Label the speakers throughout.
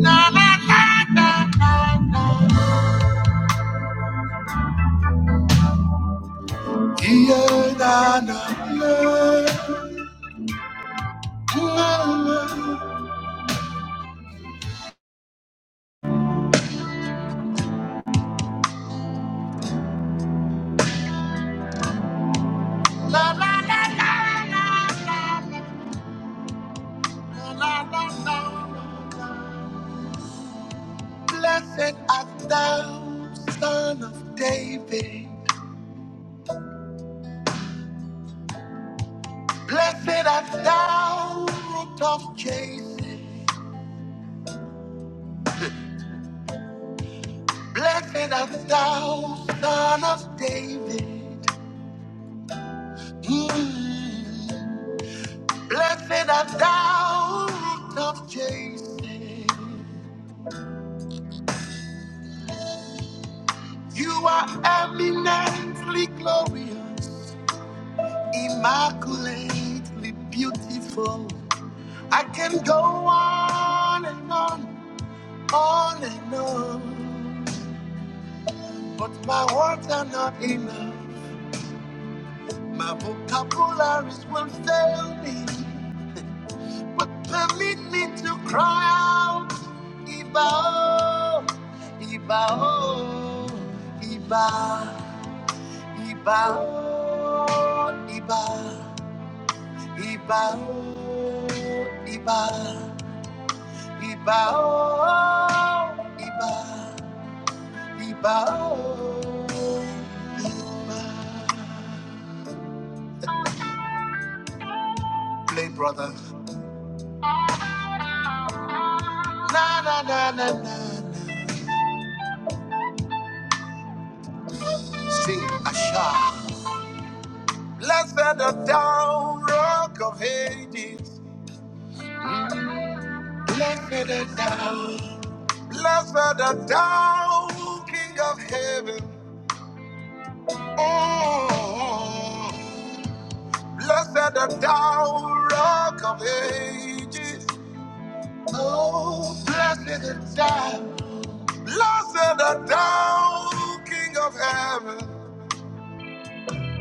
Speaker 1: Na, na, na, na, na, na. Yeah, na, na, na, na, na. La, la, la, la, la, la, la, la, la. Blessed art thou, son of David. Blessed art thou, root of Jesse. Blessed art thou, son of David. Mm. Blessed art thou, root of Jesse. You are eminently glorious, immaculately beautiful. I can go on and on, on and on, but my words are not enough. My vocabularies will fail me, but permit me to cry out, Ibao, Ibao, Iba, Ibao, Iba. Iba, oh, iba, iba, oh, iba, iba. oh. Play, brother. Na na na na na. na. Sing Asha. Blessed the down rock of Hades. Blessed the down. Blessed the down King of Heaven. Oh. Blessed the down rock of Ages. Oh, blessed the time, blessed the down, King of heaven.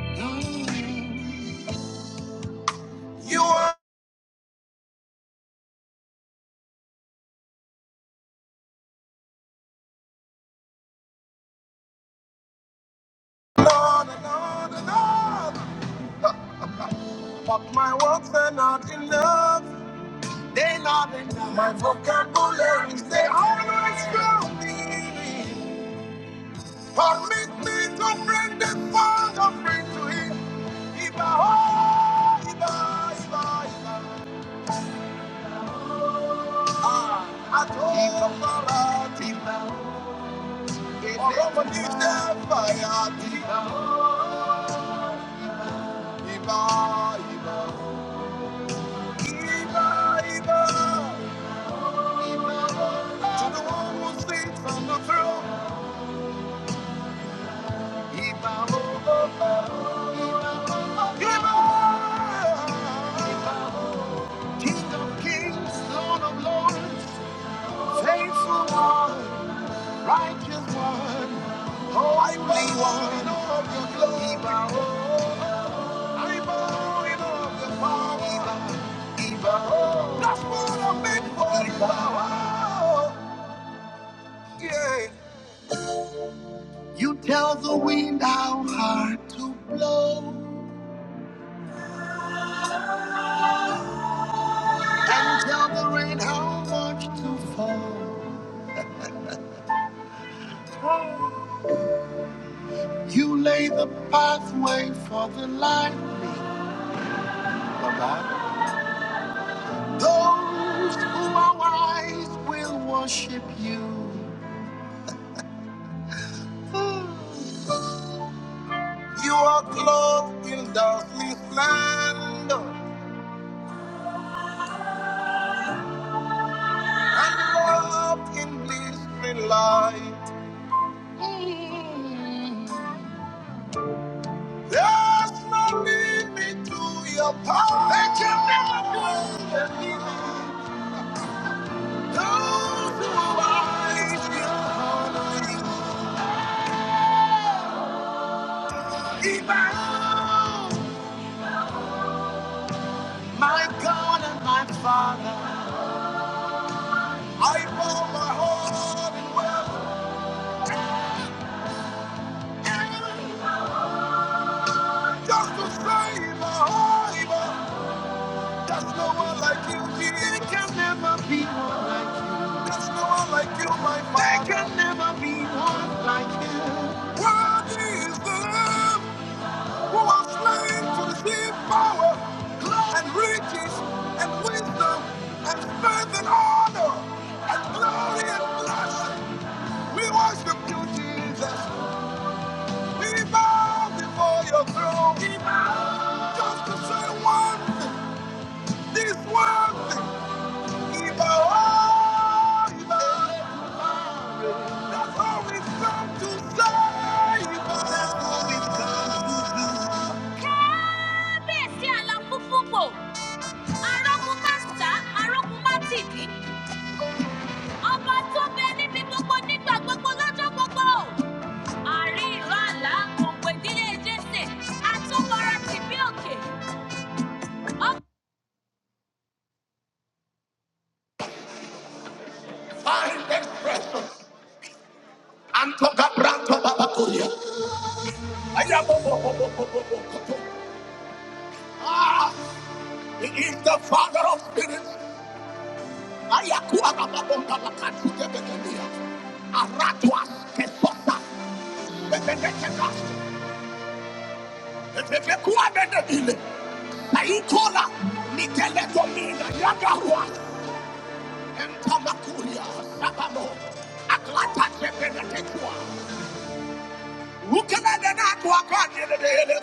Speaker 1: Mm. You are Lord, and Lord, and Lord. But my works are not enough. They not enough. My vocabularies they always fail me. Permit me to bring this song offering to Him. Iba, oh, Iba, Iba, Iba. Ah, Adonai, Iba, oh. to the one who sits on the throne. King of kings, Lord of lords, faithful one. Righteous one, holy one of your glory. I'm born of your power. That's what I'm meant for. you. Yeah. You tell the wind how hard to blow, and tell the rain how much to fall. You lay the pathway for the lightning. Bye bye. Those who are wise will worship you. You are clothed in dazzling splendor and robed in blistering light. There's no limit to your power. They can never be the limit. Those who are wise will honor you. Even my God and my Father, I bow my heart in worship. Just to save a harbor. There's no one like you, There can never be one like you. There's no one like you, my father. There can never be one like you. Worthy is the Lamb who was slain to receive power, glory, and riches, and wisdom, and strength, and honor, and glory, and blessing. We worship you, Jesus. We bow before your throne. We bow. Just to say one thing, this one thing. We bow, we bow. That's all we come to say. We bow. That's all we come to do. Kábíyèsí aláfúfúfò, arógunmáṣá, arógunmátìdí, Ọba tó bẹ níbi gbogbo nígbà gbogbo lọ́jọ́ gbogbo. Àárín Ah, he is the father of spirits. Ayakuaga. Posatne. Entamako. Yelelele.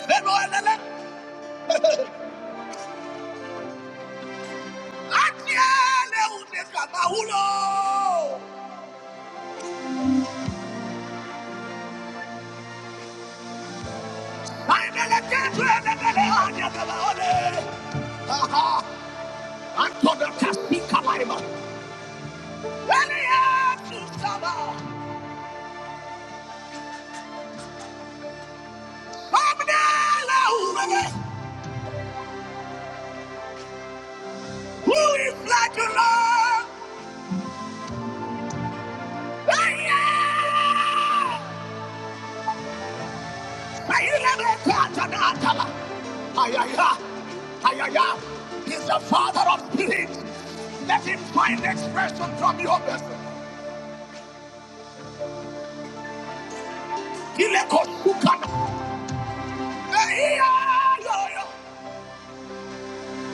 Speaker 1: Who is like a Lord? Ayaya the father of spirits. Let him find expression from your vessel. Ilekosukana. Ayaya, yo, yo.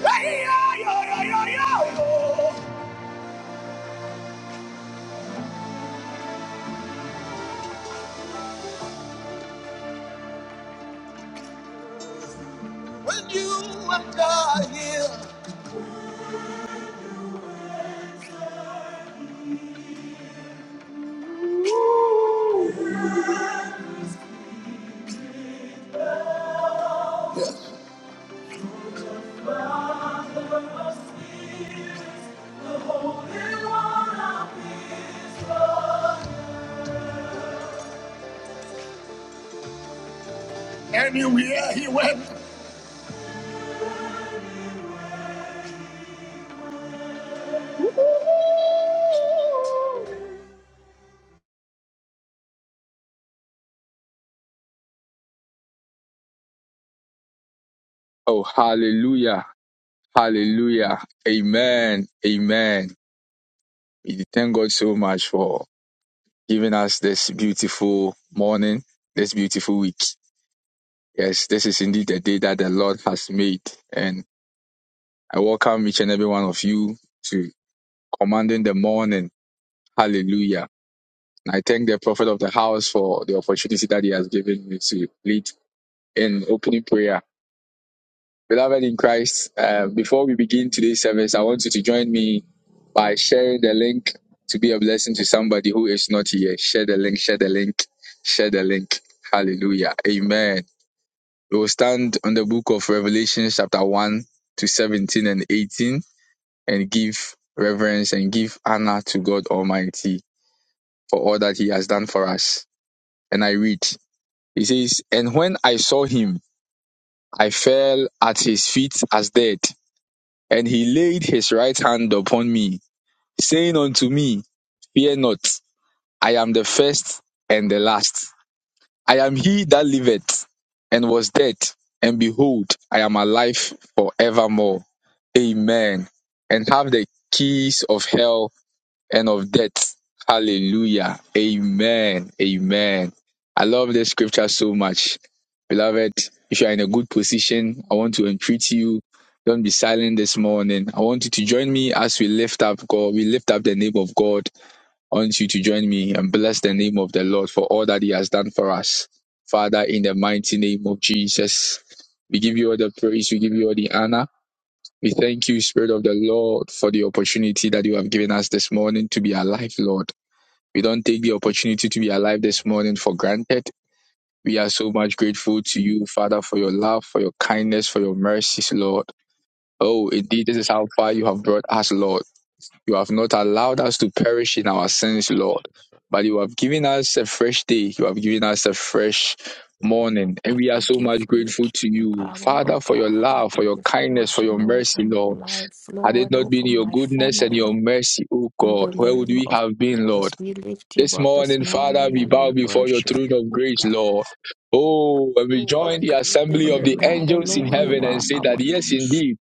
Speaker 1: Ayaya, yo, yo, yo, yo, yo. When you enter here, anywhere he went,
Speaker 2: Oh, hallelujah. Hallelujah. Amen. Amen. We thank God so much for giving us this beautiful morning, this beautiful week. Yes, this is indeed the day that the Lord has made. And I welcome each and every one of you to commanding the morning. Hallelujah. And I thank the prophet of the house for the opportunity that he has given me to lead in opening prayer Beloved in Christ, uh, before we begin today's service, I want you to join me by sharing the link to be a blessing to somebody who is not here. Share the link, share the link, share the link. Hallelujah. Amen. We will stand on the book of Revelation, chapter 1 to 17 and 18, and give reverence and give honor to God Almighty for all that He has done for us. And I read, He says, And when I saw Him, I fell at His feet as dead. And he laid his right hand upon me, saying unto me, Fear not, I am the first and the last. I am he that liveth and was dead, and behold, I am alive forevermore. Amen. And have the keys of hell and of death. Hallelujah. Amen. Amen. I love this scripture so much. Beloved, if you are in a good position, I want to entreat you. Don't be silent this morning. I want you to join me as we lift up God. We lift up the name of God. I want you to join me and bless the name of the Lord for all that He has done for us. Father, in the mighty name of Jesus, we give you all the praise, we give you all the honor. We thank you, Spirit of the Lord, for the opportunity that you have given us this morning to be alive, Lord. We don't take the opportunity to be alive
Speaker 3: Thank
Speaker 2: this morning for granted. We are so much grateful to you, Father, for your love, for your kindness, for your mercies, Lord. Oh,
Speaker 3: you,
Speaker 2: indeed, this is how far you have brought us, Lord. You have not allowed us to perish in our sins, Lord, but you have given us a fresh day. You have given us a fresh
Speaker 3: thank you,
Speaker 2: morning, and
Speaker 4: I
Speaker 2: we are
Speaker 4: thank
Speaker 2: so
Speaker 4: you
Speaker 2: much
Speaker 4: for your
Speaker 2: grateful to
Speaker 4: keeping
Speaker 2: you,
Speaker 4: power, oh
Speaker 2: Father, for
Speaker 4: God.
Speaker 2: your
Speaker 4: I
Speaker 2: love, for
Speaker 4: thank
Speaker 2: your
Speaker 4: you for
Speaker 2: kindness,
Speaker 4: what
Speaker 2: for
Speaker 4: you
Speaker 2: your
Speaker 4: know
Speaker 2: mercy,
Speaker 4: over
Speaker 3: gracious
Speaker 4: my
Speaker 2: Lord.
Speaker 3: Father.
Speaker 4: life,
Speaker 2: Had it
Speaker 4: Lord,
Speaker 2: not been
Speaker 4: over
Speaker 2: your
Speaker 4: my
Speaker 2: goodness and
Speaker 4: family.
Speaker 2: your mercy, O
Speaker 4: In
Speaker 2: God,
Speaker 4: the
Speaker 2: where would
Speaker 4: name
Speaker 2: we
Speaker 4: of
Speaker 2: have been, Lord?
Speaker 4: Jesus, we lift you
Speaker 2: This
Speaker 4: up this
Speaker 2: morning,
Speaker 3: Thank you,
Speaker 2: Father,
Speaker 4: morning
Speaker 2: we
Speaker 4: and
Speaker 2: bow
Speaker 4: we
Speaker 3: gracious
Speaker 2: before your
Speaker 3: Father.
Speaker 4: worship
Speaker 2: throne of grace,
Speaker 4: God.
Speaker 2: Lord. Oh, and we
Speaker 4: You are
Speaker 2: join the
Speaker 3: Thank you,
Speaker 4: God and
Speaker 2: assembly
Speaker 3: gracious
Speaker 2: of
Speaker 4: you're
Speaker 2: the
Speaker 4: God
Speaker 3: Father.
Speaker 2: angels in
Speaker 4: alone. You
Speaker 2: heaven and
Speaker 4: are
Speaker 2: say that,
Speaker 4: our
Speaker 2: yes,
Speaker 4: keeper.
Speaker 2: indeed,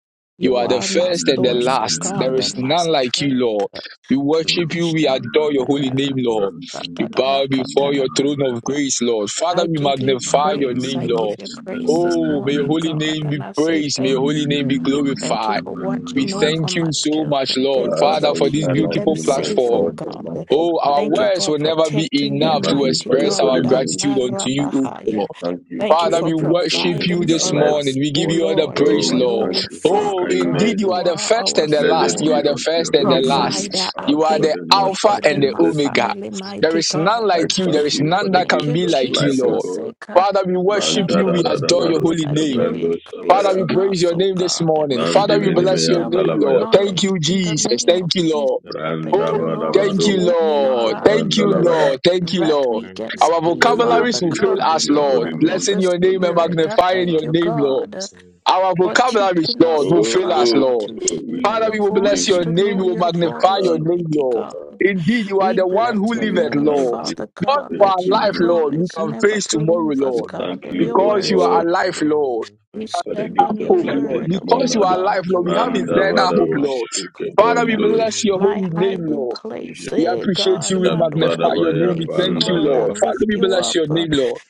Speaker 2: you
Speaker 4: You
Speaker 2: are the
Speaker 4: are my
Speaker 2: first and the
Speaker 3: Thank
Speaker 4: source,
Speaker 3: you, gracious Father. Thank you,
Speaker 4: oh
Speaker 2: last. There
Speaker 4: God,
Speaker 3: gracious
Speaker 2: is
Speaker 4: and my
Speaker 3: Father.
Speaker 2: none like you,
Speaker 4: strength.
Speaker 2: Lord. We worship you. We adore your holy name,
Speaker 3: Thank you,
Speaker 2: Lord.
Speaker 3: Most High
Speaker 2: We
Speaker 3: God.
Speaker 2: bow before your throne of
Speaker 4: Mashandiyayarabusatadabakatarabaya.
Speaker 2: grace, Lord. Father,
Speaker 4: I
Speaker 2: we
Speaker 4: give you
Speaker 2: magnify
Speaker 3: Thank
Speaker 2: your
Speaker 3: you,
Speaker 4: praise.
Speaker 2: name,
Speaker 4: I give
Speaker 2: Lord.
Speaker 3: Prince
Speaker 4: you
Speaker 3: of
Speaker 4: praise this
Speaker 3: Peace.
Speaker 2: Oh, may your
Speaker 4: morning,
Speaker 2: holy
Speaker 4: God.
Speaker 2: name
Speaker 4: And
Speaker 2: be
Speaker 4: I say
Speaker 2: praised. May your
Speaker 4: thank
Speaker 2: holy name be
Speaker 3: Blessed
Speaker 4: Thank you
Speaker 2: glorified.
Speaker 3: be
Speaker 4: for
Speaker 3: your holy
Speaker 2: We
Speaker 4: watching
Speaker 3: name, O
Speaker 4: over
Speaker 2: thank you
Speaker 4: my
Speaker 3: God.
Speaker 2: so much,
Speaker 4: children.
Speaker 2: Lord,
Speaker 4: Thank you
Speaker 2: Father,
Speaker 5: Father,
Speaker 4: for
Speaker 2: for
Speaker 5: we
Speaker 2: this
Speaker 4: keeping
Speaker 5: honor
Speaker 4: them
Speaker 2: beautiful
Speaker 5: you, my
Speaker 4: safe,
Speaker 2: platform.
Speaker 4: oh
Speaker 5: God
Speaker 3: Thank
Speaker 5: and
Speaker 3: you,
Speaker 5: my
Speaker 4: God.
Speaker 3: Most
Speaker 2: Oh,
Speaker 3: High
Speaker 2: our
Speaker 3: God.
Speaker 4: Thank you
Speaker 5: Father.
Speaker 2: words
Speaker 4: for
Speaker 2: will never be
Speaker 4: protecting
Speaker 5: We
Speaker 2: enough
Speaker 4: them,
Speaker 2: to
Speaker 4: mighty
Speaker 5: magnify your
Speaker 2: express our
Speaker 4: God.
Speaker 5: holy name.
Speaker 2: gratitude
Speaker 3: Thank you,
Speaker 2: unto you,
Speaker 3: Most
Speaker 2: O
Speaker 3: High
Speaker 4: Akarabahaya.
Speaker 2: God.
Speaker 5: We
Speaker 3: God.
Speaker 5: thank you
Speaker 4: Thank
Speaker 5: for
Speaker 4: you
Speaker 2: Father,
Speaker 5: your
Speaker 4: for
Speaker 2: we worship
Speaker 5: faithfulness
Speaker 2: you
Speaker 4: providing
Speaker 5: in our
Speaker 2: this
Speaker 4: for
Speaker 5: lives.
Speaker 2: morning.
Speaker 4: us,
Speaker 2: We give
Speaker 4: oh
Speaker 2: you all the
Speaker 4: Lord. You
Speaker 3: Thank
Speaker 5: Oh,
Speaker 2: praise,
Speaker 3: you,
Speaker 5: we
Speaker 2: Lord.
Speaker 5: thank
Speaker 4: alone,
Speaker 3: Most
Speaker 5: you
Speaker 3: High
Speaker 5: for your
Speaker 3: God.
Speaker 2: Oh,
Speaker 4: Father God,
Speaker 2: indeed,
Speaker 5: kindness.
Speaker 2: you
Speaker 4: you
Speaker 2: are the
Speaker 4: are
Speaker 2: first
Speaker 4: our
Speaker 2: and the last.
Speaker 5: Blessed
Speaker 2: You
Speaker 5: be
Speaker 4: sole
Speaker 2: are the
Speaker 5: unto
Speaker 2: first
Speaker 5: your
Speaker 2: and the
Speaker 5: holy
Speaker 2: last.
Speaker 5: name,
Speaker 4: provider. I
Speaker 5: our
Speaker 2: You are
Speaker 5: God
Speaker 4: thank
Speaker 2: the
Speaker 5: and
Speaker 4: you for
Speaker 2: Alpha
Speaker 5: Master
Speaker 2: and
Speaker 4: healing
Speaker 3: You
Speaker 2: the
Speaker 4: my
Speaker 5: Jesus.
Speaker 2: Omega.
Speaker 3: alone, O
Speaker 4: family,
Speaker 2: There
Speaker 4: mighty
Speaker 3: God.
Speaker 2: is none
Speaker 5: I
Speaker 4: God.
Speaker 2: like
Speaker 3: You
Speaker 2: you.
Speaker 5: thank
Speaker 2: There
Speaker 3: alone,
Speaker 2: is
Speaker 3: O
Speaker 5: you
Speaker 4: I
Speaker 5: for
Speaker 2: none
Speaker 3: God.
Speaker 5: the
Speaker 2: that
Speaker 4: thank
Speaker 2: can
Speaker 5: gift
Speaker 4: you,
Speaker 2: be
Speaker 5: of
Speaker 2: like you,
Speaker 5: life, O
Speaker 2: Lord.
Speaker 4: Jesus.
Speaker 5: God.
Speaker 2: Father, we worship you. We
Speaker 3: You
Speaker 2: adore your
Speaker 3: alone,
Speaker 4: Ekashatadabakosaya,
Speaker 3: O
Speaker 5: Mandarararabarush,
Speaker 2: holy
Speaker 4: That
Speaker 2: name.
Speaker 3: God.
Speaker 4: you
Speaker 5: Brando
Speaker 2: Father,
Speaker 4: increase
Speaker 5: Savaya,
Speaker 2: we
Speaker 4: in
Speaker 2: praise
Speaker 4: us,
Speaker 2: your
Speaker 4: O
Speaker 2: name this
Speaker 4: God,
Speaker 2: morning. Father,
Speaker 3: Thank
Speaker 2: we
Speaker 3: you,
Speaker 2: bless your
Speaker 5: Mandivinimian
Speaker 4: wisdom
Speaker 2: name,
Speaker 4: and
Speaker 2: Lord.
Speaker 5: Dalabayapa,
Speaker 2: Thank
Speaker 4: knowledge
Speaker 2: you,
Speaker 4: in the
Speaker 2: Jesus.
Speaker 4: name of
Speaker 2: Thank you,
Speaker 4: Jesus.
Speaker 2: Lord.
Speaker 3: Abba.
Speaker 4: I
Speaker 3: Thank you,
Speaker 2: Oh,
Speaker 4: thank you,
Speaker 3: Abba.
Speaker 4: Lord,
Speaker 2: thank
Speaker 4: for
Speaker 2: you,
Speaker 5: Brandavarabarush,
Speaker 4: opening our
Speaker 2: Lord.
Speaker 4: eyes
Speaker 2: Thank you,
Speaker 4: uh,
Speaker 5: Vandalavaya.
Speaker 2: Lord. Thank you,
Speaker 4: that
Speaker 2: Lord.
Speaker 4: we
Speaker 3: Thank
Speaker 4: can
Speaker 3: you,
Speaker 2: Our
Speaker 3: Abba.
Speaker 4: see,
Speaker 5: Blessed
Speaker 2: vocabularies
Speaker 4: Father
Speaker 2: will
Speaker 5: be
Speaker 2: fail
Speaker 4: God,
Speaker 5: unto
Speaker 2: us,
Speaker 4: in
Speaker 5: your
Speaker 4: the
Speaker 2: Lord.
Speaker 5: holy
Speaker 4: realm of
Speaker 5: name,
Speaker 2: Blessing
Speaker 4: the
Speaker 2: your name and
Speaker 5: Adonai.
Speaker 4: Spirit. I
Speaker 3: Gracious
Speaker 2: magnifying
Speaker 4: thank
Speaker 2: your
Speaker 4: you,
Speaker 3: Father,
Speaker 2: name,
Speaker 3: we
Speaker 2: Lord.
Speaker 3: say
Speaker 4: God
Speaker 3: thank you.
Speaker 2: Our
Speaker 4: for
Speaker 2: vocabularies,
Speaker 4: teaching us,
Speaker 2: Lord, will
Speaker 4: oh
Speaker 2: fail
Speaker 4: God,
Speaker 2: us,
Speaker 5: Oh,
Speaker 4: how
Speaker 2: Lord.
Speaker 4: to hear
Speaker 5: we
Speaker 3: King
Speaker 2: Father,
Speaker 4: your
Speaker 2: we
Speaker 3: of
Speaker 2: will
Speaker 3: all
Speaker 2: bless
Speaker 4: voice,
Speaker 2: your
Speaker 5: give
Speaker 4: to
Speaker 2: name.
Speaker 4: know
Speaker 2: We
Speaker 5: you
Speaker 2: will
Speaker 3: creation,
Speaker 4: your
Speaker 2: magnify
Speaker 4: voice.
Speaker 2: your
Speaker 5: and
Speaker 2: name,
Speaker 4: Mighty
Speaker 2: Lord.
Speaker 4: God,
Speaker 2: Indeed, you are
Speaker 4: we
Speaker 2: the one
Speaker 4: bless
Speaker 2: who
Speaker 4: your
Speaker 3: thank
Speaker 5: we
Speaker 3: you,
Speaker 2: liveth,
Speaker 4: name,
Speaker 5: thank
Speaker 2: Lord.
Speaker 3: Father.
Speaker 5: you
Speaker 4: Father
Speaker 2: Not
Speaker 5: for
Speaker 4: God,
Speaker 2: for
Speaker 5: your
Speaker 2: our
Speaker 4: that you
Speaker 2: life,
Speaker 5: goodness.
Speaker 2: Lord. We
Speaker 4: promise
Speaker 2: can
Speaker 4: never
Speaker 2: face
Speaker 4: to
Speaker 3: You
Speaker 2: tomorrow,
Speaker 4: leave
Speaker 3: are the
Speaker 4: us,
Speaker 5: We
Speaker 2: Lord.
Speaker 3: most
Speaker 4: God,
Speaker 5: thank
Speaker 3: high
Speaker 4: and
Speaker 5: you,
Speaker 4: your
Speaker 5: O
Speaker 2: Because you
Speaker 3: God
Speaker 4: words
Speaker 2: are
Speaker 3: and
Speaker 4: are
Speaker 5: God,
Speaker 3: you
Speaker 2: alive,
Speaker 4: true.
Speaker 3: rule in
Speaker 2: Lord
Speaker 3: the
Speaker 4: We
Speaker 3: affairs of
Speaker 5: for the
Speaker 4: stand
Speaker 3: men.
Speaker 5: gift
Speaker 4: on your
Speaker 5: of
Speaker 2: hope,
Speaker 5: life
Speaker 2: Lord.
Speaker 5: this
Speaker 4: word,
Speaker 5: morning,
Speaker 2: Because
Speaker 4: oh
Speaker 2: you
Speaker 5: Adonai.
Speaker 2: are alive,
Speaker 4: God.
Speaker 2: Lord,
Speaker 4: You
Speaker 2: we have
Speaker 4: are my
Speaker 2: eternal
Speaker 5: Mandavarush,
Speaker 2: hope,
Speaker 4: source,
Speaker 2: Lord.
Speaker 4: oh
Speaker 2: Father, we
Speaker 4: God,
Speaker 5: Kebandosh,
Speaker 2: bless
Speaker 3: Thank
Speaker 2: your
Speaker 3: you,
Speaker 4: my
Speaker 2: holy
Speaker 3: Father.
Speaker 2: name,
Speaker 4: hiding
Speaker 2: Lord.
Speaker 4: place,
Speaker 2: We
Speaker 4: eh,
Speaker 2: appreciate
Speaker 4: God,
Speaker 2: you. We
Speaker 4: my
Speaker 2: magnify
Speaker 4: dwelling
Speaker 2: your
Speaker 3: Thank
Speaker 5: Jabadabaya,
Speaker 2: name.
Speaker 3: you,
Speaker 2: We
Speaker 4: place,
Speaker 2: thank
Speaker 3: great
Speaker 2: you,
Speaker 4: Lord.
Speaker 3: I
Speaker 5: Bandalava.
Speaker 4: I
Speaker 2: Lord.
Speaker 3: am.
Speaker 2: Father,
Speaker 4: lift
Speaker 2: we
Speaker 4: you
Speaker 2: bless
Speaker 4: up.
Speaker 2: your
Speaker 4: uh,
Speaker 2: name, Lord.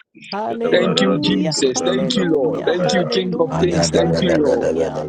Speaker 2: Thank you,
Speaker 5: Shabarados
Speaker 4: Hallelujah,
Speaker 2: Jesus.
Speaker 3: Thank
Speaker 2: Thank
Speaker 5: Kevanda
Speaker 3: you,
Speaker 2: you, Lord.
Speaker 4: hallelujah,
Speaker 3: monarch
Speaker 2: Thank
Speaker 5: Labaya,
Speaker 2: you,
Speaker 3: of the
Speaker 2: King of
Speaker 4: hallelujah,
Speaker 2: Kings.
Speaker 3: universe.
Speaker 2: Thank you, Lord.
Speaker 4: hallelujah.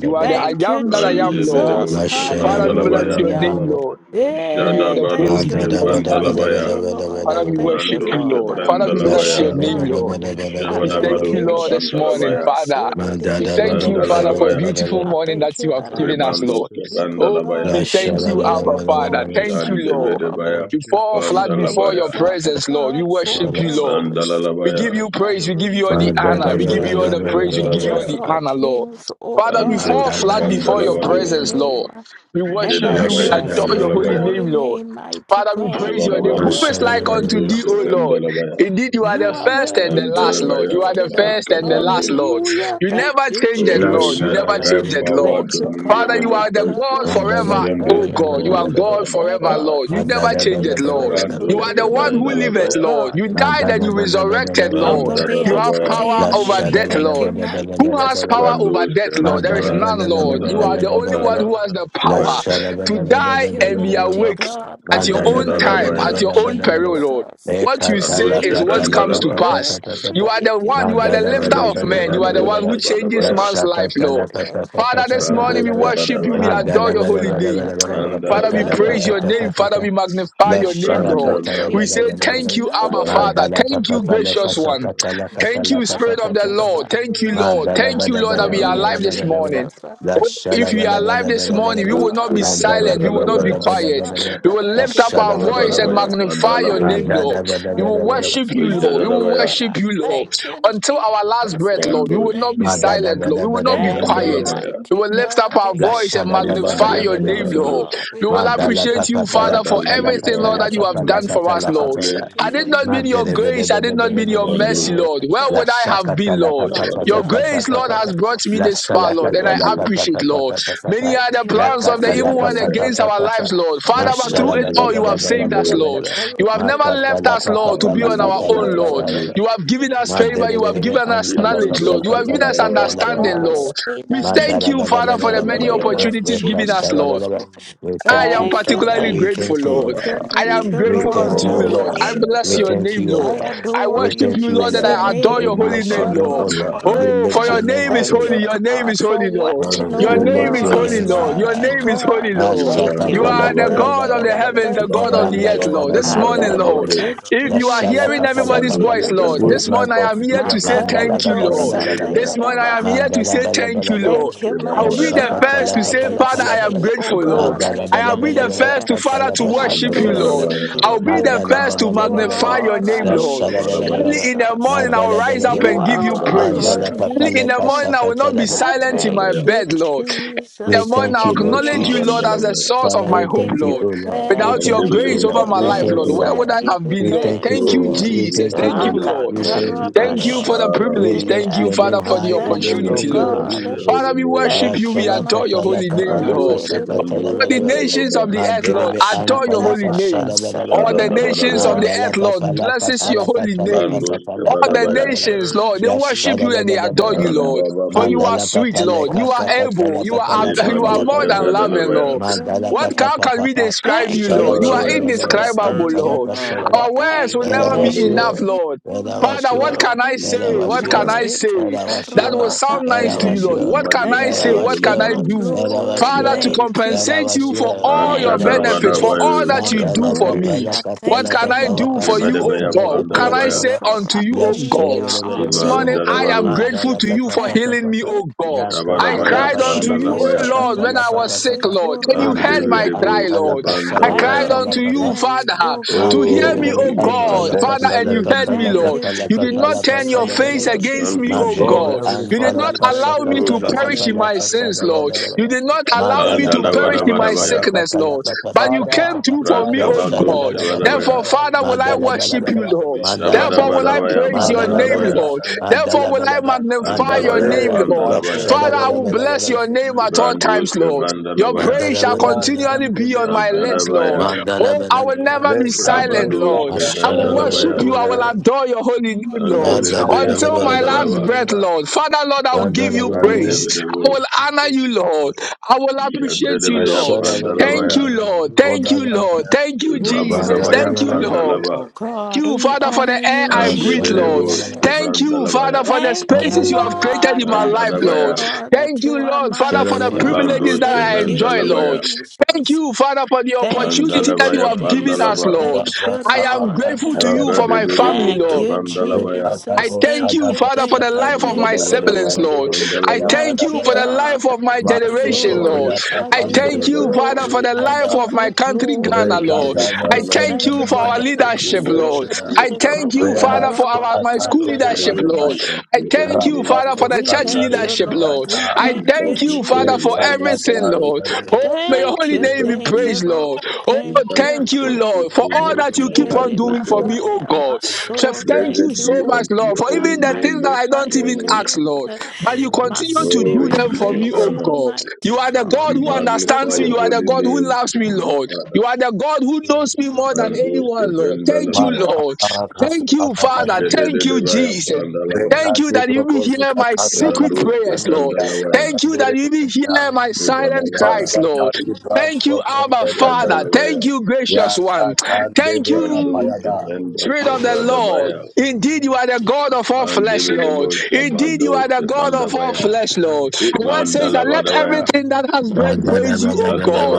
Speaker 2: You are the I
Speaker 4: Thank you,
Speaker 2: am that I am,
Speaker 3: Thank
Speaker 2: Lord.
Speaker 4: Jesus.
Speaker 5: Mandebedemus
Speaker 3: you,
Speaker 2: Father,
Speaker 5: Kevanda
Speaker 2: we
Speaker 3: creator
Speaker 2: bless
Speaker 3: of
Speaker 5: Labaya,
Speaker 3: the
Speaker 2: your
Speaker 4: Hallelujah.
Speaker 2: name,
Speaker 3: heavens and
Speaker 2: Lord.
Speaker 3: the earth.
Speaker 2: Give you all
Speaker 4: Hey,
Speaker 2: the praise.
Speaker 5: Jadabados
Speaker 4: thank you,
Speaker 2: We Give you all the
Speaker 4: Lord.
Speaker 5: Kevanda
Speaker 4: I
Speaker 2: honor.
Speaker 4: thank
Speaker 5: Labaya,
Speaker 4: you, Lord.
Speaker 2: Father,
Speaker 4: I
Speaker 2: we
Speaker 4: thank you,
Speaker 2: worship you,
Speaker 5: Mandos
Speaker 4: Lord,
Speaker 2: Lord.
Speaker 4: that I'm
Speaker 2: Father,
Speaker 5: Kevanda
Speaker 2: we
Speaker 4: in my
Speaker 2: bless
Speaker 3: Thank
Speaker 5: Labaya,
Speaker 2: your
Speaker 4: right
Speaker 3: you,
Speaker 2: name,
Speaker 3: the
Speaker 2: Lord.
Speaker 4: mind.
Speaker 3: great I
Speaker 4: I
Speaker 2: We
Speaker 3: am.
Speaker 2: thank
Speaker 4: thank
Speaker 5: Jabadabados
Speaker 2: you,
Speaker 4: you,
Speaker 2: Lord, this
Speaker 5: Kevanda
Speaker 2: morning,
Speaker 5: Labaya,
Speaker 4: Jesus.
Speaker 2: Father.
Speaker 4: Eh, de- de-
Speaker 2: We
Speaker 4: de- de-
Speaker 2: thank you,
Speaker 5: Mandala
Speaker 2: Father, for a
Speaker 4: Messiah.
Speaker 5: Labaya,
Speaker 2: beautiful
Speaker 4: I
Speaker 3: Thank
Speaker 2: morning
Speaker 3: you,
Speaker 2: that
Speaker 4: thank you
Speaker 2: you have
Speaker 4: that
Speaker 3: Father of
Speaker 4: I
Speaker 2: given us,
Speaker 3: all
Speaker 4: can
Speaker 5: Rimandos
Speaker 2: Lord.
Speaker 3: spirit.
Speaker 4: speak,
Speaker 5: Kevanda
Speaker 4: oh
Speaker 2: Oh,
Speaker 5: Labaya,
Speaker 4: God.
Speaker 2: we
Speaker 4: I can
Speaker 2: thank you,
Speaker 4: hear
Speaker 2: Abba,
Speaker 4: your
Speaker 2: Father.
Speaker 4: voice.
Speaker 6: Bless
Speaker 2: Thank you, Lord.
Speaker 3: Thank
Speaker 5: Jandebedebaya,
Speaker 2: We
Speaker 4: Sakarabosha.
Speaker 3: you,
Speaker 2: fall
Speaker 3: God of
Speaker 2: flat
Speaker 3: all
Speaker 4: Thank
Speaker 2: before
Speaker 4: you,
Speaker 2: your
Speaker 5: Pandalabaya,
Speaker 3: flesh,
Speaker 4: Father
Speaker 2: presence, Lord. We
Speaker 4: God, for
Speaker 2: worship you,
Speaker 4: the
Speaker 2: Lord.
Speaker 4: Holy
Speaker 5: Mandala
Speaker 2: We
Speaker 5: Labaya,
Speaker 3: for
Speaker 2: give
Speaker 3: your
Speaker 2: you
Speaker 4: Spirit that
Speaker 2: praise. We give you all
Speaker 3: provision.
Speaker 2: the
Speaker 4: reasons with
Speaker 2: honor. We
Speaker 4: us.
Speaker 2: give
Speaker 5: Ikevandos
Speaker 2: you all the praise.
Speaker 5: Kevanda
Speaker 2: We
Speaker 3: for
Speaker 2: give
Speaker 3: your
Speaker 4: Teach
Speaker 2: you all
Speaker 4: us
Speaker 5: Labaya,
Speaker 2: the
Speaker 4: all
Speaker 2: honor,
Speaker 3: protection,
Speaker 2: Lord.
Speaker 4: things, O
Speaker 2: Father, we
Speaker 4: God.
Speaker 5: Mandos
Speaker 2: fall
Speaker 4: I
Speaker 2: flat
Speaker 3: for your
Speaker 5: Kevanda
Speaker 2: before your
Speaker 4: magnify
Speaker 3: healing,
Speaker 5: Labados,
Speaker 4: your
Speaker 2: presence, Lord.
Speaker 4: name
Speaker 2: We
Speaker 4: and
Speaker 2: worship
Speaker 4: I
Speaker 2: you.
Speaker 3: for
Speaker 2: We
Speaker 5: Jedalabaya
Speaker 3: your
Speaker 4: bless
Speaker 2: adore your
Speaker 3: strength,
Speaker 4: your
Speaker 2: holy
Speaker 5: Pandalabaya,
Speaker 4: holy
Speaker 2: name, Lord.
Speaker 4: name, mighty
Speaker 2: Father, we
Speaker 4: God.
Speaker 3: for
Speaker 2: praise your
Speaker 3: your
Speaker 4: You
Speaker 2: name.
Speaker 4: are
Speaker 3: Holy
Speaker 5: Jabarabados,
Speaker 2: Who is like
Speaker 3: Spirit,
Speaker 4: worthy to
Speaker 2: unto
Speaker 5: Vandos,
Speaker 4: be
Speaker 2: thee, O
Speaker 4: praised.
Speaker 2: Lord?
Speaker 5: Vandalabaya,
Speaker 2: Indeed,
Speaker 3: for
Speaker 2: you are
Speaker 4: You
Speaker 2: the
Speaker 3: your
Speaker 4: are
Speaker 2: first
Speaker 3: angels,
Speaker 2: and the
Speaker 4: worthy to
Speaker 2: last,
Speaker 4: be
Speaker 2: Lord. You are
Speaker 5: Mandalabaya,
Speaker 2: the
Speaker 4: lifted up.
Speaker 2: first and the last,
Speaker 3: for
Speaker 5: Maskavandos.
Speaker 3: your
Speaker 2: Lord.
Speaker 3: word.
Speaker 4: Hallelujah.
Speaker 2: You
Speaker 4: Thank
Speaker 2: never
Speaker 4: you,
Speaker 2: change it,
Speaker 4: Jesus.
Speaker 5: Oh,
Speaker 2: Lord. You
Speaker 5: we
Speaker 2: never
Speaker 3: Thank
Speaker 5: ascribe
Speaker 2: change it,
Speaker 3: you, Most
Speaker 5: power,
Speaker 2: Lord.
Speaker 4: Thank
Speaker 3: High
Speaker 4: you,
Speaker 3: God.
Speaker 5: dominion,
Speaker 2: Father,
Speaker 5: and
Speaker 2: you
Speaker 4: God.
Speaker 2: are the
Speaker 5: authority
Speaker 2: God
Speaker 5: unto your
Speaker 2: forever,
Speaker 5: name this
Speaker 2: O
Speaker 4: Akarabosaya.
Speaker 2: God. You
Speaker 3: Thank
Speaker 2: are
Speaker 5: morning,
Speaker 3: you,
Speaker 2: God
Speaker 3: Most
Speaker 5: Abba
Speaker 4: My
Speaker 3: High
Speaker 2: forever,
Speaker 5: Father.
Speaker 3: God.
Speaker 4: God,
Speaker 2: Lord. You
Speaker 4: for
Speaker 2: never change
Speaker 4: saving
Speaker 2: it, Lord.
Speaker 4: souls, for
Speaker 2: You
Speaker 5: Randos,
Speaker 2: are the one
Speaker 4: delivering
Speaker 3: Thank
Speaker 2: who
Speaker 4: us,
Speaker 3: you,
Speaker 2: liveth,
Speaker 4: O
Speaker 3: Most
Speaker 5: Vandalabaya,
Speaker 3: High
Speaker 2: Lord.
Speaker 4: God,
Speaker 2: You
Speaker 3: God.
Speaker 2: died and you resurrected,
Speaker 4: out
Speaker 2: Lord.
Speaker 4: of the
Speaker 2: You
Speaker 4: hand
Speaker 2: have
Speaker 4: of
Speaker 5: Mandalabaya,
Speaker 2: power
Speaker 4: the
Speaker 3: Thank
Speaker 4: enemy.
Speaker 2: over
Speaker 3: you,
Speaker 4: We
Speaker 2: death,
Speaker 3: Most
Speaker 4: thank you,
Speaker 2: Lord.
Speaker 3: High God.
Speaker 4: mighty
Speaker 2: Who
Speaker 4: God.
Speaker 2: has power
Speaker 6: Mandada
Speaker 2: over
Speaker 5: Randos,
Speaker 2: death, Lord? There is none, Lord. You are
Speaker 5: Vandalabaya,
Speaker 2: the
Speaker 3: Everlasting
Speaker 2: only one who
Speaker 3: Father,
Speaker 2: has
Speaker 3: I
Speaker 2: the
Speaker 3: say
Speaker 6: Da
Speaker 2: power
Speaker 3: thank
Speaker 6: shada
Speaker 3: you.
Speaker 6: bada
Speaker 2: to
Speaker 6: bada
Speaker 2: die
Speaker 4: Thank you,
Speaker 6: bada
Speaker 2: and be
Speaker 6: bada
Speaker 4: mighty
Speaker 2: awake
Speaker 6: bada.
Speaker 4: God.
Speaker 6: Ma
Speaker 2: at
Speaker 3: Thank
Speaker 2: your
Speaker 6: da
Speaker 3: you,
Speaker 4: Thank
Speaker 6: da
Speaker 4: you,
Speaker 2: own
Speaker 3: Most
Speaker 6: bada
Speaker 3: High
Speaker 2: time,
Speaker 6: bada
Speaker 4: thank
Speaker 2: at
Speaker 4: you,
Speaker 5: Mandalabaya,
Speaker 3: God.
Speaker 2: your
Speaker 6: bada
Speaker 2: own
Speaker 6: bada bada
Speaker 2: peril,
Speaker 6: bada.
Speaker 2: Lord.
Speaker 4: Jesus.
Speaker 6: E
Speaker 2: What you
Speaker 6: kata
Speaker 5: Randos,
Speaker 2: say
Speaker 6: la
Speaker 4: We
Speaker 2: is
Speaker 3: Eternal Rock
Speaker 6: kata
Speaker 2: what
Speaker 4: give
Speaker 6: la
Speaker 2: comes
Speaker 6: pa
Speaker 3: of
Speaker 4: you
Speaker 2: to
Speaker 6: pa
Speaker 5: Vandalaba,
Speaker 3: Ages,
Speaker 6: pa
Speaker 3: I
Speaker 6: pa
Speaker 2: pass.
Speaker 4: praise.
Speaker 6: pa
Speaker 3: say
Speaker 6: pa
Speaker 2: You
Speaker 4: We
Speaker 6: pa.
Speaker 2: are
Speaker 3: thank
Speaker 4: give
Speaker 2: the
Speaker 3: you.
Speaker 4: you
Speaker 2: one,
Speaker 6: Ma
Speaker 2: you are
Speaker 6: da
Speaker 2: the
Speaker 6: da
Speaker 4: praise.
Speaker 2: lifter
Speaker 4: We
Speaker 6: bada
Speaker 5: Mandos,
Speaker 2: of
Speaker 4: give
Speaker 6: bada
Speaker 4: you
Speaker 2: men. You
Speaker 6: bada
Speaker 2: are the
Speaker 5: Vandos,
Speaker 6: bada
Speaker 2: one
Speaker 6: bada.
Speaker 2: who
Speaker 4: praise.
Speaker 3: Thank
Speaker 4: I
Speaker 3: you,
Speaker 2: changes
Speaker 6: La
Speaker 4: worship
Speaker 3: Most
Speaker 5: Shabadabaya,
Speaker 2: man's
Speaker 3: High
Speaker 4: you,
Speaker 6: shaka
Speaker 2: life,
Speaker 3: God.
Speaker 6: ta la
Speaker 2: Lord.
Speaker 6: pa
Speaker 4: Lord.
Speaker 6: pa pa pa
Speaker 2: Father,
Speaker 6: pa
Speaker 2: this
Speaker 6: pa
Speaker 2: morning
Speaker 5: Randos,
Speaker 2: we
Speaker 6: bada bada.
Speaker 2: worship you, we
Speaker 5: Vandalabaya,
Speaker 6: Ma da
Speaker 2: adore
Speaker 3: Ratso
Speaker 6: da
Speaker 2: your
Speaker 6: bada
Speaker 2: holy
Speaker 6: bada
Speaker 2: name.
Speaker 4: Masakarobokusaya
Speaker 6: bada
Speaker 3: Barateo
Speaker 6: bada bada.
Speaker 4: God,
Speaker 6: Pa
Speaker 2: Father,
Speaker 6: ta
Speaker 2: we
Speaker 6: la
Speaker 3: Shonaro
Speaker 6: pa
Speaker 5: Mandalabaya.
Speaker 2: praise
Speaker 6: pa
Speaker 3: Nero
Speaker 2: your
Speaker 6: pa pa
Speaker 2: name.
Speaker 6: pa
Speaker 2: Father,
Speaker 4: Karabahaya.
Speaker 6: pa.
Speaker 2: we
Speaker 3: Shkete
Speaker 2: magnify
Speaker 6: La
Speaker 2: your
Speaker 4: Not
Speaker 2: name,
Speaker 6: shada
Speaker 4: like
Speaker 2: Lord.
Speaker 4: you,
Speaker 6: kata la
Speaker 2: We
Speaker 6: bada
Speaker 2: say
Speaker 5: Brandos,
Speaker 6: bada
Speaker 4: Jesus.
Speaker 2: thank
Speaker 6: bada.
Speaker 2: you,
Speaker 4: None
Speaker 2: Abba
Speaker 6: Ma
Speaker 4: can
Speaker 6: da
Speaker 2: Father.
Speaker 4: give
Speaker 6: la pa
Speaker 4: you
Speaker 2: Thank
Speaker 6: pa
Speaker 2: you,
Speaker 6: pa
Speaker 4: praise,
Speaker 6: la
Speaker 4: O
Speaker 2: gracious one.
Speaker 6: shaka
Speaker 3: Barunoshendera
Speaker 6: ta
Speaker 4: God.
Speaker 6: la kata
Speaker 2: Thank
Speaker 6: la
Speaker 2: you,
Speaker 6: pa
Speaker 4: I
Speaker 6: pa
Speaker 2: Spirit
Speaker 3: aroshkete
Speaker 6: pa
Speaker 2: of the
Speaker 6: pa pa.
Speaker 4: magnify
Speaker 2: Lord.
Speaker 4: you,
Speaker 2: Thank you,
Speaker 6: Ma
Speaker 2: Lord.
Speaker 4: Lord,
Speaker 6: da da
Speaker 4: and
Speaker 3: povranirashkete
Speaker 2: Thank
Speaker 6: ba
Speaker 4: I
Speaker 2: you,
Speaker 6: da
Speaker 2: Lord,
Speaker 6: ba
Speaker 2: that
Speaker 4: thank
Speaker 6: da
Speaker 2: we
Speaker 6: ba
Speaker 2: are
Speaker 3: vaida
Speaker 6: da
Speaker 4: you,
Speaker 2: alive
Speaker 6: da
Speaker 2: this
Speaker 3: vayosh
Speaker 6: da da.
Speaker 2: morning.
Speaker 4: Jesus. I
Speaker 6: La
Speaker 2: Oh,
Speaker 4: thank
Speaker 6: sha
Speaker 4: you,
Speaker 2: If
Speaker 6: la ba
Speaker 2: we are
Speaker 6: da
Speaker 4: uh,
Speaker 6: ba
Speaker 2: alive
Speaker 6: da
Speaker 2: this
Speaker 6: da
Speaker 4: my
Speaker 6: da
Speaker 2: morning, we will not be
Speaker 4: God,
Speaker 6: Ma
Speaker 4: I
Speaker 6: da
Speaker 4: I
Speaker 6: da
Speaker 2: silent. We
Speaker 4: thank
Speaker 3: mantevaya
Speaker 2: will not
Speaker 4: you,
Speaker 2: be
Speaker 6: ba
Speaker 3: gamba
Speaker 6: da
Speaker 2: quiet.
Speaker 6: ba da ba da da
Speaker 4: Messiah,
Speaker 2: We
Speaker 4: that
Speaker 2: will
Speaker 4: I
Speaker 6: La
Speaker 2: lift
Speaker 3: jashkeshkete
Speaker 2: up
Speaker 6: sha
Speaker 4: can
Speaker 6: la
Speaker 2: our
Speaker 6: ba
Speaker 4: walk,
Speaker 6: da
Speaker 2: voice
Speaker 6: ba da
Speaker 2: and
Speaker 4: God.
Speaker 2: magnify your
Speaker 4: I
Speaker 6: Ma
Speaker 3: kabaratirashkatava
Speaker 2: name,
Speaker 6: da
Speaker 4: can
Speaker 6: da
Speaker 2: Lord.
Speaker 6: ba da
Speaker 4: use my
Speaker 2: We
Speaker 6: ba
Speaker 2: will
Speaker 6: da ba da ba.
Speaker 2: worship
Speaker 4: limbs,
Speaker 2: you, Lord. We
Speaker 4: Father
Speaker 2: will
Speaker 4: God. I
Speaker 2: worship you, Lord.
Speaker 4: thank you,
Speaker 2: Until
Speaker 3: roboshkatavadasha
Speaker 2: our last
Speaker 4: Jesus.
Speaker 2: breath, Lord.
Speaker 4: Thank
Speaker 2: We
Speaker 4: you,
Speaker 2: will not be
Speaker 4: thank
Speaker 6: Ma
Speaker 4: you.
Speaker 6: da da
Speaker 3: devragadashkemenente
Speaker 2: silent,
Speaker 6: ba
Speaker 2: Lord.
Speaker 6: da
Speaker 2: We will
Speaker 6: ba da
Speaker 2: not be
Speaker 6: ba
Speaker 3: dieteva
Speaker 6: da
Speaker 4: Thank
Speaker 6: da
Speaker 4: you,
Speaker 2: quiet.
Speaker 5: Zandalabaya,
Speaker 2: We
Speaker 4: mighty
Speaker 2: will lift
Speaker 4: God.
Speaker 2: up our
Speaker 4: Thank you
Speaker 2: voice
Speaker 4: for
Speaker 2: and
Speaker 6: Blashada bada
Speaker 2: magnify
Speaker 6: bada
Speaker 5: Ribandos,
Speaker 2: your
Speaker 4: providing
Speaker 6: bada bada
Speaker 2: name,
Speaker 4: us,
Speaker 6: bada.
Speaker 2: Lord.
Speaker 5: Brandos,
Speaker 4: God,
Speaker 2: We
Speaker 4: with
Speaker 2: will
Speaker 6: Madala
Speaker 3: kadova
Speaker 2: appreciate
Speaker 4: everything
Speaker 6: papa
Speaker 2: you,
Speaker 4: uh,
Speaker 2: Father,
Speaker 6: pala
Speaker 3: rombo
Speaker 2: for
Speaker 5: Father, we give
Speaker 6: katala
Speaker 5: you
Speaker 2: everything,
Speaker 3: shonto
Speaker 2: Lord,
Speaker 5: honor.
Speaker 6: katala
Speaker 4: that
Speaker 2: that
Speaker 4: we
Speaker 2: you
Speaker 6: papa
Speaker 2: have
Speaker 6: la
Speaker 2: done for
Speaker 4: need,
Speaker 2: us,
Speaker 6: katala
Speaker 5: We
Speaker 4: God.
Speaker 2: Lord.
Speaker 6: papa
Speaker 5: bless
Speaker 6: pa.
Speaker 4: Thank you
Speaker 3: vrengatirashkete
Speaker 2: Had
Speaker 4: for
Speaker 2: it
Speaker 5: you,
Speaker 2: not been your
Speaker 6: Madere bede
Speaker 2: grace,
Speaker 4: increasing
Speaker 2: had it
Speaker 6: bede bede
Speaker 2: not
Speaker 4: within
Speaker 2: been your
Speaker 6: bede
Speaker 4: us,
Speaker 6: bede
Speaker 4: Father
Speaker 2: mercy,
Speaker 5: Brandos,
Speaker 6: bede.
Speaker 2: Lord, where would I
Speaker 4: God.
Speaker 6: Blasha
Speaker 2: have been,
Speaker 6: katala
Speaker 3: Blessed
Speaker 2: Lord?
Speaker 6: papa
Speaker 3: Father, I
Speaker 6: papa
Speaker 2: Your
Speaker 5: Salvados,
Speaker 6: papa
Speaker 4: Machanda
Speaker 2: grace,
Speaker 3: say
Speaker 2: Lord,
Speaker 6: papa pa.
Speaker 2: has
Speaker 4: robo
Speaker 3: thank you.
Speaker 2: brought me
Speaker 4: costa.
Speaker 2: this
Speaker 6: Blasha
Speaker 2: far,
Speaker 6: la
Speaker 2: Lord, and I
Speaker 6: katala
Speaker 5: Salvandos,
Speaker 6: papa
Speaker 2: appreciate,
Speaker 6: papa
Speaker 2: Lord.
Speaker 6: papa
Speaker 2: Many
Speaker 6: papa.
Speaker 2: are
Speaker 4: Thank
Speaker 2: the
Speaker 3: Blessed
Speaker 4: you,
Speaker 2: plans
Speaker 3: Father,
Speaker 2: of
Speaker 3: I
Speaker 4: Lord,
Speaker 2: the
Speaker 6: Brakatala
Speaker 4: for
Speaker 2: evil
Speaker 3: say
Speaker 2: one
Speaker 6: papa
Speaker 3: thank
Speaker 5: Ribanabaya,
Speaker 2: against
Speaker 3: you.
Speaker 6: papa
Speaker 4: healing
Speaker 2: our
Speaker 4: my
Speaker 6: papa.
Speaker 2: lives,
Speaker 4: body.
Speaker 2: Lord. Father,
Speaker 4: Thank
Speaker 2: but
Speaker 4: you,
Speaker 6: Mashala
Speaker 2: through
Speaker 4: my
Speaker 2: it
Speaker 6: bada
Speaker 2: all,
Speaker 5: Brandos,
Speaker 2: you
Speaker 6: bada
Speaker 2: have
Speaker 4: God,
Speaker 6: bada
Speaker 2: saved
Speaker 6: bada
Speaker 2: us,
Speaker 5: Salvandos,
Speaker 6: bada
Speaker 2: Lord.
Speaker 6: bada.
Speaker 4: for
Speaker 2: You
Speaker 4: your
Speaker 2: have
Speaker 3: Lebrante
Speaker 2: never
Speaker 4: healing
Speaker 3: kiro
Speaker 2: left
Speaker 6: Makatala
Speaker 2: us,
Speaker 4: power.
Speaker 6: papa
Speaker 2: Lord, to be
Speaker 4: Thank
Speaker 6: pala
Speaker 3: shoshkete
Speaker 2: on
Speaker 4: you,
Speaker 2: our
Speaker 6: katala
Speaker 5: Sandalabaya,
Speaker 2: own,
Speaker 4: Jesus,
Speaker 3: brengeti
Speaker 2: Lord.
Speaker 6: papa.
Speaker 4: for
Speaker 5: Pandos,
Speaker 2: You have
Speaker 3: yoshkele
Speaker 4: healing
Speaker 2: given us
Speaker 6: Ma
Speaker 3: brongo
Speaker 4: my
Speaker 2: favor.
Speaker 6: dere
Speaker 3: do
Speaker 2: You
Speaker 6: bere
Speaker 2: have
Speaker 4: children.
Speaker 6: be
Speaker 2: given us
Speaker 3: yoshkete
Speaker 6: anta la
Speaker 2: knowledge,
Speaker 4: Keep
Speaker 6: kasha
Speaker 2: Lord.
Speaker 5: Ribandos,
Speaker 2: You
Speaker 4: their
Speaker 2: have
Speaker 6: kata
Speaker 2: given
Speaker 6: la
Speaker 2: us
Speaker 1: Yes,
Speaker 4: mind,
Speaker 6: papa la
Speaker 4: oh
Speaker 1: Lord.
Speaker 6: pala
Speaker 2: understanding,
Speaker 6: bere
Speaker 4: God,
Speaker 6: be.
Speaker 2: Lord.
Speaker 4: stayed
Speaker 2: We
Speaker 6: Ma
Speaker 4: on
Speaker 2: thank
Speaker 6: dara
Speaker 2: you,
Speaker 4: you
Speaker 6: bere
Speaker 2: Father,
Speaker 4: in
Speaker 6: bere
Speaker 2: for
Speaker 3: rashende
Speaker 2: the
Speaker 4: the
Speaker 6: bere
Speaker 2: many
Speaker 6: bere.
Speaker 4: name
Speaker 5: Salvanabaya,
Speaker 1: Bless
Speaker 4: of
Speaker 3: veshkele
Speaker 1: your
Speaker 2: opportunities
Speaker 6: We
Speaker 1: holy
Speaker 2: given
Speaker 6: kasha
Speaker 2: us,
Speaker 1: name,
Speaker 6: la
Speaker 1: O
Speaker 2: Lord.
Speaker 3: aroshkete
Speaker 6: bere
Speaker 4: Jesus.
Speaker 6: be.
Speaker 1: Lord.
Speaker 3: brengeti
Speaker 6: We
Speaker 2: I
Speaker 6: thank
Speaker 3: yoshkete
Speaker 2: am
Speaker 6: you,
Speaker 4: Thank you,
Speaker 6: Father.
Speaker 2: particularly
Speaker 4: thank
Speaker 6: We
Speaker 4: you,
Speaker 2: grateful,
Speaker 6: thank you,
Speaker 5: Oh,
Speaker 6: O
Speaker 2: Lord.
Speaker 4: thank you,
Speaker 6: Lord.
Speaker 2: I
Speaker 4: thank
Speaker 2: am
Speaker 5: we
Speaker 4: you,
Speaker 5: give
Speaker 6: We
Speaker 2: grateful
Speaker 3: sheka
Speaker 6: thank
Speaker 4: Lord.
Speaker 2: unto
Speaker 6: you,
Speaker 3: ba
Speaker 4: I
Speaker 2: you,
Speaker 6: O
Speaker 1: Oh,
Speaker 2: Lord.
Speaker 6: Lord.
Speaker 2: I
Speaker 4: worship.
Speaker 3: yende
Speaker 2: bless
Speaker 6: We
Speaker 4: you.
Speaker 2: your
Speaker 1: Father,
Speaker 6: thank
Speaker 3: dejon
Speaker 2: name,
Speaker 6: you, O
Speaker 3: do
Speaker 4: I
Speaker 2: Lord.
Speaker 6: Lord.
Speaker 2: I
Speaker 6: We
Speaker 4: adore
Speaker 3: brengeti
Speaker 4: you.
Speaker 2: worship
Speaker 6: thank
Speaker 2: you,
Speaker 6: you, O
Speaker 2: Lord,
Speaker 4: Bless
Speaker 2: and
Speaker 3: gelem
Speaker 4: your
Speaker 6: Lord.
Speaker 2: I
Speaker 3: brengi
Speaker 2: adore
Speaker 6: We
Speaker 2: your
Speaker 4: name.
Speaker 2: holy
Speaker 3: gendim
Speaker 6: bless your
Speaker 2: name,
Speaker 6: name,
Speaker 3: brengi
Speaker 6: O
Speaker 2: Lord.
Speaker 3: do
Speaker 6: Lord.
Speaker 4: Akaroha.
Speaker 6: We
Speaker 2: Oh,
Speaker 3: shokoto
Speaker 2: for
Speaker 6: lift
Speaker 2: your
Speaker 6: your
Speaker 3: brengeti
Speaker 6: name
Speaker 2: name
Speaker 6: high,
Speaker 2: is
Speaker 6: O
Speaker 4: Thank you,
Speaker 2: holy.
Speaker 6: Lord.
Speaker 2: Your name
Speaker 4: God,
Speaker 2: is
Speaker 4: for
Speaker 2: holy, Lord.
Speaker 3: shele
Speaker 1: Father,
Speaker 4: watching
Speaker 1: we
Speaker 2: Your
Speaker 6: We
Speaker 1: give
Speaker 3: brokoto
Speaker 1: you
Speaker 2: name
Speaker 6: lift
Speaker 4: over
Speaker 2: is
Speaker 6: your
Speaker 1: glory
Speaker 4: us,
Speaker 2: holy,
Speaker 6: name
Speaker 3: brengeti
Speaker 1: this
Speaker 2: Lord.
Speaker 1: morning,
Speaker 2: Your
Speaker 6: high.
Speaker 4: mighty
Speaker 1: O
Speaker 2: name
Speaker 1: Lord.
Speaker 2: is
Speaker 3: aroshokoto
Speaker 4: God.
Speaker 2: holy,
Speaker 4: I
Speaker 3: brengeti
Speaker 2: Lord.
Speaker 3: ba
Speaker 4: Thank
Speaker 6: Masata
Speaker 2: You
Speaker 4: you.
Speaker 2: are
Speaker 4: I
Speaker 6: palata
Speaker 2: the
Speaker 4: thank
Speaker 6: pala
Speaker 2: God of
Speaker 4: you.
Speaker 2: the
Speaker 6: bada
Speaker 4: I
Speaker 6: bada bada.
Speaker 2: heavens,
Speaker 1: We
Speaker 2: the
Speaker 4: thank
Speaker 2: God
Speaker 1: honor
Speaker 2: of
Speaker 3: filamparo
Speaker 4: you.
Speaker 1: you,
Speaker 2: the
Speaker 6: Mandala
Speaker 2: earth,
Speaker 6: bada
Speaker 1: Lord.
Speaker 3: shoto
Speaker 2: Lord.
Speaker 1: We
Speaker 2: This
Speaker 4: I
Speaker 6: bada
Speaker 1: bless
Speaker 6: bada
Speaker 1: your
Speaker 2: morning,
Speaker 4: thank
Speaker 6: bada
Speaker 1: holy
Speaker 2: Lord,
Speaker 3: pronoroshkete
Speaker 1: name.
Speaker 6: bada.
Speaker 4: you,
Speaker 3: ira
Speaker 2: if
Speaker 6: La
Speaker 2: you are
Speaker 6: shala
Speaker 2: hearing
Speaker 3: arokondro
Speaker 4: Jesus.
Speaker 6: katala
Speaker 2: everybody's voice,
Speaker 6: papala
Speaker 3: niroshkete
Speaker 2: Lord,
Speaker 3: ira
Speaker 1: Who
Speaker 6: kasala
Speaker 1: is
Speaker 2: this
Speaker 4: Akididi.
Speaker 2: morning
Speaker 1: like
Speaker 2: I
Speaker 6: papapa.
Speaker 2: am
Speaker 1: unto
Speaker 3: avratio
Speaker 2: here
Speaker 1: thee,
Speaker 2: to
Speaker 1: our
Speaker 2: say
Speaker 1: Father?
Speaker 6: Mandala
Speaker 2: thank
Speaker 3: shoshkete
Speaker 2: you,
Speaker 6: bada
Speaker 4: Makarido
Speaker 6: bada
Speaker 2: Lord.
Speaker 6: bada bada
Speaker 2: This
Speaker 6: bada.
Speaker 4: Satayada
Speaker 2: morning I am here to
Speaker 6: Mandala
Speaker 4: Bahaya.
Speaker 2: say
Speaker 6: bada
Speaker 2: thank
Speaker 6: bada
Speaker 2: you,
Speaker 6: bada
Speaker 2: Lord.
Speaker 6: bada.
Speaker 4: Thank you,
Speaker 3: Jalekova,
Speaker 6: La
Speaker 2: I'll
Speaker 4: mighty
Speaker 2: be the
Speaker 6: shaka
Speaker 4: God, that
Speaker 2: first
Speaker 6: tala
Speaker 2: to
Speaker 4: I
Speaker 2: say,
Speaker 4: can
Speaker 6: papala
Speaker 2: Father,
Speaker 6: pala
Speaker 2: I
Speaker 6: bada
Speaker 2: am
Speaker 4: see,
Speaker 3: Jalekova,
Speaker 6: bada.
Speaker 4: oh
Speaker 2: grateful, Lord.
Speaker 4: God, I
Speaker 3: me
Speaker 6: Mandala
Speaker 4: can
Speaker 2: I
Speaker 6: bada
Speaker 2: will be
Speaker 6: bada
Speaker 2: the
Speaker 6: bada
Speaker 4: hear,
Speaker 6: bada.
Speaker 2: first
Speaker 3: comprende
Speaker 2: to Father
Speaker 6: Katala
Speaker 2: to
Speaker 4: and I
Speaker 6: pasaka
Speaker 2: worship you,
Speaker 4: can
Speaker 3: marineroške
Speaker 6: shala
Speaker 2: Lord.
Speaker 6: bada.
Speaker 2: I'll
Speaker 4: feel,
Speaker 2: be
Speaker 4: oh
Speaker 2: the
Speaker 6: Mandala
Speaker 2: first
Speaker 3: digladoškente
Speaker 2: to
Speaker 4: God.
Speaker 6: bada
Speaker 4: You
Speaker 6: bada
Speaker 4: are
Speaker 6: bada
Speaker 2: magnify
Speaker 6: bada.
Speaker 2: your
Speaker 4: all I
Speaker 3: parošketaiva,
Speaker 2: name,
Speaker 6: La
Speaker 2: Lord.
Speaker 4: need,
Speaker 6: shala bada bada bada.
Speaker 2: Early in the
Speaker 4: Jesus.
Speaker 2: morning, I'll
Speaker 6: Mandala
Speaker 2: rise
Speaker 6: bada
Speaker 2: up
Speaker 6: bada
Speaker 4: You
Speaker 6: bada.
Speaker 2: and give
Speaker 4: are
Speaker 2: you
Speaker 3: Jelegežemleškente
Speaker 4: all
Speaker 2: praise.
Speaker 4: I
Speaker 6: Mandala
Speaker 2: Early in
Speaker 6: papale
Speaker 2: the
Speaker 4: need.
Speaker 2: morning,
Speaker 3: vedingodožaške
Speaker 2: I
Speaker 6: kasaka
Speaker 2: will not
Speaker 6: tala
Speaker 2: be
Speaker 6: bada.
Speaker 4: I
Speaker 3: lebronto
Speaker 2: silent in my
Speaker 4: thank you,
Speaker 2: bed,
Speaker 3: pretioške.
Speaker 2: Lord. Early in
Speaker 6: We
Speaker 2: the
Speaker 4: Jesus.
Speaker 2: morning,
Speaker 6: thank
Speaker 2: I'll
Speaker 6: you,
Speaker 4: Thank you,
Speaker 6: Lord
Speaker 2: acknowledge you, Lord,
Speaker 6: Jesus.
Speaker 4: Lord.
Speaker 2: as
Speaker 3: Thank
Speaker 2: the
Speaker 3: you,
Speaker 2: source of
Speaker 6: Father,
Speaker 3: Father.
Speaker 2: my
Speaker 4: I
Speaker 6: we
Speaker 2: hope,
Speaker 6: thank
Speaker 4: give
Speaker 6: you,
Speaker 4: you
Speaker 2: Lord.
Speaker 6: O Lord. We
Speaker 2: Without
Speaker 4: thanks.
Speaker 2: your
Speaker 6: thank
Speaker 4: I
Speaker 6: you, O
Speaker 2: grace
Speaker 4: give you
Speaker 2: over
Speaker 6: Lord.
Speaker 2: my
Speaker 6: We
Speaker 2: life,
Speaker 3: Thank
Speaker 6: thank
Speaker 2: Lord,
Speaker 3: you,
Speaker 6: you,
Speaker 4: thanks.
Speaker 6: O
Speaker 2: where
Speaker 4: I
Speaker 2: would
Speaker 6: Lord.
Speaker 2: I
Speaker 3: Father.
Speaker 4: give
Speaker 2: have
Speaker 4: you
Speaker 2: been,
Speaker 6: We
Speaker 2: Lord?
Speaker 6: thank you, O
Speaker 4: thanks.
Speaker 2: Thank you,
Speaker 6: Lord. We
Speaker 5: you
Speaker 6: thank
Speaker 2: Jesus.
Speaker 6: you, O
Speaker 2: Thank
Speaker 5: honor
Speaker 2: you,
Speaker 3: You
Speaker 5: this
Speaker 6: Lord.
Speaker 3: are
Speaker 2: Lord.
Speaker 6: We
Speaker 3: the
Speaker 6: thank
Speaker 3: air
Speaker 5: morning,
Speaker 6: you, O
Speaker 3: that
Speaker 2: Thank
Speaker 3: I
Speaker 5: Abba
Speaker 2: you
Speaker 6: Lord.
Speaker 2: for the
Speaker 3: breathe.
Speaker 5: Father.
Speaker 6: We
Speaker 2: privilege.
Speaker 4: Akatarabashandede.
Speaker 2: Thank
Speaker 6: lift
Speaker 2: you,
Speaker 4: I
Speaker 6: your name
Speaker 4: give
Speaker 2: Father,
Speaker 4: you
Speaker 2: for
Speaker 6: high
Speaker 2: the
Speaker 6: in the
Speaker 4: thanks,
Speaker 3: You
Speaker 4: oh
Speaker 5: Blessed
Speaker 2: opportunity,
Speaker 3: are
Speaker 6: name
Speaker 5: be
Speaker 3: the
Speaker 6: of
Speaker 2: Lord.
Speaker 5: unto
Speaker 4: God.
Speaker 3: air
Speaker 5: your
Speaker 3: that
Speaker 6: Jesus.
Speaker 3: I
Speaker 2: Father,
Speaker 5: holy
Speaker 2: we
Speaker 3: breathe.
Speaker 5: name.
Speaker 2: worship you.
Speaker 4: Thank
Speaker 2: We
Speaker 4: you,
Speaker 6: Rasala
Speaker 2: adore your
Speaker 4: mighty
Speaker 6: patala
Speaker 2: holy name,
Speaker 6: papale
Speaker 4: God.
Speaker 5: Mando
Speaker 2: Lord
Speaker 4: Eh, eh,
Speaker 3: Thank
Speaker 6: fasaka
Speaker 4: eh,
Speaker 3: you,
Speaker 4: eh,
Speaker 5: Sevando
Speaker 3: Father.
Speaker 2: the
Speaker 4: eh,
Speaker 6: tadabadaba.
Speaker 4: eh.
Speaker 2: nations of
Speaker 5: Sadabaya.
Speaker 2: the earth, Lord,
Speaker 6: Mandelebe
Speaker 2: adore your
Speaker 6: antala
Speaker 4: Mashanda
Speaker 2: holy
Speaker 3: Thank
Speaker 4: Baba
Speaker 6: fasada
Speaker 2: name.
Speaker 3: you, Monarch
Speaker 4: Sata
Speaker 2: All
Speaker 3: of
Speaker 2: the
Speaker 6: badabadaba.
Speaker 3: the
Speaker 2: nations of
Speaker 3: universe.
Speaker 2: the
Speaker 5: Shadabadabaya.
Speaker 4: Yarabahai.
Speaker 6: Mandala
Speaker 2: earth, Lord,
Speaker 6: papala
Speaker 2: blesses
Speaker 4: I
Speaker 2: your
Speaker 6: fasala
Speaker 2: holy
Speaker 6: patala
Speaker 2: name.
Speaker 5: Mando
Speaker 6: papala
Speaker 2: All the
Speaker 6: patala
Speaker 5: Sevadabaya.
Speaker 3: The
Speaker 6: badabadaba.
Speaker 2: nations,
Speaker 3: earth
Speaker 2: Lord,
Speaker 4: praise
Speaker 3: is
Speaker 2: they
Speaker 4: you,
Speaker 2: worship
Speaker 6: Rasala
Speaker 2: you
Speaker 3: full of
Speaker 2: and they
Speaker 3: your
Speaker 2: adore you,
Speaker 6: badabadabadaba.
Speaker 3: beauty.
Speaker 2: Lord. For you
Speaker 5: Mandabados.
Speaker 2: are
Speaker 6: Madala
Speaker 2: sweet,
Speaker 6: papa
Speaker 4: my
Speaker 6: le
Speaker 2: Lord. You
Speaker 4: own
Speaker 2: are
Speaker 6: kasha
Speaker 4: God.
Speaker 6: papa
Speaker 2: able.
Speaker 6: la
Speaker 2: You
Speaker 6: papa
Speaker 3: The
Speaker 2: are
Speaker 6: la
Speaker 4: And
Speaker 3: earth
Speaker 2: you
Speaker 4: join
Speaker 6: papa
Speaker 3: is
Speaker 2: are
Speaker 6: la
Speaker 5: Ebandos
Speaker 2: more
Speaker 6: papa
Speaker 4: together
Speaker 2: than
Speaker 3: full of
Speaker 4: to
Speaker 6: papa.
Speaker 3: your
Speaker 2: loving,
Speaker 5: Kevadalabaya.
Speaker 2: Lord.
Speaker 4: praise your
Speaker 3: greatness.
Speaker 6: Madala
Speaker 2: What
Speaker 6: papa
Speaker 4: name.
Speaker 2: how
Speaker 6: papa
Speaker 2: can we
Speaker 6: papa.
Speaker 2: describe you,
Speaker 4: Thank you,
Speaker 6: Shala
Speaker 2: Lord? You are
Speaker 6: bada bada bada
Speaker 3: The
Speaker 5: Shabadabaya.
Speaker 6: bada.
Speaker 4: Jesus.
Speaker 2: indescribable,
Speaker 3: earth
Speaker 4: Thank
Speaker 6: Antala
Speaker 4: you,
Speaker 3: is
Speaker 2: Lord.
Speaker 6: pashala
Speaker 3: full
Speaker 4: Lord.
Speaker 3: of
Speaker 2: Our
Speaker 6: bada.
Speaker 3: your
Speaker 2: words
Speaker 4: Thank
Speaker 2: will
Speaker 4: you,
Speaker 3: power.
Speaker 6: Yada
Speaker 2: never
Speaker 4: thank
Speaker 2: be
Speaker 6: was you.
Speaker 4: you,
Speaker 5: Abados.
Speaker 2: enough,
Speaker 4: thank
Speaker 2: Lord.
Speaker 4: you,
Speaker 6: Yada
Speaker 4: my
Speaker 6: was
Speaker 2: Father, what
Speaker 6: you.
Speaker 3: Thank
Speaker 2: can
Speaker 4: God.
Speaker 2: I
Speaker 3: you,
Speaker 5: We
Speaker 2: say?
Speaker 6: Yada
Speaker 5: give
Speaker 3: Father.
Speaker 5: you
Speaker 6: was
Speaker 2: What can
Speaker 6: you.
Speaker 5: honor.
Speaker 2: I
Speaker 4: Mashika
Speaker 2: say
Speaker 6: Yada was you.
Speaker 2: that will
Speaker 5: We
Speaker 2: sound nice
Speaker 6: Yada
Speaker 5: honor
Speaker 2: to
Speaker 4: Tarabahai.
Speaker 2: you,
Speaker 3: Thank
Speaker 5: you.
Speaker 2: Lord?
Speaker 3: you,
Speaker 5: We
Speaker 2: What
Speaker 3: Monarch
Speaker 2: can I
Speaker 3: of
Speaker 5: magnify
Speaker 4: Thank
Speaker 3: the
Speaker 2: say?
Speaker 5: your
Speaker 4: you,
Speaker 2: What
Speaker 6: was
Speaker 5: holy
Speaker 2: can
Speaker 4: King
Speaker 6: you.
Speaker 3: universe.
Speaker 2: I
Speaker 4: of
Speaker 5: name,
Speaker 2: do?
Speaker 6: Yada was
Speaker 4: Glory.
Speaker 6: you.
Speaker 2: Father, to
Speaker 5: Jesus.
Speaker 4: Thank you.
Speaker 6: Yada
Speaker 2: compensate
Speaker 6: was you. Yada was
Speaker 2: you
Speaker 3: You
Speaker 2: for
Speaker 6: you.
Speaker 2: all
Speaker 3: alone
Speaker 2: your
Speaker 4: Thank
Speaker 6: Yada
Speaker 4: you,
Speaker 3: deserve
Speaker 6: was
Speaker 2: benefits,
Speaker 3: my
Speaker 6: you.
Speaker 2: for
Speaker 4: Jesus,
Speaker 2: all
Speaker 5: Mandabadabaya.
Speaker 3: worship.
Speaker 2: that
Speaker 4: for
Speaker 2: you
Speaker 4: your
Speaker 2: do
Speaker 6: Madala
Speaker 2: for
Speaker 5: Kevandos.
Speaker 6: papa
Speaker 4: word.
Speaker 2: me.
Speaker 6: la
Speaker 4: I
Speaker 6: papa
Speaker 2: What
Speaker 6: la
Speaker 3: You
Speaker 4: thank
Speaker 2: can
Speaker 4: you,
Speaker 6: papa
Speaker 2: I
Speaker 6: la
Speaker 2: do for
Speaker 3: alone
Speaker 6: kasha
Speaker 2: you,
Speaker 4: Lord.
Speaker 3: deserve
Speaker 2: O
Speaker 6: papa
Speaker 5: Ribadabaya.
Speaker 6: la
Speaker 3: my
Speaker 2: God?
Speaker 3: love.
Speaker 2: What
Speaker 6: papa la
Speaker 2: can
Speaker 4: Thank
Speaker 2: I
Speaker 5: Pandalabaya.
Speaker 6: papa
Speaker 4: you
Speaker 2: say
Speaker 6: la.
Speaker 4: for
Speaker 2: unto you, O
Speaker 4: wrapping
Speaker 6: Bless
Speaker 4: me in
Speaker 2: God?
Speaker 4: your
Speaker 3: Thank
Speaker 2: This
Speaker 4: arms,
Speaker 3: you,
Speaker 2: morning
Speaker 4: oh
Speaker 2: I
Speaker 3: Father.
Speaker 2: am
Speaker 4: God.
Speaker 5: Imandarabados.
Speaker 4: I
Speaker 2: grateful
Speaker 6: Mandala
Speaker 4: give
Speaker 2: to
Speaker 4: you
Speaker 2: you
Speaker 6: papa
Speaker 2: for
Speaker 4: thanks.
Speaker 6: papa
Speaker 2: healing me,
Speaker 6: papa.
Speaker 2: O God. I
Speaker 4: I
Speaker 3: Among
Speaker 6: Rakatala
Speaker 5: Shabadabaya.
Speaker 2: cried
Speaker 3: the
Speaker 6: papa
Speaker 2: unto
Speaker 6: la
Speaker 4: worship
Speaker 2: you,
Speaker 4: you,
Speaker 3: gods,
Speaker 2: O
Speaker 6: kasa
Speaker 5: Pandalabaya.
Speaker 3: there
Speaker 2: Lord,
Speaker 3: is
Speaker 2: when
Speaker 6: katala
Speaker 2: I was
Speaker 6: papa
Speaker 3: none
Speaker 4: Jesus.
Speaker 2: sick,
Speaker 3: like
Speaker 6: papa.
Speaker 2: Lord.
Speaker 3: you.
Speaker 2: And you heard
Speaker 6: Madirebe
Speaker 2: my cry,
Speaker 4: Ikorebasaya.
Speaker 5: Bandivibus,
Speaker 6: antala
Speaker 2: Lord.
Speaker 6: kasa
Speaker 2: I
Speaker 4: I
Speaker 2: cried
Speaker 5: Jabandavaya.
Speaker 3: You
Speaker 4: give
Speaker 2: unto
Speaker 4: you
Speaker 6: la
Speaker 3: are
Speaker 1: Thank
Speaker 2: you,
Speaker 1: you.
Speaker 4: thanks,
Speaker 2: Father,
Speaker 4: oh
Speaker 3: glorious
Speaker 4: God.
Speaker 6: Ma
Speaker 3: in
Speaker 2: to
Speaker 4: I
Speaker 6: bere
Speaker 2: hear
Speaker 5: Oh, we
Speaker 6: bere
Speaker 2: me,
Speaker 6: be
Speaker 2: O
Speaker 5: give
Speaker 3: holiness.
Speaker 5: you
Speaker 6: anta
Speaker 4: praise
Speaker 2: God.
Speaker 6: la
Speaker 5: honor.
Speaker 4: you.
Speaker 1: Thank
Speaker 2: Father,
Speaker 1: you
Speaker 6: kasa
Speaker 1: for
Speaker 2: and
Speaker 6: la
Speaker 1: your
Speaker 2: you heard
Speaker 1: mercy.
Speaker 6: kata
Speaker 2: me,
Speaker 6: la
Speaker 4: Thank
Speaker 1: Thank
Speaker 2: Lord.
Speaker 1: you
Speaker 4: you,
Speaker 6: kata
Speaker 1: for
Speaker 6: la
Speaker 1: your
Speaker 2: You
Speaker 3: You
Speaker 2: did
Speaker 3: are
Speaker 6: papa
Speaker 1: goodness.
Speaker 6: la
Speaker 2: not turn
Speaker 4: Jesus.
Speaker 6: pasa
Speaker 2: your
Speaker 6: da
Speaker 4: Thank
Speaker 6: bere
Speaker 3: fearful
Speaker 2: face
Speaker 4: you,
Speaker 6: bere.
Speaker 3: in
Speaker 5: We
Speaker 2: against
Speaker 5: thank
Speaker 2: me,
Speaker 4: Jesus.
Speaker 5: you,
Speaker 6: Ma
Speaker 2: O
Speaker 6: bere
Speaker 3: praises.
Speaker 1: Oh,
Speaker 6: be
Speaker 2: God.
Speaker 1: Heavenly
Speaker 5: Jesus.
Speaker 2: You
Speaker 6: anta
Speaker 2: did
Speaker 1: Father,
Speaker 6: la
Speaker 2: not
Speaker 1: we
Speaker 6: pasa
Speaker 1: thank
Speaker 2: allow
Speaker 1: you
Speaker 2: me
Speaker 5: Oh,
Speaker 1: this
Speaker 6: kata
Speaker 2: to
Speaker 6: la
Speaker 5: thank you,
Speaker 2: perish
Speaker 6: papa
Speaker 1: morning.
Speaker 2: in
Speaker 1: We
Speaker 6: la
Speaker 2: my
Speaker 5: Jesus.
Speaker 1: ask,
Speaker 6: kasa
Speaker 2: sins,
Speaker 6: da bere
Speaker 3: Rabashanta
Speaker 2: Lord.
Speaker 1: Lord, that
Speaker 6: bere
Speaker 1: you
Speaker 2: You
Speaker 6: bere.
Speaker 2: did
Speaker 1: receive
Speaker 2: not
Speaker 1: our
Speaker 3: Brankata
Speaker 6: Ma
Speaker 2: allow
Speaker 6: da
Speaker 2: me
Speaker 6: la
Speaker 2: to
Speaker 1: thanksgiving
Speaker 6: papa
Speaker 1: this
Speaker 2: perish
Speaker 6: la
Speaker 2: in
Speaker 3: Brankalero
Speaker 2: my
Speaker 1: morning.
Speaker 6: kasa
Speaker 5: Bandalabadabadabaya.
Speaker 6: la
Speaker 2: sickness,
Speaker 6: kata la
Speaker 2: Lord,
Speaker 3: Shashatabaya
Speaker 6: papa
Speaker 2: but
Speaker 6: papa
Speaker 2: you
Speaker 6: papa
Speaker 1: Father,
Speaker 2: came
Speaker 6: papa.
Speaker 2: through
Speaker 1: may
Speaker 2: for
Speaker 1: our
Speaker 2: me, oh
Speaker 6: Brasha
Speaker 5: Braskavando
Speaker 6: da
Speaker 1: thanksgiving
Speaker 2: God.
Speaker 6: bere bere
Speaker 1: enter
Speaker 6: bere
Speaker 1: into
Speaker 5: Shavadabaya.
Speaker 2: Therefore,
Speaker 6: bere.
Speaker 1: the
Speaker 2: Father,
Speaker 6: Ma
Speaker 2: will
Speaker 6: da
Speaker 2: I
Speaker 1: atmosphere,
Speaker 3: Mayinderinero
Speaker 6: la
Speaker 1: into
Speaker 6: bere
Speaker 1: the
Speaker 2: worship
Speaker 6: bere
Speaker 2: you,
Speaker 3: Shosha
Speaker 6: bere.
Speaker 1: hands of
Speaker 2: Lord.
Speaker 6: Ma
Speaker 1: God.
Speaker 6: da la
Speaker 2: Therefore,
Speaker 6: bere
Speaker 3: Iskalaro
Speaker 2: will I
Speaker 6: bere.
Speaker 5: Shavadabadabaya,
Speaker 6: Ma
Speaker 2: praise
Speaker 3: Shanta
Speaker 2: your
Speaker 6: da la
Speaker 2: name,
Speaker 6: bere
Speaker 5: Bandalabaya.
Speaker 1: Makadaba
Speaker 3: Bragadia
Speaker 2: Lord.
Speaker 1: Shadaba.
Speaker 2: Therefore, will I
Speaker 6: bere. Ma da
Speaker 2: magnify
Speaker 6: la
Speaker 2: your
Speaker 6: bere bere. Ma da la bere
Speaker 5: Andabaya,
Speaker 2: name,
Speaker 1: Hey,
Speaker 6: bere.
Speaker 2: Lord.
Speaker 5: Bandalabaya.
Speaker 6: Brasha da
Speaker 2: Father, I
Speaker 6: bere
Speaker 1: Makote
Speaker 2: will
Speaker 6: bere
Speaker 3: Mekantabaro
Speaker 6: bere
Speaker 2: bless
Speaker 6: bere.
Speaker 2: your
Speaker 3: Sholo
Speaker 2: name at all
Speaker 1: Skazimikapa.
Speaker 5: Randos
Speaker 3: Brangatero
Speaker 2: times, Lord. Your
Speaker 6: Ma
Speaker 3: Shakataba
Speaker 5: Kavandalabaya.
Speaker 6: da
Speaker 2: praise
Speaker 6: la
Speaker 2: shall
Speaker 6: bere bere bere.
Speaker 2: continually be
Speaker 1: Ratandebe
Speaker 2: on my lips, Lord.
Speaker 6: Ma
Speaker 5: Magadabaya.
Speaker 1: Shadabadabaya.
Speaker 6: da la
Speaker 2: Oh, I
Speaker 3: Ayinkaranero
Speaker 6: bere
Speaker 2: will
Speaker 6: bere
Speaker 2: never
Speaker 6: bere.
Speaker 3: Shosha
Speaker 2: be silent,
Speaker 1: Lekados
Speaker 3: Branera
Speaker 5: Rabados
Speaker 2: Lord.
Speaker 1: Papa
Speaker 3: Tigra
Speaker 2: I
Speaker 6: Asha da
Speaker 2: will
Speaker 6: bere
Speaker 3: Aro
Speaker 2: worship
Speaker 5: Kavandalabaya.
Speaker 6: bere
Speaker 2: you. I
Speaker 6: bere
Speaker 1: Shadabadabaya.
Speaker 2: will
Speaker 6: bere.
Speaker 3: Shakatiro
Speaker 2: adore your holy name,
Speaker 6: Yes,
Speaker 2: Lord.
Speaker 5: Bandibidibaya,
Speaker 2: Until my
Speaker 3: Thank
Speaker 2: last
Speaker 3: you,
Speaker 5: Bandalaba.
Speaker 2: breath,
Speaker 1: Regadabadabadabaya.
Speaker 3: faithful
Speaker 2: Lord.
Speaker 3: Father.
Speaker 2: Father, Lord, I will give you praise. I
Speaker 5: Bandibidibus.
Speaker 2: will
Speaker 3: Thank you,
Speaker 2: honor you,
Speaker 3: faithful
Speaker 2: Lord.
Speaker 3: Father.
Speaker 2: I will appreciate you,
Speaker 5: Shadadabaya,
Speaker 2: Lord.
Speaker 3: Your words
Speaker 2: Thank
Speaker 5: Bandalabaya.
Speaker 2: you,
Speaker 3: are
Speaker 2: Lord.
Speaker 3: true.
Speaker 2: Thank you, Lord.
Speaker 1: Kodadabaya,
Speaker 2: Thank you,
Speaker 4: Who is
Speaker 2: Jesus.
Speaker 3: Your
Speaker 4: like
Speaker 5: Rabadabaya
Speaker 2: Thank
Speaker 3: words
Speaker 4: unto
Speaker 2: you,
Speaker 3: are pure.
Speaker 2: Lord.
Speaker 4: you,
Speaker 5: Pandalaba
Speaker 4: oh
Speaker 2: Thank
Speaker 4: God?
Speaker 2: you,
Speaker 4: We
Speaker 2: Father, for the
Speaker 4: honor
Speaker 2: air
Speaker 4: you,
Speaker 2: I
Speaker 5: and
Speaker 3: Thank you,
Speaker 2: breathe, Lord.
Speaker 4: Jesus.
Speaker 5: Deberebos
Speaker 3: Father.
Speaker 2: Thank you, Father,
Speaker 5: Kevrandalabaya
Speaker 2: for the
Speaker 4: Thank you,
Speaker 2: spaces you have
Speaker 3: Thank you,
Speaker 2: created in
Speaker 4: Lord.
Speaker 2: my
Speaker 3: Father.
Speaker 4: Thank
Speaker 2: life,
Speaker 4: you,
Speaker 2: Lord.
Speaker 5: Mandadabaya
Speaker 4: Lord, that
Speaker 2: Thank you,
Speaker 4: you are
Speaker 2: Lord, Father, for the
Speaker 4: mindful
Speaker 3: Thank
Speaker 4: of
Speaker 3: you
Speaker 4: us.
Speaker 2: privileges
Speaker 5: Ibandos
Speaker 2: that
Speaker 3: for a
Speaker 2: I
Speaker 4: Thank you,
Speaker 3: new
Speaker 2: enjoy,
Speaker 3: day.
Speaker 2: Lord.
Speaker 5: Kevrandalabaya
Speaker 2: Thank
Speaker 4: Jesus.
Speaker 2: you, Father, for the
Speaker 3: Thank
Speaker 4: Thank
Speaker 3: you
Speaker 4: you,
Speaker 2: opportunity
Speaker 3: for
Speaker 2: that
Speaker 3: the
Speaker 2: you
Speaker 5: Pandalabaya
Speaker 2: have given
Speaker 4: Jesus.
Speaker 2: us,
Speaker 5: Pandalaba
Speaker 3: atmosphere.
Speaker 2: Lord.
Speaker 4: Thank you,
Speaker 2: I am
Speaker 4: Lord.
Speaker 2: grateful to you for
Speaker 3: Thank
Speaker 2: my
Speaker 3: you for
Speaker 1: Kodabrasatapantadabaya,
Speaker 3: my
Speaker 2: family,
Speaker 5: Rabadeberebos
Speaker 4: Thank
Speaker 2: Lord.
Speaker 3: loved
Speaker 4: you,
Speaker 3: ones,
Speaker 5: Kevrandalabaya
Speaker 2: I
Speaker 4: Jesus.
Speaker 2: thank
Speaker 4: Thank
Speaker 2: you,
Speaker 4: you,
Speaker 2: Father,
Speaker 3: for
Speaker 2: for the
Speaker 4: thank you,
Speaker 3: the
Speaker 2: life of
Speaker 3: life
Speaker 4: thank
Speaker 2: my
Speaker 3: of my
Speaker 4: you.
Speaker 2: siblings,
Speaker 5: Pandalabadabaya
Speaker 3: family.
Speaker 2: Lord. I
Speaker 1: Rekataboshadabraskapandibiyakapandibidibiya
Speaker 5: Pandalaba
Speaker 2: thank you
Speaker 4: Mighty
Speaker 2: for
Speaker 1: padabaya,
Speaker 2: the life
Speaker 4: God,
Speaker 2: of my
Speaker 3: Thank
Speaker 4: I give
Speaker 3: you,
Speaker 4: you
Speaker 2: generation,
Speaker 3: Father.
Speaker 2: Lord.
Speaker 4: glory.
Speaker 5: Jabramos
Speaker 4: I
Speaker 2: I
Speaker 4: give
Speaker 1: Masokotoyakapandibiyada,
Speaker 2: thank
Speaker 4: you
Speaker 2: you,
Speaker 5: Kevrandalabaya
Speaker 2: Father, for
Speaker 4: glory.
Speaker 2: the
Speaker 4: I
Speaker 3: Thank
Speaker 2: life
Speaker 3: you,
Speaker 2: of
Speaker 4: give
Speaker 2: my
Speaker 4: you
Speaker 3: Father,
Speaker 2: country, Ghana,
Speaker 5: We
Speaker 4: glory.
Speaker 5: give
Speaker 2: Lord.
Speaker 5: you
Speaker 2: I
Speaker 5: honor,
Speaker 2: thank
Speaker 3: for
Speaker 4: Thank
Speaker 2: you
Speaker 4: you
Speaker 2: for
Speaker 4: for
Speaker 2: our
Speaker 4: every
Speaker 3: counting
Speaker 5: we
Speaker 3: me
Speaker 2: leadership, Lord.
Speaker 5: worship
Speaker 3: worthy
Speaker 1: Rekatabasadanabrasayada,
Speaker 4: provision,
Speaker 5: you,
Speaker 2: I
Speaker 4: oh
Speaker 2: thank
Speaker 5: our
Speaker 2: you,
Speaker 4: God.
Speaker 3: to
Speaker 5: Father.
Speaker 2: Father,
Speaker 3: be
Speaker 2: for
Speaker 4: Arabo,
Speaker 2: our my
Speaker 3: partake
Speaker 2: school
Speaker 3: of your
Speaker 2: leadership,
Speaker 4: atadaba,
Speaker 5: Blessed be
Speaker 2: Lord.
Speaker 1: Remasukatandibikapaya,
Speaker 5: unto
Speaker 3: inheritance.
Speaker 2: I
Speaker 5: your holy
Speaker 2: thank you,
Speaker 5: name,
Speaker 2: Father, for the
Speaker 5: Master
Speaker 4: We
Speaker 2: church
Speaker 4: thank
Speaker 5: Jesus.
Speaker 4: you,
Speaker 2: leadership,
Speaker 3: Thank you,
Speaker 4: Lord.
Speaker 2: Lord.
Speaker 1: Rapatostatandibiyata,
Speaker 4: We
Speaker 3: Father.
Speaker 2: I
Speaker 5: We
Speaker 4: thank you,
Speaker 5: thank
Speaker 2: thank
Speaker 5: you
Speaker 2: you,
Speaker 5: for
Speaker 2: Father,
Speaker 5: your
Speaker 4: Jesus.
Speaker 2: for
Speaker 5: loving
Speaker 2: everything,
Speaker 5: kindness,
Speaker 2: Lord.
Speaker 1: Lepatabasadabaya,
Speaker 3: Thank
Speaker 2: Oh, may your
Speaker 3: you,
Speaker 4: Thank
Speaker 2: holy
Speaker 4: you,
Speaker 5: grace
Speaker 2: name
Speaker 5: of
Speaker 2: be
Speaker 3: Adonai.
Speaker 4: thank
Speaker 5: peace,
Speaker 4: you,
Speaker 2: praised,
Speaker 4: Lord.
Speaker 2: Lord. Oh,
Speaker 5: We
Speaker 4: Thank
Speaker 5: thank
Speaker 4: you.
Speaker 2: thank
Speaker 5: you
Speaker 2: you,
Speaker 5: for your
Speaker 2: Lord, for
Speaker 3: Oh,
Speaker 2: all
Speaker 5: faithfulness
Speaker 2: that
Speaker 5: in
Speaker 2: you
Speaker 5: our
Speaker 2: keep on
Speaker 5: life,
Speaker 4: Makere
Speaker 5: O
Speaker 3: Barashanta
Speaker 2: doing for
Speaker 5: God.
Speaker 2: me, oh
Speaker 4: Bahaya,
Speaker 3: Brandandera
Speaker 4: my
Speaker 2: God.
Speaker 3: Dero
Speaker 2: So
Speaker 4: soul,
Speaker 2: thank you
Speaker 4: thank
Speaker 5: Blessed
Speaker 2: so
Speaker 4: you,
Speaker 5: be
Speaker 3: Shofratera
Speaker 4: O
Speaker 2: much,
Speaker 5: unto
Speaker 2: Lord,
Speaker 5: your
Speaker 2: for
Speaker 3: Kapadia.
Speaker 4: God. I
Speaker 5: holy
Speaker 2: even the
Speaker 5: name
Speaker 2: things that
Speaker 5: this
Speaker 2: I
Speaker 4: magnify
Speaker 2: don't
Speaker 4: your
Speaker 2: even
Speaker 5: morning.
Speaker 2: ask,
Speaker 4: name.
Speaker 2: Lord,
Speaker 3: The
Speaker 2: but you
Speaker 4: My
Speaker 3: one
Speaker 2: continue to
Speaker 3: who
Speaker 5: Oh,
Speaker 2: do
Speaker 3: was
Speaker 4: spirit
Speaker 5: we
Speaker 2: them
Speaker 5: give
Speaker 2: for
Speaker 5: you
Speaker 2: me,
Speaker 4: praise
Speaker 2: oh
Speaker 5: honor.
Speaker 4: you,
Speaker 2: God. You
Speaker 4: mighty
Speaker 3: and
Speaker 2: are
Speaker 3: the
Speaker 2: the
Speaker 3: one
Speaker 4: God.
Speaker 5: We
Speaker 2: God who
Speaker 3: who
Speaker 4: Thank
Speaker 3: is to
Speaker 4: you,
Speaker 5: magnify
Speaker 2: understands me.
Speaker 5: your
Speaker 2: You
Speaker 3: come.
Speaker 2: are the
Speaker 5: holy
Speaker 4: Lord.
Speaker 2: God who
Speaker 5: name,
Speaker 2: loves me,
Speaker 5: Abba
Speaker 2: Lord. You
Speaker 5: Father.
Speaker 2: are the God who knows
Speaker 3: Prince
Speaker 2: me
Speaker 3: of
Speaker 2: more than
Speaker 3: Peace.
Speaker 5: Mandos
Speaker 2: anyone, Lord. Thank you,
Speaker 5: kevendalabaya.
Speaker 2: Lord. Thank
Speaker 3: The
Speaker 2: you, Father.
Speaker 1: Mataparakasatadabaya.
Speaker 2: Thank
Speaker 3: Creator
Speaker 2: you,
Speaker 3: that was
Speaker 5: Jedededebaya
Speaker 2: Jesus.
Speaker 3: never
Speaker 5: pandalaba.
Speaker 2: Thank you
Speaker 1: Rekati
Speaker 3: created.
Speaker 2: that you will
Speaker 1: brokozu
Speaker 2: hear my
Speaker 1: katanda
Speaker 2: secret
Speaker 5: Randos
Speaker 1: baska
Speaker 2: prayers, Lord.
Speaker 1: tanilias
Speaker 5: kevendalabaya.
Speaker 2: Thank you
Speaker 1: kapandere
Speaker 2: that you will
Speaker 1: bebya.
Speaker 2: hear my silent
Speaker 3: Mankataya
Speaker 5: Ripadabaya.
Speaker 2: cries,
Speaker 1: Basa
Speaker 2: Lord.
Speaker 1: tati
Speaker 3: Barashon
Speaker 2: Thank you,
Speaker 1: brasko
Speaker 3: Dobratia.
Speaker 2: Abba
Speaker 1: pendedebe.
Speaker 2: Father.
Speaker 5: Randalabaya.
Speaker 2: Thank you, gracious
Speaker 1: Ya
Speaker 2: one.
Speaker 1: katande
Speaker 2: Thank
Speaker 1: beka
Speaker 2: you.
Speaker 5: Randos
Speaker 1: payada.
Speaker 3: Eshgelero
Speaker 2: Spirit of the
Speaker 3: Shgelero
Speaker 2: Lord,
Speaker 5: kevendashavadabaya.
Speaker 3: Kantoro
Speaker 2: indeed you
Speaker 3: Nero
Speaker 2: are the God of all
Speaker 3: Shepratira.
Speaker 2: flesh, Lord.
Speaker 5: Mandevenemos
Speaker 2: Indeed you are
Speaker 5: kabandos
Speaker 2: the God of all
Speaker 5: kevandabaya.
Speaker 3: Thank
Speaker 2: flesh, Lord.
Speaker 3: you for
Speaker 2: The word
Speaker 3: your
Speaker 2: says that
Speaker 3: life
Speaker 2: let
Speaker 3: you've
Speaker 5: Itmandalabadabaya.
Speaker 3: given
Speaker 2: everything that
Speaker 3: unto
Speaker 2: has
Speaker 3: me.
Speaker 2: breath praise you, O God.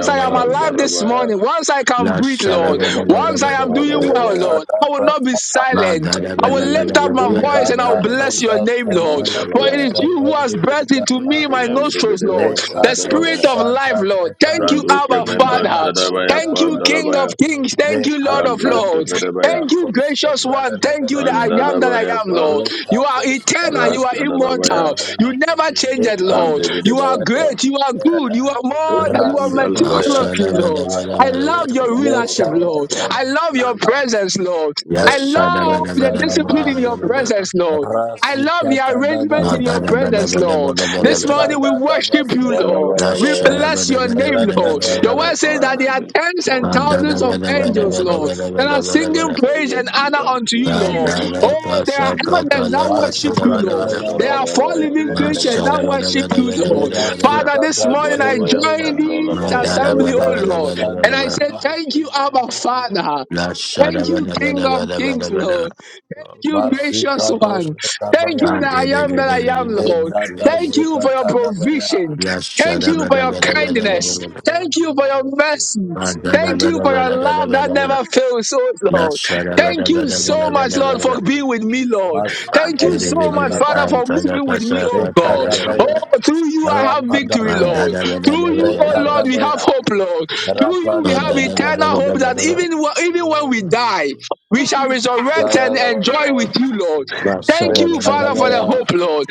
Speaker 3: A
Speaker 2: I am
Speaker 3: life of
Speaker 2: alive this
Speaker 5: Pandalabaya,
Speaker 2: morning,
Speaker 3: abundance.
Speaker 2: once I can breathe, Lord,
Speaker 3: A
Speaker 5: Jivadabaya,
Speaker 2: once I
Speaker 3: life
Speaker 2: am
Speaker 3: of
Speaker 2: doing well,
Speaker 5: Pandalabaya,
Speaker 2: Lord,
Speaker 1: Rekata
Speaker 3: rest.
Speaker 2: I will not be
Speaker 1: brasa tanda.
Speaker 2: silent.
Speaker 3: A
Speaker 2: I will
Speaker 3: life
Speaker 2: lift
Speaker 3: of
Speaker 2: up
Speaker 5: Pandividibu,
Speaker 3: peace.
Speaker 2: my voice
Speaker 1: Ila
Speaker 2: and I will bless your
Speaker 1: katosa
Speaker 2: name, Lord.
Speaker 1: tantala
Speaker 2: For it
Speaker 5: Pandalabaya,
Speaker 2: is
Speaker 1: braska
Speaker 3: Oh,
Speaker 2: you who has
Speaker 3: thank
Speaker 1: pandere
Speaker 2: breathed
Speaker 3: you
Speaker 2: into
Speaker 3: for
Speaker 1: bebya.
Speaker 3: your
Speaker 2: me my
Speaker 3: health
Speaker 2: nostrils,
Speaker 3: given
Speaker 2: Lord.
Speaker 5: Ivandibidibaya,
Speaker 3: me.
Speaker 2: The
Speaker 1: Lekato
Speaker 2: spirit
Speaker 5: Pandalabaya,
Speaker 2: of life,
Speaker 1: shada
Speaker 2: Lord. Thank you,
Speaker 1: brekayo.
Speaker 2: Abba
Speaker 5: Randuske
Speaker 3: Thank
Speaker 5: Venda
Speaker 1: Imana
Speaker 2: Father.
Speaker 3: you for your
Speaker 5: Shadabaya,
Speaker 2: Thank you,
Speaker 1: kosiata.
Speaker 3: power
Speaker 2: King
Speaker 3: that
Speaker 2: of
Speaker 5: Pandalabaya,
Speaker 3: is at
Speaker 2: Kings.
Speaker 3: work
Speaker 2: Thank you,
Speaker 3: in
Speaker 2: Lord of
Speaker 3: me.
Speaker 2: Lords.
Speaker 5: Randuske
Speaker 1: Lekantandi
Speaker 5: Vedabaya,
Speaker 2: Thank you,
Speaker 1: kosya
Speaker 2: gracious one.
Speaker 1: pelele
Speaker 3: Thank
Speaker 2: Thank
Speaker 3: you,
Speaker 2: you that I
Speaker 3: monarch
Speaker 1: bebya.
Speaker 2: am
Speaker 3: of
Speaker 2: that
Speaker 3: the
Speaker 2: I
Speaker 5: Pandalabaya,
Speaker 2: am,
Speaker 3: universe.
Speaker 2: Lord. You are
Speaker 1: Lekato
Speaker 2: eternal. You
Speaker 1: skapan
Speaker 2: are
Speaker 1: pelele
Speaker 3: Thank
Speaker 2: immortal.
Speaker 5: Raskadalabaya,
Speaker 3: you,
Speaker 1: bebya.
Speaker 2: You
Speaker 3: monarch of
Speaker 2: never
Speaker 3: the
Speaker 2: change it,
Speaker 3: universe.
Speaker 2: Lord.
Speaker 1: Leprados
Speaker 2: You are
Speaker 5: Pandibidibaya,
Speaker 2: great. You are good. You
Speaker 1: Spectacular,
Speaker 2: are
Speaker 3: Thank you,
Speaker 5: Pandalabaya,
Speaker 2: more than
Speaker 3: monarch
Speaker 2: you
Speaker 3: of
Speaker 2: are
Speaker 3: the universe.
Speaker 5: Pandalabaya,
Speaker 1: Rasilicos
Speaker 2: meticulously, Lord. I
Speaker 1: Capara,
Speaker 2: love your
Speaker 3: The
Speaker 2: rulership,
Speaker 1: Leshana,
Speaker 3: devil
Speaker 2: Lord. I
Speaker 3: planned
Speaker 2: love
Speaker 3: for
Speaker 2: your
Speaker 3: evil.
Speaker 2: presence, Lord.
Speaker 5: I
Speaker 2: I love
Speaker 1: Lecato
Speaker 3: The
Speaker 2: the
Speaker 3: enemy
Speaker 2: discipline
Speaker 1: Sadaba,
Speaker 3: planned
Speaker 2: in
Speaker 3: for
Speaker 2: your presence,
Speaker 3: destruction,
Speaker 2: Lord. I love the
Speaker 1: Rasicata
Speaker 2: arrangement
Speaker 3: but
Speaker 1: Dadaba,
Speaker 2: in
Speaker 3: you
Speaker 2: your presence,
Speaker 3: turned it for
Speaker 2: Lord.
Speaker 3: our
Speaker 2: This morning we
Speaker 3: good.
Speaker 1: Lecada
Speaker 2: worship you, Lord.
Speaker 1: Dabascada,
Speaker 2: We
Speaker 3: Thank
Speaker 2: bless
Speaker 3: you,
Speaker 2: your name,
Speaker 3: gracious
Speaker 2: Lord.
Speaker 5: give
Speaker 3: Father.
Speaker 2: Your
Speaker 5: you
Speaker 2: word says that
Speaker 1: Randa
Speaker 2: there
Speaker 5: honor
Speaker 2: are
Speaker 5: this
Speaker 2: tens and
Speaker 5: morning,
Speaker 2: thousands
Speaker 3: Mante
Speaker 2: of
Speaker 5: Abba Father.
Speaker 2: angels, Lord
Speaker 3: baratios
Speaker 2: that are
Speaker 3: kelarania.
Speaker 2: singing praise and
Speaker 5: Ezadi
Speaker 2: honor unto you,
Speaker 5: Amfiromi
Speaker 2: Lord. Oh,
Speaker 3: Inde
Speaker 2: there
Speaker 3: de
Speaker 2: are
Speaker 5: Nematati
Speaker 3: dinde
Speaker 2: elders that worship you,
Speaker 3: kizandos
Speaker 1: Masuka
Speaker 2: Lord. There are
Speaker 3: kelaro
Speaker 2: four
Speaker 5: Bandabadabaya
Speaker 2: living
Speaker 1: Darabashandibia,
Speaker 3: shofratiro
Speaker 2: creatures that
Speaker 5: Bandalabaya
Speaker 2: worship
Speaker 3: shofratia.
Speaker 2: you, Lord. Father,
Speaker 1: Levasuka
Speaker 2: this morning I
Speaker 5: Jebadabaya
Speaker 2: join
Speaker 1: Dantebia,
Speaker 2: this
Speaker 5: Bandalabaya
Speaker 2: assembly,
Speaker 3: Rabadombaro
Speaker 2: oh
Speaker 1: Recado
Speaker 2: Lord,
Speaker 3: shonto
Speaker 2: and I say,
Speaker 6: La
Speaker 3: brankata
Speaker 1: Sadaba,
Speaker 2: Thank you, Abba
Speaker 3: brayende biro
Speaker 2: Father. Thank you, King of Kings, Lord you,
Speaker 3: Kaka
Speaker 2: gracious
Speaker 1: Masica
Speaker 3: kabaya
Speaker 2: one. Thank
Speaker 1: Dosatabaya,
Speaker 2: you that I
Speaker 3: shatumbero
Speaker 2: am that
Speaker 3: nero
Speaker 2: I am, Lord.
Speaker 3: shofatia
Speaker 1: Lecada
Speaker 2: Thank you for your
Speaker 3: paradia.
Speaker 2: provision.
Speaker 1: Sicatadabaya.
Speaker 2: Thank you for your kindness.
Speaker 3: Jele
Speaker 2: Thank you for your
Speaker 3: komaro
Speaker 2: mercy.
Speaker 3: shofatero
Speaker 2: Thank you for your
Speaker 3: shakataba.
Speaker 2: love that never fails, oh Lord. Thank you
Speaker 3: Rajele
Speaker 2: so much, Lord,
Speaker 3: meninto
Speaker 2: for being with
Speaker 3: paradia
Speaker 2: me, Lord.
Speaker 3: kombra
Speaker 6: Father,
Speaker 2: Thank you so
Speaker 3: gediro
Speaker 2: much,
Speaker 1: Masikadosadabai,
Speaker 2: Father, for moving
Speaker 3: shatabradia.
Speaker 2: with me, oh God.
Speaker 1: Lekadabaya,
Speaker 2: Oh, through you I have
Speaker 3: You are
Speaker 2: victory,
Speaker 1: Rapadabaya,
Speaker 3: holy.
Speaker 2: Lord. Through you, oh Lord, we have
Speaker 1: Lekadabaya,
Speaker 2: hope,
Speaker 3: You are
Speaker 2: Lord. Through you
Speaker 3: faithful.
Speaker 2: we have
Speaker 1: Rapadabaya,
Speaker 2: eternal hope that even, even
Speaker 3: You are
Speaker 2: when we die,
Speaker 3: righteous.
Speaker 2: we shall resurrect and enjoy
Speaker 1: Sararabalaba,
Speaker 2: with you,
Speaker 3: The
Speaker 2: Lord.
Speaker 3: one who
Speaker 2: Thank you, Father, for the
Speaker 3: protects.
Speaker 1: Lekadabaya,
Speaker 2: hope, Lord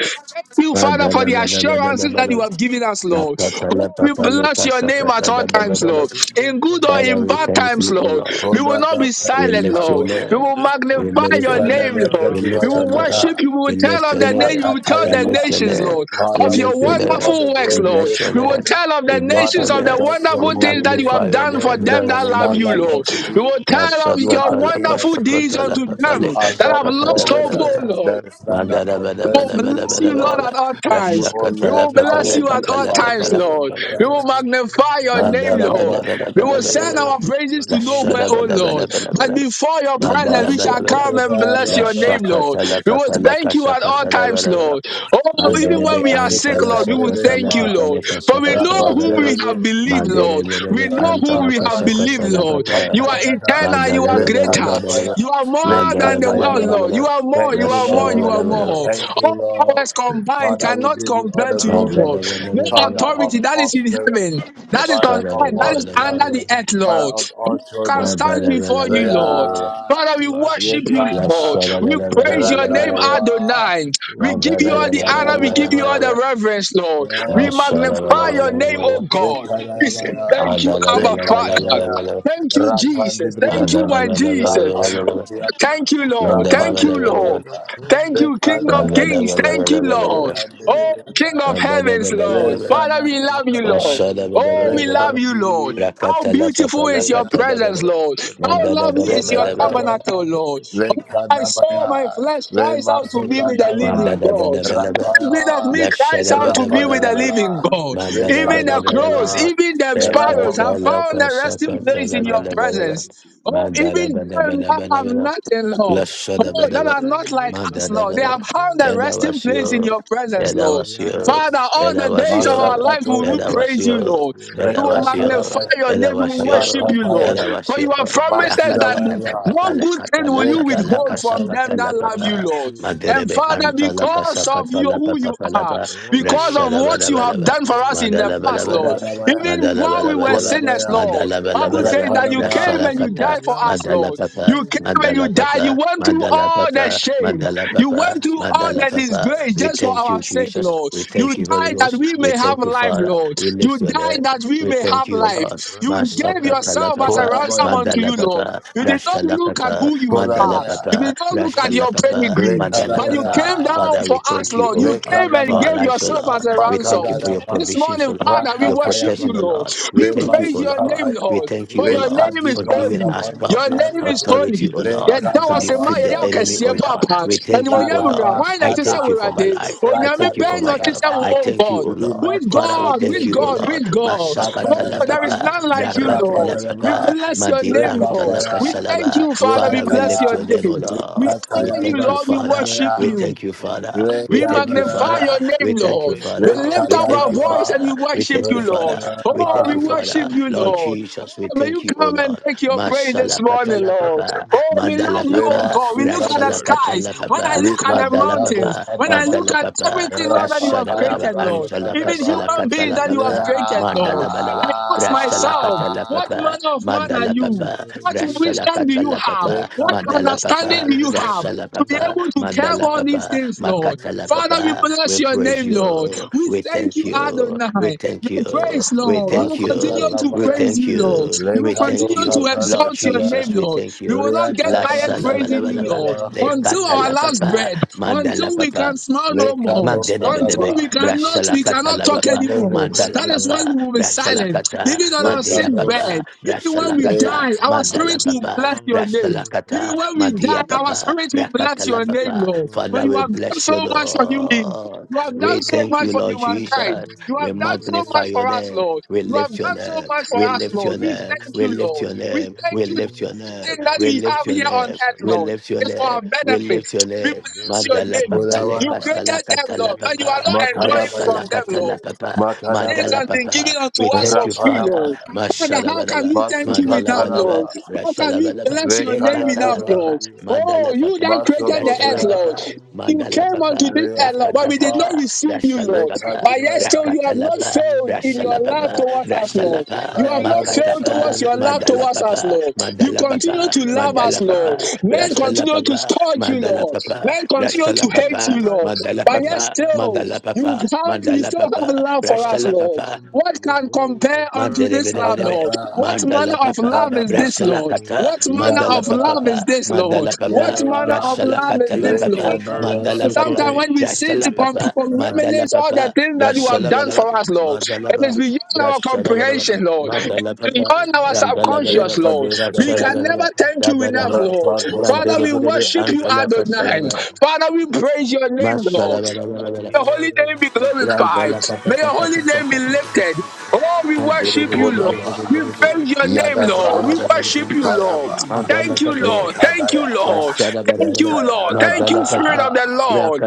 Speaker 2: you, Father, for the
Speaker 3: The one who
Speaker 2: assurances that you have given
Speaker 3: shows.
Speaker 2: us, Lord. Oh, we bless your name
Speaker 3: Thank
Speaker 2: at all
Speaker 3: you for
Speaker 2: times,
Speaker 3: your
Speaker 2: Lord.
Speaker 3: picked us
Speaker 2: In good
Speaker 3: from the
Speaker 2: or in
Speaker 6: we
Speaker 3: miry
Speaker 2: bad
Speaker 6: thank
Speaker 2: times,
Speaker 6: you,
Speaker 3: clay.
Speaker 6: O
Speaker 2: Lord.
Speaker 6: Lord.
Speaker 2: We will not
Speaker 1: Kodada
Speaker 2: be
Speaker 6: We
Speaker 2: silent,
Speaker 6: lift your
Speaker 3: You
Speaker 2: Lord.
Speaker 1: Prasikatos,
Speaker 3: have
Speaker 2: We
Speaker 6: name.
Speaker 2: will
Speaker 3: set
Speaker 6: We
Speaker 3: our
Speaker 2: magnify
Speaker 6: lift your
Speaker 2: your
Speaker 3: feet
Speaker 6: name.
Speaker 2: name,
Speaker 3: on a
Speaker 2: Lord.
Speaker 6: We
Speaker 3: rock
Speaker 2: We
Speaker 3: to
Speaker 6: lift
Speaker 1: Ifanemekatibaya
Speaker 6: your
Speaker 2: will
Speaker 3: stay.
Speaker 6: name.
Speaker 2: worship
Speaker 1: Kata,
Speaker 2: you. We
Speaker 6: We
Speaker 2: will tell
Speaker 6: lift
Speaker 2: of
Speaker 6: your
Speaker 2: the
Speaker 1: Lema
Speaker 2: nation.
Speaker 6: name.
Speaker 2: We will tell
Speaker 6: We
Speaker 2: the
Speaker 6: lift
Speaker 1: Katayaba.
Speaker 6: your
Speaker 2: nations,
Speaker 6: name.
Speaker 3: Thank
Speaker 2: Lord,
Speaker 3: you,
Speaker 6: We
Speaker 2: of
Speaker 1: Father,
Speaker 2: your
Speaker 1: we
Speaker 6: lift
Speaker 3: sovereign
Speaker 6: your
Speaker 1: give you
Speaker 3: God.
Speaker 1: all
Speaker 6: name.
Speaker 1: the
Speaker 2: wonderful
Speaker 6: We
Speaker 2: works,
Speaker 1: glory
Speaker 2: Lord.
Speaker 6: bless your
Speaker 1: this
Speaker 2: We will
Speaker 6: name.
Speaker 1: morning.
Speaker 2: tell of
Speaker 6: We
Speaker 2: the
Speaker 6: bless
Speaker 1: Father,
Speaker 6: your
Speaker 2: nations
Speaker 1: we
Speaker 2: of the
Speaker 6: name.
Speaker 1: bless your
Speaker 6: We
Speaker 2: wonderful
Speaker 3: Thank you,
Speaker 1: holy
Speaker 2: things that you
Speaker 1: name.
Speaker 6: magnify
Speaker 2: have
Speaker 6: your
Speaker 3: sovereign
Speaker 2: done for
Speaker 6: name in
Speaker 2: them
Speaker 1: There
Speaker 3: God.
Speaker 6: the
Speaker 2: that
Speaker 1: is
Speaker 6: name
Speaker 2: love
Speaker 6: of
Speaker 1: none
Speaker 2: you,
Speaker 1: like
Speaker 2: Lord.
Speaker 6: Jesus.
Speaker 1: unto
Speaker 2: We
Speaker 1: thee.
Speaker 2: will tell of
Speaker 1: You
Speaker 2: your
Speaker 1: are
Speaker 6: Masakata
Speaker 1: King
Speaker 6: laka
Speaker 1: of
Speaker 2: wonderful
Speaker 1: kings.
Speaker 2: deeds
Speaker 6: sakata
Speaker 2: unto
Speaker 6: laka
Speaker 3: Adojala
Speaker 1: You
Speaker 2: them
Speaker 6: paleka
Speaker 1: are
Speaker 2: that
Speaker 1: Lord
Speaker 2: have
Speaker 3: Roshanta
Speaker 1: of
Speaker 6: sakata da
Speaker 2: lost
Speaker 1: Lords.
Speaker 2: hope,
Speaker 6: bela
Speaker 2: oh
Speaker 6: bela.
Speaker 3: Vrangadiro
Speaker 2: Lord.
Speaker 1: There is none that
Speaker 6: Madara
Speaker 3: Shakratira
Speaker 6: bela
Speaker 2: We
Speaker 1: compares
Speaker 2: will
Speaker 6: bela
Speaker 1: to you,
Speaker 6: bela
Speaker 1: O
Speaker 2: bless
Speaker 3: Angradiroshki.
Speaker 6: bela
Speaker 2: you,
Speaker 6: bela
Speaker 2: Lord,
Speaker 1: Lord.
Speaker 2: at
Speaker 6: bela.
Speaker 2: all
Speaker 1: You,
Speaker 2: times.
Speaker 1: O
Speaker 2: We
Speaker 6: Rasakata
Speaker 2: will
Speaker 1: Lord,
Speaker 6: laka
Speaker 1: are
Speaker 2: bless you
Speaker 6: paleka
Speaker 2: at
Speaker 1: worthy
Speaker 2: all
Speaker 1: of
Speaker 6: tala
Speaker 1: our
Speaker 2: times,
Speaker 6: pepela
Speaker 1: praise and
Speaker 2: Lord.
Speaker 1: our
Speaker 6: pepela
Speaker 2: We
Speaker 3: Velekomaradirioshkila
Speaker 6: bela
Speaker 2: will
Speaker 1: thanks.
Speaker 6: bela.
Speaker 2: magnify
Speaker 3: Roshanta
Speaker 2: your name,
Speaker 6: Madara
Speaker 3: Vrangadira.
Speaker 2: Lord.
Speaker 6: bela bela
Speaker 2: We
Speaker 6: bela
Speaker 2: will
Speaker 6: bela
Speaker 2: send
Speaker 6: bela.
Speaker 2: our
Speaker 1: Rakadabasanayere,
Speaker 2: praises
Speaker 3: Your
Speaker 6: La
Speaker 2: to
Speaker 3: name
Speaker 2: nowhere,
Speaker 6: shada
Speaker 3: is
Speaker 2: oh
Speaker 6: bada
Speaker 3: peace.
Speaker 6: bada
Speaker 2: Lord.
Speaker 6: bada
Speaker 2: But
Speaker 6: bada bada.
Speaker 2: before your presence,
Speaker 6: Madala
Speaker 2: we
Speaker 3: Your
Speaker 6: bada
Speaker 2: shall
Speaker 6: bada
Speaker 2: come
Speaker 6: bada.
Speaker 3: name is
Speaker 2: and bless
Speaker 6: La
Speaker 2: your
Speaker 3: love.
Speaker 1: Basokotokayabara,
Speaker 2: name, Lord.
Speaker 6: shakata la
Speaker 2: We will
Speaker 6: papa la
Speaker 2: thank you at
Speaker 3: Your
Speaker 2: all
Speaker 6: kashakata la
Speaker 2: times,
Speaker 3: name
Speaker 6: bada
Speaker 3: is
Speaker 6: bada.
Speaker 2: Lord. Oh,
Speaker 3: strength.
Speaker 2: even
Speaker 6: Madere
Speaker 2: when
Speaker 6: be
Speaker 2: we are
Speaker 6: anta
Speaker 2: sick,
Speaker 6: la
Speaker 2: Lord, we will
Speaker 6: shakata la
Speaker 2: thank you,
Speaker 3: Thank
Speaker 6: papa
Speaker 1: Kedarabasukatanebeapa,
Speaker 6: la
Speaker 2: Lord.
Speaker 3: you,
Speaker 2: For we
Speaker 6: kashakata
Speaker 2: know
Speaker 6: la
Speaker 3: everlasting
Speaker 2: whom
Speaker 6: bada
Speaker 2: we
Speaker 6: bada.
Speaker 3: Father.
Speaker 1: Rapandelebe,
Speaker 2: have believed, Lord.
Speaker 6: Madere be be be
Speaker 2: We know
Speaker 6: anta
Speaker 2: whom
Speaker 6: la
Speaker 2: we have believed,
Speaker 6: kashakata
Speaker 3: Thank
Speaker 6: la
Speaker 2: Lord.
Speaker 3: you,
Speaker 2: You are
Speaker 6: papa.
Speaker 3: everlasting
Speaker 1: Adabayada,
Speaker 2: eternal, you
Speaker 3: Father,
Speaker 6: Madala
Speaker 2: are
Speaker 6: bada bada
Speaker 2: greater.
Speaker 6: bada
Speaker 1: Lekadabaya,
Speaker 6: bada.
Speaker 2: You are more
Speaker 6: Madala
Speaker 2: than the
Speaker 6: bada
Speaker 2: world,
Speaker 1: Lekatayaba.
Speaker 6: bada
Speaker 2: Lord.
Speaker 6: bada.
Speaker 2: You are
Speaker 3: the
Speaker 2: more,
Speaker 6: La
Speaker 1: Thank
Speaker 2: you
Speaker 1: you,
Speaker 2: are
Speaker 3: Father
Speaker 2: more,
Speaker 6: shada
Speaker 2: you
Speaker 1: Lord.
Speaker 6: bada
Speaker 2: are
Speaker 3: of
Speaker 6: bada bada.
Speaker 2: more.
Speaker 3: all
Speaker 1: Thank
Speaker 3: of
Speaker 1: you,
Speaker 2: All
Speaker 3: us,
Speaker 1: Lord.
Speaker 2: powers combined
Speaker 1: Father, we
Speaker 2: cannot
Speaker 1: give you all
Speaker 2: compare
Speaker 3: the
Speaker 1: the
Speaker 2: to you,
Speaker 1: glory.
Speaker 6: Madala
Speaker 2: Lord.
Speaker 3: husband of
Speaker 2: No
Speaker 6: bada bada
Speaker 1: Father
Speaker 3: widows,
Speaker 6: bada
Speaker 1: of
Speaker 2: authority
Speaker 6: bada.
Speaker 2: that
Speaker 1: all
Speaker 2: is in
Speaker 1: spirit,
Speaker 2: heaven,
Speaker 6: La
Speaker 2: that is on
Speaker 1: Father
Speaker 6: shada bada
Speaker 1: of
Speaker 2: earth,
Speaker 3: who
Speaker 2: that
Speaker 1: all
Speaker 6: bada bada
Speaker 2: is
Speaker 1: the
Speaker 3: is
Speaker 2: under the
Speaker 1: earth,
Speaker 3: like
Speaker 6: bada.
Speaker 2: earth,
Speaker 3: unto
Speaker 1: Father
Speaker 2: Lord.
Speaker 3: thee.
Speaker 1: of all
Speaker 2: Who can
Speaker 1: children.
Speaker 2: stand
Speaker 6: Madala bada
Speaker 2: before you,
Speaker 6: bada bada
Speaker 2: Lord?
Speaker 6: bada.
Speaker 1: Rea,
Speaker 2: Father, we
Speaker 3: You are
Speaker 2: worship you,
Speaker 3: shaped
Speaker 6: La
Speaker 3: for
Speaker 1: Yeka,
Speaker 2: Lord.
Speaker 6: shada
Speaker 2: We
Speaker 6: bada
Speaker 3: glory,
Speaker 6: bada
Speaker 2: praise your
Speaker 6: bada
Speaker 2: name,
Speaker 6: bada.
Speaker 1: Radayaba,
Speaker 2: Adonai.
Speaker 3: who
Speaker 2: We
Speaker 3: is
Speaker 2: give you all the
Speaker 3: like
Speaker 6: Rakata
Speaker 2: honor.
Speaker 3: unto
Speaker 2: We give you
Speaker 3: thee.
Speaker 2: all
Speaker 1: Lekadaba,
Speaker 2: the reverence, Lord. We magnify
Speaker 1: Yes,
Speaker 2: your
Speaker 3: Your
Speaker 2: name,
Speaker 3: voice
Speaker 2: O
Speaker 3: sounds
Speaker 2: God.
Speaker 3: like the
Speaker 2: We say,
Speaker 1: Lekadabaya,
Speaker 3: waves of
Speaker 2: Thank you,
Speaker 3: many
Speaker 2: Abba
Speaker 3: waters,
Speaker 2: Father.
Speaker 1: Lekadabaya,
Speaker 2: Thank you,
Speaker 3: who is
Speaker 2: Jesus.
Speaker 3: like
Speaker 2: Thank you,
Speaker 1: Rapandibriata,
Speaker 2: my
Speaker 3: unto thee.
Speaker 2: Jesus.
Speaker 1: Rapandibriata,
Speaker 2: Thank you, Lord.
Speaker 3: You are
Speaker 2: Thank you, Lord.
Speaker 3: seated
Speaker 1: Rapandibriata,
Speaker 3: upon
Speaker 2: Thank
Speaker 3: the
Speaker 2: you, King of
Speaker 3: throne and
Speaker 2: Kings. Thank you,
Speaker 3: surrounded
Speaker 2: Lord.
Speaker 3: by
Speaker 1: Lekandarabasobriata,
Speaker 2: Oh,
Speaker 1: Delibriata,
Speaker 2: King
Speaker 3: cherubims
Speaker 2: of
Speaker 3: and seraphims.
Speaker 2: Heavens, Lord. Father, we love you, Lord.
Speaker 1: Lesanarabakapaya,
Speaker 3: Who is
Speaker 2: Oh, we
Speaker 3: like
Speaker 2: love
Speaker 3: unto
Speaker 2: you, Lord.
Speaker 1: Lekandibria,
Speaker 6: La
Speaker 3: thee?
Speaker 2: How
Speaker 6: papa la
Speaker 2: beautiful
Speaker 6: papala
Speaker 2: is your
Speaker 6: katada bada
Speaker 2: presence,
Speaker 6: bada.
Speaker 2: Lord.
Speaker 3: The
Speaker 2: How
Speaker 6: Mandada
Speaker 3: depth of
Speaker 2: lovely
Speaker 6: bada
Speaker 2: is
Speaker 3: your
Speaker 2: your
Speaker 6: bada bada.
Speaker 3: love is
Speaker 2: tabernacle,
Speaker 1: Lekadabaya,
Speaker 2: Lord.
Speaker 3: unsearchable.
Speaker 2: I saw
Speaker 1: Lekadabaya,
Speaker 2: my flesh cries out to be
Speaker 3: Who is
Speaker 2: with the
Speaker 6: Ma
Speaker 3: like
Speaker 6: da
Speaker 2: living
Speaker 1: Lemasokadaba,
Speaker 6: da
Speaker 3: unto
Speaker 6: ba
Speaker 2: God
Speaker 6: da ba da
Speaker 3: thee?
Speaker 6: ba.
Speaker 2: did of
Speaker 1: Rapaya,
Speaker 2: me
Speaker 6: La sha
Speaker 2: cries
Speaker 6: da ba
Speaker 2: out to
Speaker 6: da ba
Speaker 2: be
Speaker 6: da
Speaker 2: with
Speaker 1: Rapaya,
Speaker 6: ba
Speaker 2: the
Speaker 6: da ba.
Speaker 3: The
Speaker 2: living God.
Speaker 3: Father
Speaker 6: Ma
Speaker 3: of
Speaker 6: da da ba
Speaker 2: Even
Speaker 3: all
Speaker 6: da
Speaker 2: the
Speaker 6: ba da ba
Speaker 2: crows,
Speaker 6: da ba.
Speaker 1: Lekadabaya,
Speaker 3: spirits.
Speaker 2: even the
Speaker 6: Be ka
Speaker 2: sparrows
Speaker 6: ta
Speaker 2: have
Speaker 6: la
Speaker 1: Rapaya,
Speaker 2: found
Speaker 6: ka
Speaker 2: a
Speaker 6: sha ka
Speaker 2: resting
Speaker 3: Who is
Speaker 6: ta
Speaker 2: place
Speaker 6: la
Speaker 2: in
Speaker 6: ba
Speaker 2: your
Speaker 6: da
Speaker 3: like
Speaker 6: ba da ba.
Speaker 2: presence.
Speaker 3: unto thee?
Speaker 2: Oh,
Speaker 6: Ma da
Speaker 2: even
Speaker 6: da ba da ba
Speaker 2: them
Speaker 6: da
Speaker 2: that
Speaker 6: ba da
Speaker 2: have
Speaker 6: ba da.
Speaker 2: nothing,
Speaker 3: The
Speaker 6: La
Speaker 2: Lord.
Speaker 6: sha da ba
Speaker 2: Oh,
Speaker 6: da
Speaker 2: that
Speaker 6: ba.
Speaker 2: are
Speaker 3: creator
Speaker 2: not
Speaker 3: and
Speaker 2: like
Speaker 6: Ma
Speaker 3: maker
Speaker 6: da
Speaker 2: us,
Speaker 3: of
Speaker 6: da
Speaker 2: Lord.
Speaker 6: ba
Speaker 2: They
Speaker 6: da.
Speaker 2: have found
Speaker 3: mankind.
Speaker 2: a
Speaker 6: Ya da wa
Speaker 2: resting
Speaker 6: shi
Speaker 2: place in
Speaker 6: yo.
Speaker 2: your
Speaker 6: Ya
Speaker 2: presence,
Speaker 3: Who is
Speaker 6: da wa
Speaker 2: Lord.
Speaker 6: shi
Speaker 3: like
Speaker 6: yo.
Speaker 2: Father,
Speaker 3: unto
Speaker 6: Ya
Speaker 2: all
Speaker 6: da
Speaker 2: the
Speaker 3: thee?
Speaker 6: wa shi
Speaker 2: days of our
Speaker 6: yo.
Speaker 2: life we will
Speaker 1: Masakatoya
Speaker 6: Ya da wa shi
Speaker 2: praise you,
Speaker 6: yo.
Speaker 2: Lord.
Speaker 3: You are
Speaker 6: Ya
Speaker 2: We
Speaker 6: da wa
Speaker 2: will
Speaker 6: shi yo.
Speaker 3: stronger
Speaker 1: Brekataya
Speaker 2: magnify
Speaker 3: than
Speaker 1: baya.
Speaker 2: your
Speaker 6: Ya
Speaker 2: name.
Speaker 6: da wa
Speaker 2: We
Speaker 3: thunder.
Speaker 2: will
Speaker 6: shi yo.
Speaker 2: worship you,
Speaker 6: Ya
Speaker 1: Rapapaya
Speaker 2: Lord.
Speaker 6: da wa
Speaker 2: For
Speaker 6: shi
Speaker 2: you have
Speaker 6: yo.
Speaker 3: Thank
Speaker 2: promised
Speaker 3: you,
Speaker 2: us
Speaker 1: Basida
Speaker 2: that
Speaker 6: Rakata
Speaker 1: baya
Speaker 6: la
Speaker 3: gracious
Speaker 6: pa
Speaker 1: ba.
Speaker 6: pa pa
Speaker 3: Father.
Speaker 2: no
Speaker 6: la
Speaker 2: good
Speaker 6: kata
Speaker 2: thing
Speaker 6: la
Speaker 2: will
Speaker 6: pa
Speaker 2: you
Speaker 6: pa
Speaker 1: Leka
Speaker 6: la
Speaker 1: da
Speaker 6: ka
Speaker 2: withhold
Speaker 6: sha
Speaker 2: from
Speaker 6: ka
Speaker 2: them
Speaker 6: ta la
Speaker 2: that
Speaker 1: baya
Speaker 6: pa
Speaker 2: love
Speaker 6: pa.
Speaker 1: ba.
Speaker 2: you,
Speaker 3: Thank
Speaker 2: Lord.
Speaker 3: you,
Speaker 2: And
Speaker 3: Holy
Speaker 6: Magerebe
Speaker 2: Father,
Speaker 3: God.
Speaker 6: Antalaka
Speaker 2: because of you,
Speaker 6: Sakatala
Speaker 2: who you are,
Speaker 6: Papalaba,
Speaker 3: For
Speaker 2: because
Speaker 3: all
Speaker 2: of
Speaker 3: what I
Speaker 2: what you have
Speaker 3: have,
Speaker 6: Brashadabalabalaba,
Speaker 2: done for
Speaker 3: there is
Speaker 2: us in the
Speaker 3: you who
Speaker 2: past,
Speaker 3: has
Speaker 2: Lord,
Speaker 1: Koba
Speaker 6: Madalabalabalaba,
Speaker 1: da
Speaker 3: given
Speaker 1: baya.
Speaker 3: me.
Speaker 2: even while we were
Speaker 1: Koda
Speaker 6: Madalabalabalaba,
Speaker 2: sinners,
Speaker 1: baya.
Speaker 2: Lord, Bible
Speaker 6: Madalabalabalaba,
Speaker 2: says
Speaker 3: Oh,
Speaker 2: that you
Speaker 1: Raparaba.
Speaker 2: came and you
Speaker 3: who I
Speaker 6: Brashadakata,
Speaker 2: died for us,
Speaker 3: am,
Speaker 6: Madala Balabalaba, Brashada Kata, Madala
Speaker 3: it
Speaker 2: Lord.
Speaker 3: is
Speaker 6: Papa,
Speaker 2: You
Speaker 3: you
Speaker 2: came
Speaker 3: who has
Speaker 2: and
Speaker 6: Madala
Speaker 2: you
Speaker 3: made
Speaker 2: died. You
Speaker 3: me.
Speaker 6: Papa,
Speaker 2: went through
Speaker 6: Madala
Speaker 2: all the
Speaker 6: Papa,
Speaker 2: shame.
Speaker 6: Madala
Speaker 2: You
Speaker 6: Papa,
Speaker 2: went
Speaker 3: Thank
Speaker 2: through
Speaker 3: you,
Speaker 2: all
Speaker 6: Madala
Speaker 2: the
Speaker 3: gracious
Speaker 6: Papa.
Speaker 3: Father.
Speaker 2: disgrace
Speaker 6: We
Speaker 2: just for
Speaker 6: thank you,
Speaker 2: our sake,
Speaker 6: Jesus.
Speaker 2: Lord.
Speaker 6: We
Speaker 2: You
Speaker 6: thank you, Holy
Speaker 2: died that
Speaker 6: Ghost.
Speaker 3: Thank
Speaker 2: we
Speaker 3: you,
Speaker 6: We
Speaker 2: may
Speaker 6: thank
Speaker 2: have
Speaker 6: you,
Speaker 2: life,
Speaker 3: gracious
Speaker 6: Father.
Speaker 2: Lord.
Speaker 3: Father.
Speaker 6: We lift
Speaker 2: You
Speaker 6: your name.
Speaker 2: died that we
Speaker 6: We
Speaker 2: may
Speaker 6: thank
Speaker 2: have
Speaker 6: you,
Speaker 2: life.
Speaker 6: Lord.
Speaker 2: You gave
Speaker 6: Masakatala
Speaker 2: yourself as a
Speaker 6: Papa,
Speaker 1: Koda
Speaker 3: Rampereneroskea
Speaker 2: ransom
Speaker 1: baya.
Speaker 2: unto
Speaker 6: Madala
Speaker 2: you, Lord.
Speaker 6: Papa,
Speaker 3: kamratia
Speaker 2: You did not
Speaker 3: kamratia.
Speaker 2: look at
Speaker 6: Brashadakata.
Speaker 2: who you
Speaker 1: Koda
Speaker 6: Mandala
Speaker 2: are.
Speaker 1: baya.
Speaker 2: You
Speaker 6: Papa,
Speaker 2: did not look at
Speaker 3: Jere
Speaker 6: Rashala
Speaker 2: your
Speaker 6: Papa,
Speaker 2: pedigree.
Speaker 1: Leka
Speaker 3: kommeni
Speaker 1: da
Speaker 6: Mandala
Speaker 2: But you
Speaker 6: Papa.
Speaker 2: came
Speaker 3: entameni
Speaker 2: down
Speaker 6: Father,
Speaker 2: for
Speaker 3: tu
Speaker 6: we
Speaker 2: us,
Speaker 6: thank you,
Speaker 2: Lord.
Speaker 6: O
Speaker 2: You
Speaker 3: peneginga
Speaker 6: Lord,
Speaker 1: Leka
Speaker 2: came
Speaker 1: da
Speaker 6: for
Speaker 2: and
Speaker 6: our
Speaker 1: baya.
Speaker 2: gave
Speaker 6: lives, O
Speaker 2: yourself
Speaker 3: ranuroskele
Speaker 6: Lord.
Speaker 2: as a
Speaker 6: We thank you
Speaker 1: Makada
Speaker 2: ransom.
Speaker 6: for your
Speaker 2: This
Speaker 3: ampraniroskele
Speaker 6: provisions, O
Speaker 2: morning,
Speaker 6: Lord,
Speaker 2: Father, we
Speaker 6: your
Speaker 2: worship
Speaker 3: avratiskatesh.
Speaker 1: Rakataya
Speaker 2: you,
Speaker 6: protection, O
Speaker 2: Lord.
Speaker 6: Lord. We
Speaker 2: We
Speaker 1: le
Speaker 6: thank you, O
Speaker 2: praise your
Speaker 6: Lord.
Speaker 2: name,
Speaker 6: We
Speaker 1: masukataya
Speaker 2: Lord.
Speaker 6: thank you,
Speaker 2: For
Speaker 1: le
Speaker 6: O
Speaker 2: your
Speaker 6: Lord,
Speaker 2: name is
Speaker 6: for
Speaker 3: Ronoskele
Speaker 6: giving
Speaker 2: holy.
Speaker 1: kadibraska
Speaker 6: us
Speaker 2: Your
Speaker 6: power,
Speaker 3: angronoskele
Speaker 2: name is
Speaker 1: pandibriata
Speaker 6: authority,
Speaker 2: holy.
Speaker 6: O
Speaker 3: kofrante
Speaker 1: le
Speaker 6: Lord,
Speaker 2: Yet yɛda
Speaker 6: to
Speaker 2: wase
Speaker 3: manintro
Speaker 1: kadaba
Speaker 2: ma
Speaker 6: defeat
Speaker 2: yɛyɛ
Speaker 6: the
Speaker 2: wo
Speaker 6: enemy,
Speaker 3: niroskele
Speaker 6: O
Speaker 2: kɛseɛ
Speaker 1: shandebea
Speaker 6: Lord.
Speaker 2: papa
Speaker 6: We thank
Speaker 3: givingoskele
Speaker 6: you,
Speaker 1: la
Speaker 6: O
Speaker 2: animonyam wura
Speaker 6: Lord.
Speaker 3: atia.
Speaker 2: we are
Speaker 6: I
Speaker 2: ɛte sɛ
Speaker 6: thank
Speaker 1: ravaskada
Speaker 6: you
Speaker 2: you
Speaker 6: for my life. I
Speaker 2: are me,
Speaker 6: thank you for
Speaker 2: bɛn
Speaker 6: my
Speaker 3: Oh,
Speaker 2: na ɔte
Speaker 6: help.
Speaker 2: sɛ
Speaker 3: Jalan
Speaker 2: we
Speaker 6: I
Speaker 1: rakatoskapa
Speaker 2: o
Speaker 6: thank you,
Speaker 2: god
Speaker 6: O Lord.
Speaker 1: lima
Speaker 2: with
Speaker 3: Shakatabai.
Speaker 6: Father, we
Speaker 2: god
Speaker 6: thank
Speaker 2: with
Speaker 6: you, O
Speaker 1: kosantelibe
Speaker 2: god
Speaker 6: Lord.
Speaker 2: with god
Speaker 3: Romo
Speaker 2: oh
Speaker 6: Masakata la
Speaker 2: there is
Speaker 1: bakadadaba
Speaker 6: papa,
Speaker 2: none like
Speaker 3: Shokotoranda
Speaker 2: you
Speaker 6: brakata la
Speaker 2: lord
Speaker 3: Kirosh
Speaker 2: we
Speaker 1: rapadadaba
Speaker 6: papa,
Speaker 2: bless
Speaker 3: Kereshon
Speaker 2: your
Speaker 6: madi
Speaker 3: Toro
Speaker 2: name
Speaker 6: anta
Speaker 2: lord
Speaker 6: la
Speaker 1: rebapaya
Speaker 2: we
Speaker 3: Shokotira
Speaker 2: thank
Speaker 6: kasalaba.
Speaker 2: you father we
Speaker 6: Father, we
Speaker 2: bless
Speaker 6: lift
Speaker 2: your
Speaker 1: leataya
Speaker 6: your name, O
Speaker 2: name we
Speaker 6: Lord.
Speaker 2: honor
Speaker 6: We
Speaker 2: you,
Speaker 6: thank
Speaker 1: likatayanda
Speaker 6: you,
Speaker 3: Words
Speaker 2: Lord. We
Speaker 3: are
Speaker 6: Father.
Speaker 3: not
Speaker 2: worship
Speaker 1: selebea
Speaker 6: We
Speaker 3: enough
Speaker 2: you.
Speaker 3: to
Speaker 6: thank you,
Speaker 3: say
Speaker 6: Father.
Speaker 3: thank
Speaker 6: We
Speaker 2: We
Speaker 3: you.
Speaker 6: thank
Speaker 1: lekada
Speaker 6: you,
Speaker 2: magnify
Speaker 6: Father.
Speaker 2: your
Speaker 6: We
Speaker 2: name,
Speaker 6: thank you,
Speaker 2: Lord.
Speaker 3: The
Speaker 2: We
Speaker 3: giver
Speaker 6: Father.
Speaker 3: of
Speaker 2: lift
Speaker 6: We
Speaker 2: up
Speaker 6: thank
Speaker 2: our
Speaker 6: you,
Speaker 3: life,
Speaker 1: lekadayaba
Speaker 2: voice
Speaker 6: Father.
Speaker 2: and we
Speaker 6: We
Speaker 2: worship
Speaker 6: thank you,
Speaker 2: you, Lord.
Speaker 6: Father. We
Speaker 3: the
Speaker 2: Oh,
Speaker 6: thank
Speaker 2: we
Speaker 1: lekadayaba
Speaker 6: you,
Speaker 3: promoter
Speaker 6: Father.
Speaker 2: worship
Speaker 3: of
Speaker 2: you,
Speaker 6: Lord
Speaker 3: men,
Speaker 2: Lord.
Speaker 6: Jesus, we
Speaker 2: May you
Speaker 6: thank you, O
Speaker 2: come and
Speaker 6: Lord.
Speaker 2: take your praise this
Speaker 6: Mashala
Speaker 3: the
Speaker 2: morning,
Speaker 6: katala
Speaker 2: Lord.
Speaker 6: papa,
Speaker 3: strengthener.
Speaker 2: Oh, we love
Speaker 6: madala
Speaker 2: you, oh
Speaker 6: papa,
Speaker 2: God. We look at the
Speaker 1: Lemasukate,
Speaker 6: brashala
Speaker 3: Words
Speaker 2: skies.
Speaker 3: are
Speaker 6: katala
Speaker 3: not
Speaker 2: When I
Speaker 6: papa,
Speaker 3: enough
Speaker 2: look at
Speaker 3: to
Speaker 2: the
Speaker 3: say
Speaker 6: madala
Speaker 3: thank
Speaker 1: Likadadabo
Speaker 2: mountains,
Speaker 3: you.
Speaker 6: papa,
Speaker 2: when I look
Speaker 6: madala
Speaker 1: Sadabaya,
Speaker 2: at
Speaker 6: papa,
Speaker 2: everything, Lord, that you have
Speaker 6: brashala
Speaker 1: Rapataya
Speaker 6: baraba,
Speaker 2: created, Lord,
Speaker 3: Thank
Speaker 6: antala
Speaker 3: you,
Speaker 2: even
Speaker 1: Brasukadaba,
Speaker 6: kasala
Speaker 2: human
Speaker 3: God, for
Speaker 2: beings
Speaker 6: katala
Speaker 3: the
Speaker 2: that you
Speaker 1: Lea,
Speaker 3: gift
Speaker 2: have
Speaker 6: papa.
Speaker 3: of
Speaker 2: created,
Speaker 3: life.
Speaker 6: Mandala
Speaker 2: Lord,
Speaker 6: badaba,
Speaker 2: I ask
Speaker 6: Brashala
Speaker 2: myself,
Speaker 6: katala
Speaker 2: what
Speaker 6: papa,
Speaker 2: manner of man are
Speaker 3: Thank
Speaker 6: mandala
Speaker 2: you?
Speaker 3: you
Speaker 6: papa,
Speaker 3: for the
Speaker 2: What
Speaker 3: gift of
Speaker 6: brashala
Speaker 2: wisdom do you
Speaker 3: life.
Speaker 6: katala
Speaker 2: have?
Speaker 6: papa,
Speaker 2: What
Speaker 1: Lekadabo
Speaker 6: mandala
Speaker 2: understanding
Speaker 6: papa,
Speaker 2: do you
Speaker 1: Sadele,
Speaker 2: have
Speaker 6: brashala
Speaker 2: to be
Speaker 6: papa,
Speaker 2: able to care
Speaker 6: mandala
Speaker 2: all
Speaker 3: Marotura
Speaker 2: these
Speaker 6: papa,
Speaker 2: things, Lord?
Speaker 6: makatala
Speaker 3: Roshkeliandra
Speaker 2: Father, we
Speaker 6: papa.
Speaker 3: Kira
Speaker 2: bless
Speaker 6: We
Speaker 2: your
Speaker 6: praise
Speaker 2: name,
Speaker 3: Oprante
Speaker 2: Lord.
Speaker 6: you,
Speaker 3: Kiro
Speaker 2: We
Speaker 6: we
Speaker 2: thank
Speaker 6: thank
Speaker 2: you,
Speaker 3: Shokatea.
Speaker 6: you, we
Speaker 2: Adonai.
Speaker 6: thank
Speaker 2: Your
Speaker 6: you,
Speaker 2: praise,
Speaker 6: we
Speaker 2: Lord. We will
Speaker 6: thank
Speaker 3: Lekende
Speaker 2: continue
Speaker 6: you,
Speaker 2: to
Speaker 6: we
Speaker 1: Masukadabaya,
Speaker 3: gizo
Speaker 2: praise
Speaker 6: thank
Speaker 2: you, Lord.
Speaker 3: shunto
Speaker 6: you,
Speaker 2: We will
Speaker 6: we thank
Speaker 2: continue
Speaker 1: Lekadosa
Speaker 6: you,
Speaker 2: to
Speaker 3: bereshakata.
Speaker 6: Lord
Speaker 2: exalt your name,
Speaker 6: Jesus,
Speaker 1: Prantaba,
Speaker 6: we
Speaker 2: Lord.
Speaker 6: thank
Speaker 2: We will
Speaker 6: you.
Speaker 2: not get
Speaker 6: La
Speaker 1: Leataraba
Speaker 2: tired
Speaker 3: This
Speaker 6: salaba la
Speaker 2: praising
Speaker 6: ba
Speaker 2: you,
Speaker 6: la ba,
Speaker 3: morning
Speaker 2: Lord,
Speaker 1: Sakariba,
Speaker 3: we
Speaker 6: le
Speaker 3: are
Speaker 2: until
Speaker 3: here
Speaker 2: our
Speaker 3: to
Speaker 6: katala
Speaker 3: say
Speaker 2: last
Speaker 6: papa,
Speaker 2: breath,
Speaker 3: thank you.
Speaker 6: mandala
Speaker 2: until we
Speaker 6: papa.
Speaker 2: can smile no more,
Speaker 1: Lekadosa
Speaker 2: until
Speaker 6: Mandedebedebe,
Speaker 2: we
Speaker 3: Thank
Speaker 1: Daba,
Speaker 3: you for
Speaker 2: cannot, we
Speaker 3: loving
Speaker 6: Brashalakata
Speaker 2: cannot
Speaker 6: la
Speaker 3: us.
Speaker 2: talk
Speaker 6: papa,
Speaker 2: anymore.
Speaker 6: Mandala
Speaker 2: That is
Speaker 1: Lekadosha,
Speaker 2: when
Speaker 6: papa,
Speaker 2: we will be
Speaker 3: Thank you for
Speaker 2: silent,
Speaker 6: Brashalakata,
Speaker 2: even
Speaker 3: saving
Speaker 2: on
Speaker 3: us.
Speaker 2: our sick
Speaker 6: Madea
Speaker 1: Lekados,
Speaker 6: papa,
Speaker 2: bed. Even when we
Speaker 1: Le
Speaker 6: Brashalakata,
Speaker 2: die, our
Speaker 3: Thank you
Speaker 2: spirit
Speaker 3: for
Speaker 6: Mandala
Speaker 2: will
Speaker 3: your
Speaker 6: papa,
Speaker 2: bless your
Speaker 3: plans you
Speaker 2: name.
Speaker 3: have for
Speaker 6: Brashalakata,
Speaker 2: Even
Speaker 3: us.
Speaker 2: when we die,
Speaker 6: Madea
Speaker 2: our
Speaker 6: papa,
Speaker 2: spirit will
Speaker 6: Brakata
Speaker 2: bless
Speaker 6: la
Speaker 2: your
Speaker 3: Thank
Speaker 2: name,
Speaker 3: you
Speaker 6: papa.
Speaker 2: Lord.
Speaker 3: for our
Speaker 2: But
Speaker 6: Father,
Speaker 2: you
Speaker 6: we
Speaker 2: have done
Speaker 6: bless
Speaker 3: families.
Speaker 2: so
Speaker 6: you,
Speaker 2: much for human.
Speaker 6: Lord.
Speaker 2: You have
Speaker 6: We
Speaker 2: done so
Speaker 6: thank
Speaker 2: much
Speaker 6: you,
Speaker 2: for
Speaker 6: Lord
Speaker 3: Remeshekete
Speaker 2: humankind.
Speaker 6: Jesus.
Speaker 2: You
Speaker 6: We
Speaker 2: have done
Speaker 3: baroshokoto
Speaker 2: so
Speaker 6: magnify
Speaker 2: much
Speaker 6: your
Speaker 2: for us,
Speaker 3: bragadia.
Speaker 6: name.
Speaker 2: Lord.
Speaker 6: We
Speaker 2: You have
Speaker 6: lift your
Speaker 2: done so
Speaker 6: name.
Speaker 2: much
Speaker 6: We
Speaker 2: for us,
Speaker 6: lift your
Speaker 2: Lord. We
Speaker 3: Oyomeni
Speaker 6: name.
Speaker 2: thank
Speaker 6: We
Speaker 2: you,
Speaker 6: lift
Speaker 3: noshkene
Speaker 2: Lord.
Speaker 6: your
Speaker 2: We
Speaker 6: name. We
Speaker 2: thank you that
Speaker 3: mekembere
Speaker 6: lift your
Speaker 2: the
Speaker 6: name.
Speaker 2: thing that
Speaker 6: We
Speaker 2: we
Speaker 6: lift
Speaker 2: have
Speaker 6: your
Speaker 2: here on
Speaker 6: name.
Speaker 2: earth,
Speaker 3: shikoratero
Speaker 6: We
Speaker 2: Lord.
Speaker 6: lift your
Speaker 2: is for
Speaker 6: name.
Speaker 2: our
Speaker 6: We
Speaker 2: benefit.
Speaker 6: lift your name.
Speaker 2: We bless your
Speaker 6: Madala
Speaker 2: name.
Speaker 6: papa le
Speaker 2: You
Speaker 3: Velenturanoso
Speaker 1: Kodabara,
Speaker 6: kasala
Speaker 2: created them,
Speaker 6: katala
Speaker 2: Lord, but
Speaker 3: Shadira
Speaker 2: you are
Speaker 6: papa.
Speaker 2: not enjoying from
Speaker 1: Makadabaya,
Speaker 6: Brashala
Speaker 2: them,
Speaker 3: Abrungaduja
Speaker 2: Lord
Speaker 6: katala papa.
Speaker 3: Prateva
Speaker 2: things
Speaker 6: Madala
Speaker 2: has
Speaker 1: Makadabaya.
Speaker 2: been
Speaker 6: papa.
Speaker 2: given unto
Speaker 6: We
Speaker 2: us
Speaker 6: thank
Speaker 2: for
Speaker 6: you,
Speaker 2: free,
Speaker 1: Rapanaba,
Speaker 6: Father.
Speaker 2: Lord.
Speaker 3: Rapatava
Speaker 2: Father,
Speaker 6: Mashala
Speaker 2: how can
Speaker 6: balaba.
Speaker 2: we thank you
Speaker 6: Madala
Speaker 2: enough,
Speaker 3: Rapatava
Speaker 6: balaba.
Speaker 2: Lord?
Speaker 1: Masukatanaba,
Speaker 2: How can
Speaker 6: Brashala
Speaker 2: we
Speaker 6: balaba.
Speaker 2: bless your
Speaker 6: Le
Speaker 2: name
Speaker 3: Romoshokoto
Speaker 2: enough,
Speaker 6: katala
Speaker 1: Lekadadaba,
Speaker 2: Lord?
Speaker 6: papa.
Speaker 3: Bragadia
Speaker 2: Oh,
Speaker 6: Madala
Speaker 2: you
Speaker 6: papa.
Speaker 2: that created the earth,
Speaker 6: Brashala
Speaker 1: Masokotoya,
Speaker 3: Robosholo
Speaker 2: Lord.
Speaker 6: papa.
Speaker 3: Barante
Speaker 2: You
Speaker 6: Madala
Speaker 2: came unto
Speaker 6: papa.
Speaker 3: Vereniro
Speaker 2: this earth, Lord, but
Speaker 6: Rakata
Speaker 2: we did
Speaker 3: Shketevare
Speaker 2: not
Speaker 6: papa.
Speaker 1: Leazakapa,
Speaker 2: receive you,
Speaker 6: Brashala
Speaker 2: Lord.
Speaker 6: papa.
Speaker 2: But yet still,
Speaker 1: Lekadivaya,
Speaker 2: you have
Speaker 6: Rakatala
Speaker 2: not
Speaker 3: Nikomo
Speaker 6: papa.
Speaker 2: failed in
Speaker 3: Hintere
Speaker 6: Brashala
Speaker 2: your love
Speaker 6: papa.
Speaker 3: Ninko
Speaker 2: towards us,
Speaker 6: Brashala
Speaker 2: Lord.
Speaker 6: papa.
Speaker 2: You
Speaker 3: Brangatiro
Speaker 2: have not
Speaker 3: Shata
Speaker 1: Kayabado
Speaker 2: failed
Speaker 6: Makatapa.
Speaker 2: towards
Speaker 3: Pradia
Speaker 2: your love
Speaker 1: Sandelia,
Speaker 6: Madala
Speaker 2: towards us,
Speaker 6: papa.
Speaker 2: Lord. You
Speaker 6: Madala
Speaker 3: You said
Speaker 2: continue
Speaker 6: papa.
Speaker 2: to
Speaker 3: let there
Speaker 2: love
Speaker 3: be
Speaker 6: Madala
Speaker 2: us, Lord.
Speaker 3: light
Speaker 6: papa.
Speaker 3: and
Speaker 2: Men
Speaker 3: light
Speaker 6: Brashala
Speaker 2: continue to
Speaker 6: papa.
Speaker 3: came
Speaker 2: scourge you,
Speaker 6: Mandala
Speaker 2: Lord.
Speaker 6: papa,
Speaker 2: Men
Speaker 3: Let
Speaker 2: continue
Speaker 6: brashala
Speaker 2: to
Speaker 3: it be
Speaker 2: hate
Speaker 6: papa,
Speaker 2: you, Lord.
Speaker 3: bright and
Speaker 6: mandala
Speaker 3: there
Speaker 2: But
Speaker 3: was
Speaker 2: yet
Speaker 6: papa,
Speaker 2: still,
Speaker 3: brightness
Speaker 6: mandala
Speaker 2: you
Speaker 6: papa,
Speaker 2: how can you
Speaker 6: mandala
Speaker 2: still have
Speaker 6: papa,
Speaker 2: love
Speaker 3: out
Speaker 2: for
Speaker 3: of
Speaker 2: us,
Speaker 3: the
Speaker 6: brashala
Speaker 2: Lord?
Speaker 6: papa,
Speaker 3: sound of
Speaker 2: What
Speaker 3: your
Speaker 2: can
Speaker 3: voice, the
Speaker 2: compare unto
Speaker 3: birds,
Speaker 6: mandele
Speaker 2: this
Speaker 3: the
Speaker 6: bede
Speaker 2: love,
Speaker 6: bede
Speaker 3: fish
Speaker 6: bede,
Speaker 2: Lord?
Speaker 3: that
Speaker 2: What
Speaker 1: Adabra,
Speaker 3: come.
Speaker 6: mandala
Speaker 2: manner of
Speaker 6: papa,
Speaker 2: love is
Speaker 1: Kadabra,
Speaker 2: this,
Speaker 6: brashala
Speaker 2: Lord?
Speaker 3: Thank
Speaker 6: kata,
Speaker 2: What
Speaker 3: you,
Speaker 2: manner
Speaker 3: Father.
Speaker 6: mandala
Speaker 2: of love
Speaker 1: Yadaba,
Speaker 2: is
Speaker 6: papa,
Speaker 2: this, Lord?
Speaker 6: mandala
Speaker 2: What
Speaker 6: papa,
Speaker 3: It is
Speaker 2: manner
Speaker 1: Yadaba,
Speaker 2: of
Speaker 3: you
Speaker 6: brashala
Speaker 3: who
Speaker 2: love
Speaker 6: kata
Speaker 2: is
Speaker 6: la
Speaker 3: built
Speaker 2: this,
Speaker 3: the
Speaker 6: papa,
Speaker 2: Lord?
Speaker 3: earth
Speaker 1: Lekadaba
Speaker 3: on
Speaker 6: mandala
Speaker 3: the
Speaker 6: papa,
Speaker 2: Sometimes
Speaker 1: Suke,
Speaker 2: when we
Speaker 3: foundations
Speaker 2: sit
Speaker 3: of
Speaker 2: to
Speaker 6: brashala
Speaker 3: the
Speaker 2: com- to
Speaker 6: papa,
Speaker 3: sea.
Speaker 6: mandala
Speaker 2: reminisce all the
Speaker 6: papa,
Speaker 2: things that you have
Speaker 6: brashala
Speaker 2: done
Speaker 6: bala
Speaker 3: Thank
Speaker 6: bala,
Speaker 2: for
Speaker 3: you,
Speaker 2: us, Lord,
Speaker 3: Father.
Speaker 6: mandala
Speaker 2: it is
Speaker 6: ba,
Speaker 2: beyond our
Speaker 6: brashala bala bala.
Speaker 3: It is
Speaker 2: comprehension, Lord. It
Speaker 3: you who
Speaker 6: Mandala
Speaker 2: is
Speaker 6: papa,
Speaker 3: created
Speaker 2: Beyond our
Speaker 3: me in your
Speaker 6: brandala bala
Speaker 3: own
Speaker 6: bala,
Speaker 2: subconscious,
Speaker 3: image
Speaker 2: Lord,
Speaker 3: and
Speaker 2: we
Speaker 3: after
Speaker 6: brashala
Speaker 3: your
Speaker 2: can
Speaker 1: Lekadoskape,
Speaker 6: bala bala,
Speaker 2: never
Speaker 3: likeness.
Speaker 2: thank
Speaker 6: la
Speaker 2: you
Speaker 6: bala
Speaker 2: enough,
Speaker 6: bala,
Speaker 2: Lord. Father,
Speaker 6: brandele
Speaker 2: we
Speaker 1: Rapadosaya,
Speaker 6: bede bede,
Speaker 2: worship you,
Speaker 6: antala
Speaker 3: Thank you,
Speaker 6: kasala
Speaker 2: Adonai.
Speaker 6: bala.
Speaker 3: Father.
Speaker 2: Father, we praise your name,
Speaker 6: Mandela
Speaker 2: Lord
Speaker 3: You are the
Speaker 2: your
Speaker 3: air
Speaker 2: holy
Speaker 3: that
Speaker 2: name
Speaker 3: we
Speaker 2: be
Speaker 3: breathe.
Speaker 2: glorified. May your holy name be
Speaker 3: Thank
Speaker 2: lifted.
Speaker 3: you,
Speaker 2: Oh,
Speaker 3: Father.
Speaker 2: we worship you, Lord.
Speaker 1: Kodaba,
Speaker 2: We praise
Speaker 3: You
Speaker 2: your
Speaker 3: are our
Speaker 2: name,
Speaker 3: life.
Speaker 2: Lord.
Speaker 1: Yadaba,
Speaker 2: We worship you, Lord.
Speaker 1: Kayaba,
Speaker 2: Thank you,
Speaker 3: Thank you,
Speaker 2: Lord. Thank
Speaker 3: Father.
Speaker 2: you,
Speaker 1: Lekadaya,
Speaker 2: Lord. Thank you, Lord.
Speaker 1: Yatayaraba,
Speaker 2: Thank you,
Speaker 3: Thank
Speaker 2: Spirit of
Speaker 3: you,
Speaker 2: the
Speaker 3: Father.
Speaker 2: Lord.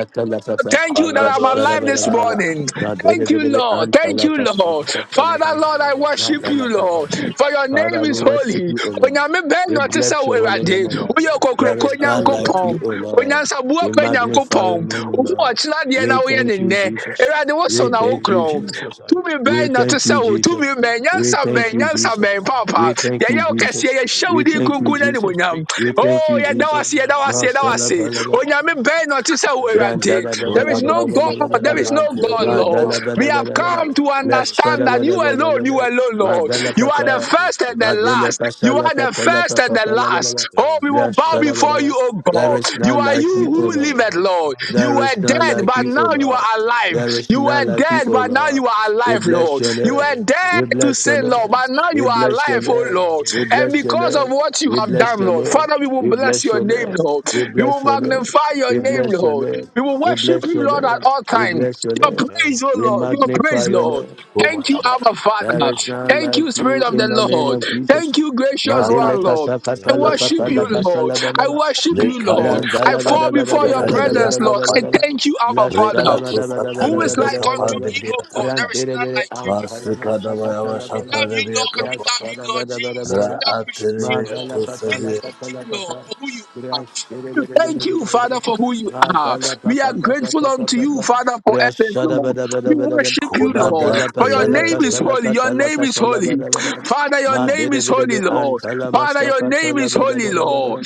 Speaker 2: Thank you that I'm alive
Speaker 1: Palabrasaya.
Speaker 2: this
Speaker 3: Thank you,
Speaker 2: morning.
Speaker 3: Father.
Speaker 2: Thank you, Lord. Thank you, Lord. Father, Lord, I
Speaker 3: Shalom,
Speaker 2: worship
Speaker 3: Rodoja,
Speaker 2: you, Lord. For your
Speaker 3: Kiborotia.
Speaker 2: name
Speaker 6: Father, we
Speaker 2: is
Speaker 6: worship
Speaker 2: holy.
Speaker 6: you, O Lord.
Speaker 2: Onyame bɛn
Speaker 6: We
Speaker 2: na ɔte sɛ
Speaker 6: bless
Speaker 2: wo
Speaker 6: your holy
Speaker 3: Thank
Speaker 6: name,
Speaker 2: Awurade?
Speaker 6: O
Speaker 3: you
Speaker 6: Lord.
Speaker 3: for
Speaker 2: Woyɛ
Speaker 3: your
Speaker 6: There
Speaker 2: kokroko
Speaker 6: is
Speaker 1: Koda
Speaker 3: provision.
Speaker 6: none like
Speaker 2: Nyankopɔn.
Speaker 6: you, O Lord.
Speaker 2: Onyansaboa
Speaker 6: We
Speaker 2: pa
Speaker 6: magnify
Speaker 3: Thank
Speaker 6: your
Speaker 2: Nyankopɔn.
Speaker 3: you,
Speaker 6: name, O
Speaker 2: Wo
Speaker 3: Father.
Speaker 6: Lord.
Speaker 2: ɔkyena deɛ
Speaker 6: We
Speaker 2: na woyɛ
Speaker 6: thank
Speaker 2: ne
Speaker 6: you,
Speaker 2: nnɛ.
Speaker 6: Jesus.
Speaker 2: Awurade, wo so
Speaker 6: We
Speaker 3: Thank
Speaker 2: na
Speaker 6: thank
Speaker 3: you
Speaker 6: you,
Speaker 3: for
Speaker 2: wokorɔn.
Speaker 3: your
Speaker 6: Jesus.
Speaker 3: guidance.
Speaker 2: Tumi bɛn
Speaker 6: We
Speaker 2: na te
Speaker 6: thank
Speaker 2: sɛ
Speaker 6: you,
Speaker 2: wo, tumi
Speaker 6: Jesus.
Speaker 2: bɛn,
Speaker 6: We
Speaker 2: nyansa bɛn,
Speaker 6: thank
Speaker 3: Thank
Speaker 6: you,
Speaker 2: nyansa
Speaker 3: you,
Speaker 2: bɛn
Speaker 6: Jesus.
Speaker 3: Father.
Speaker 2: paapaa.
Speaker 6: We thank you,
Speaker 2: Yɛyɛ wo kɛseɛ,
Speaker 6: Jesus.
Speaker 2: yɛhyɛ
Speaker 3: Thank
Speaker 2: wo
Speaker 6: We
Speaker 3: you
Speaker 2: din
Speaker 3: for
Speaker 6: thank you,
Speaker 2: kunkun
Speaker 3: giving me
Speaker 6: Jesus.
Speaker 2: n'animuonyam.
Speaker 6: We
Speaker 3: victory over
Speaker 6: thank
Speaker 2: Oh,
Speaker 6: you,
Speaker 2: yɛda wo ase,
Speaker 6: Jesus.
Speaker 3: Satan
Speaker 2: yɛda
Speaker 3: and
Speaker 2: wo ase,
Speaker 3: over
Speaker 2: yɛda
Speaker 3: the
Speaker 2: wo
Speaker 3: world.
Speaker 2: ase.
Speaker 6: Mashallah,
Speaker 2: Onyame bɛn na ɔte sɛ wo,
Speaker 3: Thank you,
Speaker 2: Awurade.
Speaker 6: Grandada bada
Speaker 2: There
Speaker 6: bada
Speaker 3: Father.
Speaker 2: is no
Speaker 6: bada
Speaker 2: God,
Speaker 6: bada bada
Speaker 2: there is
Speaker 6: bada.
Speaker 2: no
Speaker 3: Mano
Speaker 2: God, Lord.
Speaker 6: Madala
Speaker 3: shoto
Speaker 2: We
Speaker 6: bada
Speaker 3: radi
Speaker 2: have
Speaker 6: bada bada.
Speaker 2: come to
Speaker 3: gradira
Speaker 6: Rashada
Speaker 3: orania.
Speaker 2: understand that
Speaker 6: bada
Speaker 2: you
Speaker 6: bada
Speaker 2: alone, you
Speaker 6: bada.
Speaker 2: alone, Lord.
Speaker 6: Madala
Speaker 2: You are the
Speaker 3: Thank
Speaker 6: papa.
Speaker 3: you,
Speaker 2: first and the
Speaker 3: Father.
Speaker 6: Madele
Speaker 2: last. You
Speaker 6: pasala
Speaker 2: are the
Speaker 6: patala
Speaker 2: first and
Speaker 6: papa
Speaker 2: the
Speaker 6: pala bada bada.
Speaker 2: last. Oh,
Speaker 3: Thank
Speaker 2: we
Speaker 3: you,
Speaker 2: will bow
Speaker 6: Rashada
Speaker 3: Father.
Speaker 6: bada
Speaker 2: before you,
Speaker 6: bada.
Speaker 2: oh
Speaker 6: There
Speaker 2: God.
Speaker 6: is
Speaker 2: You
Speaker 6: none
Speaker 2: are
Speaker 6: like
Speaker 2: you
Speaker 6: you, O
Speaker 2: who
Speaker 3: Oh,
Speaker 6: Lord.
Speaker 2: liveth, Lord. You
Speaker 6: There
Speaker 3: Varoshantam
Speaker 6: is
Speaker 2: were
Speaker 6: none
Speaker 2: dead,
Speaker 3: Raniro
Speaker 6: like
Speaker 2: but
Speaker 6: you, O
Speaker 2: now you are
Speaker 6: Lord.
Speaker 3: Soskatiro
Speaker 2: alive.
Speaker 6: There is
Speaker 2: You were
Speaker 6: none
Speaker 3: Kopratia.
Speaker 6: like you,
Speaker 2: dead,
Speaker 6: O
Speaker 2: but now
Speaker 6: Lord.
Speaker 2: you are
Speaker 6: We
Speaker 2: alive,
Speaker 6: bless
Speaker 2: Lord.
Speaker 6: your
Speaker 2: You
Speaker 6: name.
Speaker 2: were
Speaker 3: Thank you,
Speaker 2: dead
Speaker 6: We
Speaker 2: to
Speaker 3: Father.
Speaker 6: bless your
Speaker 2: sin, Lord,
Speaker 6: name.
Speaker 2: but now
Speaker 6: We
Speaker 2: you are
Speaker 6: bless your
Speaker 2: alive, oh
Speaker 6: name.
Speaker 3: Shalem
Speaker 2: Lord.
Speaker 6: We
Speaker 2: And
Speaker 6: bless your
Speaker 3: Veratiro
Speaker 2: because of
Speaker 6: name.
Speaker 2: what you
Speaker 6: We
Speaker 2: have
Speaker 6: bless
Speaker 2: done,
Speaker 3: Skitabrande
Speaker 6: your
Speaker 2: Lord,
Speaker 6: name.
Speaker 3: Kiro
Speaker 2: Father, we will
Speaker 6: We
Speaker 3: shatam
Speaker 2: bless
Speaker 6: bless
Speaker 2: your
Speaker 6: your
Speaker 3: pratia.
Speaker 2: name,
Speaker 6: name.
Speaker 2: Lord.
Speaker 6: We
Speaker 2: We will
Speaker 6: bless your name.
Speaker 2: magnify your
Speaker 6: We
Speaker 2: name,
Speaker 3: Thank
Speaker 6: bless
Speaker 3: you,
Speaker 6: your
Speaker 2: Lord.
Speaker 6: name.
Speaker 3: Father.
Speaker 2: We will
Speaker 6: We
Speaker 2: worship
Speaker 6: bless
Speaker 2: you,
Speaker 6: your
Speaker 2: Lord, at
Speaker 6: name.
Speaker 2: all
Speaker 6: We
Speaker 2: times.
Speaker 6: bless your
Speaker 2: Your
Speaker 6: name.
Speaker 3: Thank
Speaker 2: praise, oh
Speaker 3: you,
Speaker 6: We
Speaker 2: Lord. Your
Speaker 3: Father.
Speaker 6: magnify
Speaker 2: praise,
Speaker 6: your
Speaker 2: Lord.
Speaker 6: name.
Speaker 2: Thank you, Abba
Speaker 6: There
Speaker 2: Father.
Speaker 6: is
Speaker 3: Thank
Speaker 6: none
Speaker 3: you,
Speaker 2: Thank
Speaker 6: like
Speaker 2: you,
Speaker 3: Father.
Speaker 2: Spirit
Speaker 6: you
Speaker 2: of the
Speaker 6: in the name
Speaker 2: Lord.
Speaker 6: of Jesus.
Speaker 2: Thank you, gracious
Speaker 6: Mandele
Speaker 2: one, Lord. I
Speaker 6: kasakata
Speaker 3: Thank
Speaker 6: la
Speaker 3: you,
Speaker 6: papa
Speaker 2: worship you,
Speaker 6: la
Speaker 3: Father.
Speaker 2: Lord. I
Speaker 6: kasalabala.
Speaker 2: worship you, Lord. I
Speaker 6: Brandala
Speaker 2: fall
Speaker 6: bada bada
Speaker 2: before your
Speaker 6: bada bada
Speaker 2: presence,
Speaker 3: Thank you,
Speaker 6: bada
Speaker 2: Lord.
Speaker 6: bada
Speaker 2: I
Speaker 6: bada
Speaker 3: Father.
Speaker 6: ba.
Speaker 2: thank you, Abba
Speaker 6: La
Speaker 2: Father.
Speaker 6: shala bada bada bada
Speaker 2: Who is
Speaker 6: bada
Speaker 2: like
Speaker 6: bada
Speaker 2: unto
Speaker 6: bada ba.
Speaker 2: thee, O God? There is
Speaker 6: Brandere
Speaker 2: none
Speaker 6: bere
Speaker 2: like you.
Speaker 6: amfana na sakata la
Speaker 2: We
Speaker 6: bada ba.
Speaker 2: love you, Lord. We love you,
Speaker 6: Brashala
Speaker 2: Lord
Speaker 6: bada bada
Speaker 2: Jesus.
Speaker 6: bada
Speaker 2: We
Speaker 6: ba.
Speaker 2: appreciate you, Lord.
Speaker 6: Madala pata
Speaker 2: We
Speaker 6: la
Speaker 2: thank
Speaker 6: pata la
Speaker 2: you, Lord,
Speaker 6: pata.
Speaker 2: for who you are.
Speaker 6: Brashere
Speaker 2: We
Speaker 6: bere bere
Speaker 2: Thank
Speaker 6: bere
Speaker 2: you,
Speaker 6: bere.
Speaker 2: Father, for who you are.
Speaker 6: Madala
Speaker 2: We
Speaker 6: pata
Speaker 2: are
Speaker 6: pata
Speaker 2: grateful
Speaker 6: pata
Speaker 2: unto you,
Speaker 6: pata.
Speaker 2: Father, for everything,
Speaker 6: Brashala
Speaker 2: Lord.
Speaker 6: bada bada
Speaker 2: We
Speaker 6: bada ba.
Speaker 2: worship you, Lord,
Speaker 6: Madala
Speaker 2: for your
Speaker 6: papa la
Speaker 2: name is
Speaker 6: kasala
Speaker 2: holy. Your
Speaker 6: kasala
Speaker 2: name is
Speaker 6: kasala
Speaker 2: holy.
Speaker 6: bada bada ba.
Speaker 2: Father, your
Speaker 6: Ma
Speaker 2: name
Speaker 6: bede
Speaker 2: is
Speaker 6: bede
Speaker 2: holy,
Speaker 6: be
Speaker 2: Lord.
Speaker 6: antala
Speaker 2: Father, your
Speaker 6: masaka
Speaker 2: name
Speaker 6: tala
Speaker 2: is
Speaker 6: bada
Speaker 2: holy,
Speaker 6: bada bada
Speaker 2: Lord.
Speaker 6: bada.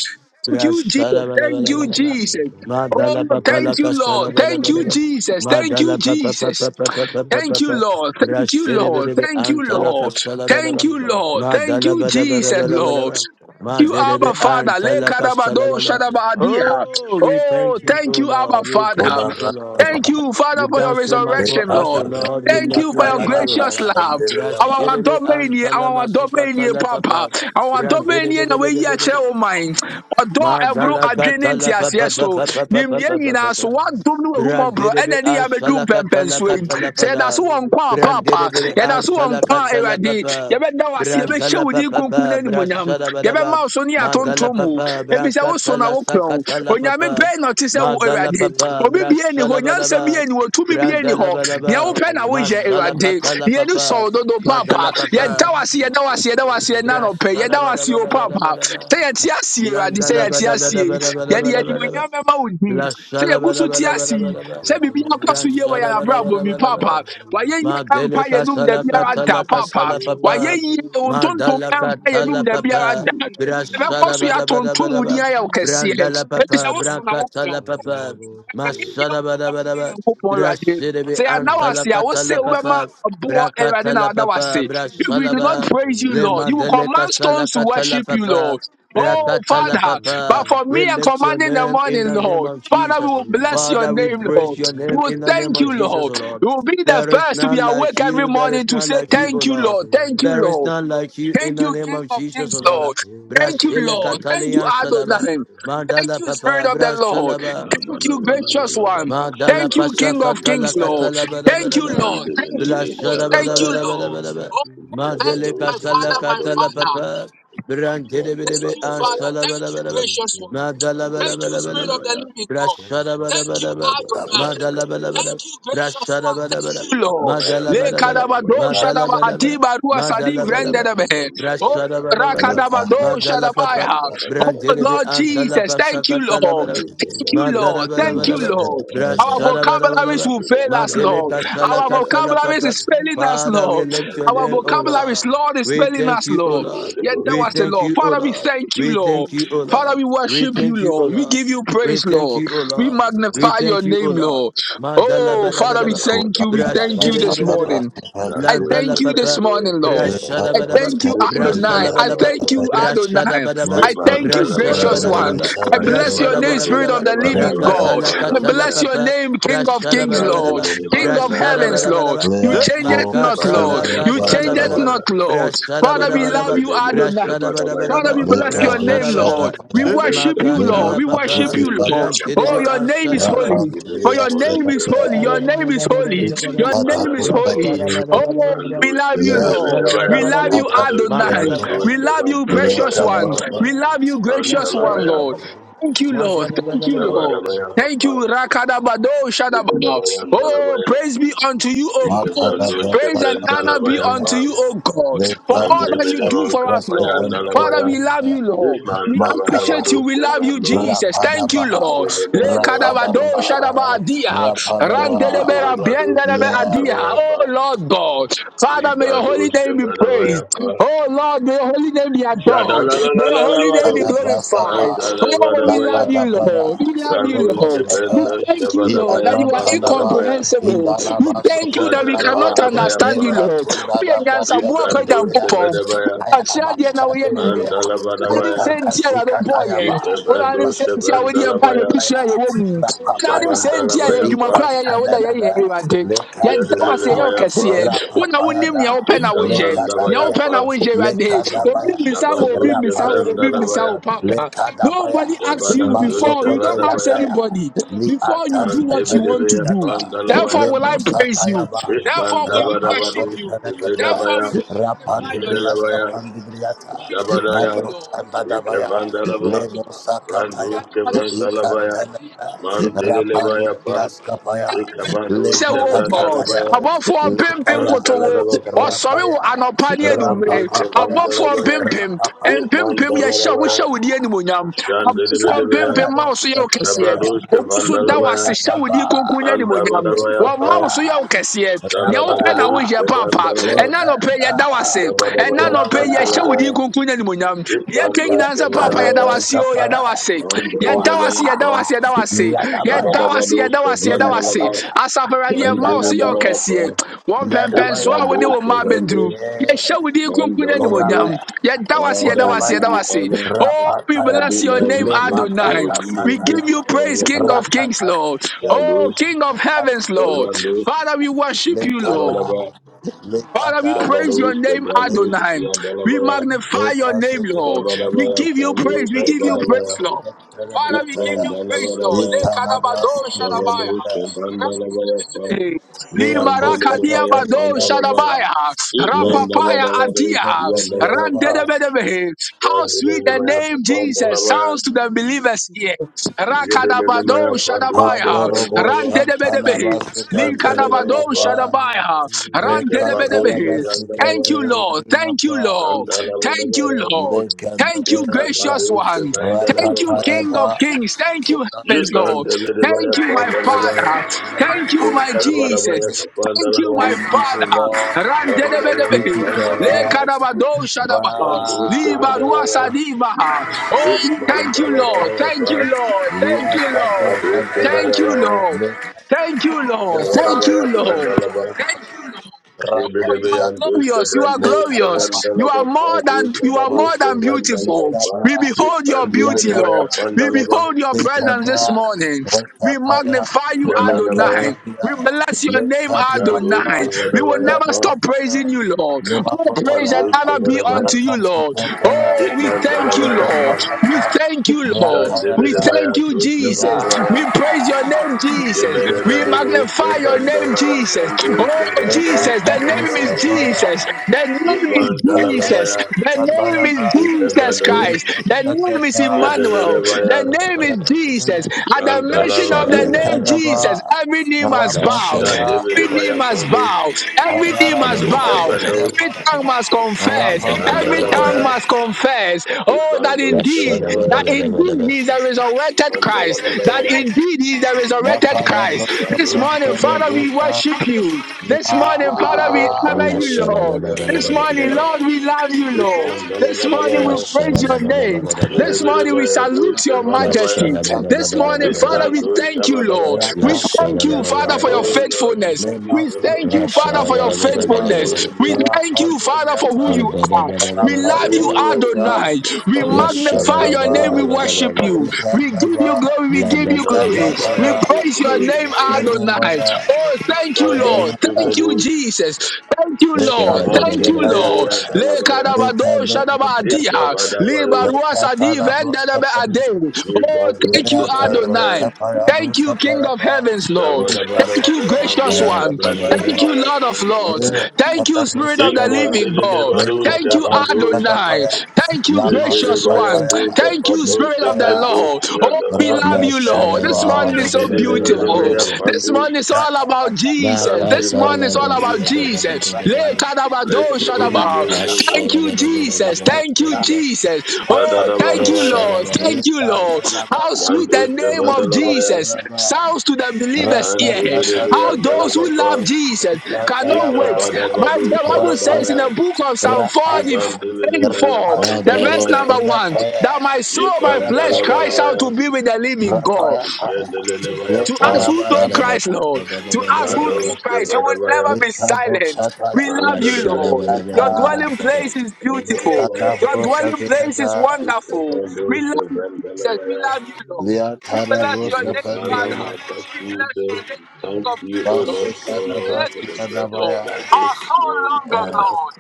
Speaker 2: Thank you, Jesus.
Speaker 6: Brashala bada
Speaker 2: Thank
Speaker 6: bada
Speaker 2: you,
Speaker 6: bada bada.
Speaker 2: Jesus.
Speaker 6: Ma dala
Speaker 2: Oh,
Speaker 3: Matebarompete
Speaker 6: papa
Speaker 2: thank
Speaker 6: la
Speaker 2: you,
Speaker 3: brother.
Speaker 6: kashala
Speaker 2: Lord.
Speaker 6: bada
Speaker 2: Thank
Speaker 6: bada
Speaker 2: you,
Speaker 6: bada.
Speaker 2: Jesus.
Speaker 6: Ma
Speaker 2: Thank
Speaker 6: dala
Speaker 2: you,
Speaker 6: papa
Speaker 2: Jesus.
Speaker 6: papa papa papa
Speaker 2: Thank you,
Speaker 6: papa.
Speaker 2: Lord. Thank you,
Speaker 6: Brashere
Speaker 2: Lord.
Speaker 6: bede be
Speaker 2: Thank you,
Speaker 6: antala
Speaker 2: Lord.
Speaker 6: kashala bada
Speaker 2: Thank you,
Speaker 6: bada.
Speaker 3: Nanino
Speaker 2: Lord.
Speaker 6: Ma
Speaker 2: Thank
Speaker 6: dala
Speaker 2: you,
Speaker 6: bada bada
Speaker 2: Jesus,
Speaker 6: bada bada
Speaker 2: Lord.
Speaker 6: bada.
Speaker 3: shkatabia.
Speaker 6: Ma
Speaker 2: Thank you,
Speaker 6: dede be
Speaker 2: Abba Father. Le
Speaker 6: antala kashala
Speaker 2: kadabado
Speaker 6: bada.
Speaker 2: shadabadia.
Speaker 3: Ropatembele
Speaker 6: Oh, we
Speaker 2: Oh,
Speaker 6: thank you,
Speaker 3: yakatemba
Speaker 2: thank
Speaker 6: O
Speaker 2: you, Abba
Speaker 6: Lord.
Speaker 3: ratendo
Speaker 6: We thank
Speaker 2: Father.
Speaker 6: you, O
Speaker 3: shoshkatabia.
Speaker 6: Lord.
Speaker 2: Thank you, Father,
Speaker 6: You've
Speaker 2: for
Speaker 6: done
Speaker 2: your
Speaker 6: so much for
Speaker 2: resurrection,
Speaker 6: us, O
Speaker 2: Lord.
Speaker 6: Lord.
Speaker 3: Aromo
Speaker 6: We
Speaker 2: Thank
Speaker 6: lift
Speaker 2: you for
Speaker 6: your
Speaker 3: sholoro
Speaker 2: your
Speaker 6: name high, O
Speaker 3: pio
Speaker 2: gracious
Speaker 6: Lord.
Speaker 2: love. Àwọn àwọn
Speaker 3: shoshkatarante
Speaker 6: Brashirebe
Speaker 2: àdọ́mọ
Speaker 3: bra.
Speaker 6: and
Speaker 2: ènìyàn, àwọn àwọn
Speaker 6: Talama
Speaker 2: àdọ́mọ
Speaker 6: Sika
Speaker 2: ènìyàn pàápàá,
Speaker 6: Talapapa.
Speaker 2: àwọn àdọ́mọ ènìyàn náà wọ́n yí ẹ̀kyẹ́
Speaker 6: Brand
Speaker 2: wọ́n mọ̀ ẹ́. Ọ̀dọ́ ẹ̀bùrú
Speaker 6: Mandala
Speaker 3: Kema
Speaker 2: adwe ne
Speaker 6: katala pa
Speaker 2: nteaseɛ
Speaker 6: pa
Speaker 3: ina
Speaker 6: pa
Speaker 2: so,
Speaker 6: pa pa
Speaker 3: vente
Speaker 6: pa pa
Speaker 2: nimdeɛ
Speaker 6: pa pa
Speaker 3: biada
Speaker 6: pa
Speaker 2: nyinaa
Speaker 6: pa.
Speaker 2: so,
Speaker 3: kama.
Speaker 2: wɔadom ne wahum ɔborɔ,
Speaker 6: Brandere be
Speaker 2: ɛnna ɛde yɛ abɛduru
Speaker 6: ashala katala
Speaker 2: mpɛmpɛnsoɔ yi.
Speaker 3: Amea
Speaker 6: katala
Speaker 2: Sɛ
Speaker 6: pa
Speaker 2: yɛda
Speaker 6: da.
Speaker 2: so wɔ
Speaker 3: dawe ni
Speaker 2: nko a
Speaker 3: kutu
Speaker 2: paapaa,
Speaker 6: Brandere
Speaker 3: bela
Speaker 6: be
Speaker 2: yɛda
Speaker 3: mani
Speaker 2: so wɔ
Speaker 3: no
Speaker 6: ashala
Speaker 2: nko a
Speaker 3: shonte
Speaker 6: katala pa
Speaker 2: Awurade,
Speaker 6: pa.
Speaker 2: yɛbɛda
Speaker 3: pratia
Speaker 2: wo ase, yɛbɛhyɛ
Speaker 6: Brandala
Speaker 2: wo
Speaker 6: pa
Speaker 2: din
Speaker 6: pa
Speaker 2: kronkron no
Speaker 6: pa
Speaker 2: animuonyam
Speaker 6: brashara ba da ba.
Speaker 2: yɛbɛma wo so ne
Speaker 3: Thank
Speaker 6: Mandala
Speaker 2: yɛatontom
Speaker 6: pa
Speaker 2: wo
Speaker 3: you for
Speaker 6: pa
Speaker 3: your
Speaker 2: ɛfiri sɛ wo
Speaker 3: peace.
Speaker 2: so na
Speaker 6: brankatala
Speaker 2: wokura wo
Speaker 6: sakatala pa
Speaker 2: onyame
Speaker 6: pa.
Speaker 2: pɛi na ɔte sɛ wo
Speaker 3: Thank you
Speaker 6: Mandala pa
Speaker 3: for
Speaker 2: awurade
Speaker 3: your
Speaker 6: pa
Speaker 2: obi
Speaker 3: rest.
Speaker 2: bie ni
Speaker 6: brashala
Speaker 2: hɔ
Speaker 6: ba da
Speaker 2: nyansa
Speaker 6: ba.
Speaker 2: bie ni hɔ tumi bie ni
Speaker 6: Brandala
Speaker 2: hɔ
Speaker 6: ba da
Speaker 3: Thank
Speaker 2: nea
Speaker 3: you
Speaker 6: ba.
Speaker 2: wopɛ
Speaker 3: for
Speaker 2: na
Speaker 3: your
Speaker 2: woyɛ
Speaker 3: peace.
Speaker 6: Mashala
Speaker 2: awurade
Speaker 6: katala pa
Speaker 2: yɛni
Speaker 6: pa.
Speaker 2: sɔw dodo
Speaker 6: Mandala
Speaker 2: paapa
Speaker 6: pa
Speaker 2: yɛda
Speaker 6: pa.
Speaker 3: Thank
Speaker 2: wo ase
Speaker 3: you
Speaker 2: yɛda wo
Speaker 3: for
Speaker 2: ase yɛda wo ase
Speaker 3: calling
Speaker 2: yɛna nɔpɛ
Speaker 3: into
Speaker 6: Brashada
Speaker 2: yɛda wo
Speaker 3: us.
Speaker 6: bada
Speaker 2: ase o
Speaker 6: bada bada bada
Speaker 2: paapa
Speaker 6: bada.
Speaker 2: sɛ yɛte ase awurade sɛ
Speaker 6: Blandada
Speaker 3: Thank
Speaker 2: yɛte
Speaker 3: you
Speaker 6: bada
Speaker 2: ase
Speaker 3: for
Speaker 6: bada
Speaker 2: yi,
Speaker 3: your
Speaker 6: bada bada
Speaker 3: peace.
Speaker 2: yɛde
Speaker 6: bada bada bada.
Speaker 2: yɛnimuonyam bɛma wo din sɛ
Speaker 6: Brashada
Speaker 2: yɛgu
Speaker 6: bada
Speaker 2: so te
Speaker 6: bada
Speaker 2: ase
Speaker 6: bada bada
Speaker 2: yi
Speaker 6: bada.
Speaker 2: sɛ biribi akɔ
Speaker 3: Vatevarana
Speaker 2: so yie wɔ
Speaker 6: Brashada
Speaker 3: nomoro
Speaker 2: yɛn
Speaker 6: bada
Speaker 2: abrabɔ
Speaker 6: bada
Speaker 2: mi
Speaker 6: bada bada.
Speaker 2: paapa
Speaker 3: dioshketavai.
Speaker 2: wayɛyie ɛmpa
Speaker 6: Madele
Speaker 2: yɛnum da
Speaker 6: kasala
Speaker 2: biara da
Speaker 6: katala
Speaker 2: papa
Speaker 6: kasala papa.
Speaker 2: wayɛyie
Speaker 3: Ova
Speaker 2: ntontom
Speaker 3: imani
Speaker 6: Madala
Speaker 2: ɛmpa yɛnum
Speaker 6: katala
Speaker 2: da biara
Speaker 6: papa.
Speaker 2: da
Speaker 3: komperatiro shosho
Speaker 2: ɛbɛkɔ
Speaker 6: Brashada
Speaker 2: so yɛ
Speaker 6: bada
Speaker 3: pratira.
Speaker 6: bada
Speaker 2: atontom
Speaker 6: bada
Speaker 2: mu din
Speaker 6: bada.
Speaker 2: ayɛ wo kɛseɛ
Speaker 6: Brandala
Speaker 2: ɛti sɛ
Speaker 6: papa.
Speaker 2: woso na wokura
Speaker 6: Brakatala
Speaker 3: Father
Speaker 6: papa.
Speaker 3: of all spirits,
Speaker 6: Masada bada bada
Speaker 2: Nyankopɔn
Speaker 6: bada.
Speaker 2: Awurade.
Speaker 6: Brashede be
Speaker 2: I yɛada wo
Speaker 3: thank
Speaker 6: antala
Speaker 2: ase
Speaker 3: you
Speaker 2: a, wo
Speaker 3: for
Speaker 2: se
Speaker 6: katala
Speaker 3: your
Speaker 2: wobɛma
Speaker 6: papa.
Speaker 3: angel.
Speaker 2: boɔ Awurade na
Speaker 6: Brakatala
Speaker 2: wada wo
Speaker 6: papa.
Speaker 2: If we
Speaker 6: Brashala
Speaker 3: Thank
Speaker 2: do not
Speaker 6: bada.
Speaker 3: you for
Speaker 2: praise
Speaker 3: your
Speaker 2: you,
Speaker 6: Le
Speaker 2: Lord, you will
Speaker 3: angels.
Speaker 6: madele
Speaker 2: command
Speaker 6: kasala
Speaker 2: stones to
Speaker 6: katala
Speaker 2: worship you,
Speaker 6: papa.
Speaker 2: Lord.
Speaker 3: Thank
Speaker 2: Oh,
Speaker 6: Brakatala
Speaker 3: you
Speaker 2: Father,
Speaker 3: for your
Speaker 2: but
Speaker 6: papa.
Speaker 2: for
Speaker 3: angels.
Speaker 6: We
Speaker 2: me and
Speaker 6: lift your
Speaker 2: commanding the
Speaker 6: name in
Speaker 2: morning,
Speaker 6: the name
Speaker 2: Lord,
Speaker 6: of
Speaker 2: Father, we
Speaker 6: Jesus.
Speaker 2: will
Speaker 3: Maria
Speaker 2: bless your
Speaker 6: Father, we
Speaker 2: name,
Speaker 6: praise
Speaker 2: Lord.
Speaker 6: your
Speaker 3: Combelania
Speaker 2: We
Speaker 6: name
Speaker 2: will
Speaker 6: in the
Speaker 3: Koto
Speaker 6: name
Speaker 2: thank
Speaker 6: of
Speaker 2: you,
Speaker 3: Brenda.
Speaker 6: Jesus,
Speaker 2: Lord.
Speaker 6: O Lord.
Speaker 2: We will be the
Speaker 6: There is
Speaker 2: first to be
Speaker 6: none like
Speaker 2: awake every
Speaker 6: you. There is
Speaker 2: morning to
Speaker 6: none
Speaker 2: say,
Speaker 6: like you, O
Speaker 3: Thank
Speaker 2: Thank you,
Speaker 3: you
Speaker 6: Lord.
Speaker 3: for
Speaker 2: Lord.
Speaker 3: your
Speaker 2: Thank you,
Speaker 6: There is
Speaker 2: Lord.
Speaker 6: none
Speaker 3: angels.
Speaker 6: like you in
Speaker 2: Thank
Speaker 6: the
Speaker 2: you,
Speaker 6: name
Speaker 2: King
Speaker 6: of
Speaker 2: of
Speaker 6: Jesus,
Speaker 2: Kings,
Speaker 6: O Lord.
Speaker 2: Lord.
Speaker 3: Maletum
Speaker 2: Thank you,
Speaker 6: Brasile
Speaker 2: Lord.
Speaker 3: radio
Speaker 2: Thank you,
Speaker 3: to
Speaker 6: Catalian Salaba.
Speaker 3: Brenda
Speaker 2: Adonai.
Speaker 3: Pranina.
Speaker 2: Thank
Speaker 6: Mandala
Speaker 2: you, Spirit
Speaker 6: Papa
Speaker 2: of the Lord.
Speaker 6: Brasalaba.
Speaker 2: Thank you, gracious
Speaker 3: Esquilengro
Speaker 2: one.
Speaker 5: Bandabadabadabadabada
Speaker 3: nos
Speaker 6: Madala
Speaker 2: Thank you,
Speaker 5: Shevrando
Speaker 6: pasha
Speaker 2: King of
Speaker 3: Piamento
Speaker 6: katala
Speaker 2: Kings,
Speaker 5: Skevadabaya
Speaker 2: Lord.
Speaker 6: katala bada
Speaker 3: Simenenente.
Speaker 2: Thank
Speaker 6: bada
Speaker 2: you,
Speaker 6: bada.
Speaker 2: Lord. Thank you,
Speaker 5: Mandiminimi
Speaker 2: Lord.
Speaker 6: Blashada
Speaker 2: Thank
Speaker 6: bada
Speaker 2: you,
Speaker 5: Dalabaya
Speaker 6: bada bada
Speaker 2: Lord.
Speaker 6: bada
Speaker 3: Yekutubidum
Speaker 6: bada.
Speaker 2: Oh,
Speaker 3: Ingo
Speaker 2: thank
Speaker 6: Madele
Speaker 2: you,
Speaker 5: Jabado
Speaker 2: my
Speaker 3: Umbenia
Speaker 6: kasala
Speaker 2: Father, my
Speaker 5: Skevrando
Speaker 6: katala
Speaker 2: Father.
Speaker 6: papa.
Speaker 3: Adiosa Scriptus.
Speaker 6: Brandere bede
Speaker 2: Thank
Speaker 6: be
Speaker 2: you,
Speaker 5: Jandabadabaya
Speaker 2: Father.
Speaker 6: asala
Speaker 2: Thank
Speaker 6: bada
Speaker 2: you,
Speaker 6: bada bada.
Speaker 3: Thank
Speaker 2: gracious
Speaker 3: you,
Speaker 2: one.
Speaker 3: Abba.
Speaker 6: Madala
Speaker 5: Brando
Speaker 6: bada
Speaker 2: Thank you,
Speaker 6: bada bada
Speaker 2: Spirit of
Speaker 6: bada.
Speaker 2: the
Speaker 5: Skevadabaya
Speaker 2: living God.
Speaker 3: Thank
Speaker 6: Blashada
Speaker 3: you,
Speaker 6: bada
Speaker 2: Thank you,
Speaker 6: bada
Speaker 3: Sovereign
Speaker 6: bada.
Speaker 3: God.
Speaker 2: Adonai.
Speaker 6: Madala
Speaker 5: Jadabadabado
Speaker 6: bada
Speaker 2: Thank
Speaker 6: bada.
Speaker 2: you, gracious
Speaker 6: Blashada
Speaker 2: one.
Speaker 6: bada
Speaker 2: Thank
Speaker 6: bada.
Speaker 2: you, Lord.
Speaker 5: Jebadabaya
Speaker 6: Madala
Speaker 2: Le
Speaker 6: bada
Speaker 3: Abra
Speaker 6: bada.
Speaker 5: Bandalabaya
Speaker 2: kadabado
Speaker 3: Dero
Speaker 6: Madala
Speaker 2: shadaba
Speaker 3: Scriptum.
Speaker 6: bada bada.
Speaker 2: atiba rua sadi
Speaker 6: Madala
Speaker 5: Brando
Speaker 6: bada bada.
Speaker 2: vrendedebe. Oh,
Speaker 6: Brashada
Speaker 5: Skevadabaya
Speaker 6: bada
Speaker 3: Escala
Speaker 6: bada.
Speaker 2: rakadabado
Speaker 3: Compra
Speaker 1: Rekado
Speaker 6: Madala papa.
Speaker 2: shadabaya. Oh,
Speaker 3: Nero
Speaker 5: Bandabadabaya
Speaker 6: Brandiribi
Speaker 2: Lord
Speaker 6: antala
Speaker 2: Jesus. Thank you,
Speaker 6: pasakatala
Speaker 2: Lord.
Speaker 6: bada.
Speaker 2: Thank you,
Speaker 3: Jilade,
Speaker 5: Ikevando
Speaker 6: Madara
Speaker 2: Lord.
Speaker 6: bada
Speaker 2: Thank
Speaker 6: bada
Speaker 2: you,
Speaker 6: bada.
Speaker 3: Jilade,
Speaker 2: Lord.
Speaker 5: Skevadabaya
Speaker 2: Our
Speaker 6: Brashada
Speaker 3: Jilade,
Speaker 6: bada
Speaker 5: Mandalabaya,
Speaker 6: bada
Speaker 2: vocabularies
Speaker 6: bada.
Speaker 2: will fail us,
Speaker 6: Madele
Speaker 2: Lord.
Speaker 3: Rombo
Speaker 6: kashala
Speaker 2: Our
Speaker 3: Joko
Speaker 6: kashala
Speaker 2: vocabularies
Speaker 6: papa.
Speaker 2: is
Speaker 3: Tokagati,
Speaker 2: failing us,
Speaker 6: Father, we
Speaker 2: Lord.
Speaker 3: Shokatashka,
Speaker 6: lift your
Speaker 2: Our
Speaker 6: name, O
Speaker 2: vocabularies,
Speaker 6: Lord.
Speaker 2: Lord, is
Speaker 6: We
Speaker 2: failing
Speaker 6: thank
Speaker 2: us,
Speaker 6: you, O
Speaker 2: Lord.
Speaker 3: Yakashata
Speaker 6: Lord.
Speaker 2: Yet that
Speaker 6: We
Speaker 2: was the
Speaker 6: thank
Speaker 3: Samaninash.
Speaker 2: Lord.
Speaker 6: you, O
Speaker 2: Father, we
Speaker 6: Lord.
Speaker 2: thank you,
Speaker 6: We
Speaker 2: Lord.
Speaker 6: thank you, O
Speaker 2: Father,
Speaker 6: Lord.
Speaker 2: we
Speaker 3: Thank you,
Speaker 6: We
Speaker 3: Father.
Speaker 2: worship you,
Speaker 6: thank you, O
Speaker 2: Lord. We
Speaker 6: Lord.
Speaker 2: give you
Speaker 6: We
Speaker 2: praise,
Speaker 6: thank
Speaker 2: Lord.
Speaker 6: you, O
Speaker 2: We
Speaker 6: Lord. We
Speaker 3: Thank
Speaker 2: magnify
Speaker 3: you,
Speaker 2: your
Speaker 6: thank you, O
Speaker 2: name,
Speaker 6: Lord.
Speaker 2: Lord.
Speaker 7: Thank
Speaker 6: Madala
Speaker 2: Oh,
Speaker 6: bada
Speaker 2: Father,
Speaker 6: bada
Speaker 2: we
Speaker 6: bada.
Speaker 2: thank you. We
Speaker 3: Father. Thank you,
Speaker 2: thank you
Speaker 6: Brashele
Speaker 2: this
Speaker 6: bele
Speaker 3: Father.
Speaker 6: bele be.
Speaker 2: morning. I
Speaker 6: Landala
Speaker 2: thank you this
Speaker 6: papa.
Speaker 2: morning, Lord.
Speaker 3: Thank you,
Speaker 6: Brashada
Speaker 2: I
Speaker 3: Father.
Speaker 6: badaba.
Speaker 2: thank you, Adonai.
Speaker 6: Brashala
Speaker 2: I
Speaker 6: badaba.
Speaker 2: thank you,
Speaker 6: Brashada
Speaker 2: Adonai.
Speaker 3: Shata
Speaker 6: badaba.
Speaker 2: I
Speaker 3: Prabhu,
Speaker 2: thank you,
Speaker 3: Prabhu,
Speaker 6: Brashada
Speaker 2: gracious one.
Speaker 3: Prabhu,
Speaker 6: badaba.
Speaker 2: I bless
Speaker 3: Prabhu,
Speaker 2: your
Speaker 6: Brashada
Speaker 2: name,
Speaker 3: Prabhu,
Speaker 2: Spirit of
Speaker 6: badaba.
Speaker 2: the Living
Speaker 6: Brakata
Speaker 2: God.
Speaker 6: la
Speaker 2: I
Speaker 3: Rombo
Speaker 2: bless your
Speaker 3: Shoko
Speaker 6: papa.
Speaker 2: name, King of
Speaker 3: Tokagati,
Speaker 6: Brashada
Speaker 2: Kings, Lord.
Speaker 6: badaba.
Speaker 3: Baratimba,
Speaker 2: King of
Speaker 3: Ratiro
Speaker 6: Brashada
Speaker 2: Heavens,
Speaker 3: Shoko
Speaker 2: Lord.
Speaker 6: badaba.
Speaker 2: You
Speaker 3: Tokagati.
Speaker 2: change it not,
Speaker 6: Makata la
Speaker 2: Lord. You
Speaker 3: Amended
Speaker 6: kasala
Speaker 2: change
Speaker 3: the
Speaker 2: it
Speaker 6: badaba.
Speaker 5: Pandalabaya,
Speaker 2: not,
Speaker 3: theatre don't
Speaker 2: Lord.
Speaker 3: be
Speaker 6: Brashada
Speaker 3: very
Speaker 2: Father, we love
Speaker 6: badaba.
Speaker 3: attentive,
Speaker 2: you,
Speaker 5: Imandene
Speaker 3: the
Speaker 5: Mosca
Speaker 2: Adonai.
Speaker 3: theatre, the
Speaker 6: Brashada
Speaker 5: Badabaya,
Speaker 3: study
Speaker 2: Father,
Speaker 6: badaba.
Speaker 2: we bless your
Speaker 5: Pandalabaya,
Speaker 2: name,
Speaker 6: Brashada
Speaker 3: of
Speaker 6: badaba.
Speaker 3: Shoshia.
Speaker 2: Lord. We worship
Speaker 5: Blessed
Speaker 2: you,
Speaker 5: be
Speaker 6: Makata
Speaker 1: Lema
Speaker 2: Lord. We
Speaker 5: unto
Speaker 3: Velemenino
Speaker 5: your
Speaker 2: worship
Speaker 6: papa.
Speaker 2: you,
Speaker 5: name,
Speaker 1: Patrosikata
Speaker 2: Lord.
Speaker 3: nomeninte
Speaker 5: Abba
Speaker 6: Brantede
Speaker 2: Oh,
Speaker 6: be
Speaker 3: vinci
Speaker 2: your
Speaker 5: Father.
Speaker 2: name
Speaker 5: We
Speaker 2: is
Speaker 6: anshala
Speaker 5: thank
Speaker 6: badaba.
Speaker 3: plegatura
Speaker 2: holy.
Speaker 1: Rapan
Speaker 5: you this
Speaker 3: dulce
Speaker 2: For your
Speaker 3: scote
Speaker 5: morning
Speaker 2: name
Speaker 1: Briasera
Speaker 2: is
Speaker 5: for your
Speaker 6: Yes,
Speaker 2: holy. Your
Speaker 5: goodness.
Speaker 2: name is
Speaker 5: We
Speaker 2: holy.
Speaker 3: rapasce
Speaker 5: give
Speaker 2: Your
Speaker 5: you
Speaker 1: Kata
Speaker 5: honor,
Speaker 2: name is
Speaker 5: O
Speaker 3: potevasce
Speaker 5: God.
Speaker 2: holy.
Speaker 3: poteva
Speaker 1: Kata
Speaker 2: Oh, we
Speaker 5: Nandos
Speaker 2: love
Speaker 5: the
Speaker 2: you,
Speaker 3: gioca
Speaker 1: Ya
Speaker 2: Lord.
Speaker 3: cante
Speaker 5: Bedabaya,
Speaker 2: We love
Speaker 3: bianco
Speaker 2: you,
Speaker 1: Kata
Speaker 5: Devadal
Speaker 3: meninte
Speaker 2: Adonai.
Speaker 3: dinte
Speaker 5: Shevendos
Speaker 2: We
Speaker 5: the
Speaker 2: love you,
Speaker 3: dinte
Speaker 2: precious
Speaker 5: Vandalabaya,
Speaker 3: dinco
Speaker 2: one.
Speaker 1: Kata
Speaker 3: tumenice
Speaker 2: We love you,
Speaker 3: tente
Speaker 2: gracious one,
Speaker 3: rungo
Speaker 5: Nandalabaya,
Speaker 2: Lord.
Speaker 3: dungo dungo
Speaker 2: Thank you,
Speaker 3: dinte
Speaker 2: Lord. Thank
Speaker 3: ginto
Speaker 2: you,
Speaker 3: tugo
Speaker 2: Lord.
Speaker 5: Shabadabaya,
Speaker 3: bange
Speaker 2: Thank
Speaker 5: Papa,
Speaker 3: dinte
Speaker 2: you, Rakadabado Shadabah.
Speaker 5: Zubadabaya,
Speaker 2: Oh,
Speaker 5: Dalabaya,
Speaker 3: Rabashakataba,
Speaker 2: praise be unto you, O God.
Speaker 3: Roboshakataba,
Speaker 5: Ikebandos
Speaker 2: Praise and honor be
Speaker 5: Shevrendalabaya,
Speaker 3: Rapendem
Speaker 1: Makadabraskapandibriya.
Speaker 2: unto you, O
Speaker 3: Brandem,
Speaker 2: God, for
Speaker 5: Mam
Speaker 2: all
Speaker 5: de
Speaker 2: that you
Speaker 3: Viendet,
Speaker 2: do
Speaker 5: Minimal
Speaker 2: for us,
Speaker 5: Kapaya,
Speaker 2: Lord.
Speaker 3: Robundo
Speaker 2: Father, we
Speaker 5: Dalabaya,
Speaker 3: Barian,
Speaker 2: love
Speaker 3: the
Speaker 1: Lekadoshadabraskapandibriya.
Speaker 2: you, Lord.
Speaker 3: Kidabundo
Speaker 5: Ishman
Speaker 2: We
Speaker 1: Makaya.
Speaker 2: appreciate you.
Speaker 3: Sheskedia,
Speaker 5: Dabadabados
Speaker 2: We
Speaker 5: the
Speaker 2: love you,
Speaker 5: Brandos,
Speaker 3: Abella
Speaker 2: Jesus.
Speaker 3: Benino
Speaker 2: Thank you,
Speaker 1: Rapadaba.
Speaker 3: Nono
Speaker 2: Lord.
Speaker 3: Benin, the
Speaker 2: Le
Speaker 3: King
Speaker 7: you.
Speaker 5: Zebadabaya,
Speaker 3: of
Speaker 2: kadabado
Speaker 1: Rapadaba.
Speaker 3: Cobra
Speaker 5: Pandalabaya,
Speaker 2: shadaba adia.
Speaker 7: I.
Speaker 3: Kiroshka,
Speaker 2: Rande
Speaker 1: Rapadaba.
Speaker 2: de bera
Speaker 5: Mondelevados
Speaker 2: biende de be
Speaker 3: Rashakataba,
Speaker 1: Yeah.
Speaker 2: adia. Oh,
Speaker 5: Kavandavayapa,
Speaker 2: Lord
Speaker 3: Marota
Speaker 2: God.
Speaker 3: Prakataba,
Speaker 2: Father, may your holy
Speaker 5: Libados
Speaker 2: name be praised.
Speaker 3: Roboshakataba,
Speaker 5: Kavadavayapa,
Speaker 2: Oh, Lord,
Speaker 3: Shakataba,
Speaker 2: may your holy name be adored.
Speaker 3: Rampatebra,
Speaker 2: May your holy name be
Speaker 5: Jadalalalalavadus,
Speaker 2: glorified.
Speaker 1: Adabraskapa,
Speaker 2: Oh, we
Speaker 3: Ronto
Speaker 5: Vandadavadavaya,
Speaker 2: love
Speaker 3: Tom
Speaker 2: you,
Speaker 3: and
Speaker 1: Nakadabraya,
Speaker 2: Lord. We love
Speaker 3: Tentatia,
Speaker 2: you,
Speaker 5: Brandos
Speaker 2: Lord. We
Speaker 1: Rokoskapa,
Speaker 3: that
Speaker 5: Kavenda
Speaker 3: he
Speaker 2: thank
Speaker 3: many
Speaker 2: you, Lord,
Speaker 5: Shavadavaya
Speaker 2: that
Speaker 3: photographs.
Speaker 2: you are
Speaker 1: Ilabrantanaba,
Speaker 5: Pandalabaya,
Speaker 2: incomprehensible. We
Speaker 1: Indalaba
Speaker 2: thank you that we cannot
Speaker 1: Sokotoyapa,
Speaker 2: understand you,
Speaker 5: Jadalavadavayapa,
Speaker 2: Lord.
Speaker 1: Lekatunda
Speaker 2: We
Speaker 1: Braska
Speaker 5: Ibrandos
Speaker 1: Pendebria,
Speaker 5: Kavadavaya,
Speaker 1: Ayalaba
Speaker 2: are
Speaker 1: Sadebria,
Speaker 2: wonanim sɛ
Speaker 5: Pandalavadavaya,
Speaker 2: nti a Awurade bɔɔ yɛn
Speaker 3: Marotuš
Speaker 2: wonanim
Speaker 5: Ikavandos
Speaker 2: sɛ
Speaker 1: Lekatasikatayaba,
Speaker 2: nti a wode yɛn
Speaker 3: umanintis
Speaker 2: baa
Speaker 5: Kavandalabaya,
Speaker 2: yɛbusua a yɛwɔ
Speaker 3: kitatate
Speaker 2: mu wonanim sɛ
Speaker 3: rotunto
Speaker 1: Rapapaya,
Speaker 2: nti a
Speaker 3: prende
Speaker 2: yɛadwuma kora
Speaker 5: Javandalavayapa,
Speaker 2: a yɛyɛ wo na
Speaker 3: kiatoto
Speaker 2: yɛyɛ
Speaker 1: Ikantanaba,
Speaker 3: tusha.
Speaker 2: Awurade yɛda wo ase
Speaker 1: Lekadiata,
Speaker 2: yɛyɛ wo
Speaker 5: Jadalilamayapa,
Speaker 2: kɛseɛ wo na wonim
Speaker 1: Rapapayada,
Speaker 2: nea wopɛ na woyɛ nea
Speaker 1: Lekadabaya,
Speaker 2: wopɛ na
Speaker 5: Ikavandavayapa,
Speaker 2: woyɛ Awurade
Speaker 3: Thank
Speaker 2: obi
Speaker 3: you,
Speaker 1: Lekadabaya,
Speaker 2: mmisa
Speaker 3: Father.
Speaker 2: wo obi
Speaker 5: Shabados
Speaker 2: mmisa wo obi
Speaker 1: Rapadibria,
Speaker 2: mmisa
Speaker 5: Kavandalabaya,
Speaker 2: wo
Speaker 3: Thank you,
Speaker 2: papa
Speaker 3: Father.
Speaker 1: Lekadabaya,
Speaker 2: nobody asks you
Speaker 5: Shabada
Speaker 3: Thank
Speaker 2: before
Speaker 3: you,
Speaker 2: you don't
Speaker 5: Shabada
Speaker 3: Father.
Speaker 2: ask
Speaker 5: Baya
Speaker 1: Masokotoyakaya,
Speaker 2: anybody before you
Speaker 1: Liatas
Speaker 2: do
Speaker 5: and
Speaker 2: what you want to
Speaker 5: Debedebaya
Speaker 2: do
Speaker 1: Kependiata,
Speaker 2: therefore
Speaker 5: Pandalabaya
Speaker 2: will I praise you
Speaker 1: Lemosatayaba,
Speaker 3: Thank you,
Speaker 5: Rishman
Speaker 2: therefore will we
Speaker 3: Father.
Speaker 2: worship
Speaker 1: Rapaton
Speaker 5: Dabadabadus
Speaker 2: you therefore
Speaker 1: Penekapa,
Speaker 5: Vedabaya
Speaker 2: we will magnify
Speaker 3: Thank
Speaker 2: your
Speaker 3: you,
Speaker 2: name
Speaker 1: Rapadibrias
Speaker 3: Father.
Speaker 5: Jedalabaya
Speaker 2: Lord
Speaker 1: Kapandibriata,
Speaker 2: we thank you
Speaker 5: Shabadaya
Speaker 2: Lord
Speaker 1: Madosandadabaya,
Speaker 2: Thank you,
Speaker 5: Ikavandalaba
Speaker 2: Lord.
Speaker 5: Randus
Speaker 1: Lemosakataya.
Speaker 5: Kavandalabaya
Speaker 3: Robosho
Speaker 1: Ikantanaba,
Speaker 3: kotobra kataba.
Speaker 5: Mandelebaya Pa
Speaker 1: Rapandibrias Kapaya,
Speaker 5: Ikavandus
Speaker 2: sɛ wo
Speaker 1: Lemosa
Speaker 2: god
Speaker 3: Ramba
Speaker 1: Kataya,
Speaker 5: Shavrandalabaya
Speaker 3: daba
Speaker 2: abɔfoɔ
Speaker 3: daba daba.
Speaker 2: mpempem
Speaker 1: Lekaya,
Speaker 2: kotowo
Speaker 5: Mandalaba Pa
Speaker 2: ɔsɔre wo
Speaker 1: Rapaya,
Speaker 2: anɔpa ne anummerɛ
Speaker 5: Shabandus
Speaker 1: Rapapapaya,
Speaker 2: abɔfoɔ
Speaker 5: Kavandalabaya
Speaker 2: mpempem
Speaker 1: Rapapaya,
Speaker 5: Rishman
Speaker 2: mpempem yɛhyɛ wo hyɛ
Speaker 5: Dabadabaya
Speaker 2: wo di animonyam abɔfoɔ
Speaker 5: Shandelebedebaya
Speaker 2: mpempem ma wo
Speaker 1: Akayados
Speaker 2: so yɛ wo kɛseɛ
Speaker 1: Kapanaba,
Speaker 5: Shabradus
Speaker 2: obi so da wo
Speaker 5: Kavandalabaya
Speaker 2: ase hyɛ wo di
Speaker 1: Lekadaba,
Speaker 2: kunkun ne animonyam
Speaker 5: Mandabadabaya Pa
Speaker 2: wɔma wo
Speaker 1: Lekabaya,
Speaker 3: Rabash.
Speaker 2: so yɛ wo kɛseɛ nyɛwopɛ
Speaker 1: Rapaya,
Speaker 2: na
Speaker 5: Shabadabados
Speaker 2: woyɛ papa
Speaker 5: Kavandalaba,
Speaker 2: ɛna nɔpɛ
Speaker 1: Lekayada,
Speaker 2: yɛda wase
Speaker 3: Ramba
Speaker 2: ɛna
Speaker 3: dia
Speaker 5: Shabadabaya
Speaker 2: nɔpɛ
Speaker 3: kata
Speaker 1: Borabaya,
Speaker 2: yɛhyɛ wo din
Speaker 5: Pandalabaya,
Speaker 2: kunkun
Speaker 3: agregataya.
Speaker 2: ne animonyam yɛka
Speaker 5: Israndos
Speaker 2: nyinaa sɛ papa yɛda
Speaker 1: Kanabas
Speaker 5: Kavadabaya,
Speaker 2: wase o yɛda
Speaker 1: Kapaya,
Speaker 2: wase
Speaker 5: Non
Speaker 1: Kwa,
Speaker 3: Robosho
Speaker 2: yɛda wase
Speaker 5: Davidabaya
Speaker 2: yɛda
Speaker 5: Fa,
Speaker 2: wase
Speaker 3: kotobra
Speaker 2: yɛda wase yɛda
Speaker 1: Yadabaya,
Speaker 2: wase
Speaker 5: Shabadabados
Speaker 2: yɛda wase yɛda wase
Speaker 5: Kavandalaba,
Speaker 1: Yadabaya,
Speaker 2: asafo awurade
Speaker 5: Man
Speaker 2: yɛma wo so yɛ wo
Speaker 5: Divinamaya
Speaker 1: Yadabaya,
Speaker 5: Fa,
Speaker 2: kɛseɛ wɔn so a wode
Speaker 5: Israndos
Speaker 1: Yadabaya,
Speaker 2: wo mma bɛduru
Speaker 5: Kavandos,
Speaker 2: yɛhyɛ
Speaker 1: yeah,
Speaker 2: wo din
Speaker 5: Man
Speaker 2: kunkun ne
Speaker 5: Dalabados.
Speaker 2: animonyam
Speaker 1: Kodabaya,
Speaker 2: yɛda wase
Speaker 5: Father,
Speaker 2: yɛda
Speaker 5: we
Speaker 2: wase
Speaker 5: give
Speaker 1: Kodabaya,
Speaker 2: yɛda
Speaker 5: you
Speaker 2: wase
Speaker 5: honor.
Speaker 2: oh we bless
Speaker 1: Rapataya,
Speaker 2: your
Speaker 5: Adonai, we
Speaker 2: name
Speaker 5: bless
Speaker 2: adonai
Speaker 5: your
Speaker 1: Lemakata
Speaker 5: holy
Speaker 2: we
Speaker 5: name this
Speaker 2: give you
Speaker 1: Satayaba,
Speaker 2: praise
Speaker 5: morning,
Speaker 2: king
Speaker 5: God.
Speaker 2: of kings
Speaker 1: Rakata
Speaker 2: lord
Speaker 1: Sataya,
Speaker 2: Oh,
Speaker 5: Ishalos,
Speaker 2: King of
Speaker 1: Rakata
Speaker 2: heavens, Lord.
Speaker 1: Sataya,
Speaker 5: Ishavandos,
Speaker 2: Father, we worship you, Lord.
Speaker 5: Ishavadaba,
Speaker 1: Lekada,
Speaker 2: Father, we
Speaker 1: Lekada,
Speaker 2: praise your
Speaker 5: Ishavados
Speaker 2: name,
Speaker 5: Kavandos,
Speaker 2: Adonai. We
Speaker 5: Yadalabaya.
Speaker 2: magnify your name, Lord. We
Speaker 5: Zabadabaya
Speaker 2: give
Speaker 1: Lekasotokataya,
Speaker 2: you praise.
Speaker 5: Pandos
Speaker 2: We give you
Speaker 1: Rekata
Speaker 2: praise,
Speaker 5: Kavadabaya
Speaker 2: Lord. Father, we give you
Speaker 1: Sataya,
Speaker 2: praise, Lord. Le
Speaker 5: Ivandalabadabaya
Speaker 2: kadabado
Speaker 1: Itanabraski
Speaker 2: shadabaya.
Speaker 5: Zabados
Speaker 1: Desata,
Speaker 5: Kavandalabaya Pa
Speaker 2: Rakatete.
Speaker 1: Leacosa
Speaker 2: Limarakadia
Speaker 5: Mandalamaya
Speaker 2: bado
Speaker 5: Pandalaba
Speaker 1: Catalibriatosa.
Speaker 2: shadabaya.
Speaker 1: Break up
Speaker 2: Rapapaya
Speaker 5: Ivandabadabados
Speaker 7: you.
Speaker 2: adia.
Speaker 1: the break
Speaker 5: Kavandalaba
Speaker 7: Amen.
Speaker 5: Pa
Speaker 1: up.
Speaker 2: Randedebedebe. How sweet the
Speaker 5: Jandalamaya
Speaker 2: name Jesus
Speaker 5: Pandalabaya
Speaker 2: sounds to the believers here.
Speaker 5: Yedalamaya
Speaker 2: Rakadabado
Speaker 5: Pandos
Speaker 2: shadabaya.
Speaker 1: Handorobo
Speaker 5: Kavandalaba
Speaker 1: Shantana
Speaker 2: Randedebedebe.
Speaker 1: Basuka
Speaker 2: Li
Speaker 3: Ratiko
Speaker 5: Mandalaba
Speaker 2: kadabado
Speaker 5: Pa
Speaker 1: Terebeapa.
Speaker 3: Paniania
Speaker 2: shadabaya.
Speaker 3: Tomba Ratido
Speaker 1: Reka
Speaker 5: Ikavandos
Speaker 3: Shakata
Speaker 2: Rantedebedebe.
Speaker 1: Tarabasuka
Speaker 2: Thank
Speaker 5: Kavandalabaya
Speaker 2: you, Lord. Thank you,
Speaker 1: Terebeapa.
Speaker 2: Lord.
Speaker 3: Chakata
Speaker 2: Thank
Speaker 5: Mandalabadabaya
Speaker 2: you, Lord.
Speaker 3: upon
Speaker 1: Leka
Speaker 3: the
Speaker 2: Thank you,
Speaker 3: Papa.
Speaker 1: Nabaraba.
Speaker 2: gracious
Speaker 5: Ikavandos
Speaker 2: one.
Speaker 5: Kavandalaba
Speaker 2: Thank you,
Speaker 5: Pa
Speaker 2: King of
Speaker 1: Rakatayaba.
Speaker 2: Kings. Thank you,
Speaker 1: Cannot
Speaker 2: heavens, Lord.
Speaker 5: Jimandalabaya
Speaker 2: Thank
Speaker 3: The
Speaker 2: you, my
Speaker 3: Katai
Speaker 1: keep
Speaker 5: Pandalabaya
Speaker 1: up.
Speaker 2: Father.
Speaker 3: Baradeo.
Speaker 2: Thank you,
Speaker 1: It's
Speaker 2: my
Speaker 1: time for
Speaker 2: Jesus.
Speaker 5: Shabadabaya
Speaker 1: me.
Speaker 2: Thank you,
Speaker 5: Kapandalaba,
Speaker 2: my
Speaker 1: We need the
Speaker 2: Father.
Speaker 1: law.
Speaker 5: Zabadabaya
Speaker 1: Speak
Speaker 2: Rantedebedebe.
Speaker 1: it to our
Speaker 5: Pandalabaya,
Speaker 1: eyes.
Speaker 2: Lekadabadosadabaha.
Speaker 5: Brandus
Speaker 1: Ra.
Speaker 5: Kevadabaya,
Speaker 2: Libaruasadibaha. Oh,
Speaker 5: Itman
Speaker 2: thank you, Lord.
Speaker 5: Dabadabaya
Speaker 2: Thank you,
Speaker 5: Pa,
Speaker 2: Lord. Thank
Speaker 1: Lea
Speaker 2: you,
Speaker 1: Kado
Speaker 2: Lord.
Speaker 5: Madus
Speaker 1: Sadaya.
Speaker 2: Thank you,
Speaker 5: Kevadabaya,
Speaker 2: Lord.
Speaker 1: Leka
Speaker 2: Thank you, Lord. Thank you,
Speaker 5: Jabadabaya
Speaker 2: Lord.
Speaker 5: Pandalaba,
Speaker 2: Thank you, Lord. Oh, you
Speaker 1: Taya.
Speaker 5: Zibidibian
Speaker 2: are
Speaker 5: Dus
Speaker 2: glorious. You are
Speaker 5: Kevrandus
Speaker 2: glorious.
Speaker 1: Lekadabadaba,
Speaker 2: You
Speaker 5: Kevandalaba
Speaker 2: are
Speaker 5: Pa,
Speaker 2: more than
Speaker 5: Dus
Speaker 2: you are more
Speaker 5: Kevadus
Speaker 2: than
Speaker 5: Kevrandalaba
Speaker 2: beautiful.
Speaker 5: Pa,
Speaker 1: Yadaba,
Speaker 2: We behold your
Speaker 5: Itman
Speaker 2: beauty,
Speaker 5: Dibidibaya
Speaker 1: Yakada,
Speaker 2: Lord. We
Speaker 5: Pandalaba,
Speaker 2: behold your presence this
Speaker 1: Lekada,
Speaker 2: morning. We
Speaker 1: Rekataya,
Speaker 2: magnify you, Adonai.
Speaker 5: Jadalabaya,
Speaker 2: We
Speaker 1: Lakadibia,
Speaker 2: bless your name,
Speaker 5: Brandus
Speaker 2: Adonai.
Speaker 1: Lekadimata,
Speaker 2: We will
Speaker 5: Kevadabaya
Speaker 2: never
Speaker 5: Pa,
Speaker 2: stop praising
Speaker 1: Yadabataya,
Speaker 2: you, Lord. All praise and
Speaker 5: Brandus
Speaker 1: Lematotaya,
Speaker 2: honor be
Speaker 5: Kevadabaya,
Speaker 2: unto you, Lord.
Speaker 1: Rakasikataya,
Speaker 2: Oh, we
Speaker 5: Itman
Speaker 2: thank you,
Speaker 5: Dalabaya
Speaker 2: Lord.
Speaker 5: Pa,
Speaker 2: We
Speaker 1: Lekanabata,
Speaker 2: thank you, Lord. We
Speaker 1: Ratayanda,
Speaker 2: thank
Speaker 5: Jandibidibaya
Speaker 2: you,
Speaker 5: Dus
Speaker 1: Ya.
Speaker 2: Jesus.
Speaker 5: Kevadabaya,
Speaker 2: We praise your name, Jesus.
Speaker 5: Vandalabaya,
Speaker 2: We magnify your name, Jesus. Oh, Jesus, the name is
Speaker 1: Lekadaskataya,
Speaker 2: Jesus. The name is
Speaker 1: Rikada
Speaker 2: Jesus. The name
Speaker 1: Dayana
Speaker 2: is Jesus Christ. The name is
Speaker 1: Lekata
Speaker 2: Emmanuel. The name is Jesus. At the mention of the name
Speaker 1: Lekadaba
Speaker 2: Jesus, every knee must bow.
Speaker 1: Rapatoya
Speaker 2: Every knee must bow. Every knee must
Speaker 1: Hadarabosha
Speaker 2: bow. Every
Speaker 1: Dibriapaya
Speaker 2: tongue must confess. Every
Speaker 1: Rapapaya
Speaker 2: tongue must confess. Oh, that indeed, that indeed he is the resurrected Christ. That indeed he is the resurrected
Speaker 1: Makada
Speaker 2: Christ.
Speaker 1: Brosa
Speaker 2: This morning,
Speaker 1: Planta
Speaker 2: Father, we
Speaker 1: Lebrota
Speaker 2: worship you. This morning, Father, we
Speaker 1: Ya
Speaker 2: honor you, Lord. This morning, Lord, we love you, Lord. This morning, we praise your name. This morning, we salute your
Speaker 6: Bless
Speaker 2: majesty. This morning,
Speaker 5: It
Speaker 2: Father, we
Speaker 5: Brando
Speaker 2: thank you, Lord.
Speaker 5: Itamadavayapa.
Speaker 2: We thank you, Father, for your
Speaker 5: Oh Lord, we
Speaker 2: faithfulness.
Speaker 5: give you
Speaker 2: We
Speaker 5: honor.
Speaker 2: thank you, Father, for your
Speaker 5: We bless your
Speaker 2: faithfulness.
Speaker 5: holy
Speaker 2: We
Speaker 5: name,
Speaker 2: thank you,
Speaker 5: Master
Speaker 2: Father, for who
Speaker 5: Jesus.
Speaker 2: you are. We love you,
Speaker 5: Oh,
Speaker 2: Adonai.
Speaker 5: we
Speaker 2: We
Speaker 5: thank you for your
Speaker 2: magnify your name. We
Speaker 5: faithfulness in
Speaker 2: worship
Speaker 5: our
Speaker 2: you.
Speaker 5: lives.
Speaker 2: We give you glory. We give
Speaker 5: We
Speaker 2: you
Speaker 5: thank you,
Speaker 2: glory. We
Speaker 5: Father, for your
Speaker 2: praise your
Speaker 5: goodness in
Speaker 2: name,
Speaker 5: our lives.
Speaker 2: Adonai. Oh, thank you,
Speaker 5: Bandos
Speaker 2: Lord. Thank you,
Speaker 5: Kivados,
Speaker 2: Jesus. Thank you, Lord. Thank you, Lord.
Speaker 5: Bandavaya
Speaker 2: Le
Speaker 5: Dalabaya,
Speaker 2: kadabado
Speaker 1: Rekado
Speaker 5: It
Speaker 1: Roberta,
Speaker 2: shadabadia.
Speaker 5: Gavadavayos,
Speaker 2: Libarua
Speaker 1: Rekata
Speaker 2: sadi
Speaker 1: Labroska
Speaker 2: vendelebe
Speaker 1: Padilla,
Speaker 2: ade. Oh,
Speaker 5: Zibados
Speaker 2: thank you,
Speaker 1: Leia Tara
Speaker 5: Kivadavaya,
Speaker 2: Adonai.
Speaker 1: Capayano
Speaker 2: Thank you, King of
Speaker 1: Saparapa,
Speaker 2: Heavens, Lord.
Speaker 1: Libra
Speaker 5: Javadavada
Speaker 2: Thank you, gracious
Speaker 1: Sotoria
Speaker 5: Bandos,
Speaker 2: one. Thank
Speaker 1: Tatamapa,
Speaker 2: you,
Speaker 5: Brandelemaya
Speaker 2: Lord of Lords.
Speaker 5: Pandalabaya,
Speaker 2: Thank you, Spirit
Speaker 1: Cataposa
Speaker 2: of
Speaker 5: It
Speaker 2: the
Speaker 1: Tabra,
Speaker 2: Living God.
Speaker 5: Mandelevados
Speaker 1: Leco
Speaker 2: Thank
Speaker 1: da
Speaker 2: you,
Speaker 1: Brasica
Speaker 5: Kevandos,
Speaker 1: da
Speaker 2: Adonai.
Speaker 1: Paya,
Speaker 2: Thank you,
Speaker 1: La Maso
Speaker 2: gracious
Speaker 5: Jededebaya
Speaker 2: one.
Speaker 1: Cataya,
Speaker 5: duka
Speaker 2: Thank you,
Speaker 5: pandos
Speaker 2: Spirit of the
Speaker 5: evrendos
Speaker 2: Lord.
Speaker 1: Leia,
Speaker 2: Oh, we
Speaker 5: yandalaba.
Speaker 2: love you,
Speaker 1: Racataya
Speaker 2: Lord. This
Speaker 1: Goa,
Speaker 2: morning is so beautiful.
Speaker 5: Jededebedebaya
Speaker 2: This
Speaker 5: pandos.
Speaker 2: morning is all
Speaker 1: Cataya,
Speaker 2: about Jesus.
Speaker 5: Thank you,
Speaker 2: This morning is
Speaker 5: Master
Speaker 2: all about
Speaker 5: Jesus.
Speaker 2: Jesus.
Speaker 1: Racataya,
Speaker 5: Bless your holy
Speaker 2: Lekadabado-shadaba.
Speaker 5: name,
Speaker 1: Yataya,
Speaker 5: O
Speaker 2: Thank
Speaker 5: God.
Speaker 2: you, Jesus. Thank you,
Speaker 1: Rapataya,
Speaker 2: Jesus. Oh,
Speaker 1: Rapataya,
Speaker 2: thank you,
Speaker 5: Jadadabadabaya.
Speaker 2: Lord. Thank you,
Speaker 1: Lita
Speaker 2: Lord. How
Speaker 1: Tarabaya,
Speaker 2: sweet the
Speaker 5: Brandos
Speaker 2: name of
Speaker 1: Lita
Speaker 5: kevadalabaya.
Speaker 2: Jesus
Speaker 1: Tarabaya.
Speaker 2: sounds to the believers here.
Speaker 5: Mandebedebeya
Speaker 2: How
Speaker 1: Ratatatata.
Speaker 2: those who love
Speaker 5: dalabapa.
Speaker 2: Jesus cannot wait.
Speaker 1: Lekatayababa.
Speaker 2: But
Speaker 5: Ikavadabado
Speaker 2: the Bible says in
Speaker 1: Rapaya.
Speaker 5: shabadabaya.
Speaker 2: the book of Psalm
Speaker 1: Rapaya.
Speaker 5: Ibandebedebeya
Speaker 2: 44,
Speaker 1: Rapaya.
Speaker 2: the verse
Speaker 5: pandalabaya.
Speaker 2: number one,
Speaker 1: Rapaya.
Speaker 2: that my soul, my flesh cries out
Speaker 1: Rapaya.
Speaker 5: Ibandalabadabaya.
Speaker 2: to be with the living God.
Speaker 1: Rapaya.
Speaker 5: Jedelelebaya
Speaker 2: To
Speaker 5: pa.
Speaker 2: us who know
Speaker 1: Lekayabaraba.
Speaker 6: Mashallah,
Speaker 2: Christ, Lord, to us who know
Speaker 5: Brados
Speaker 2: Christ, you will never
Speaker 5: kevadabaya.
Speaker 2: be silent. We
Speaker 1: Lekadoshataya.
Speaker 2: love you, Lord.
Speaker 5: Mandelebedebos
Speaker 1: Lekata.
Speaker 2: Your dwelling place is beautiful.
Speaker 1: Lekana
Speaker 5: Vandalavaya
Speaker 2: Your
Speaker 5: God,
Speaker 1: brosa
Speaker 2: dwelling place is
Speaker 1: deyata.
Speaker 5: Ika
Speaker 2: wonderful. We
Speaker 5: Vandosha
Speaker 2: love you, Jesus. We
Speaker 5: Vandalavaya,
Speaker 2: love you, Lord. We
Speaker 1: Liatana
Speaker 5: we
Speaker 2: bless
Speaker 5: give
Speaker 2: your
Speaker 1: brosa
Speaker 5: you
Speaker 2: name,
Speaker 5: honor,
Speaker 2: Father.
Speaker 1: pandebe.
Speaker 5: Master
Speaker 2: We bless
Speaker 5: Jesus.
Speaker 2: your name, King
Speaker 5: Thank
Speaker 2: of
Speaker 5: you, O
Speaker 2: Kings.
Speaker 1: Baso
Speaker 2: Lord.
Speaker 5: Lord
Speaker 1: kana
Speaker 5: God,
Speaker 2: Bless
Speaker 5: for
Speaker 1: basi
Speaker 2: you,
Speaker 5: the breath of
Speaker 2: Lord.
Speaker 5: life
Speaker 1: kanabaya.
Speaker 2: Our
Speaker 5: this
Speaker 2: soul
Speaker 5: morning,
Speaker 2: longeth,
Speaker 5: Father.
Speaker 2: Lord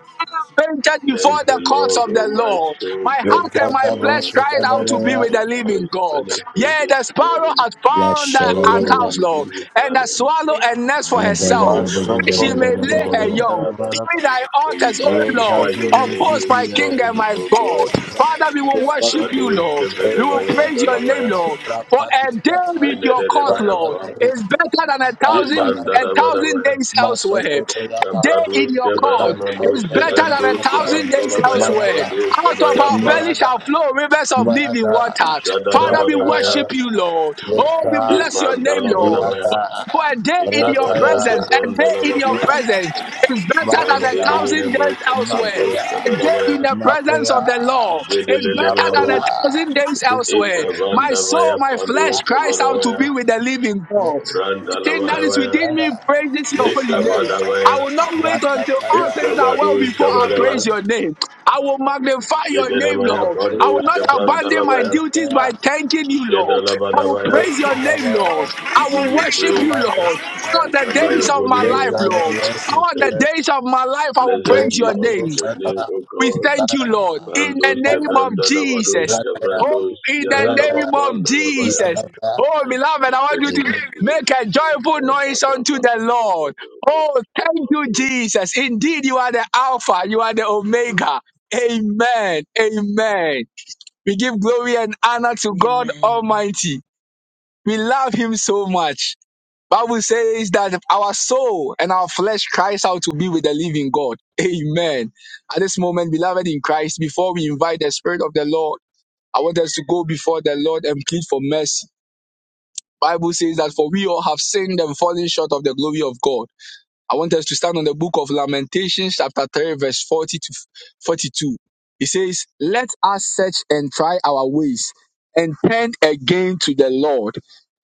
Speaker 2: fainted
Speaker 5: Bless
Speaker 2: before the
Speaker 5: the
Speaker 2: courts
Speaker 5: Lord,
Speaker 2: of the
Speaker 5: O my
Speaker 2: Lord.
Speaker 5: soul.
Speaker 2: My
Speaker 5: Bless
Speaker 2: heart and
Speaker 5: the
Speaker 2: my
Speaker 1: Lekada
Speaker 2: flesh
Speaker 5: Lord,
Speaker 1: brosi
Speaker 2: cried out to be
Speaker 5: forgetting
Speaker 1: kadabaya.
Speaker 2: with
Speaker 5: not
Speaker 2: the
Speaker 5: all
Speaker 2: living
Speaker 5: his
Speaker 2: God.
Speaker 5: benefits
Speaker 2: Yea,
Speaker 5: this
Speaker 2: the sparrow
Speaker 5: morning.
Speaker 2: hath found a- an
Speaker 5: Oh,
Speaker 2: house,
Speaker 5: we
Speaker 2: Lord,
Speaker 5: give you
Speaker 2: and the
Speaker 5: honor.
Speaker 2: swallow a nest for
Speaker 5: We praise
Speaker 2: herself,
Speaker 5: your
Speaker 1: Maso
Speaker 5: holy
Speaker 2: where
Speaker 5: name
Speaker 2: she
Speaker 1: koto
Speaker 5: this
Speaker 2: may lay
Speaker 1: brosi
Speaker 2: her
Speaker 5: morning,
Speaker 2: young.
Speaker 5: Father.
Speaker 1: karabaraba.
Speaker 2: Even thy
Speaker 5: For we
Speaker 2: altars, O Lord,
Speaker 5: magnify
Speaker 1: Lekadi
Speaker 5: your
Speaker 2: of
Speaker 5: name
Speaker 1: brosi
Speaker 2: hosts,
Speaker 5: this
Speaker 2: my King
Speaker 1: kiyaya.
Speaker 5: morning,
Speaker 2: and my
Speaker 5: O
Speaker 2: God.
Speaker 5: God.
Speaker 2: Father, we will worship
Speaker 1: Alabama.
Speaker 2: you,
Speaker 5: Zadosh
Speaker 2: Lord. We will praise your
Speaker 1: Lekadaba.
Speaker 2: name,
Speaker 5: Kevedevaya
Speaker 2: Lord. For
Speaker 1: Rapandi
Speaker 2: a day
Speaker 1: briyata.
Speaker 2: with your court, Lord,
Speaker 1: Rapandi
Speaker 5: Brandalabaya,
Speaker 2: is
Speaker 1: briyata.
Speaker 2: better than a thousand a
Speaker 1: Ataraba.
Speaker 2: thousand days elsewhere. A day
Speaker 1: Masokoteyaba,
Speaker 2: in your court
Speaker 1: Kanto
Speaker 2: is better than a
Speaker 1: Bereneskape,
Speaker 2: thousand days elsewhere.
Speaker 1: Mayada,
Speaker 2: Out of our belly shall
Speaker 1: Mayada,
Speaker 2: flow rivers of living water.
Speaker 1: Mayada,
Speaker 2: Father, we worship
Speaker 1: Rakataya,
Speaker 2: you, Lord. Oh, we
Speaker 1: Leka,
Speaker 2: bless your name, Lord.
Speaker 1: Yada,
Speaker 2: For a day in your presence,
Speaker 1: Rataya,
Speaker 2: a day in your
Speaker 1: Ya,
Speaker 2: presence is better than a thousand
Speaker 1: Makoya,
Speaker 2: days elsewhere.
Speaker 1: Makoya,
Speaker 2: A day in the presence
Speaker 1: Makoya,
Speaker 2: of the Lord is better than a
Speaker 1: Makoya,
Speaker 2: thousand days elsewhere. My soul, my flesh cries out to be with the living God.
Speaker 1: Lekaya,
Speaker 5: Ikavadavaya,
Speaker 2: Everything that is within me praises your holy
Speaker 1: Lekaya,
Speaker 2: name. I will not wait until all
Speaker 1: Rakataya,
Speaker 2: things are well
Speaker 5: Ikavadu
Speaker 2: before I
Speaker 5: Shabadava,
Speaker 2: praise your name. I will magnify your name,
Speaker 5: Jededabaya
Speaker 2: Lord. I
Speaker 5: Pandos,
Speaker 2: will not
Speaker 1: Lekaya,
Speaker 2: abandon my
Speaker 5: Gebrandalabaya,
Speaker 2: duties
Speaker 1: Rakataya,
Speaker 2: by thanking you, Lord. I will
Speaker 5: Jedalabadabaya.
Speaker 1: In
Speaker 2: praise your name, Lord.
Speaker 1: the
Speaker 5: We
Speaker 2: I
Speaker 5: give
Speaker 2: will
Speaker 5: you
Speaker 2: worship you,
Speaker 5: praise.
Speaker 2: Lord. All
Speaker 5: We
Speaker 2: the
Speaker 5: honor
Speaker 2: days
Speaker 5: your
Speaker 2: of
Speaker 5: holy
Speaker 2: my life,
Speaker 5: name,
Speaker 2: Lord.
Speaker 5: Master
Speaker 2: All the
Speaker 5: Jesus.
Speaker 2: days of my life, I will
Speaker 5: Blessed
Speaker 2: praise
Speaker 5: be
Speaker 2: your
Speaker 5: unto
Speaker 2: name.
Speaker 5: your name, O
Speaker 2: We
Speaker 5: God.
Speaker 2: thank you, Lord, in the
Speaker 5: Bandos,
Speaker 2: name of
Speaker 5: Gebrandalabados,
Speaker 2: Jesus. Oh,
Speaker 5: Gebrandos,
Speaker 2: in the name of
Speaker 5: Yadalabapandalabaya.
Speaker 2: Jesus. Oh,
Speaker 5: In
Speaker 2: beloved, I want you
Speaker 5: Jesus'
Speaker 2: to
Speaker 5: mighty name.
Speaker 2: make a joyful
Speaker 5: Amen.
Speaker 2: noise
Speaker 5: Amen.
Speaker 2: unto
Speaker 5: Amen.
Speaker 2: the Lord. Oh, thank you,
Speaker 5: Gebrandos,
Speaker 2: Jesus. Indeed, you are the Alpha, you are the Omega. Amen. Amen. We give glory and honor to God Almighty. We love Him so much. Bible says that our soul and our flesh cries out to be with the living God. Amen. At this moment, beloved in Christ, before we invite the Spirit of the Lord, I want us to go before the Lord and plead for mercy. Bible says that for we all have sinned and fallen short of the glory of God. I want us to stand on the book of Lamentations, chapter 3, verse 40 to 42. It says, Let us search and try our ways and turn again to the Lord.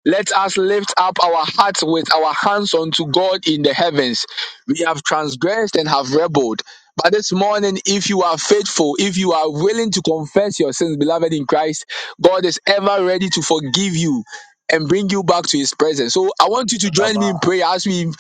Speaker 2: Let us lift up our hearts with our hands unto God in the heavens. We have transgressed and have rebelled. But this morning, if you are faithful, if you are willing to confess your sins, beloved in Christ, God is ever ready to forgive you and bring you back to his presence. So I want you to join me in prayer as we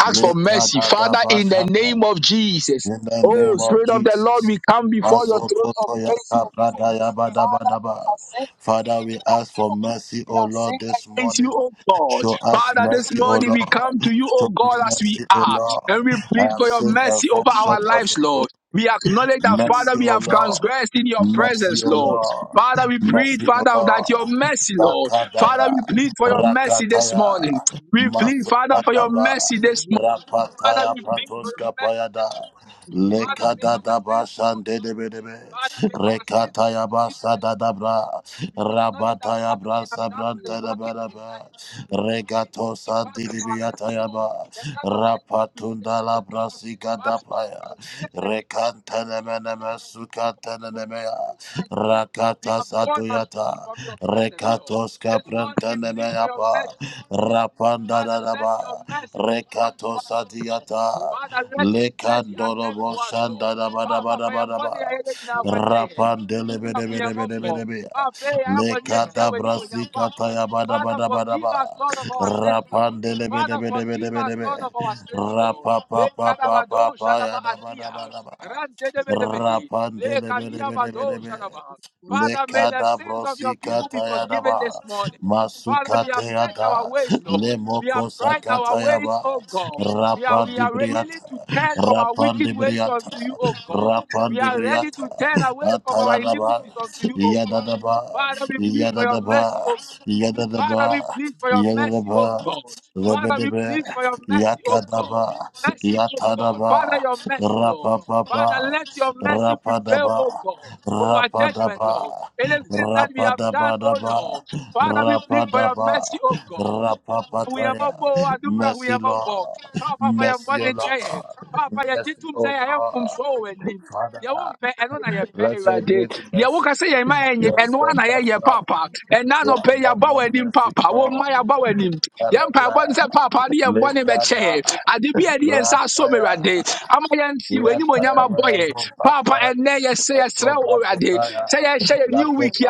Speaker 2: Ask for mercy. Father, in the name of Jesus. Oh,
Speaker 1: name of
Speaker 2: Spirit of the Lord,
Speaker 1: Jesus.
Speaker 2: we come before your throne of grace,
Speaker 1: Masokotoyaka
Speaker 2: O God. Father,
Speaker 1: pradayabadabadaba.
Speaker 2: we have sinned,
Speaker 1: Father, we ask for mercy,
Speaker 2: we
Speaker 1: O
Speaker 2: have
Speaker 1: Lord,
Speaker 2: sinned
Speaker 1: this
Speaker 2: against you,
Speaker 1: morning.
Speaker 2: O God.
Speaker 1: Show us
Speaker 2: Father, this
Speaker 1: mercy, O
Speaker 2: morning
Speaker 1: Lord.
Speaker 2: we come to you, O
Speaker 1: Show me
Speaker 2: God, as we
Speaker 1: mercy, O
Speaker 2: are,
Speaker 1: Lord.
Speaker 2: and we
Speaker 1: I
Speaker 2: plead
Speaker 1: have
Speaker 2: for your
Speaker 1: sinned and
Speaker 2: mercy
Speaker 1: fall
Speaker 2: over our
Speaker 1: short of
Speaker 2: lives,
Speaker 1: your glory.
Speaker 2: Lord. We acknowledge that, Father,
Speaker 1: Mercy,
Speaker 2: we
Speaker 1: O
Speaker 2: have
Speaker 1: Lord.
Speaker 2: transgressed in your
Speaker 1: Mercy,
Speaker 2: presence,
Speaker 1: O
Speaker 2: Lord.
Speaker 1: Lord.
Speaker 2: Father, we plead,
Speaker 1: Mercy, O
Speaker 2: Father, that
Speaker 1: Lord.
Speaker 2: your mercy, Lord. Father,
Speaker 1: Rakadaya.
Speaker 2: we plead for your mercy this
Speaker 1: Rakataya.
Speaker 2: morning. We plead, Father, for your
Speaker 1: Masokadaba.
Speaker 2: mercy this morning. Father, we
Speaker 1: Rapataya
Speaker 2: thank for
Speaker 1: patoska
Speaker 2: mercy
Speaker 1: payada.
Speaker 2: this morning. Father, may our sins
Speaker 1: Lekadadaba
Speaker 2: be forgiven.
Speaker 1: shandedebedebe.
Speaker 2: Father, may our sins be
Speaker 1: Rekataya
Speaker 2: forgiven this morning,
Speaker 1: basadadabra.
Speaker 2: Lord. We acknowledge that,
Speaker 1: Rabataya
Speaker 2: Father, we have done what is wrong in thy
Speaker 1: brasabrantadabadaba.
Speaker 2: sight.
Speaker 1: Regato
Speaker 2: Depart from our lips, Lord.
Speaker 1: sandidibiyatayaba.
Speaker 2: The kind of things we say, oh
Speaker 1: Rapatundala
Speaker 2: God. Father, we
Speaker 1: brasikadapaya.
Speaker 2: transgress against you,
Speaker 1: Rekantelemenemes
Speaker 2: what is wrong
Speaker 1: Sukatanemea,
Speaker 2: in thy sight, Lord. We have
Speaker 1: Rakatas
Speaker 2: gone astray
Speaker 1: Adoyata,
Speaker 2: from your presence, Lord.
Speaker 1: Rekatos
Speaker 2: This morning we plead for your
Speaker 1: Caprantanemeapa,
Speaker 2: mercy, Father, let your
Speaker 1: Rapandanaba,
Speaker 2: mercy respond to
Speaker 1: Rekatos
Speaker 2: us, O God.
Speaker 1: Adiata,
Speaker 2: Father, let your mercy attend
Speaker 1: Lekandorobo
Speaker 2: to us, Lord. Papa, for your
Speaker 1: Shandanabadabadabadaba,
Speaker 2: body, I am going to Ahuyemoko.
Speaker 1: Rapandelebedebedebedebedebea,
Speaker 2: Abe, Ayabonyetia, Wenimunya, Papa. Father, forgive
Speaker 1: Lekadabrasikatayabadabadabadaba,
Speaker 2: us, Lord, of our sins, Lord. Father, forgive us,
Speaker 1: Rapandelebedebedebedebedebe,
Speaker 2: Lord, of our sins, Lord. Le kadabado shadaba adia.
Speaker 1: Rapapapapapapayadabadabadaba.
Speaker 2: Rante de bedebehe. Le
Speaker 1: Rapandele bele
Speaker 2: kadia
Speaker 1: bele bele be.
Speaker 2: shadaba. Father, may the sins of your
Speaker 1: Lekadabrosika
Speaker 2: people be forgiven this morning. Father, we have searched our
Speaker 1: Masukateyada
Speaker 2: ways, Lord. We have
Speaker 1: Lemoko
Speaker 2: tried our ways,
Speaker 1: Sakatayaba
Speaker 2: O God. We are we are willing to
Speaker 1: Rapandibriata
Speaker 2: turn from our wicked ways
Speaker 1: Rapandibriata
Speaker 2: unto you, O God. We are ready
Speaker 1: Rapandibriata
Speaker 2: to turn away from our
Speaker 1: Atalanaba
Speaker 2: iniquities unto you, O God.
Speaker 1: Yadadaba
Speaker 2: Father, we plead for your mercy,
Speaker 1: Yadadaba
Speaker 2: O God. Father, we
Speaker 1: Yadadaba
Speaker 2: plead for your mercy, O
Speaker 1: Yadadaba
Speaker 2: God. Father, we
Speaker 1: Lebedebe
Speaker 2: plead for your mercy, O God.
Speaker 1: Yakadaba
Speaker 2: Mercy, O God. Father,
Speaker 1: Yatadaba
Speaker 2: your mercy, Lord. Father,
Speaker 1: Rapapapa
Speaker 2: let your mercy prevail, O
Speaker 1: Rapadaba
Speaker 2: God, over judgment,
Speaker 1: Rapadaba,
Speaker 2: Lord. Anything that we have done, O
Speaker 1: rapadabadaba,
Speaker 2: Lord. Father, we plead for your
Speaker 1: rapadaba,
Speaker 2: mercy, O God
Speaker 1: rapapataya.
Speaker 2: ahoyamabɔ adubra
Speaker 1: Mercy, Lord.
Speaker 2: ahoyamabɔ I am
Speaker 1: Mercy,
Speaker 2: bɔ
Speaker 1: O
Speaker 2: ne nkyɛ yɛn paapa
Speaker 1: Lord.
Speaker 2: yɛgye
Speaker 1: Mercy,
Speaker 2: tom
Speaker 1: O
Speaker 2: sɛ yɛayɛ mfomsoɔ wɔ
Speaker 1: Lord.
Speaker 2: w'anim
Speaker 1: Father,
Speaker 2: deɛ wompɛ ɛno na yɛpɛ
Speaker 1: let your
Speaker 2: awurade
Speaker 1: great
Speaker 2: deɛ
Speaker 1: mercy,
Speaker 2: woka sɛ yɛn ma yɛnyɛ
Speaker 1: your
Speaker 2: ɛno a na
Speaker 1: steadfast,
Speaker 2: yɛyɛ paapa ɛna
Speaker 1: your
Speaker 2: anɔpɛ yi, yɛaba
Speaker 1: abundant
Speaker 2: w'anim
Speaker 1: mercy,
Speaker 2: paapa wo
Speaker 1: Lord.
Speaker 2: Papa, yɛaba w'anim yɛn
Speaker 1: Alabra,
Speaker 2: mpaebɔ ne sɛ paapa ne yɛn bɔne bɛkyɛ
Speaker 1: lekada,
Speaker 2: yɛn ade bi a ɛde yɛn nsa
Speaker 1: rataya,
Speaker 2: you
Speaker 1: Mercy,
Speaker 2: awurade ama boy. Papa, and abɔ yɛn paapa ɛnnɛ yɛsɛ yɛsrɛ wo Say sɛ say yɛn new week yi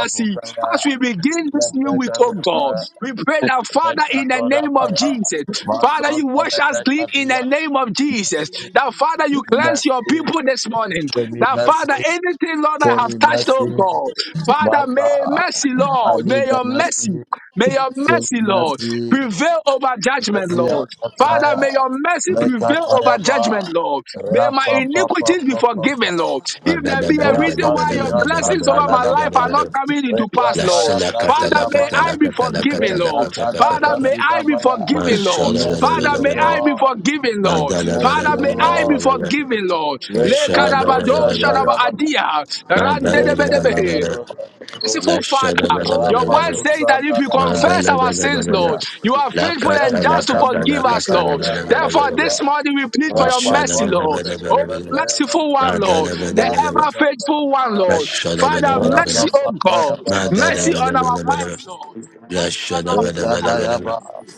Speaker 2: as we begin this new week, oh God, we pray that Father, in the name of Jesus, Father, you wash us clean in the name of Jesus. That Father, you cleanse your people this morning.
Speaker 1: Show me
Speaker 2: That Father,
Speaker 1: mercy,
Speaker 2: anything, Lord, I
Speaker 1: show
Speaker 2: have
Speaker 1: me
Speaker 2: touched, oh
Speaker 1: mercy,
Speaker 2: God, Father,
Speaker 1: my
Speaker 2: may
Speaker 1: God.
Speaker 2: mercy,
Speaker 1: I
Speaker 2: Lord, may
Speaker 1: need the
Speaker 2: your mercy,
Speaker 1: mercy,
Speaker 2: may your
Speaker 1: show me
Speaker 2: mercy, Lord,
Speaker 1: mercy,
Speaker 2: prevail over judgment,
Speaker 1: mercy
Speaker 2: Lord.
Speaker 1: of the
Speaker 2: Father,
Speaker 1: tire,
Speaker 2: may your mercy
Speaker 1: make a
Speaker 2: prevail over
Speaker 1: tire bar,
Speaker 2: judgment, Lord. May
Speaker 1: rap,
Speaker 2: my
Speaker 1: papa,
Speaker 2: iniquities be
Speaker 1: papa,
Speaker 2: forgiven,
Speaker 1: papa.
Speaker 2: Lord. If there be a reason why your
Speaker 1: Rapatia
Speaker 2: blessings
Speaker 1: tata
Speaker 2: over
Speaker 1: da
Speaker 2: my
Speaker 1: da ba
Speaker 2: life are
Speaker 1: da.
Speaker 2: not coming into pass,
Speaker 1: Rekata
Speaker 2: Lord.
Speaker 1: ya brasi
Speaker 2: Father,
Speaker 1: da
Speaker 2: may
Speaker 1: ba
Speaker 2: I
Speaker 1: ya.
Speaker 2: be forgiven, Lord.
Speaker 1: Rekata da
Speaker 2: Father, may
Speaker 1: brasi
Speaker 2: I be
Speaker 1: ya.
Speaker 2: forgiven, Lord.
Speaker 1: Mercy,
Speaker 2: Father,
Speaker 1: O
Speaker 2: may I be
Speaker 1: Lord.
Speaker 2: forgiven, Lord.
Speaker 1: Mercy,
Speaker 2: Father,
Speaker 1: O
Speaker 2: may I be
Speaker 1: Lord.
Speaker 2: forgiven, Lord. Le
Speaker 1: Rekado
Speaker 2: kadabado
Speaker 1: shanda
Speaker 2: shadaba
Speaker 1: da ba ya.
Speaker 2: adia.
Speaker 1: Rekada
Speaker 2: Randedebedebe
Speaker 1: ba do.
Speaker 2: merciful Father, your word
Speaker 1: Rapato
Speaker 2: says that if
Speaker 1: shanda
Speaker 2: we
Speaker 6: Ma
Speaker 1: ya.
Speaker 2: confess
Speaker 6: bala
Speaker 2: our
Speaker 6: bala
Speaker 2: sins, Lord,
Speaker 6: bala.
Speaker 1: Na-
Speaker 2: you are faithful
Speaker 6: Lakata
Speaker 2: and just to
Speaker 1: Rekada
Speaker 6: lakata
Speaker 2: forgive
Speaker 1: brosi
Speaker 2: us,
Speaker 6: lakata
Speaker 1: kato
Speaker 6: la la la kata la kata la
Speaker 2: Lord.
Speaker 1: ya
Speaker 6: bala
Speaker 1: ba da
Speaker 6: bala
Speaker 1: ba
Speaker 2: Therefore,
Speaker 6: bala
Speaker 2: this
Speaker 6: bala.
Speaker 2: morning we plead for your
Speaker 6: Mashada
Speaker 2: mercy,
Speaker 6: bala
Speaker 1: Rapapato
Speaker 2: Lord.
Speaker 6: bala
Speaker 1: shanda
Speaker 2: Oh,
Speaker 6: bala
Speaker 1: da
Speaker 6: bala.
Speaker 1: ba ya ba.
Speaker 2: merciful one, Lord,
Speaker 6: Mandala bala
Speaker 2: the
Speaker 6: bala
Speaker 1: Masu
Speaker 6: bala.
Speaker 2: ever
Speaker 1: kata da
Speaker 2: faithful one, Lord.
Speaker 6: Mashada bala
Speaker 2: Father,
Speaker 6: bala bala.
Speaker 2: mercy, oh God,
Speaker 1: ya ba da
Speaker 6: Madala
Speaker 2: mercy
Speaker 6: bada
Speaker 2: on our
Speaker 6: bada bada
Speaker 2: minds,
Speaker 6: bada.
Speaker 2: Lord. Mercy on
Speaker 6: Lashada
Speaker 2: our
Speaker 6: bada bada
Speaker 2: future, Lord.
Speaker 6: bada bada.
Speaker 1: Ekadayaba,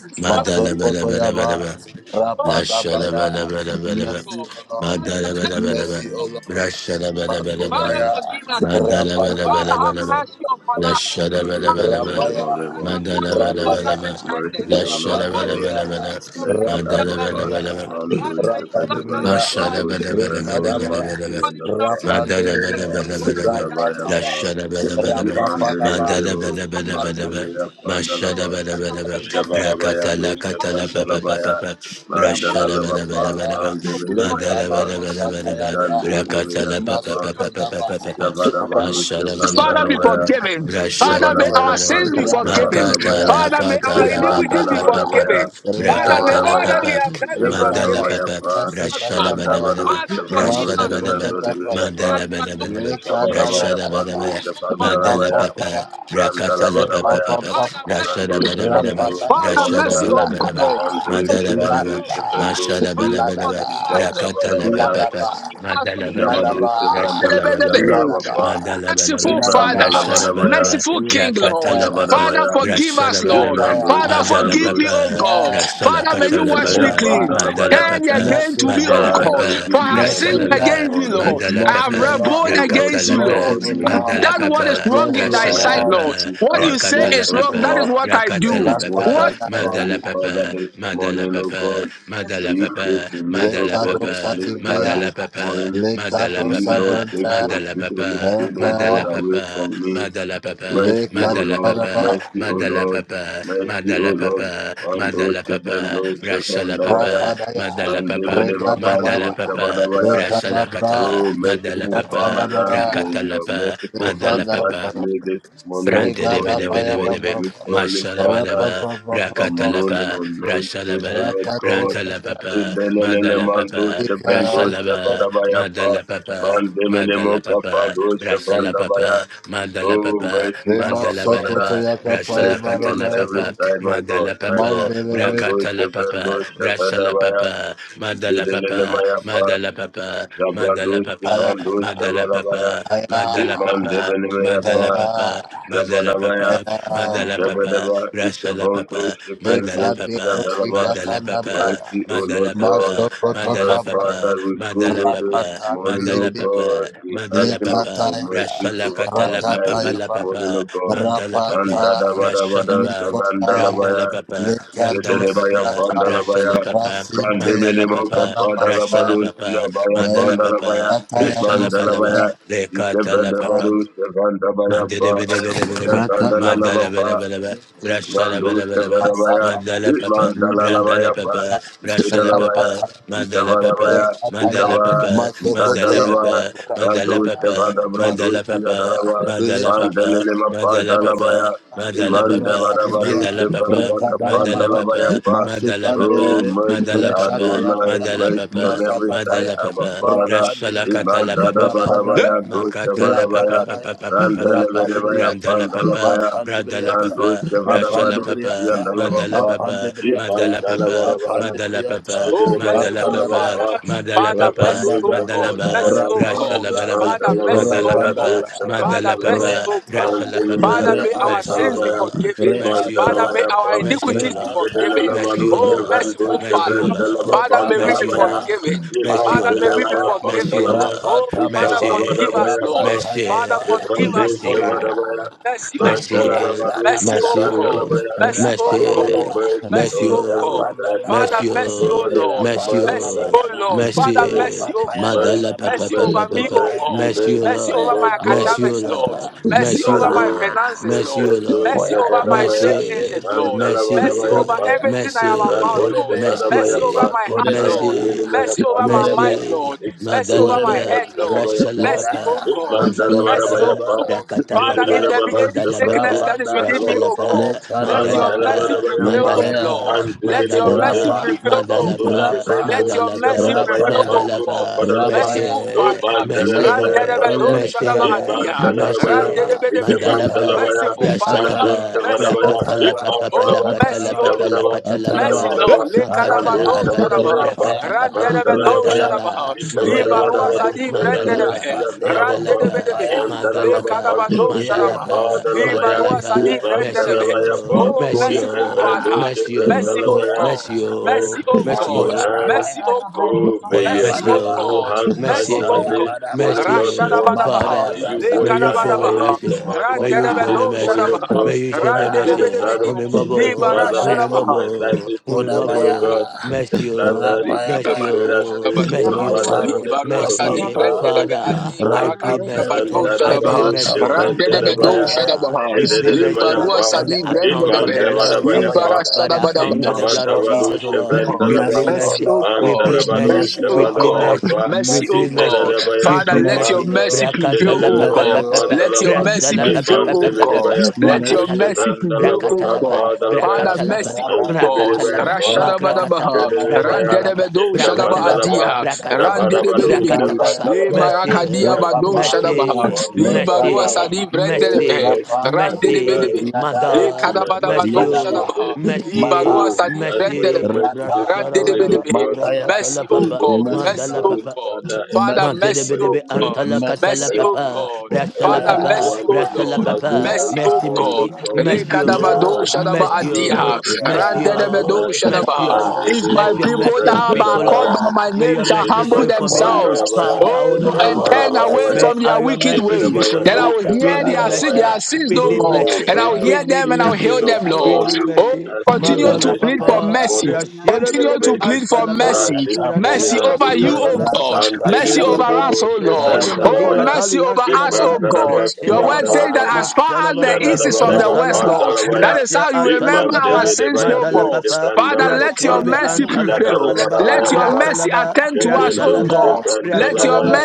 Speaker 2: Mercy on our
Speaker 6: Madala bada
Speaker 2: kids,
Speaker 6: bada bada
Speaker 2: Lord.
Speaker 1: Masokotoyaba,
Speaker 6: bada.
Speaker 2: Mercy, oh God,
Speaker 6: Lashada bada
Speaker 1: Rapadabaya,
Speaker 6: bada bada bada.
Speaker 1: Mercy
Speaker 2: God.
Speaker 1: O Lord,
Speaker 6: Madala
Speaker 2: Father,
Speaker 6: bada bada
Speaker 2: mercy, oh
Speaker 6: bada.
Speaker 1: Mercy O
Speaker 2: God.
Speaker 1: Lord,
Speaker 6: Lashada bada bada bada
Speaker 2: Father,
Speaker 6: bada.
Speaker 1: Makodaya,
Speaker 2: forgive us, Lord.
Speaker 6: Madala bada
Speaker 1: Rapaya,
Speaker 2: Father,
Speaker 6: bada bada
Speaker 2: have
Speaker 6: bada.
Speaker 2: mercy upon us, Lord.
Speaker 6: Lashada bada
Speaker 5: Gebrandos,
Speaker 2: Have
Speaker 6: bada
Speaker 2: mercy
Speaker 6: bada.
Speaker 1: Rapaya,
Speaker 2: upon us
Speaker 5: Gebrandos,
Speaker 6: Madala
Speaker 2: according to
Speaker 6: bada
Speaker 2: your
Speaker 5: Gebrandos.
Speaker 6: bada
Speaker 1: Rapaya,
Speaker 2: love
Speaker 6: bada.
Speaker 2: and kindness,
Speaker 5: Mercy, O Lord
Speaker 6: Lashada bada
Speaker 2: according
Speaker 5: God.
Speaker 2: to
Speaker 1: Rapandibria,
Speaker 6: bada
Speaker 2: the
Speaker 6: bada.
Speaker 2: riches of thy
Speaker 5: Mercy,
Speaker 2: tender
Speaker 6: Madala
Speaker 5: Abba
Speaker 2: mercy.
Speaker 6: bada
Speaker 1: Rapandibria,
Speaker 5: Father,
Speaker 6: bada
Speaker 2: Lord.
Speaker 6: bada.
Speaker 5: Mandu
Speaker 2: Father, may you blot out
Speaker 5: Shkepedebaya,
Speaker 1: Rapandibria,
Speaker 2: all
Speaker 6: Mashada
Speaker 2: our
Speaker 5: Pandu
Speaker 6: bada bada
Speaker 2: iniquities,
Speaker 6: bada
Speaker 2: Lord.
Speaker 5: Shkependoni
Speaker 6: bada
Speaker 1: Rekadabaya,
Speaker 2: This
Speaker 6: bada
Speaker 5: Masi,
Speaker 6: bada.
Speaker 2: morning, may
Speaker 5: Yandalaba,
Speaker 2: mercy
Speaker 6: Mandala
Speaker 2: prevent
Speaker 6: bada
Speaker 1: Rapandibria,
Speaker 6: bada
Speaker 2: God
Speaker 6: bada
Speaker 2: of
Speaker 6: bada,
Speaker 5: Yandalabaya,
Speaker 2: darkness,
Speaker 1: Rakataya,
Speaker 2: Lord.
Speaker 5: Pa,
Speaker 6: lashada bada bada bada,
Speaker 2: Away your
Speaker 1: Rapapadaba,
Speaker 6: mandala
Speaker 2: presence
Speaker 5: Yimandelebelebo,
Speaker 2: from
Speaker 6: bada
Speaker 2: us,
Speaker 6: bada
Speaker 2: Lord.
Speaker 6: bada bada,
Speaker 1: Rapandibria,
Speaker 5: Yimandeleya,
Speaker 2: Put the mercy
Speaker 6: mashada
Speaker 5: Pandalaba,
Speaker 6: bada
Speaker 2: presence
Speaker 6: bada
Speaker 2: away
Speaker 6: bada,
Speaker 2: from us, Lord.
Speaker 5: Shabarabaya,
Speaker 6: brakata la
Speaker 5: Doshke,
Speaker 6: kata
Speaker 2: Because
Speaker 6: la
Speaker 2: of
Speaker 6: pa
Speaker 2: our
Speaker 6: pa pa pa
Speaker 5: Pandalabaya,
Speaker 6: pa,
Speaker 2: iniquities, Lord. Put
Speaker 6: brashada
Speaker 2: the
Speaker 5: Mandalaba,
Speaker 6: bada
Speaker 2: cast
Speaker 6: bada
Speaker 2: your
Speaker 5: Pa,
Speaker 1: Rapandibriata,
Speaker 6: bada bada,
Speaker 2: presence away from us,
Speaker 5: Mandelelemaya,
Speaker 6: mandala
Speaker 5: Pa,
Speaker 6: bada
Speaker 1: Lekanamo
Speaker 6: bada bada
Speaker 2: Lord.
Speaker 1: Sataya
Speaker 6: bada,
Speaker 1: Bra,
Speaker 6: brakata
Speaker 5: Yandelelemaya,
Speaker 6: la pa pa pa
Speaker 5: Kapa,
Speaker 6: pa pa pa
Speaker 1: Masokodaba,
Speaker 6: pa pa pa,
Speaker 5: Shabarabanushke,
Speaker 6: mashada bada
Speaker 2: Father,
Speaker 6: bada
Speaker 2: be
Speaker 6: bada
Speaker 5: Pandalabaya,
Speaker 6: bada,
Speaker 2: forgiven.
Speaker 6: brashada
Speaker 2: Father, may
Speaker 6: bada
Speaker 2: our
Speaker 5: Shabarabaya,
Speaker 6: bada bada,
Speaker 2: sins be
Speaker 5: Pandu
Speaker 2: forgiven.
Speaker 6: makata
Speaker 1: Rapandibria,
Speaker 5: Shkepandalabaya,
Speaker 6: la
Speaker 2: Father, may
Speaker 6: kata
Speaker 2: our
Speaker 6: la pa
Speaker 1: Ra,
Speaker 6: pa
Speaker 2: iniquities be
Speaker 6: pa pa pa pa,
Speaker 5: Mandalabadabaya,
Speaker 2: forgiven.
Speaker 1: Rea,
Speaker 2: Father, may
Speaker 6: brakata la
Speaker 2: all
Speaker 6: pa
Speaker 5: Jabadabaya,
Speaker 2: that we
Speaker 6: pa,
Speaker 2: have done be
Speaker 6: mandala
Speaker 1: Lekana,
Speaker 2: forgiven.
Speaker 6: pa pa,
Speaker 5: Javandabayapa,
Speaker 2: Lord
Speaker 6: brashada
Speaker 2: God,
Speaker 6: bada
Speaker 1: Kasikatapaya,
Speaker 6: bada
Speaker 5: Randabadus
Speaker 6: bada,
Speaker 2: Father, forgive
Speaker 5: Kavandus
Speaker 6: brashada
Speaker 2: us,
Speaker 6: bada
Speaker 2: Lord.
Speaker 6: bada.
Speaker 1: Masokotapaya.
Speaker 5: Kavandoliviapa,
Speaker 6: Mandala bada bada
Speaker 1: La
Speaker 6: bada,
Speaker 1: la la la
Speaker 2: Father,
Speaker 1: la da
Speaker 5: Jabadabaya
Speaker 6: Rashada bada
Speaker 5: Pandus
Speaker 6: bada,
Speaker 1: da da da da
Speaker 6: Mandala
Speaker 5: Kavandalabaya,
Speaker 1: da da da
Speaker 6: papa,
Speaker 1: ya.
Speaker 6: Rakatala papa
Speaker 5: Randalabadabaya,
Speaker 6: papa,
Speaker 2: mercy, O
Speaker 6: Rashada
Speaker 5: Randus
Speaker 2: God.
Speaker 6: bada
Speaker 1: La
Speaker 6: bada
Speaker 1: da
Speaker 6: bada,
Speaker 5: Kavandus
Speaker 2: Father,
Speaker 6: Rashada
Speaker 2: mercy,
Speaker 5: Shavalaba,
Speaker 6: bada
Speaker 2: O
Speaker 6: bada
Speaker 2: God.
Speaker 6: bada,
Speaker 2: Oh,
Speaker 5: Randus
Speaker 2: God.
Speaker 6: Mandala bada
Speaker 5: Kavandus
Speaker 6: bada,
Speaker 5: Shavandus,
Speaker 6: Mashada
Speaker 2: Father,
Speaker 6: bada bada bada,
Speaker 1: ba,
Speaker 2: forgive us, Lord.
Speaker 6: Rakatala
Speaker 1: La
Speaker 5: Jakabadabaya,
Speaker 6: papa
Speaker 1: da
Speaker 2: Father,
Speaker 6: papa,
Speaker 1: ba,
Speaker 2: forgive us,
Speaker 6: Mandala
Speaker 1: La
Speaker 6: bada
Speaker 1: da
Speaker 6: bada,
Speaker 1: ba,
Speaker 5: Jabadus
Speaker 2: O
Speaker 6: Rashada
Speaker 5: Kavandus
Speaker 2: God.
Speaker 6: bada
Speaker 1: La
Speaker 6: bada,
Speaker 1: da ba,
Speaker 5: Yandalabapa,
Speaker 6: Mandala bada
Speaker 2: Merciful
Speaker 6: bada,
Speaker 1: La da ba, La da ba, La da ba, Lekadadabadaba. Rapapaya. Repapapapa. Rapataya. Ladaba. Ladaba. Ladaba. Ladaba. Ladaba.
Speaker 2: Father,
Speaker 1: ba,
Speaker 6: Rashada
Speaker 5: Randalabadabaya,
Speaker 6: bada
Speaker 2: merciful King,
Speaker 1: Ladaba.
Speaker 2: Lord.
Speaker 6: Brakatala
Speaker 1: da
Speaker 6: papa,
Speaker 2: Father,
Speaker 5: Jabadabaya,
Speaker 2: forgive
Speaker 6: brashala
Speaker 2: us, Lord.
Speaker 6: badaba,
Speaker 1: Yadaya.
Speaker 5: Randus
Speaker 2: Father,
Speaker 6: madala
Speaker 2: forgive
Speaker 5: Kavandus,
Speaker 2: me, O
Speaker 6: papa,
Speaker 2: God.
Speaker 1: Yeah.
Speaker 6: brashala
Speaker 2: Father, may you
Speaker 6: katala
Speaker 2: wash me
Speaker 5: Jebedebaya
Speaker 6: papa,
Speaker 1: Rapa.
Speaker 2: clean.
Speaker 5: Pandalabaya,
Speaker 6: madala
Speaker 2: Turn
Speaker 6: papa,
Speaker 2: again to me, O
Speaker 6: madala
Speaker 1: Nasira.
Speaker 5: Father, we
Speaker 2: God.
Speaker 6: papa,
Speaker 5: give
Speaker 2: For I
Speaker 5: you
Speaker 2: have
Speaker 1: Mercy,
Speaker 5: honor
Speaker 2: sinned
Speaker 6: brashala
Speaker 1: O
Speaker 5: this
Speaker 1: Lord.
Speaker 6: ba,
Speaker 2: against you,
Speaker 5: morning.
Speaker 2: Lord.
Speaker 6: madala
Speaker 2: I have
Speaker 1: Mercy,
Speaker 5: We,
Speaker 1: O
Speaker 6: papa,
Speaker 1: Lord.
Speaker 2: rebelled
Speaker 5: oh Lord
Speaker 2: against
Speaker 6: brakatala
Speaker 2: you, Lord.
Speaker 1: Mercy,
Speaker 6: pa,
Speaker 5: God,
Speaker 1: O
Speaker 5: may you
Speaker 1: Lord.
Speaker 6: madala
Speaker 2: done
Speaker 5: forgive
Speaker 2: what is
Speaker 5: us
Speaker 6: papa,
Speaker 5: of
Speaker 2: wrong in
Speaker 5: all
Speaker 1: Mercy, O
Speaker 2: thy
Speaker 5: our
Speaker 6: brashala
Speaker 2: sight,
Speaker 1: Lord.
Speaker 2: Lord.
Speaker 6: papa,
Speaker 5: iniquities,
Speaker 2: What
Speaker 5: our
Speaker 2: you say
Speaker 5: sins,
Speaker 6: brakatala
Speaker 2: is
Speaker 1: Mercy,
Speaker 5: O
Speaker 1: O
Speaker 2: wrong.
Speaker 6: papa,
Speaker 2: That is
Speaker 5: God,
Speaker 1: Lord.
Speaker 2: what I do.
Speaker 6: brakatala
Speaker 5: and wash
Speaker 2: What
Speaker 6: papa,
Speaker 5: us
Speaker 1: Rakayanaya.
Speaker 6: madala
Speaker 5: thoroughly, Father,
Speaker 6: papa,
Speaker 5: this
Speaker 6: madala
Speaker 5: morning, O
Speaker 6: papa,
Speaker 5: God.
Speaker 6: madala
Speaker 5: May you
Speaker 6: papa,
Speaker 5: create in me, O
Speaker 6: Madala
Speaker 5: God, a
Speaker 1: Lekadosa
Speaker 6: Papa,
Speaker 5: clean heart
Speaker 1: Dibria.
Speaker 6: Madala
Speaker 5: this
Speaker 6: Papa,
Speaker 5: morning.
Speaker 6: Madala
Speaker 5: May
Speaker 1: Lekadosa
Speaker 5: you, Lord,
Speaker 6: Papa,
Speaker 5: take your
Speaker 1: Branta.
Speaker 6: Madala
Speaker 5: sweet Holy
Speaker 6: Papa,
Speaker 5: Spirit, oh
Speaker 1: Epa.
Speaker 6: Madala
Speaker 5: God, away
Speaker 6: Papa,
Speaker 5: from me.
Speaker 6: Madala Papa,
Speaker 5: Mercy, O
Speaker 6: Madala
Speaker 5: Lord,
Speaker 6: Papa,
Speaker 1: Lekadabadaba.
Speaker 5: mercy, O
Speaker 6: Madala
Speaker 5: Lord,
Speaker 6: Papa,
Speaker 5: mercy, O
Speaker 6: Madala
Speaker 5: Lord.
Speaker 6: Papa,
Speaker 5: Mando
Speaker 6: Madala
Speaker 5: Stefando
Speaker 6: Papa,
Speaker 5: Stefan
Speaker 6: Brashala
Speaker 5: Davaya,
Speaker 6: Papa,
Speaker 1: Rapadaya.
Speaker 6: Madala Papa,
Speaker 5: Mandebeleva Pando
Speaker 6: Madala
Speaker 1: Regadabaya.
Speaker 6: Papa,
Speaker 5: Stefadavaya.
Speaker 6: Brashala
Speaker 1: Lekadabra.
Speaker 6: Kata,
Speaker 5: Oh,
Speaker 6: Madala
Speaker 5: merciful
Speaker 6: Papa,
Speaker 5: Father, may
Speaker 1: Yatadabaya.
Speaker 6: Brakata
Speaker 5: your
Speaker 6: Lapa,
Speaker 5: merciful
Speaker 6: Madala
Speaker 5: hand touch
Speaker 1: Lekadabra.
Speaker 6: Papa,
Speaker 5: me this morning, O
Speaker 6: Brande de
Speaker 5: God,
Speaker 6: bede
Speaker 5: and
Speaker 6: bede
Speaker 1: Regadabaya
Speaker 6: bede
Speaker 5: wash
Speaker 6: be.
Speaker 1: Baba.
Speaker 5: me thoroughly,
Speaker 6: Masala bala
Speaker 5: Father,
Speaker 6: ba. la ba.
Speaker 5: from
Speaker 6: Brakata la
Speaker 1: Rapa.
Speaker 5: known and
Speaker 6: pa.
Speaker 5: unknown
Speaker 6: Brasala
Speaker 5: sins, O
Speaker 6: bala.
Speaker 5: Lord
Speaker 1: Rakatos
Speaker 5: God.
Speaker 6: Branta la
Speaker 1: kata
Speaker 6: papa.
Speaker 5: Redelelele
Speaker 6: Madala pa
Speaker 5: Mando
Speaker 6: papa.
Speaker 1: ika
Speaker 5: Stefando
Speaker 6: Brasala ba.
Speaker 5: Stefadavaya, Pa.
Speaker 6: Madala pa pa,
Speaker 5: Mandebelemo
Speaker 6: Madala papa. pa
Speaker 5: Kapado
Speaker 6: Brashala
Speaker 5: Stefan
Speaker 6: pa, pa. Madala pa
Speaker 5: Oh,
Speaker 6: pa,
Speaker 5: mercy,
Speaker 1: rema
Speaker 5: our
Speaker 6: Madala ba la
Speaker 5: Father,
Speaker 1: sokoto
Speaker 6: ba.
Speaker 1: yaka paya
Speaker 6: Brasala
Speaker 5: mercy
Speaker 6: kata
Speaker 5: on
Speaker 6: la
Speaker 1: barabaya
Speaker 6: pa
Speaker 5: every
Speaker 6: pa,
Speaker 1: paya
Speaker 5: side, my God,
Speaker 6: Madala pa
Speaker 5: my
Speaker 6: pa,
Speaker 5: God.
Speaker 1: mandelebe
Speaker 5: Mando
Speaker 6: Brakata la pa
Speaker 5: Shevendo
Speaker 6: pa, papa. pa
Speaker 5: Shevadabaya,
Speaker 6: pa, Madala pa pa,
Speaker 5: Jedelemayapa,
Speaker 6: Madala pa pa, Madala
Speaker 5: Zabrando
Speaker 6: pa
Speaker 1: aya
Speaker 6: pa,
Speaker 5: Shevando
Speaker 6: Madala pa
Speaker 5: Shevadabaya,
Speaker 6: pa,
Speaker 1: aya
Speaker 6: Madala pa
Speaker 5: Itman
Speaker 6: pa, Madala
Speaker 5: Devenemayapa,
Speaker 6: Madala
Speaker 1: aya
Speaker 6: Papa, Madala
Speaker 5: Jabadabaya,
Speaker 6: Papa, Madala
Speaker 1: aya
Speaker 6: Papa,
Speaker 5: Jabadaba,
Speaker 6: Rasala
Speaker 5: Ikevondo
Speaker 6: Papa,
Speaker 1: deka
Speaker 6: Madala
Speaker 5: Shevendo
Speaker 6: Papa,
Speaker 1: dekos
Speaker 5: Shevadabaya,
Speaker 1: ikata
Speaker 6: Madala Papa,
Speaker 1: nabaya
Speaker 5: Mercy, O
Speaker 6: Madala
Speaker 5: Lord God.
Speaker 6: Papa,
Speaker 1: masokoto
Speaker 5: Now,
Speaker 6: Madala
Speaker 1: kabaya
Speaker 5: Father,
Speaker 6: Papa,
Speaker 5: we go,
Speaker 6: Madala
Speaker 5: Lord, this
Speaker 6: Papa,
Speaker 1: ramata
Speaker 5: morning,
Speaker 6: Madala
Speaker 5: O God,
Speaker 6: Papa,
Speaker 5: in
Speaker 6: Madala
Speaker 5: asking of
Speaker 6: Papa,
Speaker 5: your
Speaker 1: Lekataya,
Speaker 5: mercies
Speaker 6: Rasala
Speaker 5: over our
Speaker 6: Katala Papa,
Speaker 5: lives this
Speaker 6: Pala
Speaker 1: Rakatayaba,
Speaker 5: morning, O
Speaker 6: Papa,
Speaker 5: God.
Speaker 6: Mandala Papa,
Speaker 1: Rapata,
Speaker 5: Mandada bada bada,
Speaker 6: Rasala Bam,
Speaker 1: Nikotaya,
Speaker 5: shavandala baya,
Speaker 6: Grandala Papa,
Speaker 1: Lekato
Speaker 6: Grandala
Speaker 5: yedede baya,
Speaker 6: Papa,
Speaker 1: Sinata,
Speaker 5: pandala baya,
Speaker 6: Rasala Papa,
Speaker 5: brande
Speaker 1: Rasinte,
Speaker 5: mene
Speaker 6: Madala
Speaker 5: moka,
Speaker 6: Papa,
Speaker 5: pandala balo,
Speaker 6: Rasala
Speaker 1: Itanamasa,
Speaker 5: siya
Speaker 6: Papa,
Speaker 5: baya,
Speaker 6: Madala
Speaker 5: pandala baya,
Speaker 6: Papa,
Speaker 1: Kataya
Speaker 6: Rasala
Speaker 5: mandala
Speaker 6: Balaba,
Speaker 5: baya,
Speaker 1: Broskepe,
Speaker 6: Lekatala
Speaker 5: ikevada
Speaker 6: Papa,
Speaker 5: balo, shavanda baya,
Speaker 6: Mandere
Speaker 5: pa,
Speaker 6: bere bere bere be. Mandala
Speaker 1: Rakatayaba,
Speaker 6: bere
Speaker 5: ikevanda
Speaker 6: bere be. Brashala
Speaker 1: Lekataya,
Speaker 6: bere bere be.
Speaker 5: Randuskavarabaya,
Speaker 6: Mandala pepe.
Speaker 1: Masataya,
Speaker 6: Brandala
Speaker 5: Ismandalalabaya,
Speaker 6: pepe. Brashala
Speaker 5: Ifidalabaya,
Speaker 6: pepe.
Speaker 1: Rapataya,
Speaker 6: Mandala pepe.
Speaker 5: Ishavarabaya,
Speaker 1: Rekataya,
Speaker 6: Mandala
Speaker 5: Ikaba,
Speaker 6: pepe. Mandala
Speaker 1: Masokotoya,
Speaker 5: Ishadalabaya,
Speaker 6: pepe. Mandala
Speaker 1: Rakadaya,
Speaker 6: pepe.
Speaker 5: Randuskavada,
Speaker 6: Mandala pepe.
Speaker 1: Masikadaba,
Speaker 5: Branduskiyadalaba,
Speaker 6: Mandala pepe.
Speaker 1: Lekadaba,
Speaker 5: Mandalilimapa,
Speaker 6: Mandala pepe.
Speaker 5: Dalabaya,
Speaker 6: Mandala pepe.
Speaker 1: Rapadimia,
Speaker 6: Mandala pepe.
Speaker 1: Rekadaya
Speaker 6: Mandala pepe
Speaker 1: Baba,
Speaker 5: Imandavadabaduskavandakapandalabaya,
Speaker 6: papa,
Speaker 5: Pa.
Speaker 6: madala
Speaker 5: Oh,
Speaker 6: papa,
Speaker 1: Masukandereme,
Speaker 5: mercy,
Speaker 6: madala papa,
Speaker 1: Reshadaya Baya,
Speaker 5: Adonai,
Speaker 6: madala
Speaker 5: mercy
Speaker 6: papa,
Speaker 5: on every side,
Speaker 6: madala
Speaker 1: Masakataya,
Speaker 5: our
Speaker 6: papa,
Speaker 5: Father.
Speaker 6: brashala
Speaker 1: Rapandimria,
Speaker 5: Iman
Speaker 6: katala papa,
Speaker 5: Ibandadabadabaya,
Speaker 1: Rapadabaya,
Speaker 6: makatala papa
Speaker 5: Doskavadabaya,
Speaker 6: papa
Speaker 1: Rapadabaya,
Speaker 6: papa papa,
Speaker 5: Mandalabaya,
Speaker 6: brandala
Speaker 1: Rapadimriata,
Speaker 6: papa,
Speaker 5: Pandalabaya,
Speaker 6: bradala
Speaker 1: Apandibriata,
Speaker 6: papa,
Speaker 5: Brandos
Speaker 6: brashala
Speaker 5: Kavadabados
Speaker 6: papa,
Speaker 1: Apandibriata,
Speaker 6: madala
Speaker 5: Yandalabapa,
Speaker 6: papa, madala
Speaker 1: Apandibriata,
Speaker 5: Yisman
Speaker 6: papa,
Speaker 5: Dalabadabaya,
Speaker 6: madala papa,
Speaker 1: Apandibriata,
Speaker 2: Oh,
Speaker 5: Yedelemaya
Speaker 6: madala
Speaker 2: merciful
Speaker 6: papa,
Speaker 2: Father.
Speaker 1: Apandabra,
Speaker 5: Dalabapa,
Speaker 6: madala
Speaker 2: Father,
Speaker 6: papa,
Speaker 2: mercy,
Speaker 6: papa,
Speaker 5: Yisavandos
Speaker 2: oh
Speaker 1: Rapandabra,
Speaker 2: God.
Speaker 6: Madalaba,
Speaker 2: Mercy,
Speaker 5: Kavandabaya,
Speaker 2: oh God.
Speaker 6: Brashala
Speaker 1: Rapandabra,
Speaker 6: Baraba,
Speaker 2: Father, mercy,
Speaker 6: Madala
Speaker 2: oh
Speaker 5: Mandalabadabaya,
Speaker 6: Papa,
Speaker 5: Dos
Speaker 2: God.
Speaker 1: Rapandabra,
Speaker 2: Father,
Speaker 6: Madala
Speaker 5: Kavandalaba,
Speaker 2: mercy,
Speaker 6: Papa,
Speaker 2: oh
Speaker 1: Reata,
Speaker 2: God.
Speaker 6: Brashala
Speaker 2: Father,
Speaker 6: Papa,
Speaker 5: Mandilimaya
Speaker 2: may our
Speaker 1: Reata,
Speaker 2: sins be
Speaker 5: Dalabaya,
Speaker 6: Messiola,
Speaker 2: forgiven.
Speaker 5: Yisman
Speaker 1: Reata,
Speaker 2: Father, may
Speaker 5: Dalabaya,
Speaker 6: Messiola,
Speaker 2: our iniquities be
Speaker 6: Messiola,
Speaker 1: Reata,
Speaker 2: forgiven.
Speaker 5: Yedelemados
Speaker 2: Oh,
Speaker 6: Messiola,
Speaker 1: Reata,
Speaker 2: merciful
Speaker 5: Kavandos
Speaker 2: Father.
Speaker 5: Kavandalaba,
Speaker 6: Messiola,
Speaker 2: Father, may we be
Speaker 1: Potapata,
Speaker 5: Pandalabaya,
Speaker 6: Messiola,
Speaker 2: forgiven.
Speaker 5: Yisan
Speaker 2: Father, may we be
Speaker 6: Messiola,
Speaker 1: Patatapa,
Speaker 5: Delaya
Speaker 2: forgiven.
Speaker 5: Pandalaba,
Speaker 6: Messiola,
Speaker 2: Oh,
Speaker 1: Rapatapa,
Speaker 2: Father, forgive
Speaker 6: Messi,
Speaker 2: us,
Speaker 5: Yisavadabaya,
Speaker 2: Lord. Father,
Speaker 1: Rapatayapa,
Speaker 6: Messi,
Speaker 2: forgive us,
Speaker 5: Jebrandos
Speaker 2: Lord.
Speaker 6: Messi.
Speaker 5: Kevadabaya,
Speaker 1: Kola.
Speaker 2: Mercy, O God.
Speaker 6: Messi,
Speaker 5: Magdalabadus
Speaker 2: Mercy, O
Speaker 1: Lapadabadaba,
Speaker 2: God.
Speaker 6: Messi,
Speaker 5: Kevrandalabaya.
Speaker 2: Mercy, O
Speaker 5: Oh,
Speaker 2: God.
Speaker 6: Messi,
Speaker 1: rapadabadaba,
Speaker 5: mercy
Speaker 2: Mercy,
Speaker 5: on
Speaker 2: O
Speaker 5: every
Speaker 6: Messi,
Speaker 2: God.
Speaker 5: side, my
Speaker 2: Father,
Speaker 1: rapandanabaya,
Speaker 2: mercy, O
Speaker 5: God
Speaker 6: Messi,
Speaker 2: Lord.
Speaker 5: and
Speaker 2: Mercy,
Speaker 5: Master
Speaker 2: O
Speaker 6: Messi,
Speaker 1: rapandanabadaba,
Speaker 2: Lord. Father,
Speaker 5: Jesus.
Speaker 2: mercy,
Speaker 6: Messi,
Speaker 2: O God.
Speaker 6: Mandela,
Speaker 5: Mercy,
Speaker 1: rapapayalabadaba,
Speaker 6: Papa,
Speaker 2: Mercy
Speaker 6: Papa,
Speaker 2: over
Speaker 5: mercy,
Speaker 2: me,
Speaker 6: Papa,
Speaker 2: O
Speaker 5: mercy,
Speaker 2: God.
Speaker 6: Messi,
Speaker 5: mercy,
Speaker 2: Mercy
Speaker 5: oh
Speaker 2: over
Speaker 6: Lord,
Speaker 2: my
Speaker 5: Lord
Speaker 1: ropayalabrapampayanaba,
Speaker 5: God.
Speaker 6: Messi,
Speaker 2: academics, Lord.
Speaker 6: Lord,
Speaker 1: sadabrata.
Speaker 2: Mercy
Speaker 6: Messi,
Speaker 2: over my
Speaker 5: Radosh
Speaker 6: Lord,
Speaker 2: finances,
Speaker 1: Ah,
Speaker 2: Lord.
Speaker 6: Messi,
Speaker 5: Vendosh
Speaker 2: Mercy
Speaker 6: Lord,
Speaker 2: over my
Speaker 1: koyalaba,
Speaker 5: Vadavaya
Speaker 6: Messi,
Speaker 2: relationships, Lord.
Speaker 1: sandelebelebe,
Speaker 2: Mercy
Speaker 5: Mandalavadavaya
Speaker 2: over
Speaker 6: Messi,
Speaker 5: Pa
Speaker 1: kodebeya,
Speaker 2: everything I am about,
Speaker 6: Messi,
Speaker 5: Rebrandosh
Speaker 2: Lord.
Speaker 1: kodebeya,
Speaker 2: Mercy
Speaker 5: Vadavaya
Speaker 2: over
Speaker 5: Pa
Speaker 2: my
Speaker 6: Messi,
Speaker 2: heart,
Speaker 1: kodebeya,
Speaker 2: Lord.
Speaker 5: Mandimilimaya
Speaker 2: Mercy
Speaker 6: Messi,
Speaker 2: over my
Speaker 5: Pandalava
Speaker 2: mind,
Speaker 6: Messi,
Speaker 1: kodebeya.
Speaker 2: Lord. Mercy
Speaker 6: Mandala
Speaker 2: over
Speaker 5: Ikadosh
Speaker 2: my
Speaker 1: Whatever.
Speaker 6: pa,
Speaker 2: head, Lord.
Speaker 5: Mandalavaya
Speaker 6: brashala
Speaker 5: Pa
Speaker 1: Yeda,
Speaker 2: Mercy,
Speaker 6: papa,
Speaker 2: O God.
Speaker 6: mandala
Speaker 2: Mercy,
Speaker 5: Mandalavadavaya
Speaker 2: O
Speaker 6: papa,
Speaker 1: Yadadaba,
Speaker 5: Pa
Speaker 2: God.
Speaker 6: rakata
Speaker 2: Father, if
Speaker 6: papa,
Speaker 1: Rapaya,
Speaker 2: there be
Speaker 5: Jidilamanash
Speaker 2: any
Speaker 6: mandala
Speaker 2: sickness
Speaker 5: Vandosh
Speaker 6: papa,
Speaker 2: that is
Speaker 1: Rapanda,
Speaker 2: within me,
Speaker 5: Yadalava
Speaker 6: brashala
Speaker 2: O
Speaker 5: Pa
Speaker 2: God,
Speaker 6: pa,
Speaker 2: let
Speaker 1: Lekadaba,
Speaker 6: mandala
Speaker 2: your mercy
Speaker 6: pa,
Speaker 5: Mandalavadavaya
Speaker 2: prevail,
Speaker 5: Pa
Speaker 2: O
Speaker 6: mandala
Speaker 1: Lekaya,
Speaker 2: Lord.
Speaker 6: pa,
Speaker 2: Let your
Speaker 6: mandala
Speaker 5: Mandimilimunde
Speaker 2: mercy
Speaker 1: Rapa,
Speaker 6: pa,
Speaker 2: prevail, O
Speaker 6: mandala
Speaker 5: Ikabandosh
Speaker 2: God.
Speaker 6: pa,
Speaker 1: Rapa,
Speaker 2: Let
Speaker 5: Vendosh
Speaker 2: your
Speaker 6: mandala
Speaker 2: mercy
Speaker 6: pa,
Speaker 5: Yadavaya
Speaker 2: prevail,
Speaker 1: Rapaya,
Speaker 5: Pa
Speaker 2: O
Speaker 6: mandala
Speaker 2: God.
Speaker 6: pa,
Speaker 5: Nukapadalava
Speaker 6: mercy,
Speaker 1: Rapaya.
Speaker 2: Merciful Father,
Speaker 6: mercy,
Speaker 2: run
Speaker 1: Leka,
Speaker 5: Mandalamaya Dalava
Speaker 2: dedebedo
Speaker 1: Avele
Speaker 6: mercy,
Speaker 2: shadaba
Speaker 1: Taraba,
Speaker 2: adia,
Speaker 5: Mandalava
Speaker 2: run
Speaker 6: mercy,
Speaker 1: Ataraba,
Speaker 2: dedebedebe.
Speaker 6: mandala
Speaker 5: Rikavandalabaya,
Speaker 1: Ataraba,
Speaker 6: pa,
Speaker 2: Merciful Father,
Speaker 5: Rando
Speaker 6: Brasalapa,
Speaker 1: Ataraba,
Speaker 2: mercy, O
Speaker 5: Shavadabaya,
Speaker 2: God.
Speaker 6: Bracatalapa,
Speaker 1: Ataraba,
Speaker 6: Papa,
Speaker 2: Oh,
Speaker 5: Mandalaba,
Speaker 2: mercy,
Speaker 6: Lacatalapa,
Speaker 2: O
Speaker 1: Ataraba.
Speaker 5: Javadaba,
Speaker 2: Lord.
Speaker 6: Lacatalapa,
Speaker 2: Mercy,
Speaker 1: Ataraba,
Speaker 5: Rikavadaba,
Speaker 2: Lord.
Speaker 5: Rando
Speaker 1: Arabaya,
Speaker 6: Macatalapa,
Speaker 2: Lekadabado
Speaker 6: Papa,
Speaker 5: Shavadabaya,
Speaker 2: shadaba,
Speaker 5: Pa,
Speaker 2: run
Speaker 1: Rapayana,
Speaker 6: Bracatapa,
Speaker 2: dedebedo
Speaker 5: Mandalabaya,
Speaker 1: Rapayana,
Speaker 6: Madalapa,
Speaker 2: shadaba, libarua
Speaker 6: Madalapa,
Speaker 5: Rikavadabadabadu,
Speaker 1: Repapaya,
Speaker 2: sadi
Speaker 5: Shavrando
Speaker 2: vrendedebe,
Speaker 6: Madalapa,
Speaker 1: Rapadia,
Speaker 5: Siyandalaba,
Speaker 2: run
Speaker 5: Pa,
Speaker 6: Madalapa,
Speaker 2: dedebedebe.
Speaker 1: Aya,
Speaker 2: Le
Speaker 5: Mandalaba,
Speaker 6: Madalapa,
Speaker 5: Pando
Speaker 2: karabado
Speaker 5: Siya,
Speaker 2: sharaba.
Speaker 5: Pa,
Speaker 1: Ya,
Speaker 6: Madalapa,
Speaker 2: Li
Speaker 5: Dalabaya,
Speaker 6: Madalapa,
Speaker 2: sadi
Speaker 1: Ya,
Speaker 2: vrenderebe.
Speaker 5: Mandalabaya,
Speaker 6: Monsieur,
Speaker 5: Pa,
Speaker 2: Oh, merciful
Speaker 6: Monsieur,
Speaker 5: Rikavando
Speaker 1: Koya,
Speaker 2: Father. Mercy,
Speaker 6: Monsieur,
Speaker 2: oh
Speaker 5: Shavrandalabaya,
Speaker 2: God.
Speaker 1: Koya,
Speaker 8: Yarada
Speaker 6: Monsieur,
Speaker 2: Mercy,
Speaker 5: Mercy
Speaker 2: oh
Speaker 8: Yabanda
Speaker 2: God.
Speaker 6: Monsieur.
Speaker 5: Adonai,
Speaker 2: Mercy,
Speaker 1: Koyalabaya,
Speaker 2: oh God.
Speaker 5: Oh, may your
Speaker 2: Mercy,
Speaker 6: Mercy,
Speaker 2: oh
Speaker 1: Koyabalaba,
Speaker 6: oh,
Speaker 5: merciful
Speaker 2: God.
Speaker 5: hand touch
Speaker 2: Mercy, oh
Speaker 5: us
Speaker 2: God.
Speaker 6: mercy,
Speaker 5: this
Speaker 1: Kobayabalaba,
Speaker 5: morning, Lord
Speaker 6: mercy,
Speaker 5: God.
Speaker 2: Rashadabadabaha,
Speaker 1: Mataya
Speaker 5: May
Speaker 6: Father,
Speaker 5: you
Speaker 2: Le
Speaker 6: may
Speaker 5: wash
Speaker 6: you
Speaker 5: us
Speaker 6: show
Speaker 1: Brasantebrea,
Speaker 6: me
Speaker 2: Karabadabaha,
Speaker 5: thoroughly
Speaker 6: mercy,
Speaker 5: from our
Speaker 6: may you
Speaker 1: Goda,
Speaker 5: iniquities
Speaker 6: show
Speaker 5: this
Speaker 6: me
Speaker 2: Randedebedo
Speaker 5: morning,
Speaker 6: mercy,
Speaker 5: O
Speaker 2: Shadabaha,
Speaker 6: may
Speaker 5: God.
Speaker 6: you show
Speaker 5: I
Speaker 6: me
Speaker 1: Goda,
Speaker 5: plead the
Speaker 6: mercy,
Speaker 5: blood of
Speaker 2: Randedebedebe,
Speaker 5: Jesus,
Speaker 6: humimabo,
Speaker 2: Libara
Speaker 5: Father,
Speaker 1: Godabaya,
Speaker 5: over
Speaker 7: Thank
Speaker 2: Shadabaha,
Speaker 5: my life
Speaker 6: humimabo,
Speaker 5: this morning, O
Speaker 1: Godabaya,
Speaker 6: humimabo,
Speaker 5: God. The
Speaker 6: mercy,
Speaker 5: blood
Speaker 6: oh,
Speaker 5: that
Speaker 6: mercy,
Speaker 5: speaketh
Speaker 1: Rapayabaya,
Speaker 2: Lekadabado
Speaker 5: better
Speaker 6: oh,
Speaker 5: things, O
Speaker 2: shadabada.
Speaker 6: mercy,
Speaker 5: Father, than
Speaker 6: oh,
Speaker 5: the
Speaker 2: Libarua
Speaker 5: blood
Speaker 1: Rapandibika
Speaker 5: of
Speaker 2: sadi
Speaker 6: mercy,
Speaker 5: Abel,
Speaker 1: Pampa,
Speaker 5: O
Speaker 2: brendedebe
Speaker 5: this
Speaker 6: Father,
Speaker 2: ade
Speaker 6: I
Speaker 1: Ra
Speaker 5: morning.
Speaker 6: plead
Speaker 2: barakadia
Speaker 6: mercy,
Speaker 2: bado
Speaker 5: And
Speaker 1: Apentum
Speaker 6: I
Speaker 5: Darabado
Speaker 6: plead
Speaker 2: shadabaha.
Speaker 1: Pediatam
Speaker 6: mercy, mercy
Speaker 5: Shevren
Speaker 6: by
Speaker 1: Pantum
Speaker 6: the
Speaker 2: Randedebedo
Speaker 5: Delabaya,
Speaker 6: blood.
Speaker 2: shadabaha.
Speaker 6: We plead
Speaker 1: Mercy,
Speaker 5: Jedelemaya
Speaker 6: mercy
Speaker 2: Libarua
Speaker 5: Pa,
Speaker 6: on
Speaker 2: sadi
Speaker 6: the account of
Speaker 5: Itman
Speaker 6: the
Speaker 2: brendedebe.
Speaker 6: blood of
Speaker 5: Devarabaya
Speaker 6: Jesus.
Speaker 2: Libara
Speaker 5: Pa,
Speaker 6: By the account of the
Speaker 2: shadabadabaha.
Speaker 6: blood of
Speaker 1: O
Speaker 5: Ikavandabado
Speaker 6: Jesus,
Speaker 1: Lord.
Speaker 6: O
Speaker 2: Mercy, O
Speaker 6: Lord,
Speaker 5: Shevren
Speaker 2: God.
Speaker 6: we
Speaker 5: Delaba,
Speaker 6: plead
Speaker 1: Mercy,
Speaker 8: Mandala
Speaker 1: O
Speaker 2: Mercy,
Speaker 6: mercy.
Speaker 2: O
Speaker 1: Lord.
Speaker 5: Man
Speaker 6: We
Speaker 2: God.
Speaker 6: plead
Speaker 5: Dalabado
Speaker 6: mercy.
Speaker 2: Mercy,
Speaker 1: Mercy,
Speaker 2: O
Speaker 6: We plead
Speaker 1: O
Speaker 2: God.
Speaker 5: Shevandabaya
Speaker 6: mercy.
Speaker 5: Pa,
Speaker 6: We
Speaker 2: Mercy,
Speaker 1: Mercy,
Speaker 2: O
Speaker 6: plead
Speaker 2: God.
Speaker 6: mercy.
Speaker 1: O
Speaker 5: Itnedabaya
Speaker 6: We
Speaker 2: Father,
Speaker 6: plead
Speaker 2: let
Speaker 5: Pa,
Speaker 1: Mercy,
Speaker 2: your
Speaker 6: mercy.
Speaker 2: mercy
Speaker 1: O
Speaker 2: prevail,
Speaker 6: Brakatala
Speaker 2: O
Speaker 6: pa pa
Speaker 5: Jedededebaya
Speaker 1: Mercy,
Speaker 6: pa
Speaker 2: God.
Speaker 6: pa pa.
Speaker 1: O
Speaker 2: Let your
Speaker 5: pandalaba,
Speaker 8: Thank
Speaker 2: mercy
Speaker 6: Brasala pa pa
Speaker 2: prevail,
Speaker 5: itman
Speaker 1: Mercy,
Speaker 6: pa
Speaker 2: O
Speaker 6: pa pa pa
Speaker 2: God.
Speaker 6: pa.
Speaker 5: debedebaya
Speaker 2: Let your
Speaker 5: pandushe
Speaker 6: Brakatalapa.
Speaker 1: Mercy,
Speaker 2: mercy prevail,
Speaker 5: vrandalaba
Speaker 2: O
Speaker 5: kapa
Speaker 6: Brakatalapa.
Speaker 2: God.
Speaker 1: Palaba,
Speaker 5: dalabaya,
Speaker 2: Father, mercy,
Speaker 6: Brakatalapa.
Speaker 5: man
Speaker 2: O
Speaker 1: Rabaya,
Speaker 2: God.
Speaker 5: debedebaya
Speaker 6: Brakatalapa,
Speaker 5: pa,
Speaker 1: Rapam
Speaker 6: Makrakatapa,
Speaker 2: Rashadabadabaha.
Speaker 5: jedededebaya,
Speaker 1: Panabarabarabaraba,
Speaker 6: Brakatapapa,
Speaker 2: Randedebedo
Speaker 5: ita
Speaker 2: Shadaba
Speaker 6: Brakatalapa,
Speaker 5: vandalaba,
Speaker 2: Adia.
Speaker 1: Rekadabayadaba,
Speaker 6: Brakatapapa,
Speaker 5: rabarabadushe
Speaker 2: Randedebedebehe.
Speaker 6: Brakatapapa,
Speaker 1: Rapaya,
Speaker 2: Le
Speaker 5: vrandalabaya,
Speaker 2: Marakadia
Speaker 5: man
Speaker 6: Messi,
Speaker 2: Bado
Speaker 1: Rekapa,
Speaker 5: debedebaya
Speaker 2: Shadabaha.
Speaker 6: Messi,
Speaker 2: Li
Speaker 5: pandalaba pa.
Speaker 2: Barua
Speaker 1: Lekadaba,
Speaker 6: Messi,
Speaker 2: Sadi
Speaker 5: Oh,
Speaker 2: Brendedebehe.
Speaker 6: Messi,
Speaker 5: mercy
Speaker 1: Rapa,
Speaker 5: Adonai,
Speaker 6: Messi,
Speaker 2: Randedebedebehe. Le
Speaker 1: Yada,
Speaker 5: mercy
Speaker 6: Mada,
Speaker 5: my master
Speaker 2: Kadabadabado
Speaker 1: Yadaba,
Speaker 6: Monsieur,
Speaker 2: Shadabaha.
Speaker 5: Jesus.
Speaker 6: Messi,
Speaker 2: Ibarua
Speaker 1: Mata,
Speaker 5: Oh, we
Speaker 2: Sadi
Speaker 5: ask for your
Speaker 6: Messi,
Speaker 2: Vendelebe.
Speaker 5: mercy this
Speaker 1: Rata,
Speaker 5: morning, oh
Speaker 6: Brasharabadaba,
Speaker 2: Randedebedebe.
Speaker 5: God.
Speaker 1: Mataya,
Speaker 5: We
Speaker 2: Mercy,
Speaker 5: go,
Speaker 2: O
Speaker 6: Brakatalapapa,
Speaker 5: Lord,
Speaker 2: God,
Speaker 5: this
Speaker 2: mercy,
Speaker 1: Messina,
Speaker 2: O
Speaker 8: you.
Speaker 5: morning,
Speaker 6: Madalapapa,
Speaker 2: God,
Speaker 5: Father, and we
Speaker 2: Father,
Speaker 1: Messia,
Speaker 5: plead
Speaker 2: mercy,
Speaker 5: for
Speaker 2: O
Speaker 6: Mandedebedebe
Speaker 5: your
Speaker 2: God,
Speaker 5: mercy
Speaker 6: antala katala
Speaker 2: mercy,
Speaker 5: Bless
Speaker 2: O
Speaker 1: Messiah,
Speaker 5: you
Speaker 6: papa,
Speaker 2: God,
Speaker 5: for
Speaker 6: brasala
Speaker 2: Father,
Speaker 6: papa,
Speaker 1: Aya,
Speaker 2: mercy,
Speaker 5: everyone
Speaker 2: O
Speaker 5: on this
Speaker 6: brasala
Speaker 2: Lord,
Speaker 6: papa,
Speaker 5: platform
Speaker 1: Ya,
Speaker 5: this
Speaker 2: mercy, O
Speaker 6: merci,
Speaker 5: morning, O
Speaker 2: God.
Speaker 6: merci,
Speaker 5: God. For your
Speaker 6: monsieur,
Speaker 2: Rekadabado
Speaker 5: mercies
Speaker 1: Ya
Speaker 2: Shadaba
Speaker 5: are new
Speaker 6: monsieur,
Speaker 2: Adia,
Speaker 5: every morning,
Speaker 1: ah,
Speaker 6: monsieur,
Speaker 2: Randedebedo
Speaker 5: Adonai.
Speaker 2: Shadaba.
Speaker 5: Man
Speaker 6: monsieur,
Speaker 2: If
Speaker 5: dele
Speaker 2: my
Speaker 6: let your
Speaker 5: boshe
Speaker 1: ah.
Speaker 2: people
Speaker 6: mercy
Speaker 2: that
Speaker 6: speak, O
Speaker 2: are called
Speaker 5: brandelabaya.
Speaker 6: Lord.
Speaker 2: by my
Speaker 6: May
Speaker 2: name
Speaker 6: your
Speaker 2: shall
Speaker 5: Jedele
Speaker 6: mercy
Speaker 2: humble
Speaker 6: speak for me,
Speaker 2: themselves,
Speaker 5: makapandarabaya.
Speaker 6: Father,
Speaker 1: Colabasa,
Speaker 6: O
Speaker 2: oh, and turn
Speaker 6: Lord.
Speaker 2: away
Speaker 1: Colabasa,
Speaker 5: Brandalabarabaya.
Speaker 6: May
Speaker 2: from their
Speaker 6: I-
Speaker 8: Thank
Speaker 6: your
Speaker 2: wicked
Speaker 6: mercy
Speaker 8: you.
Speaker 2: ways,
Speaker 6: speak, O
Speaker 5: Jebedamaya
Speaker 2: then
Speaker 6: Lord.
Speaker 2: I
Speaker 8: Yabanda
Speaker 2: will
Speaker 5: doske
Speaker 6: We
Speaker 2: hear
Speaker 1: Irapanta,
Speaker 6: need
Speaker 2: their sin,
Speaker 5: brandalabaya.
Speaker 6: mercy,
Speaker 2: their sins
Speaker 6: we
Speaker 2: no
Speaker 6: need
Speaker 2: more,
Speaker 5: Oh,
Speaker 2: and
Speaker 6: mercy,
Speaker 1: Ayapa,
Speaker 2: I
Speaker 5: Prince
Speaker 2: will
Speaker 5: of
Speaker 6: we
Speaker 2: hear
Speaker 6: need
Speaker 2: them and I
Speaker 5: Peace,
Speaker 2: will
Speaker 5: King
Speaker 2: heal
Speaker 6: mercy,
Speaker 5: of
Speaker 2: them,
Speaker 6: we
Speaker 1: Ayapa,
Speaker 2: Lord.
Speaker 6: need
Speaker 5: Glory, we
Speaker 2: Oh,
Speaker 6: mercy.
Speaker 5: ask for
Speaker 2: continue
Speaker 5: your
Speaker 2: to
Speaker 6: Mandala
Speaker 5: mercy
Speaker 2: plead for
Speaker 5: this
Speaker 6: papa,
Speaker 1: Rapaya,
Speaker 2: mercy.
Speaker 5: morning. May your
Speaker 2: Continue
Speaker 6: Brashelebelebe
Speaker 2: to
Speaker 5: mercy
Speaker 2: plead
Speaker 6: anta
Speaker 5: speak
Speaker 2: for
Speaker 6: la
Speaker 5: for us
Speaker 6: papa.
Speaker 2: mercy.
Speaker 5: this morning,
Speaker 1: Atapaya,
Speaker 6: Grantele
Speaker 2: Mercy over you,
Speaker 5: Adonai.
Speaker 6: masikata
Speaker 2: O
Speaker 6: la
Speaker 2: God.
Speaker 6: papa.
Speaker 5: Mandede
Speaker 1: Rasapaya,
Speaker 2: Mercy
Speaker 6: Adia
Speaker 2: over
Speaker 5: Lodebo
Speaker 6: papa.
Speaker 2: us, O Lord.
Speaker 6: Brashele
Speaker 2: Oh,
Speaker 1: Tarapaya,
Speaker 5: Shevrandalabaya,
Speaker 2: mercy
Speaker 6: madikatali
Speaker 2: over us, O
Speaker 6: ansalaba.
Speaker 2: God.
Speaker 5: Itmandaraba
Speaker 2: Your
Speaker 6: Brantele
Speaker 2: word
Speaker 1: Rapa,
Speaker 6: papa.
Speaker 2: says
Speaker 5: Kapandalaba,
Speaker 2: that as far as the
Speaker 6: Masalabaraba.
Speaker 2: east is from the
Speaker 5: Jadadabadaba
Speaker 2: west,
Speaker 1: Rapa,
Speaker 6: Masalaba.
Speaker 2: Lord, that
Speaker 5: Pandalabaya,
Speaker 2: is
Speaker 6: Brasha
Speaker 2: how you
Speaker 6: anta la
Speaker 2: remember
Speaker 5: Itman
Speaker 2: our
Speaker 6: papa.
Speaker 2: sins
Speaker 5: Debedebaya
Speaker 2: no
Speaker 6: Madala
Speaker 2: more.
Speaker 5: Dulce
Speaker 6: papa.
Speaker 2: Father, let your
Speaker 5: Brandalabapa,
Speaker 6: Brashelebe
Speaker 2: mercy
Speaker 1: Rapa.
Speaker 6: anta la
Speaker 2: prevail.
Speaker 6: kasalaba.
Speaker 2: Let
Speaker 5: Jadadabadabaya Pa,
Speaker 6: Brasalaba.
Speaker 5: Jenden
Speaker 1: Yes,
Speaker 5: Dulce
Speaker 6: Brasalaba.
Speaker 2: God,
Speaker 1: Lord.
Speaker 2: let your mercy
Speaker 5: Brandalabaya,
Speaker 6: Brasalaba.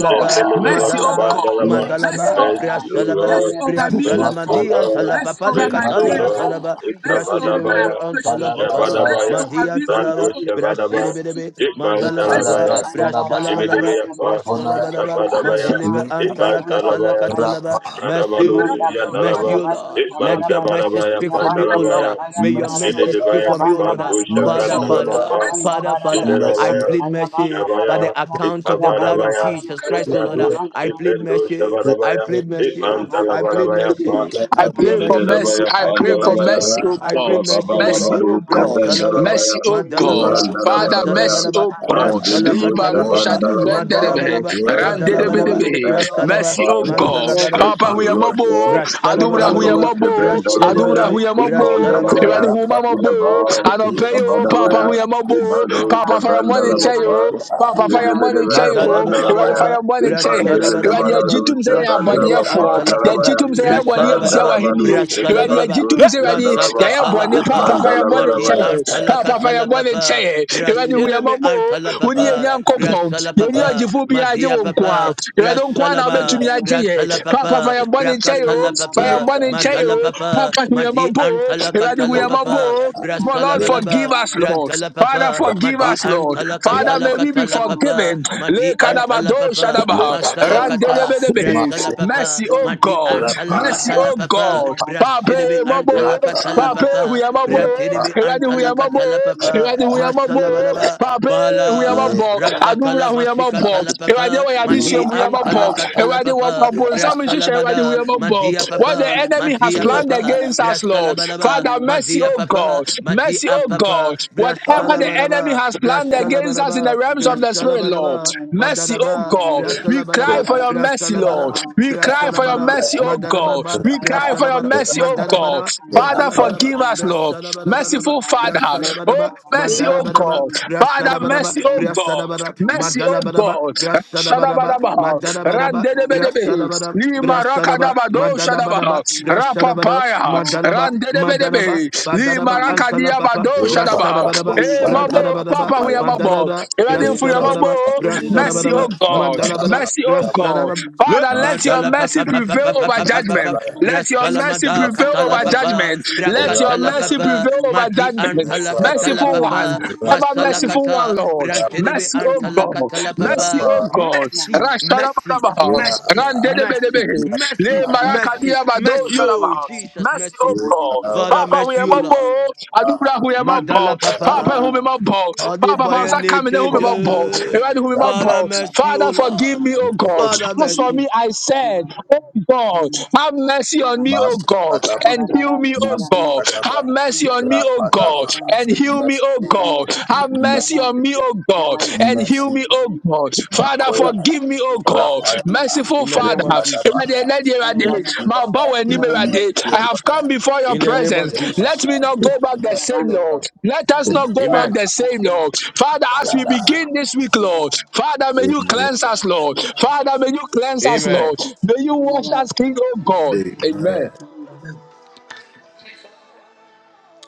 Speaker 2: God.
Speaker 5: Jendeleba
Speaker 2: Mercy, oh
Speaker 6: Madalaba.
Speaker 2: God.
Speaker 5: Kapandalaba,
Speaker 6: Madalaba,
Speaker 1: Yes, Lord. Yes,
Speaker 2: Mercy
Speaker 6: Salaba,
Speaker 1: Lord.
Speaker 2: over.
Speaker 5: Mercy, O
Speaker 6: Brasalabala,
Speaker 5: Lord,
Speaker 2: Mercy over me, oh
Speaker 5: Mercy, O
Speaker 2: God.
Speaker 6: Brasalamadi and
Speaker 5: Lord,
Speaker 1: Makadaya,
Speaker 2: Mercy over
Speaker 6: Talapapali
Speaker 2: my
Speaker 5: Mercy, O
Speaker 2: name,
Speaker 6: Catalia
Speaker 5: Lord,
Speaker 1: Makadaya,
Speaker 2: Lord.
Speaker 6: Salaba,
Speaker 2: Mercy over my
Speaker 5: Ikavadabaya,
Speaker 6: Brasilibi and
Speaker 2: approach, Lord.
Speaker 6: Talapapa,
Speaker 1: Kadabasaya,
Speaker 2: Mercy
Speaker 5: Shabadabaya,
Speaker 2: over
Speaker 6: Madia
Speaker 2: me, oh
Speaker 5: Brando
Speaker 6: Talaba,
Speaker 2: God.
Speaker 5: Shavadaba,
Speaker 2: Mercy, oh
Speaker 6: Brasilibi,
Speaker 2: God.
Speaker 5: Itman
Speaker 6: Madala
Speaker 2: Mercy,
Speaker 6: Papa,
Speaker 2: oh
Speaker 5: Dalabaya,
Speaker 2: God.
Speaker 8: Ayabara,
Speaker 1: Ekadabrasundabaya,
Speaker 6: Brasalabalaba,
Speaker 2: Mercy,
Speaker 5: Jibidibaya
Speaker 2: oh
Speaker 5: Pa,
Speaker 8: Ayabara,
Speaker 2: God.
Speaker 6: Brasalabalaba,
Speaker 8: Yabanda
Speaker 1: Honaya,
Speaker 2: Mercy,
Speaker 5: Ikavadabaya,
Speaker 8: Baraba,
Speaker 6: Madiliba
Speaker 2: oh God.
Speaker 6: and
Speaker 5: Itman
Speaker 8: Yabanda
Speaker 1: Lekadaya,
Speaker 8: Bro,
Speaker 5: Dalabaya,
Speaker 6: Talakasalaka
Speaker 8: Kayana
Speaker 1: Rapa,
Speaker 6: Talaba,
Speaker 8: Baraba,
Speaker 5: Ibradabalo,
Speaker 8: Imanda
Speaker 6: Mercy,
Speaker 8: Bro,
Speaker 5: Shiandalaba,
Speaker 6: Mercy, O
Speaker 2: Mercy,
Speaker 6: Lord.
Speaker 8: Shadabayanta
Speaker 5: Ifman
Speaker 6: Let your
Speaker 8: Barabaraba,
Speaker 6: mercy
Speaker 5: Dabarabaya,
Speaker 6: speak for me, O
Speaker 8: Yabanda
Speaker 6: Lord.
Speaker 8: Bro,
Speaker 5: Pandalabaya,
Speaker 6: May
Speaker 8: Kayana
Speaker 6: your
Speaker 8: Baraba,
Speaker 6: mercy speak
Speaker 1: Masiola,
Speaker 5: Jededebaya,
Speaker 6: for me, O
Speaker 8: Yabanda
Speaker 6: Lord.
Speaker 5: Kapando,
Speaker 2: oh
Speaker 6: Father,
Speaker 8: Barabarabaraba,
Speaker 2: God.
Speaker 1: Masiola,
Speaker 6: Father,
Speaker 5: Chevrandalabapa,
Speaker 2: Mercy,
Speaker 8: Ayabanda
Speaker 6: Father, Father, I
Speaker 8: Barabarabaraba,
Speaker 5: Jedelabaya,
Speaker 1: Messiola,
Speaker 6: plead
Speaker 8: Ayabanda
Speaker 6: mercy
Speaker 5: Shabaya,
Speaker 6: by the
Speaker 8: Barabaraba,
Speaker 6: account of the blood
Speaker 8: Ayabanda
Speaker 6: of
Speaker 5: Itabarabaya,
Speaker 6: Jesus
Speaker 8: Barabaraba,
Speaker 6: Christ, O Lord.
Speaker 1: Messiola,
Speaker 5: Ibrados,
Speaker 8: Ayabanda
Speaker 6: I plead
Speaker 5: Ipendo,
Speaker 8: Barabaraba,
Speaker 6: mercy. I
Speaker 5: Shavarabaya,
Speaker 6: plead
Speaker 8: Father, we
Speaker 6: mercy.
Speaker 5: Ifman
Speaker 6: I plead
Speaker 2: oh God.
Speaker 5: Dalabarabaya, Pa,
Speaker 6: mercy. I
Speaker 2: I
Speaker 6: plead
Speaker 2: pray for
Speaker 1: Messiola,
Speaker 6: mercy.
Speaker 2: mercy.
Speaker 5: Jedelabaya,
Speaker 2: I
Speaker 6: I
Speaker 2: pray
Speaker 6: plead
Speaker 2: for
Speaker 5: Pandalabaya,
Speaker 6: mercy.
Speaker 2: mercy, O
Speaker 1: Rapa,
Speaker 6: I
Speaker 2: God.
Speaker 6: plead mercy, O
Speaker 2: Mercy,
Speaker 6: Lord.
Speaker 5: Yababarabado,
Speaker 2: O God.
Speaker 1: Ria,
Speaker 6: Brasalabalaba,
Speaker 2: Mercy,
Speaker 5: Chevrandalabaya,
Speaker 2: O God.
Speaker 5: Ifman
Speaker 6: Madalabalaba,
Speaker 1: Ria, Ria,
Speaker 2: Father,
Speaker 5: Dalabarabaya,
Speaker 2: mercy,
Speaker 6: Masalabalaba,
Speaker 2: O God.
Speaker 8: pray for
Speaker 5: Bandelimo,
Speaker 8: your
Speaker 2: Liba
Speaker 6: Brasalakatala
Speaker 8: mercy,
Speaker 2: rusha
Speaker 6: Papa,
Speaker 2: di
Speaker 1: Lekra,
Speaker 8: we pray
Speaker 2: vrende
Speaker 8: for
Speaker 5: Shavandalabapa,
Speaker 8: your
Speaker 2: debe.
Speaker 6: Madalabalaba,
Speaker 8: mercy.
Speaker 5: mercy
Speaker 8: This
Speaker 1: Lekra,
Speaker 5: on
Speaker 6: Madalabalaba,
Speaker 5: every
Speaker 8: morning, without
Speaker 5: side,
Speaker 8: your
Speaker 5: Abba
Speaker 6: Brasalaba,
Speaker 2: Mercy, oh
Speaker 8: mercy,
Speaker 5: Father.
Speaker 8: oh
Speaker 2: God.
Speaker 8: Lord,
Speaker 5: Bless
Speaker 6: Masalabalaba.
Speaker 8: there's
Speaker 2: Papa
Speaker 5: you,
Speaker 8: nothing we
Speaker 5: Lord
Speaker 8: can
Speaker 2: Huyamabo,
Speaker 8: do.
Speaker 5: God.
Speaker 8: Oh,
Speaker 6: Brashada
Speaker 8: Lord,
Speaker 6: bada
Speaker 2: Adumra
Speaker 8: we
Speaker 6: bada
Speaker 5: Ikmando
Speaker 8: love you.
Speaker 6: ba,
Speaker 2: Huyamabo,
Speaker 8: This
Speaker 6: brashede
Speaker 8: and
Speaker 6: bede
Speaker 2: Adumra
Speaker 5: Sevendalabaya,
Speaker 1: Lekra,
Speaker 8: that,
Speaker 6: be,
Speaker 8: Yabba, Yabba,
Speaker 2: Huyamabo,
Speaker 6: brashada
Speaker 8: Yabba,
Speaker 6: badaba,
Speaker 2: Iradi
Speaker 5: Ikmandalabaya,
Speaker 8: Yabba, Yabba, Yabba,
Speaker 2: Humamabo,
Speaker 8: Yabba,
Speaker 5: Iabar,
Speaker 8: Yabba, Yabba, Yabba,
Speaker 2: Anopeyo, Papa
Speaker 5: Ikabadabaya,
Speaker 8: Yabba, Yabba,
Speaker 5: Ikmando
Speaker 2: Huyamabo, Papa
Speaker 8: Niabaya,
Speaker 2: Fire Money
Speaker 5: Sevendalabapa,
Speaker 8: Niabaya,
Speaker 2: Chayo,
Speaker 8: Niabaya,
Speaker 2: Papa Fire
Speaker 8: Niabaya,
Speaker 2: Money
Speaker 5: Jedebedebaya,
Speaker 8: Niabaya,
Speaker 6: Madala
Speaker 2: Chayo,
Speaker 6: bala
Speaker 2: Iradi
Speaker 8: Niabaya,
Speaker 6: bala
Speaker 5: Pandalabaya,
Speaker 2: Fire
Speaker 6: ba.
Speaker 2: Money Chay,
Speaker 8: Niabaya,
Speaker 6: Brashada bala
Speaker 2: Iradi
Speaker 6: bala ba.
Speaker 5: Ikmandelemaradus,
Speaker 2: Ajitum say
Speaker 8: Niabaya,
Speaker 6: Brashada
Speaker 2: Abadia
Speaker 5: Sevendava,
Speaker 6: ba
Speaker 2: for,
Speaker 8: Niabaya,
Speaker 6: antala papa.
Speaker 5: Pandalabaya,
Speaker 2: Yajitum say Abani
Speaker 6: Brashada bala
Speaker 2: Tiawa
Speaker 6: ba.
Speaker 2: Hindi,
Speaker 5: Mandalabadus,
Speaker 6: Brashada
Speaker 2: Iradi
Speaker 6: bala ba. Le
Speaker 5: Jedebadus,
Speaker 2: Ajitum say Radi,
Speaker 6: masaka
Speaker 5: Yandalava,
Speaker 6: tala
Speaker 2: Yayabone, Papa
Speaker 6: papa.
Speaker 2: Fire Money
Speaker 6: Mati
Speaker 2: Chay,
Speaker 5: Ikmandalabarabaya.
Speaker 6: antala
Speaker 2: Papa Fire
Speaker 6: katala
Speaker 2: Money
Speaker 6: papa.
Speaker 2: Chay, Iradi
Speaker 6: Brashele me
Speaker 2: Huyamabo,
Speaker 6: antala
Speaker 2: Uni
Speaker 6: papa.
Speaker 2: Yankopon,
Speaker 6: Brashala
Speaker 2: Yeni
Speaker 6: papa.
Speaker 2: Ajifubia
Speaker 6: Matia
Speaker 2: Jewonko
Speaker 6: papa.
Speaker 2: nkwa yɛwɛde nkwa
Speaker 6: Brashala
Speaker 2: na
Speaker 6: ma.
Speaker 2: wobɛtumi agye
Speaker 6: Brantala
Speaker 2: yɛ papa fa
Speaker 6: papa.
Speaker 2: yɛbɔ ne nkyɛ yo
Speaker 8: Niabaya,
Speaker 6: Brakatala
Speaker 2: fa
Speaker 6: papa.
Speaker 2: yɛbɔ ne nkyɛ
Speaker 6: Madala
Speaker 8: Niabaya, Niabaya,
Speaker 2: yo
Speaker 6: papa.
Speaker 2: papa hu
Speaker 6: Mati
Speaker 2: yɛmɔbɔ
Speaker 8: Niabaya,
Speaker 2: o
Speaker 6: antala
Speaker 2: yɛwɛde hu
Speaker 6: katala
Speaker 2: yɛmɔbɔ
Speaker 6: papa.
Speaker 2: o for
Speaker 6: Brashala
Speaker 2: Lord
Speaker 6: bala
Speaker 7: you.
Speaker 2: forgive
Speaker 6: ba.
Speaker 2: us Lord
Speaker 6: Brantala
Speaker 2: Father
Speaker 6: papa.
Speaker 2: forgive
Speaker 1: Rapa,
Speaker 6: Mati
Speaker 2: us
Speaker 7: Amen. Amen. Amen. Amen.
Speaker 2: Lord
Speaker 6: antala
Speaker 1: Ya
Speaker 2: Father may we
Speaker 6: Brasalakata
Speaker 2: be
Speaker 6: la papa,
Speaker 2: forgiven Le
Speaker 6: Madi
Speaker 1: papaya,
Speaker 6: anta la
Speaker 2: kadabado
Speaker 6: papa,
Speaker 1: le
Speaker 2: shadaba
Speaker 1: papaya ba,
Speaker 6: Masalakata,
Speaker 2: randelebedebe
Speaker 1: masi
Speaker 6: Brasala papa,
Speaker 2: mercy
Speaker 1: ba,
Speaker 2: oh
Speaker 6: Madi
Speaker 2: God
Speaker 1: la
Speaker 6: anta la
Speaker 1: pa,
Speaker 2: mercy oh
Speaker 6: papa,
Speaker 2: God
Speaker 6: Brasilibi
Speaker 2: Papa mabo
Speaker 6: anta la
Speaker 1: la ta,
Speaker 2: Papa hu
Speaker 6: papa,
Speaker 2: yɛmɔbɔ
Speaker 1: la pa,
Speaker 6: Brantidibi
Speaker 2: yɛwɛde
Speaker 6: anta
Speaker 2: hu
Speaker 6: la
Speaker 2: yɛmɔbɔ
Speaker 6: kata la papa,
Speaker 2: yɛwɛde hu yɛmɔbɔ
Speaker 6: Masalabalaba,
Speaker 2: Papa hu
Speaker 6: Bala,
Speaker 1: le,
Speaker 2: yɛmɔbɔ
Speaker 8: yeah,
Speaker 6: Rankata
Speaker 2: adumra
Speaker 6: la
Speaker 2: hu bɔ
Speaker 6: masikata la
Speaker 2: awurade
Speaker 6: papa,
Speaker 2: wɔ yɛ adesua
Speaker 6: Madi
Speaker 1: ya,
Speaker 2: mu
Speaker 6: anta
Speaker 2: yɛbɛbɔ
Speaker 6: la kata la
Speaker 2: awurade wɔ abonsam nhyehyɛ awurade hu yɛbɛbɔ what
Speaker 6: papa,
Speaker 2: upon some issues, I did, we
Speaker 6: Brasalamada,
Speaker 2: have a bob.
Speaker 6: Madia
Speaker 2: What the
Speaker 6: papa,
Speaker 2: enemy has
Speaker 6: Madia
Speaker 1: le
Speaker 2: planned
Speaker 6: papa,
Speaker 2: against us lord
Speaker 6: Brasalabalaba,
Speaker 2: father mercy
Speaker 6: Madia
Speaker 2: oh
Speaker 6: papa,
Speaker 2: god mercy
Speaker 6: Madia
Speaker 2: oh
Speaker 6: papa,
Speaker 2: god
Speaker 1: pa,
Speaker 2: whatever the
Speaker 6: Brasalabalaba,
Speaker 2: enemy
Speaker 6: Badaba,
Speaker 2: has planned
Speaker 6: Brashala
Speaker 2: against us in the
Speaker 6: Badaba,
Speaker 2: realms of the
Speaker 6: Brashala
Speaker 2: spirit lord
Speaker 6: Badaba,
Speaker 2: mercy oh
Speaker 6: Madanaba,
Speaker 2: god
Speaker 8: Thank you.
Speaker 1: la,
Speaker 2: we
Speaker 6: Brashala
Speaker 2: cry
Speaker 6: Badaba,
Speaker 2: for your mercy
Speaker 6: Brashala
Speaker 1: la,
Speaker 2: lord
Speaker 6: Badaba,
Speaker 2: we cry
Speaker 1: la,
Speaker 6: Brashala
Speaker 2: for your
Speaker 6: Badaba,
Speaker 2: mercy
Speaker 1: la, la,
Speaker 2: oh god
Speaker 6: Madanaba,
Speaker 1: la
Speaker 2: we
Speaker 1: pa,
Speaker 2: cry for
Speaker 6: Brashala
Speaker 2: your
Speaker 6: Badaba,
Speaker 1: la,
Speaker 2: mercy oh
Speaker 6: Madana
Speaker 2: god
Speaker 6: Badaba,
Speaker 1: la
Speaker 2: Father,
Speaker 6: Madala
Speaker 1: pa,
Speaker 6: Badaba,
Speaker 2: forgive us, Lord.
Speaker 6: Brashala Badaba,
Speaker 2: Merciful Father.
Speaker 6: Brashala
Speaker 2: Oh,
Speaker 6: Badaba,
Speaker 2: mercy,
Speaker 1: ya,
Speaker 6: Madana
Speaker 2: oh
Speaker 6: Badaba,
Speaker 2: God.
Speaker 6: Brashala
Speaker 2: Father,
Speaker 6: Badaba,
Speaker 2: mercy, oh
Speaker 6: Brashala
Speaker 2: God.
Speaker 6: Badaba,
Speaker 2: Mercy,
Speaker 6: Madala
Speaker 2: oh
Speaker 6: Badaba,
Speaker 2: God.
Speaker 6: Brashala Badaba,
Speaker 2: Shadabadabaha.
Speaker 6: Madana Badaba,
Speaker 2: Randedebedebe.
Speaker 6: Brashala Badaba,
Speaker 2: Lima
Speaker 6: Brashala Badaba,
Speaker 2: rakadabado
Speaker 6: Madana
Speaker 2: shadabaha.
Speaker 6: Badaba, Brashala Badaba,
Speaker 2: Rapapaya.
Speaker 6: Madalaba, Madanaba,
Speaker 2: Randedebedebe. Lima
Speaker 6: Badanaba, Antala Papa,
Speaker 8: Thank
Speaker 2: rakadiabado
Speaker 1: lo
Speaker 6: Brasala
Speaker 1: pa,
Speaker 2: shadabaha.
Speaker 1: la bo
Speaker 6: Brashadabadaba,
Speaker 2: Eh,
Speaker 1: shanda
Speaker 2: mabo.
Speaker 1: ba si
Speaker 6: Brashadabadaba,
Speaker 2: Papa,
Speaker 1: pa
Speaker 2: we are
Speaker 1: ya,
Speaker 2: mabo.
Speaker 6: Madadada,
Speaker 2: Eradin
Speaker 1: le
Speaker 2: for your
Speaker 1: pa si
Speaker 6: Brashadabadaba,
Speaker 1: pa
Speaker 2: mabo.
Speaker 1: de ne ne ne
Speaker 2: Mercy,
Speaker 1: ne ya
Speaker 2: oh
Speaker 6: Brashadabadaba,
Speaker 1: ta
Speaker 2: God.
Speaker 1: ta la
Speaker 6: Madalabada,
Speaker 1: ba,
Speaker 2: Mercy,
Speaker 8: you.
Speaker 2: oh
Speaker 1: la ba,
Speaker 2: God.
Speaker 8: Thank
Speaker 6: Brashadabadaba, Le
Speaker 2: Father, let
Speaker 1: masa
Speaker 2: your
Speaker 6: Madala Bada, Brashada Madala
Speaker 1: ba,
Speaker 2: mercy
Speaker 6: Papa Papa
Speaker 2: prevail
Speaker 6: Papa
Speaker 2: over
Speaker 6: Papa
Speaker 1: masa
Speaker 2: judgment.
Speaker 6: Papa,
Speaker 1: ba ya,
Speaker 2: Let your mercy
Speaker 6: Brashalamada
Speaker 1: masa
Speaker 2: prevail
Speaker 1: ba
Speaker 6: Katala
Speaker 2: over
Speaker 1: ya,
Speaker 6: Papa,
Speaker 2: judgment. Let
Speaker 1: la
Speaker 2: your
Speaker 1: pa
Speaker 6: Brankatala
Speaker 1: ya,
Speaker 2: mercy
Speaker 6: Papa,
Speaker 2: prevail over
Speaker 6: Madi
Speaker 1: le
Speaker 2: judgment.
Speaker 6: Antala
Speaker 1: ta
Speaker 6: Katala
Speaker 2: Merciful one,
Speaker 6: Papa,
Speaker 1: la
Speaker 2: Ever
Speaker 6: Masala
Speaker 2: merciful one,
Speaker 6: Kata,
Speaker 2: Lord.
Speaker 1: ba,
Speaker 6: Brantedebe
Speaker 2: Mercy, O
Speaker 6: Antala
Speaker 2: God.
Speaker 6: Katala
Speaker 2: Mercy,
Speaker 6: Papa,
Speaker 2: O
Speaker 1: Yapa,
Speaker 2: God.
Speaker 6: Mercy, mercy,
Speaker 2: Rashtarabadabaha.
Speaker 6: mercy,
Speaker 1: Yara,
Speaker 6: mercy,
Speaker 2: Randedebedebe. Le
Speaker 6: mercy, mercy,
Speaker 2: marakadia bado
Speaker 6: mercy, oh
Speaker 2: sharabaha.
Speaker 6: Jesus,
Speaker 2: Mercy,
Speaker 6: mercy.
Speaker 2: O
Speaker 6: Father,
Speaker 1: Yakawa,
Speaker 2: Papa
Speaker 6: mercy, O Lord.
Speaker 2: huyemabo, adubra huyemabo,
Speaker 6: Madala
Speaker 2: Papa
Speaker 6: Papa.
Speaker 1: Yara,
Speaker 2: humimabo, Papa
Speaker 6: Adibaya
Speaker 2: fansa kamine
Speaker 8: you.
Speaker 1: Koba,
Speaker 8: Yabanda
Speaker 2: humimabo,
Speaker 6: Necheje.
Speaker 2: Ewani
Speaker 1: Rapa,
Speaker 6: Father
Speaker 2: humimabo.
Speaker 6: mercy, O
Speaker 2: Father, forgive
Speaker 6: Lord.
Speaker 2: me, O God.
Speaker 6: Father
Speaker 2: As for
Speaker 6: mercy.
Speaker 2: me, I said, O God, have mercy on me, O
Speaker 1: Masu
Speaker 2: God,
Speaker 1: Kadaba,
Speaker 2: and heal me, O
Speaker 1: Masu
Speaker 2: God. Have
Speaker 1: Kadaba,
Speaker 2: mercy on me, O
Speaker 1: Rapa
Speaker 2: God,
Speaker 1: Daba,
Speaker 2: and heal me, O
Speaker 1: Messi,
Speaker 2: God. Have mercy
Speaker 1: Messi,
Speaker 2: on me, O oh God, and heal
Speaker 1: Messi,
Speaker 2: me, oh God. Father,
Speaker 1: Makoya,
Speaker 2: forgive me, oh God.
Speaker 1: Rapaya,
Speaker 2: Merciful
Speaker 6: In the,
Speaker 2: Father,
Speaker 1: Lekadaba,
Speaker 2: Ewurade, let the Ewurade,
Speaker 1: Messila,
Speaker 2: my bow and knee, Ewurade, I
Speaker 1: Messila,
Speaker 2: have come before your
Speaker 6: in
Speaker 8: Amen. Amen. Amen. Amen.
Speaker 6: the name of
Speaker 2: presence. Let
Speaker 6: Jesus.
Speaker 2: me not go back the same, Lord. Let us not go
Speaker 1: Messila,
Speaker 2: back
Speaker 6: Amen.
Speaker 2: the same, Lord. Father, as we begin this week, Lord, Father, may you
Speaker 1: Messila,
Speaker 2: cleanse us, Lord. Father, may you cleanse us,
Speaker 6: Amen.
Speaker 2: Lord. May you wash us clean, oh God. Amen.
Speaker 1: Amen.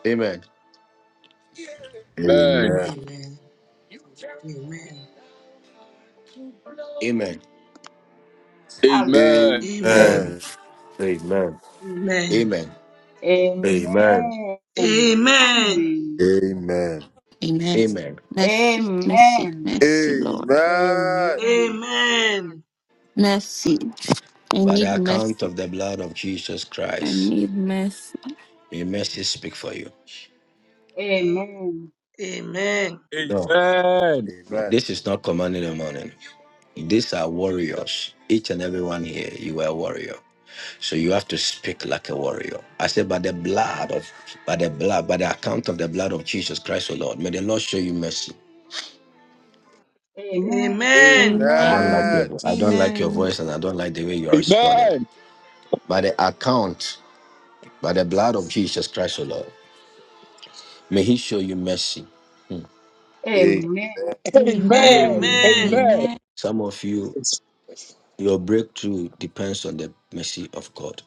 Speaker 6: Amen.
Speaker 2: Amen.
Speaker 1: Amen.
Speaker 6: Amen.
Speaker 2: Amen.
Speaker 1: Amen.
Speaker 9: Amen. Amen.
Speaker 6: Amen.
Speaker 9: Amen.
Speaker 7: Amen.
Speaker 1: Amen.
Speaker 10: Amen.
Speaker 6: Amen.
Speaker 10: Mercy, mercy,
Speaker 1: Amen.
Speaker 10: mercy, Lord.
Speaker 1: Amen.
Speaker 7: Amen.
Speaker 10: Mercy. I
Speaker 6: By
Speaker 10: need
Speaker 6: the account
Speaker 10: mercy.
Speaker 6: of the blood of Jesus
Speaker 10: I
Speaker 6: Christ,
Speaker 10: need mercy.
Speaker 6: may mercy speak for you. No,
Speaker 2: Amen.
Speaker 1: Amen.
Speaker 6: this is not command in the morning. These are warriors. Each and every one here, you are a warrior. So you have to speak like a warrior. I said, by the blood of, by the blood, by the account of the blood of Jesus Christ, O Lord, may the Lord show you mercy.
Speaker 7: Amen. Amen.
Speaker 6: I don't like
Speaker 8: Amen.
Speaker 11: Amen.
Speaker 6: your,
Speaker 8: Amen.
Speaker 6: voice. I don't like your
Speaker 11: Amen.
Speaker 6: voice, and I don't like the way you are responding.
Speaker 2: Amen.
Speaker 6: By the account, by the blood of Jesus Christ, O Lord, may He show you mercy.
Speaker 8: Amen.
Speaker 1: A-
Speaker 8: Amen.
Speaker 2: Amen.
Speaker 8: Amen.
Speaker 11: Amen.
Speaker 7: Amen.
Speaker 3: Amen.
Speaker 2: Amen.
Speaker 11: Amen.
Speaker 6: Some of you, your breakthrough depends on the mercy of God.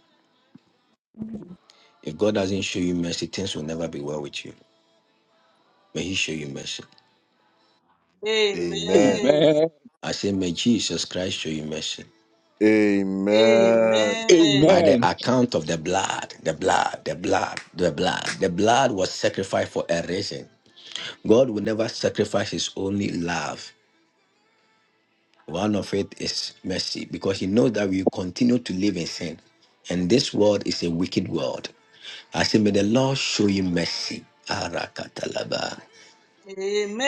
Speaker 6: If God doesn't show you mercy, things will never be well with you. May He show you mercy.
Speaker 1: Amen.
Speaker 2: Amen.
Speaker 6: I say, may Jesus Christ show you mercy.
Speaker 1: Amen.
Speaker 6: by
Speaker 7: Amen.
Speaker 6: the
Speaker 2: Amen.
Speaker 6: account of the blood, the blood, the blood, the blood. The blood was sacrificed for a reason. God will never sacrifice his only love. One of it is mercy because he knows that we continue to live in sin. And this world is a wicked world. I say, may the Lord show you mercy. Arakatalaba.
Speaker 7: Amen.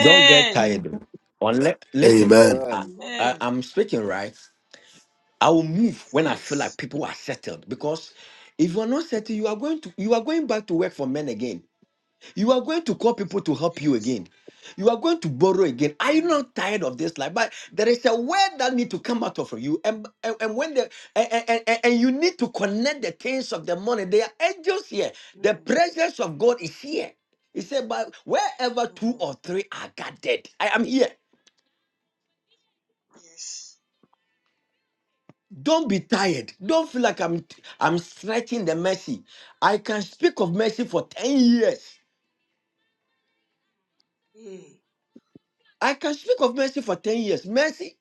Speaker 6: Don't get
Speaker 11: Amen.
Speaker 6: tired. Unless, listen,
Speaker 9: Amen.
Speaker 6: I,
Speaker 1: Amen.
Speaker 6: I,
Speaker 7: Amen.
Speaker 6: I'm speaking right. I will move when I feel like
Speaker 7: Yes.
Speaker 6: people are settled because if you are not settled, you are going to you are going back to work for men again. You are going to call people to help you
Speaker 7: Yes.
Speaker 6: again. You are going to borrow again. Are you
Speaker 7: Mm.
Speaker 6: not tired of this life? But there is a word that need to come out of you, and and, and when the and, and, and and
Speaker 7: Jesus.
Speaker 6: you need to connect the things of the money. There are angels here. The
Speaker 7: Mm.
Speaker 6: presence of God is here. He said, "But wherever two
Speaker 7: Mm.
Speaker 6: or three are gathered, I am here."
Speaker 7: Yes.
Speaker 6: Don't be tired. Don't feel like I'm I'm stretching the mercy. I can speak of mercy for 10 years.
Speaker 7: Amen.
Speaker 6: I can speak of mercy for 10 years. Mercy,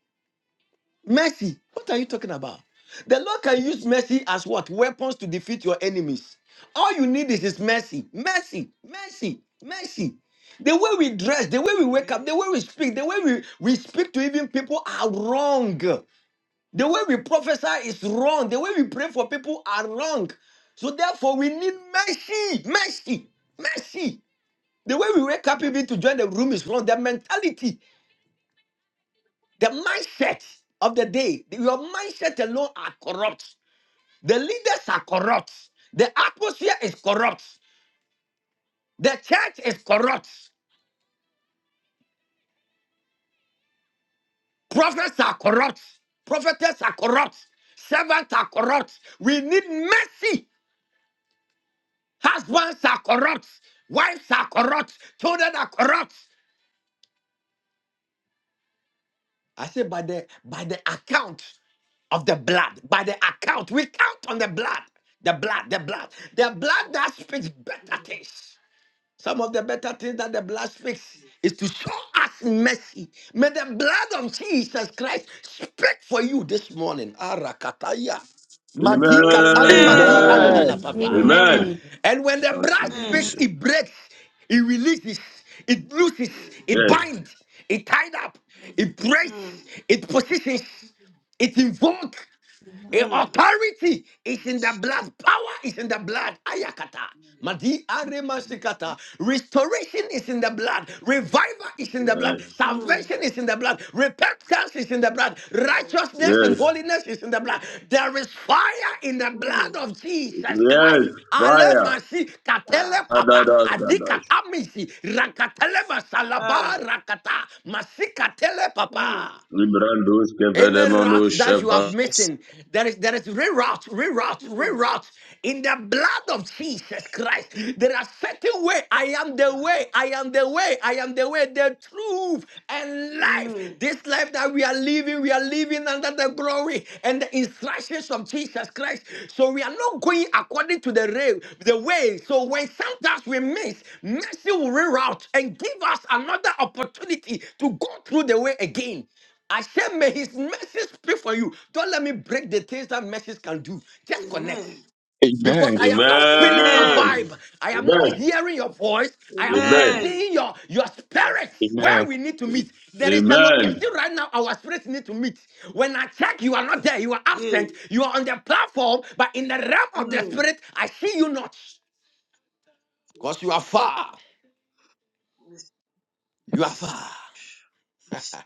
Speaker 6: mercy. What are you talking about? The Lord can use mercy as what? Weapons to defeat your enemies. All you need is his mercy. Mercy, mercy, mercy. The way we dress, the way we wake up, the way we speak, the way we, we speak to even people are wrong. The way we prophesy is wrong. The way we pray for people are wrong. So therefore, we need mercy, mercy, mercy. The way we wake up even to join the room is wrong. The mentality, the mindset of the day, your mindset alone are corrupt. The leaders are corrupt. The atmosphere is corrupt. The church is corrupt. Prophets are corrupt. Prophetess are corrupt. Servants are corrupt. We need mercy Husbands are corrupt. Wives are corrupt. Children are corrupt. I say by the by the account of the blood, by the account, we count on the blood, the blood, the blood, the blood that speaks better
Speaker 7: Amen.
Speaker 6: things. Some of the better things that the blood speaks is to show us mercy. May the blood of Jesus Christ speak for you this morning. Arakataya. Madi katali madi
Speaker 5: Amen.
Speaker 2: Amen.
Speaker 6: antala
Speaker 1: Amen.
Speaker 6: papa.
Speaker 5: Amen.
Speaker 7: Amen.
Speaker 11: Amen.
Speaker 6: And when the
Speaker 5: Thank
Speaker 6: blood
Speaker 5: you,
Speaker 7: Amen.
Speaker 6: speaks,
Speaker 11: Amen.
Speaker 5: Jesus.
Speaker 6: it breaks, it releases, it looses, it
Speaker 5: Yes,
Speaker 6: binds, it tied up, it
Speaker 7: Mm. Mm.
Speaker 6: breaks, it positions, it invokes.
Speaker 7: Mm.
Speaker 6: Eh,
Speaker 7: mm,
Speaker 6: authority is in the
Speaker 7: Yes.
Speaker 6: blood. Power is in the blood. Ayakata.
Speaker 7: Yes.
Speaker 6: Madi aremashikata.
Speaker 7: Yes.
Speaker 6: Restoration is in the blood. Revival is in the blood.
Speaker 5: yes,
Speaker 7: Mm.
Speaker 6: Salvation is in the blood. Repentance is in the blood.
Speaker 7: Yes.
Speaker 6: Righteousness
Speaker 5: yes,
Speaker 6: and holiness is in the blood.
Speaker 7: Mm.
Speaker 6: There is fire in the blood
Speaker 7: Mm.
Speaker 6: of Jesus
Speaker 5: yes,
Speaker 6: Christ.
Speaker 5: fire.
Speaker 6: Ale masi katele
Speaker 7: Ah.
Speaker 6: papa.
Speaker 5: Adadagadash.
Speaker 6: Adikatamisi.
Speaker 7: Yes.
Speaker 6: Rakatele
Speaker 7: Ah.
Speaker 6: masalaba rakata. Masikatele
Speaker 7: Mm.
Speaker 6: papa.
Speaker 5: Librandos
Speaker 6: Any route
Speaker 5: kevedemonos
Speaker 6: that you have
Speaker 5: sheva.
Speaker 6: missing, there is there is reroute, reroute,
Speaker 7: Mm.
Speaker 6: reroute in the blood of Jesus Christ. There are certain way. I am the
Speaker 7: Ah.
Speaker 6: way. I am the way. I am the way, the truth, and life.
Speaker 7: Mm.
Speaker 6: This life that we are living, we are living under the glory and the instructions of Jesus Christ. So we are not going according to the rail, the way. So when sometimes we miss, mercy will reroute and give us another opportunity to go through the way again. I said, may his mercy speak for you. Don't let me break the things that mercies can do. Just connect.
Speaker 7: Amen.
Speaker 6: Because
Speaker 2: Amen.
Speaker 6: I am not feeling your
Speaker 5: Amen.
Speaker 7: Amen.
Speaker 6: vibe. I am not
Speaker 5: Amen.
Speaker 6: hearing your voice. I am not
Speaker 5: Amen.
Speaker 7: Amen.
Speaker 6: seeing your, your
Speaker 7: Yes.
Speaker 6: spirit where
Speaker 2: Amen.
Speaker 6: we need to meet. There is a
Speaker 5: Amen.
Speaker 6: location right now our spirits need to meet. When I check, you are not there. You are
Speaker 7: Hey.
Speaker 6: absent. You are on the platform, but in the realm of the
Speaker 7: Mm.
Speaker 6: spirit, I see you not. Because you are
Speaker 7: Jesus.
Speaker 6: far.
Speaker 7: Yes,
Speaker 6: You are
Speaker 7: yes, Lord.
Speaker 6: far.
Speaker 7: yes,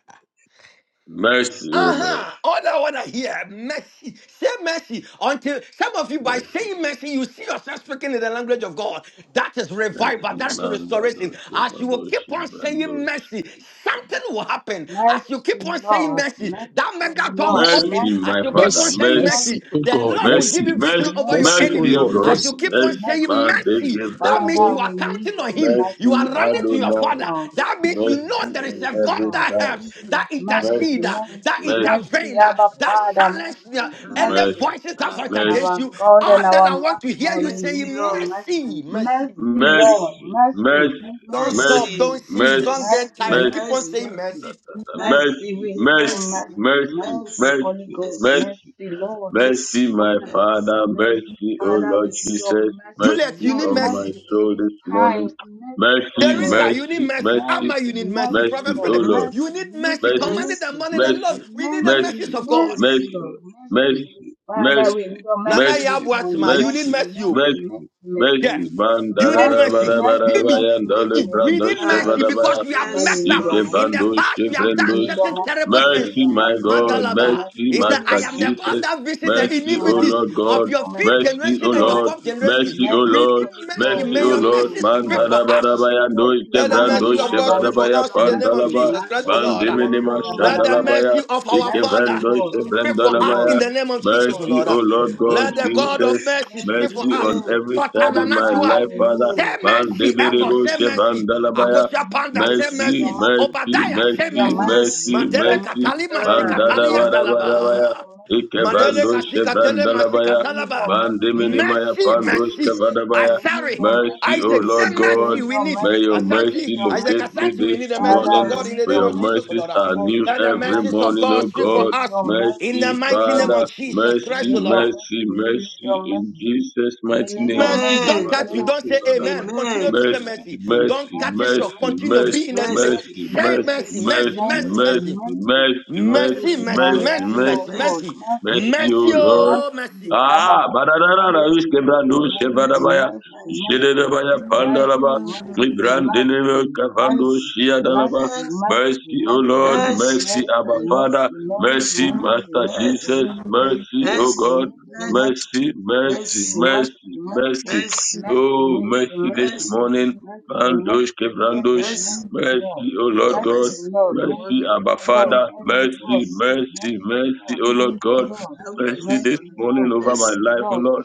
Speaker 5: Mercy,
Speaker 7: yes,
Speaker 5: O Lord.
Speaker 6: Uh-huh. All I want to hear, mercy. Say mercy. Until some of you, by
Speaker 5: Mercy.
Speaker 6: saying mercy, you see yourself speaking in the language of God. That is revival.
Speaker 5: Mercy,
Speaker 6: That is restoration.
Speaker 5: Mandados,
Speaker 6: As you will
Speaker 5: Kevados,
Speaker 6: keep on saying
Speaker 5: Librandos.
Speaker 6: mercy, something will happen. As
Speaker 8: Mercy,
Speaker 6: you keep on saying
Speaker 8: Lord,
Speaker 6: mercy,
Speaker 8: mercy,
Speaker 6: that mega door will
Speaker 8: Lord,
Speaker 6: open.
Speaker 5: Mercy,
Speaker 6: As
Speaker 5: my
Speaker 6: you
Speaker 8: mercy,
Speaker 6: keep
Speaker 5: Father.
Speaker 6: on
Speaker 8: Lord,
Speaker 2: Mercy,
Speaker 6: saying
Speaker 5: Mercy.
Speaker 8: mercy,
Speaker 2: mercy,
Speaker 6: mercy,
Speaker 2: oh
Speaker 6: the
Speaker 2: God,
Speaker 8: Lord,
Speaker 6: Lord will give
Speaker 2: mercy,
Speaker 5: Mercy.
Speaker 6: be victory
Speaker 5: Mercy.
Speaker 6: over
Speaker 8: mercy,
Speaker 6: your
Speaker 2: mercy, oh
Speaker 5: Mercy,
Speaker 6: enemies.
Speaker 5: O
Speaker 2: Lord,
Speaker 6: As
Speaker 5: God.
Speaker 6: you
Speaker 2: mercy,
Speaker 6: keep
Speaker 8: mercy,
Speaker 6: on
Speaker 5: Mercy,
Speaker 6: saying
Speaker 7: Lord.
Speaker 8: mercy.
Speaker 7: yes,
Speaker 6: mercy,
Speaker 5: Mandege,
Speaker 6: that means you
Speaker 8: Father,
Speaker 5: Brandos.
Speaker 7: Lord.
Speaker 6: are
Speaker 8: we need
Speaker 6: counting on
Speaker 8: your
Speaker 6: Him.
Speaker 8: mercy,
Speaker 6: You
Speaker 5: Mercy,
Speaker 6: are running to your
Speaker 8: mercy,
Speaker 5: Adonai.
Speaker 6: Father.
Speaker 8: God,
Speaker 6: That means
Speaker 8: mercy,
Speaker 6: you
Speaker 8: God,
Speaker 6: know
Speaker 5: Mercy
Speaker 7: Yes, Lord.
Speaker 6: there is
Speaker 5: on
Speaker 6: a
Speaker 8: mercy,
Speaker 7: Yes,
Speaker 6: God
Speaker 5: every
Speaker 8: God,
Speaker 6: that
Speaker 5: side.
Speaker 6: helps, that
Speaker 8: mercy,
Speaker 5: Mercy.
Speaker 6: intercedes,
Speaker 8: mercy,
Speaker 6: that
Speaker 5: Mercy.
Speaker 8: mercy,
Speaker 7: Lord.
Speaker 6: intervenes,
Speaker 8: Abba,
Speaker 6: that
Speaker 7: Yes,
Speaker 8: Father,
Speaker 6: silences
Speaker 7: Lord.
Speaker 6: the-
Speaker 8: mercy,
Speaker 6: and
Speaker 7: Ah,
Speaker 6: the
Speaker 8: mercy.
Speaker 5: Mercy.
Speaker 6: voices that
Speaker 7: ah,
Speaker 6: fight
Speaker 5: Mercy.
Speaker 6: against
Speaker 7: mercy,
Speaker 8: Our
Speaker 6: you.
Speaker 8: God and
Speaker 6: All that
Speaker 8: our
Speaker 6: I want to hear
Speaker 8: Master,
Speaker 6: you
Speaker 8: we
Speaker 7: mercy,
Speaker 8: need
Speaker 6: saying
Speaker 8: your
Speaker 7: Lord,
Speaker 6: mercy,
Speaker 8: mercy,
Speaker 6: mercy.
Speaker 8: mercy, Lord,
Speaker 7: mercy,
Speaker 5: mercy, mercy,
Speaker 8: mercy, mercy.
Speaker 6: Don't
Speaker 5: mercy,
Speaker 6: stop, don't
Speaker 7: mercy,
Speaker 6: cease,
Speaker 5: mercy,
Speaker 6: don't get
Speaker 7: mercy,
Speaker 8: Mercy,
Speaker 6: tired.
Speaker 5: mercy,
Speaker 6: Keep on
Speaker 7: mercy,
Speaker 8: mercy,
Speaker 6: saying
Speaker 8: mercy.
Speaker 6: mercy.
Speaker 7: mercy, mercy,
Speaker 8: Mercy, we
Speaker 5: mercy,
Speaker 8: need your
Speaker 5: mercy,
Speaker 7: mercy,
Speaker 8: mercy.
Speaker 5: mercy,
Speaker 8: Mercy, Holy
Speaker 5: mercy,
Speaker 8: Ghost.
Speaker 7: mercy,
Speaker 5: mercy,
Speaker 8: Mercy, Lord. Mercy,
Speaker 7: mercy,
Speaker 5: mercy, my
Speaker 8: Father.
Speaker 7: mercy,
Speaker 5: Father,
Speaker 8: Mercy,
Speaker 5: mercy, O
Speaker 8: Father, we
Speaker 5: Lord
Speaker 8: need your
Speaker 5: Jesus,
Speaker 8: mercy.
Speaker 6: Juliet, you
Speaker 5: mercy
Speaker 8: Your
Speaker 6: need
Speaker 5: on my
Speaker 6: mercy.
Speaker 8: mercy in
Speaker 5: soul
Speaker 8: this
Speaker 5: this morning,
Speaker 8: time. Mercy, oh
Speaker 5: mercy,
Speaker 6: Teresa,
Speaker 7: mercy,
Speaker 8: God.
Speaker 6: you need
Speaker 5: mercy,
Speaker 6: mercy.
Speaker 5: mercy,
Speaker 6: Amma,
Speaker 8: Mercy,
Speaker 6: you need mercy.
Speaker 8: mercy,
Speaker 6: Prophet
Speaker 5: mercy, O
Speaker 7: mercy,
Speaker 8: Lord.
Speaker 6: Philip,
Speaker 5: Lord,
Speaker 8: Mercy,
Speaker 7: mercy,
Speaker 6: you
Speaker 7: mercy,
Speaker 6: need
Speaker 8: mercy,
Speaker 6: mercy.
Speaker 5: mercy,
Speaker 6: Commanded
Speaker 7: mercy,
Speaker 6: the
Speaker 8: mercy.
Speaker 6: money, the Lord.
Speaker 5: mercy,
Speaker 6: We need the
Speaker 8: Mercy,
Speaker 6: mercies
Speaker 5: mercy,
Speaker 6: of God.
Speaker 7: Bless
Speaker 8: mercy,
Speaker 7: you,
Speaker 8: Lord.
Speaker 5: mercy,
Speaker 7: Lord.
Speaker 8: Mercy.
Speaker 7: Bless
Speaker 5: mercy,
Speaker 7: you, Lord.
Speaker 8: Father,
Speaker 5: mercy,
Speaker 8: we need your
Speaker 6: Nana
Speaker 8: mercy this
Speaker 5: mercy,
Speaker 8: morning.
Speaker 6: Yabuatima, you
Speaker 7: Bless
Speaker 6: need
Speaker 5: mercy,
Speaker 7: you.
Speaker 8: Mercy, mercy,
Speaker 6: mercy. oh.
Speaker 5: mercy,
Speaker 8: mercy, mercy.
Speaker 6: Yeah.
Speaker 5: Messi,
Speaker 8: mercy.
Speaker 5: man, da
Speaker 6: You
Speaker 5: da
Speaker 6: need
Speaker 8: Mercy,
Speaker 5: da ba
Speaker 7: Bless
Speaker 6: mercy.
Speaker 5: da ba
Speaker 7: you.
Speaker 8: mercy,
Speaker 5: da ba
Speaker 6: Mimi,
Speaker 8: mercy,
Speaker 5: ya, da
Speaker 8: mercy,
Speaker 5: le
Speaker 6: Mimi,
Speaker 8: mercy,
Speaker 6: we
Speaker 5: brando,
Speaker 8: Lord,
Speaker 6: need
Speaker 5: sheva
Speaker 7: Ah,
Speaker 6: mercy
Speaker 5: da ba
Speaker 6: because
Speaker 8: mercy.
Speaker 6: we have
Speaker 8: Father, we
Speaker 7: bless
Speaker 6: messed
Speaker 7: you,
Speaker 8: need
Speaker 6: up.
Speaker 8: your
Speaker 7: Lord.
Speaker 6: In
Speaker 8: mercy.
Speaker 6: the
Speaker 5: Ikevandos,
Speaker 6: past, we have
Speaker 8: We
Speaker 6: done
Speaker 5: Chevrendos.
Speaker 8: need your
Speaker 6: certain
Speaker 7: Bless
Speaker 8: mercy.
Speaker 6: terrible
Speaker 8: We
Speaker 7: you.
Speaker 6: things.
Speaker 8: need
Speaker 5: Mercy,
Speaker 8: your
Speaker 5: my
Speaker 8: mercy. We
Speaker 5: God.
Speaker 8: need your
Speaker 6: Madalaba.
Speaker 8: mercy.
Speaker 7: Receive
Speaker 5: Mercy,
Speaker 6: He
Speaker 8: We
Speaker 7: your
Speaker 6: said,
Speaker 8: need
Speaker 6: I
Speaker 5: Master
Speaker 8: your
Speaker 6: am
Speaker 7: mercy,
Speaker 6: the
Speaker 8: mercy.
Speaker 6: God
Speaker 7: Lord.
Speaker 5: Jesus.
Speaker 6: that visit
Speaker 8: We
Speaker 6: the
Speaker 8: need
Speaker 5: Mercy,
Speaker 8: your
Speaker 5: O
Speaker 8: mercy.
Speaker 6: iniquities
Speaker 5: Lord
Speaker 8: We
Speaker 6: of
Speaker 5: God.
Speaker 8: need your
Speaker 6: your
Speaker 8: mercy.
Speaker 6: fifth
Speaker 8: We
Speaker 5: Mercy,
Speaker 6: generation
Speaker 5: O
Speaker 8: need
Speaker 6: and
Speaker 8: your
Speaker 6: your
Speaker 5: Lord.
Speaker 6: fourth
Speaker 8: mercy.
Speaker 6: generation.
Speaker 5: Mercy, O
Speaker 6: We
Speaker 8: Mercy,
Speaker 5: Lord.
Speaker 6: need
Speaker 8: Holy
Speaker 6: mercy.
Speaker 8: God.
Speaker 5: Mercy,
Speaker 6: May
Speaker 5: O
Speaker 6: your
Speaker 8: Mercy,
Speaker 5: Lord.
Speaker 6: mercy
Speaker 7: Ooh,
Speaker 8: Holy
Speaker 6: speak
Speaker 8: God.
Speaker 6: for
Speaker 8: Mercy,
Speaker 6: us.
Speaker 8: Holy
Speaker 5: Mandalabarabaya no
Speaker 8: God.
Speaker 6: Let the
Speaker 8: Abba,
Speaker 6: mercy
Speaker 5: Ikevrandos,
Speaker 6: of God
Speaker 8: Father,
Speaker 6: speak
Speaker 8: we
Speaker 7: ooh,
Speaker 6: for
Speaker 8: need
Speaker 5: Chevrandabaya
Speaker 6: us
Speaker 8: your
Speaker 6: in the name of
Speaker 8: mercy.
Speaker 5: Pandalaba.
Speaker 6: Jesus Christ, O Lord.
Speaker 5: Mandiminima
Speaker 6: Let
Speaker 7: ooh,
Speaker 6: the
Speaker 8: Man,
Speaker 5: Shandalabaya.
Speaker 6: mercy of our
Speaker 8: Mercy,
Speaker 6: Father
Speaker 5: Ikevandos,
Speaker 8: Lord, mercy,
Speaker 6: speak for
Speaker 7: ooh,
Speaker 6: us
Speaker 8: Lord,
Speaker 6: in
Speaker 5: Chevrandalabaya.
Speaker 6: the
Speaker 8: mercy,
Speaker 6: name of Jesus, O
Speaker 8: Lord,
Speaker 5: Mercy,
Speaker 6: Lord.
Speaker 5: O
Speaker 8: mercy,
Speaker 5: Lord
Speaker 8: Lord,
Speaker 5: God
Speaker 6: Let the God
Speaker 7: ooh.
Speaker 5: Jesus.
Speaker 6: of
Speaker 8: mercy,
Speaker 6: mercy speak
Speaker 8: mercy,
Speaker 6: for
Speaker 5: Mercy
Speaker 6: us.
Speaker 5: on
Speaker 7: Amen.
Speaker 8: mercy.
Speaker 5: every
Speaker 6: But
Speaker 5: side
Speaker 8: Abba,
Speaker 5: in my
Speaker 8: Father,
Speaker 6: Nanajua,
Speaker 5: life,
Speaker 8: we need your
Speaker 5: Father.
Speaker 7: Mm.
Speaker 6: say
Speaker 8: mercy.
Speaker 6: mercy.
Speaker 8: We
Speaker 6: Echo,
Speaker 8: need
Speaker 5: Mandebelebo
Speaker 6: say
Speaker 8: your
Speaker 7: Yes.
Speaker 6: mercy.
Speaker 8: mercy. We
Speaker 5: Chevrandalabaya
Speaker 8: need your
Speaker 6: Akosia
Speaker 8: mercy.
Speaker 6: Panda, say
Speaker 8: We
Speaker 7: Bless
Speaker 8: need
Speaker 5: mercy,
Speaker 8: your
Speaker 7: you.
Speaker 6: mercy.
Speaker 8: mercy.
Speaker 5: mercy,
Speaker 6: Obadiah,
Speaker 8: We
Speaker 6: say
Speaker 8: need your
Speaker 5: mercy,
Speaker 8: mercy.
Speaker 6: mercy.
Speaker 7: Bless
Speaker 8: We
Speaker 5: mercy,
Speaker 7: you,
Speaker 8: need
Speaker 7: Lord.
Speaker 8: your
Speaker 6: Madele
Speaker 8: mercy.
Speaker 5: mercy.
Speaker 6: Katali
Speaker 8: We
Speaker 7: Ah,
Speaker 8: need
Speaker 5: Bandada
Speaker 6: Masikatalia
Speaker 8: your mercy.
Speaker 5: bada bada
Speaker 8: We need
Speaker 5: baya.
Speaker 6: Talaba.
Speaker 8: your mercy.
Speaker 5: Ike
Speaker 6: Madele
Speaker 7: bless you.
Speaker 5: bandosh
Speaker 6: Kasikatele
Speaker 5: bandala
Speaker 8: We
Speaker 5: baya.
Speaker 8: need your
Speaker 6: Masikatalaba.
Speaker 8: mercy. We
Speaker 5: Bandimini
Speaker 8: need
Speaker 5: maya
Speaker 8: your
Speaker 6: Mercy,
Speaker 8: mercy.
Speaker 5: pandosh
Speaker 6: mercy.
Speaker 7: Bless,
Speaker 5: kevada
Speaker 8: We
Speaker 5: baya.
Speaker 8: need
Speaker 6: Asari.
Speaker 8: your mercy.
Speaker 5: Mercy, O
Speaker 6: Isaac, say
Speaker 7: bless
Speaker 5: Lord
Speaker 8: We
Speaker 7: you.
Speaker 8: need your mercy. We
Speaker 5: God.
Speaker 6: mercy
Speaker 8: need
Speaker 6: we
Speaker 8: your
Speaker 6: need.
Speaker 8: mercy.
Speaker 5: May your
Speaker 8: We need
Speaker 6: Asante,
Speaker 5: mercy
Speaker 8: your
Speaker 6: Isaac,
Speaker 8: mercy.
Speaker 5: locate me
Speaker 6: Asante, we
Speaker 5: this
Speaker 6: need the mercies of
Speaker 8: Father,
Speaker 5: morning.
Speaker 8: we
Speaker 6: God
Speaker 7: Bless
Speaker 6: in the
Speaker 8: need
Speaker 5: For
Speaker 6: name
Speaker 8: your
Speaker 7: you,
Speaker 5: your
Speaker 6: of
Speaker 8: mercy.
Speaker 6: Jesus, O
Speaker 5: mercies
Speaker 6: Lord.
Speaker 5: are
Speaker 8: Father, we
Speaker 5: new
Speaker 6: Let
Speaker 8: need
Speaker 6: the
Speaker 8: your
Speaker 5: every
Speaker 6: mercies of
Speaker 8: mercy.
Speaker 5: morning,
Speaker 6: God
Speaker 5: O
Speaker 6: speak
Speaker 8: We
Speaker 6: for
Speaker 5: God.
Speaker 8: need
Speaker 6: us
Speaker 8: your mercy.
Speaker 6: in the
Speaker 8: We
Speaker 5: Mercy,
Speaker 8: need
Speaker 6: mighty
Speaker 8: your
Speaker 6: name
Speaker 5: Father.
Speaker 6: of
Speaker 7: Lord.
Speaker 8: mercy.
Speaker 6: Jesus
Speaker 8: We
Speaker 5: Mercy,
Speaker 6: Christ, O
Speaker 8: need
Speaker 6: Lord.
Speaker 8: your
Speaker 5: mercy,
Speaker 8: mercy. We need
Speaker 5: mercy.
Speaker 8: your
Speaker 5: In
Speaker 8: mercy.
Speaker 5: Jesus'
Speaker 8: We
Speaker 5: mighty
Speaker 8: need
Speaker 5: name.
Speaker 8: your
Speaker 6: Mercy,
Speaker 8: mercy
Speaker 7: Amen.
Speaker 6: don't
Speaker 8: in the
Speaker 6: cut you,
Speaker 8: name of
Speaker 6: don't say
Speaker 5: Amen
Speaker 8: Jesus.
Speaker 6: amen. Continue
Speaker 7: Amen.
Speaker 6: to say
Speaker 8: Mercy,
Speaker 5: mercy,
Speaker 6: mercy.
Speaker 8: mercy,
Speaker 6: Don't
Speaker 5: mercy,
Speaker 6: cut it
Speaker 5: mercy,
Speaker 6: short.
Speaker 8: mercy,
Speaker 6: Continue, be
Speaker 8: mercy,
Speaker 6: in
Speaker 5: mercy,
Speaker 6: the spirit.
Speaker 7: Mercy,
Speaker 5: mercy,
Speaker 8: mercy,
Speaker 6: Say
Speaker 8: mercy,
Speaker 5: mercy,
Speaker 6: mercy,
Speaker 7: mercy,
Speaker 6: mercy,
Speaker 5: mercy,
Speaker 6: mercy,
Speaker 8: mercy,
Speaker 7: mercy,
Speaker 6: mercy.
Speaker 5: mercy,
Speaker 7: Lord.
Speaker 8: mercy,
Speaker 5: mercy,
Speaker 8: mercy
Speaker 6: Mercy,
Speaker 5: mercy,
Speaker 7: Mercy,
Speaker 8: in my
Speaker 6: mercy,
Speaker 5: mercy,
Speaker 7: Lord.
Speaker 8: life,
Speaker 6: mercy,
Speaker 5: mercy,
Speaker 6: mercy,
Speaker 8: oh God,
Speaker 7: Mercy,
Speaker 6: mercy.
Speaker 8: mercy,
Speaker 5: Bless
Speaker 7: mercy,
Speaker 8: God,
Speaker 5: you,
Speaker 6: Mercy,
Speaker 5: Lord.
Speaker 7: mercy,
Speaker 6: oh,
Speaker 8: mercy,
Speaker 6: mercy.
Speaker 8: Abba
Speaker 5: Ah,
Speaker 7: mercy,
Speaker 8: Father,
Speaker 5: badadada, we
Speaker 7: mercy,
Speaker 8: mercy,
Speaker 7: O
Speaker 5: skebrandu,
Speaker 7: Lord.
Speaker 8: mercy,
Speaker 7: Mercy,
Speaker 5: shevadabaya,
Speaker 8: mercy,
Speaker 7: mercy,
Speaker 8: mercy,
Speaker 5: jededabaya,
Speaker 8: mercy, mercy, mercy,
Speaker 5: pandalaba,
Speaker 7: mercy,
Speaker 5: we brandinime,
Speaker 8: mercy,
Speaker 5: kavandu,
Speaker 8: mercy,
Speaker 7: mercy,
Speaker 8: mercy,
Speaker 5: shiadalaba.
Speaker 7: mercy,
Speaker 5: Mercy, O
Speaker 7: mercy, mercy,
Speaker 5: Lord,
Speaker 7: mercy,
Speaker 5: mercy,
Speaker 8: mercy,
Speaker 5: Abba
Speaker 8: mercy,
Speaker 5: Father,
Speaker 8: Lord,
Speaker 5: mercy,
Speaker 8: mercy,
Speaker 5: Master
Speaker 8: mercy,
Speaker 5: Jesus,
Speaker 8: mercy,
Speaker 5: mercy, O
Speaker 8: mercy,
Speaker 5: God,
Speaker 8: mercy, mercy,
Speaker 7: mercy,
Speaker 8: mercy,
Speaker 5: mercy,
Speaker 7: mercy,
Speaker 5: mercy,
Speaker 7: mercy,
Speaker 8: mercy,
Speaker 5: mercy, mercy.
Speaker 8: mercy,
Speaker 7: mercy, O God.
Speaker 8: mercy, mercy,
Speaker 5: Oh,
Speaker 8: mercy,
Speaker 5: mercy this
Speaker 8: mercy,
Speaker 7: Mercy,
Speaker 5: morning,
Speaker 8: Mercy, mercy,
Speaker 5: mandosh, kevrandosh,
Speaker 8: mercy,
Speaker 7: mercy,
Speaker 8: mercy, Lord.
Speaker 5: mercy, O Lord
Speaker 7: your
Speaker 8: Mercy,
Speaker 5: God,
Speaker 7: mercy
Speaker 8: Lord,
Speaker 7: this
Speaker 8: mercy,
Speaker 5: mercy,
Speaker 7: morning.
Speaker 5: Abba
Speaker 8: Lord,
Speaker 5: Father,
Speaker 8: mercy,
Speaker 5: mercy,
Speaker 8: Lord,
Speaker 7: Yes,
Speaker 5: mercy,
Speaker 8: mercy,
Speaker 5: mercy,
Speaker 8: Lord,
Speaker 5: O Lord
Speaker 8: mercy,
Speaker 5: God
Speaker 8: Lord,
Speaker 7: have
Speaker 5: mercy
Speaker 7: mercy
Speaker 5: this
Speaker 8: mercy,
Speaker 5: morning
Speaker 8: Lord,
Speaker 7: on
Speaker 5: over my
Speaker 7: us.
Speaker 8: mercy,
Speaker 5: life, O
Speaker 8: Lord,
Speaker 5: Lord.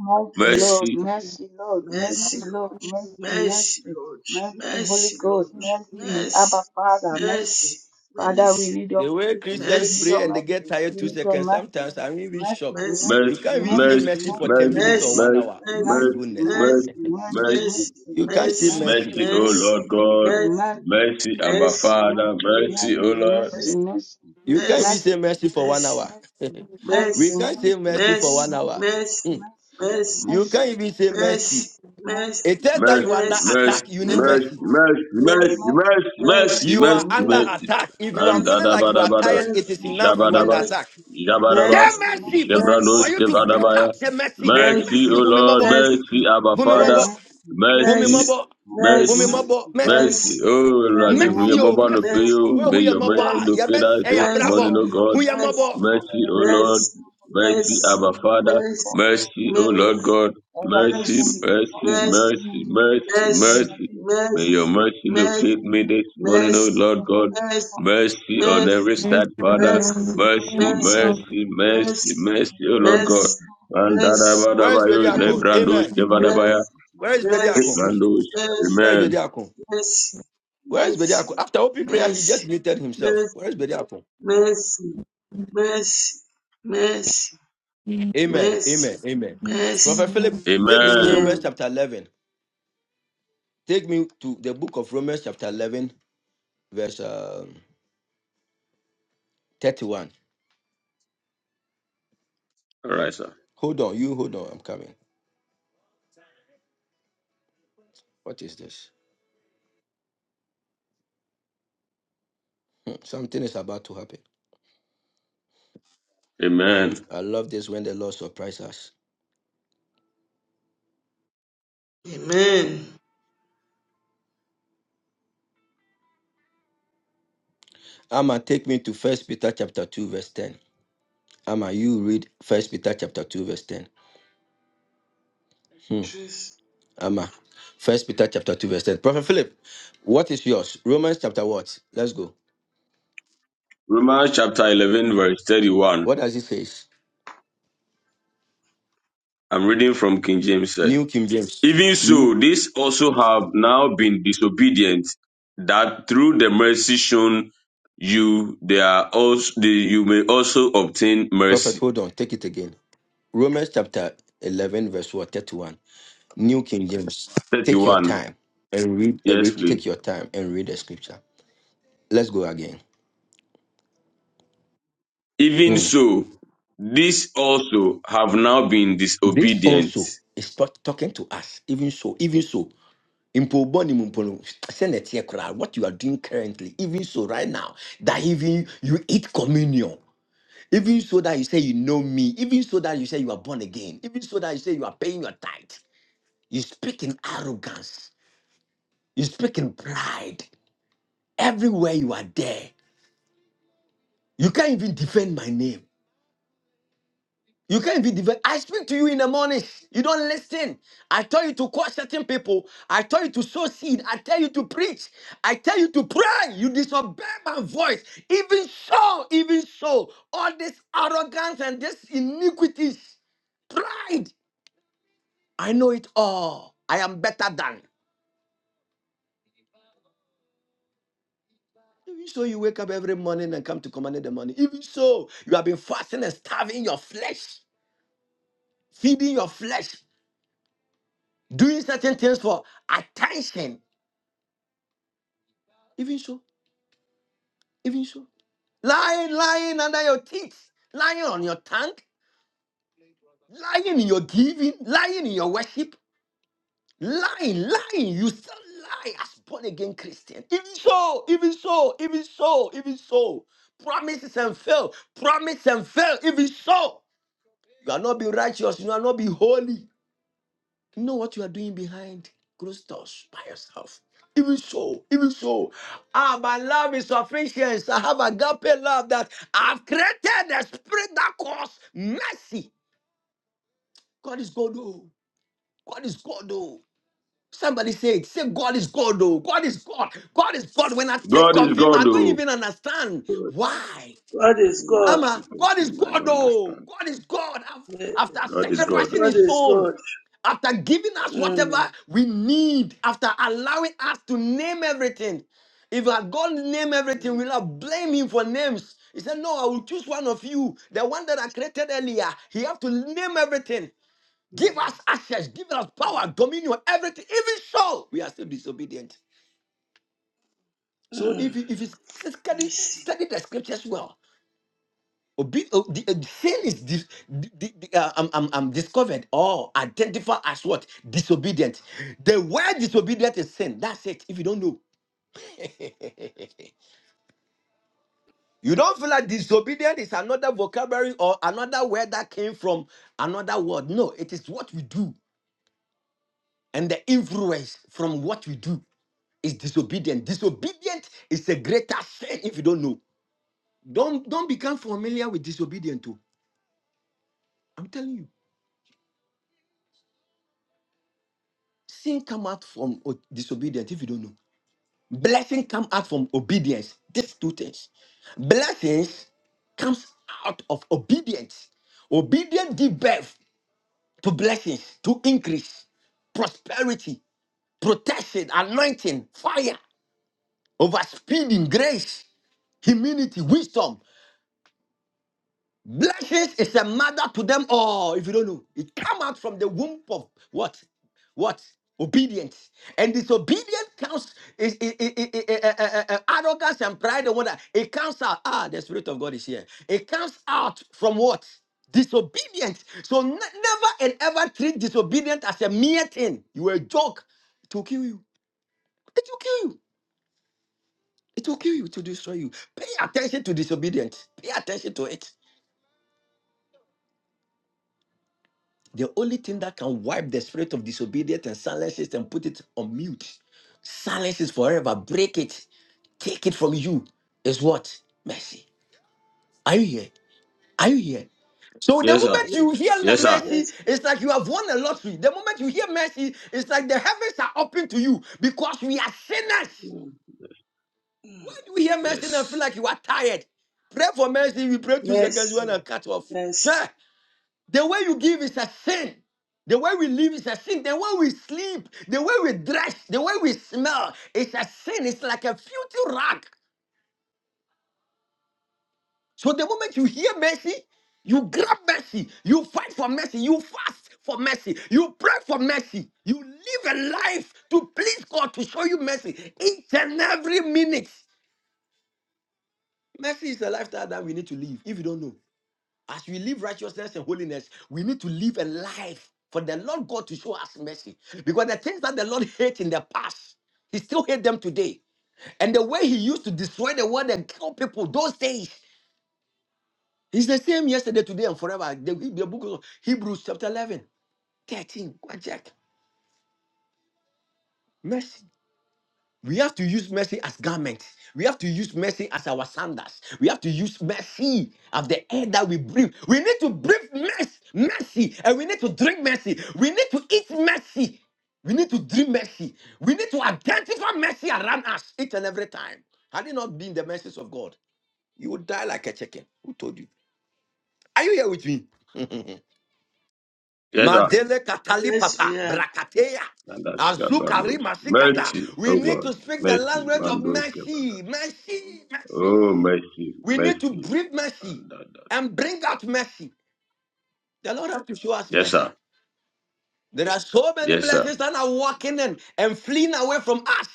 Speaker 8: mercy,
Speaker 7: Yes,
Speaker 8: Lord,
Speaker 5: Mercy,
Speaker 8: mercy, Lord,
Speaker 7: Mercy,
Speaker 8: mercy,
Speaker 7: Lord.
Speaker 8: Lord, mercy,
Speaker 7: Mercy,
Speaker 8: mercy,
Speaker 7: Lord.
Speaker 8: mercy, Holy
Speaker 7: Mercy,
Speaker 8: Ghost,
Speaker 7: Lord.
Speaker 8: mercy,
Speaker 7: Mercy.
Speaker 8: Abba Father, mercy.
Speaker 7: Mercy.
Speaker 8: Father, we need your
Speaker 6: The way
Speaker 8: mercy,
Speaker 6: Christians
Speaker 8: we need
Speaker 7: Mercy.
Speaker 6: pray
Speaker 8: your
Speaker 6: and they get
Speaker 8: mercy,
Speaker 6: tired
Speaker 8: we
Speaker 6: two
Speaker 8: need your
Speaker 6: seconds,
Speaker 8: mercy,
Speaker 6: sometimes I'm even
Speaker 7: Mercy. Mercy. Mercy.
Speaker 6: shocked.
Speaker 8: mercy, mercy,
Speaker 6: You
Speaker 5: mercy,
Speaker 6: can't even
Speaker 8: mercy,
Speaker 6: say
Speaker 5: mercy,
Speaker 6: mercy
Speaker 8: mercy,
Speaker 6: for 10
Speaker 5: mercy,
Speaker 6: minutes
Speaker 8: mercy,
Speaker 6: or one
Speaker 5: mercy,
Speaker 6: hour. My
Speaker 8: mercy,
Speaker 5: mercy,
Speaker 6: goodness.
Speaker 7: Mercy.
Speaker 8: mercy,
Speaker 7: Mercy.
Speaker 5: mercy,
Speaker 8: mercy,
Speaker 11: Amen.
Speaker 7: Mercy.
Speaker 5: mercy,
Speaker 7: Mercy.
Speaker 8: mercy,
Speaker 6: You can't
Speaker 8: mercy,
Speaker 6: say
Speaker 8: mercy,
Speaker 11: Your
Speaker 7: Mercy. Mercy. Mercy.
Speaker 6: mercy.
Speaker 7: Mercy.
Speaker 11: holy
Speaker 7: Mercy.
Speaker 5: mercy, O
Speaker 11: rest
Speaker 5: Lord
Speaker 8: mercy,
Speaker 7: Mercy.
Speaker 5: God. Mercy,
Speaker 11: be
Speaker 7: Mercy.
Speaker 8: mercy,
Speaker 11: with
Speaker 5: Abba
Speaker 7: Mercy.
Speaker 5: Father. Mercy,
Speaker 11: me.
Speaker 5: O
Speaker 8: mercy,
Speaker 5: Lord.
Speaker 8: mercy,
Speaker 11: Your
Speaker 6: You can't
Speaker 11: love
Speaker 6: even say
Speaker 8: master,
Speaker 6: mercy for one
Speaker 7: Mercy.
Speaker 8: master,
Speaker 6: hour.
Speaker 11: be with
Speaker 8: master, master,
Speaker 6: we can't say
Speaker 11: me.
Speaker 6: mercy for
Speaker 11: Now,
Speaker 7: Mercy.
Speaker 6: one hour. Hmm.
Speaker 8: master,
Speaker 6: You can't
Speaker 8: master,
Speaker 6: even say
Speaker 11: darling, my
Speaker 7: Mercy.
Speaker 8: master,
Speaker 6: mercy.
Speaker 7: Mercy.
Speaker 6: It tells that
Speaker 5: Mercy,
Speaker 6: you are under
Speaker 7: Mercy.
Speaker 5: mercy,
Speaker 6: attack. You need
Speaker 7: Mercy.
Speaker 5: mercy,
Speaker 6: mercy.
Speaker 5: mercy, mercy,
Speaker 7: Yes,
Speaker 5: mercy,
Speaker 11: God, thank
Speaker 7: yes,
Speaker 5: mercy,
Speaker 6: You are
Speaker 5: mercy,
Speaker 11: you.
Speaker 6: under
Speaker 7: yes,
Speaker 5: mercy.
Speaker 11: Thank
Speaker 6: attack. If you are
Speaker 7: yes,
Speaker 6: feeling
Speaker 5: Andada,
Speaker 11: you.
Speaker 6: like you
Speaker 5: bada, bada,
Speaker 6: are
Speaker 5: ba da
Speaker 6: tired, it
Speaker 7: yes,
Speaker 6: is enough.
Speaker 5: ba da,
Speaker 6: You are under
Speaker 5: ba,
Speaker 7: yes, yes,
Speaker 6: attack.
Speaker 5: jaba da
Speaker 6: Say
Speaker 11: Thank
Speaker 5: ba,
Speaker 7: yes,
Speaker 11: you.
Speaker 8: master,
Speaker 11: Mercy,
Speaker 6: mercy for,
Speaker 11: mercy,
Speaker 6: for
Speaker 5: jebranos
Speaker 7: yes, yes,
Speaker 6: you
Speaker 5: ke
Speaker 6: to break out. Say mercy.
Speaker 7: yes, yes,
Speaker 8: master,
Speaker 5: Mercy, O
Speaker 6: Mercy,
Speaker 5: Lord,
Speaker 6: whom
Speaker 7: yes,
Speaker 8: master,
Speaker 5: mercy, Abba
Speaker 6: Home
Speaker 5: Father,
Speaker 7: yes,
Speaker 6: Mabo.
Speaker 8: Thank
Speaker 6: Home
Speaker 7: yes,
Speaker 5: mercy,
Speaker 6: Mabo. Home
Speaker 7: yes,
Speaker 5: mercy,
Speaker 6: Mabo. Messi.
Speaker 7: yes, yes,
Speaker 5: mercy. Oh, Lord,
Speaker 7: yes,
Speaker 5: if we
Speaker 6: Messi,
Speaker 5: are
Speaker 6: oh,
Speaker 5: mobile, no pay
Speaker 6: Messi.
Speaker 5: you.
Speaker 6: Where
Speaker 5: may
Speaker 6: who ya
Speaker 5: your
Speaker 6: Mabo?
Speaker 5: mercy
Speaker 7: yes, yes, yes, yes, yes,
Speaker 6: Ya
Speaker 5: locate
Speaker 6: best
Speaker 5: us
Speaker 6: say ya
Speaker 5: this
Speaker 7: yes,
Speaker 5: morning,
Speaker 6: brabo.
Speaker 5: O God.
Speaker 6: Who ya Mabo?
Speaker 5: Mercy, O Lord. Mercy,
Speaker 7: yes,
Speaker 5: Abba Father. Mercy, O Lord God. Mercy, mercy, mercy, mercy, mercy. May your mercy
Speaker 7: yes,
Speaker 5: locate me this
Speaker 7: yes,
Speaker 5: morning, O
Speaker 7: yes,
Speaker 5: Lord God.
Speaker 7: yes, yes,
Speaker 5: Mercy on
Speaker 11: Lord,
Speaker 5: every
Speaker 7: mercy,
Speaker 11: mercy,
Speaker 5: side,
Speaker 11: Lord.
Speaker 5: Father.
Speaker 11: Mercy,
Speaker 7: mercy,
Speaker 5: Mercy,
Speaker 7: mercy,
Speaker 5: mercy, mercy,
Speaker 7: mercy,
Speaker 5: mercy, O Lord God.
Speaker 7: mercy, mercy,
Speaker 8: you.
Speaker 6: Where is
Speaker 5: Mandadabadabayo,
Speaker 6: Bediako?
Speaker 5: lebrandosh,
Speaker 6: Amen.
Speaker 11: Lord.
Speaker 5: kevadabaya,
Speaker 7: mercy,
Speaker 6: Where is Bediako?
Speaker 7: mercy,
Speaker 5: mandosh.
Speaker 7: mercy,
Speaker 6: Where is
Speaker 5: Amen.
Speaker 6: Bediako?
Speaker 7: mercy,
Speaker 6: Where is
Speaker 7: mercy,
Speaker 6: Bediako? After open prayer, he
Speaker 7: mercy,
Speaker 6: just muted himself.
Speaker 7: mercy,
Speaker 6: Where is Bediako?
Speaker 7: mercy, mercy, mercy,
Speaker 11: Mercy,
Speaker 6: Amen.
Speaker 7: mercy, mercy.
Speaker 6: Amen. Amen.
Speaker 7: mercy.
Speaker 6: Prophet Philip,
Speaker 11: Lord.
Speaker 6: take me to
Speaker 5: Amen.
Speaker 6: Romans
Speaker 7: Amen.
Speaker 6: chapter 11. Take me to the book of Romans chapter 11, verse um, 31.
Speaker 5: All right, sir.
Speaker 6: Hold on, you hold on. I'm coming. What is this? Hmm, Something is about to happen.
Speaker 5: Amen.
Speaker 6: I love this when the Lord surprises us.
Speaker 7: Amen.
Speaker 6: Amma, take me to First Peter chapter two verse ten. Amma, you read First Peter chapter two verse ten. Hmm.
Speaker 7: Praise
Speaker 6: Amma, First Peter chapter two verse ten. Prophet Philip, what is yours? Romans chapter what? Let's go.
Speaker 5: Romans chapter 11, verse 31.
Speaker 6: What does it say?
Speaker 5: I'm reading from King James. Sir.
Speaker 6: New King James.
Speaker 5: Even
Speaker 6: Ne-
Speaker 5: so, these also have now been disobedient, that through the mercy shown you, they are also, they, you may also obtain
Speaker 6: Prophet,
Speaker 5: mercy.
Speaker 6: hold on. Take it again. Romans chapter eleven verse what? Thirty-one. New King James. Take your
Speaker 5: 31.
Speaker 6: time and read. and
Speaker 5: Yes,
Speaker 6: read-
Speaker 5: please.
Speaker 6: Take your time and read the scripture. Let's go again.
Speaker 5: Even
Speaker 6: Hmm.
Speaker 5: so, these also have now been
Speaker 6: This
Speaker 5: disobedient.
Speaker 6: also is talk- talking to us, even so, even so. Mpo bɔne mu mpo no, sɛ na ɛteɛ koraa, What you are doing currently, even so, right now, that even you eat communion, even so that you say you know me, even so that you say you are born again, even so that you say you are paying your tithe, you speak in arrogance, you speak in pride. Everywhere you are there, you can't even defend my name. You can't be divided. I speak to you in the morning. You don't listen. I tell you to call certain people. I tell you to sow seed. I tell you to preach. I tell you to pray. You disobey my voice. Even so, even so, all this arrogance and this iniquities, pride. I know it all. I am better than. Even so, you wake up every morning and come to command in the morning. Even so, you have been fasting and starving your flesh, feeding your flesh, doing certain things for attention. Even so. Even so, lying, lying under your teeth, lying on your tongue, lying in your giving, lying in your worship, lying, lying. You still lie as born again Christian. Even so, even so, even so, even so. Promises and fail, promise and fail, even so. You are not be righteous, you are not be holy. know what you are doing behind closed doors by yourself. Even so, even so, ah, my love is sufficient. I have agape love that I've created a spirit that calls mercy. God is God, oh. God is God, oh. Somebody say it. Say, God is God, oh. God is God. God is God. When I think
Speaker 5: God is
Speaker 6: of Him, I
Speaker 5: God,
Speaker 6: don't
Speaker 5: though.
Speaker 6: even understand
Speaker 7: God.
Speaker 6: why.
Speaker 7: God is
Speaker 5: When
Speaker 7: God.
Speaker 5: I
Speaker 6: Ama,
Speaker 5: think of
Speaker 6: God is
Speaker 5: him, I
Speaker 6: God,
Speaker 5: don't
Speaker 6: oh,
Speaker 5: understand.
Speaker 6: God is God. Af-
Speaker 7: Yes,
Speaker 6: After
Speaker 5: God is
Speaker 7: prophet.
Speaker 5: God,
Speaker 6: sacrificing
Speaker 5: though.
Speaker 7: God
Speaker 6: His
Speaker 7: is
Speaker 6: own,
Speaker 7: God.
Speaker 6: after giving us whatever
Speaker 7: Mm,
Speaker 6: we need, after allowing us to name everything. If our God name everything,
Speaker 7: mm,
Speaker 6: we'll not blame Him for names. He said, No, I will choose one of you, the one that I created earlier. He have to name everything. Give
Speaker 7: mm,
Speaker 6: us access, give us
Speaker 7: yes.
Speaker 6: power, dominion, everything. Even so, we are still disobedient. So
Speaker 7: Mm.
Speaker 6: if you if you study
Speaker 7: Mercy.
Speaker 6: study the scriptures well, Obe- o- the, uh, sin is dis, the, the, the, uh, um, um, um, discovered or identified as what disobedient. The word disobedient is sin. That's it. If you don't know, you don't feel like disobedient is another vocabulary or another word that came from another word. No, it is what we do and the influence from what we do is disobedient. Disobedient is a greater sin if you don't know. Don't don't become familiar with disobedient too. I'm telling you. Sin come out from o- disobedience if you don't know. Blessing come out from obedience. These two things. Blessings comes out of obedience. Obedience give birth to blessings, to increase, prosperity, protection, anointing, fire, overspeeding, grace, humility, wisdom. Blessings is a mother to them all. If you don't know, it come out from the womb of what? What? Obedience. And disobedience comes is is- is- is- is- eh, eh, eh, eh, arrogance and pride and wonder. It comes out. Ah, the spirit of God is here. It comes out from what? Disobedience. So ne- never and ever treat disobedience as a mere thing. You are a joke. It will kill you. It will kill you. It will kill you to destroy you. Pay attention to disobedience. Pay attention to it. The only thing that can wipe the spirit of disobedience and silence it and put it on mute, silence it forever, break it, take it from you, is what? Mercy. Are you here? Are you here? So the
Speaker 5: Yes, sir.
Speaker 6: moment you hear le-
Speaker 5: Yes, sir.
Speaker 6: mercy,
Speaker 7: Yes.
Speaker 6: it's like you have won a lottery. The moment you hear mercy, it's like the heavens are open to you because we are sinners.
Speaker 7: Mm.
Speaker 6: When
Speaker 7: Mm.
Speaker 6: do we hear mercy and feel like
Speaker 5: Yes.
Speaker 6: you are tired? Pray for mercy, we pray two seconds, you want
Speaker 7: Mercy.
Speaker 6: to cut off.
Speaker 7: Mercy.
Speaker 6: Sure. The way you give is a sin. The way we live is a sin. The way we sleep, the way we dress, the way we smell is a sin. It's like a filthy rag. So the moment you hear mercy, you grab mercy. You fight for mercy. You fast for mercy. You pray for mercy. You live a life to please God to show you mercy each and every minute. Mercy is a lifestyle that we need to live if you don't know. As we live righteousness and holiness, we need to live a life for the Lord God to show us mercy. Because the things that the Lord hated in the past, He still hates them today. And the way He used to destroy the world and kill people those days, He's the same yesterday, today, and forever. The, the book of Hebrews, chapter 11, 13. Go and check. Mercy. We have to use mercy as garment. We have to use mercy as our sandals. We have to use mercy of the air that we breathe. We need to breathe mercy, mercy, and we need to drink mercy. We need to eat mercy. We need to drink mercy. We need to identify mercy around us each and every time. Had it not been the mercies of God, you would die like a chicken. Who told you? Are you here with me?
Speaker 5: Yes, sir.
Speaker 6: Madele katali
Speaker 7: Yes,
Speaker 6: papa
Speaker 7: we are.
Speaker 6: brakateya.
Speaker 5: Mandash
Speaker 6: Azukari
Speaker 5: Gabalos.
Speaker 6: masikata.
Speaker 5: Mercy,
Speaker 6: We
Speaker 5: O
Speaker 6: need
Speaker 5: God.
Speaker 6: to speak the
Speaker 5: Mercy,
Speaker 6: language
Speaker 7: Mm.
Speaker 6: of
Speaker 5: Mandos
Speaker 6: mercy,
Speaker 5: Gabalos.
Speaker 6: mercy, mercy.
Speaker 5: Oh, mercy,
Speaker 6: We need to
Speaker 5: mercy.
Speaker 6: breathe mercy
Speaker 5: And
Speaker 6: and bring out mercy. The Lord has to show us
Speaker 5: Yes,
Speaker 6: mercy.
Speaker 5: sir.
Speaker 6: There are so many
Speaker 5: Yes, sir.
Speaker 6: blessings that are walking in and fleeing away from us.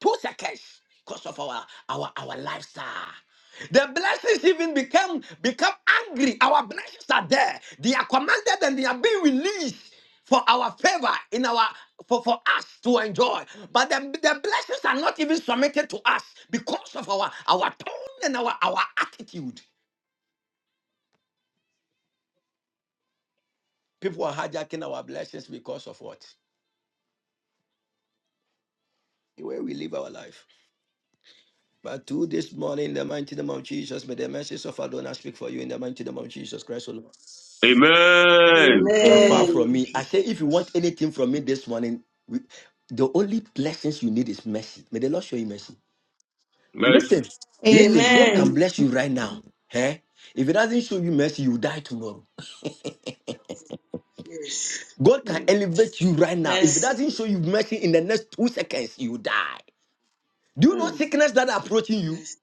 Speaker 6: Two seconds because of our our our lifestyle. The blessings even become become angry. Our blessings are there. They are commanded and they are being released for our favor in our for, for us to enjoy. But the, the blessings are not even submitted to us because of our our tone and our our attitude. People are hijacking our blessings because of what? The way we live our life. But do this morning in the mighty name of Jesus. May the message of Adonai speak for you in the mighty name of Jesus Christ. O Lord.
Speaker 5: Amen.
Speaker 6: You are far
Speaker 11: Amen.
Speaker 5: Thank
Speaker 7: Amen.
Speaker 6: from
Speaker 5: you,
Speaker 6: me. I say, if you want
Speaker 5: Jesus.
Speaker 6: anything from me this morning, we, the only blessings you need is mercy. May the Lord show you mercy.
Speaker 5: Mercy,
Speaker 6: Listen, listen, God can
Speaker 11: Amen.
Speaker 7: Amen.
Speaker 6: bless you right now. Eh? If He doesn't show you mercy, you die tomorrow.
Speaker 7: Yes.
Speaker 6: God can
Speaker 7: Mm.
Speaker 6: elevate you right now. If He
Speaker 7: Mercy.
Speaker 6: doesn't show you mercy in the next two seconds, you die. Do you know
Speaker 7: Mm.
Speaker 6: sickness that are approaching you?
Speaker 7: Mercy.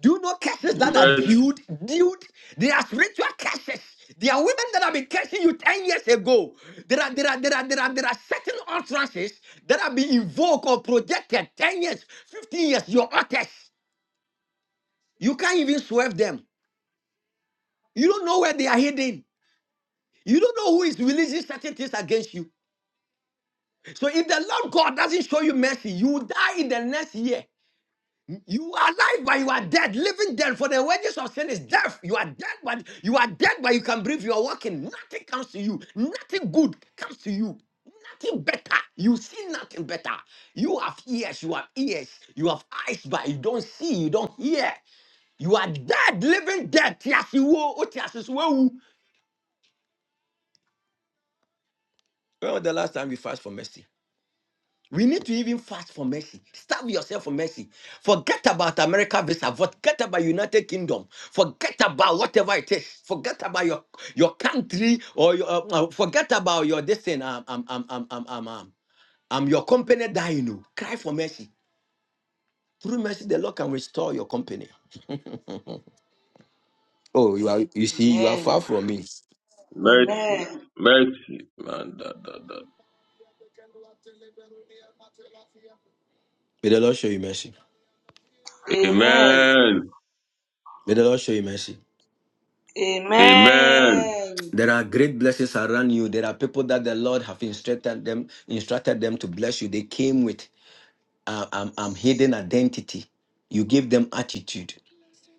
Speaker 6: Do you know curses that
Speaker 7: Mm.
Speaker 6: are
Speaker 5: mercy,
Speaker 6: dude? Dude, There are spiritual curses. There are women that have been cursing you 10 years ago. There are, there are, there are, there are, there are certain utterances that have been invoked or projected 10 years, 15 years, your utters. You can't even swerve them. You don't know where they are hidden. You don't know who is releasing certain things against you. So if the Lord God doesn't show you mercy, you will die in the next year. You are alive, but you are dead, living dead. For the wages of sin is death. You are dead, but you are dead, but you can breathe. You are walking. Nothing comes to you. Nothing good comes to you. Nothing better. You see nothing better. You have ears. You have ears. You have eyes, but you don't see. You don't hear. You are dead, living dead. Tiasi wo, o tiasi so wu. When was the last time you fast for mercy? We need to even fast for mercy. Starve yourself for mercy. Forget about America visa. Forget about United Kingdom. Forget about whatever it is. Forget about your your country or your, uh, uh, forget about your destiny. Um, um, um, um, um, um, um, um, your company dying. oh. Cry for mercy. Through mercy, the Lord can restore your company. Oh, you are you see, you are
Speaker 7: Amen.
Speaker 6: far from me.
Speaker 5: mercy,
Speaker 7: Amen.
Speaker 5: mercy. And
Speaker 6: May the Lord show you mercy.
Speaker 7: Amen.
Speaker 5: Amen.
Speaker 6: May the Lord show you mercy.
Speaker 5: Amen.
Speaker 7: Amen.
Speaker 6: There are great blessings around you. There are people that the Lord have instructed them, instructed them to bless you. They came with uh, um, um,
Speaker 7: Yes.
Speaker 6: hidden identity. You give them attitude.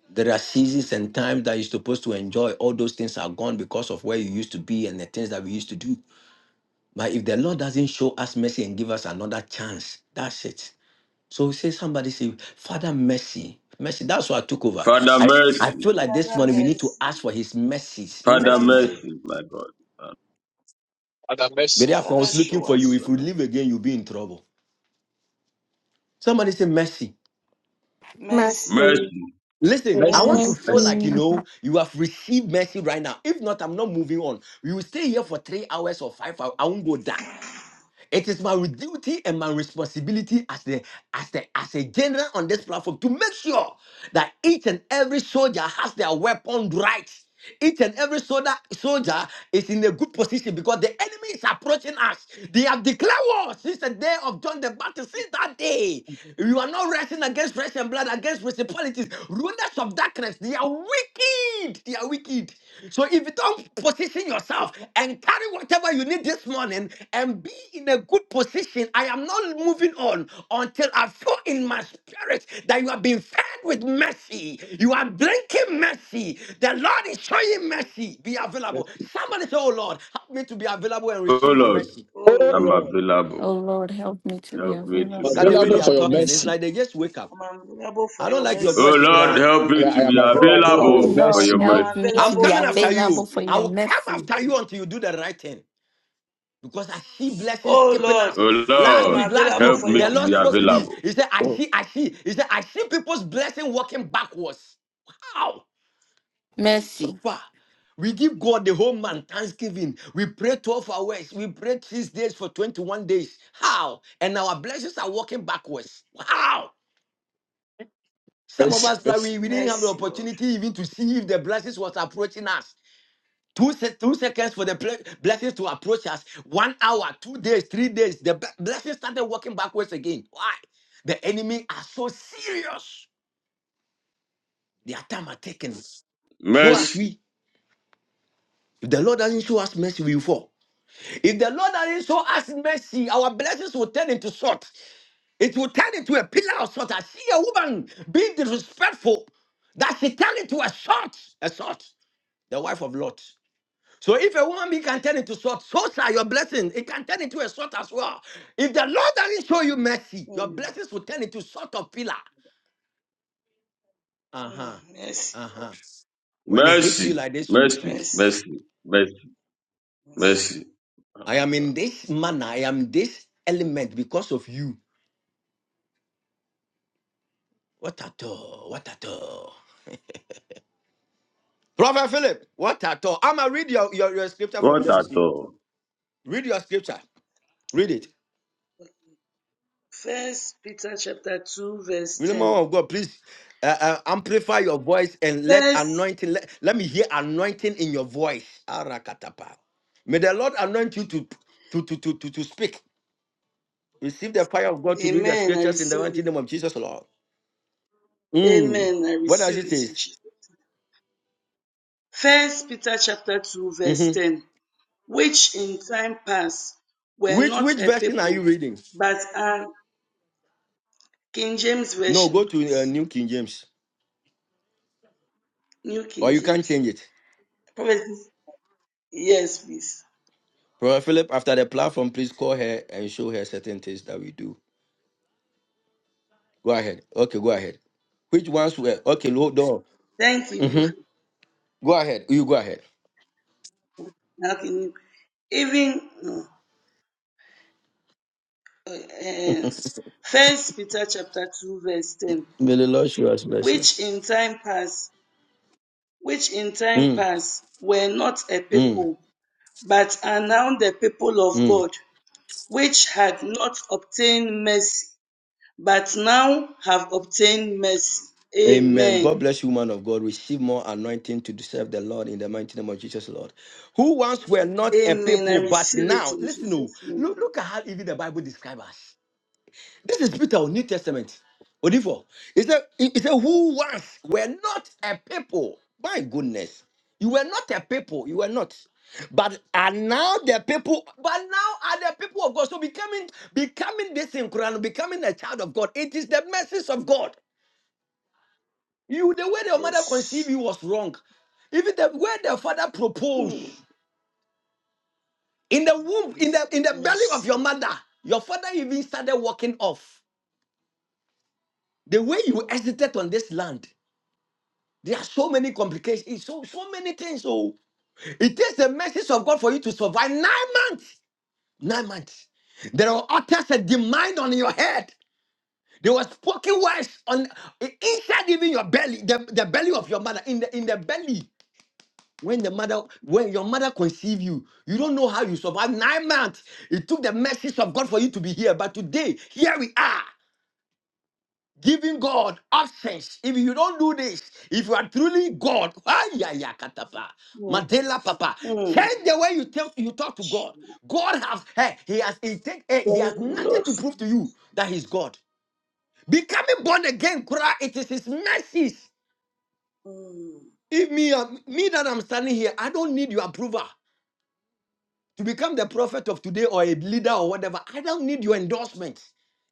Speaker 6: There are seasons and times that you're supposed to enjoy. All those things are gone because of where you used to be and the things that we used to do. But if the Lord doesn't show us mercy and give us another chance, that's it. So say somebody say, Father, mercy. Mercy. That's why I took over.
Speaker 5: Father,
Speaker 6: I, I
Speaker 5: mercy.
Speaker 6: feel like this
Speaker 7: Father,
Speaker 6: morning we need to
Speaker 7: mercy.
Speaker 6: ask for his mercies.
Speaker 5: Father,
Speaker 7: Father,
Speaker 6: Mercies.
Speaker 7: mercy.
Speaker 5: mercy, my God.
Speaker 2: Father,
Speaker 6: But
Speaker 2: mercy,
Speaker 6: I
Speaker 7: Father,
Speaker 6: was
Speaker 2: mercy,
Speaker 6: looking
Speaker 7: show
Speaker 6: for you.
Speaker 7: us
Speaker 6: If
Speaker 7: your
Speaker 6: you
Speaker 7: mer-
Speaker 6: leave again, you'll be in trouble. Somebody say mercy.
Speaker 12: Master.
Speaker 7: mercy.
Speaker 5: Mercy,
Speaker 6: Listen, I
Speaker 12: Amen.
Speaker 2: mercy,
Speaker 6: want to
Speaker 7: Mercy.
Speaker 6: feel
Speaker 2: mercy,
Speaker 6: like you
Speaker 11: Mercy,
Speaker 6: know you have received mercy right now. If not, I'm not moving on. We will stay here for three hours or five hours. I won't go down. It is my duty and my responsibility as the as the as a general on this platform to make sure that each and every soldier has their weapon right. Each and every soldier soldier is in a good position because the enemy is approaching us. They have declared war since the day of John the Baptist. Since that day, you are not wrestling against flesh and blood, against principalities, rulers of darkness. They are wicked. They are wicked. So if you don't position yourself and carry whatever you need this morning and be in a good position. I am not moving on until I feel in my spirit that you have been fed with mercy. You are drinking mercy. The Lord is showing mercy. Be available.
Speaker 2: mercy.
Speaker 6: Somebody say, Oh Lord, help me to be available and
Speaker 5: O
Speaker 6: receive your
Speaker 5: Lord.
Speaker 6: mercy.
Speaker 7: Oh,
Speaker 2: Oh
Speaker 5: I'm
Speaker 7: Lord.
Speaker 2: Lord,
Speaker 5: available.
Speaker 10: Oh Lord, help me to be
Speaker 5: Help me
Speaker 7: Oh,
Speaker 5: to
Speaker 10: available.
Speaker 7: mercy.
Speaker 2: I'm
Speaker 6: Look
Speaker 5: be
Speaker 6: at the way they
Speaker 2: available
Speaker 6: are
Speaker 2: for
Speaker 5: available.
Speaker 2: your
Speaker 10: for
Speaker 6: talking. It's
Speaker 2: mercy,
Speaker 10: Mercy.
Speaker 6: like they just wake up.
Speaker 7: I'm available
Speaker 6: I
Speaker 7: for
Speaker 6: don't
Speaker 7: your
Speaker 6: like your
Speaker 7: mercy.
Speaker 5: Oh
Speaker 6: voice,
Speaker 5: Lord,
Speaker 6: Kurao.
Speaker 5: help me
Speaker 2: and
Speaker 5: to
Speaker 2: I am
Speaker 5: be
Speaker 7: Oh
Speaker 2: available for
Speaker 10: Oh
Speaker 7: Lord,
Speaker 2: your
Speaker 5: available for
Speaker 10: Lord,
Speaker 5: your
Speaker 2: mercy.
Speaker 7: I'm
Speaker 5: mercy.
Speaker 10: help me
Speaker 6: I'm
Speaker 10: to
Speaker 7: available
Speaker 10: be
Speaker 6: coming
Speaker 7: for your
Speaker 6: after
Speaker 10: available
Speaker 6: you.
Speaker 7: mercy.
Speaker 10: for
Speaker 6: I
Speaker 10: your
Speaker 6: will come
Speaker 10: mercy.
Speaker 6: after you until you do the right thing. because I see blessings
Speaker 7: Oh
Speaker 6: skipping us.
Speaker 7: Lord,
Speaker 5: Oh
Speaker 6: Last
Speaker 7: I'm
Speaker 5: Lord,
Speaker 6: week, last
Speaker 7: available
Speaker 6: week,
Speaker 5: help
Speaker 7: for
Speaker 5: me
Speaker 6: the
Speaker 7: your
Speaker 5: to
Speaker 6: Lord
Speaker 5: be
Speaker 7: mercy.
Speaker 6: spoke to me.
Speaker 5: available.
Speaker 6: He said, I
Speaker 2: Oh,
Speaker 6: see, I see. He said, I see people's blessing walking backwards. Wow, so
Speaker 10: Mercy.
Speaker 6: far. We give God the whole month, Thanksgiving. We pray 12 hours. We pray six days for 21 days. How? And our blessings are walking backwards. Wow. Some of
Speaker 2: mercy,
Speaker 6: us,
Speaker 2: mercy.
Speaker 6: probably, we didn't have the
Speaker 7: Mercy, Lord.
Speaker 6: opportunity even to see if the blessings was approaching us. Two, se- two seconds for the ple- blessings to approach us. One hour, two days, three days. The be- blessings started walking backwards again. Why? The enemy are so serious. Their time are taken. So as
Speaker 5: Mercy,
Speaker 6: we, if the Lord doesn't show us mercy, we will fall. If the Lord doesn't show us mercy, our blessings will turn into salt. It will turn into a pillar of salt. I see a woman being disrespectful that she turned into a salt. A salt. The wife of Lot. So if a woman be can turn into salt, so shall your blessing. It can turn into a salt as well. If the Lord doesn't show you mercy, your
Speaker 7: Mm,
Speaker 6: blessings will turn into salt of pillar.
Speaker 7: mm,
Speaker 6: Uh-huh.
Speaker 7: mercy, Lord.
Speaker 6: Uh-huh. When it hits you
Speaker 5: mercy,
Speaker 6: like this, you
Speaker 5: mercy,
Speaker 6: speak.
Speaker 7: Mercy,
Speaker 5: mercy, mercy,
Speaker 7: mercy.
Speaker 5: mercy.
Speaker 6: I am in this manner. I am this element because of you. What at all? What at all? Prophet Philip, what at all? I'ma read your, your, your scripture for me.
Speaker 5: What
Speaker 6: Let me
Speaker 5: at
Speaker 6: see.
Speaker 5: all?
Speaker 6: Read your scripture. Read it.
Speaker 7: First Peter chapter 2, verse
Speaker 6: Woman
Speaker 7: 10.
Speaker 6: of God, please uh, uh, amplify your voice and let
Speaker 7: First,
Speaker 6: anointing, let, let me hear anointing in your voice. Arakatapa. May the Lord anoint you to, to, to, to, to, to speak. Receive the fire of God to read the
Speaker 7: Amen. I
Speaker 6: scriptures in the
Speaker 7: receive
Speaker 6: mighty name of Jesus, Lord.
Speaker 7: it.
Speaker 6: Mm.
Speaker 7: Amen. I
Speaker 6: What does
Speaker 7: receive
Speaker 6: it
Speaker 7: it
Speaker 6: say?
Speaker 7: in Jesus. First Peter chapter 2, verse
Speaker 6: Mhm.
Speaker 7: 10. Which in time past were
Speaker 6: Which,
Speaker 7: not
Speaker 6: which
Speaker 7: a
Speaker 6: version are
Speaker 7: people,
Speaker 6: you reading?
Speaker 7: but are King James
Speaker 6: No,
Speaker 7: Version,
Speaker 6: go to uh,
Speaker 7: please.
Speaker 6: New King James,
Speaker 7: New
Speaker 6: or
Speaker 7: King
Speaker 6: you can
Speaker 7: James.
Speaker 6: change it.
Speaker 7: Prophecies. Yes, please.
Speaker 6: Brother Philip, after the platform, please call her and show her certain things that we do. Go ahead. Okay, go ahead. Which ones were okay? Hold on.
Speaker 7: Thank you,
Speaker 6: Mhm.
Speaker 7: Prophet.
Speaker 6: Go ahead. You go ahead.
Speaker 7: Now can you even no, um, First Peter chapter two verse ten,
Speaker 6: May the Lord show us mercy.
Speaker 7: which in time past, which in time
Speaker 6: Mm,
Speaker 7: past were not a
Speaker 6: mm,
Speaker 7: people, but are now the people of
Speaker 6: mm.
Speaker 7: God, which had not obtained mercy, but now have obtained mercy.
Speaker 6: Amen. God
Speaker 7: Amen.
Speaker 6: bless you, man of God. Receive more anointing to serve the Lord in the mighty name of Jesus, Lord. Who once were not a
Speaker 7: Amen. I
Speaker 6: people, but
Speaker 7: receive it
Speaker 6: now,
Speaker 7: in
Speaker 6: listen, oh,
Speaker 7: Jesus'
Speaker 6: look,
Speaker 7: name.
Speaker 6: look at how even the Bible describes us. This is Peter on New Testament. Odifo. He said, he he said, who once were not a people. My goodness. You were not a people. You were not. But are now the people, but now are the people of God. So becoming becoming this in Quran, becoming a child of God. It is the message of God. You the way your mother conceived
Speaker 7: Yes.
Speaker 6: you was wrong. Even the way the father proposed
Speaker 7: Mm,
Speaker 6: in the womb, in the in the belly of
Speaker 7: Mercy,
Speaker 6: your mother, your father even started walking off. The way you exited on this land. There are so many complications, so, so many things. So it takes the mercies of God for you to survive nine months. Nine months. There are utters a demand on your head. There was spoken words on inside even your belly, the, the belly of your mother. In the in the belly, when the mother, when your mother conceived you, you don't know how you survived nine months. It took the mercies of God for you to be here. But today, here we are. giving God options. If you don't do this, if you are truly God, ah, yeah, yeah, katapa,
Speaker 7: Lord.
Speaker 6: Mandela Papa,
Speaker 7: mm,
Speaker 6: change the way you tell you talk to God. God has hey, he has he, take, eh,
Speaker 7: mm.
Speaker 6: he
Speaker 7: Thank
Speaker 6: has
Speaker 7: you,
Speaker 6: nothing
Speaker 7: Lord.
Speaker 6: to prove to you that he's God. Becoming born again, cry, it is his mercies.
Speaker 7: Mm.
Speaker 6: If me, uh, me that I'm standing here, I don't need your approval to become the prophet of today or a leader or whatever. I don't need your endorsement.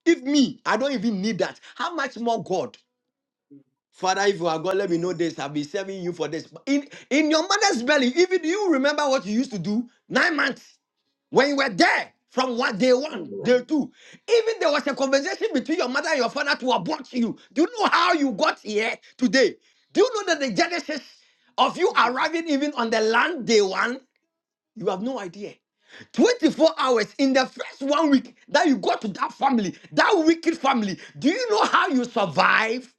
Speaker 6: If me, I don't even need that. How much more God? Father, if you are God, let me know
Speaker 7: Mm.
Speaker 6: this. I've been serving you for this. But In, in your mother's belly, even you remember what you used to do nine months when you were there from what day one, day
Speaker 7: Mm,
Speaker 6: two. Even there was a conversation between your mother and your father to abort you. Do you know how you got here today? Do you know that the genesis of you
Speaker 7: mm.
Speaker 6: arriving even on the land day one? You have no idea. 24 hours in the first one week that you go to that family, that wicked family, do you know how you survive?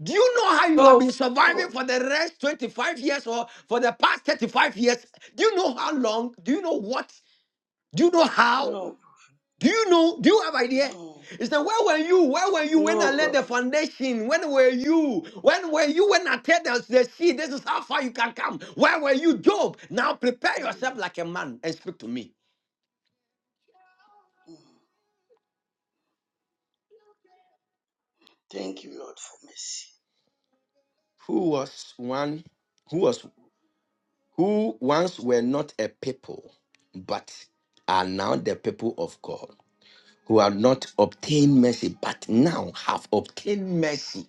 Speaker 6: Do you know how you have been
Speaker 7: No,
Speaker 6: surviving for the rest 25 years or for the past 35 years? Do you know how long? Do you know what? Do you know how?
Speaker 7: no,
Speaker 6: Do you know? Do you have idea?
Speaker 7: No.
Speaker 6: It's that where were you? Where were you when
Speaker 7: no,
Speaker 6: I laid the
Speaker 7: prophet.
Speaker 6: foundation? When were you? When were you when I tell the, the seed, this is how far you can come? Where were you, Job? Now prepare
Speaker 7: Mm.
Speaker 6: yourself like a man and speak to me.
Speaker 7: Mm. Thank you, Lord, for mercy.
Speaker 6: Who was one who was who once were not a people, but are now the people of God? who have not obtained mercy, but now have obtained mercy.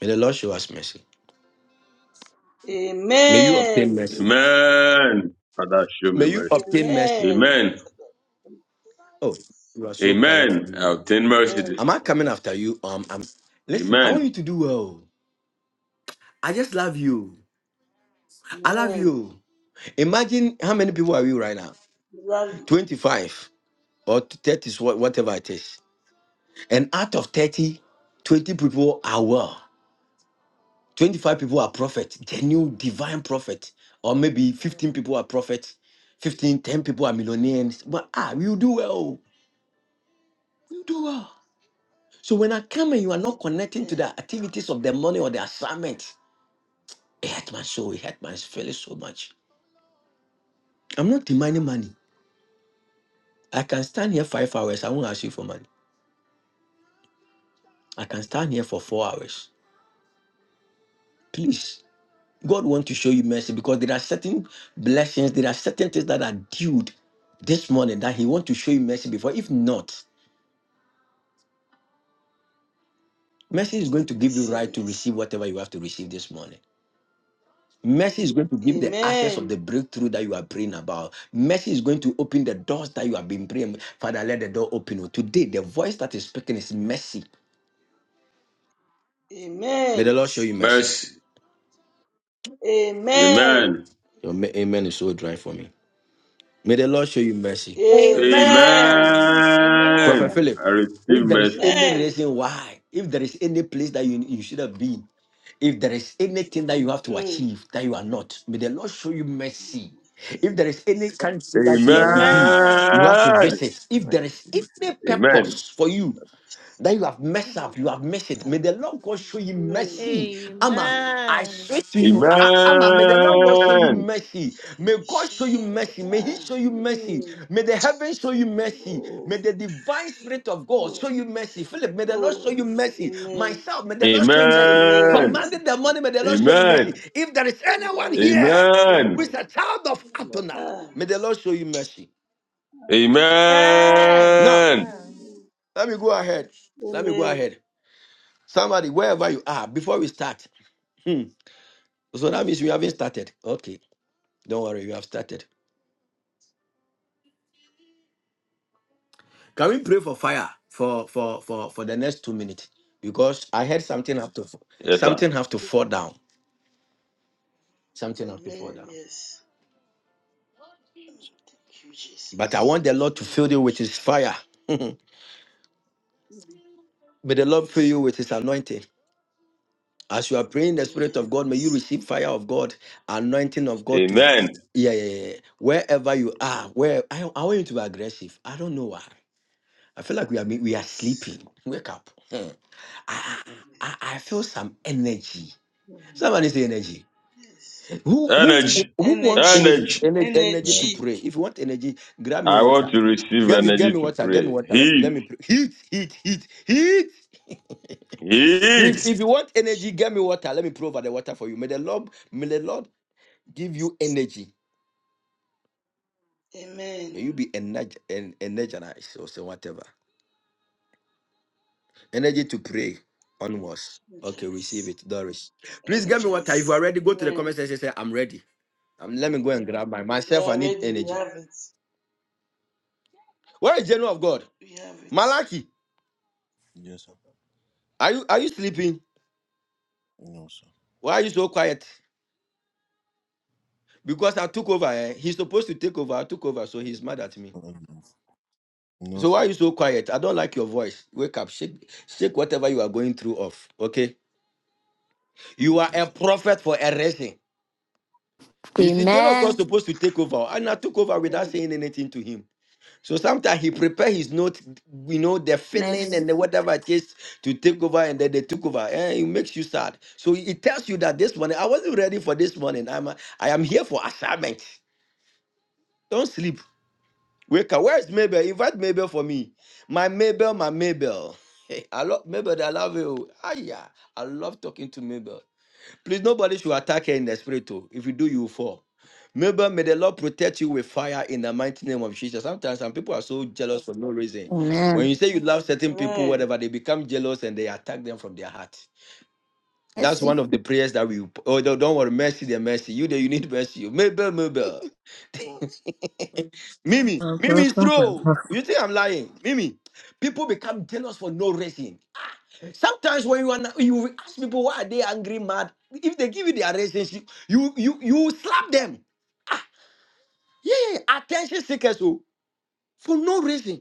Speaker 6: May the Lord show us mercy. May you obtain
Speaker 7: Amen.
Speaker 6: mercy.
Speaker 5: Amen. Father, show me
Speaker 6: May you
Speaker 5: mercy.
Speaker 6: obtain mercy.
Speaker 7: Amen.
Speaker 5: Amen.
Speaker 7: For that.
Speaker 6: Oh, you are so quiet for
Speaker 5: Amen.
Speaker 6: me.
Speaker 5: I
Speaker 6: oh.
Speaker 5: obtain mercy this
Speaker 7: Amen.
Speaker 6: Am I
Speaker 5: morning.
Speaker 6: coming after you? Um, I'm. Listen, I want
Speaker 5: Amen.
Speaker 6: you to do well. I just love you. I love
Speaker 7: Amen.
Speaker 6: you. Imagine how many people are we right now?
Speaker 7: Love you.
Speaker 6: 25 or 30 is what- whatever it is. And out of 30, 20 people are well. 25 people are prophet, genuine divine prophet, or maybe 15
Speaker 7: Mm.
Speaker 6: people are prophet, 15, 10 people are millionaires. But ah, you do well. You do well. So when I come and you are not connecting to the
Speaker 7: Amen.
Speaker 6: activities of the money or the assignment, it hurt my soul, it hurt my feeling so much. I'm not demanding money. I can stand here five hours. I won't ask you for money. I can stand here for four hours. Please. God wants to show you mercy because there are certain blessings, there are certain things that are due this morning that He wants to show you mercy before. If not, mercy is going to
Speaker 7: We
Speaker 6: give you
Speaker 7: receive
Speaker 6: right to
Speaker 7: mercy.
Speaker 6: receive whatever you have to receive this morning. Mercy is going to give the access of
Speaker 7: Amen.
Speaker 6: the breakthrough that you are praying about. Mercy is going to open the doors that you have been praying. Father, let the door open. oh. Today, the voice that is speaking is mercy. May
Speaker 7: Amen.
Speaker 6: the Lord show
Speaker 7: Receive
Speaker 6: you mercy.
Speaker 5: Mercy.
Speaker 7: Amen.
Speaker 5: Amen.
Speaker 6: Your ma- amen is so dry for me. May the Lord show you mercy.
Speaker 7: Amen.
Speaker 12: Amen. Amen.
Speaker 6: Prophet
Speaker 5: Amen.
Speaker 6: Philip,
Speaker 5: I receive
Speaker 6: if there is
Speaker 5: mercy.
Speaker 6: any
Speaker 7: Amen.
Speaker 6: reason why, if there is any place that you, you should have been, if there is anything that you have to
Speaker 7: Mm.
Speaker 6: achieve that you are not, may the Lord show you mercy. If there is any country that you have to be,
Speaker 7: Amen.
Speaker 12: Amen.
Speaker 6: you have to
Speaker 5: Amen.
Speaker 6: visit. If there is any
Speaker 5: Amen.
Speaker 6: purpose for you that you have messed up,
Speaker 7: Mm.
Speaker 6: you have missed it. May the Lord God show you
Speaker 7: Mm.
Speaker 6: mercy. Ama,
Speaker 7: Mm.
Speaker 6: I
Speaker 12: Amen.
Speaker 6: say to you, A- A- Ama, may the Lord God show you
Speaker 5: Amen.
Speaker 6: mercy. May God show you mercy. May He
Speaker 7: Ah.
Speaker 6: show you mercy.
Speaker 7: Mm.
Speaker 6: May the heavens show you mercy. May
Speaker 7: Oh.
Speaker 6: the divine spirit of God show
Speaker 7: Oh.
Speaker 6: you mercy. Philip, may the Lord
Speaker 7: Oh.
Speaker 6: show you mercy.
Speaker 7: Amen.
Speaker 6: Myself, may the Lord show you mercy.
Speaker 7: Amen. I
Speaker 5: Amen.
Speaker 6: Commanding
Speaker 7: receive.
Speaker 6: the money, may the Lord show you mercy.
Speaker 5: Amen.
Speaker 6: If there is anyone
Speaker 7: Amen.
Speaker 6: here
Speaker 5: Amen.
Speaker 6: who is
Speaker 7: Amen.
Speaker 6: a child of
Speaker 5: Yeah.
Speaker 6: Adonai,
Speaker 7: Ah.
Speaker 6: may the Lord show you mercy.
Speaker 7: Ah.
Speaker 6: Now,
Speaker 5: Amen.
Speaker 12: Amen.
Speaker 7: Amen.
Speaker 6: let me go ahead. Let me go
Speaker 7: Amen.
Speaker 6: ahead. Somebody, wherever you are, before we start. Hmm. So that means we haven't started. Okay. Don't worry, we have started. Can we pray for fire for for for for the next two minutes? Because I heard something have to
Speaker 5: Yes, sir.
Speaker 6: something have to fall down. Something have to fall
Speaker 7: Amen.
Speaker 6: down.
Speaker 7: Yes. Thank you,
Speaker 6: But I
Speaker 7: Jesus.
Speaker 6: want the Lord to
Speaker 7: Thank
Speaker 6: fill
Speaker 7: you,
Speaker 6: you with his
Speaker 7: Jesus.
Speaker 6: fire. May the Lord fill
Speaker 7: Yes.
Speaker 6: you with his anointing. As you are praying the Spirit
Speaker 7: Amen.
Speaker 6: of
Speaker 7: I
Speaker 6: God, may you
Speaker 7: receive
Speaker 6: receive
Speaker 7: it.
Speaker 6: fire of God, anointing of God to
Speaker 5: Amen.
Speaker 6: yeah, yeah, yeah. yeah. Wherever you are, where I, I want you to be aggressive. I don't know why. I feel like we are we are sleeping. Wake up. Hmm. I, I I feel some energy.
Speaker 7: Amen.
Speaker 6: Somebody say energy.
Speaker 7: Yes.
Speaker 6: Who who
Speaker 5: Energy.
Speaker 6: who wants energy
Speaker 7: Energy.
Speaker 5: Energy.
Speaker 6: energy energy to
Speaker 7: Energy.
Speaker 6: pray? If you want energy, grab me
Speaker 5: I want
Speaker 6: water.
Speaker 5: to receive
Speaker 6: Get me get
Speaker 5: energy
Speaker 6: me
Speaker 5: to
Speaker 6: water. Get me
Speaker 5: pray.
Speaker 6: water. Let, let
Speaker 5: Heat.
Speaker 6: me pray. Heat heat heat heat. Please,
Speaker 5: Heat.
Speaker 6: if you want energy, get me water. Let me provide the water for you. May the Lord may the Lord give you energy. May
Speaker 7: Amen.
Speaker 6: you be energ- en- energized or say whatever. Energy to pray onwards. Okay, receive
Speaker 7: Energize.
Speaker 6: it, Doris. Please get me water. If you are
Speaker 7: Energize.
Speaker 6: ready, go to the
Speaker 7: Amen.
Speaker 6: comment section. and Say, I'm ready. Um, let me go and grab my
Speaker 7: We
Speaker 6: myself. I
Speaker 7: are
Speaker 6: need
Speaker 7: ready. We
Speaker 6: energy.
Speaker 7: have it.
Speaker 6: Where is general of God?
Speaker 7: We have it.
Speaker 6: Malaki,
Speaker 1: Yes, sir.
Speaker 6: are you are you sleeping?
Speaker 1: No, sir.
Speaker 6: Why are you so quiet? Because I took over. Eh? He's supposed to take over. I took over, so he's mad at me.
Speaker 1: Mm, No,
Speaker 6: So why
Speaker 1: sir.
Speaker 6: are you so quiet? I don't like your voice. Wake up, shake, shake whatever you are going through off. Okay. You are a
Speaker 1: Yes, sir.
Speaker 6: prophet for a reason. You see, Jonah was
Speaker 10: Amen.
Speaker 6: supposed to take over, and I took over without
Speaker 7: Amen.
Speaker 6: saying anything to him. So sometimes he prepare his note, you know, the feeling
Speaker 10: Mercy.
Speaker 6: and the whatever it is to take over, and then they took over, and it makes you sad. So it tells you that this morning I wasn't ready for this morning. I'm a, I am here for assignment. Don't sleep. Wake up. Where is Mabel? Invite Mabel for me. My Mabel, my Mabel. Hey, I love Mabel. I love you. Ah, yeah. I love talking to Mabel. Please, nobody should attack her in the spirit. Too. If you do, you will fall. Remember, may the Lord protect you with fire in the mighty name of Jesus. Sometimes some people are so jealous for no reason.
Speaker 7: Amen.
Speaker 6: When
Speaker 10: Amen.
Speaker 6: you say you love certain people,
Speaker 7: Amen.
Speaker 6: whatever, they become jealous and they attack them from their heart. That's
Speaker 10: Mercy.
Speaker 6: one of the prayers that we. Oh, don't don't worry, mercy, the mercy. You there, you need mercy. Mabel, Mabel, Mimi,
Speaker 13: Thank
Speaker 6: Mimi is true. You think I'm lying, Mimi? People become jealous for no reason. Sometimes when you are not, you ask people why are they angry, mad. If they give you their reasons, you you you, you slap them. Ah, yeah, yeah, yeah, attention seekers, oh, for no reason.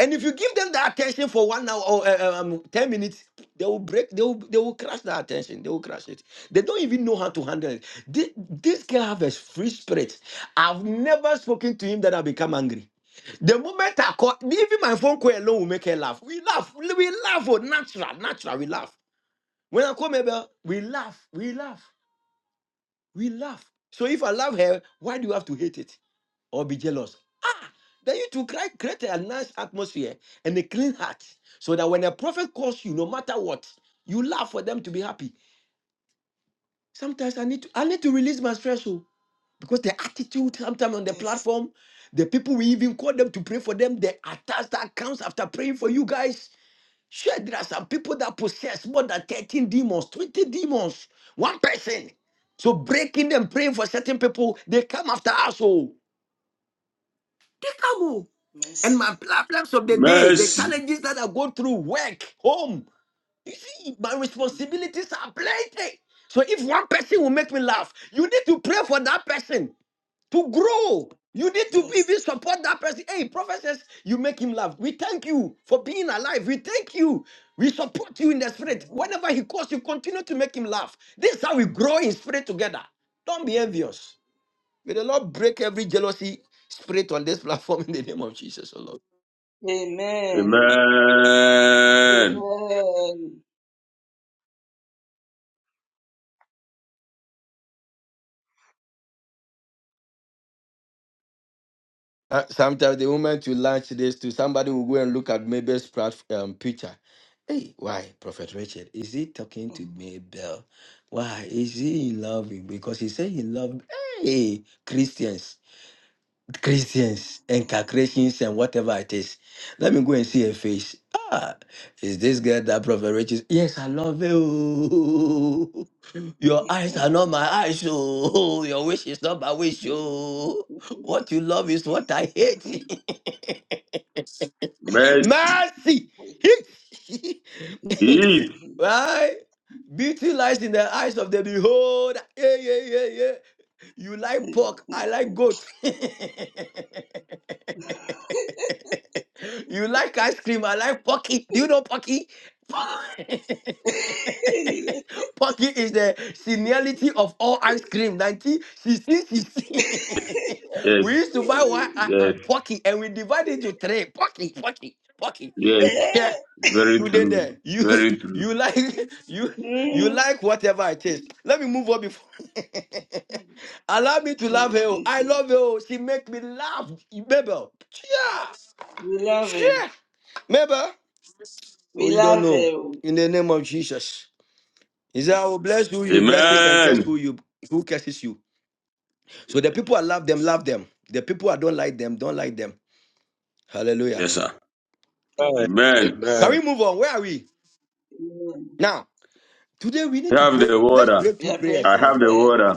Speaker 6: And if you give them the attention for one hour or uh, um, ten minutes, they will break. They will they will crash the attention. They will crash it. They don't even know how to handle it. This, this girl have a free spirit. I've never spoken to him that I become angry. The moment I call, even my phone call alone will make her laugh. We laugh. We laugh. Oh, natural, natural. We laugh. When I call Mabel, we laugh, we laugh, we laugh. So if I love her, why do you have to hate it or be jealous? Ah, then you to cri- create a nice atmosphere and a clean heart so that when a prophet calls you, no matter what, you laugh for them to be happy. Sometimes I need to I need to release my stress oh, because the attitude sometimes on the
Speaker 7: Yes.
Speaker 6: platform, the people we even call them to pray for them, the attacks that comes after praying for you guys. Sure, there are some people that possess more than 13 demons, 20 demons, one person. So breaking them, praying for certain people, they come after us. Oh, they come. Oh. And
Speaker 7: Mercy.
Speaker 6: my problems of the day, the
Speaker 5: Mercy.
Speaker 6: challenges that I go through, work, home. You see, my
Speaker 7: Mm.
Speaker 6: responsibilities are plenty. So if one person will make me laugh, you need to pray for that person to grow. You need to be
Speaker 7: Yes.
Speaker 6: even support that person. Hey, prophet says you make him laugh. We thank you for being alive. We thank you. We support you in the spirit.
Speaker 7: Amen.
Speaker 6: Whenever he calls, you continue to make him laugh. This is how we grow in spirit together. Don't be envious. May the Lord break every jealousy spirit on this platform in the name of Jesus, oh Lord.
Speaker 7: Amen.
Speaker 5: Amen.
Speaker 6: Uh, sometimes the moment you launch this to somebody will go and look at Mabel's plat- um, picture. Hey, why, Prophet Richard? Is he talking to Mabel? Why is he in love? with- Because he said he loved hey Christians. Christians and and whatever it is. Let me go and see her face. Ah, is this girl that Prophet Rich Yes, I love you. Your eyes are not my eyes. Oh, your wish is not my wish. Oh,
Speaker 7: Amen.
Speaker 6: what you love is what I
Speaker 7: we
Speaker 6: hate.
Speaker 5: Mercy.
Speaker 6: Mercy.
Speaker 5: Heat.
Speaker 6: Right? Beauty lies in the eyes of the beholder. Yeah, yeah, yeah, yeah. You like pork, I like goat. you like ice cream, I like pocky. Do you know pocky? pocky is the seniority of all ice cream. 19, she see, she see.
Speaker 5: Yes.
Speaker 6: we used to buy one uh, uh,
Speaker 5: Yes.
Speaker 6: pocky and we divide it into three. Pocky, pocky, pocky.
Speaker 5: Yes.
Speaker 6: Yeah.
Speaker 5: Very
Speaker 6: You did
Speaker 5: true.
Speaker 6: there. You
Speaker 5: Very true.
Speaker 6: you like you you like whatever it is. Let me move on before. Allow me to love her. oh. I love her. oh. She make me laugh. Mabel. Yeah.
Speaker 7: love him.
Speaker 6: Sure. Mabel. Oh,
Speaker 7: We
Speaker 6: you don't
Speaker 7: love
Speaker 6: know.
Speaker 7: him.
Speaker 6: In the name of Jesus. He said, I will bless who you blesses
Speaker 7: Amen.
Speaker 6: and curse who
Speaker 5: Amen.
Speaker 6: you who curses you. So the people I love them, love them. The people I don't like them, don't like them. Hallelujah.
Speaker 5: Yes, sir.
Speaker 2: Amen.
Speaker 7: Yes,
Speaker 5: Amen.
Speaker 6: Can
Speaker 7: prophets.
Speaker 2: Amen.
Speaker 6: we move on? Where are we?
Speaker 7: Amen.
Speaker 6: Now, today we need to
Speaker 5: I have
Speaker 6: pray.
Speaker 5: the
Speaker 6: Let's
Speaker 5: water.
Speaker 6: pray
Speaker 7: We
Speaker 6: two
Speaker 7: are praying
Speaker 6: prayers.
Speaker 5: I
Speaker 6: eh?
Speaker 7: for
Speaker 5: have the
Speaker 7: fire.
Speaker 5: water.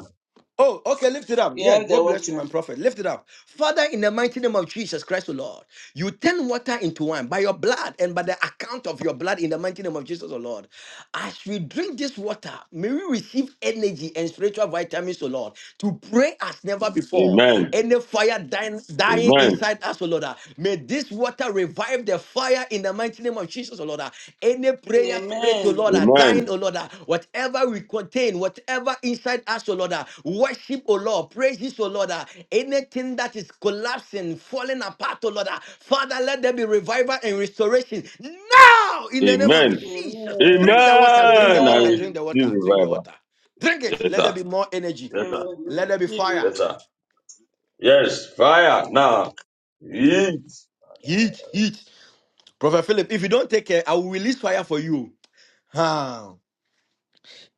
Speaker 6: Oh, okay, lift it up.
Speaker 7: We
Speaker 6: Yeah,
Speaker 7: have the
Speaker 6: God bless you, my
Speaker 7: water.
Speaker 6: prophet. Lift it up. Father, in the mighty name of Jesus Christ, O Lord, you turn water into wine by your blood and by the account of your blood in the mighty name of Jesus, O Lord. As we drink this water, may we receive energy and spiritual vitamins, O Lord, to pray as never before.
Speaker 5: Amen.
Speaker 6: Any fire dying, dying
Speaker 5: Amen.
Speaker 6: inside us, O Lord, ah, may this water revive the fire in the the mighty name of Jesus, O Lord. ah, Any prayer spread to
Speaker 7: Amen.
Speaker 6: Lord, ah, dying,
Speaker 5: Amen.
Speaker 6: O Lord, ah, whatever we contain, whatever inside us, O Lord, ah, worship, O Lord, praises, O Lord, ah, anything that is collapsing, falling apart, O Lord, ah, Father, let there be revival and restoration now in the name of
Speaker 5: Amen.
Speaker 6: Jesus.
Speaker 7: Amen.
Speaker 6: Drink the water, drink the
Speaker 5: Amen. I
Speaker 6: water, drink
Speaker 7: Amen.
Speaker 6: the
Speaker 5: receive
Speaker 6: water, drink the
Speaker 5: revival.
Speaker 6: water. Drink it.
Speaker 5: Yes,
Speaker 6: Let there
Speaker 5: sir.
Speaker 6: be more energy.
Speaker 5: Yes,
Speaker 7: And
Speaker 5: sir.
Speaker 7: we
Speaker 6: Let there be
Speaker 7: receive
Speaker 6: fire.
Speaker 7: it.
Speaker 5: Yes, sir. Yes, fire now. Eat.
Speaker 6: Heat, heat. Prophet Philip, if you don't take care, I will release fire for you. Huh.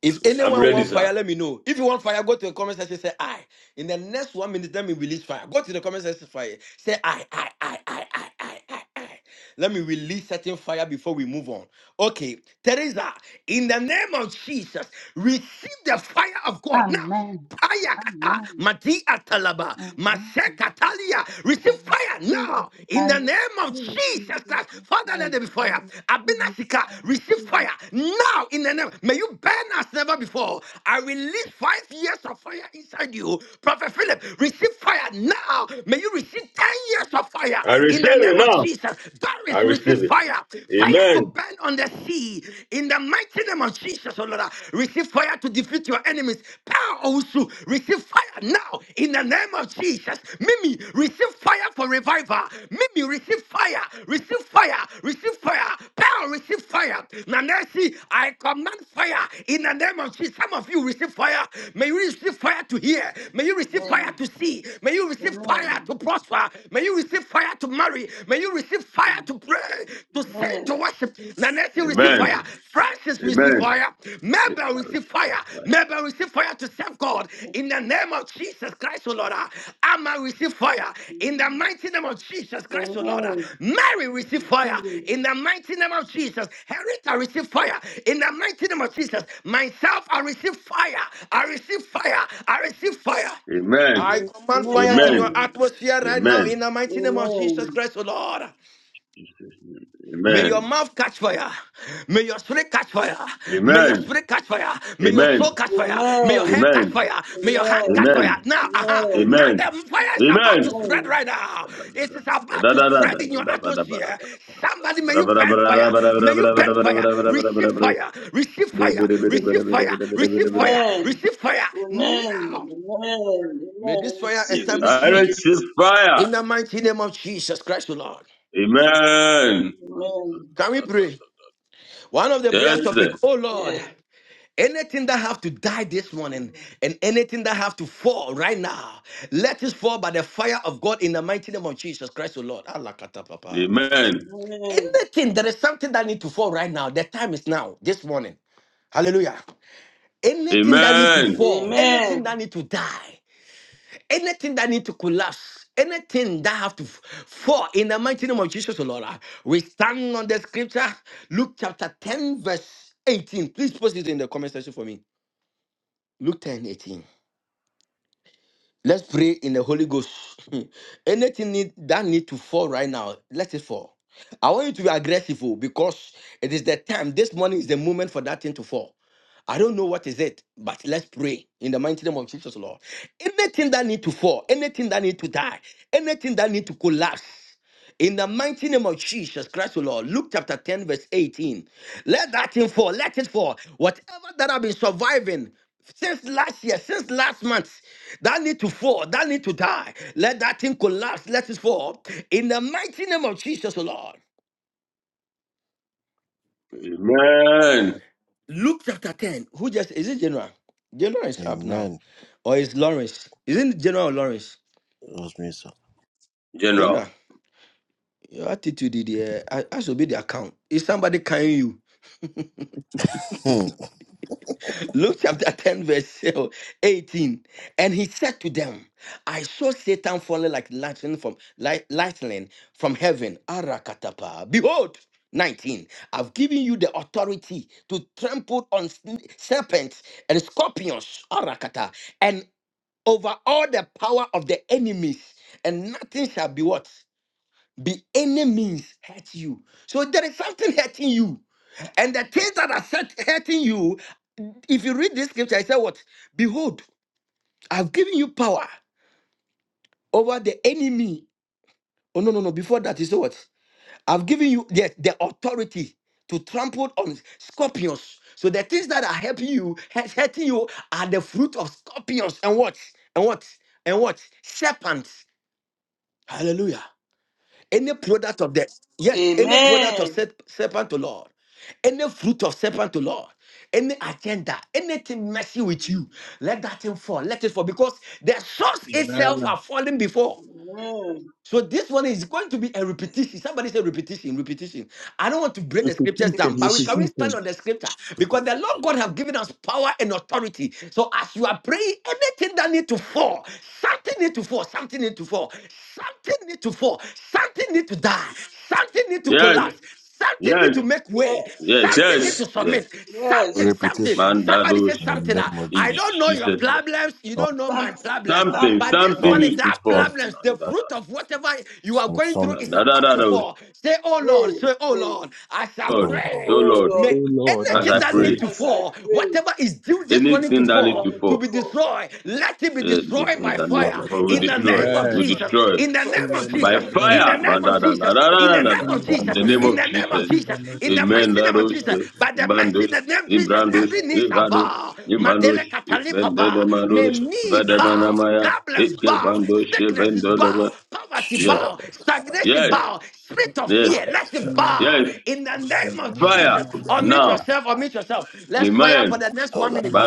Speaker 6: If
Speaker 5: I'm
Speaker 6: anyone
Speaker 5: ready,
Speaker 6: want fire,
Speaker 5: sir.
Speaker 6: let me know. If you want fire, go to the comment section. Say I. In the next one minute, let me release fire. Go to the comment section. Fire. Say I, I, I, I, I, I, I, I. Let me release certain fire before we move on. Okay, Teresa. In the name of Jesus, receive the fire of God now.
Speaker 8: Amen.
Speaker 6: Payakata,
Speaker 8: Amen.
Speaker 6: Mati Atalaba,
Speaker 8: Amen.
Speaker 6: Masekatalia.
Speaker 8: I
Speaker 6: Receive fire
Speaker 8: receive
Speaker 6: now
Speaker 8: it.
Speaker 6: in
Speaker 8: I
Speaker 6: the name of
Speaker 8: receive it in
Speaker 6: Jesus Christ.
Speaker 8: Jesus'
Speaker 6: Father, let
Speaker 8: name.
Speaker 6: there be
Speaker 8: I
Speaker 6: fire.
Speaker 8: receive
Speaker 6: Abinashika, receive fire
Speaker 8: it.
Speaker 6: now in the name. May you burn as never before. I release five years of fire inside you. Prophet Philip, receive fire now. May you receive 10 years of fire
Speaker 5: I
Speaker 6: in
Speaker 5: receive
Speaker 6: the
Speaker 5: it
Speaker 6: name of
Speaker 5: now.
Speaker 6: Jesus.
Speaker 5: I
Speaker 6: Doris,
Speaker 5: receive
Speaker 6: receive
Speaker 5: it.
Speaker 6: fire. Fire to
Speaker 5: Amen.
Speaker 6: burn on the sea in the mighty name of Jesus, oh Lord, uh, receive fire to defeat your enemies. Power also, receive fire now in the name of Jesus. Mimi, receive fire for revival. Mimi, receive fire, receive fire, receive fire. Power, receive fire. Nanesi, I command fire in the name of Jesus. Some of you receive fire. May you receive fire to hear. May you receive fire to
Speaker 7: Amen.
Speaker 6: see. May you receive fire
Speaker 7: Amen.
Speaker 6: to prosper. May you receive fire to marry pray. May you receive fire to pray, to sing, to
Speaker 7: Amen.
Speaker 6: worship. Nanette, receive
Speaker 5: Amen.
Speaker 6: fire.
Speaker 7: Amen.
Speaker 6: Francis, receive
Speaker 5: Amen.
Speaker 6: fire.
Speaker 5: I
Speaker 6: Mabel, receive
Speaker 5: receive
Speaker 6: fire.
Speaker 5: fire.
Speaker 6: Mabel, receive fire to serve God.
Speaker 7: Amen.
Speaker 6: In the name of Jesus Christ, O Lord. Amma, receive fire. In the
Speaker 7: Amen.
Speaker 6: mighty name of Jesus Christ, O Lord.
Speaker 7: Amen.
Speaker 6: Mary, receive fire.
Speaker 7: Receive
Speaker 6: In
Speaker 7: it.
Speaker 6: the mighty name of Jesus. Henrietta, receive fire. In the mighty name of Jesus. Myself, I receive fire. I receive fire. I receive fire.
Speaker 5: Amen.
Speaker 6: I command fire in
Speaker 5: Amen.
Speaker 6: your
Speaker 7: Amen.
Speaker 6: atmosphere right now
Speaker 5: Amen.
Speaker 6: in the mighty name of Jesus
Speaker 7: Amen.
Speaker 6: Christ, O Lord.
Speaker 5: Amen.
Speaker 6: May
Speaker 5: Amen.
Speaker 6: your mouth catch fire. May your spirit catch fire. May your spirit catch fire.
Speaker 5: Amen.
Speaker 6: May your
Speaker 5: Amen.
Speaker 6: soul catch fire. May your head
Speaker 7: Amen.
Speaker 6: catch
Speaker 5: Amen.
Speaker 6: fire. May
Speaker 7: Amen.
Speaker 6: your heart catch fire. Now, uh-huh.
Speaker 7: Amen.
Speaker 6: Now
Speaker 5: Amen.
Speaker 6: the fire is about
Speaker 5: Amen.
Speaker 6: to spread
Speaker 7: Amen.
Speaker 6: right now.
Speaker 5: I receive
Speaker 6: It is about to spread in your atmosphere. Somebody, may you burn fire. May you burn fire. Receive fire. Receive fire. Receive fire. Receive fire.
Speaker 7: Amen.
Speaker 6: Receive fire. Now.
Speaker 7: Amen. Amen.
Speaker 6: May this
Speaker 7: Amen.
Speaker 6: fire
Speaker 7: Receive it
Speaker 6: establish
Speaker 7: in
Speaker 6: you.
Speaker 7: Jesus.
Speaker 5: fire.
Speaker 6: In the mighty name of Jesus Christ, the Lord.
Speaker 5: Amen.
Speaker 6: Can we pray? One of the prayer
Speaker 5: Yes. sir.
Speaker 6: topic, oh
Speaker 7: Amen.
Speaker 6: Lord,
Speaker 7: Yeah.
Speaker 6: anything that have to die this morning and anything that have to fall right now, let it fall by the fire of God in the mighty name of Jesus Christ, the Lord. Allah kata papa.
Speaker 5: Amen.
Speaker 7: Amen.
Speaker 6: Anything, there is something that need to fall right now. The time is now, this morning. Hallelujah. Anything that need to
Speaker 5: Amen.
Speaker 6: fall, anything
Speaker 7: Amen.
Speaker 6: that need to die. anything that need to collapse, anything that have to f- fall in the mighty name of Jesus, O Lord, ah, we stand on the scripture, Luke chapter 10, verse 18. Please post it in the comment section for me. Luke 10 18. Let's pray in the Holy Ghost. Anything need, that need to fall right now, let it fall. I want you to be aggressive oh, because it is the time. This morning is the moment for that thing to fall. I don't know what is it, but let's pray in the mighty name of Jesus, Lord. Anything that need to fall, anything that need to die, anything that need to collapse. In the mighty name of Jesus Christ, O Lord, Luke chapter 10, verse 18. Let that thing fall, let it fall. Whatever that I've been surviving since last year, since last month, that need to fall, that need to die. Let that thing collapse, let it fall. In the mighty name of Jesus, O Lord.
Speaker 5: Amen.
Speaker 6: Luke chapter 10. Who just is it General? General is up now. Or is Lawrence? Isn't it General or Lawrence? General,
Speaker 5: General.
Speaker 6: your attitude, the, I, I should be the account. Is somebody carrying you? Luke chapter 10, verse 18. And he said to them, I saw Satan falling like lightning from light, lightning from heaven. Arakatapa. Behold, 19. I've given you the authority to trample on sn- serpents and scorpions. Arakata. And over all the power of the enemies. And nothing shall be what? Be any means hurt you. So there is something hurting you and the things that are set hurting you, if you read this scripture, I said, What? Behold, I've given you power over the enemy. Oh, no, no, no. Before that, you said what? I've given you yes, the authority to trample on scorpions. So the things that are helping you, has hurting you, are the fruit of scorpions and what? And what? And what? Serpents. Hallelujah. Any product of the yes, any product of
Speaker 7: Amen.
Speaker 6: serp- serpent to Lord, any fruit of serpent to Lord, any agenda, anything messing with you, let that thing fall. Let it fall because the source
Speaker 2: Amen.
Speaker 6: itself have fallen before.
Speaker 7: Amen.
Speaker 6: So this one is going to be a
Speaker 7: Yes.
Speaker 6: repetition. Somebody say repetition, repetition. I don't want to break
Speaker 2: We
Speaker 6: the scriptures
Speaker 2: critique
Speaker 6: down,
Speaker 2: and we
Speaker 6: but we can
Speaker 7: Repetition.
Speaker 6: really
Speaker 2: critique
Speaker 6: stand
Speaker 2: him.
Speaker 6: on the scripture because the Lord God have given us power and authority. So as you are praying, anything that need to fall, something need to fall, something need to fall, something need to fall, something need to die, something. Something need to
Speaker 5: Yes.
Speaker 6: collapse. Something need
Speaker 5: Yes.
Speaker 6: to make
Speaker 7: Yes.
Speaker 6: way.
Speaker 5: Yes.
Speaker 6: Something need to
Speaker 5: Yes. Yes.
Speaker 6: submit. Something,
Speaker 7: Yes.
Speaker 6: something.
Speaker 1: Repetition.
Speaker 5: Man, that
Speaker 6: Somebody
Speaker 5: was
Speaker 6: says
Speaker 1: In
Speaker 6: something.
Speaker 1: the
Speaker 6: ah.
Speaker 1: name of
Speaker 5: in
Speaker 6: I
Speaker 1: Jesus.
Speaker 6: don't know your
Speaker 5: Jesus.
Speaker 6: problems. You don't
Speaker 1: Some,
Speaker 6: know my
Speaker 7: Something.
Speaker 6: problems.
Speaker 5: Something,
Speaker 7: Something.
Speaker 6: But this
Speaker 5: something
Speaker 6: one
Speaker 1: some,
Speaker 6: is
Speaker 5: needs to
Speaker 6: that
Speaker 1: some,
Speaker 5: fall. No,
Speaker 6: problems. The
Speaker 5: no,
Speaker 6: fruit of whatever you are
Speaker 1: some,
Speaker 6: going through
Speaker 5: no,
Speaker 6: is
Speaker 5: no,
Speaker 1: something.
Speaker 5: no, no,
Speaker 6: about to
Speaker 5: no, no.
Speaker 6: fall. Say, oh Lord.
Speaker 7: Hey.
Speaker 6: Say, oh
Speaker 7: Hey.
Speaker 6: Lord. I shall
Speaker 5: Lord,
Speaker 1: Oh,
Speaker 5: oh
Speaker 6: pray.
Speaker 1: Lord.
Speaker 7: Oh
Speaker 5: Lord,
Speaker 7: Lord,
Speaker 6: May
Speaker 2: Oh Lord, I
Speaker 5: as
Speaker 6: anything
Speaker 5: I
Speaker 2: shall
Speaker 6: that
Speaker 1: That-
Speaker 6: need
Speaker 5: pray.
Speaker 2: pray.
Speaker 6: to
Speaker 7: as I
Speaker 6: fall,
Speaker 7: pray,
Speaker 6: whatever is due this morning to
Speaker 5: Anything that
Speaker 7: in
Speaker 5: needs
Speaker 6: fall,
Speaker 5: to
Speaker 7: Daniel
Speaker 6: to
Speaker 5: fall,
Speaker 6: be
Speaker 7: 4,
Speaker 6: destroyed, let it be
Speaker 5: eh,
Speaker 7: not
Speaker 6: destroyed
Speaker 5: anything
Speaker 6: by
Speaker 5: that
Speaker 7: only
Speaker 5: needs
Speaker 1: that-
Speaker 5: to
Speaker 6: fire.
Speaker 7: for the
Speaker 1: that-
Speaker 5: fall, we
Speaker 6: In
Speaker 7: people
Speaker 6: the
Speaker 7: to
Speaker 5: destroy.
Speaker 6: name
Speaker 7: pray,
Speaker 6: of
Speaker 2: Amen.
Speaker 5: We
Speaker 7: but to
Speaker 6: Jesus.
Speaker 7: be
Speaker 5: destroy
Speaker 6: In the name
Speaker 7: destroyed by
Speaker 6: of
Speaker 5: by
Speaker 6: Jesus.
Speaker 7: fire. In
Speaker 2: Amen.
Speaker 6: In the
Speaker 5: fire.
Speaker 7: the
Speaker 6: name
Speaker 5: Man, da,
Speaker 6: of
Speaker 7: name
Speaker 5: da,
Speaker 7: of
Speaker 5: da,
Speaker 6: Jesus.
Speaker 5: da,
Speaker 7: Jesus,
Speaker 6: In
Speaker 5: da,
Speaker 6: the
Speaker 5: da,
Speaker 6: name
Speaker 5: da.
Speaker 1: that-
Speaker 6: of
Speaker 1: that-
Speaker 5: In
Speaker 6: Jesus.
Speaker 5: the name
Speaker 2: Amen.
Speaker 1: that-
Speaker 5: of
Speaker 6: In the
Speaker 7: in the name
Speaker 6: name
Speaker 7: of
Speaker 1: that-
Speaker 6: of
Speaker 5: Jesus.
Speaker 7: Jesus,
Speaker 6: Jesus. In the
Speaker 7: in
Speaker 5: Amen.
Speaker 7: the
Speaker 6: mighty name of
Speaker 7: name
Speaker 5: Dados,
Speaker 6: Jesus. By the mighty
Speaker 5: Mandos,
Speaker 6: name of Jesus. Jesus,
Speaker 7: of Jesus, in
Speaker 5: Imbrandos,
Speaker 7: the
Speaker 6: every
Speaker 7: name of
Speaker 6: knee
Speaker 7: Jesus,
Speaker 6: shall
Speaker 5: Evados,
Speaker 6: bow.
Speaker 5: Imanos,
Speaker 6: Madele Katali Papa. May
Speaker 5: Vendemanos,
Speaker 7: I
Speaker 6: me
Speaker 7: am a
Speaker 6: bow.
Speaker 5: Vedemanamaya,
Speaker 6: Problems bow.
Speaker 5: Ekevandos,
Speaker 6: Sicknesses bow.
Speaker 5: Vendoleva.
Speaker 6: Poverty
Speaker 5: Yes,
Speaker 6: bow.
Speaker 1: Shut
Speaker 6: Stagnation
Speaker 5: yes,
Speaker 7: fire.
Speaker 6: bow. Spirit of
Speaker 5: yes,
Speaker 6: fear. Let it bow.
Speaker 5: yes.
Speaker 6: In the name of
Speaker 2: Amen.
Speaker 5: Fire
Speaker 6: Jesus.
Speaker 2: Amen.
Speaker 6: Unmute
Speaker 5: now.
Speaker 6: yourself. Unmute yourself. Let's fire
Speaker 5: Amen.
Speaker 6: for the next one
Speaker 1: up.
Speaker 6: minute.
Speaker 13: you.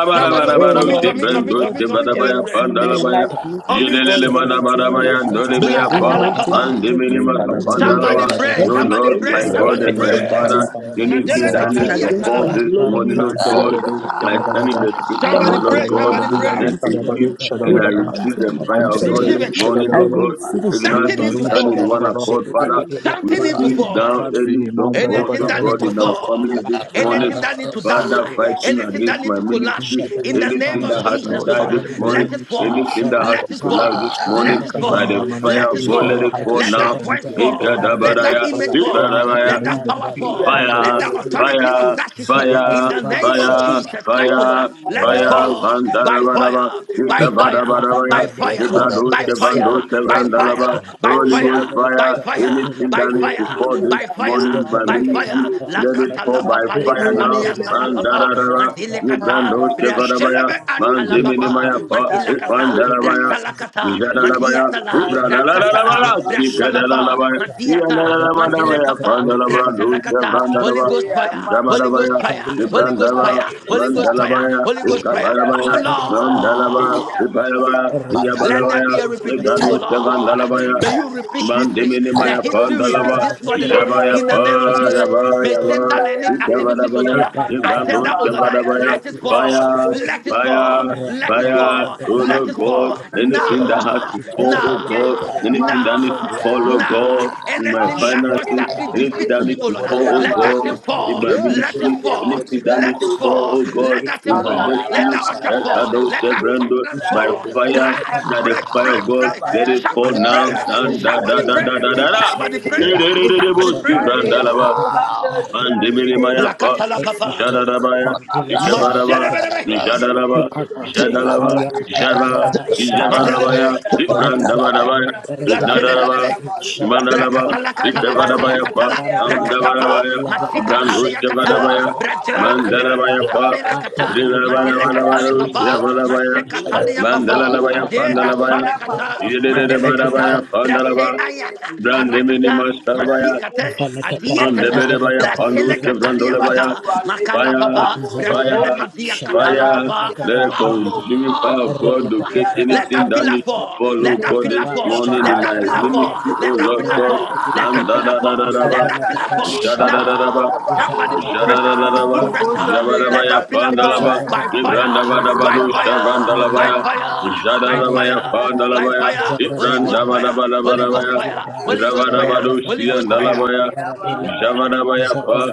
Speaker 6: Somebody
Speaker 14: Oh
Speaker 6: unmute, unmute,
Speaker 14: Lord,
Speaker 6: unmute,
Speaker 14: in
Speaker 6: unmute,
Speaker 5: Shibrendos,
Speaker 6: unmute,
Speaker 14: every
Speaker 6: unmute. Let's
Speaker 5: Kevadabaya,
Speaker 14: errors
Speaker 6: pray.
Speaker 14: in my
Speaker 5: Pandalabaya,
Speaker 14: life, need to
Speaker 1: Yeah.
Speaker 6: Unmute.
Speaker 14: fall
Speaker 5: Yelele
Speaker 14: in the mighty name of
Speaker 5: Madabadabaya,
Speaker 14: Jesus.
Speaker 6: Bila
Speaker 5: Nodemeya
Speaker 14: In the
Speaker 5: Pa,
Speaker 6: katala
Speaker 14: mighty name
Speaker 1: Yeah.
Speaker 14: of
Speaker 6: Papa.
Speaker 2: Amen.
Speaker 14: Jesus, in
Speaker 5: Mandiminima
Speaker 14: the mighty name of
Speaker 6: Somebody
Speaker 5: Kapandalaba.
Speaker 1: Yeah.
Speaker 6: pray.
Speaker 5: No
Speaker 14: every
Speaker 6: Somebody
Speaker 5: Lord, my
Speaker 6: pray.
Speaker 14: errors,
Speaker 5: God
Speaker 6: Somebody
Speaker 5: and my
Speaker 14: everything that
Speaker 6: pray.
Speaker 5: Father,
Speaker 1: Ragata,
Speaker 14: is
Speaker 5: anything
Speaker 14: is
Speaker 6: Madele
Speaker 5: that
Speaker 14: fighting
Speaker 5: needs
Speaker 6: Katalia
Speaker 5: to
Speaker 14: against
Speaker 5: fall
Speaker 14: my
Speaker 6: Salaba.
Speaker 1: Natalaria.
Speaker 5: this
Speaker 14: glory,
Speaker 5: morning,
Speaker 14: need
Speaker 5: oh
Speaker 14: to fall
Speaker 5: God,
Speaker 14: in the mighty
Speaker 5: I
Speaker 14: name of
Speaker 5: stand in
Speaker 2: Mandadabado-shadabadaba.
Speaker 14: Jesus.
Speaker 5: the
Speaker 14: In the
Speaker 5: scripture, oh
Speaker 6: Somebody
Speaker 14: mighty
Speaker 5: Lord
Speaker 6: pray.
Speaker 14: name of
Speaker 5: God,
Speaker 6: Somebody
Speaker 14: Jesus,
Speaker 5: Luke
Speaker 14: in the
Speaker 2: Likadabadabadaba,
Speaker 6: pray.
Speaker 1: Ah,
Speaker 5: 10,
Speaker 14: mighty name of Jesus,
Speaker 5: 18, and
Speaker 14: in
Speaker 5: I
Speaker 14: the
Speaker 2: likadabado-shadabadaba.
Speaker 5: receive
Speaker 14: mighty
Speaker 5: the
Speaker 14: name of
Speaker 5: fire
Speaker 14: Jesus,
Speaker 5: of
Speaker 14: in the
Speaker 5: God
Speaker 6: Receive
Speaker 5: this
Speaker 14: mighty.
Speaker 6: it.
Speaker 5: morning,
Speaker 14: I
Speaker 1: Ragata,
Speaker 5: oh
Speaker 2: Mandadabado-shadabadaba,
Speaker 5: God.
Speaker 14: receive.
Speaker 5: Even as
Speaker 6: Something need
Speaker 5: we
Speaker 6: to
Speaker 5: stand in
Speaker 6: fall.
Speaker 5: one
Speaker 1: Ragata,
Speaker 13: Zabba
Speaker 2: libaru-shadabadaba,
Speaker 5: accord, Father, we
Speaker 6: Something need to
Speaker 5: pull
Speaker 6: fall.
Speaker 5: down any strongholds,
Speaker 6: Anything
Speaker 5: oh
Speaker 6: that need
Speaker 5: God,
Speaker 2: limandadabadabadaba.
Speaker 6: to
Speaker 5: in our
Speaker 6: fall,
Speaker 5: families this morning.
Speaker 6: anything that need to
Speaker 1: Yakaras.
Speaker 5: Father,
Speaker 6: die,
Speaker 5: fighting
Speaker 6: anything
Speaker 8: I
Speaker 5: against
Speaker 6: that need
Speaker 5: my
Speaker 6: to
Speaker 8: receive
Speaker 6: collapse,
Speaker 5: ministry,
Speaker 6: in the name
Speaker 5: anything that
Speaker 6: of
Speaker 2: Jesus,
Speaker 5: has to
Speaker 6: Jesus,
Speaker 2: Lord,
Speaker 6: O
Speaker 5: die
Speaker 6: Lord,
Speaker 2: Father,
Speaker 5: this
Speaker 2: in the
Speaker 5: morning,
Speaker 6: let
Speaker 2: name
Speaker 8: it.
Speaker 6: it
Speaker 2: of Jesus,
Speaker 6: fall,
Speaker 5: anything that has
Speaker 6: let
Speaker 5: to
Speaker 6: it
Speaker 5: collapse this
Speaker 6: fall,
Speaker 5: morning,
Speaker 6: let
Speaker 1: Ah,
Speaker 6: it
Speaker 5: by the
Speaker 6: fall,
Speaker 2: likanamanamana,
Speaker 5: fire
Speaker 6: let
Speaker 5: of
Speaker 6: it
Speaker 5: God,
Speaker 2: anything
Speaker 5: let
Speaker 2: that
Speaker 6: fall,
Speaker 5: it
Speaker 2: has to
Speaker 5: fall
Speaker 6: let
Speaker 2: flow
Speaker 5: now.
Speaker 6: that
Speaker 2: for me
Speaker 6: voice
Speaker 2: to enjoy
Speaker 6: fall,
Speaker 2: my
Speaker 6: let that
Speaker 2: blessing,
Speaker 5: Ikadabaraya,
Speaker 6: image
Speaker 2: Father,
Speaker 6: fall,
Speaker 5: Ibarabaya,
Speaker 6: let that power fall, let
Speaker 5: fire,
Speaker 6: that
Speaker 2: oh,
Speaker 6: authority,
Speaker 5: fire,
Speaker 6: audacity,
Speaker 5: fire,
Speaker 6: in the name of
Speaker 5: fire,
Speaker 6: Jesus Christ, O Lord,
Speaker 5: fire,
Speaker 6: let it
Speaker 5: fire,
Speaker 1: Ragata,
Speaker 6: fall
Speaker 5: bandara
Speaker 6: by
Speaker 8: Thank you.
Speaker 5: baraba,
Speaker 6: fire, by
Speaker 5: yuta bara
Speaker 6: fire,
Speaker 5: baraba ya,
Speaker 6: by fire,
Speaker 5: librados
Speaker 6: by
Speaker 5: ke
Speaker 1: Yakadatas,
Speaker 6: fire,
Speaker 5: bandos ke
Speaker 6: by fire, by
Speaker 1: Kadatas,
Speaker 5: brandalaba,
Speaker 1: Kadatas,
Speaker 6: fire, by
Speaker 5: Holy Ghost
Speaker 6: fire,
Speaker 5: fire,
Speaker 6: by fire,
Speaker 5: anything
Speaker 6: by
Speaker 5: that is to
Speaker 6: fire,
Speaker 5: fall this
Speaker 6: by fire,
Speaker 5: morning in my
Speaker 6: by fire.
Speaker 5: ministry,
Speaker 6: La
Speaker 5: let it
Speaker 6: kata la
Speaker 5: fall by
Speaker 6: papa, le
Speaker 5: fire
Speaker 6: kata
Speaker 5: now,
Speaker 6: lia sala
Speaker 5: bandara
Speaker 6: papa,
Speaker 5: baraba,
Speaker 6: mandile kata,
Speaker 5: librandos ke baraba ya,
Speaker 6: brasilebe anta la
Speaker 13: La
Speaker 5: mandimini
Speaker 6: papa,
Speaker 13: papa,
Speaker 5: maya pa,
Speaker 13: baby,
Speaker 6: mandila kata,
Speaker 5: bandara baya,
Speaker 6: brasala kata,
Speaker 5: Yada
Speaker 13: record,
Speaker 5: la
Speaker 8: Yabarabara,
Speaker 6: mandiata
Speaker 13: Thank
Speaker 6: la,
Speaker 5: la
Speaker 6: rakata
Speaker 5: la
Speaker 6: la, brasala
Speaker 5: la
Speaker 6: pa,
Speaker 5: la,
Speaker 6: mandiata, mandile
Speaker 5: Yandarabadabaya,
Speaker 6: papa,
Speaker 5: Pandalabrandu,
Speaker 6: brasala kata, Holy
Speaker 5: Chevrandalaba,
Speaker 6: Ghost fire, Holy Ghost
Speaker 5: Jabadabaya,
Speaker 6: fire, Holy Ghost
Speaker 5: Vibrandava,
Speaker 6: fire, Holy Ghost fire,
Speaker 5: Mandalabaya,
Speaker 6: Holy
Speaker 8: Thank
Speaker 6: Ghost fire. Oh
Speaker 5: Iskabarabaya, Mandalaba,
Speaker 6: Lord.
Speaker 5: Ipayaba,
Speaker 1: Mataya,
Speaker 6: Let there be
Speaker 5: Iyabadabaya,
Speaker 6: a repetition, O
Speaker 5: Nibradu,
Speaker 1: Taya,
Speaker 6: Lord.
Speaker 5: Chevandalabaya,
Speaker 6: May you
Speaker 1: Taya.
Speaker 6: repeat
Speaker 7: That
Speaker 6: history.
Speaker 7: is the
Speaker 5: Mandiminimaya,
Speaker 6: Let history repeat
Speaker 5: Pandalaba,
Speaker 6: this morning uh,
Speaker 1: Yeah.
Speaker 5: Jabaya,
Speaker 6: in the name of Jesus. May
Speaker 13: you.
Speaker 5: Payabaya,
Speaker 6: Satan and its activities, O Lord,
Speaker 5: Iskabadabaya,
Speaker 13: Thank
Speaker 6: uh,
Speaker 5: Vibrandu,
Speaker 1: Koya,
Speaker 6: agenda, O Lord, uh,
Speaker 5: Chevadabaya,
Speaker 6: let it
Speaker 1: Koya,
Speaker 6: fall.
Speaker 1: Koya,
Speaker 5: Fire,
Speaker 6: Let it fall.
Speaker 5: Fire,
Speaker 1: Koya,
Speaker 6: Let it
Speaker 5: Fire,
Speaker 6: fall.
Speaker 5: oh
Speaker 1: Naya,
Speaker 6: Let
Speaker 5: Lord
Speaker 6: it
Speaker 5: God,
Speaker 6: fall.
Speaker 5: anything that
Speaker 7: picture of
Speaker 5: has
Speaker 6: Nah,
Speaker 5: to
Speaker 1: Rapalo,
Speaker 5: fall, oh God,
Speaker 6: nah,
Speaker 1: Sapata.
Speaker 5: anything that
Speaker 6: nah.
Speaker 5: needs to fall, oh
Speaker 1: Yeah.
Speaker 6: Nah,
Speaker 5: God, in my
Speaker 6: anything that
Speaker 5: finances,
Speaker 6: constantly
Speaker 1: Kodabaya.
Speaker 5: anything
Speaker 6: defeats
Speaker 5: that
Speaker 6: me,
Speaker 5: needs
Speaker 6: oh
Speaker 5: to
Speaker 6: Lord, ah,
Speaker 5: fall, oh
Speaker 1: Kodabaya.
Speaker 6: let that
Speaker 5: God,
Speaker 6: thing
Speaker 5: in
Speaker 6: fall.
Speaker 5: my
Speaker 1: Yes.
Speaker 6: Let it
Speaker 5: ministry,
Speaker 6: fall.
Speaker 5: anything that needs
Speaker 6: Let
Speaker 5: to
Speaker 6: it
Speaker 1: Sada.
Speaker 5: fall,
Speaker 6: fall.
Speaker 5: oh God,
Speaker 6: Let that thing
Speaker 5: in my
Speaker 13: you.
Speaker 6: fall. Let
Speaker 1: Radaba
Speaker 6: that
Speaker 5: destiny,
Speaker 6: altar
Speaker 1: sada.
Speaker 6: fall.
Speaker 5: Ekado
Speaker 6: Let that
Speaker 5: Shebrando,
Speaker 6: covenant
Speaker 13: It's
Speaker 5: by
Speaker 6: fall.
Speaker 5: fire,
Speaker 1: Yeah.
Speaker 6: Crash,
Speaker 5: by the
Speaker 6: break,
Speaker 5: fire of
Speaker 6: break,
Speaker 5: God,
Speaker 6: break.
Speaker 5: let it fall
Speaker 6: Somebody
Speaker 5: now,
Speaker 6: pray.
Speaker 1: Yeah.
Speaker 5: and da da
Speaker 6: Somebody
Speaker 5: da da da
Speaker 6: pray.
Speaker 5: da da. Da.
Speaker 6: Somebody
Speaker 5: Da, da, da, da, da, da, da,
Speaker 6: pray. Somebody pray.
Speaker 5: da, da, da, da, da.
Speaker 1: Yeah.
Speaker 5: Mandiminimaya pa,
Speaker 7: Jesus,
Speaker 6: Blakatala
Speaker 13: the
Speaker 6: papa.
Speaker 5: Jadarabaya,
Speaker 7: in the
Speaker 1: Kodabrasika.
Speaker 5: Ikevaraba,
Speaker 13: tongue,
Speaker 6: Maserebelebe.
Speaker 1: Kodabrasa.
Speaker 5: Jadaraba,
Speaker 13: Ikapa,
Speaker 7: Lord.
Speaker 5: Jadalaba,
Speaker 13: ayam
Speaker 1: Ratadabaya.
Speaker 13: baba
Speaker 5: Java,
Speaker 13: baba shatanda,
Speaker 1: Ratadabaya.
Speaker 5: Javarabaya,
Speaker 6: Madelebele.
Speaker 7: Yes.
Speaker 13: lebe lebe
Speaker 1: Ratadabaya. Ratadabaya.
Speaker 5: Ibrandabarabaya,
Speaker 1: Ratadabaya.
Speaker 13: bere de
Speaker 7: Amen.
Speaker 1: Kodabaya.
Speaker 7: Amen.
Speaker 5: Nadaraba,
Speaker 6: Blashelemanebe.
Speaker 5: Mandaraba,
Speaker 6: Brakatala katala katala
Speaker 5: Ikevarabaya
Speaker 13: la
Speaker 5: pa,
Speaker 6: katala
Speaker 13: kapara de lebe,
Speaker 6: rakatapa
Speaker 5: Mandabarabaya,
Speaker 13: lebe be
Speaker 6: masikatalia
Speaker 13: shala kare
Speaker 6: katala
Speaker 5: Ibrandushkevarabaya,
Speaker 13: de
Speaker 6: brate
Speaker 13: de
Speaker 6: pate
Speaker 13: lebe,
Speaker 5: Mandarabaya pa,
Speaker 6: asela
Speaker 13: ata
Speaker 6: kata
Speaker 13: lebe kore
Speaker 6: madele
Speaker 13: la
Speaker 6: katali
Speaker 13: shani
Speaker 6: papa
Speaker 13: brikata,
Speaker 5: Brinabarabarabaya,
Speaker 13: shada
Speaker 6: masekatalia papa
Speaker 5: Bandalabaya,
Speaker 13: la
Speaker 6: ade
Speaker 13: baba baba
Speaker 5: Pandalabaya,
Speaker 6: asale kata
Speaker 5: Yedede
Speaker 13: para
Speaker 6: madele
Speaker 13: de
Speaker 5: Barabaya,
Speaker 13: dikapa,
Speaker 6: kata
Speaker 5: Pandalaba,
Speaker 6: brase ayaka
Speaker 5: Brandemini
Speaker 6: arakata masikate
Speaker 13: bala kapala de de
Speaker 6: adiatala
Speaker 13: bala
Speaker 5: Mandeberebaya,
Speaker 13: de
Speaker 6: brasele
Speaker 5: Panduske
Speaker 13: la
Speaker 6: katalia
Speaker 13: tali
Speaker 5: Brandolebaya,
Speaker 6: mada makala
Speaker 5: fire,
Speaker 13: Rabba
Speaker 6: papa
Speaker 13: Zabala
Speaker 6: brasele
Speaker 5: fire,
Speaker 6: madia katala
Speaker 5: fire.
Speaker 6: papa
Speaker 5: Let a
Speaker 8: Thank you.
Speaker 5: consuming fire of
Speaker 6: Fall!
Speaker 5: God
Speaker 8: Thank
Speaker 5: locate
Speaker 6: Let
Speaker 5: anything
Speaker 6: that
Speaker 5: that
Speaker 6: pillar
Speaker 5: needs to
Speaker 6: fall.
Speaker 5: follow
Speaker 6: Let that
Speaker 5: God this
Speaker 6: pillar fall.
Speaker 5: morning in
Speaker 6: Let
Speaker 5: my
Speaker 6: that
Speaker 8: you.
Speaker 6: pillar fall.
Speaker 5: ministry,
Speaker 6: Let
Speaker 5: oh
Speaker 6: that
Speaker 5: Lord
Speaker 6: pillar
Speaker 5: God.
Speaker 1: Kodabaya.
Speaker 6: fall. Let
Speaker 5: Nan
Speaker 6: that
Speaker 5: da
Speaker 6: pillar
Speaker 5: da da da
Speaker 6: fall.
Speaker 5: da
Speaker 6: Let
Speaker 5: ba,
Speaker 6: that pillar fall.
Speaker 5: ja da da
Speaker 1: Shia,
Speaker 5: da da ba.
Speaker 6: Now, somebody put pressure. Put
Speaker 5: Jadadadadaba,
Speaker 6: pressure. Let
Speaker 5: Yabadabaya,
Speaker 6: that pillar
Speaker 1: Shia,
Speaker 6: fall
Speaker 5: Bandalaba,
Speaker 1: Shia,
Speaker 6: by fire. By
Speaker 5: Librandabadabadu,
Speaker 6: fire. By
Speaker 5: Shavandalabaya,
Speaker 6: fire. By
Speaker 5: Jadadabaya,
Speaker 6: fire. By
Speaker 5: Bandalabaya,
Speaker 6: fire. Holy Ghost fire. Holy Ghost
Speaker 5: Ibrandabadabadabadabaya,
Speaker 6: fire. Holy Ghost fire.
Speaker 5: Librandabadu,
Speaker 6: Holy Ghost fire.
Speaker 5: Siyandalabaya, Javadabaya, Pa,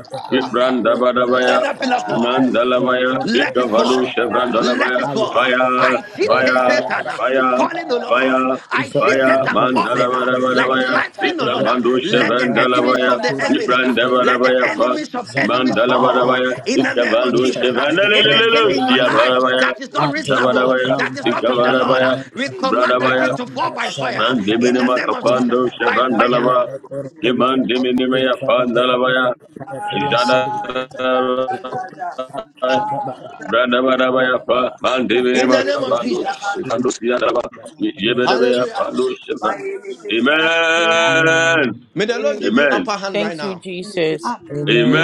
Speaker 6: Let
Speaker 5: Ibrandabadabaya,
Speaker 6: that pillar
Speaker 13: I
Speaker 6: fall.
Speaker 5: Mandalabaya,
Speaker 6: Let it
Speaker 5: Ikavadu,
Speaker 6: fall. Let
Speaker 5: Shavrandalabaya,
Speaker 6: it fall.
Speaker 5: Fire,
Speaker 6: I see
Speaker 5: Fire,
Speaker 13: love
Speaker 6: Satan
Speaker 13: it.
Speaker 6: uh,
Speaker 5: Fire,
Speaker 6: falling, O Lord.
Speaker 5: Fire,
Speaker 6: I see
Speaker 13: Zabba
Speaker 5: Fire,
Speaker 6: Satan falling uh,
Speaker 8: Thank you.
Speaker 6: like
Speaker 5: Mandalabadabadabaya,
Speaker 6: lightning, O Lord. uh.
Speaker 5: Ikavandu,
Speaker 6: Let the enemies
Speaker 5: Shavandalabaya,
Speaker 6: of the enemies, uh, let the
Speaker 5: Ibrandabadabaya, Pa,
Speaker 6: enemies of enemies fall
Speaker 5: Mandalabarabaya,
Speaker 6: in the name of
Speaker 5: Ikavandu
Speaker 6: Jesus. uh. Anything
Speaker 5: Shevanelelelele,
Speaker 6: in your life
Speaker 5: Shiabarabaya,
Speaker 6: that is not reasonable,
Speaker 5: Shabarabaya,
Speaker 6: that is not of the Lord, uh,
Speaker 5: Ikavarabaya,
Speaker 6: we command that
Speaker 5: Bradabaya,
Speaker 6: thing to fall by fire in the
Speaker 5: Mandiminima
Speaker 6: name of Jesus.
Speaker 5: Kapando,
Speaker 6: By fire
Speaker 5: Shevandalaba, Demandiminimeya Pandalabaya, Jada. Branda bara
Speaker 13: Ipala
Speaker 5: baya pa,
Speaker 13: Baba, the
Speaker 5: mandi
Speaker 13: little
Speaker 5: bini
Speaker 6: in the
Speaker 13: court,
Speaker 5: maka
Speaker 6: name of
Speaker 5: bandush,
Speaker 6: Jesus.
Speaker 5: bandush ya daba,
Speaker 13: in the name
Speaker 5: yebede
Speaker 13: of
Speaker 5: baya
Speaker 6: Hallelujah.
Speaker 13: Jesus.
Speaker 5: bandush ya branda. Amen,
Speaker 13: Amen.
Speaker 6: May the Lord give you
Speaker 5: amen,
Speaker 6: upper hand right
Speaker 14: Thank you,
Speaker 6: now.
Speaker 14: Jesus.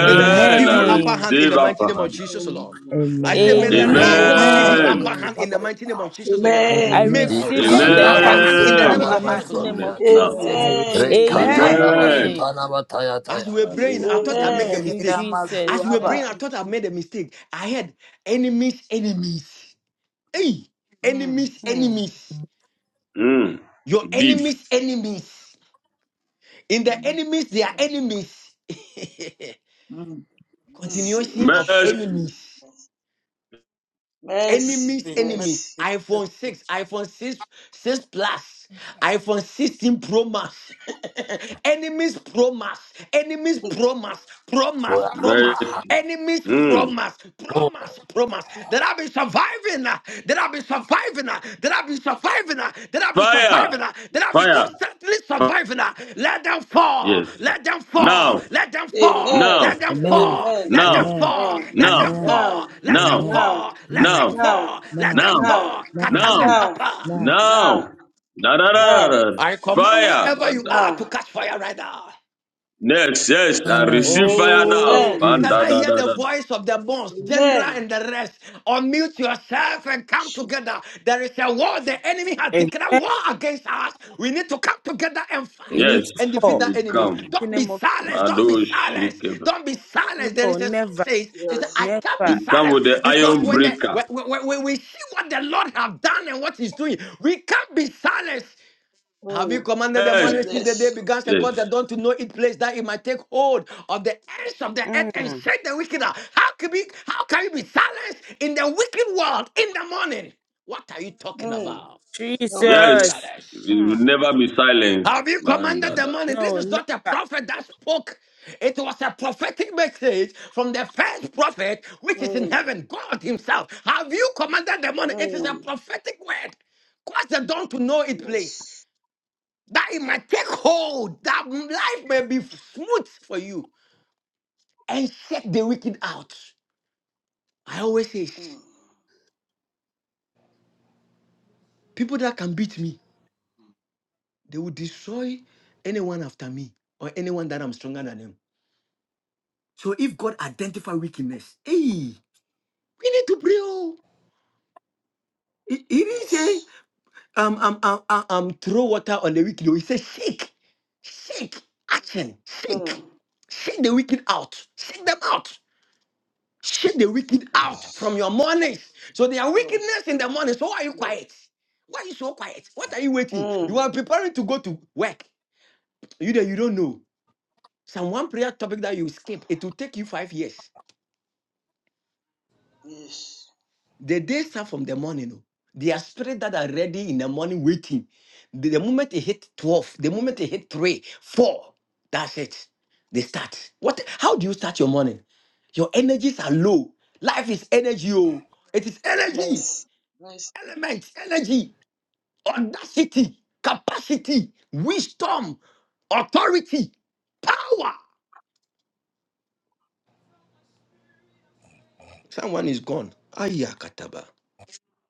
Speaker 6: May the Lord
Speaker 5: amen.
Speaker 6: give
Speaker 5: I
Speaker 6: you upper
Speaker 8: Ah,
Speaker 14: Amen.
Speaker 6: hand in
Speaker 5: receive
Speaker 6: the mighty name
Speaker 5: upon.
Speaker 6: of Jesus, Lord.
Speaker 8: Amen.
Speaker 6: I say, may
Speaker 13: Amen.
Speaker 6: the
Speaker 8: Amen.
Speaker 6: Lord God give you
Speaker 15: Amen.
Speaker 6: upper
Speaker 5: Amen.
Speaker 14: Amen.
Speaker 6: hand in the mighty name of Jesus, Lord.
Speaker 8: Amen.
Speaker 14: I
Speaker 6: May
Speaker 13: Amen. I
Speaker 6: God
Speaker 14: receive it
Speaker 6: give you
Speaker 15: Amen.
Speaker 13: receive
Speaker 14: 10
Speaker 13: it.
Speaker 15: I
Speaker 6: upper hand
Speaker 14: times
Speaker 15: receive.
Speaker 6: in the
Speaker 14: full
Speaker 6: name
Speaker 14: in
Speaker 5: Amen.
Speaker 6: of
Speaker 14: the
Speaker 5: I
Speaker 6: Jesus,
Speaker 14: mighty
Speaker 6: Lord.
Speaker 14: name
Speaker 5: connect
Speaker 14: of
Speaker 8: Amen.
Speaker 5: now.
Speaker 13: I
Speaker 14: Jesus.
Speaker 8: Amen.
Speaker 13: receive it.
Speaker 8: Amen.
Speaker 5: Amen.
Speaker 14: Amen.
Speaker 6: As we were
Speaker 5: And oh,
Speaker 6: praying, I thought I
Speaker 8: Amen.
Speaker 6: make a
Speaker 7: Amen.
Speaker 5: shibadabada.
Speaker 7: Amen.
Speaker 14: You,
Speaker 6: mistake. As
Speaker 14: Jesus.
Speaker 6: we were
Speaker 8: Thank
Speaker 6: praying, I
Speaker 8: you,
Speaker 6: thought I
Speaker 8: Jesus.
Speaker 6: made a mistake. I had enemies, enemies. Hey, enemies,
Speaker 14: Hmm.
Speaker 6: enemies.
Speaker 5: Mm.
Speaker 6: Your
Speaker 5: Deep.
Speaker 6: enemies, enemies. In the enemies, they are enemies.
Speaker 7: Mercy, Lord.
Speaker 6: Continuation of
Speaker 5: Mercy.
Speaker 6: enemies.
Speaker 7: Mercy,
Speaker 6: enemies enemies
Speaker 7: mercy.
Speaker 6: iphone 6 iphone 6 6 plus iphone 16 pro max enemies pro max enemies pro max pro max pro max
Speaker 5: Mercy.
Speaker 6: enemies pro
Speaker 5: Mm.
Speaker 6: max pro max pro max that i've been surviving uh, that i've been surviving surviving, uh, that I've been surviving, uh, that I've been
Speaker 5: Fire.
Speaker 6: surviving, uh, that I've been
Speaker 5: Fire.
Speaker 6: constantly
Speaker 5: Fire.
Speaker 6: surviving. uh, Let them fall,
Speaker 5: Yes.
Speaker 6: let them fall,
Speaker 5: Now.
Speaker 6: let them fall,
Speaker 7: Amen.
Speaker 5: Now.
Speaker 6: let them
Speaker 13: Amen.
Speaker 6: fall,
Speaker 7: Amen.
Speaker 6: let them
Speaker 5: Now.
Speaker 13: Amen.
Speaker 6: fall,
Speaker 7: Now,
Speaker 6: let
Speaker 5: Now.
Speaker 6: them
Speaker 13: Amen.
Speaker 7: now,
Speaker 6: fall, let
Speaker 5: Now.
Speaker 6: them
Speaker 13: Amen.
Speaker 7: now,
Speaker 6: fall, let
Speaker 13: Now,
Speaker 6: them
Speaker 5: Now.
Speaker 7: now,
Speaker 6: fall, let
Speaker 13: now,
Speaker 6: them
Speaker 5: Now.
Speaker 7: now,
Speaker 6: fall.
Speaker 13: now,
Speaker 5: Now.
Speaker 7: now,
Speaker 6: Catalepapa.
Speaker 13: now.
Speaker 5: Now.
Speaker 7: now,
Speaker 5: Da da da da.
Speaker 7: now,
Speaker 5: da.
Speaker 6: I command
Speaker 5: Fire.
Speaker 6: wherever you
Speaker 5: Manda.
Speaker 6: are to
Speaker 7: now.
Speaker 6: catch fire right now.
Speaker 5: Next. Yes. I receive
Speaker 13: Amen.
Speaker 5: fire now.
Speaker 6: Oh,
Speaker 7: Amen.
Speaker 13: Receive
Speaker 6: can
Speaker 13: my-
Speaker 5: Manda
Speaker 6: I
Speaker 5: da
Speaker 6: hear
Speaker 5: da
Speaker 6: the
Speaker 5: da da.
Speaker 6: voice of the boss, general,
Speaker 7: Amen.
Speaker 6: and the rest? Unmute yourself and come together. There is a war. The enemy has declared
Speaker 14: Amen.
Speaker 6: war against us. We need to come together and
Speaker 14: You
Speaker 6: fight
Speaker 5: Yes,
Speaker 14: need to
Speaker 6: and
Speaker 5: we
Speaker 6: defeat
Speaker 14: fall.
Speaker 6: that
Speaker 5: will
Speaker 6: enemy.
Speaker 5: come.
Speaker 14: In
Speaker 6: Don't
Speaker 14: the
Speaker 6: be
Speaker 14: name of
Speaker 6: silent. Don't be
Speaker 5: Bado
Speaker 6: silent.
Speaker 5: shike.
Speaker 6: Don't be
Speaker 14: Jesus.
Speaker 6: silent. There
Speaker 14: No,
Speaker 6: is a
Speaker 7: Jesus.
Speaker 6: song
Speaker 14: never.
Speaker 6: says, it says,
Speaker 7: Yes.
Speaker 6: I can't be
Speaker 14: Never.
Speaker 5: We come
Speaker 6: silent
Speaker 5: with the
Speaker 6: because
Speaker 5: iron
Speaker 6: when the
Speaker 5: breaker.
Speaker 6: when, when, when we see what the Lord have done and what He's doing, we can't be silent. Have you
Speaker 7: Mm.
Speaker 6: commanded the
Speaker 5: Yes,
Speaker 6: morning since the day
Speaker 7: Yes.
Speaker 6: began and
Speaker 5: yes,
Speaker 6: caused the dawn to know its place that it might take hold of the ends of the earth and
Speaker 14: Hmm.
Speaker 6: shake the wicked out? How can we how can you be silenced in the wicked world in the morning? What are you talking
Speaker 7: Mm.
Speaker 6: about?
Speaker 7: No.
Speaker 5: yes.
Speaker 14: Jesus.
Speaker 6: Capitalists.
Speaker 5: We
Speaker 14: Hmm.
Speaker 5: will never be silent.
Speaker 6: Have you
Speaker 5: Man,
Speaker 6: commanded
Speaker 5: that,
Speaker 6: the
Speaker 5: that.
Speaker 6: morning? This
Speaker 14: No,
Speaker 6: is
Speaker 14: never.
Speaker 6: not a prophet that spoke. It was a prophetic message from the first prophet, which is in
Speaker 7: Mm.
Speaker 6: heaven, God Himself. Have you commanded the morning? It is a
Speaker 7: Mm.
Speaker 6: prophetic word. Cause the dawn to know its place
Speaker 7: Yes.
Speaker 6: that it might take hold, that life may be smooth for you, and shake the wicked out. I always say,
Speaker 7: Mm.
Speaker 6: people that can beat me, they will destroy anyone after me or anyone that I'm stronger than them. So if God identify wickedness, hey, we need to pray. Oh, he, he didn't say
Speaker 7: Yes.
Speaker 6: um um um um um, throw water on the wicked. oh. He said shake, shake, action, shake,
Speaker 7: Mm.
Speaker 6: shake the wicked out, shake them out. Shake the wicked out from
Speaker 7: Yes.
Speaker 6: your mornings. So there are
Speaker 7: Yes.
Speaker 6: wickedness in the morning. So why are you
Speaker 7: Yes.
Speaker 6: quiet? Why are you so quiet? What are you waiting?
Speaker 7: Mm.
Speaker 6: You are preparing to go to work. You there, you don't know. Some one prayer topic that you skip, it will take you five years.
Speaker 7: Yes.
Speaker 6: The day start from the morning. oh. There are spirits that are ready in the morning waiting. The, the moment it hit 12, the moment
Speaker 7: Mm.
Speaker 6: it hit 3, 4, that's it. They start. What? How do you start your morning? Your energies are low. Life is energy. Oh. It is energy.
Speaker 7: Yes. Yes.
Speaker 6: Elements, energy, audacity, capacity, wisdom, authority, power. Someone is gone. Ayakataba.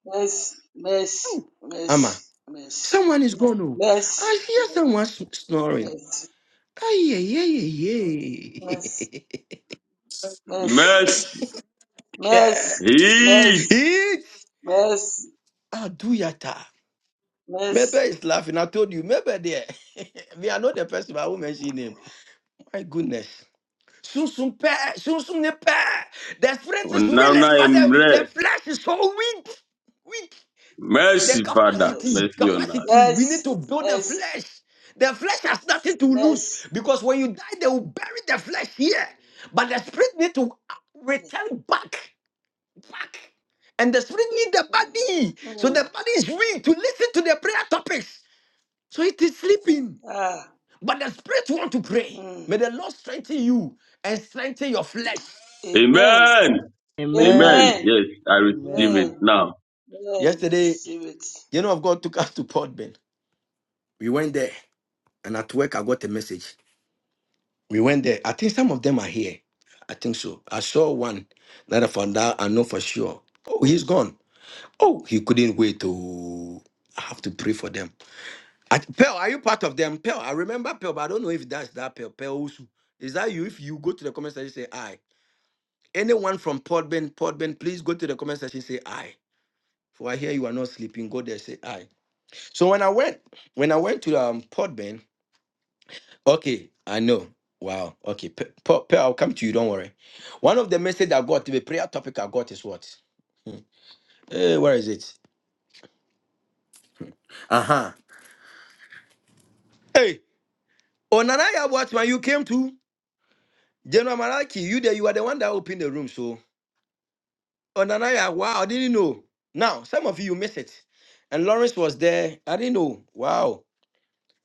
Speaker 7: Mercy, mercy,
Speaker 6: Oh, Ama.
Speaker 7: mercy, mercy,
Speaker 6: Someone is gone. Oh,
Speaker 7: mercy,
Speaker 6: I hear someone s- snoring. Ayayayayay.
Speaker 7: mercy, mercy,
Speaker 6: yeah.
Speaker 7: mercy,
Speaker 5: Mercy.
Speaker 6: It's
Speaker 7: mercy, mercy,
Speaker 6: Aduyata.
Speaker 7: mercy, mercy,
Speaker 6: Maybe it's laughing. I told you. Maybe there. Me, I know the person, but I won't mention him. My goodness. Soon soon, pair, soon ne pair. The spirit is
Speaker 5: Onana
Speaker 6: willing, but the,
Speaker 5: emre.
Speaker 6: the flesh is so weak. Weak. The
Speaker 5: Mercy, Father.
Speaker 7: yes,
Speaker 6: capacity,
Speaker 5: Mercy on us.
Speaker 6: capacity. We need
Speaker 7: yes,
Speaker 6: to build the
Speaker 7: mercy,
Speaker 6: flesh. The flesh has nothing to lose
Speaker 7: mercy.
Speaker 6: because when you die, they will bury the flesh here. But the spirit need to return back, back. And the spirit need the body. So
Speaker 7: Mm,
Speaker 6: the body is weak to listen to the prayer topics. So it is sleeping.
Speaker 7: ah,
Speaker 6: But the spirit want to pray.
Speaker 7: mm.
Speaker 6: May the Lord strengthen you and strengthen your flesh.
Speaker 7: Amen,
Speaker 5: Amen.
Speaker 13: Amen.
Speaker 5: Amen.
Speaker 7: amen,
Speaker 5: Yes, I
Speaker 13: Amen.
Speaker 5: receive it
Speaker 7: amen,
Speaker 5: now.
Speaker 7: amen.
Speaker 6: Yesterday,
Speaker 7: Receive it.
Speaker 6: you know, of God took us to Port Ben. We went there, and at work, I got a message. We went there. I think some of them are here. I think so. I saw one that I found out. I know for sure. Oh, he's gone. Oh, he couldn't wait to. I have to pray for them. I, Pearl, are you part of them? Pearl, I remember Pearl, but I don't know if that's that Pearl. Pearl Osu. Is that you? If you go to the comment section, say I. Anyone from Port Ben, Port Ben, please go to the comment section, say I. For I hear you are not sleeping. Go there, say I. So when I went, when I went to um Podbean, okay, I know. Wow. Okay, Pe- Pe- Pe- I'll come to you. Don't worry. One of the message I got, the prayer topic I got is what? Hmm. Hey, where is it? Uh huh. Hey, Onanaya Watchman, you came to General Malaki. You there? You are the one that opened the room. So Onanaya, wow, I didn't know. Now some of you miss it, and Lawrence was there. I didn't know. Wow.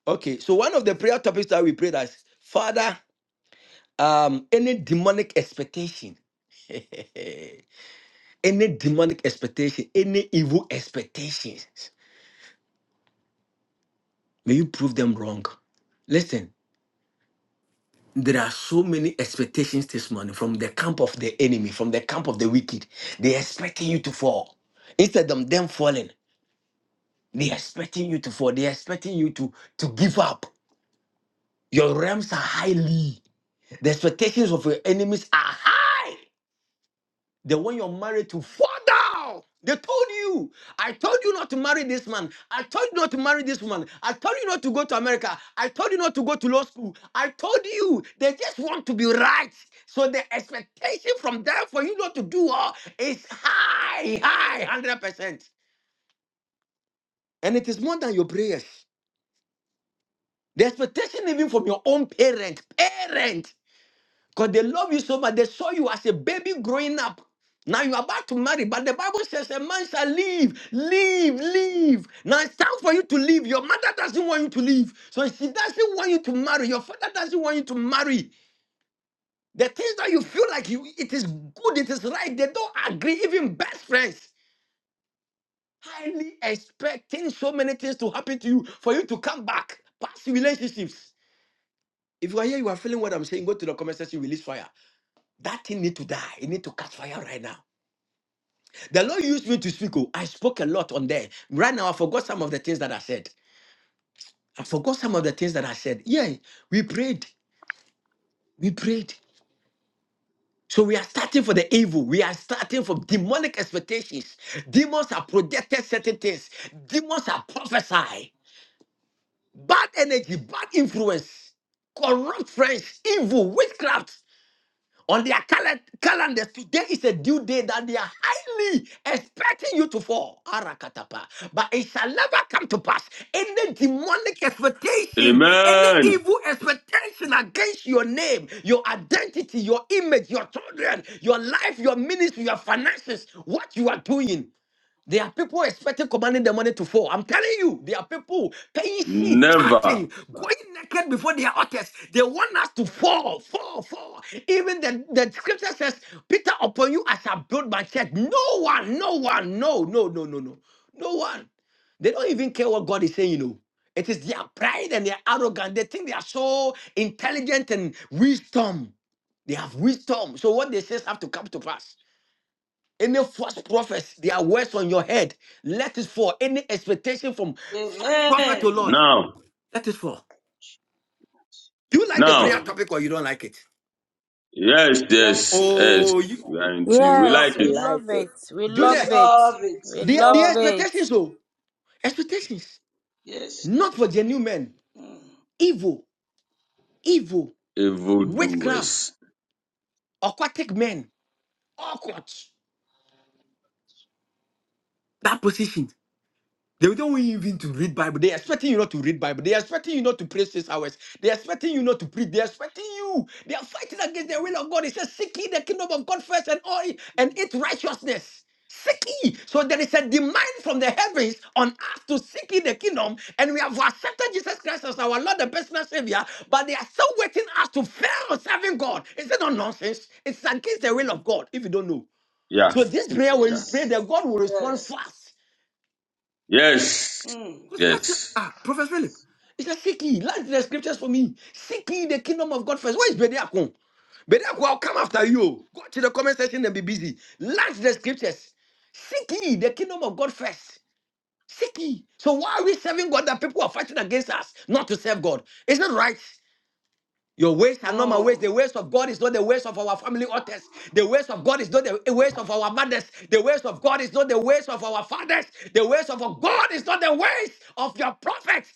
Speaker 6: Okay. So one of the prayer topics that we prayed as Father um any demonic expectation any demonic expectation any evil expectations may you prove them wrong listen there are so many expectations this morning from the camp of the enemy from the camp of the wicked they're expecting you to fall instead of them falling they're expecting you to fall they're expecting you to to give up your realms are highly the expectations of your enemies are high Then when you're married to father, they told you, I told you not to marry this man. I told you not to marry this woman. I told you not to go to America. I told you not to go to law school. I told you they just want to be right. So the expectation from them for you not to do all is high, high, 100%. And it is more than your prayers. The expectation even from your own parent, parent. Because they love you so much. They saw you as a baby growing up. Now you're about to marry, but the Bible says a man shall leave, leave, leave. Now it's time for you to leave. Your mother doesn't want you to leave. So she doesn't want you to marry. Your father doesn't want you to marry. The things that you feel like you it is good, it is right, they don't agree, even best friends. Highly expecting so many things to happen to you for you to come back. Past relationships. If you are here, you are feeling what I'm saying, go to the comment section, release fire. That thing need to die. It need to catch fire right now. The Lord used me to speak. Oh, I spoke a lot on there. Right now, I forgot some of the things that I said. I forgot some of the things that I said. Yeah, we prayed. We prayed. So we are starting for the evil. We are starting from demonic expectations. Demons are projected certain things. Demons are prophesy. Bad energy, bad influence, corrupt friends, evil, witchcraft. on their calen- calendars, today is a due day that they are highly expecting you to fall. Arakatapa. But it shall never come to pass. Any demonic expectation, any
Speaker 5: Amen.
Speaker 6: evil expectation against your name, your identity, your image, your children, your life, your ministry, your finances, what you are doing. There are people expecting commanding the money to fall. I'm telling you, there are people paying shit,
Speaker 5: Never.
Speaker 6: chanting, going naked before their altars. They want us to fall, fall, fall. Even the, the scripture says, Peter, upon you I shall build my church. No one, no one, no, no, no, no, no. No one. They don't even care what God is saying, you know. It is their pride and their arrogance. They think they are so intelligent and wisdom. They have wisdom. So what they say have to come to pass. Any false prophets, their words on your head, let it fall. Any expectation from false
Speaker 7: Amen.
Speaker 6: prophet to Lord,
Speaker 5: Now.
Speaker 6: let it fall. Do you like the prayer
Speaker 5: Now.
Speaker 7: Mm.
Speaker 6: topic or you don't like it?
Speaker 5: Yes,
Speaker 7: You like
Speaker 5: yes,
Speaker 7: it.
Speaker 5: yes.
Speaker 6: Oh, you,
Speaker 7: You
Speaker 5: We
Speaker 7: like
Speaker 5: are
Speaker 7: it.
Speaker 5: in
Speaker 7: You
Speaker 5: tune. We
Speaker 7: love
Speaker 5: like
Speaker 14: Yes,
Speaker 13: I
Speaker 14: we
Speaker 5: it.
Speaker 7: it.
Speaker 13: like
Speaker 14: love
Speaker 13: it.
Speaker 14: it. We
Speaker 7: We
Speaker 14: love
Speaker 6: Julius,
Speaker 14: it.
Speaker 7: love it.
Speaker 14: We
Speaker 7: We
Speaker 6: the, the
Speaker 14: love
Speaker 7: love it.
Speaker 14: it.
Speaker 6: expectations, oh, expectations,
Speaker 7: Yes.
Speaker 6: not for genuine men,
Speaker 7: Mm,
Speaker 6: evil, evil,
Speaker 5: Evil
Speaker 7: mm,
Speaker 6: witchcraft,
Speaker 5: doers.
Speaker 6: aquatic men, awkward. That position. They don't want you even to read Bible. They are expecting you not to read Bible. They are expecting you not to pray six hours. They are expecting you not to preach. They are expecting you. They are fighting against the will of God. It says, seek ye the kingdom of God first and all and
Speaker 7: mm,
Speaker 6: its righteousness. Seek ye. So there is a demand from the heavens on us to seek ye the kingdom. And we have accepted Jesus Christ as our
Speaker 7: mm,
Speaker 6: Lord and
Speaker 7: yes.
Speaker 6: personal Savior, but they are still waiting us to fail on serving God. Is it not nonsense? It's against the will
Speaker 7: Mm,
Speaker 6: of God if you don't know. So
Speaker 5: Yeah,
Speaker 6: this prayer, when you
Speaker 5: yeah.
Speaker 6: pray,
Speaker 7: Yes.
Speaker 6: that God will respond
Speaker 7: Yes.
Speaker 6: fast.
Speaker 5: Yes,
Speaker 7: Mm.
Speaker 6: Because God said,
Speaker 5: yes.
Speaker 6: ah, Prophet Philip, he said, seek ye, learn the scriptures for me. Seek ye the kingdom of God first. Where is Bediakon? Bediakon, I'll come after you. Go to the comment section and be busy. Learn the scriptures. Seek ye the kingdom of God first. Seek ye. So why are we serving God that people are fighting against us not to serve God? Is it right? Your ways are not my ways.
Speaker 7: No.
Speaker 6: The ways of God is not the ways of our family others. The ways of God is not the ways of our mothers. The ways of God is not the ways of our fathers. The ways of our God is not the ways of your prophets.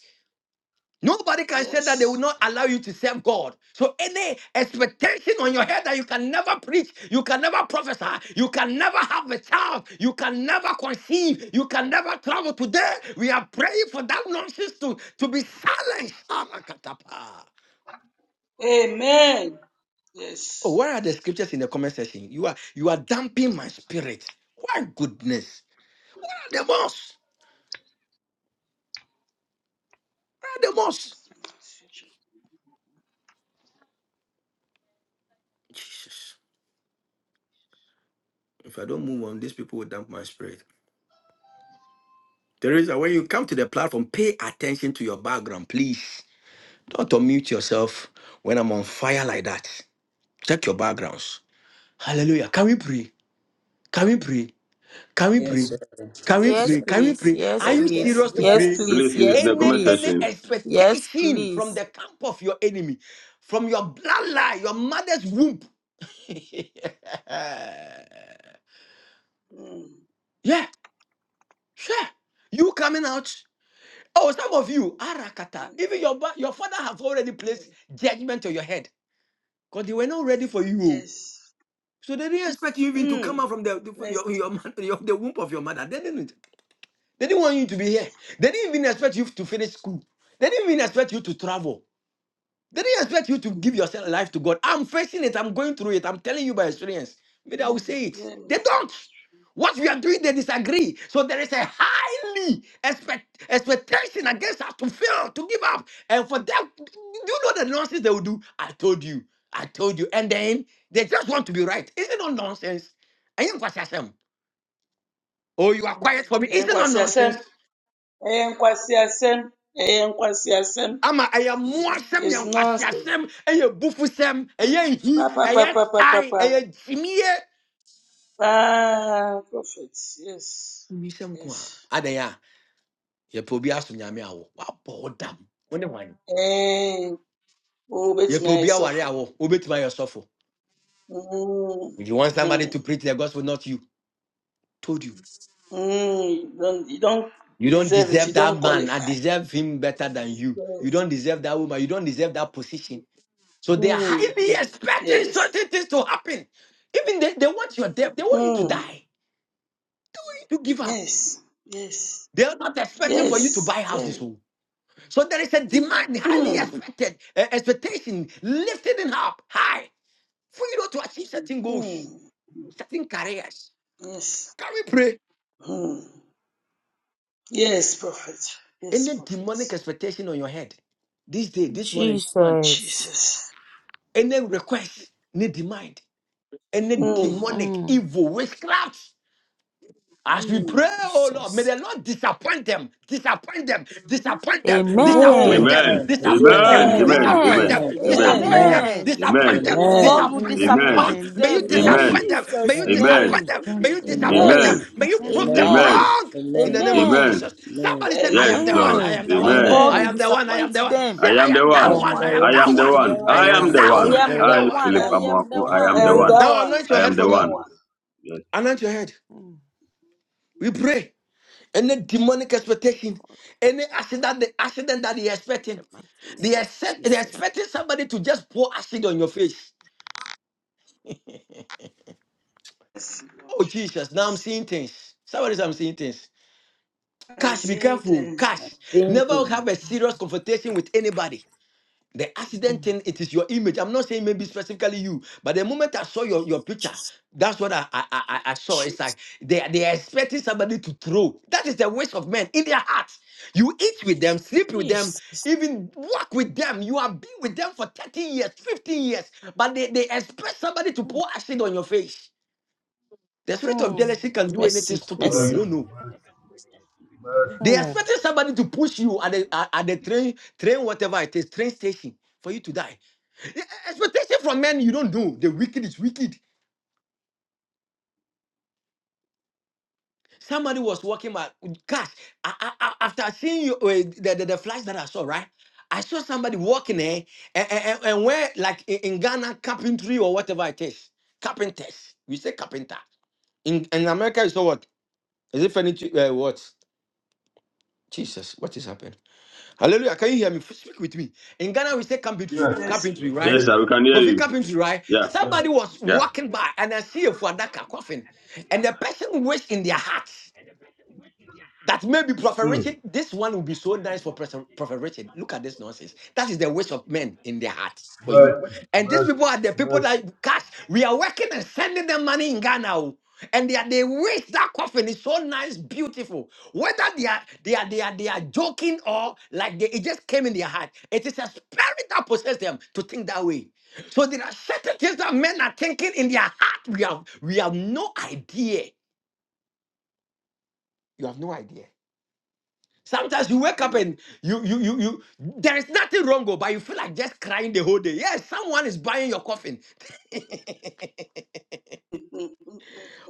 Speaker 6: Nobody can say that they will
Speaker 7: Yes.
Speaker 6: not allow you to serve God. So any expectation on your head that you can never preach, you can never prophesy, you can never have a child, you can never conceive, you can never travel today. We are praying for that nonsense to, to be silenced.
Speaker 7: Amen.
Speaker 6: Oh,
Speaker 7: Yes.
Speaker 6: where are the scriptures in the comment section? You are you are damping my spirit. Why goodness? Where are the most? Where are the most? Jesus. If I don't move on, these people will damp my spirit. Teresa, when you come to the platform, pay attention to your background, please. Don't unmute yourself when I'm on fire like that. Check your backgrounds. Hallelujah. Can we pray? Can we pray? Can we
Speaker 13: Yes,
Speaker 6: pray?
Speaker 13: sir.
Speaker 6: Can we
Speaker 13: Yes, sir.
Speaker 14: Yes,
Speaker 6: pray? Can we
Speaker 14: please.
Speaker 6: pray?
Speaker 14: Yes,
Speaker 6: Are you
Speaker 13: Yes, sir.
Speaker 14: please.
Speaker 6: serious to
Speaker 14: Yes,
Speaker 6: pray?
Speaker 7: Yes.
Speaker 14: please.
Speaker 5: Please leave it in
Speaker 14: Yes,
Speaker 5: the
Speaker 6: Any
Speaker 5: comment
Speaker 14: please.
Speaker 6: any
Speaker 5: section.
Speaker 14: Yes,
Speaker 6: expectation from
Speaker 14: please.
Speaker 6: the camp of your enemy, from your bloodline, your mother's womb.
Speaker 7: Mm.
Speaker 6: yeah, sure. You coming out. Oh, some of you, Arakata,
Speaker 7: mm,
Speaker 6: even your ba- your father have already placed judgment on your head because they were not ready for you. oh.
Speaker 7: Yes.
Speaker 6: So they didn't expect you even to come
Speaker 7: Mm.
Speaker 6: out from the, the-
Speaker 7: Yes.
Speaker 6: your, your, mother- your- the womb of your mother. They didn't. They didn't want you to be here. They didn't even expect you to finish school. They didn't even expect you to travel. They didn't expect you to give yourself
Speaker 7: Mm,
Speaker 6: life to God. I'm facing it. I'm going through it. I'm telling you by experience. Maybe I will say it. They
Speaker 7: Yes.
Speaker 6: don't. What we are doing, they disagree. So there is a highly expect, expectation against us to fail, to give up. And for them, do you know the nonsense they will do? I told you. I told you. And then they just want to be right. Is it not nonsense? And you question them. Oh, you are quiet for me. Is
Speaker 7: Ẹ̀yin
Speaker 6: it not
Speaker 7: kwasi asẹ́m.
Speaker 6: nonsense?
Speaker 7: Ẹ̀yin asẹ́m. Ẹ̀yin asẹ́m.
Speaker 6: ama ɛyɛ mmoasɛm yɛ
Speaker 7: It's nonsense.
Speaker 6: nkwaseasɛm ɛyɛ bufusɛm ɛyɛ nhi
Speaker 7: Pa, pa,
Speaker 6: ɛyɛ
Speaker 7: pa, pa, pa,
Speaker 6: tan
Speaker 7: pa, pa.
Speaker 6: ɛyɛ gyimie
Speaker 7: Ah, prophets, yes,
Speaker 6: wisɛm ko a
Speaker 7: yes.
Speaker 6: adɛn a yɛpɛ obi aso nyame awo wabɔ wo dam
Speaker 7: Eh, oh, bet
Speaker 6: yɛpɛ
Speaker 7: me I
Speaker 6: obi aware
Speaker 7: suffer.
Speaker 6: awo wobɛtumi ayɛ sɔfo
Speaker 7: Mm,
Speaker 6: you want somebody to
Speaker 7: hmm,
Speaker 6: preach the gospel not you told you
Speaker 7: mm, you don't, you don't
Speaker 6: you don't
Speaker 7: deserve it.
Speaker 6: deserve
Speaker 7: You
Speaker 6: that
Speaker 7: don't
Speaker 6: man i
Speaker 7: qualify.
Speaker 6: deserve him better than you you
Speaker 7: Yes.
Speaker 6: don't deserve that woman you don't deserve that position so they are
Speaker 7: Mm,
Speaker 6: highly expecting
Speaker 7: yes.
Speaker 6: certain things to happen even they, they want your death they want you to
Speaker 7: Mm,
Speaker 6: die you give up
Speaker 7: yes. Yes.
Speaker 6: They are not expecting for you to buy
Speaker 7: Yes.
Speaker 6: houses.
Speaker 7: Very.
Speaker 6: oh. So there is a demand, highly
Speaker 7: Mm,
Speaker 6: expected uh, expectation, lifting it up high for you know, to achieve certain goals,
Speaker 7: mm,
Speaker 6: certain careers.
Speaker 7: yes.
Speaker 6: Can we pray?
Speaker 7: Mm. Yes, prophet. Yes,
Speaker 6: Any
Speaker 7: prophet.
Speaker 6: demonic expectation on your head this day, this morning, this month,
Speaker 14: Jesus.
Speaker 7: Jesus.
Speaker 6: any request, any demand, any
Speaker 7: Mm,
Speaker 6: demonic
Speaker 14: Mm.
Speaker 6: evil witchcraft. As we pray,
Speaker 7: mm.
Speaker 6: oh Lord, may
Speaker 14: Jesus.
Speaker 6: the Lord disappoint them, disappoint them, disappoint them, disappoint
Speaker 14: Amen.
Speaker 7: Amen.
Speaker 6: them,
Speaker 5: Amen,
Speaker 13: Amen.
Speaker 6: disappoint
Speaker 13: Amen.
Speaker 6: them,
Speaker 5: amen,
Speaker 7: Amen.
Speaker 5: amen,
Speaker 6: disappoint
Speaker 5: amen,
Speaker 14: Amen.
Speaker 6: them,
Speaker 13: Amen.
Speaker 5: amen,
Speaker 7: Amen.
Speaker 6: disappoint
Speaker 13: Amen.
Speaker 6: them,
Speaker 14: Amen.
Speaker 11: Amen.
Speaker 6: disappoint
Speaker 5: amen,
Speaker 6: them,
Speaker 14: And
Speaker 13: Amen.
Speaker 14: God
Speaker 7: Amen.
Speaker 14: will
Speaker 6: disappoint them.
Speaker 11: Amen.
Speaker 13: Amen.
Speaker 5: amen,
Speaker 6: Lord,
Speaker 14: disappoint
Speaker 11: Amen.
Speaker 6: may you
Speaker 14: them in
Speaker 13: Amen.
Speaker 5: amen,
Speaker 7: Amen.
Speaker 6: disappoint them, may
Speaker 14: Jesus'
Speaker 6: you
Speaker 5: amen,
Speaker 6: disappoint
Speaker 14: name.
Speaker 6: them, may
Speaker 11: Yes,
Speaker 7: Disappointing.
Speaker 6: you
Speaker 11: Lord.
Speaker 13: Amen. Amen.
Speaker 6: disappoint them,
Speaker 14: Amen.
Speaker 5: amen,
Speaker 7: Yes.
Speaker 6: may you prove
Speaker 11: Amen.
Speaker 6: them
Speaker 13: Amen.
Speaker 5: amen,
Speaker 14: Amen.
Speaker 6: wrong. In the
Speaker 13: Amen.
Speaker 6: name of
Speaker 14: Amen.
Speaker 5: amen.
Speaker 6: Jesus.
Speaker 13: Amen.
Speaker 6: Somebody say, I
Speaker 5: Yes,
Speaker 6: am
Speaker 7: Yes.
Speaker 6: the one,
Speaker 5: Lord,
Speaker 6: I
Speaker 14: Amen.
Speaker 6: am the
Speaker 14: My
Speaker 6: one,
Speaker 5: amen.
Speaker 13: Amen.
Speaker 14: God
Speaker 7: Amen.
Speaker 6: I
Speaker 14: will
Speaker 6: am the one, I am
Speaker 14: disappoint
Speaker 6: the one. Say,
Speaker 14: them
Speaker 5: I
Speaker 6: I
Speaker 5: am the
Speaker 6: am
Speaker 14: one
Speaker 13: I
Speaker 6: that
Speaker 14: by
Speaker 5: one.
Speaker 13: am
Speaker 6: one, I
Speaker 13: the
Speaker 14: one.
Speaker 6: am
Speaker 5: I
Speaker 6: that
Speaker 5: am
Speaker 13: one.
Speaker 5: the
Speaker 6: one,
Speaker 7: I'm that
Speaker 13: I
Speaker 5: one.
Speaker 13: am the
Speaker 6: I
Speaker 7: one.
Speaker 5: I
Speaker 6: am
Speaker 5: am
Speaker 13: one.
Speaker 5: the
Speaker 13: I
Speaker 6: that
Speaker 14: I
Speaker 5: one.
Speaker 13: am
Speaker 6: one, I
Speaker 13: the
Speaker 14: am
Speaker 6: am
Speaker 14: the
Speaker 6: that
Speaker 13: one.
Speaker 5: I,
Speaker 6: one.
Speaker 14: one.
Speaker 7: I
Speaker 5: Philip
Speaker 14: I
Speaker 7: am,
Speaker 14: am the
Speaker 5: Amoako,
Speaker 13: I am
Speaker 5: I
Speaker 7: I
Speaker 5: am
Speaker 14: one.
Speaker 5: the
Speaker 7: am
Speaker 13: the
Speaker 5: one.
Speaker 7: that
Speaker 13: one.
Speaker 6: Now
Speaker 7: one.
Speaker 6: anoint
Speaker 5: I
Speaker 6: your
Speaker 7: I
Speaker 5: am
Speaker 6: head for
Speaker 7: am
Speaker 5: the
Speaker 6: me.
Speaker 7: that
Speaker 5: one.
Speaker 7: one.
Speaker 5: Yes,
Speaker 6: Anoint your head.
Speaker 14: Mm.
Speaker 6: We pray. any demonic expectation,
Speaker 14: God,
Speaker 6: any accident, the
Speaker 14: in
Speaker 6: accident that they're expecting,
Speaker 14: The mighty name
Speaker 6: they
Speaker 14: of
Speaker 6: expect, they're
Speaker 14: Jesus.
Speaker 6: expecting somebody to just pour acid on your face.
Speaker 7: Yes, Lord.
Speaker 6: Oh Jesus, now I'm
Speaker 7: Yes.
Speaker 6: seeing things. Somebody, said, I'm seeing things.
Speaker 7: I'm
Speaker 6: Cash, be
Speaker 7: seeing
Speaker 6: careful.
Speaker 7: things.
Speaker 6: Cash, never have
Speaker 13: Thinking.
Speaker 6: a serious confrontation with anybody. The accident thing, it is your image. I'm not saying maybe specifically you, but the moment I saw your, your picture, that's what I, I, I, I saw. It's
Speaker 14: Jesus.
Speaker 6: like they, they are expecting somebody to throw. That is the waste of men in their hearts. You eat with them, sleep with them,
Speaker 14: Jesus.
Speaker 6: even walk with them. You have been with them for 30 years, 15 years, but they, they expect somebody to pour acid on your face. The spirit of
Speaker 14: Mm.
Speaker 6: jealousy can do anything
Speaker 14: Mercy.
Speaker 6: stupid, though. You
Speaker 14: Mercy.
Speaker 6: don't know. They
Speaker 14: Hmm.
Speaker 6: expecting somebody to push you at the, at at the train, train, whatever it is, train station for you to die. Yeah, Expectation from men, you don't know. The wicked is wicked. Somebody was walking by. cash. I, I, I- after seeing you, uh, the, the, the flies that I saw, right? I saw somebody walking there, and, and, and where, like in, in Ghana, carpentry or whatever it is. Carpenters. We say carpenter. In, in America, you saw what? Is it furniture? Uh, what? Jesus, what is happening? Hallelujah. Can you hear me? Speak with me. In Ghana, we say carpentry,
Speaker 7: Yes,
Speaker 6: carpentry,
Speaker 7: Lord.
Speaker 6: right?
Speaker 5: yes, sir, we can hear
Speaker 6: Kofi
Speaker 5: you.
Speaker 6: carpentry, right?
Speaker 5: Yeah,
Speaker 6: Somebody was
Speaker 5: yeah.
Speaker 6: walking by and I see a Fuadaka coffin. And the person wished in their heart. That maybe Prophet Richard, this one will be so nice for Pres- Prophet Richard. Look at this nonsense. That is the wish of men in their hearts for you. And these people are the people that cash. We are working and sending them money in Ghana. oh. And they are they wish that coffin is so nice, beautiful. Whether they are they are they are they are joking or like they it just came in their heart. It is a spirit that possesses them to think that way. So there are certain things that men are thinking in their heart. We have we have no idea. You have no idea. Sometimes you wake up
Speaker 7: Amen.
Speaker 6: and you you you you there is nothing wrong, oh, but you feel like just crying the whole day. Yes, someone is buying your coffin.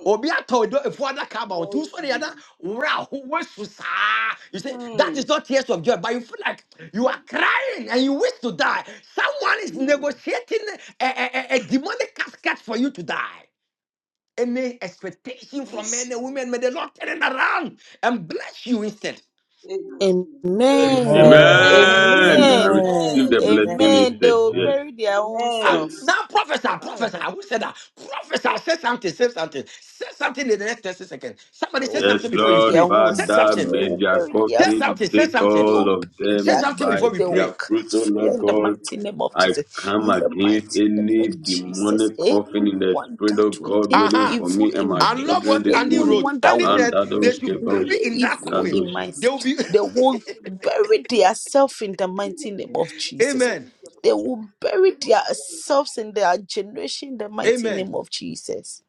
Speaker 6: Obi ato do if one come out, who's for the other?
Speaker 7: Mercy.
Speaker 6: Wow, who was so sad? You say that
Speaker 7: Mm.
Speaker 6: is not tears of joy, but you feel like you are crying and you wish to die. Someone is
Speaker 7: Mm.
Speaker 6: negotiating a, a, a a demonic casket for you to die any expectation from men
Speaker 7: Mercy.
Speaker 6: and women,
Speaker 7: Mercy.
Speaker 6: may the Lord turn it around and bless you instead.
Speaker 7: Amen.
Speaker 14: Amen.
Speaker 7: Amen.
Speaker 5: Amen. I
Speaker 14: Amen.
Speaker 5: receive
Speaker 13: Amen.
Speaker 5: the
Speaker 7: Amen.
Speaker 5: blessing
Speaker 13: Amen.
Speaker 14: Amen. They
Speaker 5: instead.
Speaker 14: will
Speaker 5: Yes.
Speaker 14: bury their own
Speaker 6: Ah,
Speaker 5: Yes,
Speaker 14: selves.
Speaker 6: now prophesy, prophesy. Who said that? Prophesy, say something, say something. Say something in the next 30 seconds.
Speaker 14: They
Speaker 6: Somebody say
Speaker 14: will
Speaker 5: yes,
Speaker 6: something before you
Speaker 14: bury
Speaker 5: Lord
Speaker 14: their
Speaker 6: pray.
Speaker 14: own
Speaker 6: Say
Speaker 5: Father,
Speaker 14: selves.
Speaker 6: something.
Speaker 14: They
Speaker 5: may
Speaker 14: will
Speaker 5: their
Speaker 14: bury
Speaker 6: Say
Speaker 14: their
Speaker 5: coffin
Speaker 6: something,
Speaker 14: family.
Speaker 6: say
Speaker 5: take
Speaker 6: something.
Speaker 14: They will
Speaker 5: all of
Speaker 14: bury
Speaker 6: Say
Speaker 14: their
Speaker 5: them
Speaker 6: something
Speaker 14: kids.
Speaker 5: by
Speaker 6: before we
Speaker 14: They will
Speaker 6: pray.
Speaker 5: their fruit,
Speaker 14: catch
Speaker 5: O
Speaker 14: fire
Speaker 5: Lord
Speaker 14: in the
Speaker 5: God.
Speaker 14: mighty name of
Speaker 5: I
Speaker 14: Jesus.
Speaker 5: come
Speaker 14: In the
Speaker 5: against
Speaker 14: mighty name
Speaker 5: any
Speaker 14: of Jesus.
Speaker 5: demonic coffin in the
Speaker 14: Anyone
Speaker 5: spirit
Speaker 14: that
Speaker 5: of
Speaker 14: will
Speaker 5: God
Speaker 14: think
Speaker 5: waiting
Speaker 6: Uh-huh.
Speaker 5: for
Speaker 14: evil
Speaker 5: me and
Speaker 14: in
Speaker 5: my
Speaker 6: I
Speaker 14: my
Speaker 6: love
Speaker 14: life,
Speaker 5: children
Speaker 6: what
Speaker 5: this
Speaker 6: Andy
Speaker 5: morning.
Speaker 6: wrote.
Speaker 14: anyone that
Speaker 6: Andy
Speaker 14: will
Speaker 6: said
Speaker 5: Mandados,
Speaker 6: they
Speaker 14: will
Speaker 6: should
Speaker 5: kebos,
Speaker 6: bury
Speaker 14: play
Speaker 6: in that
Speaker 14: evil
Speaker 6: coffin.
Speaker 5: brandos.
Speaker 14: in
Speaker 7: Amen.
Speaker 14: my
Speaker 6: They
Speaker 14: s-
Speaker 6: will be
Speaker 14: they will bury themselves in the mighty name of Jesus.
Speaker 6: Amen.
Speaker 14: They will bury their selves in their generation in the mighty
Speaker 6: Amen.
Speaker 14: name of Jesus.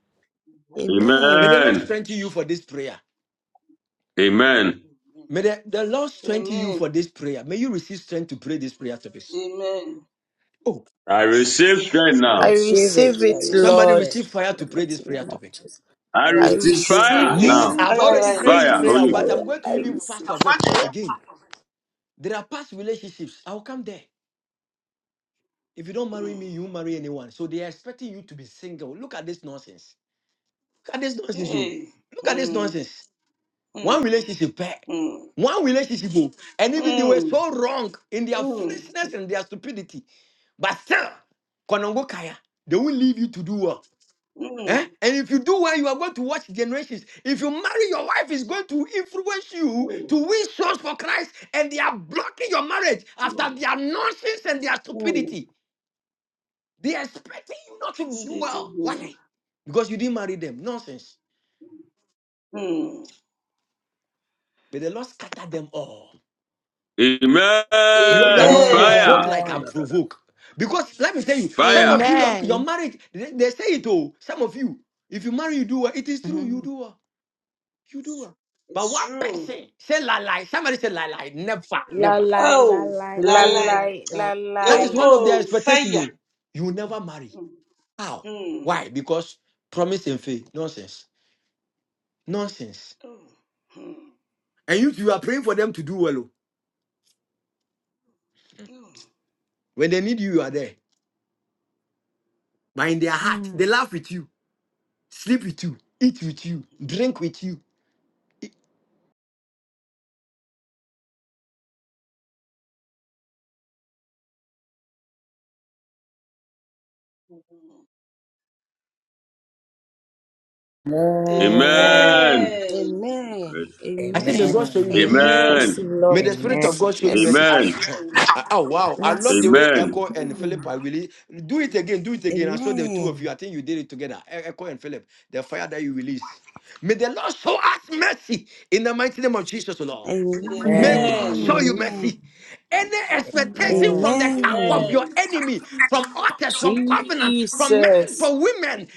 Speaker 6: May the
Speaker 14: Amen.
Speaker 6: Lord
Speaker 5: Amen.
Speaker 6: strengthen you for this prayer.
Speaker 5: Amen.
Speaker 6: May the, the Lord strengthen you for
Speaker 7: Amen.
Speaker 6: this prayer. May you receive strength to pray this prayer topic.
Speaker 7: Amen.
Speaker 6: Oh,
Speaker 5: I
Speaker 7: Receive
Speaker 5: receive strength
Speaker 7: it in
Speaker 14: I
Speaker 5: now.
Speaker 7: Jesus'
Speaker 13: Receive
Speaker 14: receive
Speaker 13: it. I
Speaker 14: it,
Speaker 7: name.
Speaker 13: receive
Speaker 6: somebody
Speaker 14: Lord.
Speaker 13: it.
Speaker 6: receive fire
Speaker 14: In the
Speaker 6: to pray this
Speaker 14: mighty
Speaker 6: prayer
Speaker 14: name of
Speaker 6: topic.
Speaker 14: Jesus.
Speaker 5: I
Speaker 13: I
Speaker 14: I
Speaker 5: receive
Speaker 13: receive
Speaker 7: I
Speaker 14: receive
Speaker 5: fire
Speaker 14: it.
Speaker 6: Me,
Speaker 13: fire
Speaker 5: now.
Speaker 7: receive
Speaker 13: to
Speaker 6: I've
Speaker 14: I
Speaker 13: pray.
Speaker 6: already
Speaker 7: fire in
Speaker 6: prayed
Speaker 14: receive
Speaker 6: this
Speaker 5: Fire,
Speaker 6: prayer,
Speaker 7: Jesus'
Speaker 5: Holy
Speaker 6: but
Speaker 14: fire.
Speaker 6: I'm
Speaker 7: name.
Speaker 6: going to
Speaker 14: I
Speaker 6: even
Speaker 14: receive
Speaker 6: fast of it
Speaker 14: fire.
Speaker 6: again. There are past relationships. I'll come there. If you don't marry
Speaker 7: Mm.
Speaker 6: me, you won't marry anyone. So they are expecting you to be single. Look at this nonsense. Look at this nonsense. Oh.
Speaker 7: Hey.
Speaker 6: Look at this
Speaker 7: Mm.
Speaker 6: nonsense. One
Speaker 7: Mm.
Speaker 6: relationship pair.
Speaker 7: Mm.
Speaker 6: One relationship. oh. And even they were
Speaker 7: Mm.
Speaker 6: so wrong in their
Speaker 7: Mm.
Speaker 6: foolishness and their stupidity. But still, Konongo Kaya, they will leave you to do what? Eh?
Speaker 7: Mm.
Speaker 6: And if you do well, you are going to watch generations. If you marry, your wife is going to influence you to win souls for Christ, and they are blocking your marriage after
Speaker 7: Mm.
Speaker 6: their nonsense and their
Speaker 7: Mm.
Speaker 6: stupidity. They are expecting you not to do
Speaker 7: Appreciate it,
Speaker 6: well.
Speaker 7: Lord.
Speaker 6: Why? Because you didn't marry them. Nonsense.
Speaker 7: Mm.
Speaker 6: May the Lord scatter them all.
Speaker 5: Ghost.
Speaker 6: You are, you are
Speaker 5: Amen.
Speaker 6: not provoked
Speaker 5: Fire.
Speaker 7: Amen.
Speaker 6: like I
Speaker 13: Amen.
Speaker 6: provoke. Because let me tell you, some of
Speaker 5: Fire.
Speaker 6: you, your, your
Speaker 11: Amen.
Speaker 6: marriage, they, they say it all. Some of you, if you marry, you do well. It is true, you
Speaker 11: Mhm.
Speaker 6: do well. You do well. But
Speaker 7: It's
Speaker 6: one
Speaker 7: true.
Speaker 6: person say la lie. Somebody say la lie. Never,
Speaker 13: La
Speaker 6: never.
Speaker 13: la la
Speaker 7: Oh,
Speaker 13: la
Speaker 7: la
Speaker 13: la
Speaker 7: la
Speaker 13: la
Speaker 14: Lalai,
Speaker 13: la.
Speaker 7: They
Speaker 6: That is
Speaker 7: will
Speaker 14: lalai.
Speaker 6: one of their
Speaker 7: go
Speaker 6: expectation.
Speaker 7: fire.
Speaker 6: You you will never marry.
Speaker 7: Mm,
Speaker 6: How?
Speaker 7: mm,
Speaker 6: Why? Because promise and faith. Nonsense. Nonsense.
Speaker 7: mm,
Speaker 6: And you you are praying for them to do well. oh.
Speaker 7: mm, mm.
Speaker 6: When they need you, you are there. But in their heart, they
Speaker 11: Mm.
Speaker 6: laugh with you, sleep with you, eat with you, drink with you.
Speaker 13: Amen.
Speaker 5: Amen.
Speaker 7: Amen.
Speaker 14: Amen.
Speaker 6: I say, may God show
Speaker 14: Amen.
Speaker 6: you
Speaker 13: Amen.
Speaker 6: mercy.
Speaker 11: Amen.
Speaker 7: Amen.
Speaker 5: Amen.
Speaker 14: Mercy,
Speaker 6: May the
Speaker 14: Lord.
Speaker 6: Spirit
Speaker 13: Amen.
Speaker 6: of
Speaker 14: Mercy,
Speaker 6: God show
Speaker 5: Amen.
Speaker 6: you
Speaker 5: Amen.
Speaker 6: mercy.
Speaker 14: mercy,
Speaker 6: I,
Speaker 7: Amen.
Speaker 6: I- oh, wow. I love the way
Speaker 14: mercy.
Speaker 5: Amen.
Speaker 6: Echo and Philip
Speaker 14: Amen.
Speaker 6: are really. Do it again. Do it again. I saw the two of you. I think you did it together. E- Echo and Philip, the fire that you release. May the Lord show us mercy in the mighty name of Jesus, O Lord.
Speaker 14: Amen.
Speaker 7: Amen.
Speaker 6: May God
Speaker 13: Amen.
Speaker 7: Amen.
Speaker 6: show you
Speaker 11: Amen.
Speaker 14: Amen. Amen.
Speaker 6: mercy. Any
Speaker 11: Amen.
Speaker 6: expectation from the
Speaker 13: Amen.
Speaker 6: camp of
Speaker 14: Amen.
Speaker 6: your
Speaker 7: Amen.
Speaker 6: enemy, from others, from covenant, from men,
Speaker 14: Jesus.
Speaker 6: from women,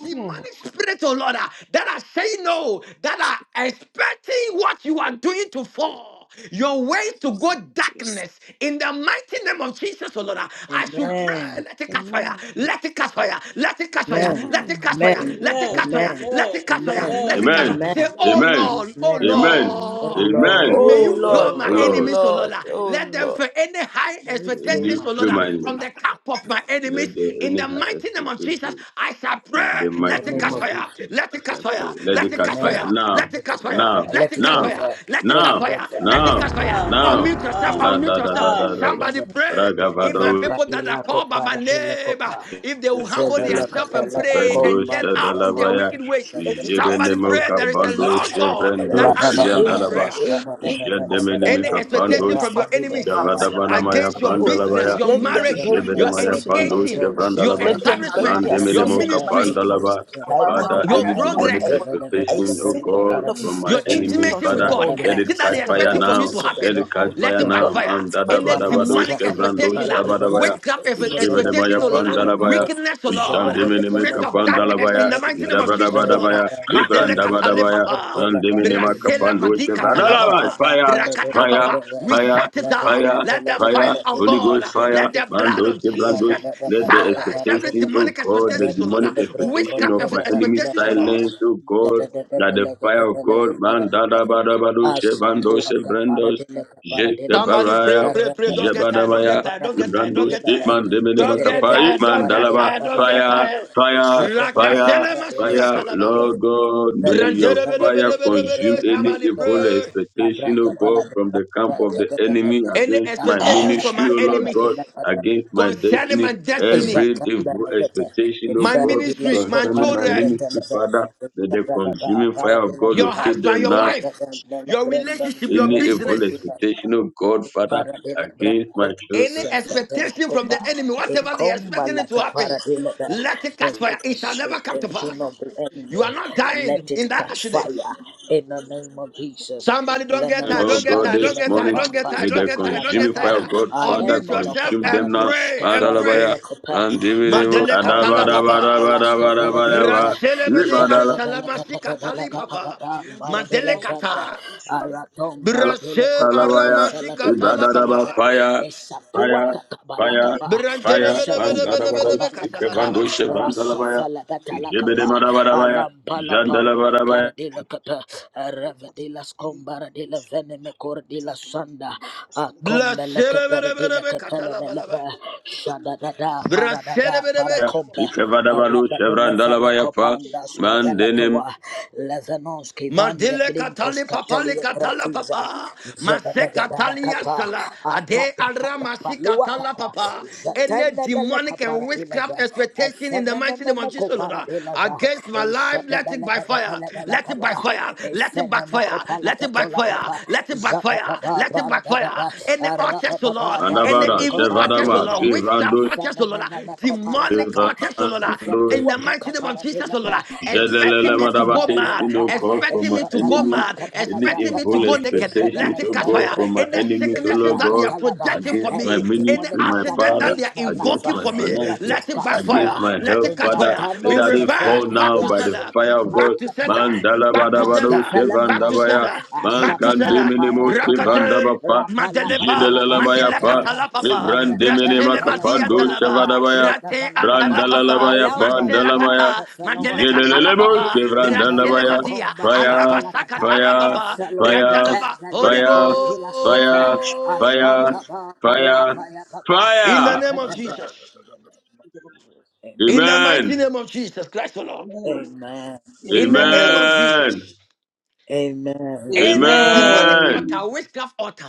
Speaker 14: Oh,
Speaker 6: demonic spirits, oh Lord, ah, that are saying no, that are expecting what you are doing to fall your ways to go
Speaker 14: Jesus.
Speaker 6: darkness in the mighty name of Jesus, O Lord. I should pray,
Speaker 13: Amen.
Speaker 6: let it catch fire,
Speaker 14: Amen.
Speaker 6: let it catch fire, let it catch fire,
Speaker 13: Amen.
Speaker 6: let it
Speaker 14: Amen.
Speaker 6: catch fire,
Speaker 13: Amen.
Speaker 14: Amen.
Speaker 6: let it catch
Speaker 7: Amen.
Speaker 6: fire,
Speaker 13: Amen.
Speaker 6: let it
Speaker 7: Amen.
Speaker 6: catch fire,
Speaker 13: Amen.
Speaker 6: let it catch fire.
Speaker 14: Amen.
Speaker 6: Say,
Speaker 13: Amen.
Speaker 6: oh
Speaker 5: Amen.
Speaker 7: Amen.
Speaker 6: Lord, oh
Speaker 13: Amen.
Speaker 5: Amen.
Speaker 7: Amen.
Speaker 13: Oh
Speaker 6: Lord.
Speaker 14: Amen.
Speaker 5: Amen.
Speaker 7: Amen.
Speaker 13: Lord.
Speaker 14: Oh
Speaker 6: May
Speaker 13: Oh
Speaker 6: you
Speaker 7: Oh
Speaker 6: fill
Speaker 14: Lord,
Speaker 7: Lord.
Speaker 6: my
Speaker 13: Lord.
Speaker 14: oh
Speaker 5: Lord,
Speaker 6: enemies, O Lord.
Speaker 14: Lord, oh
Speaker 6: Let them
Speaker 14: Lord.
Speaker 6: fill any high
Speaker 13: May you
Speaker 5: may
Speaker 13: fill
Speaker 5: you
Speaker 6: expectations,
Speaker 13: my
Speaker 6: O Lord,
Speaker 5: fill
Speaker 13: enemy
Speaker 5: my
Speaker 6: from the
Speaker 5: enemies.
Speaker 6: camp of my enemies
Speaker 5: Let the
Speaker 6: in
Speaker 5: any
Speaker 6: the
Speaker 5: high
Speaker 6: mighty name of name of Jesus,
Speaker 5: expectation
Speaker 6: I shall pray.
Speaker 5: in the
Speaker 13: in the
Speaker 6: Let
Speaker 5: mighty
Speaker 6: it
Speaker 13: name
Speaker 5: name
Speaker 6: catch
Speaker 13: of
Speaker 5: of
Speaker 14: Amen.
Speaker 6: fire.
Speaker 13: Jesus.
Speaker 5: Jesus
Speaker 6: Let it
Speaker 5: as
Speaker 6: catch
Speaker 5: I pray.
Speaker 6: fire.
Speaker 5: Let
Speaker 6: Let
Speaker 5: it
Speaker 6: it
Speaker 5: catch
Speaker 6: catch
Speaker 5: fire
Speaker 14: Amen.
Speaker 13: Amen.
Speaker 6: fire.
Speaker 5: now,
Speaker 6: Let it
Speaker 13: Let
Speaker 6: catch
Speaker 13: it
Speaker 6: fire.
Speaker 13: catch
Speaker 5: now,
Speaker 13: fire.
Speaker 6: Let
Speaker 13: Let
Speaker 6: it
Speaker 13: it
Speaker 6: catch
Speaker 5: now,
Speaker 13: catch
Speaker 14: Amen.
Speaker 6: fire.
Speaker 13: fire.
Speaker 6: Let it
Speaker 13: Let
Speaker 6: catch
Speaker 5: now,
Speaker 13: it
Speaker 6: fire.
Speaker 13: catch fire.
Speaker 6: Let it
Speaker 5: now,
Speaker 6: catch fire.
Speaker 14: Amen.
Speaker 5: now.
Speaker 6: Unmute yourself.
Speaker 7: Now.
Speaker 5: Na
Speaker 6: Unmute
Speaker 5: da da da
Speaker 6: yourself.
Speaker 7: Now.
Speaker 5: da da da.
Speaker 13: Let
Speaker 6: Somebody
Speaker 13: it
Speaker 6: pray. If my
Speaker 5: Ragavado
Speaker 6: people that are
Speaker 13: Rapatila
Speaker 6: called by my
Speaker 13: copara tila
Speaker 6: name,
Speaker 13: copa.
Speaker 6: if they will humble
Speaker 13: Zevela
Speaker 14: Against my life, against
Speaker 6: themselves
Speaker 14: my
Speaker 6: and
Speaker 14: life,
Speaker 13: capella
Speaker 6: pray
Speaker 5: Shevrendo
Speaker 6: and
Speaker 13: cocomba
Speaker 6: turn out
Speaker 13: tila
Speaker 6: from
Speaker 14: against-
Speaker 6: their
Speaker 5: Shadalabaya,
Speaker 6: wicked ways,
Speaker 14: let
Speaker 13: corte.
Speaker 14: it catch
Speaker 6: somebody
Speaker 5: Jebenemo
Speaker 14: fire,
Speaker 6: pray.
Speaker 14: oh
Speaker 6: There is a
Speaker 13: Rabba
Speaker 14: Lord.
Speaker 5: Capando,
Speaker 6: Lord God that
Speaker 5: Shevrendo
Speaker 14: around
Speaker 6: answers my
Speaker 14: in the
Speaker 5: Siandalaba,
Speaker 6: prayer.
Speaker 14: in, in of them
Speaker 5: Jedemeneme
Speaker 6: Any
Speaker 14: in it
Speaker 5: Capando,
Speaker 6: expectation from your
Speaker 14: from
Speaker 6: enemies
Speaker 14: members
Speaker 5: Gavadabanamaya
Speaker 6: against your
Speaker 14: me, O Lord.
Speaker 6: business,
Speaker 11: My
Speaker 5: Pandalabaya,
Speaker 6: your
Speaker 14: Let
Speaker 11: enemies,
Speaker 14: them
Speaker 6: marriage,
Speaker 14: bury
Speaker 6: your
Speaker 5: Jebenemaya
Speaker 14: themselves in the
Speaker 5: Pando,
Speaker 14: mighty
Speaker 6: education,
Speaker 14: name of
Speaker 11: my
Speaker 14: Jesus.
Speaker 6: your
Speaker 5: Shevrandalabaya,
Speaker 14: let them
Speaker 11: enemies,
Speaker 14: bury
Speaker 6: establishments, your
Speaker 14: themselves
Speaker 5: Randemenemo
Speaker 14: in the mighty
Speaker 6: ministry,
Speaker 14: name of Jesus.
Speaker 5: Capandalaba.
Speaker 14: I
Speaker 11: my
Speaker 14: I
Speaker 5: Father,
Speaker 14: I
Speaker 6: your
Speaker 11: enemies,
Speaker 5: any
Speaker 14: I I,
Speaker 5: demonic
Speaker 14: I
Speaker 11: my
Speaker 6: progress.
Speaker 14: I
Speaker 5: expectation, oh
Speaker 14: send the
Speaker 5: God,
Speaker 14: blood
Speaker 5: from
Speaker 11: enemies,
Speaker 14: of
Speaker 5: my
Speaker 6: Your
Speaker 14: Jesus
Speaker 5: enemies,
Speaker 6: intimacy
Speaker 14: unto
Speaker 6: with
Speaker 14: them,
Speaker 5: Father,
Speaker 6: God,
Speaker 14: O Lord.
Speaker 5: let it
Speaker 6: anything that
Speaker 5: catch
Speaker 6: they're
Speaker 14: Send the
Speaker 5: fire
Speaker 14: blood
Speaker 6: expecting
Speaker 14: of
Speaker 6: from you
Speaker 5: now.
Speaker 6: to
Speaker 14: Jesus unto them,
Speaker 6: happen,
Speaker 5: Let it
Speaker 14: O
Speaker 5: catch
Speaker 14: Lord.
Speaker 6: let
Speaker 5: fire
Speaker 6: it
Speaker 5: now.
Speaker 14: Lord,
Speaker 6: backfire.
Speaker 5: And
Speaker 14: let
Speaker 13: Rabba
Speaker 14: my
Speaker 5: Dada
Speaker 6: Any
Speaker 5: Bada
Speaker 14: enemies
Speaker 5: Badosh
Speaker 14: catch
Speaker 6: demonic
Speaker 14: fire.
Speaker 5: Kevrando
Speaker 6: expectation, uh,
Speaker 14: Lord, let
Speaker 5: Shabadabaya.
Speaker 14: my
Speaker 6: witchcraft ex-
Speaker 14: enemies
Speaker 6: expectation,
Speaker 5: Jebedemaya
Speaker 6: oh Lord, uh,
Speaker 14: anyone
Speaker 5: Pandalabaya.
Speaker 6: wickedness, oh Lord, uh,
Speaker 5: Ishandemene
Speaker 6: spirit
Speaker 11: my
Speaker 6: of darkness in
Speaker 5: kapandalabaya,
Speaker 6: the mighty
Speaker 11: enemies.
Speaker 6: name of Jesus, oh Lord. uh,
Speaker 5: Ishabadabadabaya,
Speaker 6: Madele katale
Speaker 5: Ibrandabadabaya,
Speaker 6: papa,
Speaker 5: Mandemene
Speaker 6: brasela
Speaker 5: makapando,
Speaker 6: madi katala
Speaker 5: Shevadalaba,
Speaker 6: papa,
Speaker 5: fire,
Speaker 6: brakata
Speaker 5: fire,
Speaker 6: papa. We
Speaker 5: fire,
Speaker 6: shut it down.
Speaker 5: fire,
Speaker 6: Let the fire
Speaker 5: fire,
Speaker 6: of
Speaker 5: Holy
Speaker 6: God,
Speaker 5: Ghost
Speaker 6: uh,
Speaker 5: fire,
Speaker 6: let the blood
Speaker 5: Mandos,
Speaker 6: of
Speaker 5: Brandos,
Speaker 6: Jesus
Speaker 5: let the
Speaker 6: silence every
Speaker 5: expectation, oh
Speaker 6: demonic
Speaker 5: God,
Speaker 6: expectation,
Speaker 5: the
Speaker 6: oh Lord.
Speaker 5: demonic
Speaker 6: uh,
Speaker 5: expectation
Speaker 6: Witchcraft
Speaker 5: of
Speaker 6: ex-
Speaker 5: my enemy
Speaker 6: expectations, oh Lord.
Speaker 5: silence, oh
Speaker 13: La
Speaker 5: God, that the fire
Speaker 7: Now.
Speaker 5: of God, Man, da da ba Mandadabadabado, Shevandos, Brandos,
Speaker 6: Somebody pray,
Speaker 5: Jetabaraya,
Speaker 6: pray, pray. Don't get tired. Don't get
Speaker 5: Jebadabaya,
Speaker 6: tired. Don't get tired. Don't
Speaker 5: Brandos,
Speaker 6: get tired.
Speaker 5: Itman, Demene
Speaker 6: Don't get
Speaker 5: Makapa,
Speaker 6: tired. Don't
Speaker 5: Itman,
Speaker 6: get tired. Don't get
Speaker 5: fire,
Speaker 6: tired.
Speaker 5: fire, fire,
Speaker 6: Rakatele
Speaker 5: fire.
Speaker 6: masikatalaba.
Speaker 5: Lord God, may your
Speaker 6: Branjere bede
Speaker 5: fire
Speaker 6: bede bede
Speaker 5: consume
Speaker 6: bede.
Speaker 5: any
Speaker 6: Somebody
Speaker 5: evil
Speaker 6: pray.
Speaker 5: expectation, O God, from the camp of the enemy
Speaker 6: Any
Speaker 5: against my
Speaker 6: expectations from
Speaker 5: ministry,
Speaker 6: my
Speaker 5: O Lord
Speaker 6: enemies
Speaker 5: God, against my
Speaker 6: concerning my
Speaker 5: destiny.
Speaker 6: destiny,
Speaker 5: Every
Speaker 13: Zatanda
Speaker 5: evil
Speaker 13: lekete,
Speaker 5: expectation, O
Speaker 6: my
Speaker 5: God,
Speaker 13: inferdile
Speaker 6: ministry, my
Speaker 5: concerning my
Speaker 6: children,
Speaker 13: scoparatile
Speaker 5: ministry,
Speaker 13: telebe,
Speaker 5: Father, may the
Speaker 13: inferdaba
Speaker 5: consuming fire of
Speaker 13: paradile
Speaker 5: God
Speaker 6: your
Speaker 13: gaba,
Speaker 5: locate
Speaker 6: husband,
Speaker 5: them
Speaker 6: your
Speaker 5: now.
Speaker 13: elebe
Speaker 6: wife,
Speaker 13: brenda
Speaker 6: your
Speaker 13: lebrenda
Speaker 6: relationship,
Speaker 13: ye
Speaker 6: your
Speaker 5: Any
Speaker 13: bren
Speaker 5: evil
Speaker 6: business.
Speaker 5: expectation, O God, Father,
Speaker 13: para de la
Speaker 5: against
Speaker 13: branco
Speaker 5: my children.
Speaker 6: Any
Speaker 13: dice fatene
Speaker 6: expectation from
Speaker 13: copa
Speaker 6: the enemy,
Speaker 13: e
Speaker 6: whatever they are
Speaker 13: comba
Speaker 6: expecting
Speaker 13: la
Speaker 6: it to happen,
Speaker 13: capara de la bra
Speaker 6: let it
Speaker 13: and
Speaker 6: catch
Speaker 13: with
Speaker 6: fire.
Speaker 13: the
Speaker 6: It shall never come to
Speaker 13: expectation
Speaker 6: pass.
Speaker 13: of the
Speaker 6: You are
Speaker 13: enemy
Speaker 6: not dying
Speaker 13: let it
Speaker 6: in that
Speaker 13: catch
Speaker 6: accident.
Speaker 13: fire in the name of Jesus
Speaker 6: Somebody don't get tired,
Speaker 5: Oh
Speaker 13: Lemenoko
Speaker 6: don't get
Speaker 5: God,
Speaker 6: tired,
Speaker 5: this
Speaker 6: don't
Speaker 13: paradile
Speaker 6: get tired,
Speaker 5: morning,
Speaker 6: don't get
Speaker 13: kopampa
Speaker 6: tired,
Speaker 5: may
Speaker 6: don't
Speaker 5: the
Speaker 6: get
Speaker 13: sata
Speaker 6: tired,
Speaker 13: la
Speaker 6: don't get
Speaker 5: consuming
Speaker 6: tired.
Speaker 5: fire
Speaker 13: tapa
Speaker 5: of God,
Speaker 6: Or
Speaker 5: Father,
Speaker 6: mute
Speaker 13: alemeloko
Speaker 6: yourself
Speaker 5: consume them
Speaker 6: and
Speaker 5: now.
Speaker 13: paradish
Speaker 6: pray and
Speaker 5: Mandalabaya,
Speaker 13: keferadile
Speaker 6: pray.
Speaker 13: kopa
Speaker 5: mandibidibu,
Speaker 6: Mandele
Speaker 13: akakomba
Speaker 6: katala
Speaker 13: la katola
Speaker 6: papa.
Speaker 13: skeferadile
Speaker 5: adabadabadabadabadabadaba,
Speaker 6: Raselebede
Speaker 5: ibadalalabaya,
Speaker 6: antalamasi
Speaker 13: be
Speaker 6: katali papa.
Speaker 13: Aratom
Speaker 6: Mandele kata.
Speaker 13: Baradile
Speaker 6: Brashe
Speaker 13: Cobande
Speaker 6: aramasi
Speaker 13: Felaka
Speaker 6: katala
Speaker 5: ibadadaba,
Speaker 13: Perdiles,
Speaker 6: papa.
Speaker 5: Fire,
Speaker 13: Esatua
Speaker 5: fire, fire,
Speaker 13: Cacabalacapa,
Speaker 5: fire,
Speaker 13: Echevelena
Speaker 5: mandadabado,
Speaker 6: Brandelebedebedebedebe kasala
Speaker 13: Cobalacata,
Speaker 6: papa.
Speaker 5: ikevandoshe, vandalabaya,
Speaker 13: Rasofela Catalacapa,
Speaker 5: ijebedemadabadabaya,
Speaker 13: Alampala Pound,
Speaker 5: jandalabadabaya,
Speaker 13: Paradila Capa, Revedilas Combaradila Veneme Cordila Sanda, Acombeleca Perdila
Speaker 6: Blashelebelebelebe
Speaker 13: Capella
Speaker 6: katalabalaba.
Speaker 13: Shadadada Paradada
Speaker 6: Brashelebelebe.
Speaker 13: Paracompa.
Speaker 5: ikevadabado, chevrandalabaya, fa,
Speaker 13: Levenikopandas
Speaker 5: mandene,
Speaker 13: Kavelatoa, Levenonski Van de
Speaker 6: Mandele
Speaker 13: Brinkos
Speaker 6: katali papali
Speaker 13: Catalia
Speaker 6: katala
Speaker 13: Gratiza,
Speaker 6: papa.
Speaker 7: Okay.
Speaker 6: Mase
Speaker 13: Zebedega
Speaker 6: katali
Speaker 13: Barakapa,
Speaker 6: yasala. Ade
Speaker 13: Atata
Speaker 6: alra
Speaker 13: Katapa
Speaker 6: masi katala
Speaker 13: Luakata,
Speaker 6: papa. Any
Speaker 13: Zatenda Beleka
Speaker 6: demonic and witchcraft
Speaker 13: Paradilaza,
Speaker 6: expectation in the mighty name of Jesus,
Speaker 13: Efenemeko
Speaker 6: Lord. ah,
Speaker 13: Paradilaza,
Speaker 6: Against my life, let it by fire.
Speaker 13: Ishadabella
Speaker 6: Let it by
Speaker 13: capa.
Speaker 6: fire. Let it
Speaker 13: Efenemeko
Speaker 6: backfire. Let it
Speaker 13: Palakatola
Speaker 6: backfire.
Speaker 13: Kapa,
Speaker 6: Let it backfire.
Speaker 13: Zababa
Speaker 6: Let it backfire.
Speaker 13: Paradadaba,
Speaker 6: Any altar, so Lord.
Speaker 13: Arapapa
Speaker 6: Any
Speaker 5: mandabada,
Speaker 13: paradila
Speaker 6: evil altars,
Speaker 5: chevadama,
Speaker 6: oh
Speaker 13: coparadila be.
Speaker 6: Lord, witchcraft
Speaker 5: sivrando,
Speaker 6: altars, oh Lord, ah,
Speaker 13: Efenenene
Speaker 6: demonic
Speaker 13: copalacata.
Speaker 6: altars, oh Lord, ah, in
Speaker 5: Evangelos
Speaker 13: Zefetua
Speaker 6: the mighty name of Jesus,
Speaker 13: cacaparadila
Speaker 6: oh Lord,
Speaker 13: be.
Speaker 6: ah, expecting me to
Speaker 13: Isabelaca
Speaker 5: Zedelelemadabat-
Speaker 6: go
Speaker 13: paradila
Speaker 6: mad,
Speaker 5: Expectation,
Speaker 13: ba.
Speaker 5: oh God, from
Speaker 6: expecting
Speaker 5: my
Speaker 6: me to go
Speaker 13: Ishatala
Speaker 5: enemies,
Speaker 6: mad,
Speaker 13: braca
Speaker 5: any
Speaker 6: expecting me to
Speaker 5: evil
Speaker 13: talabracata.
Speaker 6: go naked,
Speaker 5: expectations,
Speaker 6: let it
Speaker 13: Isabelaca
Speaker 5: oh
Speaker 6: catch
Speaker 5: God,
Speaker 6: fire.
Speaker 5: from my
Speaker 13: belebrecata.
Speaker 6: Any
Speaker 5: enemies, oh
Speaker 6: sicknesses
Speaker 5: Lord
Speaker 6: that
Speaker 13: Elabraca
Speaker 6: they
Speaker 5: God,
Speaker 6: are
Speaker 13: talaba.
Speaker 6: projecting for
Speaker 5: against my
Speaker 13: Every
Speaker 6: me, any
Speaker 5: ministry,
Speaker 13: demonic
Speaker 5: my
Speaker 13: attack
Speaker 6: accident
Speaker 5: Father,
Speaker 6: that they are
Speaker 13: against my life,
Speaker 5: against
Speaker 13: uh,
Speaker 6: invoking
Speaker 5: my
Speaker 6: for me,
Speaker 13: let
Speaker 5: finances,
Speaker 13: it
Speaker 6: let it
Speaker 13: catch fire.
Speaker 5: against
Speaker 6: backfire,
Speaker 5: my
Speaker 6: let
Speaker 5: health,
Speaker 6: it
Speaker 13: In
Speaker 6: catch
Speaker 5: Father.
Speaker 6: fire. We
Speaker 5: Let
Speaker 13: Matanos
Speaker 5: that they
Speaker 13: Kefe,
Speaker 6: reverse
Speaker 5: fall
Speaker 6: back
Speaker 5: now
Speaker 6: to
Speaker 5: by the
Speaker 6: sender,
Speaker 13: Rasuka
Speaker 5: fire of God.
Speaker 6: back to
Speaker 13: Papalakata,
Speaker 6: sender,
Speaker 5: Man
Speaker 13: in
Speaker 6: back to
Speaker 13: Nanos
Speaker 5: dalabadabado
Speaker 6: sender, back to
Speaker 13: Kefelemenosa,
Speaker 5: shevandabaya,
Speaker 6: sender,
Speaker 5: man
Speaker 6: back to
Speaker 13: Asapapa,
Speaker 6: sender.
Speaker 5: kandiminimo
Speaker 13: Paya Papa,
Speaker 6: Rakata.
Speaker 5: shevandabapa,
Speaker 13: Rapalaka
Speaker 6: Madelepa,
Speaker 13: Palabasa
Speaker 5: jedelelemaya pa,
Speaker 6: Madelakatala papa,
Speaker 13: Telebe,
Speaker 6: Brasele Madia
Speaker 5: vibrandiminimakapando
Speaker 13: Telebeko
Speaker 6: talaba,
Speaker 13: baba
Speaker 5: shevadabaya,
Speaker 13: shada
Speaker 6: Rate antala
Speaker 13: balakapa
Speaker 6: papa,
Speaker 5: brandalalamaya
Speaker 13: ayamba laka
Speaker 5: pa,
Speaker 6: Maselakata,
Speaker 13: sefelo
Speaker 6: Madelekatala
Speaker 13: wataliyepe
Speaker 5: Jelelelebos
Speaker 6: papa,
Speaker 13: repele
Speaker 6: Brasele
Speaker 5: kevrandalabaya.
Speaker 6: Madia,
Speaker 13: kokomba
Speaker 6: Araba
Speaker 5: Fire,
Speaker 13: shkapalakata
Speaker 6: Sakatala
Speaker 5: fire,
Speaker 6: papa,
Speaker 13: eselo
Speaker 5: fire,
Speaker 13: wepepe
Speaker 6: Brantalaba, Holy
Speaker 13: velia
Speaker 5: fire,
Speaker 13: korpila sefe
Speaker 5: fire,
Speaker 6: Ghost.
Speaker 5: fire,
Speaker 13: ashkamba ba paya
Speaker 5: fire,
Speaker 13: paya papa
Speaker 6: In the
Speaker 5: fire.
Speaker 6: name of
Speaker 13: lepepepe
Speaker 6: Jesus, in the
Speaker 13: amen
Speaker 6: mighty
Speaker 5: Amen.
Speaker 6: name of Jesus Christ, the Lord,
Speaker 13: amen
Speaker 7: Amen.
Speaker 6: in the name of
Speaker 7: Amen.
Speaker 5: Amen.
Speaker 6: Jesus.
Speaker 13: amen
Speaker 6: Any demonic
Speaker 5: Amen.
Speaker 6: altar,
Speaker 7: Amen.
Speaker 6: witchcraft altar,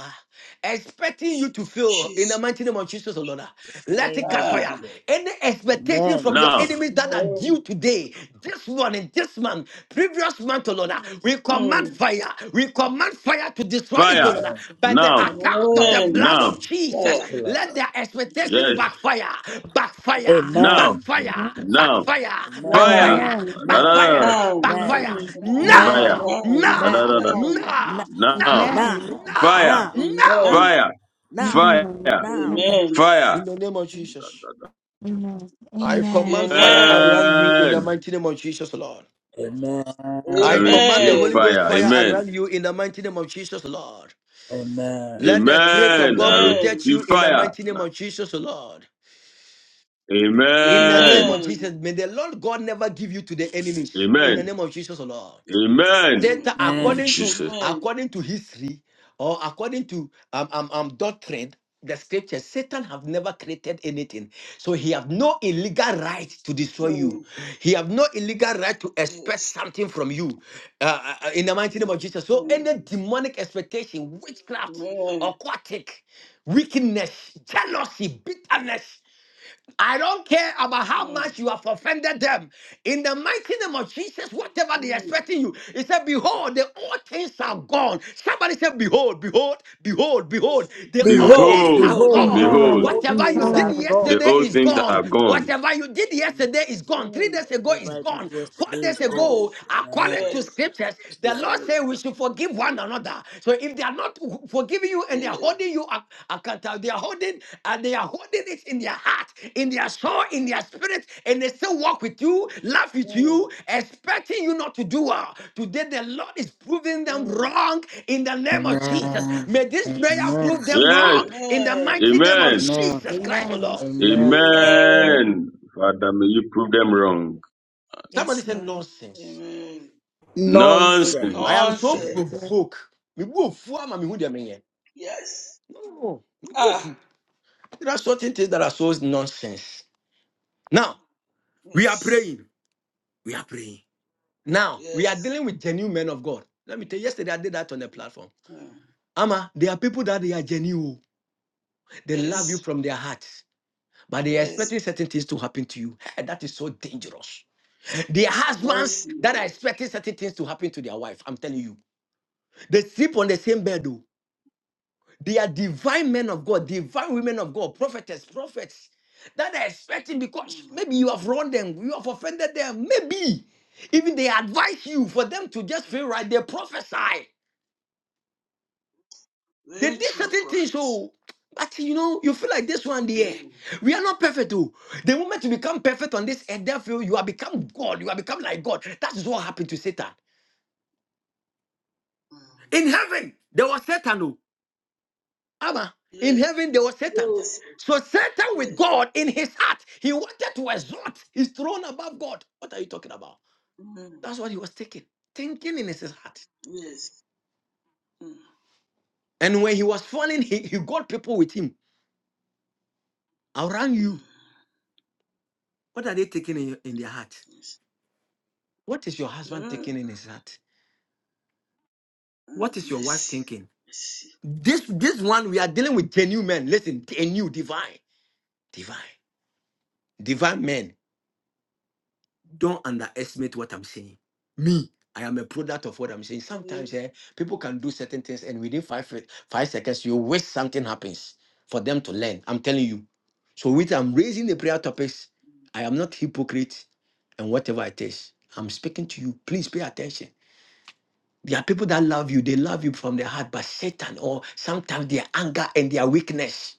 Speaker 6: expecting you to fail in the
Speaker 7: Jesus.
Speaker 6: mighty name of Jesus, O Lord,
Speaker 13: In the
Speaker 6: let it
Speaker 13: name of
Speaker 6: catch fire.
Speaker 7: Ah.
Speaker 13: Jesus
Speaker 6: Any expectation
Speaker 13: amen
Speaker 6: from your
Speaker 5: Now,
Speaker 6: enemies that are due
Speaker 7: Amen.
Speaker 6: today, this morning, this month, previous month, O Lord, we command
Speaker 7: Mm.
Speaker 6: fire. We command fire to destroy Oh
Speaker 5: fire.
Speaker 6: Lord,
Speaker 13: amen
Speaker 6: By the
Speaker 5: Now,
Speaker 6: account of the
Speaker 13: amen
Speaker 7: Amen.
Speaker 6: blood
Speaker 5: now,
Speaker 6: of Jesus,
Speaker 13: That's
Speaker 7: Yeah.
Speaker 13: the
Speaker 6: let
Speaker 13: Lord.
Speaker 6: their expectations
Speaker 5: yes,
Speaker 6: backfire, backfire,
Speaker 5: now,
Speaker 13: amen
Speaker 6: backfire,
Speaker 13: That's
Speaker 5: now,
Speaker 6: backfire,
Speaker 13: the Lord.
Speaker 11: Amen.
Speaker 5: fire.
Speaker 7: Now.
Speaker 6: backfire,
Speaker 11: Amen.
Speaker 13: Amen.
Speaker 6: backfire,
Speaker 7: Now.
Speaker 11: Amen.
Speaker 13: Amen.
Speaker 6: backfire.
Speaker 7: Now.
Speaker 13: Amen.
Speaker 5: Fire.
Speaker 11: Amen.
Speaker 6: Now,
Speaker 7: Now.
Speaker 11: Amen.
Speaker 6: now,
Speaker 13: Amen.
Speaker 7: Now.
Speaker 6: now,
Speaker 13: Now,
Speaker 11: Amen.
Speaker 5: Now,
Speaker 6: now,
Speaker 11: Amen.
Speaker 13: now,
Speaker 6: now,
Speaker 5: fire,
Speaker 13: now,
Speaker 6: now.
Speaker 7: Amen.
Speaker 13: now,
Speaker 5: fire,
Speaker 11: No,
Speaker 13: now,
Speaker 11: no,
Speaker 5: fire.
Speaker 13: now.
Speaker 11: no.
Speaker 7: Amen.
Speaker 6: In
Speaker 5: Fire.
Speaker 6: the name of Jesus,
Speaker 11: Amen.
Speaker 6: I command
Speaker 11: Amen.
Speaker 6: fire
Speaker 7: Amen.
Speaker 6: around you in the
Speaker 5: Amen.
Speaker 6: mighty name of Jesus, Lord.
Speaker 13: Amen.
Speaker 5: I
Speaker 6: I command the
Speaker 5: receive
Speaker 6: Holy
Speaker 7: Amen.
Speaker 6: Ghost
Speaker 5: fire.
Speaker 6: fire
Speaker 5: Amen.
Speaker 6: around you in the mighty name of Jesus, Lord.
Speaker 13: Amen.
Speaker 6: Let the Spirit of
Speaker 5: Amen.
Speaker 6: God
Speaker 5: I
Speaker 7: Amen.
Speaker 6: protect
Speaker 5: receive
Speaker 6: you in the
Speaker 5: fire.
Speaker 6: mighty name of Jesus, Lord. In the name
Speaker 5: Amen.
Speaker 6: of
Speaker 7: Amen.
Speaker 6: Jesus, may the Lord God never give you to the enemies. In the
Speaker 5: Amen.
Speaker 6: name of Jesus, O Lord.
Speaker 5: Amen.
Speaker 6: Satan,
Speaker 7: Amen.
Speaker 5: In
Speaker 13: Amen.
Speaker 6: according to
Speaker 5: Jesus.
Speaker 7: Amen.
Speaker 6: according to history or according to um, um, um doctrine, the scriptures, Satan have never created anything. So he have no illegal right to destroy you.
Speaker 7: Mm.
Speaker 6: He have no illegal right to expect
Speaker 7: Yes.
Speaker 6: something from you. Uh, uh, uh, in the mighty name of Jesus. So
Speaker 7: Mm.
Speaker 6: any demonic expectation, witchcraft,
Speaker 7: Amen.
Speaker 6: aquatic, wickedness, jealousy, bitterness. I don't care about how
Speaker 7: Mm.
Speaker 6: much you have offended them. In the mighty name of Jesus, whatever they
Speaker 7: Mm.
Speaker 6: expecting you, he said, Behold, the old things are gone. Somebody said, Behold, behold, behold, behold, the old
Speaker 7: Behold,
Speaker 6: things
Speaker 13: Behold,
Speaker 6: are
Speaker 5: Behold,
Speaker 7: behold,
Speaker 13: behold,
Speaker 6: gone.
Speaker 7: behold,
Speaker 13: the
Speaker 5: behold,
Speaker 11: Behold,
Speaker 13: old
Speaker 7: behold,
Speaker 6: Whatever you
Speaker 13: things
Speaker 7: behold.
Speaker 6: did
Speaker 13: are
Speaker 11: behold.
Speaker 5: the
Speaker 13: gone.
Speaker 6: yesterday
Speaker 5: old
Speaker 6: is
Speaker 5: things
Speaker 6: gone.
Speaker 5: are gone.
Speaker 6: Whatever you did
Speaker 13: Amen.
Speaker 6: yesterday is gone. Three
Speaker 7: Mm.
Speaker 6: days ago
Speaker 13: Whatever
Speaker 6: is
Speaker 13: I did
Speaker 6: gone. Four
Speaker 13: yesterday
Speaker 6: days
Speaker 13: is gone.
Speaker 7: Mm.
Speaker 6: ago,
Speaker 13: Amen.
Speaker 6: according to
Speaker 7: Yes.
Speaker 6: scriptures,
Speaker 13: Yeah.
Speaker 6: the Lord
Speaker 7: Yes.
Speaker 6: said we should forgive one another. So if they are not forgiving you and they are
Speaker 7: Yes.
Speaker 6: holding you ac- accountable, they are holding and they are holding it in their heart, in their soul, in their spirit, and they still walk with you, laugh with
Speaker 7: Mm.
Speaker 6: you, expecting you not to do well. Today the Lord is proving them
Speaker 7: Mm.
Speaker 6: wrong in the name of Jesus.
Speaker 13: Amen.
Speaker 6: May this prayer
Speaker 13: Amen.
Speaker 6: prove them
Speaker 5: Yes.
Speaker 6: wrong in the
Speaker 7: Amen.
Speaker 6: mighty name of
Speaker 5: Amen.
Speaker 13: Amen.
Speaker 6: Jesus Christ, O
Speaker 11: Amen.
Speaker 6: Lord.
Speaker 13: Amen.
Speaker 7: Amen.
Speaker 5: Amen. Father, may you prove them wrong.
Speaker 6: Somebody
Speaker 11: Yes,
Speaker 6: said
Speaker 11: Lord.
Speaker 6: nonsense.
Speaker 7: Amen.
Speaker 13: Nonsense.
Speaker 5: Nonsense.
Speaker 6: I am so
Speaker 7: Nonsense.
Speaker 6: provoked. Me wo fu ama me hu deɛ menyɛ.
Speaker 7: Yes.
Speaker 6: No, me wo
Speaker 7: Ah.
Speaker 6: fu. There are certain things that are so nonsense. Now, we are
Speaker 7: Yes.
Speaker 6: praying. We are praying. Now, we are
Speaker 7: Yes.
Speaker 6: dealing with genuine men of God. Let me tell you, yesterday I did that on the platform.
Speaker 7: Mm.
Speaker 6: Ama, there are people that they are genuine. oh. They love you
Speaker 7: Yes.
Speaker 6: from their hearts, but they are
Speaker 7: Yes.
Speaker 6: expecting certain things to happen to you. Hey, that is so dangerous. There are husbands
Speaker 7: Mercy.
Speaker 6: that are expecting certain things to happen to their wife. I'm telling you. They sleep on the same bed. oh. They are divine men of God, divine women of God, prophetess, prophets that are expecting
Speaker 7: yeah.
Speaker 6: because
Speaker 7: Mm.
Speaker 6: maybe you have wronged them, you have offended them. Maybe even they advise you for them to just feel right. They prophesy. They
Speaker 7: Very
Speaker 6: did
Speaker 7: true
Speaker 6: certain things,
Speaker 7: prophet.
Speaker 6: so but you know, you feel like this one there.
Speaker 7: Mm.
Speaker 6: We are not perfect, though. The moment you become perfect on this earth, therefore, you have become God. You have become like God. That is what happened to Satan.
Speaker 7: Mm.
Speaker 6: In heaven, there was Satan, oh. Abba, in
Speaker 7: Yes.
Speaker 6: heaven there was Satan.
Speaker 7: Yes.
Speaker 6: So Satan with
Speaker 7: Yes.
Speaker 6: God in his heart, he wanted to exalt his throne above God. What are you talking about?
Speaker 7: Mm.
Speaker 6: That's what he was thinking, thinking in his heart.
Speaker 7: Yes. Mm.
Speaker 6: And when he was falling, he, he got people with him around
Speaker 7: Mm.
Speaker 6: you. What are they taking in, your- in their heart?
Speaker 7: Yes.
Speaker 6: What is your
Speaker 7: Mm.
Speaker 6: husband taking in his heart? What
Speaker 7: Mm.
Speaker 6: is your wife
Speaker 7: Mercy.
Speaker 6: thinking?
Speaker 7: Mercy.
Speaker 6: This this one we are dealing with genuine men. Listen, genuine, divine, divine, divine men. don't underestimate what I'm saying. Me, I am a product of what I'm saying.
Speaker 7: Mm.
Speaker 6: Sometimes eh, people can do certain things, and within five fi- five seconds, you wish something happens for them to learn. I'm telling you. So, with I'm raising the prayer topics, I am not hypocrite, and whatever it is, I'm speaking to you. Please pay attention. There are people that love you; they love you from their heart, but Satan or sometimes their anger and their weakness.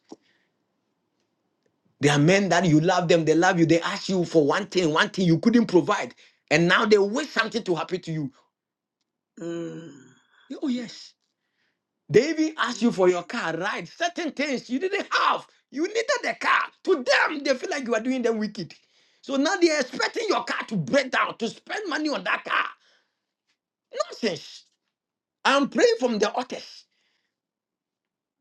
Speaker 6: There are men that you love them, they love you, they ask you for one thing, one thing you couldn't provide, and now they wish something to happen to you.
Speaker 7: Mm.
Speaker 6: Oh, yes. They even ask you
Speaker 7: Very
Speaker 6: for your
Speaker 7: true.
Speaker 6: car, right? Certain things you didn't have. You needed the car. To them, they feel like you are doing them wicked. So now they're expecting your car to break down, to spend money on that car. Nonsense. I'm praying from the altars.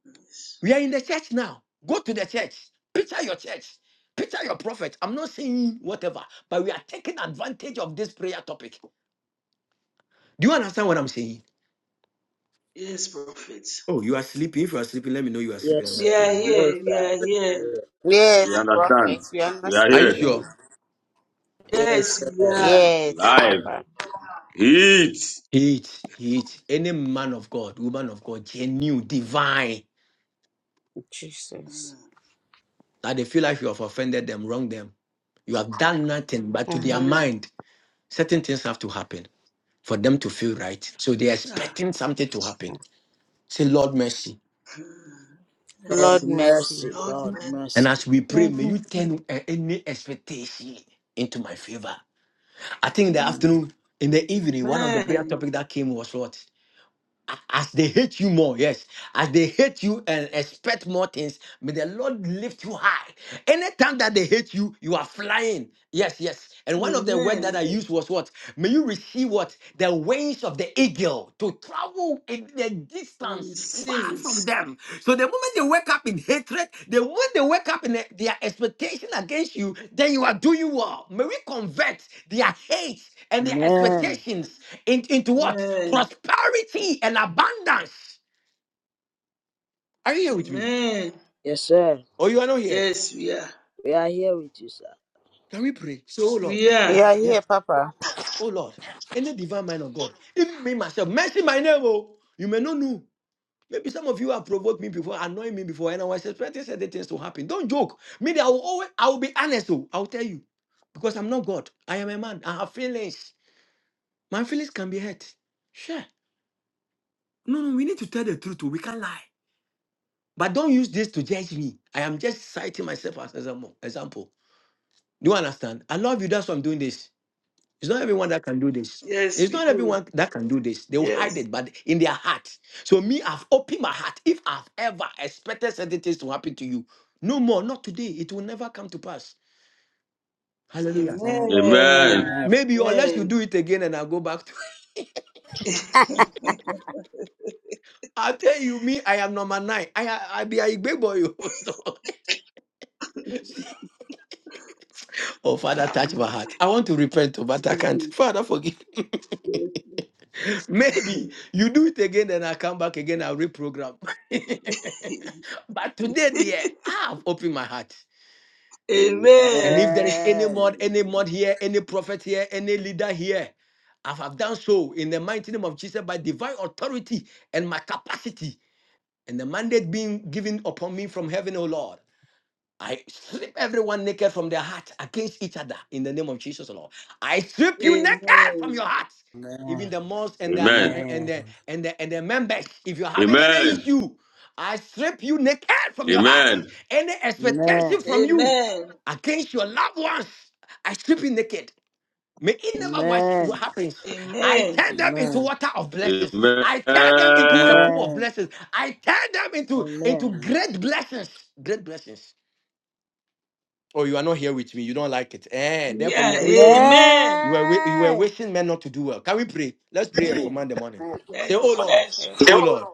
Speaker 7: Yes.
Speaker 6: We are in the church now. Go to the church. Picture your church. Picture your prophet. I'm not saying whatever, but we are taking advantage of this prayer topic. Do you understand what I'm saying?
Speaker 7: Yes, prophet.
Speaker 6: Oh, you are sleeping. If you are sleeping, let me know you are sleeping.
Speaker 13: Yes, sir.
Speaker 7: We
Speaker 6: Let's go.
Speaker 7: are
Speaker 13: No,
Speaker 7: here. We are here.
Speaker 13: sir.
Speaker 14: Yes,
Speaker 5: We
Speaker 14: prophet,
Speaker 5: understand.
Speaker 14: we are
Speaker 5: We
Speaker 14: not
Speaker 5: are
Speaker 6: Are you
Speaker 5: here.
Speaker 14: sleeping.
Speaker 6: sure?
Speaker 13: Yes,
Speaker 7: Yes, we
Speaker 13: sir.
Speaker 7: are.
Speaker 14: Yes,
Speaker 5: Live.
Speaker 14: Papa.
Speaker 5: Heat.
Speaker 6: Hate, hate any man of God, woman of God, genuine, divine,
Speaker 14: Jesus.
Speaker 7: Mm.
Speaker 6: that they feel like you have offended them, wronged them. You have done nothing, but to their
Speaker 7: Mm.
Speaker 6: mind, certain things have to happen for them to feel right. So they're
Speaker 7: Ah.
Speaker 6: expecting something to happen. Say, Lord, mercy.
Speaker 7: Mm.
Speaker 13: Lord
Speaker 14: Lord
Speaker 7: Yes.
Speaker 14: mercy.
Speaker 13: mercy,
Speaker 7: Lord,
Speaker 13: Lord
Speaker 7: man.
Speaker 6: And
Speaker 13: mercy.
Speaker 6: as we pray, may
Speaker 11: Lightning
Speaker 6: you turn uh, any expectation into my favor. I think in the
Speaker 11: in
Speaker 6: afternoon, in the evening, one of the prayer
Speaker 7: Amen.
Speaker 6: topic that came was what? a- as they hate you more, yes, as they hate you and expect more things, may the Lord lift you high. Anytime that they hate you, you are flying. Yes, yes. And one of the words
Speaker 7: Amen.
Speaker 6: that I
Speaker 7: Yes.
Speaker 6: used was what? May you receive what? The wings of the eagle to travel in the distance far
Speaker 7: Receive it.
Speaker 6: from them. So the moment they wake up in hatred, the moment they wake up in their expectation against you, then you are doing well. May we convert their hate and their
Speaker 13: Amen.
Speaker 6: expectations in- into what?
Speaker 7: Amen.
Speaker 6: Prosperity and abundance. Are you here with me?
Speaker 7: Amen.
Speaker 13: Yes, sir.
Speaker 6: Or you are not here?
Speaker 7: Yes, we are.
Speaker 13: We are here with you, sir.
Speaker 6: Can we pray? Say, oh Lord.
Speaker 7: We
Speaker 14: You
Speaker 7: are.
Speaker 14: are
Speaker 6: Yeah.
Speaker 14: here, Papa.
Speaker 6: Oh Lord. in the divine mind of God. Even me myself. Mercy my name. Oh. You may not know. Maybe some of you have provoked me before, annoyed me before, and I was expecting certain things to happen. Don't joke. Me, I will always I will be honest. Oh, I'll tell you. Because I'm not God. I am a man. I have feelings. My feelings can be hurt. Sure. No, no, we need to tell the truth. oh. We can't lie. But don't use this to judge me. I am just citing myself as example. Example. Do you understand? I love you. That's why I'm doing this. It's not everyone that can do this.
Speaker 7: Yes,
Speaker 6: It's
Speaker 7: we
Speaker 6: not
Speaker 7: do.
Speaker 6: everyone that can do this. They will hide
Speaker 7: Yes.
Speaker 6: it, but in their heart. So me, I've opened my heart. If I've ever expected certain things to happen to you, no more. Not today. It will never come to pass. Hallelujah.
Speaker 13: Amen.
Speaker 5: Amen.
Speaker 7: Amen.
Speaker 6: Maybe unless you
Speaker 7: Amen.
Speaker 6: do it again and I go back to I tell you, me, I am number nine. I I be a big boy. oh, so- oh, Father, touch my
Speaker 7: Amen.
Speaker 6: heart. I want to repent, oh, but I can't. Father, forgive. Maybe you do it again, then I come back again, I'll reprogram. but today, dear, I have opened my heart.
Speaker 13: Amen.
Speaker 6: And if there is any mod, any mod here, any prophet here, any leader here, I have done so in the mighty name of Jesus by divine authority and my capacity and the mandate being given upon me from heaven, O Lord. I strip everyone naked from their heart against each other in the name of Jesus, Lord. I strip you naked from
Speaker 7: Amen.
Speaker 6: your heart, even
Speaker 13: Amen.
Speaker 6: the monks and
Speaker 13: Amen.
Speaker 6: the uh, uh,
Speaker 5: Amen.
Speaker 6: and
Speaker 13: Amen.
Speaker 6: the and the and the members. If you're having any
Speaker 5: Amen.
Speaker 6: issue, I strip you naked from your heart.
Speaker 5: Amen.
Speaker 6: Any expectation from you
Speaker 7: Amen.
Speaker 6: against your loved ones, I strip you naked. May it never watch what
Speaker 13: Amen.
Speaker 6: happens. I
Speaker 7: Amen.
Speaker 6: turn them into water of blessings.
Speaker 5: Amen.
Speaker 6: I turn them into a pool of
Speaker 13: Amen.
Speaker 6: blessings. I turn them
Speaker 13: Amen.
Speaker 6: into into
Speaker 13: Amen.
Speaker 6: great blessings. Great blessings. Oh, you are not here with me. You don't like it. Eh, therefore you
Speaker 7: Yeah.
Speaker 6: are wishing men.
Speaker 7: Amen.
Speaker 6: You were wi- you were
Speaker 13: Amen.
Speaker 6: wishing men not to do well. Can we pray? Let's pray and
Speaker 14: Amen.
Speaker 6: command the morning. Say, Oh
Speaker 7: Yes, we
Speaker 6: Lord, Oh
Speaker 14: Oh
Speaker 6: Lord,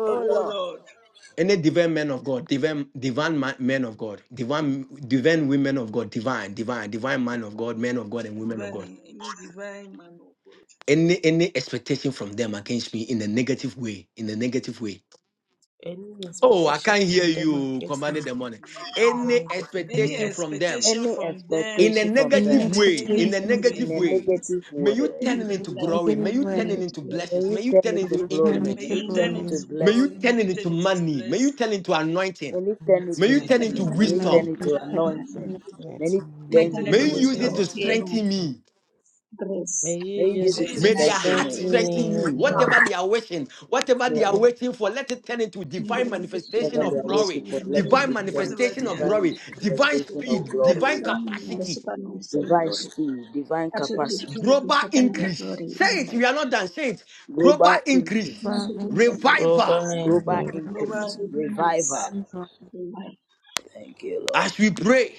Speaker 7: are.
Speaker 13: Oh
Speaker 7: Oh
Speaker 13: Lord,
Speaker 7: Lord,
Speaker 6: any divine men of God, divine divine ma- men of God, divine divine women of God, divine, divine, divine man of God, men of God and women of God.
Speaker 7: divine, any divine man of God.
Speaker 6: Any any expectation from them against me in a negative way, in a negative way.
Speaker 14: any
Speaker 7: Any
Speaker 6: Oh, I
Speaker 14: expectation
Speaker 6: can't hear
Speaker 14: from
Speaker 7: expectation
Speaker 14: them
Speaker 7: from
Speaker 6: you
Speaker 7: them
Speaker 14: against me,
Speaker 6: commanding
Speaker 7: again
Speaker 6: the morning.
Speaker 7: in a
Speaker 14: let
Speaker 7: negative
Speaker 6: Any
Speaker 7: way.
Speaker 14: me get in
Speaker 7: Any
Speaker 14: prayer.
Speaker 6: expectation from them
Speaker 7: expectation
Speaker 13: any
Speaker 7: from them
Speaker 6: in a
Speaker 13: expectation from
Speaker 11: in
Speaker 6: negative
Speaker 7: in
Speaker 13: them
Speaker 7: a
Speaker 6: way,
Speaker 16: any
Speaker 6: in
Speaker 11: expectation
Speaker 6: a
Speaker 7: negative
Speaker 16: expectations
Speaker 13: in
Speaker 7: way,
Speaker 6: negative
Speaker 13: a
Speaker 16: from my
Speaker 6: way.
Speaker 16: friends.
Speaker 13: negative
Speaker 6: May you
Speaker 13: way,
Speaker 16: And
Speaker 6: turn
Speaker 16: I
Speaker 6: it into
Speaker 16: think that,
Speaker 11: we
Speaker 6: glory.
Speaker 11: get
Speaker 6: May
Speaker 11: it
Speaker 6: you
Speaker 16: you know,
Speaker 6: turn it
Speaker 11: when
Speaker 16: it's
Speaker 6: into
Speaker 16: uh,
Speaker 13: may
Speaker 6: blessings.
Speaker 13: you
Speaker 6: May you
Speaker 13: turn
Speaker 6: turn
Speaker 13: it
Speaker 6: it
Speaker 13: to
Speaker 11: we
Speaker 6: into
Speaker 11: return it
Speaker 13: glory.
Speaker 7: may
Speaker 6: increment.
Speaker 13: May
Speaker 11: to
Speaker 13: you
Speaker 7: you
Speaker 16: mainly
Speaker 13: turn
Speaker 7: turn
Speaker 13: it
Speaker 16: that
Speaker 13: to
Speaker 16: I
Speaker 11: glory,
Speaker 7: into
Speaker 6: May
Speaker 7: glory,
Speaker 6: you
Speaker 7: may
Speaker 6: turn
Speaker 13: blessing.
Speaker 7: you
Speaker 6: it
Speaker 7: turn
Speaker 6: into
Speaker 7: it into
Speaker 6: money. May you
Speaker 7: blessing,
Speaker 6: turn it into anointing.
Speaker 13: May He turn it
Speaker 14: Let
Speaker 6: May
Speaker 7: may
Speaker 13: to
Speaker 6: you
Speaker 7: you
Speaker 14: me,
Speaker 6: turn it
Speaker 7: turn
Speaker 16: think
Speaker 6: into
Speaker 14: and
Speaker 7: it
Speaker 14: let
Speaker 13: money.
Speaker 11: the
Speaker 7: into
Speaker 13: May He
Speaker 7: man,
Speaker 13: turn
Speaker 11: many
Speaker 6: wisdom.
Speaker 13: it
Speaker 7: into
Speaker 11: return
Speaker 13: to
Speaker 16: that
Speaker 11: to
Speaker 7: anointing,
Speaker 14: me,
Speaker 13: anointing.
Speaker 11: the
Speaker 13: May He
Speaker 7: may
Speaker 16: might
Speaker 7: you
Speaker 13: turn
Speaker 7: turn
Speaker 16: turn
Speaker 13: it
Speaker 7: it
Speaker 6: May
Speaker 16: into
Speaker 13: to
Speaker 7: into
Speaker 6: you use
Speaker 14: let
Speaker 6: it
Speaker 14: me,
Speaker 16: wisdom,
Speaker 13: wisdom.
Speaker 6: to
Speaker 14: let
Speaker 7: wisdom,
Speaker 16: favor,
Speaker 6: strengthen
Speaker 14: me.
Speaker 6: me.
Speaker 16: grace.
Speaker 14: May you
Speaker 13: May you
Speaker 14: use
Speaker 13: use
Speaker 7: may
Speaker 14: it
Speaker 13: it
Speaker 7: you
Speaker 16: You
Speaker 13: to
Speaker 7: use
Speaker 16: know,
Speaker 6: May
Speaker 14: to
Speaker 7: it to
Speaker 16: that
Speaker 6: their
Speaker 13: strengthen
Speaker 6: heart
Speaker 13: me.
Speaker 7: strengthen
Speaker 14: strengthen
Speaker 16: this
Speaker 7: me,
Speaker 16: kind
Speaker 6: strengthen
Speaker 14: me,
Speaker 16: of
Speaker 14: O
Speaker 6: me.
Speaker 16: me.
Speaker 14: Lord.
Speaker 6: Whatever they are wishing, whatever
Speaker 13: May
Speaker 6: they are
Speaker 14: Let
Speaker 6: waiting for, let it turn into
Speaker 16: You know,
Speaker 6: divine
Speaker 16: there are distinct,
Speaker 6: manifestation
Speaker 13: whatever
Speaker 16: that
Speaker 13: they
Speaker 6: of
Speaker 13: are
Speaker 16: it is
Speaker 6: glory,
Speaker 13: waiting
Speaker 16: distinct
Speaker 13: for,
Speaker 16: in
Speaker 13: let
Speaker 16: me.
Speaker 13: it
Speaker 6: divine
Speaker 13: be turned
Speaker 14: me
Speaker 7: whatever
Speaker 13: into
Speaker 6: manifestation
Speaker 7: they
Speaker 6: of
Speaker 7: are,
Speaker 14: strengthen me,
Speaker 13: divine
Speaker 6: glory,
Speaker 7: it was it
Speaker 6: divine
Speaker 13: manifestation
Speaker 7: to
Speaker 16: That
Speaker 13: of
Speaker 6: speed,
Speaker 16: will be
Speaker 7: define my
Speaker 6: divine
Speaker 13: glory,
Speaker 16: turn
Speaker 7: expression.
Speaker 16: the
Speaker 11: global
Speaker 6: capacity,
Speaker 7: Oh,
Speaker 16: supernatural
Speaker 7: glory.
Speaker 13: divine
Speaker 16: glory.
Speaker 13: speed, divine
Speaker 16: That should be
Speaker 7: Make it
Speaker 13: capacity,
Speaker 16: turned to
Speaker 6: global
Speaker 16: second higher
Speaker 6: increase.
Speaker 16: glory
Speaker 6: Say
Speaker 16: in my
Speaker 6: it, we
Speaker 16: life.
Speaker 6: are not done. Say it, global
Speaker 13: global
Speaker 16: If you
Speaker 6: increase,
Speaker 16: want
Speaker 13: increase,
Speaker 16: to be my
Speaker 11: increase,
Speaker 6: revival.
Speaker 14: over
Speaker 16: witness,
Speaker 11: global
Speaker 13: global
Speaker 14: any
Speaker 16: you know,
Speaker 7: Global
Speaker 13: increase,
Speaker 16: be
Speaker 13: revival.
Speaker 16: months.
Speaker 7: impact.
Speaker 11: movement of
Speaker 16: Okay,
Speaker 13: Thank you, Lord.
Speaker 6: As we pray,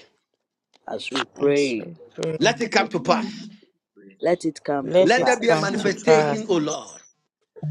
Speaker 13: As we pray,
Speaker 14: answered prayer.
Speaker 6: let
Speaker 16: I
Speaker 6: it come
Speaker 16: said,
Speaker 6: to
Speaker 16: you
Speaker 11: peace
Speaker 16: know,
Speaker 6: pass.
Speaker 13: let it come to
Speaker 14: Let
Speaker 6: Let
Speaker 14: it
Speaker 6: there be
Speaker 7: Let
Speaker 6: a
Speaker 14: come
Speaker 7: it
Speaker 13: pass.
Speaker 11: and
Speaker 14: to
Speaker 16: that
Speaker 7: come to
Speaker 16: is in the
Speaker 14: pass.
Speaker 6: manifestation,
Speaker 7: pass.
Speaker 6: O Lord,
Speaker 16: months.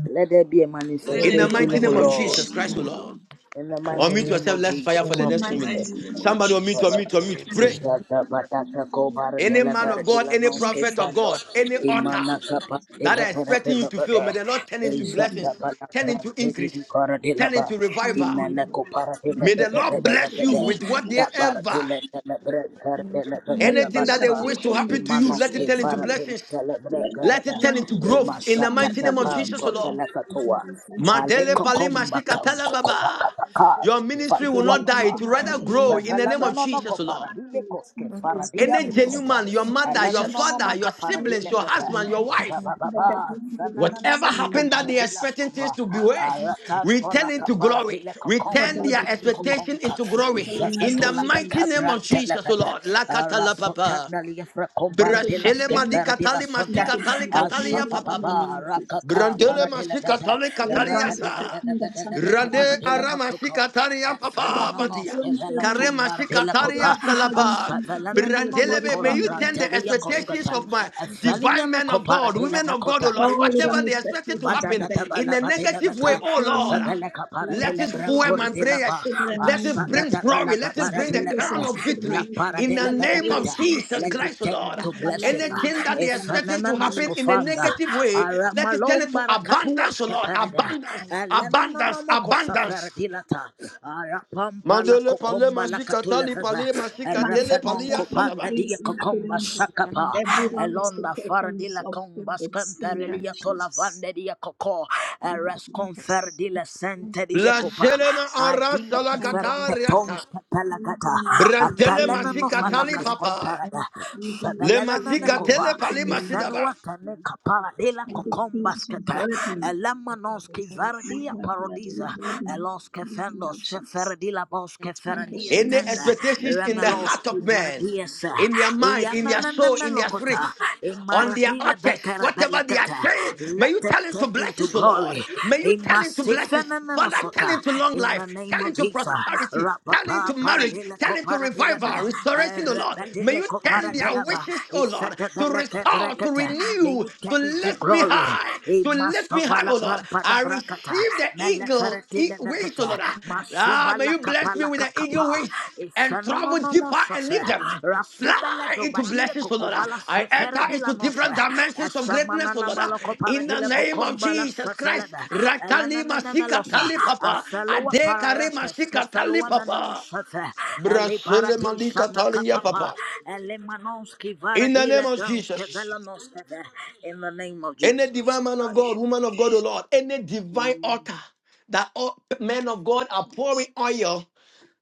Speaker 13: Let there be a
Speaker 7: Let
Speaker 6: in
Speaker 14: Let
Speaker 7: there
Speaker 6: the
Speaker 11: equity
Speaker 16: Thank
Speaker 7: be
Speaker 16: you
Speaker 14: it
Speaker 7: a
Speaker 16: to
Speaker 14: be
Speaker 13: manifestation,
Speaker 6: mighty
Speaker 16: be
Speaker 14: a
Speaker 16: in
Speaker 13: O
Speaker 6: name
Speaker 16: the
Speaker 6: of
Speaker 16: one
Speaker 13: Lord,
Speaker 6: Jesus
Speaker 7: manifestation,
Speaker 16: decision
Speaker 7: oh
Speaker 6: Christ,
Speaker 16: in
Speaker 6: O
Speaker 14: manifestation.
Speaker 16: the
Speaker 7: Lord.
Speaker 6: Lord.
Speaker 16: land.
Speaker 13: in the
Speaker 14: In
Speaker 13: mighty
Speaker 6: Unmute
Speaker 14: the
Speaker 13: name
Speaker 6: yourself,
Speaker 13: of
Speaker 6: let's
Speaker 14: mighty
Speaker 6: fire for
Speaker 14: name
Speaker 13: Jesus.
Speaker 16: In
Speaker 6: the
Speaker 16: the
Speaker 14: of
Speaker 7: In
Speaker 6: next
Speaker 7: the
Speaker 6: two
Speaker 16: mighty
Speaker 6: minutes.
Speaker 14: Jesus.
Speaker 7: mighty
Speaker 16: name of the
Speaker 7: name of
Speaker 16: Lord
Speaker 6: Somebody
Speaker 16: Jesus
Speaker 6: unmute,
Speaker 7: Jesus
Speaker 6: unmute,
Speaker 16: Christ.
Speaker 7: Christ, we
Speaker 6: unmute.
Speaker 11: in
Speaker 6: Pray.
Speaker 14: Amen.
Speaker 13: Jada
Speaker 16: Thank you,
Speaker 13: batata
Speaker 16: Lord,
Speaker 13: ko
Speaker 16: in the
Speaker 13: bara de
Speaker 6: Any
Speaker 16: name
Speaker 13: la
Speaker 6: man
Speaker 16: of
Speaker 13: bara
Speaker 16: the
Speaker 6: of
Speaker 13: de
Speaker 6: God,
Speaker 13: la
Speaker 6: any
Speaker 16: Jesus
Speaker 13: nos
Speaker 16: and
Speaker 6: prophet
Speaker 16: King.
Speaker 6: of
Speaker 13: fando.
Speaker 6: God,
Speaker 16: Thank
Speaker 6: any
Speaker 16: you, Any
Speaker 6: author
Speaker 13: Imana capa
Speaker 16: expectations
Speaker 13: de
Speaker 16: and
Speaker 6: that
Speaker 13: la
Speaker 6: are
Speaker 13: bara de
Speaker 6: expecting you
Speaker 13: la
Speaker 6: to fail, may
Speaker 13: bara.
Speaker 6: the Lord turn into
Speaker 16: any
Speaker 6: blessings,
Speaker 13: Jada
Speaker 16: evil,
Speaker 13: bala
Speaker 6: turn into
Speaker 13: grande de mi
Speaker 6: increase,
Speaker 13: cara
Speaker 6: turn
Speaker 13: ba.
Speaker 6: into
Speaker 16: any any
Speaker 6: revival.
Speaker 13: Imana
Speaker 16: and
Speaker 13: ko para de la
Speaker 6: May
Speaker 13: da
Speaker 16: any
Speaker 6: the
Speaker 13: da da
Speaker 6: Lord
Speaker 16: prophet,
Speaker 6: bless
Speaker 16: and
Speaker 6: you
Speaker 13: de.
Speaker 16: any
Speaker 6: with
Speaker 16: idol,
Speaker 13: Da bara de
Speaker 6: whatever
Speaker 13: la da la bara cara de
Speaker 11: the
Speaker 13: la da da
Speaker 16: any
Speaker 11: same
Speaker 13: ka
Speaker 6: Anything
Speaker 7: pray.
Speaker 13: bala
Speaker 6: that they
Speaker 16: bishop,
Speaker 13: ba.
Speaker 6: wish to
Speaker 16: Bible
Speaker 7: When-
Speaker 6: happen to you,
Speaker 16: ministries
Speaker 13: Imanos
Speaker 16: to
Speaker 6: let it
Speaker 16: help
Speaker 6: turn
Speaker 16: me,
Speaker 6: into
Speaker 16: Lord.
Speaker 13: de la
Speaker 6: blessings.
Speaker 13: da la bara
Speaker 16: Let that
Speaker 6: Let it turn
Speaker 16: turn
Speaker 6: into
Speaker 16: into a
Speaker 6: growth in the mighty name
Speaker 16: supernatural
Speaker 6: of Jesus,
Speaker 16: business
Speaker 13: panto
Speaker 6: O
Speaker 16: in
Speaker 13: de
Speaker 16: the
Speaker 6: Lord.
Speaker 13: la
Speaker 16: mighty
Speaker 13: catua.
Speaker 16: name of the sense in the
Speaker 6: Mandele
Speaker 16: name of the
Speaker 6: palima
Speaker 13: Alekokomba
Speaker 7: the
Speaker 16: Lord.
Speaker 6: shikatala
Speaker 13: kankokoba
Speaker 6: baba.
Speaker 13: kataka
Speaker 6: Your ministry
Speaker 16: But
Speaker 6: will
Speaker 16: when
Speaker 13: fatua
Speaker 16: we
Speaker 6: not
Speaker 16: are
Speaker 6: die,
Speaker 13: papa.
Speaker 16: blessed
Speaker 6: it will
Speaker 16: without
Speaker 6: rather
Speaker 16: any
Speaker 6: grow in the
Speaker 16: harm,
Speaker 6: name of
Speaker 13: Javelamenono ko
Speaker 6: Jesus,
Speaker 16: brokenness,
Speaker 6: O Lord.
Speaker 13: paradile
Speaker 16: practice,
Speaker 13: koske
Speaker 16: speech, or
Speaker 11: program of
Speaker 13: faradia
Speaker 16: speak
Speaker 6: Any
Speaker 16: to
Speaker 11: races
Speaker 16: this
Speaker 11: and
Speaker 6: genuine
Speaker 13: posata.
Speaker 6: man, your
Speaker 7: benefits of
Speaker 6: mother,
Speaker 7: the
Speaker 6: your
Speaker 7: church,
Speaker 16: bishops,
Speaker 13: Alamenono
Speaker 7: can
Speaker 6: father,
Speaker 7: be
Speaker 16: and
Speaker 6: your
Speaker 13: maka
Speaker 7: blessed
Speaker 6: siblings,
Speaker 13: paradile
Speaker 6: your
Speaker 16: anything.
Speaker 13: kepe.
Speaker 16: you
Speaker 6: husband,
Speaker 16: know.
Speaker 6: your wife,
Speaker 11: not
Speaker 16: But that
Speaker 13: Jabababa
Speaker 16: one particular
Speaker 6: whatever
Speaker 16: person,
Speaker 11: in the
Speaker 13: sananameno
Speaker 16: you
Speaker 13: ko
Speaker 16: know,
Speaker 6: happened that
Speaker 11: government
Speaker 6: they
Speaker 11: of
Speaker 6: are
Speaker 13: paradila
Speaker 16: she's
Speaker 6: expecting things
Speaker 13: skupa.
Speaker 6: to be worse, we
Speaker 13: Alatanto
Speaker 6: turn
Speaker 13: la
Speaker 6: into glory.
Speaker 13: kaparadile
Speaker 6: We turn
Speaker 13: kokomba
Speaker 11: the
Speaker 16: whatever
Speaker 6: their
Speaker 16: is taken,
Speaker 6: expectation
Speaker 13: kankokonka.
Speaker 6: into glory.
Speaker 16: especially in
Speaker 11: government
Speaker 16: my
Speaker 6: In the
Speaker 13: Jafetola
Speaker 6: mighty
Speaker 16: specifics,
Speaker 6: name
Speaker 13: kakabran
Speaker 6: of Jesus, O
Speaker 13: telebede.
Speaker 6: Lord. Lakata la papa.
Speaker 13: Rasotanda liefra
Speaker 16: they should be
Speaker 13: komparadila
Speaker 6: Brashele madi
Speaker 16: staying,
Speaker 13: skembera dila
Speaker 6: katali mashi
Speaker 13: sonte.
Speaker 16: that should go
Speaker 6: katali
Speaker 16: with the
Speaker 6: katali ya
Speaker 16: glory from
Speaker 6: papa papa.
Speaker 13: Ashapababa
Speaker 16: Jesus Christ.
Speaker 13: rakaka
Speaker 6: Brandele
Speaker 13: paradile
Speaker 6: mashi
Speaker 13: beze.
Speaker 6: katali
Speaker 16: What
Speaker 6: katali
Speaker 13: Rabba
Speaker 16: John
Speaker 6: ya
Speaker 16: is
Speaker 6: sa.
Speaker 16: expecting that something that
Speaker 6: Rade
Speaker 16: happen,
Speaker 6: arama shi katali ya
Speaker 16: that
Speaker 6: papa
Speaker 16: will
Speaker 6: badia.
Speaker 16: flow and for
Speaker 6: Kare
Speaker 16: him,
Speaker 6: mashi
Speaker 16: that
Speaker 6: katali
Speaker 16: will
Speaker 6: ya
Speaker 16: happen for him,
Speaker 6: salapa.
Speaker 16: and it will flow into the
Speaker 6: Brandele
Speaker 16: glory
Speaker 6: be, may
Speaker 16: from
Speaker 6: you
Speaker 16: the name
Speaker 6: turn
Speaker 16: of
Speaker 6: the
Speaker 16: Jesus Christ.
Speaker 6: expectations of my
Speaker 11: of the
Speaker 6: divine men of God, women of God, oh Lord,
Speaker 16: All the
Speaker 6: whatever
Speaker 16: wrong
Speaker 6: they expected to
Speaker 16: expectations of
Speaker 13: Badada
Speaker 6: happen
Speaker 16: them,
Speaker 6: in
Speaker 13: tabala
Speaker 6: a
Speaker 13: badina
Speaker 6: negative way,
Speaker 13: bata
Speaker 16: with
Speaker 6: oh Lord.
Speaker 16: flowing,
Speaker 13: zabela kapara
Speaker 16: with
Speaker 13: de
Speaker 6: Let
Speaker 13: la
Speaker 6: it
Speaker 16: super
Speaker 6: fuel
Speaker 13: brancor
Speaker 6: my
Speaker 13: de la
Speaker 16: blessings,
Speaker 6: prayers.
Speaker 13: ba
Speaker 16: super
Speaker 6: Let it
Speaker 16: anointing,
Speaker 13: asata
Speaker 6: bring
Speaker 13: tabala
Speaker 6: glory. Let it
Speaker 13: kapara
Speaker 6: bring
Speaker 13: de
Speaker 16: Spiritual
Speaker 6: the
Speaker 13: la
Speaker 6: crown
Speaker 13: bata
Speaker 16: blessings
Speaker 6: of
Speaker 16: for
Speaker 13: la
Speaker 6: victory
Speaker 13: para
Speaker 16: humanity,
Speaker 6: in
Speaker 13: de
Speaker 16: for
Speaker 6: the
Speaker 13: La
Speaker 16: great
Speaker 6: name of
Speaker 16: grace,
Speaker 13: barakata.
Speaker 6: Jesus
Speaker 13: Let
Speaker 16: mercy,
Speaker 13: it
Speaker 6: Christ, O
Speaker 13: turn
Speaker 6: Lord.
Speaker 16: and
Speaker 13: into
Speaker 16: for my life
Speaker 13: blessing.
Speaker 16: and my
Speaker 6: Anything that
Speaker 13: A
Speaker 16: son's
Speaker 6: they are
Speaker 16: life,
Speaker 6: expecting
Speaker 16: in
Speaker 6: to
Speaker 16: the
Speaker 13: phenomenal
Speaker 16: name of
Speaker 6: happen in a
Speaker 13: scofander.
Speaker 16: Jesus.
Speaker 6: negative way, let it turn
Speaker 13: Aramalom
Speaker 6: into
Speaker 13: barakatua
Speaker 6: abundance, O Lord.
Speaker 13: parada.
Speaker 6: Abundance,
Speaker 13: Alano no no no
Speaker 6: abundance,
Speaker 13: mo cosa
Speaker 6: abundance.
Speaker 13: dilata. ferdilata. pampa, la
Speaker 6: Mandele pale
Speaker 13: kokomba la
Speaker 6: masika tali
Speaker 13: katuleveza.
Speaker 6: pale masika tele
Speaker 13: Erefenon
Speaker 16: Multiplication,
Speaker 6: palia salaba.
Speaker 13: kopanda dia
Speaker 16: increase in
Speaker 13: kokomba
Speaker 16: abundance,
Speaker 13: shakapa.
Speaker 16: every
Speaker 11: unemployment
Speaker 16: wrong
Speaker 13: Elonda
Speaker 16: expectations
Speaker 13: fardila
Speaker 16: of
Speaker 13: komba
Speaker 16: prophets in the name
Speaker 11: and
Speaker 16: of
Speaker 13: skempelia to
Speaker 16: Jesus.
Speaker 13: lavande dia koko.
Speaker 16: Thank you,
Speaker 13: Eres
Speaker 11: of
Speaker 16: Jesus.
Speaker 13: conferdi la sente
Speaker 11: the of
Speaker 13: dia
Speaker 16: Thank you,
Speaker 13: kopa.
Speaker 6: Blaselema
Speaker 16: Jesus.
Speaker 6: ara
Speaker 13: Adile
Speaker 16: Thank you,
Speaker 13: keferte
Speaker 16: Father.
Speaker 6: salakatariata.
Speaker 13: tons
Speaker 16: Thank you,
Speaker 13: kapelagata.
Speaker 16: Lord, please
Speaker 6: Brantele
Speaker 16: burn
Speaker 13: Atalena
Speaker 16: that
Speaker 13: no
Speaker 6: masika
Speaker 16: into my
Speaker 6: tali
Speaker 11: every
Speaker 13: falakas
Speaker 16: life.
Speaker 6: papa.
Speaker 13: komperada.
Speaker 16: Thank you, Lord,
Speaker 6: Le
Speaker 16: please
Speaker 13: Sebelelena
Speaker 6: masika
Speaker 16: deliver
Speaker 13: mekova.
Speaker 6: tele
Speaker 16: me
Speaker 6: pale
Speaker 16: now.
Speaker 6: masidaba.
Speaker 13: Ifenua tene kapara dila
Speaker 16: Thank you,
Speaker 13: kokomba
Speaker 16: Jesus, you heard
Speaker 13: skete.
Speaker 16: me.
Speaker 13: Elamanos ki
Speaker 16: Thank
Speaker 13: verdia
Speaker 16: you, Lord,
Speaker 13: parodiza.
Speaker 16: you heard me.
Speaker 13: Elos ke
Speaker 16: Thank you,
Speaker 13: fendos
Speaker 16: Lord Jesus.
Speaker 13: sheferdi bos ke
Speaker 16: Thank
Speaker 11: return
Speaker 16: you,
Speaker 13: ferdi
Speaker 7: Amen. Amen. Amen.
Speaker 6: Any
Speaker 13: entenda.
Speaker 11: to
Speaker 16: Jesus.
Speaker 7: Amen.
Speaker 6: expectations
Speaker 16: Thank
Speaker 6: in
Speaker 16: you,
Speaker 6: the
Speaker 16: Holy
Speaker 13: Remelos
Speaker 6: heart
Speaker 13: ki
Speaker 6: of
Speaker 16: Spirit.
Speaker 6: man,
Speaker 13: verdies.
Speaker 6: in their mind, in their
Speaker 13: Yamanana
Speaker 6: soul, in their spirit,
Speaker 13: melokota.
Speaker 6: on their
Speaker 13: Imaradi
Speaker 6: altars,
Speaker 13: bekara
Speaker 6: whatever they are
Speaker 13: belekata.
Speaker 6: saying, may you
Speaker 13: Let it
Speaker 6: tell into
Speaker 13: turn into
Speaker 6: blessings, O Lord.
Speaker 13: glory.
Speaker 6: May you tell into blessings. Father, tell
Speaker 13: Imasifenanasota.
Speaker 6: into long
Speaker 13: In the
Speaker 6: life,
Speaker 13: name
Speaker 6: tell
Speaker 13: of
Speaker 6: into
Speaker 13: Jesus.
Speaker 6: prosperity, tell into
Speaker 13: Rapapa
Speaker 6: marriage,
Speaker 13: paradela
Speaker 6: tell
Speaker 13: ko
Speaker 6: into
Speaker 13: paradela ba.
Speaker 6: revival, restoration, O Lord. May
Speaker 13: Rabadela
Speaker 6: you
Speaker 13: ko
Speaker 6: turn their
Speaker 13: paradela ba.
Speaker 6: wishes, O Lord,
Speaker 13: Isata
Speaker 6: to
Speaker 13: beleke
Speaker 6: restore, to
Speaker 13: brekete. May
Speaker 6: renew,
Speaker 13: you
Speaker 6: to
Speaker 13: turn into
Speaker 6: lift me
Speaker 13: glory.
Speaker 6: high. So lift me high,
Speaker 13: Sovala
Speaker 6: oh Lord.
Speaker 13: brampa la
Speaker 6: I
Speaker 13: brakata.
Speaker 6: receive the
Speaker 13: Mele
Speaker 6: eagle
Speaker 13: fereti
Speaker 6: e-
Speaker 13: le
Speaker 6: wings,
Speaker 13: bekete.
Speaker 6: oh Lord. Ah,
Speaker 13: Masuba
Speaker 6: may
Speaker 13: la
Speaker 6: you
Speaker 13: kapa
Speaker 6: bless me
Speaker 13: la
Speaker 6: with the
Speaker 13: kakapa.
Speaker 6: eagle wings and travel
Speaker 13: Ifenonono mo
Speaker 6: deeper and leave them.
Speaker 13: Rasubele
Speaker 6: Fly into
Speaker 13: dobadie
Speaker 6: blessings, oh Lord.
Speaker 13: kokobala
Speaker 6: I
Speaker 13: sefere
Speaker 6: enter
Speaker 13: di la
Speaker 6: into
Speaker 13: nofe.
Speaker 6: different dimensions of greatness, oh
Speaker 13: Esamanana
Speaker 6: Lord.
Speaker 13: maloko
Speaker 6: In the
Speaker 13: paradile
Speaker 6: name of
Speaker 13: kokomba la
Speaker 6: Jesus Christ.
Speaker 13: sefelebe.
Speaker 6: Ratali
Speaker 13: Elenenene
Speaker 6: masika
Speaker 13: melosa.
Speaker 6: tali papa.
Speaker 13: Afelowa
Speaker 6: Adekare
Speaker 13: parayates
Speaker 6: masika tali
Speaker 13: kefelowa menon
Speaker 6: papa.
Speaker 13: sefe. Eli
Speaker 6: Brasile
Speaker 13: paradisa
Speaker 6: malika
Speaker 13: na
Speaker 6: tali ya
Speaker 13: kapapa.
Speaker 6: papa.
Speaker 13: Eli manonski
Speaker 6: In the name
Speaker 13: varadile
Speaker 6: of
Speaker 13: dans
Speaker 6: Jesus.
Speaker 13: kevelanos In the name of
Speaker 6: Any
Speaker 13: Jesus.
Speaker 6: divine man of God, woman of God, O Lord, any divine altar that all men of God are pouring oil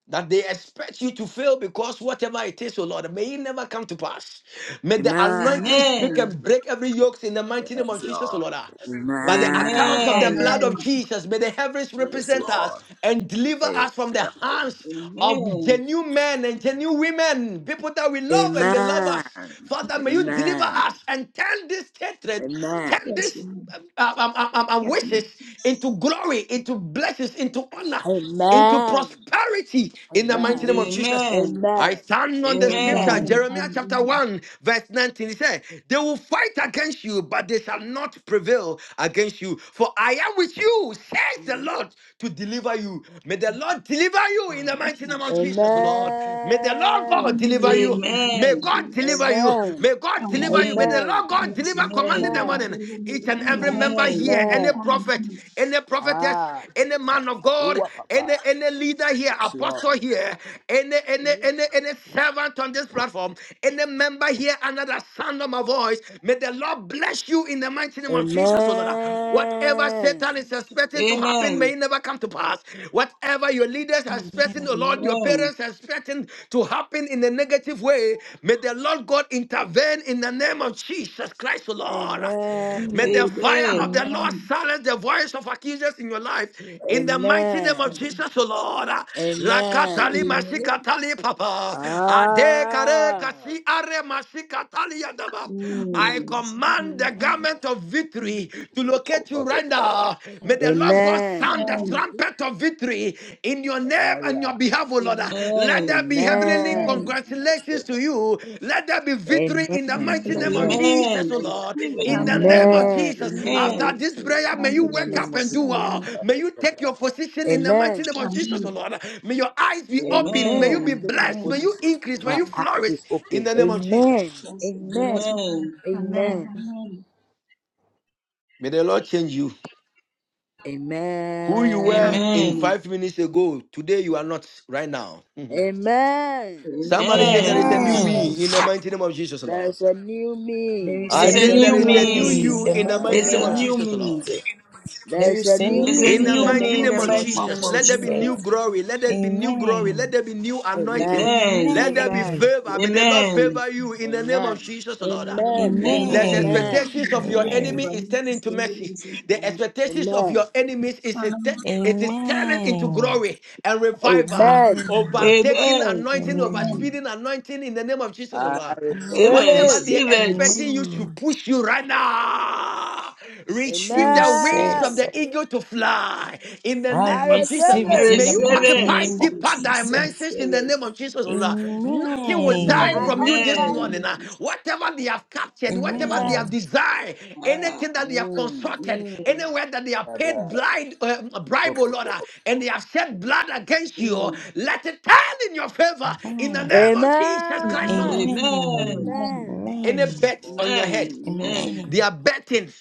Speaker 6: that they expect you to fail because whatever it is, O Lord, may it never come to pass. May the
Speaker 13: Amen.
Speaker 6: anointing speak and break every yoke in the mighty name
Speaker 13: Yes,
Speaker 6: of Jesus, O
Speaker 13: Lord.
Speaker 6: Lord. By the account of
Speaker 13: Amen.
Speaker 6: the blood of
Speaker 16: Amen.
Speaker 6: Jesus, may the heavens
Speaker 13: Yes,
Speaker 6: represent us
Speaker 13: Lord.
Speaker 6: and deliver
Speaker 13: Amen.
Speaker 6: us from the hands of genuine men and genuine women, people that we love and they love us.
Speaker 13: Amen.
Speaker 6: Father, may you deliver us
Speaker 13: Amen.
Speaker 6: and turn this hatred,
Speaker 13: Amen.
Speaker 6: turn
Speaker 16: Yes,
Speaker 6: this
Speaker 16: Lord.
Speaker 6: um, um, um, um, um, um,
Speaker 16: Yes, Lord.
Speaker 6: wishes
Speaker 16: Yes.
Speaker 6: into glory, into blessings, into honor, into
Speaker 13: Amen.
Speaker 6: prosperity in the mighty
Speaker 13: Amen.
Speaker 6: name of
Speaker 16: Amen.
Speaker 6: Jesus. I
Speaker 13: Amen.
Speaker 6: stand on the scripture,
Speaker 11: the
Speaker 13: Amen.
Speaker 16: Amen.
Speaker 6: Jeremiah chapter
Speaker 16: Amen.
Speaker 6: 1, verse 19. He said, They will fight against you, but they shall not prevail against you. For I am with you, says the Lord, to deliver you. May the Lord deliver you in the
Speaker 16: Thank
Speaker 6: mighty
Speaker 16: you,
Speaker 6: name
Speaker 16: Lord.
Speaker 6: of
Speaker 13: Amen.
Speaker 6: Jesus precious Lord. May the Lord God
Speaker 16: Amen.
Speaker 6: deliver you.
Speaker 16: Amen. Thank
Speaker 6: May
Speaker 16: you,
Speaker 6: God
Speaker 16: Jesus.
Speaker 6: deliver you. May God
Speaker 7: Amen. Amen. Amen.
Speaker 13: Amen.
Speaker 6: deliver you.
Speaker 16: Amen.
Speaker 6: May
Speaker 7: Amen.
Speaker 6: the
Speaker 13: Amen.
Speaker 6: Lord God
Speaker 11: kingdom.
Speaker 16: Yes,
Speaker 6: deliver
Speaker 16: Lord.
Speaker 6: commanding
Speaker 16: Thank you,
Speaker 6: the
Speaker 7: Amen.
Speaker 16: Lord.
Speaker 13: Amen.
Speaker 6: morning.
Speaker 16: Don't Lord, me
Speaker 6: Each and every
Speaker 11: Amen.
Speaker 6: member here,
Speaker 7: Amen.
Speaker 6: any
Speaker 13: Amen.
Speaker 6: prophet,
Speaker 16: Amen.
Speaker 6: any prophetess,
Speaker 13: Ah,
Speaker 6: any
Speaker 13: God,
Speaker 6: man of
Speaker 13: I do
Speaker 6: God,
Speaker 13: what,
Speaker 6: any
Speaker 13: Papa.
Speaker 6: any leader here,
Speaker 13: Yes,
Speaker 6: apostle
Speaker 13: Lord.
Speaker 6: here, any any any any servant on this platform, any member here under the sound of my voice. May the Lord bless you in the mighty name of Jesus, O Lord. Whatever
Speaker 13: Amen.
Speaker 6: Satan is expecting to happen may
Speaker 7: Amen.
Speaker 6: it never never come to pass. Whatever your leaders
Speaker 11: Amen. Amen. Amen.
Speaker 6: are expecting,
Speaker 11: Amen.
Speaker 6: oh Lord, your
Speaker 7: Amen.
Speaker 6: parents are expecting to happen in a negative way, may the Lord God intervene in the name of Jesus Christ, oh Lord.
Speaker 13: Amen.
Speaker 6: May
Speaker 7: Amen.
Speaker 6: the fire of the Lord
Speaker 16: Amen.
Speaker 6: silence the voice of accusers in your life. In the mighty name of
Speaker 13: Amen.
Speaker 6: Jesus, oh Lord.
Speaker 13: Amen.
Speaker 6: Rakatali
Speaker 7: Amen.
Speaker 6: masikatali papa. Ade kare
Speaker 13: Ah.
Speaker 6: kasi are masikatali yadaba.
Speaker 16: Thank you,
Speaker 6: I
Speaker 7: Mm.
Speaker 16: Jesus. Amen.
Speaker 6: command
Speaker 11: Amen.
Speaker 6: the garment of victory victory to locate you right now. May the Lord God sound
Speaker 13: Amen.
Speaker 6: the
Speaker 7: Yes.
Speaker 6: trumpet of victory in your name
Speaker 13: Ah,
Speaker 6: and
Speaker 13: yeah.
Speaker 6: your behalf, O Lord. Let
Speaker 7: Amen.
Speaker 6: there be heavenly
Speaker 16: Amen.
Speaker 13: Amen. Amen.
Speaker 6: congratulations to you. Let there be victory in the
Speaker 13: Amen.
Speaker 16: Thank you,
Speaker 6: mighty
Speaker 16: Lord
Speaker 6: name of
Speaker 16: Jesus.
Speaker 6: Jesus,
Speaker 7: Amen.
Speaker 6: O
Speaker 7: I
Speaker 6: Lord.
Speaker 7: receive
Speaker 6: In
Speaker 7: it.
Speaker 6: the
Speaker 16: Amen.
Speaker 6: name of
Speaker 16: Lord.
Speaker 6: Jesus.
Speaker 13: Amen.
Speaker 16: Receive it,
Speaker 6: After
Speaker 7: Amen.
Speaker 16: Lord.
Speaker 6: this prayer, may
Speaker 16: Thank
Speaker 6: you
Speaker 16: you,
Speaker 13: In the
Speaker 6: wake
Speaker 13: name
Speaker 6: up
Speaker 13: of
Speaker 6: and
Speaker 16: Jesus.
Speaker 6: do
Speaker 13: Jesus.
Speaker 6: well.
Speaker 16: Amen.
Speaker 6: May you take your position in the mighty
Speaker 13: Amen.
Speaker 6: name of Jesus, O
Speaker 16: Amen.
Speaker 6: Lord. May your eyes be open. May you
Speaker 13: Amen. I
Speaker 6: be
Speaker 7: Amen.
Speaker 13: take my
Speaker 6: blessed.
Speaker 16: Amen.
Speaker 6: May you
Speaker 13: position.
Speaker 6: increase. May
Speaker 13: My
Speaker 6: you
Speaker 13: act
Speaker 6: flourish
Speaker 13: is
Speaker 6: in
Speaker 13: open.
Speaker 6: the name of
Speaker 11: Amen.
Speaker 13: Amen.
Speaker 6: Jesus.
Speaker 16: Yes, Lord.
Speaker 13: Amen.
Speaker 16: yes, my Lord.
Speaker 7: Amen.
Speaker 16: Amen.
Speaker 11: Amen.
Speaker 13: Amen.
Speaker 16: Amen.
Speaker 6: May the Lord change you. Who you were
Speaker 13: Amen.
Speaker 6: in
Speaker 16: Amen.
Speaker 7: Amen.
Speaker 6: five minutes ago, today you are not right now.
Speaker 13: Amen.
Speaker 6: Somebody said there
Speaker 16: Yes,
Speaker 6: is
Speaker 16: Lord.
Speaker 6: a new
Speaker 7: Amen.
Speaker 13: Ah,
Speaker 14: Amen.
Speaker 6: me in
Speaker 16: Amen.
Speaker 6: the mighty name of Jesus, Lord.
Speaker 13: there's a new
Speaker 14: There
Speaker 13: me.
Speaker 14: is
Speaker 6: I
Speaker 14: a
Speaker 7: There's
Speaker 16: There's
Speaker 13: There's
Speaker 7: a
Speaker 16: a
Speaker 6: said
Speaker 13: a
Speaker 14: new
Speaker 16: new
Speaker 6: there
Speaker 7: new
Speaker 13: new
Speaker 6: is a new
Speaker 13: me.
Speaker 14: me
Speaker 7: me.
Speaker 14: in
Speaker 6: you
Speaker 16: daughters.
Speaker 14: the
Speaker 6: in the
Speaker 14: mighty
Speaker 6: mighty
Speaker 7: There's
Speaker 6: name
Speaker 14: name
Speaker 7: a
Speaker 6: of
Speaker 14: of
Speaker 13: Ah,
Speaker 7: new
Speaker 6: Jesus,
Speaker 7: me.
Speaker 6: Lord.
Speaker 14: Jesus. There
Speaker 13: there's a
Speaker 14: is a
Speaker 13: new
Speaker 7: There's
Speaker 14: new
Speaker 13: me
Speaker 7: a
Speaker 6: In the
Speaker 13: in
Speaker 14: me
Speaker 13: the
Speaker 7: new
Speaker 14: in the
Speaker 6: mighty
Speaker 13: name
Speaker 7: me in
Speaker 13: of
Speaker 6: name
Speaker 7: the
Speaker 13: the
Speaker 6: of
Speaker 14: mighty
Speaker 13: Lord
Speaker 14: name
Speaker 7: mighty
Speaker 14: of
Speaker 7: name
Speaker 6: Jesus,
Speaker 13: Jesus.
Speaker 7: of
Speaker 6: let there be
Speaker 13: Ah,
Speaker 7: Jesus.
Speaker 6: new
Speaker 14: Jesus.
Speaker 6: glory. Let there be new glory. Let
Speaker 14: Amen.
Speaker 6: there be new anointing.
Speaker 13: amen.
Speaker 7: Amen.
Speaker 6: Let there be
Speaker 13: Amen.
Speaker 14: Amen.
Speaker 6: favor. May the Lord
Speaker 7: Amen.
Speaker 6: favor you in the name of
Speaker 13: Amen.
Speaker 6: Jesus, Lord.
Speaker 14: Amen.
Speaker 13: Amen.
Speaker 16: Amen.
Speaker 6: Lest the
Speaker 7: Amen.
Speaker 14: Amen.
Speaker 13: Amen.
Speaker 6: expectations of your
Speaker 16: New
Speaker 6: enemy
Speaker 14: Amen.
Speaker 16: favor,
Speaker 6: is
Speaker 16: new
Speaker 6: turned into
Speaker 16: blessing, new
Speaker 6: mercy.
Speaker 16: blessing,
Speaker 6: The
Speaker 16: Lord.
Speaker 6: expectations of your
Speaker 13: Amen.
Speaker 6: enemies is it
Speaker 16: Amen.
Speaker 6: is turning into glory and revival.
Speaker 13: Amen.
Speaker 14: Amen.
Speaker 6: Overtaking
Speaker 7: Amen.
Speaker 6: anointing,
Speaker 16: Amen.
Speaker 14: Amen.
Speaker 6: overspeeding anointing in the name of Jesus, O
Speaker 13: I
Speaker 6: Lord.
Speaker 13: receive
Speaker 7: Amen.
Speaker 14: Amen.
Speaker 6: Whatever
Speaker 13: it.
Speaker 6: they
Speaker 7: Receive
Speaker 6: are
Speaker 7: it.
Speaker 6: expecting you to
Speaker 14: Amen.
Speaker 6: push you right now, receive the wings
Speaker 13: Amen.
Speaker 6: of
Speaker 14: Jesus.
Speaker 6: the eagle to fly in the name
Speaker 14: I
Speaker 13: I
Speaker 6: name of Jesus.
Speaker 13: receive
Speaker 14: receive
Speaker 7: I
Speaker 14: it
Speaker 13: it.
Speaker 14: in
Speaker 6: May
Speaker 14: the
Speaker 6: you
Speaker 16: I
Speaker 7: receive
Speaker 14: mighty
Speaker 16: receive
Speaker 7: it.
Speaker 6: occupy
Speaker 14: name
Speaker 16: all
Speaker 14: of
Speaker 6: deeper
Speaker 16: this.
Speaker 7: I
Speaker 14: Jesus.
Speaker 6: dimensions in
Speaker 7: receive
Speaker 6: the
Speaker 7: it.
Speaker 6: name of Jesus, oh Lord. Nothing will
Speaker 13: Amen.
Speaker 6: die
Speaker 14: Amen.
Speaker 13: I
Speaker 16: Amen.
Speaker 6: from you this
Speaker 13: occupy.
Speaker 16: Thank
Speaker 7: Amen.
Speaker 6: morning.
Speaker 16: you,
Speaker 11: Amen.
Speaker 6: ah.
Speaker 16: Jesus.
Speaker 6: Whatever they have captured, whatever
Speaker 7: Yes.
Speaker 6: they
Speaker 13: Amen.
Speaker 14: Amen.
Speaker 6: have desired,
Speaker 7: Ah.
Speaker 6: anything that they have
Speaker 13: Mm.
Speaker 6: consulted,
Speaker 7: Mm.
Speaker 6: anywhere that they have paid
Speaker 13: Father,
Speaker 6: blind uh, bribe, oh Lord, ah, and they have shed blood against you, oh,
Speaker 7: Mm.
Speaker 6: let it turn in your favor in the
Speaker 14: Amen.
Speaker 6: name of Jesus Christ,
Speaker 11: Amen.
Speaker 6: oh
Speaker 13: Amen.
Speaker 6: Lord.
Speaker 14: Amen.
Speaker 7: Amen.
Speaker 16: Amen.
Speaker 13: Amen.
Speaker 6: Any
Speaker 14: Amen.
Speaker 6: bet
Speaker 13: Kaboom.
Speaker 6: on your head,
Speaker 7: Amen. Amen.
Speaker 6: they
Speaker 14: Amen.
Speaker 6: are betting.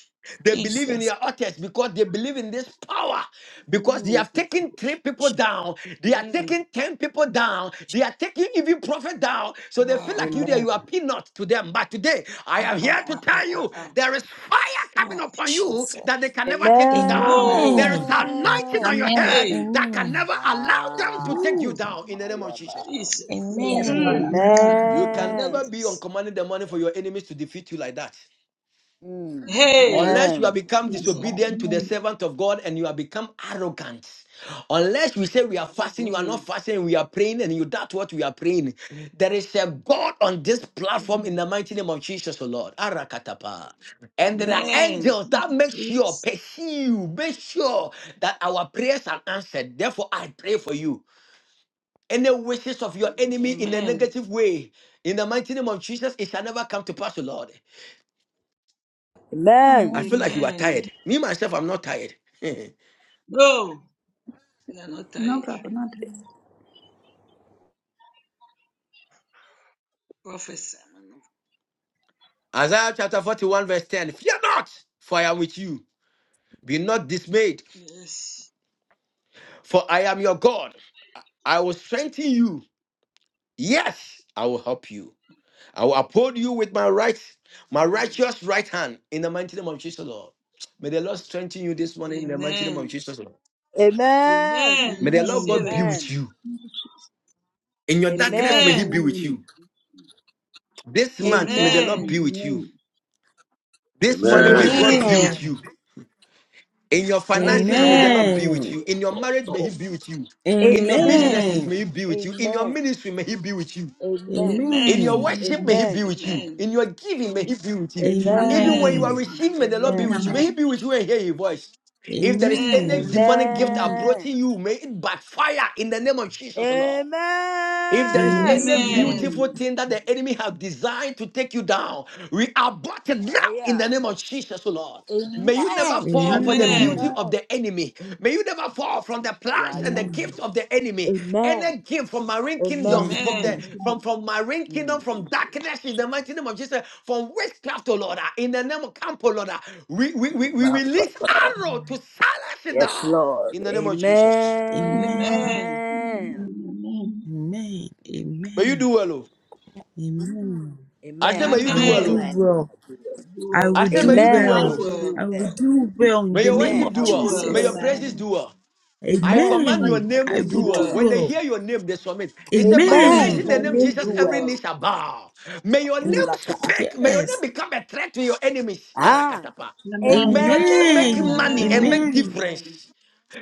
Speaker 6: They believe
Speaker 7: Jesus.
Speaker 6: in
Speaker 14: Jesus.
Speaker 6: your authors because they believe in this power. Because they
Speaker 7: Mm.
Speaker 6: have taken three people down. They are
Speaker 7: Mm.
Speaker 6: taking 10 people down. They are taking even prophet down. So they feel like you
Speaker 7: Ah.
Speaker 6: there,
Speaker 13: Amen.
Speaker 6: you are peanut to them. But today, I
Speaker 7: Ah,
Speaker 6: am here
Speaker 7: ah,
Speaker 6: to
Speaker 7: ah,
Speaker 6: tell
Speaker 7: ah, ah,
Speaker 6: you
Speaker 7: ah.
Speaker 6: there is fire
Speaker 7: Ah.
Speaker 6: coming upon you
Speaker 14: Jesus.
Speaker 6: that they can never take you down.
Speaker 7: Oh.
Speaker 6: There is
Speaker 16: Amen.
Speaker 14: Amen.
Speaker 6: anointing on
Speaker 13: Amen.
Speaker 6: your
Speaker 16: Amen.
Speaker 6: head
Speaker 7: Hey.
Speaker 6: that can
Speaker 14: Amen.
Speaker 6: never allow them to
Speaker 13: Ah,
Speaker 6: take
Speaker 7: Ooh.
Speaker 6: you down in the
Speaker 13: my
Speaker 6: name of Jesus, Lord.
Speaker 13: God.
Speaker 7: Jesus.
Speaker 13: Yes,
Speaker 16: Yes,
Speaker 13: Lord.
Speaker 16: Lord.
Speaker 7: Mm.
Speaker 14: Amen.
Speaker 16: Amen.
Speaker 6: You
Speaker 16: Thank
Speaker 6: can
Speaker 16: you,
Speaker 6: never
Speaker 13: Amen.
Speaker 6: be on
Speaker 16: Jesus.
Speaker 6: commanding the money for your enemies to defeat you like that.
Speaker 13: Mm,
Speaker 11: Yes,
Speaker 7: Hey.
Speaker 11: Lord.
Speaker 6: Unless
Speaker 13: amen.
Speaker 6: you have become
Speaker 16: Yes,
Speaker 7: Mm.
Speaker 16: Lord.
Speaker 6: disobedient to the
Speaker 16: Amen.
Speaker 6: servant of God and you have become arrogant. Unless we say we are fasting, you are not
Speaker 7: Mm.
Speaker 6: fasting, we are praying, and you doubt what we are praying. There is a God on this platform in
Speaker 7: Mm.
Speaker 6: the mighty name of Jesus, O Lord. Arakatapa. And there are
Speaker 16: Yes, Lord.
Speaker 7: Amen.
Speaker 6: angels
Speaker 16: Thank
Speaker 6: that
Speaker 16: you,
Speaker 6: make sure,
Speaker 16: Jesus.
Speaker 6: pursue, make sure that our prayers are answered. Therefore, I pray for you. Any wishes of your enemy in a
Speaker 7: Amen.
Speaker 6: negative way, in the mighty name of Jesus, it shall never come to pass, O Lord.
Speaker 13: Amen.
Speaker 6: I feel
Speaker 16: Amen.
Speaker 6: like you are
Speaker 7: Amen.
Speaker 11: Amen.
Speaker 6: tired. Me, myself, I'm not tired.
Speaker 7: No. We are not
Speaker 16: No
Speaker 7: tired.
Speaker 16: problem. Not
Speaker 7: Prophesy, man of God.
Speaker 6: Isaiah chapter 41, verse 10. Fear not, for I am with you. Be not dismayed,
Speaker 7: Yes.
Speaker 6: for I am your God. I will strengthen you. Yes, I will help you. I will uphold you with my right, my
Speaker 7: Amen.
Speaker 6: righteous right hand in the mighty name of Jesus, Lord. May the Lord strengthen you this morning in the mighty name of Jesus, Lord.
Speaker 13: Amen.
Speaker 6: May
Speaker 7: Amen.
Speaker 6: the Lord
Speaker 16: Amen.
Speaker 7: Receive
Speaker 6: God be
Speaker 7: it.
Speaker 6: with you. In your darkness,
Speaker 13: Amen.
Speaker 6: may He be
Speaker 7: Amen.
Speaker 6: with
Speaker 16: Amen.
Speaker 6: you. This
Speaker 13: Amen.
Speaker 6: month, may
Speaker 16: This
Speaker 6: the
Speaker 16: with
Speaker 13: Amen.
Speaker 6: Lord be
Speaker 7: Amen.
Speaker 6: with you.
Speaker 16: me.
Speaker 6: This morning, may
Speaker 5: Amen.
Speaker 6: God be
Speaker 7: Amen.
Speaker 13: Amen.
Speaker 16: Amen.
Speaker 6: with you.
Speaker 14: Amen.
Speaker 6: In your finances, may
Speaker 16: Amen. Amen.
Speaker 6: the
Speaker 13: Amen.
Speaker 6: Lord
Speaker 7: Amen.
Speaker 6: be with
Speaker 14: Amen.
Speaker 6: you. In your marriage, may He be with you.
Speaker 14: Amen.
Speaker 6: In your
Speaker 13: Amen.
Speaker 6: businesses,
Speaker 16: Amen.
Speaker 14: Amen.
Speaker 7: Amen.
Speaker 6: may He be with you. In your ministry, may He be with you.
Speaker 13: Amen.
Speaker 6: In
Speaker 14: Amen.
Speaker 7: Amen.
Speaker 6: your worship,
Speaker 16: Amen.
Speaker 6: may He be
Speaker 13: Amen. Amen.
Speaker 6: with you. In your giving, may He be with you.
Speaker 13: Amen.
Speaker 6: Even when you
Speaker 16: Amen.
Speaker 6: are
Speaker 7: Amen. Amen.
Speaker 14: Amen. Amen.
Speaker 6: receiving, may the Lord be
Speaker 13: Amen.
Speaker 6: with you.
Speaker 14: Amen.
Speaker 6: May
Speaker 16: Amen.
Speaker 6: He be with you and hear your voice. If there is any
Speaker 7: Amen.
Speaker 14: Amen.
Speaker 6: demonic gift
Speaker 16: Amen.
Speaker 13: Amen.
Speaker 6: approaching you, may it backfire in the name of Jesus, Lord. If there is
Speaker 13: Amen.
Speaker 16: Yes.
Speaker 6: any
Speaker 14: Amen.
Speaker 6: beautiful
Speaker 16: Amen.
Speaker 7: Amen.
Speaker 6: thing that the enemy have designed to take you down, we abort it now
Speaker 13: Ah,
Speaker 6: in
Speaker 13: yeah.
Speaker 6: the name of Jesus, O Lord. May you never
Speaker 13: Amen.
Speaker 6: fall for the
Speaker 16: Amen.
Speaker 6: beauty
Speaker 13: Amen.
Speaker 7: Amen.
Speaker 6: of the enemy. May you never fall from the
Speaker 13: Yeah,
Speaker 6: plans and the
Speaker 13: yeah.
Speaker 7: Oh.
Speaker 6: gifts of the enemy. Any
Speaker 13: Amen.
Speaker 6: gift from marine kingdom,
Speaker 13: Amen.
Speaker 6: from the
Speaker 7: Amen.
Speaker 16: Yes, God.
Speaker 6: from from marine kingdom,
Speaker 13: Mm.
Speaker 6: from darkness in the mighty name of Jesus, from witchcraft, O Lord, ah, in the name of camp, O Lord, ah, we, we, we, we
Speaker 13: My God.
Speaker 6: release arrow to silence it
Speaker 13: Yes,
Speaker 6: down
Speaker 13: Lord.
Speaker 6: in the name of
Speaker 14: Amen.
Speaker 6: Jesus.
Speaker 11: Amen.
Speaker 14: Amen.
Speaker 16: Amen.
Speaker 7: Amen.
Speaker 13: Amen.
Speaker 16: Amen.
Speaker 14: Amen.
Speaker 6: May you
Speaker 14: Amen.
Speaker 6: do well, oh.
Speaker 14: Amen.
Speaker 6: I
Speaker 13: Amen.
Speaker 6: say, may
Speaker 13: I
Speaker 11: Amen.
Speaker 6: you
Speaker 14: I
Speaker 13: do
Speaker 6: do
Speaker 16: I
Speaker 14: will
Speaker 6: well,
Speaker 16: do
Speaker 14: do
Speaker 13: well.
Speaker 6: oh.
Speaker 7: Amen.
Speaker 16: well.
Speaker 14: well.
Speaker 7: Do
Speaker 14: I
Speaker 7: well.
Speaker 6: I
Speaker 14: will
Speaker 6: say,
Speaker 14: do
Speaker 6: may you do
Speaker 7: You
Speaker 13: Amen.
Speaker 16: I
Speaker 6: well.
Speaker 13: I
Speaker 14: well.
Speaker 7: do
Speaker 13: will
Speaker 6: oh.
Speaker 16: do
Speaker 14: I
Speaker 7: well.
Speaker 13: do
Speaker 14: will
Speaker 16: well.
Speaker 13: well.
Speaker 14: do well in
Speaker 6: May
Speaker 14: the
Speaker 6: your
Speaker 7: I
Speaker 14: name
Speaker 13: Amen.
Speaker 7: will
Speaker 6: worship
Speaker 14: of
Speaker 13: I
Speaker 6: do
Speaker 13: will
Speaker 7: do
Speaker 6: well.
Speaker 13: do
Speaker 16: I
Speaker 7: well.
Speaker 11: Amen.
Speaker 6: May
Speaker 11: Amen.
Speaker 16: do
Speaker 6: your
Speaker 13: well.
Speaker 14: Jesus.
Speaker 16: well.
Speaker 6: praises do well. I
Speaker 13: Amen.
Speaker 16: I
Speaker 6: command your
Speaker 16: was
Speaker 14: Amen.
Speaker 13: My
Speaker 6: name
Speaker 16: well.
Speaker 14: I
Speaker 6: to
Speaker 13: praises
Speaker 6: do
Speaker 7: Do
Speaker 14: will
Speaker 13: do
Speaker 6: well.
Speaker 14: do
Speaker 7: well.
Speaker 6: When
Speaker 13: well.
Speaker 6: they
Speaker 14: well.
Speaker 6: hear your name, they submit. It
Speaker 11: Amen.
Speaker 6: said, by the
Speaker 16: I
Speaker 13: Amen.
Speaker 14: Amen.
Speaker 7: Amen.
Speaker 6: mention the
Speaker 13: My
Speaker 6: name
Speaker 7: Do
Speaker 16: do
Speaker 13: name
Speaker 6: Jesus,
Speaker 13: do
Speaker 6: every
Speaker 16: well.
Speaker 13: well.
Speaker 6: knee
Speaker 7: well.
Speaker 6: shall bow. May your name
Speaker 13: Apulapa.
Speaker 6: speak. May your name
Speaker 14: Yes.
Speaker 6: become a threat to your enemies.
Speaker 13: Ah,
Speaker 6: Arakatapa. May
Speaker 16: Amen.
Speaker 6: your name make
Speaker 14: Amen.
Speaker 6: money
Speaker 16: Amen.
Speaker 6: and
Speaker 7: Amen.
Speaker 13: amen.
Speaker 6: make
Speaker 14: Amen.
Speaker 7: Amen.
Speaker 6: difference.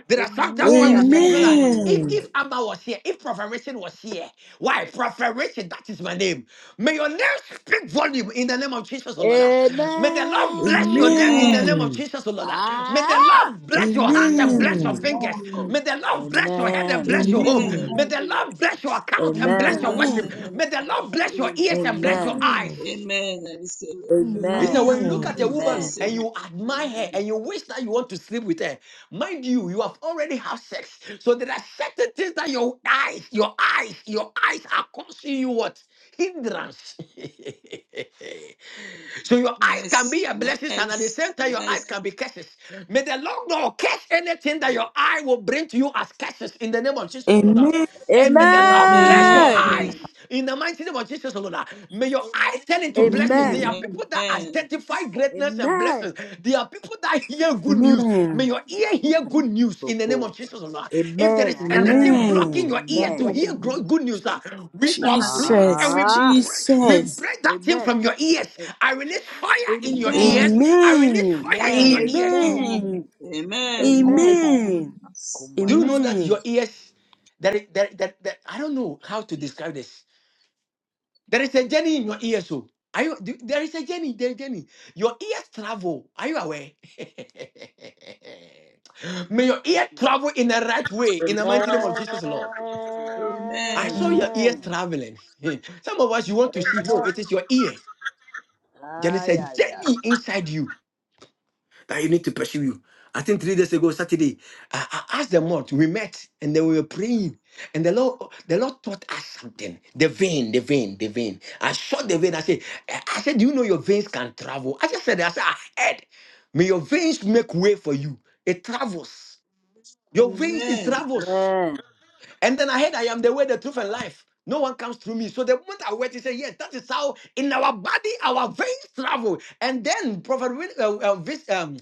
Speaker 6: There are sometimes when we
Speaker 13: Amen.
Speaker 6: speak, we feel like
Speaker 16: Amen.
Speaker 6: if
Speaker 14: Amen.
Speaker 6: if Amma was here, if Prophet Richard was here, why Prophet Richard? That is my name. May your name speak volume in the name of Jesus, O Lord. Ah. May the Lord bless your name in the
Speaker 13: Amen.
Speaker 6: name
Speaker 16: Amen.
Speaker 7: Amen.
Speaker 6: of
Speaker 14: Amen.
Speaker 6: Jesus, O Lord. Ah. May the
Speaker 13: Ah,
Speaker 6: Lord bless your hands and bless
Speaker 7: Amen.
Speaker 6: your
Speaker 14: Amen.
Speaker 6: fingers.
Speaker 16: Amen.
Speaker 6: May the Lord bless your head and
Speaker 13: amen.
Speaker 11: Amen. Amen.
Speaker 6: bless your home.
Speaker 14: Amen.
Speaker 6: May
Speaker 16: Amen.
Speaker 6: the Lord bless your account and bless your
Speaker 11: Amen.
Speaker 7: Amen.
Speaker 13: Amen.
Speaker 6: worship.
Speaker 16: Amen.
Speaker 14: Amen.
Speaker 6: May the Lord bless your ears and bless your
Speaker 13: Amen.
Speaker 14: Amen.
Speaker 6: eyes.
Speaker 7: Amen. I receive it.
Speaker 6: He said,
Speaker 13: Amen.
Speaker 6: when you look
Speaker 14: Amen.
Speaker 6: at a
Speaker 7: Amen. I
Speaker 16: Amen.
Speaker 13: Amen.
Speaker 6: woman and
Speaker 7: receive it.
Speaker 6: you admire her and
Speaker 7: Amen.
Speaker 6: you wish that you want to sleep with her, mind you, you have already had sex. So there are certain things that your eyes, your eyes, your eyes are causing you what? Hindrance. So your
Speaker 7: I
Speaker 6: eyes can be
Speaker 7: receive
Speaker 6: a
Speaker 7: it.
Speaker 6: blessing,
Speaker 7: I
Speaker 6: and at the
Speaker 7: receive it. Amen. Mm. Mercy. Mercy.
Speaker 6: same time, your eyes
Speaker 7: Mercy.
Speaker 6: can be curses. May the Lord not curse anything that your
Speaker 7: Yes.
Speaker 6: eye will bring to you as curses in the name of Jesus, O Lord.
Speaker 14: Amen.
Speaker 6: And may the
Speaker 16: Amen.
Speaker 6: Lord bless your
Speaker 13: Amen.
Speaker 6: eyes
Speaker 7: Amen.
Speaker 6: in the mighty name of Jesus, O Lord. May your eyes turn into blessings.
Speaker 13: Amen.
Speaker 14: Amen.
Speaker 6: There are
Speaker 7: Amen.
Speaker 6: people
Speaker 16: Amen.
Speaker 6: that identify greatness and blessings
Speaker 13: Amen.
Speaker 6: listen, there are people that hear
Speaker 13: Oh,
Speaker 6: good
Speaker 13: Lord,
Speaker 6: news.
Speaker 13: ah,
Speaker 6: May
Speaker 14: Amen.
Speaker 6: your ear hear good news
Speaker 13: so
Speaker 6: in the name
Speaker 13: cool.
Speaker 6: of Jesus, oh Lord. If there
Speaker 13: Amen.
Speaker 6: is
Speaker 13: I hear
Speaker 16: Amen.
Speaker 6: anything
Speaker 13: good news.
Speaker 7: Amen.
Speaker 6: blocking
Speaker 14: Amen.
Speaker 6: your
Speaker 16: My
Speaker 6: ear
Speaker 13: Amen.
Speaker 6: to
Speaker 16: dear
Speaker 6: hear
Speaker 16: God
Speaker 6: gro-
Speaker 16: news.
Speaker 6: good news, ah, we
Speaker 16: My eyes
Speaker 6: unblock and
Speaker 14: Jesus,
Speaker 6: we
Speaker 16: expect it.
Speaker 13: Ah,
Speaker 6: break, we
Speaker 14: Jesus.
Speaker 6: break that thing
Speaker 13: amen.
Speaker 6: from your ears.
Speaker 13: A-
Speaker 6: I release fire in your
Speaker 7: Amen.
Speaker 13: Amen.
Speaker 6: ears. I release
Speaker 14: Amen.
Speaker 6: fire in your
Speaker 7: Amen.
Speaker 6: ears.
Speaker 13: Amen.
Speaker 16: Amen.
Speaker 14: Amen.
Speaker 16: I
Speaker 7: Amen.
Speaker 11: Amen. Amen.
Speaker 16: receive
Speaker 13: Amen.
Speaker 16: my own
Speaker 14: Amen.
Speaker 16: news.
Speaker 6: Do you know
Speaker 13: Kumalas.
Speaker 6: that
Speaker 16: Amen.
Speaker 14: Amen.
Speaker 6: your ears, that, that, that, that I don't know how to describe this. There is a journey in your ears. So are you? do- There is a journey. There is a journey. Your ears travel. Are you aware? May your ear travel in the right way. In the mighty name of Jesus, Lord. I
Speaker 7: Amen.
Speaker 6: saw your ears
Speaker 13: Amen.
Speaker 6: traveling. Some of us you want to see. No,
Speaker 13: Amen.
Speaker 6: it is your ear. There is a
Speaker 13: Aya, ya.
Speaker 6: journey inside you that you need to pursue you. I think three days ago, Saturday, I, I asked the Lord. We met and then we were praying, and the Lord, the Lord taught us something. The vein, the vein, the vein. I saw the vein. I said, I I said, do you know your veins can travel? I just said, I said, I heard. May your veins make way for you. It travels. Your veins, it
Speaker 7: Amen.
Speaker 6: travels. And then I heard I am the way, the truth, and life. No one comes through me. So the moment I went, he said, Yes, that is how in our body, our veins travel. And then Prophet Wil- uh, uh, Vis- um,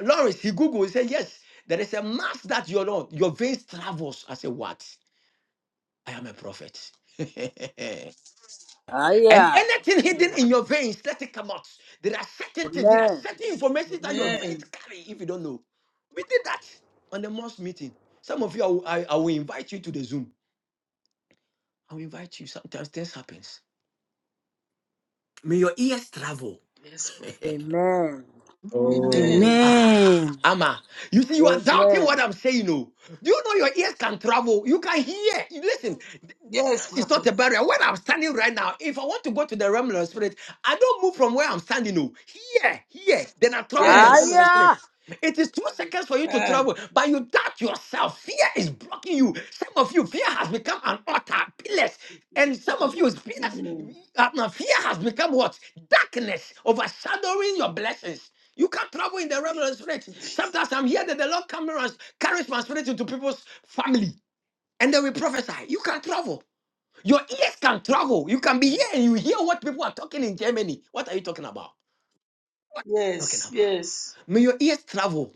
Speaker 6: Lawrence, he Googled, he said, Yes, there is a mass that your Lord, your veins travels. I said, What? I am a prophet. and anything hidden
Speaker 7: Yeah.
Speaker 6: in your veins, let it come out. There are certain things, there are
Speaker 13: Amen.
Speaker 6: certain information that your
Speaker 13: Aya. Amen.
Speaker 6: veins
Speaker 7: Amen.
Speaker 6: carry if you don't know. We did that on the most meeting. Some of you, I will I- I will invite you to the Zoom. I'll invite you. Sometimes this happens. May your ears travel.
Speaker 7: Yes, prophet.
Speaker 13: Amen.
Speaker 6: Oh,
Speaker 7: Amen.
Speaker 6: ah,
Speaker 14: Amen.
Speaker 6: Ama. You see, you
Speaker 13: Amen. Amen.
Speaker 6: are doubting what I'm saying. Oh, do you know your ears can travel? You can hear. You Listen, th-
Speaker 7: Yes,
Speaker 6: distance is not
Speaker 7: prophet.
Speaker 6: a barrier. Where I'm standing right now, if I want to go to the realm of the spirit, I don't move from where I'm standing. Oh, here, here, then I travel in the realm of
Speaker 7: Yes.
Speaker 6: the
Speaker 13: Aya.
Speaker 6: spirit.
Speaker 13: ay.
Speaker 6: It is two seconds for you to
Speaker 7: Ah.
Speaker 6: travel, but you doubt yourself. Fear is blocking you. Some of you, fear has become an altar, pillars. And some of you, fear,
Speaker 7: Mm.
Speaker 6: uh, no, fear has become what? Darkness, overshadowing your blessings. You can't travel in the realm of the spirit. Sometimes I'm here that the Lord comes and carries my spirit into people's family, and then we prophesy. You can travel. Your ears can travel. You can be here and
Speaker 7: Yes.
Speaker 6: you hear what people are talking in Germany. What are you talking about? Talking
Speaker 7: Yes.
Speaker 6: about.
Speaker 7: Yes.
Speaker 6: May your ears travel.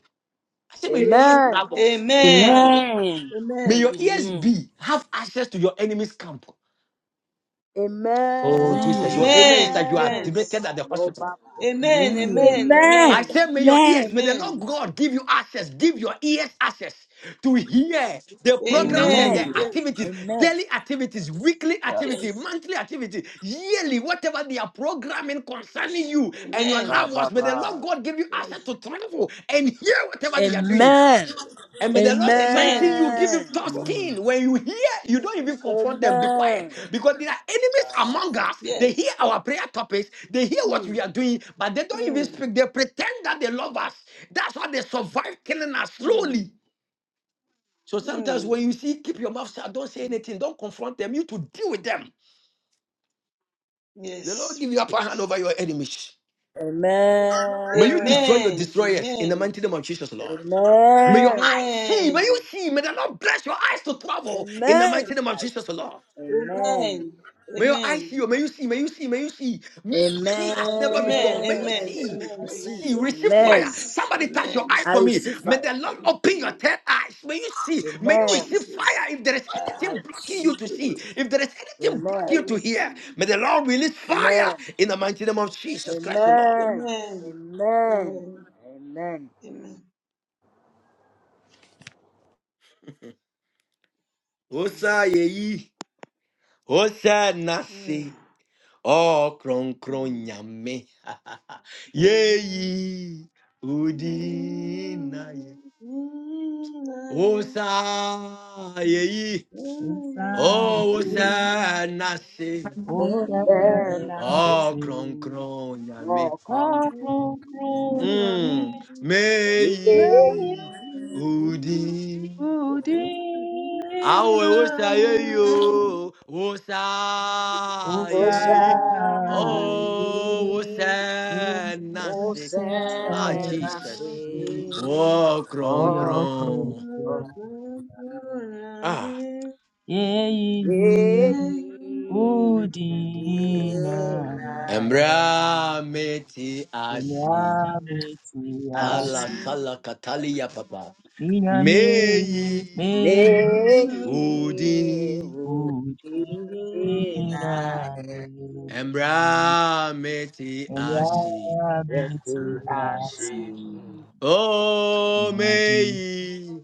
Speaker 6: I say, may your ears
Speaker 13: Amen.
Speaker 6: travel.
Speaker 13: Amen.
Speaker 7: Amen.
Speaker 14: Amen.
Speaker 6: May your
Speaker 7: Amen.
Speaker 6: ears
Speaker 14: Amen.
Speaker 6: be have access to your enemy's camp.
Speaker 14: Amen.
Speaker 6: Oh Jesus, your
Speaker 14: Amen.
Speaker 6: amen is
Speaker 7: Amen.
Speaker 6: that you are
Speaker 13: Amen.
Speaker 6: admitted
Speaker 7: Yes.
Speaker 6: at the
Speaker 13: Hello,
Speaker 6: hospital.
Speaker 13: Baba.
Speaker 7: Amen. Amen.
Speaker 13: Amen.
Speaker 6: I
Speaker 7: Amen.
Speaker 6: say, may your ears,
Speaker 13: Amen.
Speaker 6: may the Lord
Speaker 7: Amen.
Speaker 6: God give you access, give your ears access to hear the programs and the
Speaker 13: Amen.
Speaker 7: Amen.
Speaker 14: Amen.
Speaker 7: Yes.
Speaker 6: activities,
Speaker 13: Amen.
Speaker 6: daily activities, weekly
Speaker 13: Yes.
Speaker 6: activity,
Speaker 7: Yes.
Speaker 6: monthly activity, yearly, whatever they are programming concerning you and your
Speaker 7: Amen.
Speaker 6: loved ones. May the
Speaker 13: Kababa.
Speaker 6: Lord God give you access
Speaker 7: Yes.
Speaker 6: to travel and hear whatever they are doing.
Speaker 13: Amen.
Speaker 6: And may the Lord strengthen
Speaker 7: Amen.
Speaker 6: you, give you
Speaker 7: It's
Speaker 13: Amen.
Speaker 7: true,
Speaker 6: tough
Speaker 7: prophet.
Speaker 14: Amen.
Speaker 6: skin. When you hear, you don't even confront them, be quiet.
Speaker 13: Amen.
Speaker 6: Because there are enemies among us. They
Speaker 7: Yes.
Speaker 6: hear our prayer topics, they hear what
Speaker 7: Mm.
Speaker 6: we are doing, but they don't even
Speaker 7: Mm.
Speaker 6: speak. They pretend that they love us. That's why they survive killing us
Speaker 7: Mm.
Speaker 6: slowly. So sometimes when you see, keep your mouth shut, don't say
Speaker 7: Mm.
Speaker 6: anything, don't confront them. You to deal with them. The Lord
Speaker 7: Yes.
Speaker 6: give you upper hand over your enemies.
Speaker 13: Amen.
Speaker 6: May you destroy your
Speaker 7: Amen.
Speaker 6: destroyers in the
Speaker 7: Amen.
Speaker 6: mighty name of Jesus, Lord. May your
Speaker 13: Amen.
Speaker 6: eyes see. May you
Speaker 7: Amen.
Speaker 6: see. May the Lord bless your eyes to travel in the
Speaker 13: Amen.
Speaker 6: mighty name of
Speaker 13: I
Speaker 6: Jesus, Lord.
Speaker 13: see. Amen.
Speaker 7: Amen.
Speaker 6: May your eyes
Speaker 7: Amen.
Speaker 6: see, you. may you see, may you see, may you see, may you see as never before.
Speaker 7: Amen.
Speaker 6: May
Speaker 13: Amen.
Speaker 6: you
Speaker 7: Amen.
Speaker 13: I
Speaker 6: see,
Speaker 13: see. I
Speaker 7: Amen.
Speaker 6: may you
Speaker 7: Amen.
Speaker 6: see,
Speaker 13: see.
Speaker 6: receive fire.
Speaker 13: Amen.
Speaker 7: Yes.
Speaker 6: Somebody touch your
Speaker 7: Amen.
Speaker 6: eyes
Speaker 13: I
Speaker 6: for
Speaker 13: will
Speaker 6: me.
Speaker 13: see
Speaker 7: Amen.
Speaker 6: May
Speaker 13: fire.
Speaker 6: the
Speaker 7: I
Speaker 6: Lord open your
Speaker 7: receive
Speaker 6: third eyes. May you see, may you
Speaker 13: Amen.
Speaker 6: receive fire.
Speaker 7: Jesus.
Speaker 6: If there is
Speaker 7: Ah,
Speaker 13: I
Speaker 6: anything
Speaker 13: will
Speaker 6: blocking you
Speaker 13: see
Speaker 6: to
Speaker 13: it.
Speaker 6: see,
Speaker 7: Jesus.
Speaker 6: if there is anything
Speaker 7: I
Speaker 6: blocking you
Speaker 13: Amen.
Speaker 6: to hear,
Speaker 7: receive.
Speaker 6: may the Lord release fire
Speaker 13: Amen.
Speaker 6: in the
Speaker 7: Jesus.
Speaker 6: mighty name of Jesus Christ, the Lord.
Speaker 13: Amen.
Speaker 7: Amen.
Speaker 13: Amen.
Speaker 7: Amen.
Speaker 13: Amen.
Speaker 7: Amen. Amen.
Speaker 6: Osa yeyi, osa
Speaker 7: Mm.
Speaker 6: nasi, oh kron kron
Speaker 7: Mm.
Speaker 6: nyame,
Speaker 7: Mm.
Speaker 6: yeyi
Speaker 7: Mm.
Speaker 6: udina
Speaker 7: Mm. Mm.
Speaker 6: Osa yeyi,
Speaker 7: Thank
Speaker 17: Inside
Speaker 6: oh
Speaker 17: me,
Speaker 6: osa nasi,
Speaker 17: oh,
Speaker 13: Amen. I
Speaker 17: I
Speaker 13: see.
Speaker 6: oh kron
Speaker 17: see.
Speaker 6: kron yame,
Speaker 13: More concrete.
Speaker 17: Wako kunyami,
Speaker 6: mm
Speaker 13: Thank
Speaker 17: weye
Speaker 6: meyi udi. Awe osa
Speaker 17: udinaya.
Speaker 6: yeyi o, osa
Speaker 17: Osayi,
Speaker 6: yeyi, oh osa nasi.
Speaker 17: umasorasi,
Speaker 6: Ah Jesus, oh kron
Speaker 17: oyokoku,
Speaker 6: kron, ah
Speaker 17: yeyi udinaya.
Speaker 6: embra meti asi. Kala
Speaker 17: Nyamiasi,
Speaker 6: sala katalia papa. Meyi
Speaker 17: minyamie, mei,
Speaker 6: udi
Speaker 7: you.
Speaker 17: udinaye.
Speaker 6: embra meti asi.
Speaker 7: Amen.
Speaker 17: Nyamiasi,
Speaker 6: Oh
Speaker 17: irade,
Speaker 6: meyi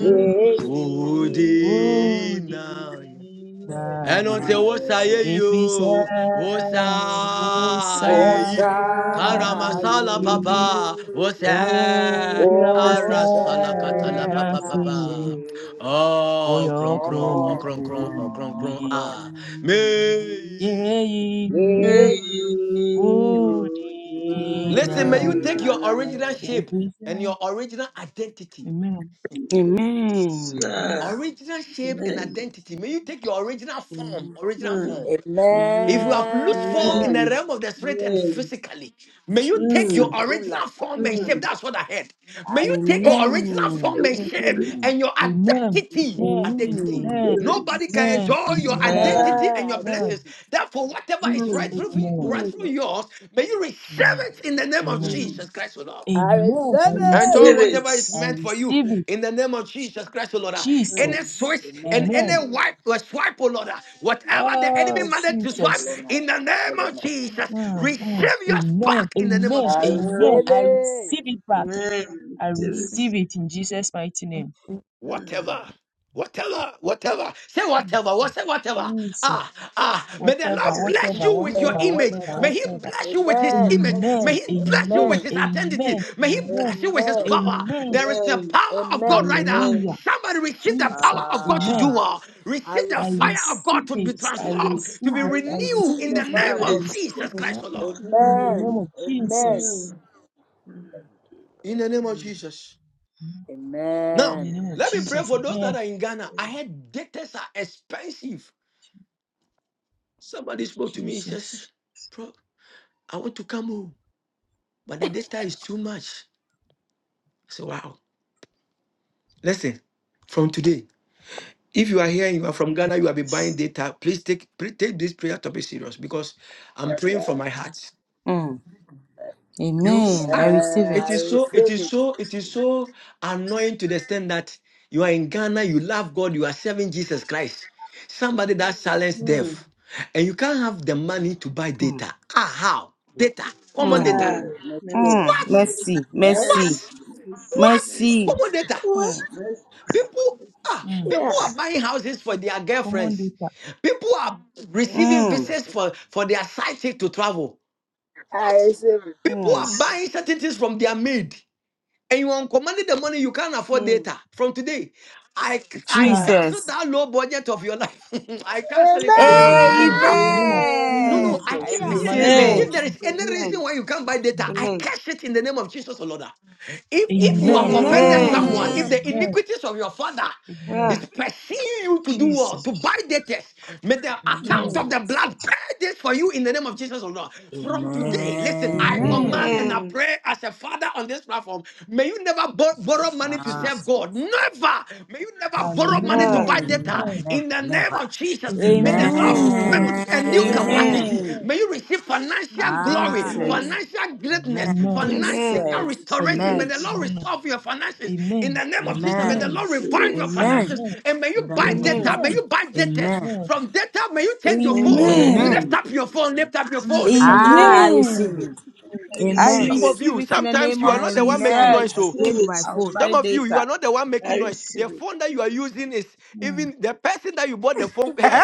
Speaker 7: Amen.
Speaker 6: udi na. ɛno
Speaker 17: udinaye.
Speaker 6: nti wo sa ye
Speaker 13: you.
Speaker 6: yi o wo
Speaker 17: Efisẹ́ ó
Speaker 6: sa yɛ yi
Speaker 13: Osayi,
Speaker 17: sára
Speaker 6: karamasala
Speaker 17: yìí,
Speaker 6: papa wo
Speaker 17: ó
Speaker 6: sɛ
Speaker 17: jẹ́ ó
Speaker 6: arasalakatala papa papa
Speaker 13: Osenase,
Speaker 17: sẹ́
Speaker 6: ɔ kronkron ɔkronkron
Speaker 17: oyokromkhulame
Speaker 6: ɔkronkron Ah,
Speaker 13: Okonkoni,
Speaker 6: meyi
Speaker 17: yeyi
Speaker 13: Leyi,
Speaker 6: Listen, may you take
Speaker 17: wodinaye.
Speaker 6: your original
Speaker 13: Dinaye.
Speaker 17: in,
Speaker 6: shape
Speaker 17: we
Speaker 6: and
Speaker 17: say
Speaker 6: your original identity.
Speaker 17: amen,
Speaker 6: Original shape and identity. May you take your original form.
Speaker 14: Amen.
Speaker 6: Original
Speaker 7: Amen.
Speaker 6: form. If you
Speaker 14: Amen.
Speaker 6: have loose form in the
Speaker 13: Amen.
Speaker 6: realm of the spirit and
Speaker 7: Amen.
Speaker 6: physically, may you take your
Speaker 7: Mm.
Speaker 14: Jesus.
Speaker 6: original
Speaker 13: Kulaka.
Speaker 6: form and shape.
Speaker 7: Mm.
Speaker 6: That's what I heard. May
Speaker 13: I
Speaker 6: you take
Speaker 13: take
Speaker 6: your
Speaker 13: it.
Speaker 6: original
Speaker 14: Amen.
Speaker 6: form and
Speaker 7: Those
Speaker 6: shape
Speaker 7: spirits,
Speaker 6: and your
Speaker 17: amen,
Speaker 6: identity.
Speaker 17: amen,
Speaker 6: Identity.
Speaker 14: Amen.
Speaker 17: amen,
Speaker 6: Nobody
Speaker 7: spirits.
Speaker 6: can
Speaker 17: amen,
Speaker 6: enjoy
Speaker 11: Amen.
Speaker 6: your
Speaker 13: Amen.
Speaker 11: Amen.
Speaker 17: amen,
Speaker 7: Uh,
Speaker 6: identity and your
Speaker 13: I take
Speaker 17: amen,
Speaker 6: blessings.
Speaker 13: it.
Speaker 6: Therefore, whatever is right
Speaker 7: mm,
Speaker 6: through
Speaker 17: amen,
Speaker 6: right
Speaker 7: mm,
Speaker 6: through
Speaker 13: Available.
Speaker 6: yours, may you receive
Speaker 17: amen,
Speaker 6: it in the name of
Speaker 17: amen,
Speaker 7: mm.
Speaker 6: Jesus Christ, O Lord.
Speaker 13: I
Speaker 17: amen. I
Speaker 13: receive it.
Speaker 6: Enjoy
Speaker 17: receive it.
Speaker 6: whatever is
Speaker 17: I
Speaker 7: Spirits.
Speaker 6: meant for you
Speaker 17: receive it.
Speaker 6: in the name of Jesus Christ, O Lord. Ah,
Speaker 13: I enjoy
Speaker 6: Any
Speaker 7: Mm,
Speaker 13: it.
Speaker 17: Jesus.
Speaker 6: switch and
Speaker 13: Amen.
Speaker 17: Amen.
Speaker 6: any
Speaker 7: mm,
Speaker 6: wipe or swipe, O Lord, ah, whatever the enemy
Speaker 17: Oh,
Speaker 6: managed to swipe
Speaker 17: Jesus.
Speaker 7: mm.
Speaker 6: in the name of
Speaker 13: Amen.
Speaker 6: Jesus,
Speaker 17: Mm, mm.
Speaker 6: receive yours
Speaker 17: Amen.
Speaker 6: back in the name of
Speaker 13: I
Speaker 17: Amen.
Speaker 6: Jesus.
Speaker 13: receive
Speaker 17: Amen.
Speaker 7: Um,
Speaker 17: I
Speaker 13: it.
Speaker 17: receive it back.
Speaker 7: man,
Speaker 17: I
Speaker 7: it
Speaker 11: even
Speaker 7: was,
Speaker 17: receive it in Jesus' mighty
Speaker 11: if
Speaker 17: name.
Speaker 11: we
Speaker 7: um,
Speaker 6: whatever, whatever, whatever. Say
Speaker 17: Jesus.
Speaker 6: whatever, what say whatever.
Speaker 17: Jesus,
Speaker 6: Ah, ah. May the
Speaker 17: whatever,
Speaker 6: Lord
Speaker 7: whatever,
Speaker 6: bless
Speaker 17: whatever,
Speaker 6: you
Speaker 11: remember
Speaker 6: with
Speaker 7: whatever,
Speaker 6: your
Speaker 11: the
Speaker 17: whatever,
Speaker 13: Whatever,
Speaker 6: image.
Speaker 13: whatever.
Speaker 6: May
Speaker 17: whatever,
Speaker 7: whatever,
Speaker 6: He
Speaker 17: whatever.
Speaker 7: whatever,
Speaker 6: bless you with His
Speaker 13: Amen.
Speaker 7: Mama,
Speaker 6: image. May
Speaker 17: Amen,
Speaker 6: He
Speaker 7: whatever.
Speaker 6: bless you with
Speaker 17: amen,
Speaker 13: Amen.
Speaker 6: His identity.
Speaker 17: amen,
Speaker 6: May He
Speaker 7: whatever.
Speaker 17: amen,
Speaker 6: bless you with His
Speaker 13: Amen.
Speaker 6: power.
Speaker 17: amen.
Speaker 6: There is the
Speaker 7: Amen,
Speaker 6: power of God
Speaker 13: Amen.
Speaker 6: right now.
Speaker 7: amen.
Speaker 17: Hallelujah.
Speaker 6: Somebody receive the
Speaker 17: Jesus,
Speaker 6: power of God to
Speaker 7: You
Speaker 17: amen.
Speaker 6: do
Speaker 13: Ah,
Speaker 6: all.
Speaker 13: I
Speaker 6: Receive the
Speaker 17: I
Speaker 13: receive
Speaker 6: fire
Speaker 13: it.
Speaker 6: of God
Speaker 17: receive
Speaker 6: to be
Speaker 17: it, I
Speaker 7: Receive
Speaker 6: transformed,
Speaker 7: it,
Speaker 6: to
Speaker 17: receive
Speaker 6: be
Speaker 13: I
Speaker 17: it, I
Speaker 6: renewed
Speaker 7: I
Speaker 13: receive
Speaker 6: in
Speaker 13: the
Speaker 6: the
Speaker 17: receive it,
Speaker 13: fire
Speaker 6: name
Speaker 13: of
Speaker 17: I
Speaker 7: receive
Speaker 6: of
Speaker 13: God.
Speaker 7: it.
Speaker 17: receive
Speaker 6: Jesus Christ,
Speaker 17: it
Speaker 6: the
Speaker 11: Lord,
Speaker 6: Lord.
Speaker 17: in the
Speaker 13: Amen.
Speaker 7: Mm,
Speaker 17: name of
Speaker 13: Amen.
Speaker 17: Jesus.
Speaker 7: mm, mm,
Speaker 6: In the name of
Speaker 7: mm.
Speaker 6: Jesus.
Speaker 17: Mm, In
Speaker 6: Now,
Speaker 17: the
Speaker 13: Amen.
Speaker 17: name of
Speaker 6: let me
Speaker 7: Yes.
Speaker 6: pray
Speaker 17: Jesus,
Speaker 6: for those
Speaker 17: amen.
Speaker 6: that are in Ghana. I heard debtors are expensive. Somebody spoke to me. He says,
Speaker 17: Jesus,
Speaker 6: Bro, I want to come home, but the data is too much. I said, Wow. Listen, from today, if you are here you are from Ghana, you have been buying
Speaker 7: Yes.
Speaker 6: data, please take please take this prayer topic serious because I'm
Speaker 13: Yes,
Speaker 6: praying from
Speaker 13: sir.
Speaker 6: my heart.
Speaker 14: Mm.
Speaker 7: Yes.
Speaker 14: Amen. I receive
Speaker 13: Amen.
Speaker 6: It
Speaker 13: I
Speaker 14: it.
Speaker 6: is so, it
Speaker 13: receive
Speaker 6: is
Speaker 13: it.
Speaker 6: so, it is so annoying to the extent that you are in Ghana, you love God, you are serving Jesus Christ. Somebody that silenced
Speaker 7: Mm.
Speaker 6: death, and you can't have the money to buy
Speaker 14: Mm.
Speaker 6: data. Ah, how? Data,
Speaker 13: Me
Speaker 6: common
Speaker 14: Mm.
Speaker 6: data.
Speaker 7: Ah,
Speaker 13: too. Me too.
Speaker 14: Mm.
Speaker 7: mercy,
Speaker 6: What?
Speaker 17: mm,
Speaker 14: Mercy.
Speaker 13: Eh?
Speaker 14: Mercy.
Speaker 7: mercy,
Speaker 6: What?
Speaker 7: mercy,
Speaker 6: What?
Speaker 7: mercy,
Speaker 14: Mercy.
Speaker 6: Common data.
Speaker 13: What?
Speaker 17: Jesus.
Speaker 14: Mm,
Speaker 7: mercy,
Speaker 6: People ah,
Speaker 17: Mm.
Speaker 6: people
Speaker 13: Yeah.
Speaker 6: are
Speaker 7: mercy,
Speaker 6: buying houses for their
Speaker 17: Come on,
Speaker 6: girlfriends.
Speaker 17: data.
Speaker 6: People are receiving
Speaker 7: mercy,
Speaker 14: mm,
Speaker 7: Lord,
Speaker 6: visas for, for their sidekick to travel.
Speaker 13: I
Speaker 6: What?
Speaker 13: receive it.
Speaker 6: People
Speaker 14: mm.
Speaker 6: are
Speaker 7: mercy.
Speaker 6: buying certain things from their maid. And you are commanding the money you can't afford
Speaker 7: Mm.
Speaker 6: data from today. I I
Speaker 17: Mm.
Speaker 7: Ah,
Speaker 6: cancel
Speaker 14: Jesus.
Speaker 6: that low budget of your life. I cancel it in the name of Jesus, or
Speaker 17: Amen.
Speaker 6: Lord.
Speaker 13: Amen.
Speaker 17: In the name of
Speaker 6: No, no,
Speaker 7: amen,
Speaker 14: Amen.
Speaker 6: I
Speaker 13: Ah,
Speaker 14: I
Speaker 17: Jesus,
Speaker 6: can't.
Speaker 17: in the
Speaker 13: yeah.
Speaker 14: receive
Speaker 6: Listen,
Speaker 17: mighty name
Speaker 14: it.
Speaker 17: of
Speaker 7: amen,
Speaker 6: if there
Speaker 17: Jesus.
Speaker 6: is any
Speaker 7: amen,
Speaker 6: reason why you can't buy data, I
Speaker 17: Amen.
Speaker 7: amen,
Speaker 6: curse it in the name of Jesus, O Lord. If, if you have
Speaker 17: Amen.
Speaker 6: offended
Speaker 7: amen.
Speaker 17: Amen.
Speaker 6: someone, if
Speaker 13: Amen.
Speaker 14: Amen.
Speaker 7: Yes.
Speaker 6: the
Speaker 17: Amen.
Speaker 6: iniquities of your father
Speaker 17: Amen.
Speaker 6: is
Speaker 7: Ah,
Speaker 6: pursuing you to do well,
Speaker 7: Jesus.
Speaker 6: to
Speaker 17: Jesus.
Speaker 6: buy data, may the account
Speaker 17: Amen.
Speaker 6: of
Speaker 7: Mm.
Speaker 6: the
Speaker 14: Jesus.
Speaker 6: blood pay this for you in the name of Jesus, O Lord. From today,
Speaker 7: Mm.
Speaker 6: listen, I
Speaker 13: Amen.
Speaker 17: Amen.
Speaker 6: command and
Speaker 14: Amen.
Speaker 6: I
Speaker 7: Amen.
Speaker 6: pray as a father on this platform, may you never bor- borrow money to
Speaker 13: Ah,
Speaker 7: Yes.
Speaker 6: serve God.
Speaker 14: Jesus.
Speaker 6: Never. May you never borrow money to
Speaker 17: Hallelujah.
Speaker 7: Ah,
Speaker 6: buy
Speaker 13: never,
Speaker 14: Amen.
Speaker 6: data
Speaker 17: Amen.
Speaker 13: never,
Speaker 6: in the name
Speaker 13: never.
Speaker 6: of Jesus, may the
Speaker 17: Amen.
Speaker 6: Lord
Speaker 7: amen,
Speaker 17: Amen.
Speaker 14: Amen.
Speaker 6: build a new
Speaker 17: Amen.
Speaker 13: Amen.
Speaker 7: amen,
Speaker 6: capacity.
Speaker 17: Amen.
Speaker 14: Amen.
Speaker 6: May you receive
Speaker 17: Oh,
Speaker 6: financial
Speaker 17: Jesus.
Speaker 6: glory,
Speaker 13: Ah,
Speaker 14: Jesus.
Speaker 7: amen.
Speaker 6: financial greatness,
Speaker 13: amen.
Speaker 17: Amen.
Speaker 6: financial
Speaker 7: Amen.
Speaker 14: Jesus.
Speaker 17: Amen.
Speaker 7: Receive
Speaker 6: restoration. May
Speaker 13: Amen.
Speaker 7: it.
Speaker 6: the Lord
Speaker 17: Amen.
Speaker 6: restore your finances. In the
Speaker 17: Amen.
Speaker 6: name of Jesus, may
Speaker 7: I
Speaker 13: Amen.
Speaker 6: the
Speaker 17: Amen.
Speaker 6: Lord
Speaker 7: receive
Speaker 6: revive
Speaker 7: it.
Speaker 6: your
Speaker 13: Amen.
Speaker 6: finances.
Speaker 17: Amen.
Speaker 6: And may
Speaker 13: In
Speaker 6: you
Speaker 13: the
Speaker 6: buy
Speaker 13: name of
Speaker 14: Amen.
Speaker 6: data.
Speaker 7: Amen.
Speaker 6: May
Speaker 13: Jesus.
Speaker 17: Amen.
Speaker 6: you buy debtors.
Speaker 13: Amen.
Speaker 17: Amen.
Speaker 6: From data, may you change your phone.
Speaker 7: Amen.
Speaker 13: Amen.
Speaker 17: Amen.
Speaker 6: Lift up your phone. Lift up your phone. Lift up your
Speaker 17: Jesus.
Speaker 6: phone.
Speaker 13: Ah, I
Speaker 7: Amen.
Speaker 13: receive it.
Speaker 14: Amen.
Speaker 17: Oh,
Speaker 7: I
Speaker 14: I
Speaker 13: Amen.
Speaker 7: receive
Speaker 6: Some
Speaker 17: Jesus.
Speaker 6: of
Speaker 7: it.
Speaker 14: receive
Speaker 6: you,
Speaker 14: it in the
Speaker 6: sometimes
Speaker 14: name
Speaker 6: you are
Speaker 14: of
Speaker 6: not the one
Speaker 7: I
Speaker 6: making
Speaker 13: Amen.
Speaker 6: noise.
Speaker 14: Jesus.
Speaker 13: I
Speaker 6: So
Speaker 7: receive
Speaker 13: change
Speaker 7: it
Speaker 13: my
Speaker 7: in
Speaker 14: I'll
Speaker 13: phone.
Speaker 6: some
Speaker 14: buy
Speaker 7: Jesus'
Speaker 6: of you,
Speaker 7: name.
Speaker 6: you
Speaker 14: data.
Speaker 6: are not the one making
Speaker 7: I
Speaker 6: noise.
Speaker 7: receive
Speaker 6: The
Speaker 7: it.
Speaker 6: phone that you are using is
Speaker 17: Mm.
Speaker 6: even the person that you bought the phone. Eh.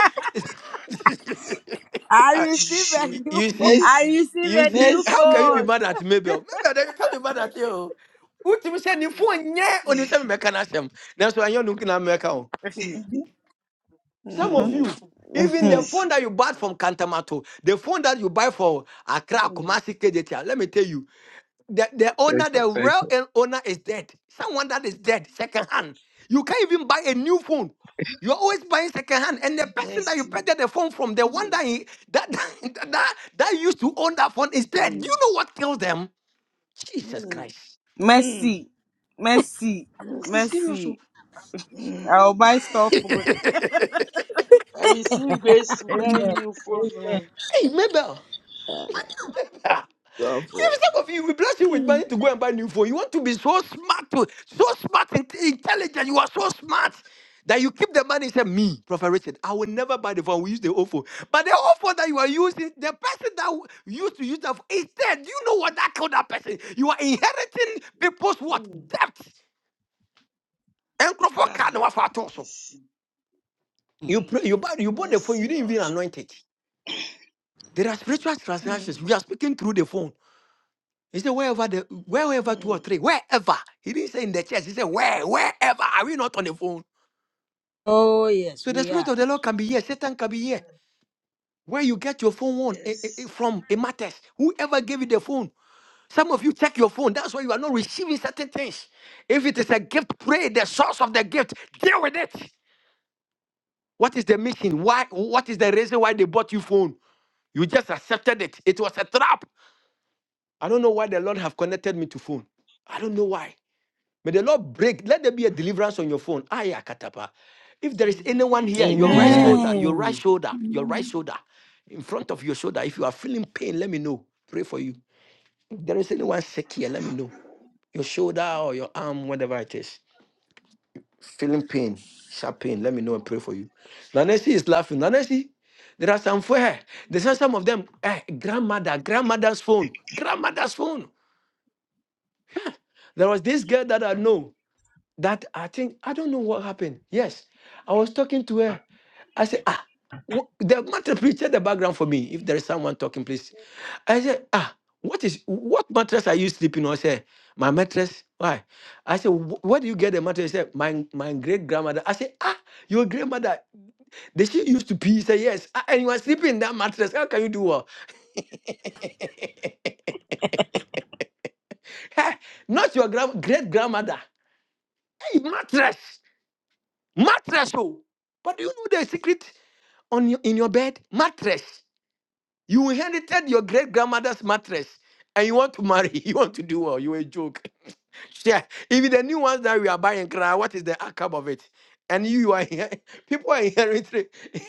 Speaker 13: I receive a
Speaker 6: you
Speaker 7: Je-
Speaker 13: new
Speaker 6: you
Speaker 13: phone.
Speaker 6: see,
Speaker 14: I
Speaker 7: Mercy.
Speaker 14: receive
Speaker 6: you
Speaker 14: a
Speaker 6: see,
Speaker 14: new
Speaker 6: how
Speaker 7: Mercy,
Speaker 6: can you be
Speaker 14: phone.
Speaker 7: Lord.
Speaker 6: mad at Mabel? Mabel, they can't be mad at you. What you say ne phone yeah, on the same mechanism. That's why you're looking at o. Some
Speaker 17: Uh-huh.
Speaker 6: of
Speaker 14: Hmm.
Speaker 6: you, even the phone
Speaker 7: Mercy.
Speaker 6: that you bought from Kantamato, the phone that you buy for Accra,
Speaker 7: Mm.
Speaker 6: Kumasi, KJT, let me tell you the, the
Speaker 2: thank
Speaker 6: owner,
Speaker 2: you,
Speaker 6: the
Speaker 2: thank
Speaker 6: real el- owner is dead. Someone that is dead, second hand. You can't even buy a new phone. You're always buying second hand. And the person that you
Speaker 7: Mercy.
Speaker 6: purchased the phone from, the one
Speaker 7: Mm.
Speaker 6: that, he, that, that, that, that used to own that phone is dead. You
Speaker 7: Mm.
Speaker 6: know what kills them? Jesus
Speaker 7: Mm.
Speaker 6: Christ.
Speaker 7: Mm.
Speaker 14: mercy, mercy,
Speaker 6: No, I'm
Speaker 7: Mercy.
Speaker 6: serious. oh.
Speaker 14: mercy.
Speaker 7: Mm.
Speaker 14: I'll buy store food.
Speaker 7: I receive grace to buy
Speaker 17: Amen.
Speaker 7: new phone.
Speaker 17: Amen.
Speaker 7: oh.
Speaker 6: hey, Mabel.
Speaker 13: Double.
Speaker 6: If some of you will bless you with money to go and buy new phone, you want to be so smart, to- so smart, and intelligent. You are so smart that you keep the money. and Say me, Prophet Richard, I will never buy the phone. We use the old phone, but the old phone that you are using, the person that w- used to use that phone is dead. Do you know what that killed that person? You are inheriting people's what
Speaker 7: Mm.
Speaker 6: debt. And Crawford card no
Speaker 7: Ah.
Speaker 6: one for at so.
Speaker 7: Mercy.
Speaker 6: You pray, you buy, you bought the phone. You
Speaker 7: Mercy,
Speaker 6: didn't even
Speaker 7: Lord.
Speaker 6: anoint it. There are spiritual
Speaker 7: Mm,
Speaker 6: transactions.
Speaker 7: mm,
Speaker 6: We are speaking through the phone. He said, wherever the wherever two or
Speaker 7: mm.
Speaker 6: three, wherever. He didn't say in the church. He said, where, wherever. Are we not on the phone?
Speaker 13: Oh, yes,
Speaker 6: So the
Speaker 13: we
Speaker 6: spirit
Speaker 13: are.
Speaker 6: of the Lord can be here. Satan can be here.
Speaker 7: mm.
Speaker 6: Where you get your phone on, eh, eh, eh,
Speaker 7: Yes.
Speaker 6: from, it matters. Whoever gave you the phone. Some of you check your phone. That's why you are not receiving certain things. If it is a gift, pray the source of the gift. Deal with it. What is the mission? Why? What is the reason why they bought you phone? You just accepted it. It was a trap. I don't know why the Lord have connected me to phone. I don't know why. May the Lord break. Let there be a deliverance on your phone. Aya katapa. If there is anyone here, your
Speaker 2: you.
Speaker 6: right
Speaker 2: Amen.
Speaker 7: Amen.
Speaker 16: Amen.
Speaker 6: shoulder, your right
Speaker 14: Amen.
Speaker 6: shoulder, your right
Speaker 16: Amen.
Speaker 6: shoulder, in front of your shoulder, if you are feeling pain, let me know. Pray for you. If there is anyone sick here, let me know. Your shoulder or your arm, whatever it is, feeling pain, sharp pain, let me know and pray for you. Nanesi is laughing. Nanesi, there are some for her. There's some some of them. Eh, grandmother, grandmother's phone, grandmother's phone. There was this girl that I know. that I think I don't know what happened. Yes, I was talking to her. I said, ah, what, the matter please check the background for me. If there is someone talking, please. I said, ah, what is what mattress are you sleeping on? She said, my mattress. Why? I said, "Wh- where do you get the mattress? She said, my my great grandmother. I said, ah, your grandmother. Did she used to pee? He said, yes. "Ah, and you are sleeping in that mattress. How can you do well? Hey, Not your grand great grandmother. Hey, mattress, mattress. Oh, but do you know the secret? on your, in your bed mattress. You inherited your great grandmother's mattress, and you want to marry. You want to do well. You a joke. Yeah. Even the new ones that we are buying, cry. What is the outcome of it? And you, you are here. People are inheriting.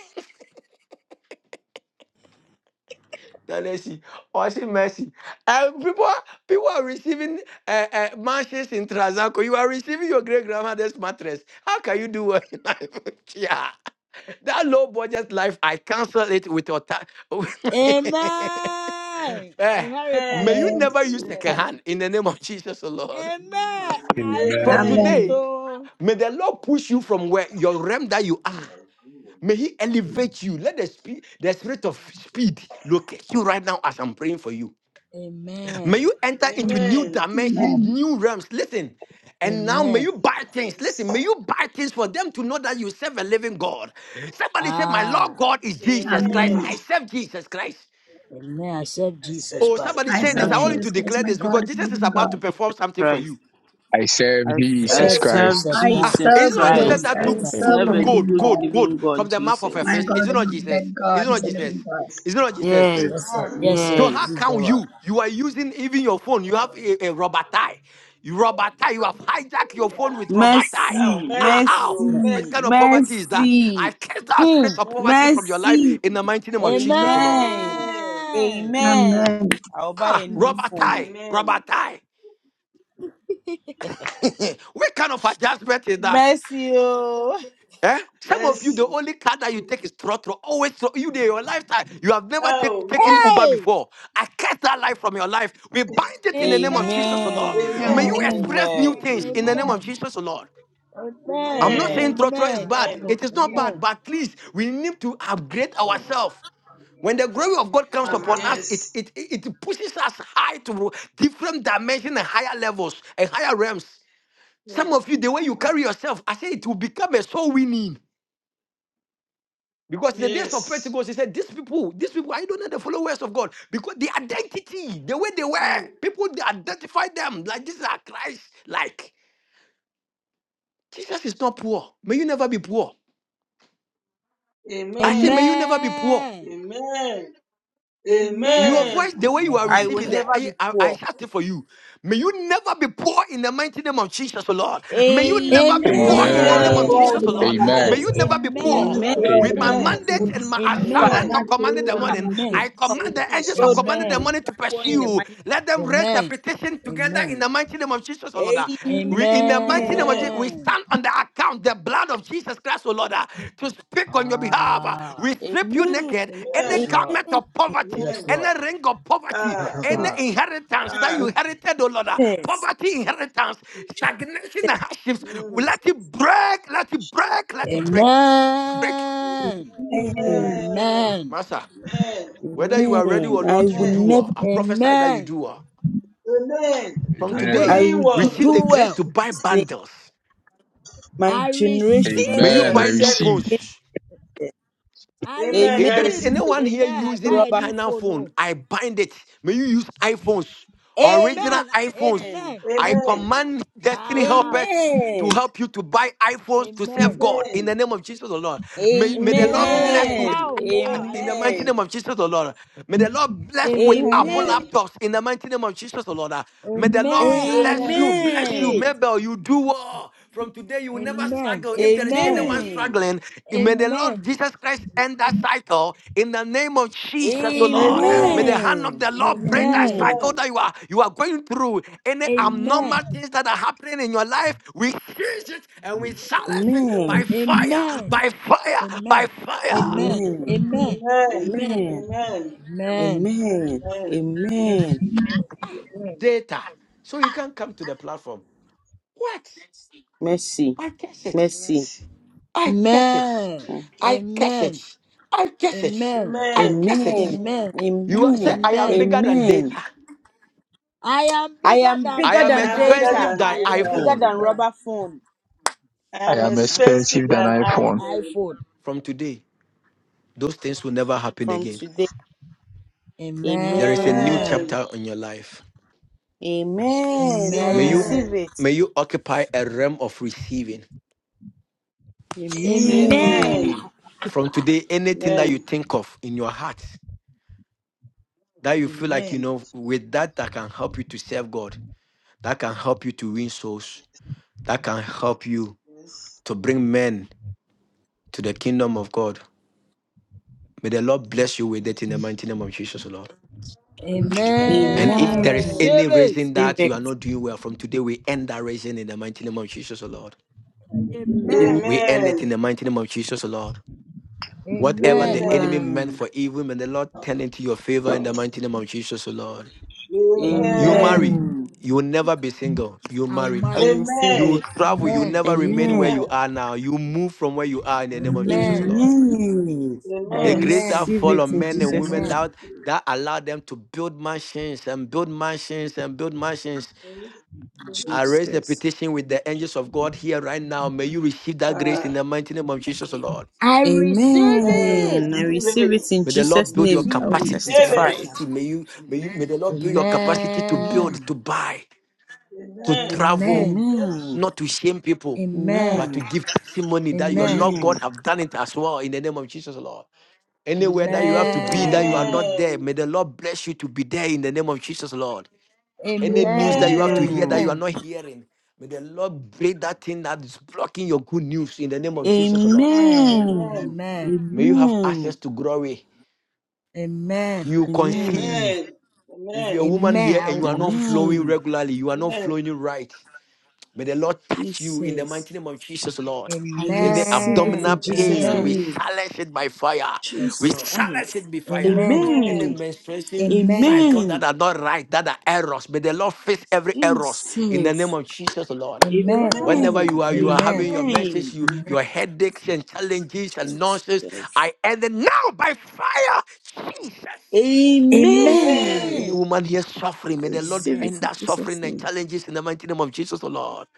Speaker 6: Tennessee, or see mercy. And people, are- people are receiving uh, uh, matches in Trazaco. You are receiving your great grandmother's mattress. How can you do well in life? yeah. That low budget life, I cancel it with your time.
Speaker 13: Amen.
Speaker 6: may
Speaker 13: Inheritance.
Speaker 6: you
Speaker 7: Amen.
Speaker 16: Amen.
Speaker 6: never use second hand in the name of Jesus, oh Lord.
Speaker 13: Amen. I
Speaker 7: Amen.
Speaker 6: From
Speaker 13: receive
Speaker 2: Amen.
Speaker 13: it
Speaker 7: Amen.
Speaker 16: Amen.
Speaker 6: today,
Speaker 13: all.
Speaker 6: May the Lord push you from where your realm that you are. May He elevate you. Let the speed, the spirit of speed locate you right now as I'm praying for you. May
Speaker 13: Amen.
Speaker 6: you enter
Speaker 11: who
Speaker 6: into new
Speaker 7: Amen.
Speaker 6: dimensions,
Speaker 16: Amen.
Speaker 6: new realms. Listen. And now may
Speaker 13: Amen.
Speaker 6: you buy things.
Speaker 7: Yes.
Speaker 6: Listen, may you buy things for them to know that you serve a living God. Somebody say, My
Speaker 13: Ah,
Speaker 6: Lord God is Jesus Christ.
Speaker 7: Amen.
Speaker 6: I
Speaker 16: Amen.
Speaker 6: serve Jesus Christ.
Speaker 13: amen. Accept
Speaker 7: I
Speaker 13: Jesus
Speaker 7: serve
Speaker 6: Oh,
Speaker 13: Christ.
Speaker 7: Jesus
Speaker 6: somebody
Speaker 16: I
Speaker 6: say this.
Speaker 16: serve
Speaker 14: Serve
Speaker 6: I want
Speaker 7: Christ.
Speaker 6: you
Speaker 13: Amen.
Speaker 6: to
Speaker 16: Jesus Christ,
Speaker 6: declare
Speaker 16: my
Speaker 6: this
Speaker 16: God,
Speaker 6: because
Speaker 16: and
Speaker 6: Jesus is
Speaker 16: living
Speaker 6: about to
Speaker 16: God.
Speaker 6: perform
Speaker 14: Jesus
Speaker 6: something for
Speaker 14: Christ.
Speaker 6: you.
Speaker 2: I serve
Speaker 14: I, I
Speaker 2: Jesus
Speaker 7: Serve
Speaker 13: Accept
Speaker 2: Christ.
Speaker 7: Jesus.
Speaker 14: serve
Speaker 13: Jesus
Speaker 7: Christ.
Speaker 16: I
Speaker 6: Ah,
Speaker 13: Christ.
Speaker 14: Jesus
Speaker 6: is it
Speaker 16: serve
Speaker 6: not
Speaker 13: Accept
Speaker 6: Jesus
Speaker 11: said,
Speaker 16: Jesus
Speaker 14: Christ.
Speaker 6: that
Speaker 13: Jesus
Speaker 16: Christ.
Speaker 14: I
Speaker 6: took
Speaker 16: I
Speaker 11: "Yes,
Speaker 13: Christ.
Speaker 6: took
Speaker 16: serve a
Speaker 14: serve a
Speaker 11: come,
Speaker 16: living
Speaker 6: gold,
Speaker 14: good
Speaker 6: gold,
Speaker 16: God.
Speaker 6: gold
Speaker 14: living
Speaker 6: from
Speaker 14: God,
Speaker 6: the mouth of a
Speaker 16: My
Speaker 14: Jesus.
Speaker 6: fish? Is
Speaker 16: God
Speaker 6: it
Speaker 16: is
Speaker 6: not
Speaker 16: not a
Speaker 6: Jesus?
Speaker 16: dead
Speaker 6: Is
Speaker 16: God,
Speaker 6: it not
Speaker 16: He's a
Speaker 6: Jesus?
Speaker 16: living God.
Speaker 6: Is it not Jesus?
Speaker 13: Yes,
Speaker 2: Yes.
Speaker 14: Yes,
Speaker 13: sir.
Speaker 8: Amen.
Speaker 13: Yes,
Speaker 6: So
Speaker 13: sir.
Speaker 6: how
Speaker 13: He's
Speaker 14: yes.
Speaker 13: the
Speaker 6: can
Speaker 13: one.
Speaker 6: you? You are using even your phone. You have a, a rubber tie. You rubber tie. You have hijacked your phone with rubber tie.
Speaker 7: Oh,
Speaker 14: Mercy,
Speaker 6: Ah,
Speaker 7: mercy,
Speaker 6: how?
Speaker 7: oh,
Speaker 13: Yeah.
Speaker 6: Which
Speaker 7: mercy,
Speaker 14: mercy,
Speaker 6: kind of poverty is that?
Speaker 14: mercy.
Speaker 6: I cast out
Speaker 13: Hmm.
Speaker 6: spirit of
Speaker 7: mercy.
Speaker 6: poverty from your life
Speaker 14: Mercy.
Speaker 6: in the mighty name of Jesus, O Lord.
Speaker 14: Amen.
Speaker 7: Amen.
Speaker 13: Amen.
Speaker 14: Amen.
Speaker 16: Amen.
Speaker 14: I'll buy
Speaker 6: Ah,
Speaker 14: a new
Speaker 6: rubber
Speaker 14: phone.
Speaker 6: tie, rubber
Speaker 7: Amen.
Speaker 6: tie. What kind of adjustment is that?
Speaker 14: Mercy. Oh.
Speaker 6: Eh? Some of you, the
Speaker 7: Mercy.
Speaker 6: only car that you take is Trotro. Always tro- you there, your lifetime. You have never take,
Speaker 7: Oh,
Speaker 6: taken Uber
Speaker 7: mercy.
Speaker 13: Hey.
Speaker 6: before. I cut that life from your life. We bind it in the name of Jesus, O Lord.
Speaker 14: Amen.
Speaker 6: May you
Speaker 7: Amen.
Speaker 13: Amen.
Speaker 16: Amen.
Speaker 6: express new
Speaker 14: Amen.
Speaker 6: things in the name of
Speaker 13: Amen.
Speaker 6: Jesus, O Lord. I'm
Speaker 13: Amen.
Speaker 8: Amen.
Speaker 6: not saying
Speaker 7: Amen.
Speaker 14: Amen.
Speaker 6: Trotro is
Speaker 13: Amen.
Speaker 6: bad.
Speaker 7: Amen.
Speaker 6: It is not bad,
Speaker 13: Amen.
Speaker 6: but please, we need to upgrade
Speaker 13: Oh.
Speaker 6: ourselves. When the glory of God comes upon us,
Speaker 8: Hallelujah.
Speaker 6: it,
Speaker 7: Yes.
Speaker 6: it, it it pushes us high to different dimensions and higher levels and higher realms. Some
Speaker 7: Yes.
Speaker 6: of you, the way you carry yourself, I say it will become a soul winning. Because in the days of
Speaker 7: Yes.
Speaker 6: Pentecost, he said, These people, these people, I don't know the followers of God. Because the identity, the way they were,
Speaker 7: Mm.
Speaker 6: people they identify them like this are Christ. Like Jesus is not poor. May you never be poor. I say, may
Speaker 7: Amen.
Speaker 6: you never be poor.
Speaker 13: Amen.
Speaker 7: Amen.
Speaker 6: Your
Speaker 13: Amen.
Speaker 6: voice,
Speaker 7: Amen.
Speaker 13: I
Speaker 6: the
Speaker 13: will
Speaker 6: way you are
Speaker 13: never
Speaker 14: I
Speaker 13: be
Speaker 14: will
Speaker 6: receiving that,
Speaker 13: poor.
Speaker 14: never
Speaker 6: I,
Speaker 14: be
Speaker 6: I, I
Speaker 14: poor.
Speaker 6: shout it for you. May you never be poor in the mighty name of Jesus, O Lord. May you never
Speaker 13: Amen.
Speaker 6: be
Speaker 16: I'm
Speaker 6: poor in the
Speaker 13: I
Speaker 16: not
Speaker 6: name
Speaker 17: Amen.
Speaker 13: will
Speaker 6: of
Speaker 2: Amen.
Speaker 16: poor in
Speaker 14: Amen.
Speaker 6: Jesus,
Speaker 7: Amen.
Speaker 16: the
Speaker 6: O
Speaker 13: never
Speaker 16: name
Speaker 6: Lord.
Speaker 13: be
Speaker 16: of
Speaker 13: poor.
Speaker 6: May
Speaker 2: Amen.
Speaker 7: Amen.
Speaker 6: you
Speaker 16: Jesus.
Speaker 6: never be
Speaker 16: I'm
Speaker 6: poor.
Speaker 16: not
Speaker 13: Amen.
Speaker 14: Amen.
Speaker 16: poor
Speaker 6: With
Speaker 2: Amen.
Speaker 16: in
Speaker 6: my
Speaker 16: the
Speaker 13: Amen.
Speaker 16: name of
Speaker 7: Amen.
Speaker 6: mandate
Speaker 14: Will
Speaker 6: and
Speaker 16: Jesus.
Speaker 6: my
Speaker 14: never
Speaker 16: I'm
Speaker 6: assignment
Speaker 13: Amen.
Speaker 7: Amen.
Speaker 16: not
Speaker 6: of commanding
Speaker 16: poor
Speaker 6: the
Speaker 16: in the
Speaker 14: lack.
Speaker 16: name
Speaker 6: morning,
Speaker 16: of
Speaker 13: Amen.
Speaker 6: I
Speaker 14: Our
Speaker 16: Jesus.
Speaker 6: command the angels of
Speaker 7: Peace.
Speaker 14: children
Speaker 6: commanding the
Speaker 14: will
Speaker 13: Amen.
Speaker 6: morning to
Speaker 14: grow
Speaker 6: pursue
Speaker 14: in the
Speaker 6: you.
Speaker 14: mind
Speaker 6: Let them
Speaker 14: of
Speaker 6: raise their
Speaker 13: Amen.
Speaker 6: petition together in the
Speaker 13: Amen.
Speaker 6: mighty name of Jesus, O oh Lord. ah.
Speaker 14: Amen.
Speaker 6: We in the mighty name of Jesus,
Speaker 7: Amen.
Speaker 6: we
Speaker 13: Amen.
Speaker 6: stand on the account, the blood of Jesus Christ, oh Lord, ah, to speak on your behalf. ah.
Speaker 13: Ah,
Speaker 6: We strip you
Speaker 14: Amen.
Speaker 6: naked, any
Speaker 13: yes,
Speaker 7: Amen.
Speaker 13: Lord.
Speaker 6: garment of poverty,
Speaker 13: Yes,
Speaker 7: Amen.
Speaker 13: Lord.
Speaker 6: any ring of poverty,
Speaker 13: Ba,
Speaker 7: Ah.
Speaker 13: ba,
Speaker 6: any
Speaker 14: Amen.
Speaker 13: ba.
Speaker 6: inheritance that
Speaker 7: Ah.
Speaker 6: you inherited, oh Lord, ah,
Speaker 14: Yes.
Speaker 6: poverty inheritance, stagnation and hardships. we
Speaker 7: Mm.
Speaker 6: Let it break, let it break, let it break. Break.
Speaker 13: Amen.
Speaker 14: Amen.
Speaker 16: Amen.
Speaker 7: Amen.
Speaker 13: Amen.
Speaker 6: Master,
Speaker 7: Amen.
Speaker 6: whether you are ready
Speaker 14: Man,
Speaker 6: or
Speaker 14: I
Speaker 6: not, you
Speaker 14: will
Speaker 6: do
Speaker 7: Amen.
Speaker 14: never,
Speaker 6: well. I prophesy that you
Speaker 13: Amen.
Speaker 6: do well.
Speaker 7: Amen.
Speaker 6: From
Speaker 13: Do
Speaker 7: I'm
Speaker 6: today,
Speaker 14: I
Speaker 13: well.
Speaker 2: Amen.
Speaker 7: doing
Speaker 14: will do
Speaker 7: well.
Speaker 6: receive the
Speaker 13: Do
Speaker 6: grace
Speaker 13: well.
Speaker 6: to buy
Speaker 14: this name.
Speaker 6: bundles.
Speaker 14: My
Speaker 13: I
Speaker 14: generation
Speaker 13: receive
Speaker 6: May
Speaker 7: Amen.
Speaker 6: you
Speaker 7: I
Speaker 2: Amen.
Speaker 13: it.
Speaker 6: buy
Speaker 2: I
Speaker 14: will
Speaker 7: receive
Speaker 6: new
Speaker 2: receive.
Speaker 14: be
Speaker 7: it.
Speaker 6: phones.
Speaker 14: it.
Speaker 13: I
Speaker 7: Amen.
Speaker 13: receive
Speaker 14: Amen.
Speaker 6: If
Speaker 7: I
Speaker 6: there is
Speaker 13: it.
Speaker 7: receive
Speaker 6: anyone
Speaker 7: it.
Speaker 6: here
Speaker 13: Amen.
Speaker 14: No
Speaker 13: I
Speaker 6: using
Speaker 13: buy a
Speaker 14: rubber.
Speaker 13: new
Speaker 6: China
Speaker 13: phone.
Speaker 6: phone,
Speaker 13: Oh.
Speaker 6: I bind it. May you use iPhones, original
Speaker 14: Amen.
Speaker 13: Amen.
Speaker 6: iPhones.
Speaker 13: Amen.
Speaker 6: I
Speaker 7: Amen.
Speaker 6: command destiny helpers
Speaker 13: Ah.
Speaker 14: Amen.
Speaker 6: to help you to buy iPhones to serve
Speaker 13: Amen.
Speaker 6: God in
Speaker 7: Amen.
Speaker 6: the name of Jesus the Lord. May, may the Lord bless
Speaker 13: Amen.
Speaker 6: you
Speaker 7: Amen.
Speaker 6: with
Speaker 14: Amen.
Speaker 13: Ow. Ow.
Speaker 6: God,
Speaker 13: I
Speaker 6: in
Speaker 7: Amen.
Speaker 6: the mighty
Speaker 13: receive it.
Speaker 6: name
Speaker 14: Amen.
Speaker 6: of Jesus, the Lord. May the Lord bless you with
Speaker 13: Amen.
Speaker 6: Apple
Speaker 14: Amen.
Speaker 7: Amen.
Speaker 6: laptops in the mighty name of Jesus, the Lord. May the Lord
Speaker 13: Amen. I
Speaker 6: bless you,
Speaker 7: Amen.
Speaker 13: receive
Speaker 6: bless you.
Speaker 13: it.
Speaker 14: Amen.
Speaker 6: Mabel, you do well. From today, you will never
Speaker 7: Mm.
Speaker 13: Amen.
Speaker 6: struggle. If there is
Speaker 13: Amen.
Speaker 6: anyone
Speaker 7: Amen.
Speaker 14: Amen.
Speaker 6: struggling, may the Lord
Speaker 13: Amen.
Speaker 6: Jesus Christ end that cycle in the name of Jesus, the Lord.
Speaker 2: Amen.
Speaker 6: May
Speaker 7: Amen.
Speaker 13: Amen.
Speaker 6: the hand of the
Speaker 14: Amen.
Speaker 6: Lord break that
Speaker 13: Amen.
Speaker 14: Amen.
Speaker 6: cycle
Speaker 7: Amen.
Speaker 6: that you are you are going through. Any
Speaker 13: Amen.
Speaker 6: abnormal things that are happening in your life, we seize it and we silence it by
Speaker 14: Amen.
Speaker 13: Amen.
Speaker 6: fire, by fire,
Speaker 13: Amen.
Speaker 6: by
Speaker 13: Amen. Amen.
Speaker 6: fire.
Speaker 14: Amen.
Speaker 7: Amen.
Speaker 14: Amen.
Speaker 7: Amen.
Speaker 14: Amen.
Speaker 7: Amen.
Speaker 14: Amen.
Speaker 6: data. So you can't come to the platform. What?
Speaker 14: Mercy.
Speaker 6: I guess it.
Speaker 14: Mercy.
Speaker 7: Mercy.
Speaker 6: I guess it.
Speaker 13: Amen. Amen. Amen.
Speaker 6: I guess
Speaker 13: Amen.
Speaker 6: it. I guess it.
Speaker 13: Amen.
Speaker 6: I
Speaker 7: Amen.
Speaker 6: guess it.
Speaker 14: Amen.
Speaker 13: Amen.
Speaker 6: You are, say
Speaker 14: Amen.
Speaker 7: Amen.
Speaker 6: I am
Speaker 13: Amen.
Speaker 6: bigger than
Speaker 7: Amen.
Speaker 14: Amen.
Speaker 6: data.
Speaker 13: I am
Speaker 14: I
Speaker 13: bigger
Speaker 14: am
Speaker 13: than
Speaker 6: I
Speaker 14: bigger
Speaker 6: am
Speaker 7: I
Speaker 14: than
Speaker 7: am
Speaker 13: data.
Speaker 7: bigger
Speaker 13: No
Speaker 14: data.
Speaker 6: expensive
Speaker 7: than
Speaker 6: than
Speaker 14: I am
Speaker 13: budget
Speaker 7: data.
Speaker 14: bigger
Speaker 6: iPhone.
Speaker 14: than
Speaker 13: anymore.
Speaker 14: rubber phone.
Speaker 7: I
Speaker 2: I
Speaker 7: am
Speaker 14: Hmm.
Speaker 2: am
Speaker 7: expensive
Speaker 2: expensive than
Speaker 7: than
Speaker 2: iPhone.
Speaker 7: iPhone.
Speaker 13: iPhone.
Speaker 6: From today, those things will never happen
Speaker 14: From
Speaker 6: again.
Speaker 7: Mm,
Speaker 14: today.
Speaker 7: mercy.
Speaker 6: There is
Speaker 14: Amen.
Speaker 6: a new
Speaker 13: Amen.
Speaker 7: Amen.
Speaker 6: chapter in your life.
Speaker 14: Amen. I
Speaker 6: May you
Speaker 13: Amen.
Speaker 14: receive
Speaker 7: Amen.
Speaker 14: it.
Speaker 6: may you occupy a realm of receiving.
Speaker 13: Amen.
Speaker 7: Amen.
Speaker 14: Amen.
Speaker 6: From today, anything that you
Speaker 7: Amen.
Speaker 6: think of in your heart that you feel like you
Speaker 7: Jesus.
Speaker 6: know with that that can help you to serve God. that can help you to win souls, that can help you
Speaker 7: Yes.
Speaker 6: to bring men to the kingdom of God. May the Lord bless you with it in the
Speaker 7: Yes.
Speaker 6: mighty name of Jesus, O Lord.
Speaker 17: Amen.
Speaker 6: And
Speaker 13: Amen. I
Speaker 6: if there is
Speaker 7: Amen.
Speaker 6: any
Speaker 13: receive
Speaker 14: Amen. I
Speaker 13: it.
Speaker 6: reason
Speaker 14: receive
Speaker 6: that you
Speaker 14: it.
Speaker 6: are not doing well from today, we end that reason in the mighty name of Jesus, O Lord.
Speaker 14: Amen.
Speaker 13: Amen.
Speaker 6: We end it
Speaker 7: Amen.
Speaker 6: in the mighty name of Jesus, O Lord. Whatever the
Speaker 13: Amen.
Speaker 7: Amen.
Speaker 6: enemy meant
Speaker 14: Amen.
Speaker 6: for evil, may the Lord turn into your favor in the mighty name of Jesus, O Lord. You
Speaker 7: Amen.
Speaker 6: marry,
Speaker 13: Amen.
Speaker 14: Amen.
Speaker 6: you will never be single. You
Speaker 13: I will
Speaker 6: marry.
Speaker 14: I
Speaker 13: marry.
Speaker 14: receive
Speaker 7: Amen.
Speaker 6: You
Speaker 14: it.
Speaker 6: travel, you
Speaker 13: Amen.
Speaker 6: never remain where
Speaker 14: Amen.
Speaker 7: Amen.
Speaker 13: Amen.
Speaker 6: you are now. You move from where you are in the name of Jesus, O
Speaker 13: Amen.
Speaker 6: Lord.
Speaker 14: Amen. I
Speaker 6: The
Speaker 7: Amen.
Speaker 6: grace that
Speaker 13: Amen.
Speaker 14: receive
Speaker 6: fall
Speaker 14: it
Speaker 6: on
Speaker 14: in
Speaker 6: men and
Speaker 14: Jesus'
Speaker 6: women
Speaker 14: name.
Speaker 13: Amen.
Speaker 6: that that allowed them to build mansions and build mansions and build mansions. I raise the
Speaker 14: Jesus.
Speaker 6: petition with the angels of God here right now. May you receive that grace in
Speaker 7: Uh,
Speaker 6: the mighty name of Jesus, O Lord.
Speaker 13: I receive
Speaker 7: amen.
Speaker 13: it.
Speaker 14: Amen. I
Speaker 7: Receive
Speaker 14: receive
Speaker 7: it.
Speaker 14: it in
Speaker 6: May the
Speaker 13: I
Speaker 6: Lord
Speaker 14: Jesus'
Speaker 6: build your
Speaker 14: name. I
Speaker 13: receive
Speaker 14: will
Speaker 13: it.
Speaker 7: Receive
Speaker 6: capacities,
Speaker 13: I
Speaker 14: testify.
Speaker 13: love
Speaker 7: it.
Speaker 13: her.
Speaker 6: capacity. May you, may you, may the Lord build your capacity to
Speaker 13: Amen.
Speaker 6: build,
Speaker 14: Amen.
Speaker 6: to buy, to
Speaker 7: Amen.
Speaker 6: travel,
Speaker 13: Amen.
Speaker 7: Yes.
Speaker 14: Amen.
Speaker 6: not to shame people,
Speaker 13: Amen.
Speaker 7: Ah,
Speaker 6: but
Speaker 14: Amen.
Speaker 6: to give testimony that your
Speaker 13: Amen.
Speaker 7: Jesus.
Speaker 6: Lord
Speaker 14: Amen.
Speaker 6: God have done it as well in the name of Jesus, Lord. Anywhere that you have to be, that
Speaker 13: Amen.
Speaker 6: you are
Speaker 14: Amen.
Speaker 6: not there,
Speaker 7: amen.
Speaker 6: may the Lord bless you to be there in the name of Jesus, Lord. Any news that
Speaker 13: Amen.
Speaker 6: you have to
Speaker 7: Amen.
Speaker 6: hear that
Speaker 14: Amen.
Speaker 6: you are
Speaker 13: Amen. Amen.
Speaker 6: not hearing, may the Lord break that thing that is blocking your good news in the name of Jesus, Lord.
Speaker 14: Amen.
Speaker 7: Amen.
Speaker 13: Amen.
Speaker 6: May you have access
Speaker 14: Amen.
Speaker 6: to glory.
Speaker 13: Amen.
Speaker 6: You
Speaker 14: Amen.
Speaker 6: conceive.
Speaker 7: Amen.
Speaker 6: If you're a
Speaker 7: Amen.
Speaker 6: woman
Speaker 13: Amen.
Speaker 6: here
Speaker 13: I
Speaker 6: and
Speaker 13: will
Speaker 6: you are not flowing
Speaker 13: conceive.
Speaker 14: Amen.
Speaker 6: regularly, you are not
Speaker 7: Amen.
Speaker 6: flowing right. May the Lord touch you in the
Speaker 14: Jesus.
Speaker 6: mighty name of Jesus, Lord.
Speaker 14: I
Speaker 6: Any
Speaker 14: receive it
Speaker 6: abdominal
Speaker 13: Amen.
Speaker 14: in Jesus'
Speaker 6: pain,
Speaker 13: Amen.
Speaker 6: we
Speaker 7: Amen.
Speaker 14: name.
Speaker 6: silence it by fire.
Speaker 13: Yes,
Speaker 6: We
Speaker 14: Jesus.
Speaker 13: Lord.
Speaker 6: silence it by fire.
Speaker 13: Amen.
Speaker 6: Any
Speaker 14: Amen.
Speaker 7: Amen.
Speaker 6: menstruation
Speaker 13: Amen.
Speaker 6: cycle that
Speaker 14: Amen.
Speaker 6: are not right, that are errors, may the Lord fix every errors in the name
Speaker 14: Jesus.
Speaker 6: of Jesus, Lord.
Speaker 13: Amen.
Speaker 7: Amen.
Speaker 6: Whenever you
Speaker 14: Amen.
Speaker 6: are, you are having
Speaker 13: Amen.
Speaker 6: your
Speaker 14: Amen.
Speaker 6: messages, you
Speaker 13: Amen.
Speaker 6: your headaches and challenges and
Speaker 14: Yes.
Speaker 6: nonsense. I end it now by fire, Jesus.
Speaker 7: Amen.
Speaker 14: Amen.
Speaker 6: Any
Speaker 13: Amen.
Speaker 7: Amen.
Speaker 6: woman here suffering,
Speaker 14: I
Speaker 6: may the Lord
Speaker 14: receive
Speaker 13: Amen.
Speaker 14: it
Speaker 6: end
Speaker 14: in
Speaker 6: that
Speaker 14: Jesus'
Speaker 6: suffering and
Speaker 14: name.
Speaker 6: challenges in the mighty name of Jesus, the Lord.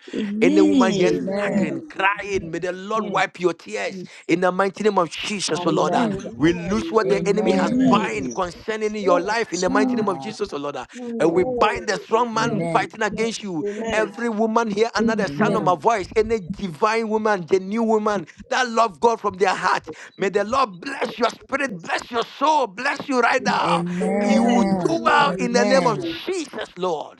Speaker 6: Any woman here
Speaker 14: Amen.
Speaker 13: Amen.
Speaker 17: Hallelujah.
Speaker 7: Amen.
Speaker 6: struggling, crying,
Speaker 17: Amen.
Speaker 6: may the Lord
Speaker 17: Amen.
Speaker 6: wipe your tears in
Speaker 17: Jesus.
Speaker 6: the mighty name of Jesus, the Lord. Ah,
Speaker 13: Amen.
Speaker 17: Hallelujah.
Speaker 6: We lose
Speaker 7: Amen.
Speaker 6: what the enemy has
Speaker 13: Amen.
Speaker 7: Amen.
Speaker 17: Amen.
Speaker 6: bind
Speaker 14: Amen.
Speaker 6: concerning your
Speaker 17: Lord
Speaker 6: life in the mighty name of
Speaker 17: Jesus.
Speaker 13: Ah,
Speaker 6: Jesus, the Lord. Ah. And we
Speaker 7: Mm.
Speaker 17: Oh,
Speaker 6: bind the strong man
Speaker 17: amen,
Speaker 13: amen.
Speaker 6: fighting
Speaker 17: amen,
Speaker 6: against you.
Speaker 17: amen,
Speaker 7: Amen.
Speaker 6: Every woman here under the sound of my
Speaker 13: Amen.
Speaker 17: amen.
Speaker 6: voice, any divine woman, the new woman that love God from their heart.
Speaker 17: Thank
Speaker 6: May
Speaker 17: you,
Speaker 6: the Lord
Speaker 17: Jesus.
Speaker 6: bless your
Speaker 17: Thank you,
Speaker 6: spirit,
Speaker 17: Jesus.
Speaker 6: bless your soul, bless you right
Speaker 17: Amen,
Speaker 6: now.
Speaker 17: amen,
Speaker 6: You will
Speaker 7: Amen.
Speaker 6: do
Speaker 13: Amen.
Speaker 17: amen.
Speaker 6: well
Speaker 7: Amen.
Speaker 6: in the
Speaker 7: Receive
Speaker 6: name of
Speaker 13: Amen.
Speaker 7: it.
Speaker 6: Jesus, Lord.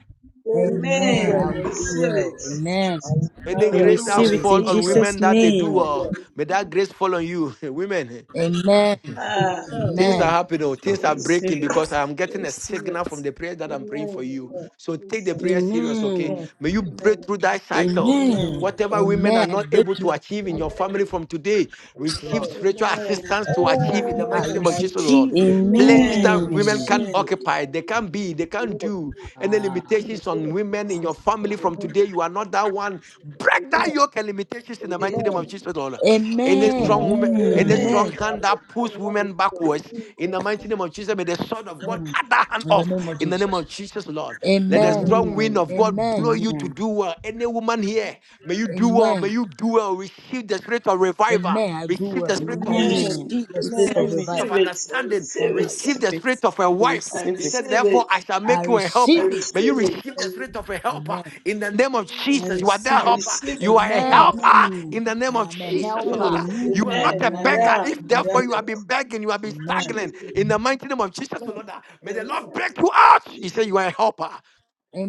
Speaker 17: I will do
Speaker 13: Amen.
Speaker 17: well
Speaker 7: Amen.
Speaker 13: I
Speaker 17: in
Speaker 13: will
Speaker 7: I
Speaker 17: the name of
Speaker 13: do
Speaker 7: receive
Speaker 13: well.
Speaker 7: it.
Speaker 17: Jesus.
Speaker 13: Amen.
Speaker 17: I will do
Speaker 7: I
Speaker 6: Any
Speaker 14: I
Speaker 7: will
Speaker 17: well.
Speaker 6: grace
Speaker 7: do
Speaker 6: that
Speaker 17: I
Speaker 14: receive
Speaker 7: well.
Speaker 17: will
Speaker 14: it
Speaker 6: fall
Speaker 14: in
Speaker 17: do
Speaker 6: on
Speaker 17: well.
Speaker 14: Jesus'
Speaker 6: women that they do
Speaker 17: Do
Speaker 14: name.
Speaker 7: Amen. I
Speaker 6: well,
Speaker 17: well.
Speaker 6: may
Speaker 7: receive
Speaker 6: that
Speaker 7: it.
Speaker 6: grace fall on you, women.
Speaker 13: Amen.
Speaker 17: Amen,
Speaker 7: Ah,
Speaker 6: Things are
Speaker 13: Amen.
Speaker 7: amen. I
Speaker 6: happening, Oh, things
Speaker 7: receive
Speaker 14: I
Speaker 6: are
Speaker 7: it.
Speaker 6: breaking
Speaker 14: receive
Speaker 6: because
Speaker 14: it.
Speaker 6: I am
Speaker 14: I
Speaker 6: getting a
Speaker 14: receive
Speaker 6: signal from
Speaker 14: it.
Speaker 6: the prayer that I'm praying for
Speaker 7: Amen.
Speaker 6: you.
Speaker 17: amen,
Speaker 6: So
Speaker 7: I
Speaker 6: take the
Speaker 17: amen,
Speaker 7: receive
Speaker 6: prayer serious,
Speaker 7: it.
Speaker 6: okay?
Speaker 14: Amen.
Speaker 17: amen.
Speaker 6: May you break
Speaker 7: Amen.
Speaker 6: through that cycle.
Speaker 17: Jesus.
Speaker 14: Amen.
Speaker 7: Amen.
Speaker 6: Whatever women are
Speaker 13: Amen. I
Speaker 6: not
Speaker 13: break
Speaker 6: able
Speaker 13: through
Speaker 6: to achieve in
Speaker 13: that
Speaker 17: Amen,
Speaker 6: your
Speaker 13: cycle.
Speaker 6: family
Speaker 7: Amen.
Speaker 6: from today,
Speaker 13: Yes,
Speaker 6: receive
Speaker 13: Lord.
Speaker 17: amen.
Speaker 6: spiritual
Speaker 7: Amen.
Speaker 6: assistance to achieve
Speaker 7: Ah,
Speaker 6: in the
Speaker 13: I
Speaker 6: mighty
Speaker 17: Oh,
Speaker 6: name of
Speaker 17: I
Speaker 6: Jesus, Lord
Speaker 13: receive it.
Speaker 17: receive it. I
Speaker 6: places
Speaker 13: I
Speaker 6: that
Speaker 7: amen.
Speaker 17: receive it.
Speaker 6: women
Speaker 17: I
Speaker 14: Amen.
Speaker 6: can
Speaker 13: receive it.
Speaker 7: Amen.
Speaker 17: receive it.
Speaker 6: occupy,
Speaker 17: I
Speaker 6: they
Speaker 17: receive
Speaker 6: can
Speaker 17: it
Speaker 6: be,
Speaker 17: in
Speaker 6: they
Speaker 17: the
Speaker 6: can
Speaker 17: name of
Speaker 6: do.
Speaker 17: Jesus.
Speaker 6: Any
Speaker 13: Ah.
Speaker 17: In the
Speaker 6: limitations
Speaker 17: name
Speaker 6: on
Speaker 17: of
Speaker 6: women in your
Speaker 17: Jesus. In the
Speaker 6: family
Speaker 17: name of Jesus. In the
Speaker 6: from
Speaker 17: name of
Speaker 6: today, you are not that one. Break
Speaker 17: Jesus. Amen.
Speaker 6: that yoke and limitations in the mighty name of
Speaker 17: Amen.
Speaker 7: Amen.
Speaker 6: Jesus, Lord.
Speaker 17: Amen.
Speaker 6: Any
Speaker 13: amen.
Speaker 6: strong woman, any
Speaker 14: Amen.
Speaker 7: Amen.
Speaker 6: strong
Speaker 13: Amen.
Speaker 17: By
Speaker 6: hand
Speaker 17: the
Speaker 6: that pulls
Speaker 17: blood
Speaker 6: women
Speaker 17: of
Speaker 6: backwards in the
Speaker 17: Jesus.
Speaker 6: mighty name of Jesus, may the sword of
Speaker 17: Amen.
Speaker 6: God
Speaker 13: Mm.
Speaker 6: cut that hand
Speaker 13: In the
Speaker 6: off
Speaker 13: name of
Speaker 6: in the name
Speaker 13: Jesus.
Speaker 6: of Jesus, Lord. Let the
Speaker 17: Amen.
Speaker 13: Amen.
Speaker 6: strong
Speaker 14: Amen.
Speaker 6: wind of
Speaker 7: Amen.
Speaker 6: God
Speaker 13: Amen.
Speaker 6: blow you to
Speaker 14: Amen.
Speaker 6: do well. Any woman here, may you do well, may
Speaker 13: Amen.
Speaker 6: you do well. Receive the spirit of revival,
Speaker 13: Amen. I do
Speaker 6: receive the
Speaker 13: well.
Speaker 6: spirit
Speaker 13: I
Speaker 6: of peace
Speaker 14: Amen.
Speaker 7: Amen.
Speaker 13: receive the spirit
Speaker 7: Amen. I
Speaker 13: of
Speaker 14: Receive it.
Speaker 13: revival.
Speaker 6: of
Speaker 7: receive it. I
Speaker 6: understanding,
Speaker 14: I
Speaker 7: receive
Speaker 13: I,
Speaker 7: it.
Speaker 14: receive
Speaker 6: receive the
Speaker 14: it.
Speaker 6: spirit of a
Speaker 14: I
Speaker 6: wife.
Speaker 7: I
Speaker 14: receive
Speaker 6: He
Speaker 14: it.
Speaker 6: said,
Speaker 7: receive
Speaker 6: Therefore,
Speaker 7: it.
Speaker 6: I shall
Speaker 13: I
Speaker 6: make you a
Speaker 14: I
Speaker 7: I
Speaker 6: helper.
Speaker 13: receive it.
Speaker 6: May you
Speaker 14: receive
Speaker 7: receive
Speaker 14: it.
Speaker 7: it.
Speaker 6: receive
Speaker 17: By the
Speaker 6: the spirit of a helper
Speaker 13: Amen.
Speaker 6: in the name of
Speaker 17: Jesus.
Speaker 14: I
Speaker 6: Jesus. You are the
Speaker 7: I
Speaker 14: receive it.
Speaker 6: helper.
Speaker 7: receive
Speaker 6: You
Speaker 7: it.
Speaker 6: are a
Speaker 17: Amen.
Speaker 13: Amen.
Speaker 6: helper
Speaker 14: Amen.
Speaker 6: in the name of
Speaker 13: I am
Speaker 7: I
Speaker 13: a
Speaker 7: receive
Speaker 6: Jesus, O
Speaker 17: Amen.
Speaker 6: Lord.
Speaker 13: helper.
Speaker 7: it.
Speaker 6: You are not
Speaker 14: Amen.
Speaker 6: a
Speaker 7: Amen. I
Speaker 13: Amen.
Speaker 6: beggar. If
Speaker 7: am. I
Speaker 6: therefore
Speaker 7: am
Speaker 6: you
Speaker 7: the
Speaker 6: have been
Speaker 7: help.
Speaker 6: begging, you have been
Speaker 13: Amen.
Speaker 6: staggering
Speaker 7: Jesus.
Speaker 6: in the mighty name of Jesus, O
Speaker 17: Amen.
Speaker 6: Lord. May the Lord
Speaker 7: Amen.
Speaker 6: break you out. He said, You
Speaker 7: Jesus.
Speaker 6: are a helper.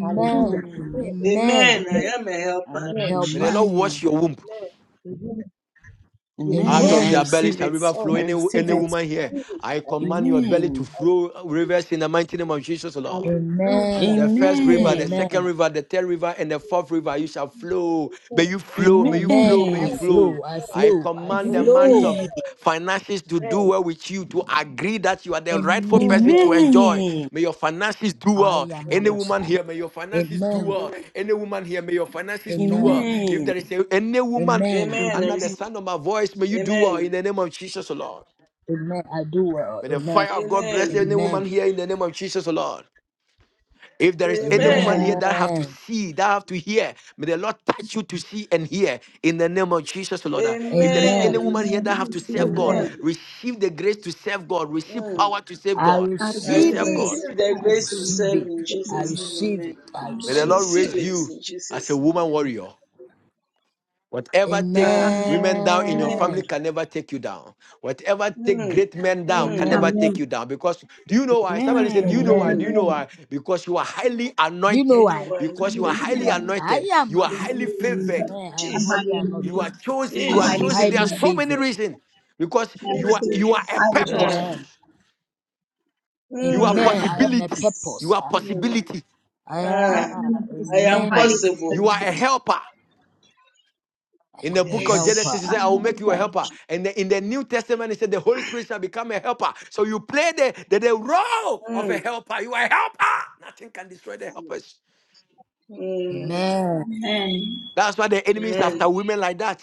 Speaker 17: Hallelujah.
Speaker 14: Amen.
Speaker 17: Amen.
Speaker 13: Amen.
Speaker 7: Amen. I
Speaker 17: Amen.
Speaker 7: am a
Speaker 13: I'm
Speaker 7: helper.
Speaker 13: a
Speaker 17: Amen.
Speaker 6: May the
Speaker 13: helper.
Speaker 7: Jesus.
Speaker 6: Lord wash
Speaker 14: Amen.
Speaker 6: your womb.
Speaker 17: Amen. Amen.
Speaker 6: Out
Speaker 14: Amen.
Speaker 17: Amen.
Speaker 6: of
Speaker 14: I
Speaker 7: Yes.
Speaker 6: their
Speaker 13: Amen.
Speaker 6: belly
Speaker 14: receive
Speaker 6: shall
Speaker 14: it.
Speaker 6: river flow.
Speaker 17: Oh
Speaker 14: I
Speaker 6: Any,
Speaker 17: Jesus,
Speaker 6: any
Speaker 14: receive
Speaker 17: I
Speaker 14: it.
Speaker 6: woman here,
Speaker 17: receive it.
Speaker 6: I
Speaker 17: I
Speaker 6: command your
Speaker 17: receive
Speaker 6: belly
Speaker 17: it.
Speaker 6: to
Speaker 14: Amen.
Speaker 17: I
Speaker 6: flow
Speaker 17: receive it.
Speaker 6: rivers in the mighty name of Jesus, O Lord.
Speaker 17: Hallelujah.
Speaker 13: Amen.
Speaker 6: The first river, the
Speaker 17: Amen.
Speaker 14: Amen.
Speaker 6: second
Speaker 13: Amen.
Speaker 6: river, the third river, and the fourth river, you shall flow. May you flow, may
Speaker 17: Amen.
Speaker 6: you
Speaker 13: Amen.
Speaker 6: flow, may you
Speaker 13: I
Speaker 14: Amen.
Speaker 6: flow.
Speaker 13: flow. I
Speaker 6: I
Speaker 13: flow. I
Speaker 6: command
Speaker 14: Amen.
Speaker 6: the month
Speaker 13: flow.
Speaker 6: of finances to do well with you, to agree that you are the rightful person
Speaker 13: Amen.
Speaker 17: Amen.
Speaker 6: to
Speaker 17: Amen.
Speaker 6: enjoy.
Speaker 14: Amen.
Speaker 6: May your finances do
Speaker 13: I
Speaker 6: well.
Speaker 13: am a
Speaker 6: Any
Speaker 17: Amen. Amen.
Speaker 13: Messiah.
Speaker 6: woman here, may your finances do
Speaker 13: Amen.
Speaker 17: Amen.
Speaker 6: well.
Speaker 7: Amen.
Speaker 6: Any woman here, may your finances
Speaker 17: Amen.
Speaker 6: do
Speaker 13: Amen.
Speaker 6: well. If
Speaker 14: Amen.
Speaker 6: there is a, any woman
Speaker 13: Amen.
Speaker 7: Amen. I
Speaker 6: under the
Speaker 14: Amen.
Speaker 7: receive.
Speaker 6: sound of my voice, may you do well in
Speaker 7: Amen.
Speaker 6: the name of Jesus, O Lord.
Speaker 13: Amen. I do well.
Speaker 6: May the
Speaker 13: Amen.
Speaker 6: fire of God bless
Speaker 7: Amen.
Speaker 6: any woman
Speaker 13: Amen.
Speaker 6: here in the name of Jesus, O Lord. If there is any woman
Speaker 7: Amen.
Speaker 6: here
Speaker 16: Amen.
Speaker 6: that have to
Speaker 13: Amen.
Speaker 6: see, that have to hear, may the Lord touch you to see and hear in the name of Jesus, Lord. Uh,
Speaker 7: Amen.
Speaker 6: If there is
Speaker 7: I
Speaker 6: any
Speaker 13: Amen.
Speaker 6: woman here
Speaker 7: receive
Speaker 6: that
Speaker 16: I
Speaker 6: have to
Speaker 16: receive
Speaker 6: serve
Speaker 16: the
Speaker 7: it.
Speaker 6: God,
Speaker 13: Amen.
Speaker 16: Lord.
Speaker 7: Amen.
Speaker 6: receive the grace to serve God, receive
Speaker 7: Mm.
Speaker 6: power to serve
Speaker 13: I
Speaker 6: God.
Speaker 16: I
Speaker 6: You
Speaker 7: I
Speaker 6: will
Speaker 16: receive
Speaker 13: receive
Speaker 16: the
Speaker 6: serve
Speaker 13: it.
Speaker 6: God.
Speaker 16: grace.
Speaker 7: receive the
Speaker 16: I
Speaker 13: I
Speaker 7: grace to
Speaker 16: receive the
Speaker 13: receive
Speaker 7: serve
Speaker 13: it.
Speaker 16: In
Speaker 7: in
Speaker 13: I
Speaker 7: Jesus' name.
Speaker 13: receive
Speaker 7: Amen.
Speaker 13: it. I
Speaker 16: Thank you,
Speaker 6: May
Speaker 7: I
Speaker 6: the
Speaker 13: receive
Speaker 6: Lord
Speaker 13: it.
Speaker 16: Jesus.
Speaker 7: receive
Speaker 6: raise
Speaker 7: it
Speaker 6: you
Speaker 7: in
Speaker 6: as a
Speaker 7: Jesus' name.
Speaker 6: woman warrior. Whatever
Speaker 7: Amen.
Speaker 6: takes
Speaker 7: Ah,
Speaker 16: Amen. I
Speaker 6: women down in your family
Speaker 7: amen.
Speaker 13: Amen.
Speaker 6: can never take you down. Whatever take
Speaker 7: Mm,
Speaker 6: great men down can
Speaker 7: mm,
Speaker 6: never
Speaker 13: Amen.
Speaker 6: take you
Speaker 16: Amen.
Speaker 6: down. Because do you know why? Somebody said, Do
Speaker 14: Amen.
Speaker 6: you know why?
Speaker 13: Amen.
Speaker 6: Do you
Speaker 7: mm.
Speaker 6: know
Speaker 16: Amen.
Speaker 6: why? Because you are highly
Speaker 13: Do you know
Speaker 6: anointed.
Speaker 7: You know
Speaker 13: why?
Speaker 7: what?
Speaker 6: Because you are highly
Speaker 13: I
Speaker 6: anointed.
Speaker 13: am
Speaker 6: You
Speaker 16: I
Speaker 6: are
Speaker 13: an
Speaker 6: highly favored.
Speaker 13: Amen. I am
Speaker 16: am
Speaker 7: Jesus,
Speaker 13: highly
Speaker 16: highly
Speaker 6: You
Speaker 13: anointed.
Speaker 6: are
Speaker 16: favored.
Speaker 6: chosen. You
Speaker 13: I
Speaker 16: I'm
Speaker 6: are
Speaker 13: am
Speaker 16: highly
Speaker 6: chosen.
Speaker 7: Jesus,
Speaker 6: There are
Speaker 13: highly
Speaker 16: favored.
Speaker 6: so many
Speaker 13: favored.
Speaker 6: reasons. Because
Speaker 16: I'm
Speaker 6: you are you are a
Speaker 7: Jesus.
Speaker 16: Highly
Speaker 6: purpose.
Speaker 7: Ah,
Speaker 16: chosen.
Speaker 13: Amen.
Speaker 6: You are
Speaker 16: I
Speaker 7: mm,
Speaker 16: am
Speaker 13: Amen.
Speaker 16: a
Speaker 13: I am a
Speaker 6: possibility.
Speaker 16: botanist.
Speaker 6: You
Speaker 13: purpose.
Speaker 6: are
Speaker 13: I,
Speaker 7: mm.
Speaker 6: possibility.
Speaker 16: I
Speaker 13: I
Speaker 16: am
Speaker 7: ah,
Speaker 13: am.
Speaker 16: a
Speaker 7: I
Speaker 16: philosopher, I'm
Speaker 7: am
Speaker 13: Amen.
Speaker 16: highly
Speaker 6: You
Speaker 7: possible.
Speaker 6: are a
Speaker 16: philosophical.
Speaker 6: helper.
Speaker 13: I
Speaker 6: In the
Speaker 13: am a
Speaker 6: book of
Speaker 13: helper.
Speaker 6: Genesis, he
Speaker 7: Yes.
Speaker 16: I
Speaker 6: said, I
Speaker 16: am
Speaker 6: will
Speaker 16: a
Speaker 6: make
Speaker 16: head
Speaker 6: you a helper.
Speaker 16: coach.
Speaker 6: And the- in the New Testament, he said, the Holy Spirit shall become a helper. So you play the, the, the role of a
Speaker 7: Mm,
Speaker 6: helper. You are a helper. Nothing can destroy the
Speaker 7: mm.
Speaker 6: helpers.
Speaker 13: Amen.
Speaker 16: And
Speaker 6: That's why the enemy is after
Speaker 7: Amen.
Speaker 6: women like that.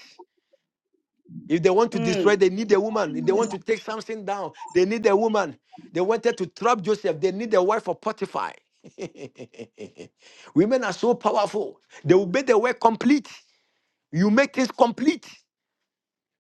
Speaker 6: If they want to
Speaker 7: Mm,
Speaker 6: destroy, they need a woman. If they want
Speaker 7: yes.
Speaker 6: to take something down, they need a woman. They wanted to trap Joseph, they need a wife of Potiphar. women are so powerful. They will
Speaker 7: Mm,
Speaker 6: make the work complete. You make things complete.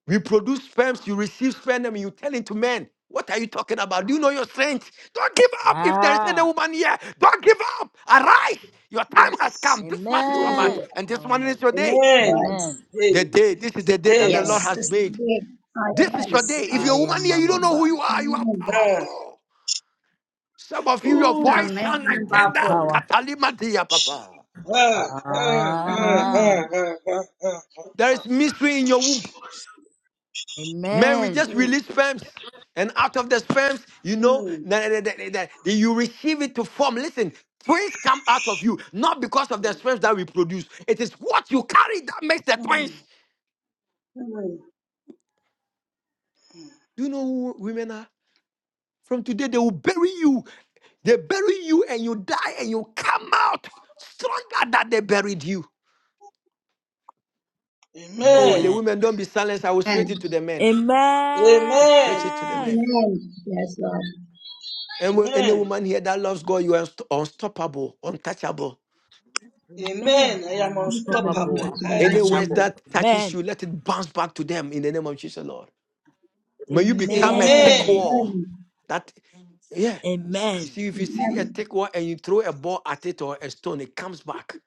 Speaker 6: We produce sperms, you receive sperm, and you tell it to men. What are you talking about? Do you know your strength? Don't give up if there is any
Speaker 13: Ah.
Speaker 6: woman here. Don't give up. Arise. Your time has
Speaker 7: yes.
Speaker 6: come. This month is your
Speaker 7: Don't give.
Speaker 6: month,
Speaker 13: Amen.
Speaker 7: up.
Speaker 6: and
Speaker 13: I
Speaker 6: this
Speaker 13: am
Speaker 6: morning is your day.
Speaker 13: a-
Speaker 7: Amen.
Speaker 16: words.
Speaker 13: Amen.
Speaker 7: Hey,
Speaker 6: The day, this is the day that the
Speaker 7: hey,
Speaker 16: Yes,
Speaker 6: Lord
Speaker 13: Amen.
Speaker 6: has
Speaker 16: this is the
Speaker 6: made.
Speaker 16: way I
Speaker 6: This is your
Speaker 16: arise.
Speaker 6: day. If
Speaker 13: I
Speaker 6: you're a woman
Speaker 13: am
Speaker 6: here, you
Speaker 13: an
Speaker 7: Jesus.
Speaker 6: don't know who
Speaker 13: author.
Speaker 6: you are. You are
Speaker 16: Amen.
Speaker 7: Ah.
Speaker 6: powerful. Some of you, your
Speaker 7: Ooh,
Speaker 6: voice
Speaker 16: Amen.
Speaker 6: sounds like
Speaker 16: I'm
Speaker 6: tender.
Speaker 16: powerful.
Speaker 13: Power.
Speaker 6: Katalima dear
Speaker 7: shit.
Speaker 6: papa.
Speaker 7: Ah, ah, ah,
Speaker 13: Ah,
Speaker 7: ah,
Speaker 16: Amen.
Speaker 7: ah, ah, ah, ah.
Speaker 6: There is
Speaker 7: ah.
Speaker 6: mystery in your womb. Man, we
Speaker 13: amen.
Speaker 6: just
Speaker 7: Mm,
Speaker 6: release sperms. And out of the sperms, you know,
Speaker 7: mm,
Speaker 6: that, that, that, that- that you receive it to form. Listen, twins come out of you, not because of the
Speaker 7: mm,
Speaker 6: sperms that we produce. It is what you carry that makes the twins.
Speaker 7: mm. Amen.
Speaker 6: Do you know who women are? From today, they will bury you. They bury you and you die and you come out stronger than they buried you. Oh, the
Speaker 7: Amen.
Speaker 13: Amen.
Speaker 6: women, don't be silenced. I will switch it
Speaker 16: And
Speaker 6: to the men. I will switch it to the men.
Speaker 13: Amen.
Speaker 16: amen. Yes, Lord.
Speaker 6: And when any
Speaker 7: Amen.
Speaker 6: woman here that loves God, you are unst- unstoppable, untouchable.
Speaker 13: Amen.
Speaker 7: Amen. I
Speaker 13: I
Speaker 7: am
Speaker 13: am
Speaker 16: I'm capable
Speaker 13: unstoppable.
Speaker 16: and
Speaker 7: unstoppable.
Speaker 13: I'm
Speaker 16: touchable.
Speaker 7: Hey.
Speaker 16: I
Speaker 6: Any words
Speaker 13: untouchable.
Speaker 16: am.
Speaker 6: that touches
Speaker 13: Amen.
Speaker 6: you, let it bounce back to them in the name of Jesus, Lord. May you become a
Speaker 16: Yes, Lord.
Speaker 6: thick
Speaker 13: Amen.
Speaker 7: Amen.
Speaker 6: wall.
Speaker 16: Amen.
Speaker 6: That, yeah. You
Speaker 7: Jesus.
Speaker 13: Amen.
Speaker 6: see, if you see a
Speaker 16: Amen.
Speaker 6: thick wall and you throw a ball at it or a stone, it comes back.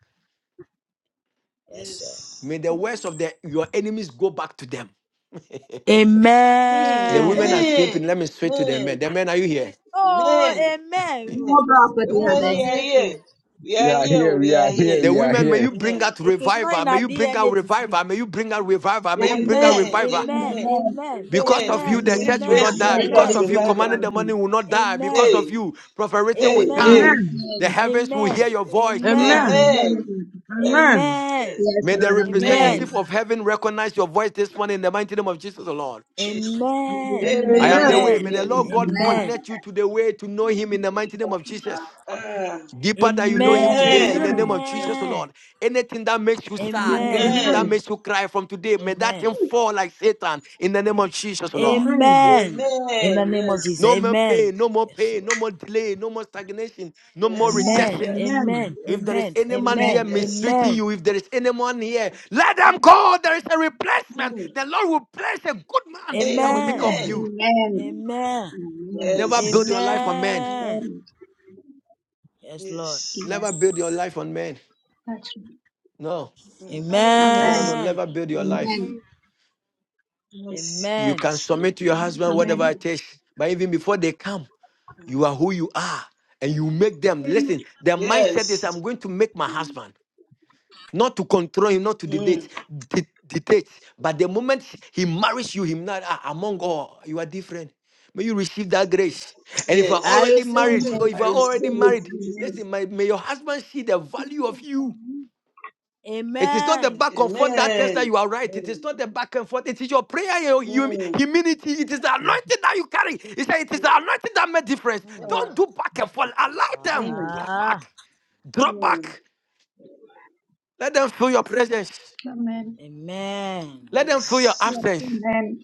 Speaker 13: Yes, sir.
Speaker 7: Yes.
Speaker 6: May the words
Speaker 7: Mm,
Speaker 16: Yes.
Speaker 6: of the, your enemies go back to them.
Speaker 7: mm.
Speaker 6: The
Speaker 13: Amen.
Speaker 6: women are
Speaker 16: Amen.
Speaker 7: amen.
Speaker 6: sleeping. Let me straight to the men.
Speaker 7: Amen.
Speaker 6: The men, are you here?
Speaker 13: Oh,
Speaker 7: Amen.
Speaker 13: amen.
Speaker 7: Amen.
Speaker 16: No
Speaker 7: The
Speaker 16: property
Speaker 13: We are
Speaker 16: are
Speaker 7: women,
Speaker 13: not
Speaker 16: there.
Speaker 7: we are here.
Speaker 13: sleeping.
Speaker 7: We
Speaker 2: We
Speaker 7: are
Speaker 2: are
Speaker 7: here.
Speaker 2: here,
Speaker 7: We
Speaker 2: we
Speaker 7: are
Speaker 2: are here,
Speaker 7: here.
Speaker 6: The
Speaker 2: we are
Speaker 6: women, may
Speaker 2: here.
Speaker 6: you bring
Speaker 7: Amen.
Speaker 6: out
Speaker 13: It is not
Speaker 6: revival.
Speaker 13: in
Speaker 6: May
Speaker 13: our
Speaker 6: you bring out
Speaker 13: DNA to sleep.
Speaker 6: revival. May you bring out revival. May you bring out
Speaker 13: Amen.
Speaker 16: Amen.
Speaker 7: Amen.
Speaker 6: revival.
Speaker 13: Amen.
Speaker 7: Amen.
Speaker 16: Amen.
Speaker 13: Amen.
Speaker 6: Because of
Speaker 7: Amen. We
Speaker 6: you,
Speaker 13: Amen.
Speaker 6: the
Speaker 7: receive
Speaker 6: church will
Speaker 16: Amen.
Speaker 13: Amen.
Speaker 6: not
Speaker 7: grace to
Speaker 6: die.
Speaker 7: bring
Speaker 16: Amen.
Speaker 7: out
Speaker 6: Because
Speaker 16: We
Speaker 13: Amen.
Speaker 6: of you,
Speaker 16: do the
Speaker 6: commanding
Speaker 7: revival.
Speaker 6: the
Speaker 16: right
Speaker 6: money
Speaker 16: thing.
Speaker 6: will not die. Because
Speaker 13: Amen.
Speaker 7: Hey,
Speaker 6: of you, Prophet Richard will
Speaker 7: hey,
Speaker 6: stand.
Speaker 7: hey.
Speaker 13: Amen.
Speaker 18: Amen.
Speaker 6: The
Speaker 16: Amen.
Speaker 6: heavens will
Speaker 13: Amen.
Speaker 6: hear your voice.
Speaker 13: Amen.
Speaker 18: Amen.
Speaker 7: Amen.
Speaker 16: Amen.
Speaker 18: Amen.
Speaker 7: Yes,
Speaker 13: Amen.
Speaker 7: yes.
Speaker 16: Yes,
Speaker 6: May the
Speaker 16: Lord.
Speaker 13: Amen.
Speaker 7: Amen.
Speaker 16: Amen.
Speaker 6: representative of heaven recognize your voice this morning in the mighty name of Jesus, the Lord.
Speaker 7: Jesus.
Speaker 13: Amen.
Speaker 16: Amen.
Speaker 6: I am the
Speaker 16: Yes.
Speaker 18: Amen.
Speaker 6: way.
Speaker 7: Amen.
Speaker 6: May
Speaker 13: Amen.
Speaker 6: the
Speaker 16: Amen.
Speaker 6: Lord
Speaker 7: Yes.
Speaker 6: God
Speaker 16: Amen.
Speaker 13: Amen.
Speaker 6: connect you to the way to know Him in the mighty name of Jesus.
Speaker 7: Ah,
Speaker 6: Deeper that you know Him
Speaker 16: Amen.
Speaker 6: today, in the
Speaker 7: amen.
Speaker 6: name
Speaker 18: Amen.
Speaker 6: of Jesus, the Lord.
Speaker 13: Amen.
Speaker 6: Anything that makes you sad,
Speaker 13: Amen.
Speaker 6: anything
Speaker 16: Amen.
Speaker 6: that
Speaker 18: Amen.
Speaker 7: Amen.
Speaker 6: makes you cry from today, may that
Speaker 13: Amen.
Speaker 6: thing fall like Satan in the name of Jesus, the Lord.
Speaker 18: Amen.
Speaker 13: Amen. In the
Speaker 7: Amen.
Speaker 13: name of Jesus.
Speaker 7: Yes.
Speaker 6: No more
Speaker 13: Amen.
Speaker 6: pain, no more
Speaker 13: Yes,
Speaker 6: pain,
Speaker 13: Lord.
Speaker 6: no more delay, no more stagnation, no more
Speaker 7: Yes.
Speaker 13: Amen.
Speaker 6: rejection.
Speaker 7: Yes.
Speaker 13: Amen.
Speaker 6: If there is
Speaker 13: Amen.
Speaker 6: any man
Speaker 16: Amen.
Speaker 6: here
Speaker 13: Amen.
Speaker 7: Yes.
Speaker 6: mistreating
Speaker 13: Amen.
Speaker 6: you, if there is anyone here, let them go. There is a replacement.
Speaker 7: Mm.
Speaker 6: The Lord will place a good man that will take
Speaker 13: Amen.
Speaker 18: Amen.
Speaker 6: off
Speaker 7: Amen.
Speaker 6: you.
Speaker 16: Amen.
Speaker 13: Amen.
Speaker 16: Amen.
Speaker 6: Never
Speaker 16: Thank
Speaker 6: build
Speaker 16: you,
Speaker 6: your
Speaker 7: Yes.
Speaker 6: life on
Speaker 16: Jesus.
Speaker 6: men.
Speaker 13: Amen.
Speaker 16: Amen.
Speaker 13: Yes, Lord.
Speaker 7: Yes.
Speaker 16: Yes.
Speaker 6: Never build your life on men.
Speaker 16: That's right.
Speaker 6: No,
Speaker 7: Mm.
Speaker 6: no, no, no.
Speaker 16: Amen.
Speaker 7: Mercy.
Speaker 13: Amen.
Speaker 6: Never build your life.
Speaker 16: Amen.
Speaker 7: Mercy.
Speaker 6: You
Speaker 13: Amen.
Speaker 6: can
Speaker 7: Mercy.
Speaker 16: Yes,
Speaker 6: submit to your
Speaker 16: Lord.
Speaker 6: husband
Speaker 16: Amen.
Speaker 6: whatever it is, but even before they come, you are who you are, and you make them listen. Their mindset is, I'm
Speaker 7: Yes.
Speaker 6: going to make my husband. not to control him, not to dictate,
Speaker 7: Mm.
Speaker 6: di- dictate. But the moment he marries you, him not ah, among all, you are different. May you receive that grace. And if you are
Speaker 13: I
Speaker 7: Yes.
Speaker 6: already
Speaker 13: receive
Speaker 6: married, or
Speaker 16: Amen.
Speaker 13: it.
Speaker 6: if
Speaker 7: I
Speaker 6: you are already
Speaker 7: receive it
Speaker 6: married,
Speaker 7: in
Speaker 16: Amen.
Speaker 7: Jesus'
Speaker 6: listen,
Speaker 7: name.
Speaker 6: my, may your husband see the value of you. It is not the
Speaker 13: Amen.
Speaker 6: back and forth that tells that
Speaker 7: Amen.
Speaker 6: you are right. It is
Speaker 7: Amen.
Speaker 6: not the back and forth. It is your prayer, your humi-
Speaker 7: Mm.
Speaker 6: humility. It is the anointing that you carry. He said, It is the
Speaker 7: Yes.
Speaker 6: anointing that made difference.
Speaker 13: Mm.
Speaker 7: Ah.
Speaker 6: Don't do back and forth. Allow them.
Speaker 7: Mm.
Speaker 6: Draw back.
Speaker 13: Ah,
Speaker 6: Draw
Speaker 7: Mm.
Speaker 6: back. Let them feel your presence.
Speaker 16: Amen.
Speaker 13: amen.
Speaker 6: Let them feel your
Speaker 7: Yes.
Speaker 16: Yes,
Speaker 6: absence.
Speaker 16: amen.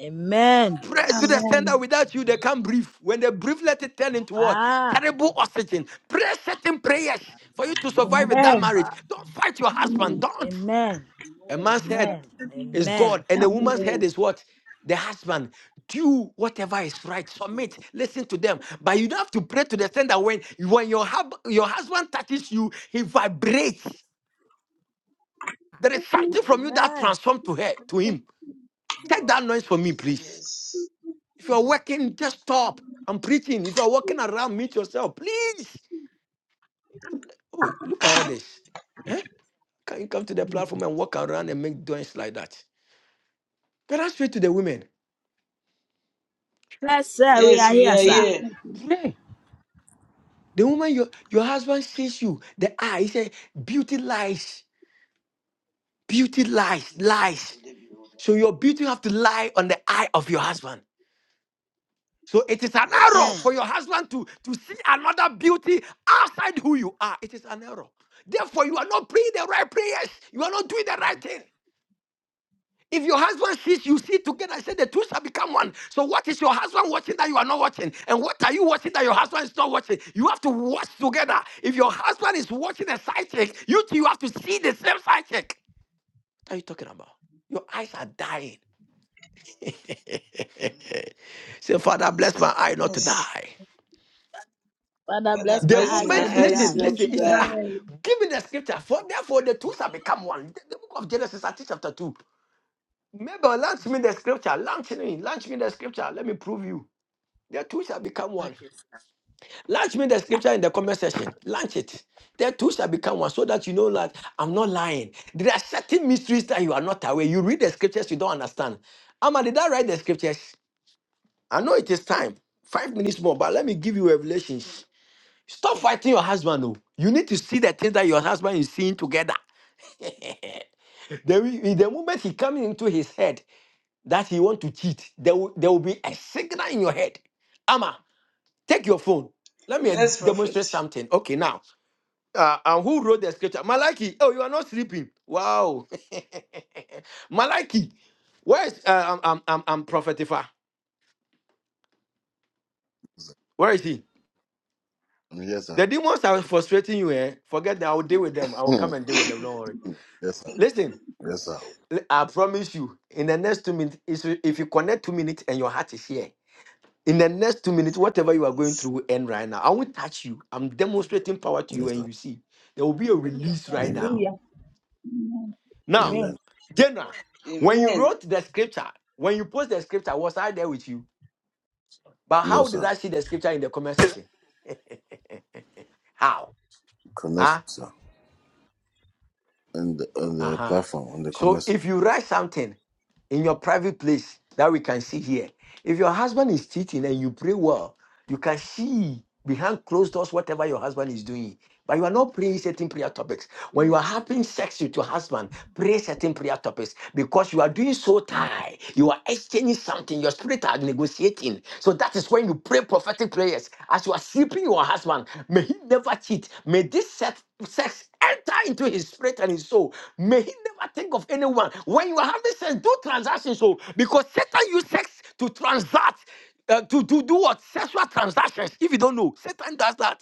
Speaker 13: Amen.
Speaker 6: Pray to the
Speaker 7: Yes.
Speaker 6: extent that
Speaker 16: Amen.
Speaker 6: without you they can't breathe. When they breathe, let it turn into what?
Speaker 13: Ah,
Speaker 7: Mm.
Speaker 6: Terrible oxygen. Pray certain prayers for you to survive with that
Speaker 18: Amen.
Speaker 6: marriage.
Speaker 13: Namamamasapa.
Speaker 6: Don't fight your
Speaker 16: Amen.
Speaker 6: husband. Don't.
Speaker 13: amen.
Speaker 6: A
Speaker 7: Mm.
Speaker 6: man's head
Speaker 13: Amen.
Speaker 18: Amen.
Speaker 6: is
Speaker 13: Amen.
Speaker 6: God, and a woman's
Speaker 16: Amen.
Speaker 6: head
Speaker 7: Mm.
Speaker 6: is what? The husband. Do whatever is right.
Speaker 7: Mm.
Speaker 6: Submit. Listen to them. But you don't have to pray to the extent that when, when your, hub, your husband touches you, he vibrates. There is something from you that
Speaker 13: Amen.
Speaker 6: transforms to her, to him. Take
Speaker 13: God.
Speaker 6: that noise from me, please.
Speaker 7: Yes.
Speaker 6: If you are working, just stop. I'm preaching. If you are walking around, meet yourself, please. Oh, look at all this. Eh? Can you come to the platform and walk around and make doings like that? But I straight to the women.
Speaker 13: Yes, sir. We
Speaker 7: Yes,
Speaker 13: are
Speaker 7: we
Speaker 13: here,
Speaker 7: are
Speaker 16: Yes,
Speaker 13: sir.
Speaker 7: here
Speaker 16: perfect.
Speaker 6: Pray. The woman your, your husband sees you, the eye, he said, beauty lies, beauty lies,
Speaker 7: in the eyes
Speaker 6: lies.
Speaker 7: of the beholder.
Speaker 6: So your beauty have to lie on the eye of your husband. So it is an error
Speaker 13: Amen.
Speaker 7: Yes.
Speaker 6: for your husband to, to see another beauty outside who you are. It is an error. Therefore, you are not praying the right prayers. You are not doing the right thing. If your husband sees you see together and say the two shall become one. So what is your husband watching that you are not watching? And what are you watching that your husband is not watching? You have to watch together. If your husband is watching a side chick, you two you have to see the same side chick. What are you talking about? Your eyes are dying.
Speaker 7: Mm.
Speaker 6: say, Father, bless my eye not to
Speaker 7: Yes.
Speaker 6: die.
Speaker 13: Father,
Speaker 7: Father,
Speaker 13: bless
Speaker 6: The
Speaker 13: my
Speaker 7: bless
Speaker 13: eyes not
Speaker 16: Father,
Speaker 7: my
Speaker 6: moment,
Speaker 13: to
Speaker 16: this
Speaker 7: eyes
Speaker 6: listen,
Speaker 13: die.
Speaker 16: might be
Speaker 7: not
Speaker 6: listen,
Speaker 7: to
Speaker 16: for
Speaker 6: he said,
Speaker 7: die.
Speaker 6: ah,
Speaker 16: today.
Speaker 6: give me the scripture. For therefore the two shall become one. The, the book of Genesis, I think chapter 2. Maybe launch me the scripture. Launch me, launch me the scripture. Let me prove you. The two shall become one.
Speaker 13: Okay, sir.
Speaker 6: Launch me the scripture in the comment section. Launch it. The two shall become one so that you know that I'm not lying. There are certain mysteries that you are not aware. You read the scriptures, you don't understand. Amma, did I write the scriptures? I know it is time. Five minutes more, but let me give you revelations. Stop fighting your husband. No, you need to see the things that your husband is seeing together. the, in the moment he comes into his head that he want to cheat, there will, there will be a signal in your head. Ama, take your phone. Let me
Speaker 7: Yes, prophet.
Speaker 6: demonstrate something. Okay, now, uh, and who wrote the scripture? Malachi. Oh, you are not sleeping. Wow. Malachi, where is uh, um, um, um, um, Prophet Ifa? Where is he? The demons are frustrating you. Eh? Forget that. I will deal with them. I will come and deal with them. Don't worry. Listen. L- I promise you, in the next two minutes, is- if you connect two minutes and your heart is here, in the next two minutes, whatever you are going
Speaker 7: yes.
Speaker 6: through will end right now. I won't touch you. I'm demonstrating power to you, and you see, there will be a release right now.
Speaker 17: Hallelujah.
Speaker 16: Amen.
Speaker 17: Amen.
Speaker 6: Now, Jenna, when you
Speaker 7: Amen.
Speaker 6: wrote the scripture, when you post the scripture, was I there with you? But how did I see the scripture in the comment section? how? Huh? Uh huh. So if you write something, in your private place that we can see here. If your husband is cheating and you pray well, you can see behind closed doors whatever your husband is doing. But you are not praying certain prayer topics. When you are
Speaker 7: Yes.
Speaker 6: having sex with your husband, Pray certain prayer topics because you are doing so tired. You are exchanging something. Your spirit are negotiating. So that is when you pray prophetic prayers. As you are sleeping, your husband may he never cheat. May this sex, sex enter into his spirit and his soul. May he never think of anyone. When you are having sex, do transactions. So because Satan use sex to transact, uh, to to do what sexual transactions. If you don't know, Satan does that.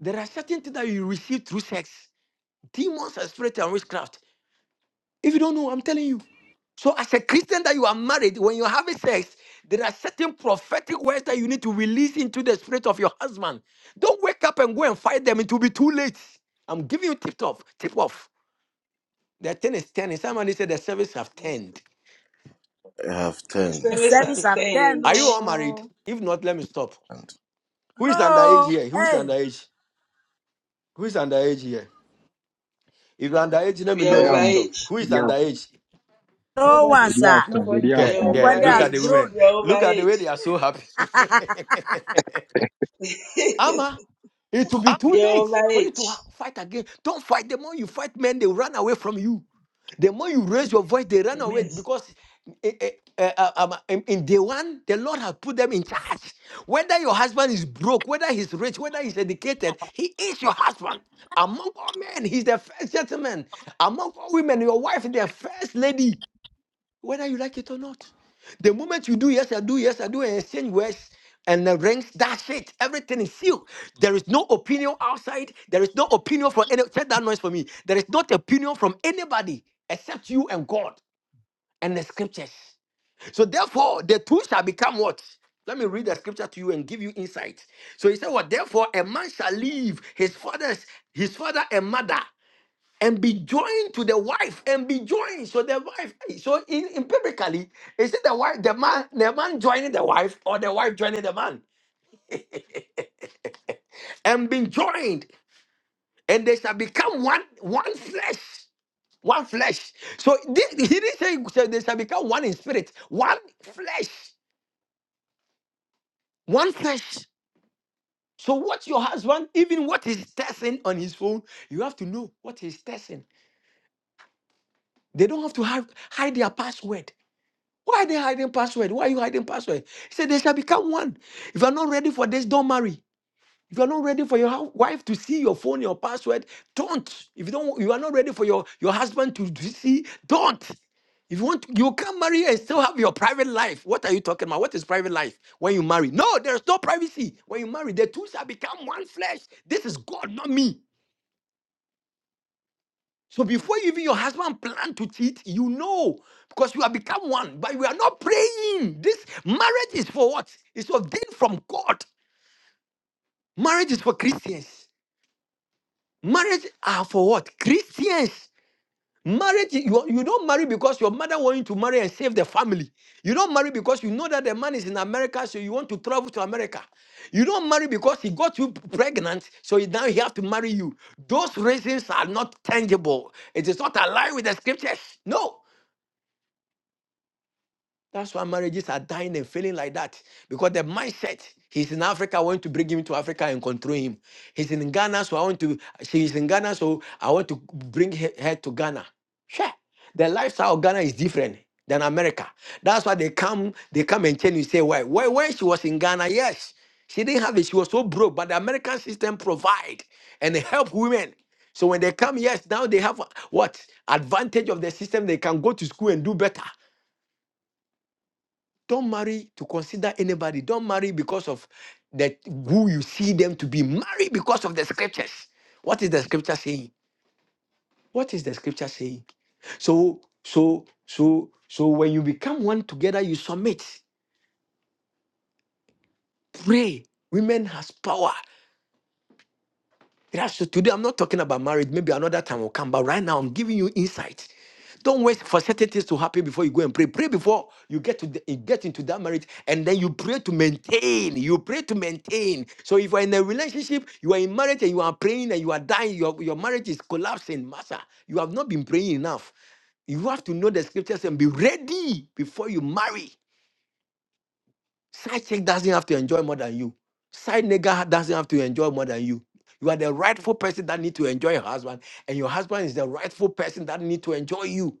Speaker 6: There are certain things that you receive through sex demons and spirit and witchcraft if you don't know, I'm telling you. So, as a Christian that you are married, when you're having sex, there are certain prophetic words that you need to release into the spirit of your husband. Don't wake up and go and fight them. It will be too late. I'm giving you tip off. Tip off. The ten is ten. Somebody said the service have turned.
Speaker 7: The
Speaker 13: The
Speaker 7: spirits are
Speaker 13: service at 10.
Speaker 7: staying.
Speaker 6: Are you all married?
Speaker 13: No.
Speaker 6: If not, let me stop. Who is underage
Speaker 13: No.
Speaker 6: here? Who is
Speaker 13: Hey.
Speaker 6: underage? Who is underage here? If you're underage, let me
Speaker 7: We are
Speaker 2: I
Speaker 6: alone. Let
Speaker 7: over
Speaker 6: me
Speaker 2: am.
Speaker 6: stop.
Speaker 7: age.
Speaker 6: Who is underage?
Speaker 13: No one,
Speaker 17: Nobody.
Speaker 2: Yeah,
Speaker 13: sir.
Speaker 17: Nobody.
Speaker 7: We
Speaker 6: Yeah,
Speaker 7: are over
Speaker 6: yeah.
Speaker 13: Everybody
Speaker 6: Look
Speaker 13: has
Speaker 6: at the
Speaker 7: age.
Speaker 6: women.
Speaker 13: grown.
Speaker 7: We are over
Speaker 6: Look at the way
Speaker 7: age.
Speaker 6: they are so happy. Ama, it will be too
Speaker 7: we are
Speaker 6: late
Speaker 7: over
Speaker 6: for you to
Speaker 7: age.
Speaker 6: ha- fight again. Don't fight. The more you fight, men, they run away from you. The more you raise your voice, they run away
Speaker 17: Amen.
Speaker 7: Yes.
Speaker 6: because eh, eh, eh, uh, um, in in day one, the Lord has put them in charge. Whether your husband is broke, whether he's rich, whether he's educated, he is your husband. Among all men, he's the first gentleman. Among all women, your wife is the first lady whether you like it or not. The moment you do yes, I do yes, I do, and exchange words and the rings, that's it. Everything is sealed. There is no opinion outside. There is no opinion from any. Set that noise for me. There is not opinion from anybody except you and God and the scriptures. So therefore, the two shall become what? Let me read the scripture to you and give you insight. So he said, "What? Therefore, a man shall leave his father's his father and mother." and be joined to the wife and be joined so the wife so in empirically is it the wife the man the man joining the wife or the wife joining the man and being joined and they shall become one one flesh one flesh so thi- he didn't say say they shall become one in spirit one flesh one flesh so what your husband even what he's testing on his phone you have to know what he's testing they don't have to have, hide their password Why are they hiding password? Why are you hiding password? He said, They shall become one. If you are not ready for this, don't marry. If you are not ready for your hou- wife to see your phone, your password, don't. If you don't, you are not ready for your, your husband to to see, don't. If you want, you can marry and still have your private life. What are you talking about? What is private life when you marry? No, there's no privacy. When you marry, the two shall become one flesh. This is God, not me. So before even your husband plan to cheat, you know because you have become one, but we are not praying. This marriage is for what? It's ordained from God. Marriage is for Christians. Marriage are for what? Christians. Marriage, you, you don't marry because your mother want you to marry and save the family. You don't marry because you know that the man is in America, so you want to travel to America. You don't marry because he got you pregnant, so he- now he have to marry you. Those reasons are not tangible. It is not aligned with the scriptures. No. That's why marriages are dying and failing like that. Because the mindset, he's in Africa, I want to bring him to Africa and control him. He's in Ghana, so I want to, she's in Ghana, so I want to bring her, her to Ghana. Sure. The lifestyle of Ghana is different than America. That's why they come, they come and tell you, say, why? Why when she was in Ghana, yes. She didn't have it. She was so broke, but the American system provide and help women. So when they come, yes, now they have uh, what advantage of the system. They can go to school and do better. Don't marry to consider anybody. Don't marry because of that who you see them to be. Marry because of the scriptures. What is the scripture saying? What is the scripture saying? So, so, so, so when you become one together, you submit. Pray. Women has power. That's so today. I'm not talking about marriage. Maybe another time will come. But right now, I'm giving you insight. Don't wait for certain things to happen before you go and pray. Pray before you get to the, you get into that marriage, and then you pray to maintain. You pray to maintain. So if you are in a relationship, you are in marriage, and you are praying, and you are dying, your your marriage is collapsing, Master. You have not been praying enough. You have to know the scriptures and be ready before you marry. Side chick doesn't have to enjoy more than you. Side nigga doesn't have to enjoy more than you. You are the rightful person that need to enjoy your husband, and your husband is the rightful person that need to enjoy you.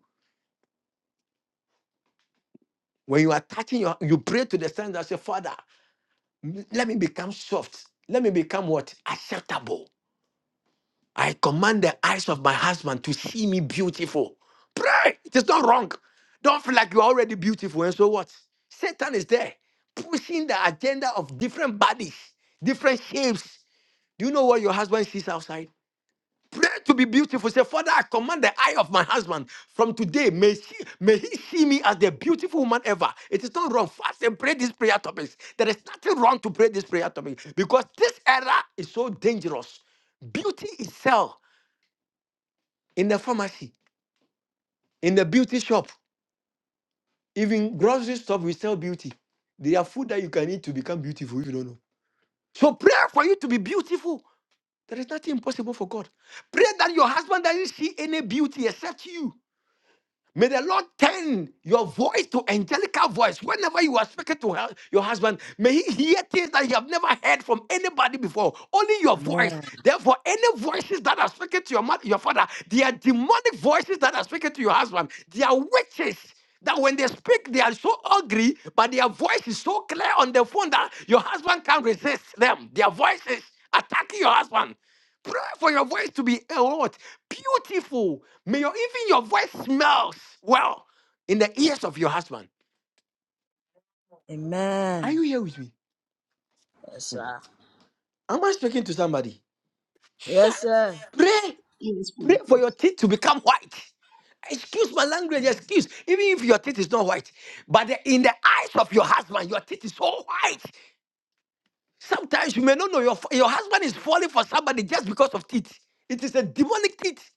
Speaker 6: When you are touching your, you pray to the Son that say, Father, m- let me become soft. Let me become what acceptable. I command the eyes of my husband to see me beautiful. Pray. It is not wrong. Don't feel like you are already beautiful. And so what? Satan is there pushing the agenda of different bodies, different shapes. Do you know what your husband sees outside? Pray to be beautiful. Say, Father, I command the eye of my husband from today. May, she, may he see me as the beautiful woman ever. It is not wrong. Fast and pray these prayer topics. There is nothing wrong to pray this prayer topic because this era is so dangerous. Beauty is sell in the pharmacy, in the beauty shop, even grocery store. We sell beauty. There are food that you can eat to become beautiful if you don't know. So pray for you to be beautiful. There is nothing impossible for God. Pray that your husband doesn't see any beauty except you. May the Lord turn your voice to angelical voice whenever you are speaking to her- your husband. May he hear things that you have never heard from anybody before. Only your voice.
Speaker 13: Amen.
Speaker 6: Therefore, any voices that are speaking to your mother, your father, they are demonic voices that are speaking to your husband. They are witches. That when they speak, they are so ugly, but their voice is so clear on the phone that your husband can't resist them. Their voices attacking your husband. Pray for your voice to be uh, what? Beautiful. May your, even your voice smells well in the ears of your husband. Are
Speaker 13: Amen.
Speaker 6: you here with me?
Speaker 13: Yes, sir.
Speaker 6: Am I speaking to somebody?
Speaker 13: Yes, sir.
Speaker 6: Pray.
Speaker 16: He is
Speaker 6: Pray for your
Speaker 16: perfect.
Speaker 6: teeth to become white. Excuse my language, excuse. Even if your teeth is not white, but the- in the eyes of your husband, your teeth is so white. Sometimes you may not know your, fa- your husband is falling for somebody just because of teeth. It is a demonic teeth.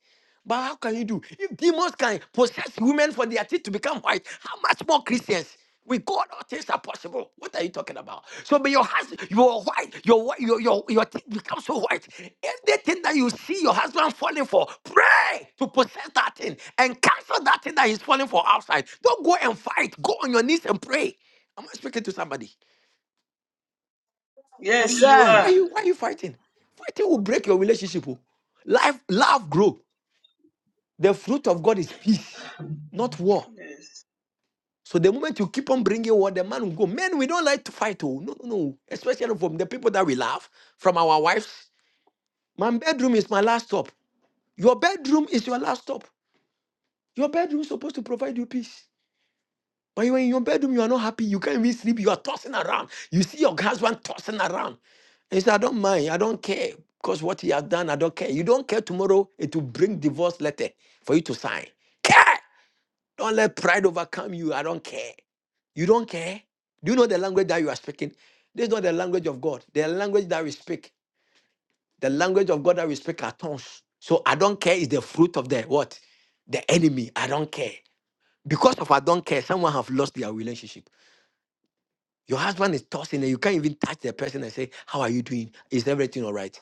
Speaker 6: But how can you do? If demons can possess women for their teeth to become white, how much more Christians? With God, all things are possible. What are you talking about? So, but your husband, your white, your whi- your your your teeth become so white. Anything that you see your husband falling for, pray to possess that thing and cancel that thing that he's falling for outside. Don't go and fight. Go on your knees and pray. Am I speaking to somebody?
Speaker 16: He
Speaker 13: Yes,
Speaker 7: Yes,
Speaker 16: is
Speaker 7: you
Speaker 13: sir.
Speaker 6: Why are
Speaker 7: are.
Speaker 6: you why
Speaker 16: perfect.
Speaker 6: are you fighting? Fighting will break your relationship. oh. Life, love grow. The fruit of God is peace, not war.
Speaker 7: Yes.
Speaker 6: So the moment you keep on bringing war, the man will go. Men, we don't like to fight. Oh no, no, no. Especially from the people that we love, from our wives. My bedroom is my last stop. Your bedroom is your last stop. Your bedroom is supposed to provide you peace. But you're in your bedroom, you are not happy. You can't even sleep. You are tossing around. You see your husband tossing around. And you say, I don't mind. I don't care. Because what he has done, I don't care. You don't care tomorrow, it will bring divorce letter for you to sign. Care! Don't let pride overcome you. I don't care. You don't care. Do you know the language that you are speaking? This is not the language of God. The language that we speak, the language of God that we speak are tongues. So I don't care is the fruit of the what? The enemy. I don't care. Because of I don't care, someone have lost their relationship. Your husband is tossing and you can't even touch the person and say, How are you doing? Is everything all right?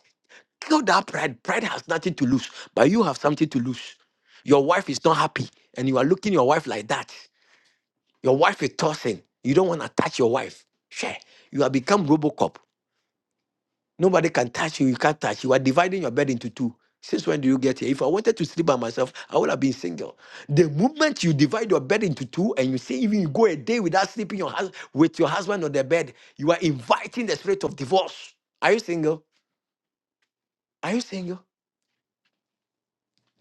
Speaker 6: Kill that pride. Pride has nothing to lose, but you have something to lose. Your wife is not happy and you are looking your wife like that. Your wife is tossing. You don't want to touch your wife. Share. You have become Robocop. Nobody can touch you. You can't touch. You are dividing your bed into two. Since when do you get here? If I wanted to sleep by myself, I would have been single. The moment you divide your bed into two and you say even you go a day without sleeping your hus- with your husband on the bed, you are inviting the spirit of divorce. Are you single? Are you single?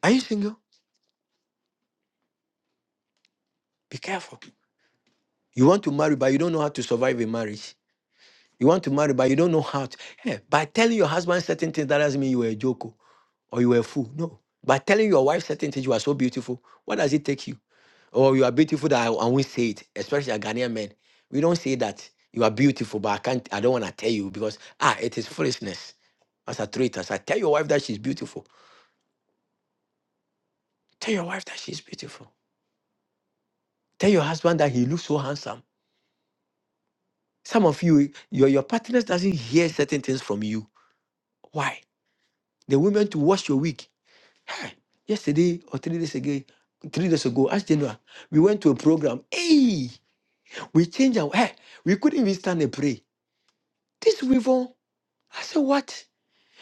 Speaker 6: Are you single? Be careful. You want to marry, but you don't know how to survive a marriage. You want to marry, but you don't know how to. Hey, by telling your husband certain things, that doesn't mean you were a joker or you were a fool. No. By telling your wife certain things, you are so beautiful. What does it take you? Oh, you are beautiful that I, I won't say it, especially a Ghanaian men. We don't say that you are beautiful, but I can't I don't want to tell you because ah, it is foolishness. As a traitor, I tell your wife that she's beautiful. Tell your wife that she's beautiful. Tell your husband that he looks so handsome. Some of you, your, your partners doesn't hear certain things from you. Why? The women to wash your wig. Hey, yesterday or three days ago, three days ago, as January, we went to a program. Hey, we changed our hey, we couldn't even stand and pray. This we've I said, what?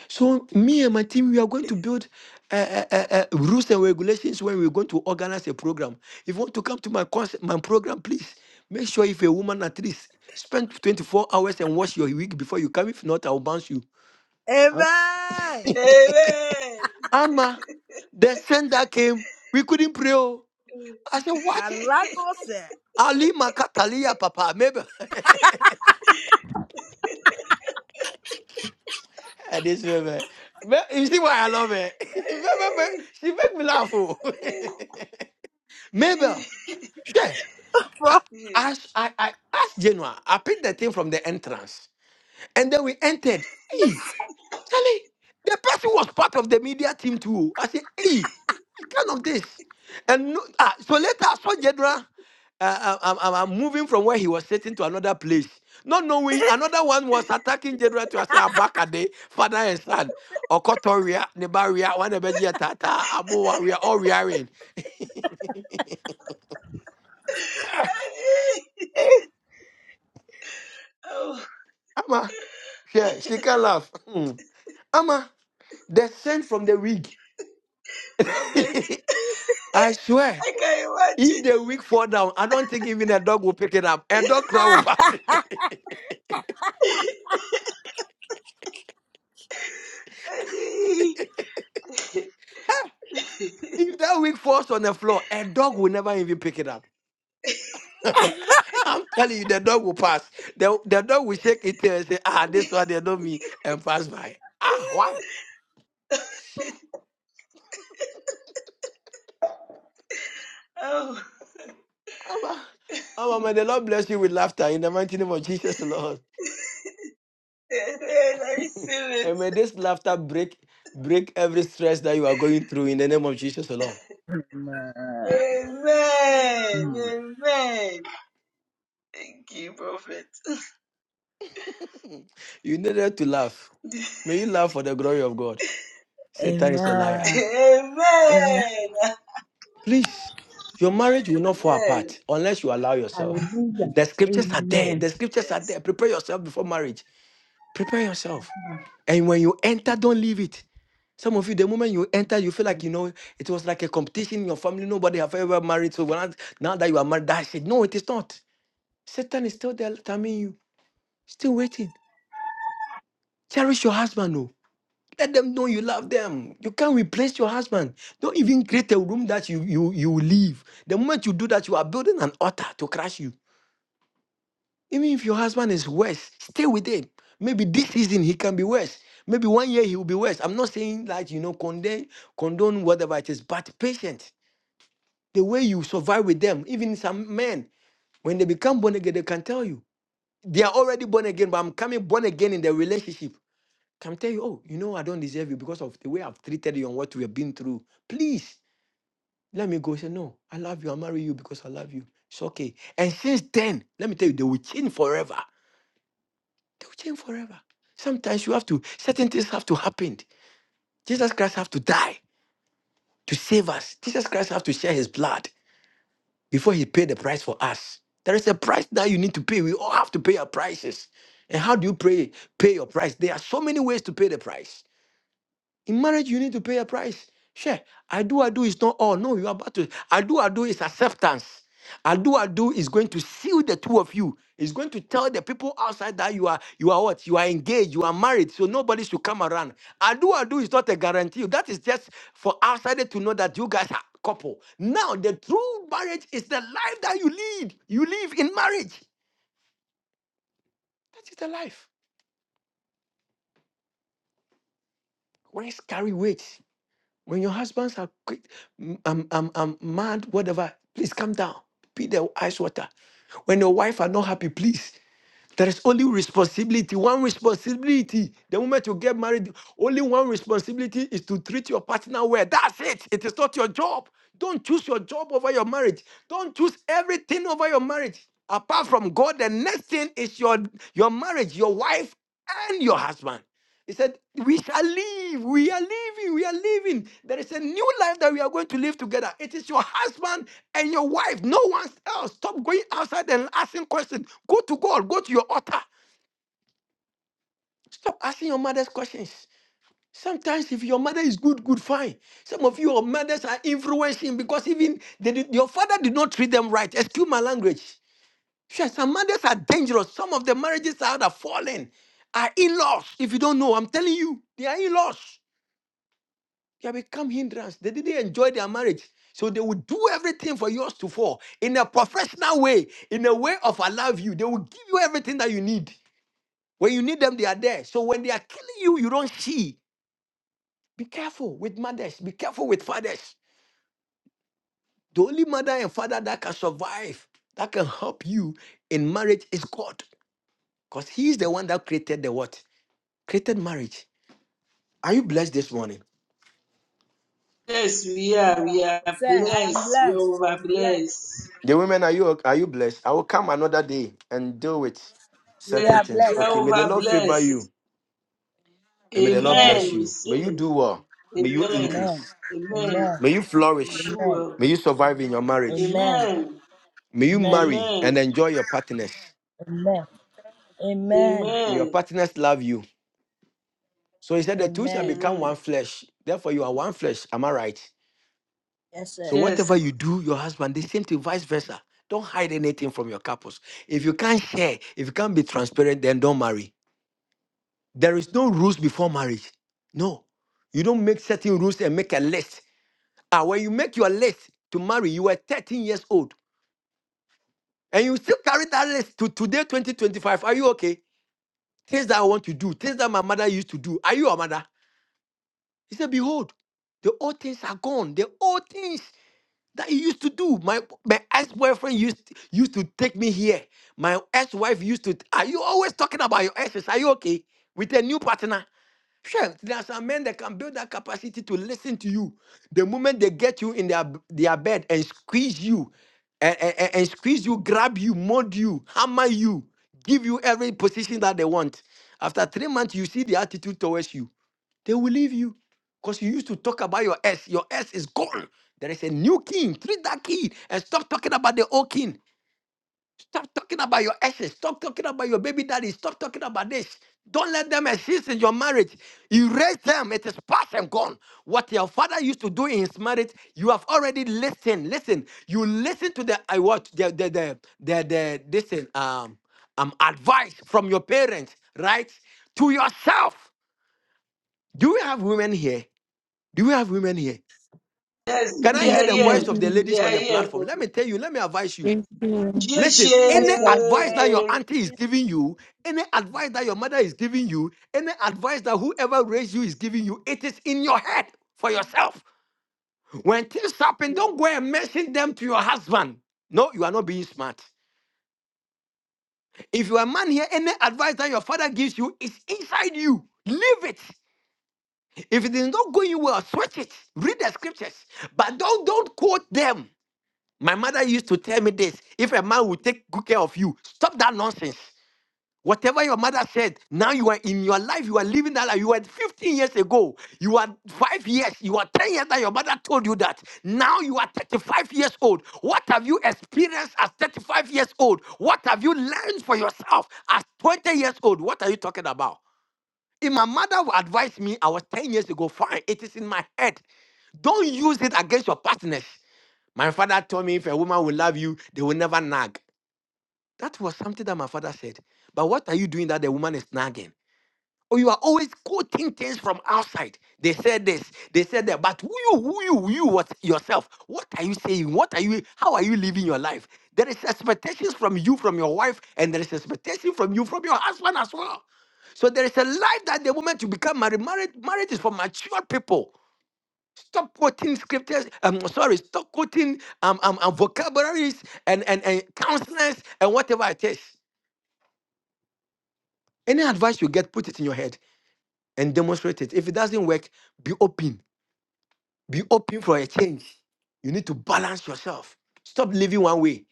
Speaker 6: So me and my team, we are going to build uh, uh, uh, uh, rules and regulations when we're going to organize a program. If you want to come to my concert, my program, please make sure if a woman at least spend 24 hours and wash your wig before you come. If not, I'll bounce you. Huh?
Speaker 13: Amen.
Speaker 7: Amen.
Speaker 6: Ama, the sender came. We couldn't pray. oh. I said, what?
Speaker 13: Aragose.
Speaker 6: Ali Makatalia, Papa, maybe. And this woman, me- you see why I love her. Me- me- me- she make me laugh. oh. Mabel, I,
Speaker 13: For-
Speaker 6: I, I, I asked Genoa. I picked the thing from the entrance. And then we entered. Hey, Charlie, the person was part of the media team too. I said, hey, what kind of this? And no, ah, so later I saw Genoa. Uh, I'm, I'm, I'm moving from where he was sitting to another place. Not knowing another one was attacking General to say Abakade, father and son. Okotoria, Nebaria, one of the Tata, Abu Waria, all rearing.
Speaker 7: oh,
Speaker 6: Ama, yeah, she can laugh. Hmm. Ama, The scent from the wig.
Speaker 7: prophet,
Speaker 6: I swear,
Speaker 7: I can not
Speaker 6: if
Speaker 7: imagine.
Speaker 6: the wig fall down, I don't think even a dog will pick it up. A dog cry will pass. Huh, if that wig falls on the floor, a dog will never even pick it up. I'm telling you, the dog will pass. The, the dog will shake its tail and say, ah, this one, they know me, and pass by. Ah, why?
Speaker 7: oh,
Speaker 6: Ama, Ama, may the Lord bless you with laughter in the mighty name of Jesus, Lord.
Speaker 7: I see it.
Speaker 6: and may this laughter break break every stress that you are going through in the name of Jesus, Lord.
Speaker 13: Amen.
Speaker 7: Amen.
Speaker 13: Mm.
Speaker 7: Amen. Thank you, Prophet.
Speaker 6: You needed to laugh. May you laugh for the glory of God. Satan is a liar.
Speaker 13: Amen. Amen.
Speaker 7: Amen.
Speaker 6: Please, your marriage will not fall
Speaker 7: Amen.
Speaker 6: apart unless you allow yourself.
Speaker 17: Hallelujah.
Speaker 6: The scriptures are there.
Speaker 17: Amen.
Speaker 6: The scriptures are
Speaker 7: Yes.
Speaker 6: there. Prepare yourself before marriage. Prepare yourself. And when you enter, don't leave it. Some of you, the moment you enter, you feel like you know it was like a competition in your family. Nobody have ever married. So when I- now that you are married, that's it. No, it is not. Satan is still there, timing you, still waiting. Cherish your husband, oh. Let them know you love them. You can't replace your husband. Don't even create a room that you you you will leave. The moment you do that, you are building an altar to crush you. Even if your husband is worse, stay with him. Maybe this season he can be worse. Maybe one year he will be worse. I'm not saying that you know condemn condone whatever it is, but patient. The way you survive with them, even some men, when they become born again, they can tell you they are already born again, but I'm coming born again in the relationship. can tell you, oh, you know, I don't deserve you because of the way I've treated you and what we have been through. Please let me go. Say, no, I love you. I'll marry you because I love you. It's okay. And since then, let me tell you, they will change forever. They will change forever. Sometimes you have to, certain things have to happen. Jesus Christ have to die to save us. Jesus Christ have to share his blood before he paid the price for us. There is a price that you need to pay. We all have to pay our prices. And how do you pray, pay your price? There are so many ways to pay the price. In marriage, you need to pay a price. Sure, I do, I do is not all. No, you are about to. I do, I do is acceptance. I do, I do is going to seal the two of you. It's going to tell the people outside that you are, you are what? You are engaged, you are married, so nobody should come around. I do, I do is not a guarantee. That is just for outsider to know that you guys are couple. Now, the true marriage is the life that you lead. You live in marriage. That is the life. Words carry weight. When your husbands are quick, "Mm, I'm, I'm, I'm mad, whatever, please come down. Be the ice water. When your wife are not happy, please. There is only responsibility, one responsibility. The moment you get married, only one responsibility is to treat your partner well. That's it. It is not your job. Don't choose your job over your marriage. Don't choose everything over your marriage. Apart from God, the next thing is your, your marriage, your wife, and your husband. He said, We shall live. We are living. We are living. There is a new life that we are going to live together. It is your husband and your wife. No one else. Stop going outside and asking questions. Go to God. Go to your altar. Stop asking your mother's questions. Sometimes, if your mother is good, good, fine. Some of your mothers are influencing because even they did- your father did not treat them right. Excuse my language. Sure, some mothers are dangerous. Some of the marriages that are falling, are in laws. If you don't know, I'm telling you, they are in laws. They have become hindrance. They didn't enjoy their marriage. So they will do everything for yours to fall in a professional way, in a way of I love you. They will give you everything that you need. When you need them, they are there. So when they are killing you, you don't see. Be careful with mothers. Be careful with fathers. The only mother and father that can survive, that can help you in marriage is God. Because He is the one that created the what? Created marriage. Are you blessed this morning?
Speaker 7: Yes, we are. We are
Speaker 13: Sir, I am
Speaker 7: blessed. We are
Speaker 13: blessed. I
Speaker 7: over
Speaker 13: am blessed.
Speaker 7: blessed.
Speaker 6: The women, are you are you blessed? I will come another day and deal with
Speaker 13: We
Speaker 7: Yes,
Speaker 6: certain
Speaker 13: are
Speaker 6: things.
Speaker 7: we
Speaker 13: blessed,
Speaker 7: are
Speaker 13: sir.
Speaker 6: Okay, may the
Speaker 7: over
Speaker 6: Lord favor
Speaker 7: blessed.
Speaker 6: you and may the Lord bless
Speaker 7: Amen.
Speaker 13: Amen.
Speaker 7: We
Speaker 6: you. May you
Speaker 7: sing
Speaker 6: do well.
Speaker 7: it.
Speaker 6: May you
Speaker 7: Amen.
Speaker 13: Amen.
Speaker 6: increase.
Speaker 7: Amen.
Speaker 13: Amen.
Speaker 6: May you
Speaker 7: We
Speaker 6: flourish.
Speaker 7: do
Speaker 13: Amen.
Speaker 7: well.
Speaker 6: May you survive in your marriage.
Speaker 13: Amen.
Speaker 7: Amen.
Speaker 6: May you
Speaker 13: Amen.
Speaker 6: marry
Speaker 7: Amen.
Speaker 6: and enjoy your partners.
Speaker 13: Amen. Amen.
Speaker 6: May your
Speaker 7: Amen.
Speaker 6: partners love you. So he said, The two shall
Speaker 13: Amen.
Speaker 6: become one
Speaker 7: Amen.
Speaker 6: flesh. Therefore, you are one flesh. Am I right?
Speaker 13: Yes, sir.
Speaker 6: So whatever
Speaker 7: Yes.
Speaker 6: you do, your husband, the same thing, vice versa. Don't hide anything from your couples. If you can't share, if you can't be transparent, then don't marry. There is no rules before marriage. No. You don't make certain rules and make a list. Ah, when you make your list to marry, you were 13 years old. And you still carry that list to today, 2025. Are you okay? Things that I want to do, things that my mother used to do. Are you a mother? He said, Behold, the old things are gone. The old things that you used to do. My my ex-boyfriend used used to take me here. My ex-wife used to. Are you always talking about your exes? Are you okay? With a new partner. Sure, there are some men that can build that capacity to listen to you. The moment they get you in their b- their bed and squeeze you, and, and, and squeeze you, grab you, mold you, hammer you, give you every position that they want. After three months, you see the attitude towards you. They will leave you because you used to talk about your S. Your S is gone. There is a new king. Treat that king and stop talking about the old king. Stop talking about your exes. Stop talking about your baby daddy. Stop talking about this. Don't let them exist in your marriage. Erase them. It is past and gone. What your father used to do in his marriage, you have already listened. Listen, you listen to the I what the the the the, the this thing, um um advice from your parents, right? To yourself. Do we have women here? Do we have women here?
Speaker 16: He
Speaker 7: Yes,
Speaker 6: Can I
Speaker 16: is
Speaker 7: we
Speaker 6: hear
Speaker 11: yes,
Speaker 7: are
Speaker 6: the
Speaker 11: He
Speaker 6: voice
Speaker 7: here.
Speaker 6: of
Speaker 16: perfect.
Speaker 6: the
Speaker 11: is,
Speaker 7: We
Speaker 6: ladies
Speaker 7: are
Speaker 6: on the
Speaker 7: here.
Speaker 6: platform?
Speaker 7: Prophet.
Speaker 6: Let me tell you. Let me advise you.
Speaker 11: yes, He
Speaker 7: Yes,
Speaker 6: Listen,
Speaker 16: Yes,
Speaker 6: any advice
Speaker 16: perfect.
Speaker 6: that
Speaker 19: Yeah.
Speaker 6: your
Speaker 7: yes,
Speaker 6: auntie is giving
Speaker 19: Yeah.
Speaker 6: you, any advice that your mother is giving you, any advice that whoever raised you is giving you, it is in your head for yourself. When things happen, don't go and mention them to your husband. No, you are not being smart. If you are a man here, any advice that your father gives you is inside you. Leave it. If it is not going well, switch it. Read the scriptures, but don't don't quote them. My mother used to tell me this: if a man will take good care of you, stop that nonsense. Whatever your mother said, now you are in your life, you are living that life. You were 15 years ago, you are five years, you are 10 years that your mother told you that. Now you are 35 years old. What have you experienced as 35 years old? What have you learned for yourself as 20 years old? What are you talking about? If my mother would advise me, I was 10 years ago, fine, it is in my head. Don't use it against your partners. My father told me if a woman will love you, they will never nag. That was something that my father said. But what are you doing that the woman is nagging? Or you are always quoting things from outside. They said this, they said that, but who you, who you, who you what, yourself, what are you saying? What are you, how are you living your life? There is expectations from you, from your wife, and there is expectation from you, from your husband as well. So there is a life that the moment you become married, marriage, marriage is for mature people. Stop quoting scriptures. Um, sorry, stop quoting um, um, um vocabularies and, and and counselors and whatever it is. Any advice you get, put it in your head. and demonstrate it. If it doesn't work, be open. Be open for a change. You need to balance yourself. Stop living one way.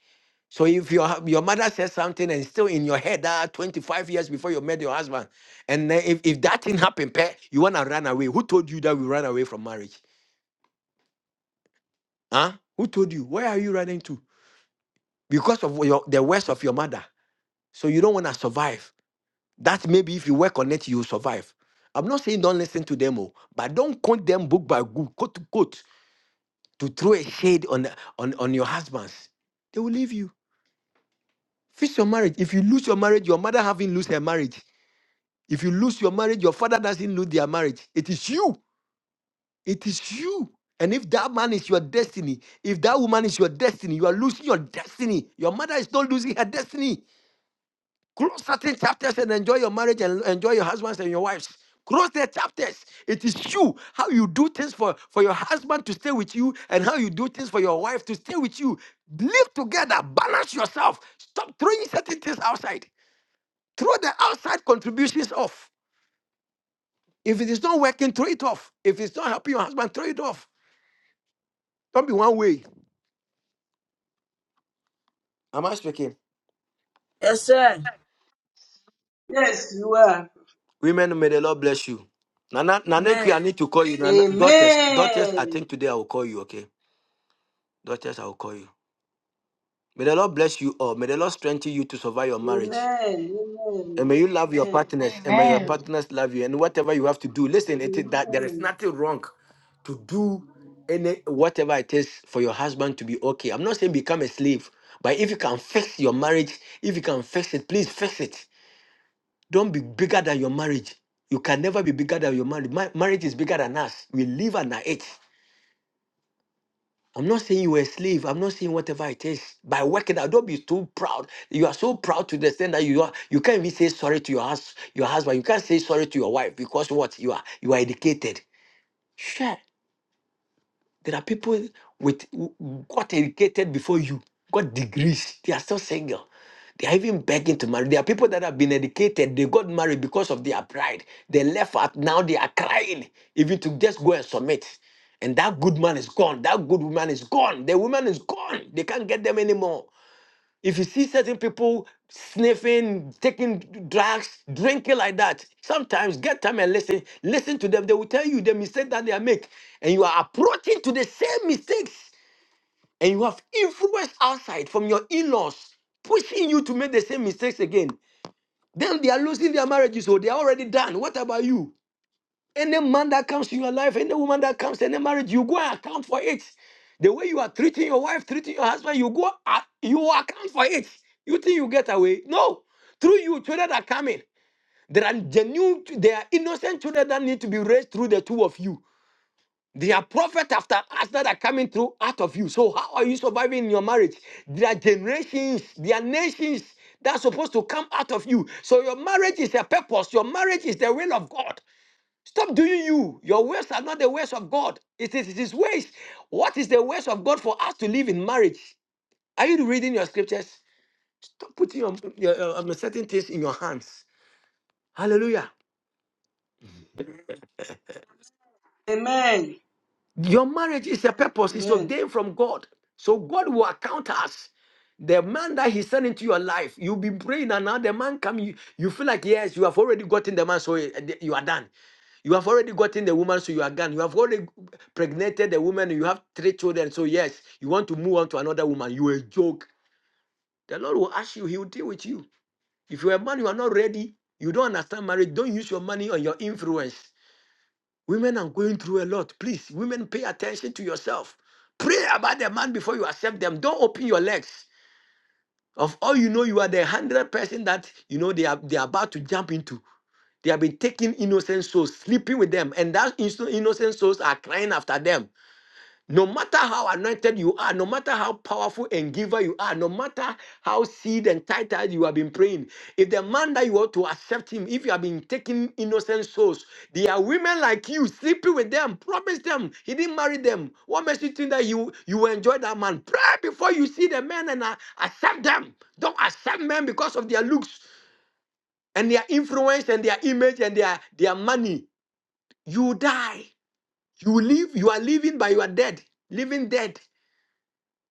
Speaker 6: So if your hu- your mother says something and still in your head ah, 25 years before you met your husband, and then if, if that thing happened, peh, you wanna run away. Who told you that we run away from marriage? Huh? Who told you? Where are you running to? Because of your, the words of your mother. So you don't wanna survive. That maybe if you work on it, you will survive. I'm not saying don't listen to them, oh, but don't quote them book by book, quote to quote. to throw a shade on on on your husbands they will leave you fix your marriage if you lose your marriage your mother haven't lose her marriage if you lose your marriage your father doesn't lose their marriage it is you it is you and if that man is your destiny if that woman is your destiny you are losing your destiny your mother is not losing her destiny Close certain chapters and enjoy your marriage and enjoy your husbands and your wives. Close the chapters. It is you, how you do things for, for your husband to stay with you and how you do things for your wife to stay with you. Live together, balance yourself. Stop throwing certain things outside. Throw the outside contributions off. If it is not working, throw it off. If it's not helping your husband, throw it off. Don't be one way. Am I speaking?
Speaker 13: Yes, sir.
Speaker 7: Yes, you are.
Speaker 6: Women, may the Lord bless you. Nana, Nana, I
Speaker 13: Amen.
Speaker 6: need to call you. Nana, daughters, daughters, I
Speaker 7: Amen.
Speaker 6: think today I will call you, okay? Daughters, I will call you. May the Lord bless you all. May the Lord strengthen you to survive your marriage.
Speaker 7: Amen.
Speaker 6: And
Speaker 7: Amen.
Speaker 6: may you love your
Speaker 7: Amen.
Speaker 6: partners. And may your partners love you. And whatever you have to do, listen, it is that there is
Speaker 7: Amen.
Speaker 6: nothing wrong to do any whatever it is for your husband to be okay. I'm not saying become a slave, but if you can fix your marriage, if you can fix it, please fix it. Don't be bigger than your marriage. You can never be bigger than your marriage. Ma- marriage is bigger than us. We live under it. I'm not saying you're a slave. I'm not saying whatever it is. By working out, don't be too proud. You are so proud to the extent that you are you can't even say sorry to your hus- your husband. You can't say sorry to your wife because what you are you are educated. Sure. There are people with who got educated before you, got degrees. They are still single. They are even begging to marry. There are people that have been educated. They got married because of their pride. They left out. Now they are crying, even to just go and submit. And that good man is gone. That good woman is gone. The woman is gone. They can't get them anymore. If you see certain people sniffing, taking drugs, drinking like that, sometimes get time and listen. Listen to them. They will tell you the mistake that they are make, and you are approaching to the same mistakes. And you have influence outside from your in-laws pushing you to make the same mistakes again. Then they are losing their marriages, so they are already done. What about you? Any man that comes in your life, any woman that comes, any marriage, you go and account for it. The way you are treating your wife, treating your husband, you go, a- you account for it. You think you get away? No. Through you, children are coming. There are genuine, there are innocent children that need to be raised through the two of you. There are prophets after us that are coming through out of you. So how are you surviving in your marriage? There are generations, there are nations that are supposed to come out of you. So your marriage is a purpose. Your marriage is the will of God. Stop doing you. Your ways are not the ways of God. It is His ways. What is the ways of God for us to live in marriage? Are you reading your scriptures? Stop putting your, your, your certain things in your hands. Hallelujah.
Speaker 7: Amen.
Speaker 6: Your marriage is a purpose, it's
Speaker 7: Amen.
Speaker 6: ordained from God. So God will account us. The man that he sent into your life, you'll be praying, and now the man come, you, you feel like, yes, you have already gotten the man, so eh, eh, you are done. You have already gotten the woman, so you are done. You have already pregnated the woman, you have three children, so yes, you want to move on to another woman. You a joke. The Lord will ask you, He will deal with you. If you're a man, you are not ready, you don't understand marriage, don't use your money on your influence. Women are going through a lot. Please, women, pay attention to yourself. Pray about the man before you accept them. Don't open your legs. Of all you know, you are the hundred person that you know they are they are about to jump into. They have been taking innocent souls, sleeping with them, and that inno- innocent souls are crying after them. No matter how anointed you are, no matter how powerful and giver you are, no matter how seed and titled you have been praying, if the man that you want to accept him, if you have been taking innocent souls, there are women like you sleeping with them, promise them, he didn't marry them. What makes you think that you, you will enjoy that man? Pray before you see the men and uh, accept them. Don't accept men because of their looks and their influence and their image and their, their money. You die. You live, you are living, but you are dead. Living dead.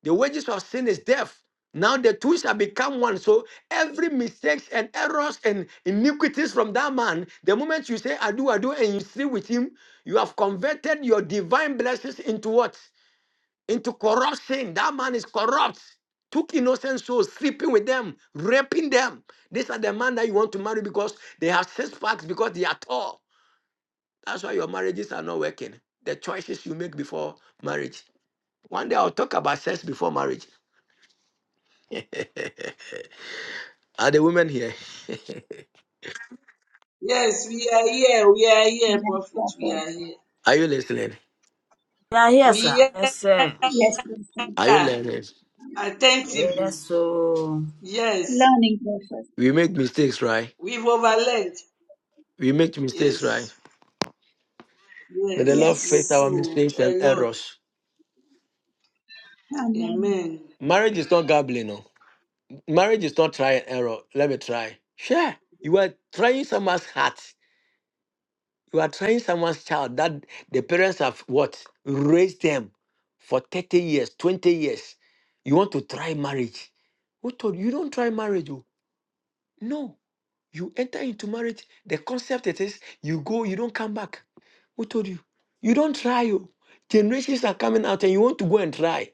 Speaker 6: The wages of sin is death. Now the two shall become one. So every mistakes and errors and iniquities from that man, the moment you say I do, I do, and you sleep with him, you have converted your divine blessings into what? Into corruption. That man is corrupt. Took innocent souls, sleeping with them, raping them. These are the man that you want to marry because they have six packs, because they are tall. That's why your marriages are not working. The choices you make before marriage. One day I'll talk about sex before marriage. Are the women here?
Speaker 7: Yes, we are here. We are here,
Speaker 16: Yes,
Speaker 7: prophet. We
Speaker 16: perfect.
Speaker 7: are here.
Speaker 6: Are you listening?
Speaker 13: Yeah, yes, sir.
Speaker 7: We
Speaker 13: Yes, sir.
Speaker 16: Yes, perfect.
Speaker 6: Are you
Speaker 7: are
Speaker 6: learning?
Speaker 7: attentively.
Speaker 13: Yes, sir.
Speaker 7: Yes.
Speaker 16: Learning perfect.
Speaker 6: We make mistakes, right?
Speaker 7: We've overlaid.
Speaker 6: We make mistakes, right?
Speaker 7: Yes.
Speaker 6: May the Lord
Speaker 7: Yes, we
Speaker 6: fix our
Speaker 16: Yes.
Speaker 7: do
Speaker 6: mistakes and
Speaker 7: a lot.
Speaker 6: errors.
Speaker 16: Amen.
Speaker 7: Amen.
Speaker 6: Marriage is not gambling, no. Marriage is not try and error. Let me try. Sure. You are trying someone's heart. You are trying someone's child that the parents have what? Raised them for 30 years, 20 years. You want to try marriage. Who told you you don't try marriage? oh. No. You enter into marriage, the concept it is you go, you don't come back. Who told you? You don't try. You. Generations are coming out and you want to go and try.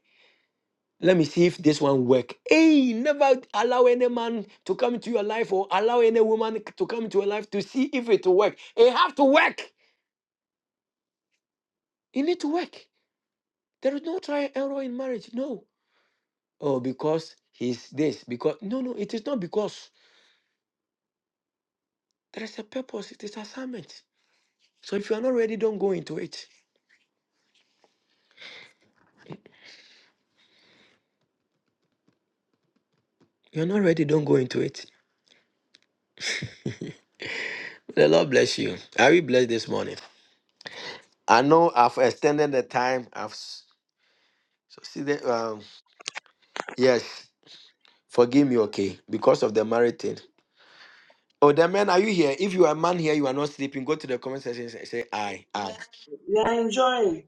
Speaker 6: Let me see if this one work. Hey, never allow any man to come into your life or allow any woman to come into your life to see if it will work. It have to work. You need to work. There is no try and error in marriage. No. Oh, because he's this. Because no, no, it is not because. There is a purpose. It is assignment. So if you are not ready, don't go into it. You're not ready, don't go into it. The Lord bless you. Are we blessed this morning? I know I've extended the time. I've s- succeeded. Um, yes, forgive me, okay, because of the married thing. Oh, the men, are you here? If you are a man here, you are not sleeping, go to the comment section and say, say, I, I.
Speaker 7: We are enjoying.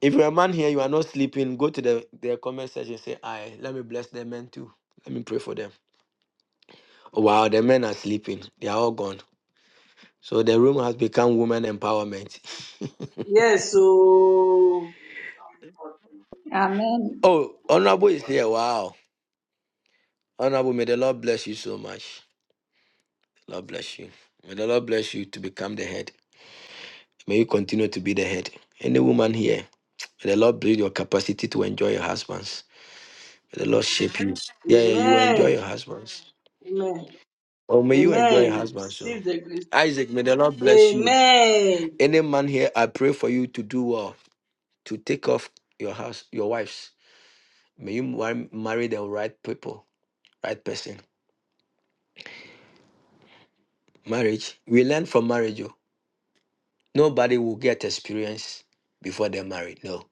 Speaker 6: If you're a man here, you are not sleeping, go to the, the comment section and say, I. Let me bless the men too. Let me pray for them. Oh, wow, the men are sleeping. They are all gone. So the room has become women empowerment.
Speaker 7: Yes, so
Speaker 16: Amen.
Speaker 6: oh, Honorable is here. Wow. Honorable, may the Lord bless you so much. Lord bless you. May the Lord bless you to become the head. May you continue to be the head. Any woman here, may the Lord build your capacity to enjoy your husbands. May the Lord shape you. Yeah, yeah, you will enjoy
Speaker 7: Amen.
Speaker 6: your husbands.
Speaker 7: Amen.
Speaker 6: Or may you enjoy your
Speaker 7: Amen.
Speaker 6: husbands. So,
Speaker 7: Receive the grace.
Speaker 6: Isaac, may the Lord bless you.
Speaker 7: Amen.
Speaker 6: Any man here, I pray for you to do well, to take off your house, your wives. May you mar- marry the right people, right person. Marriage. We learn from marriage. oh. Nobody will get experience before they're married. No.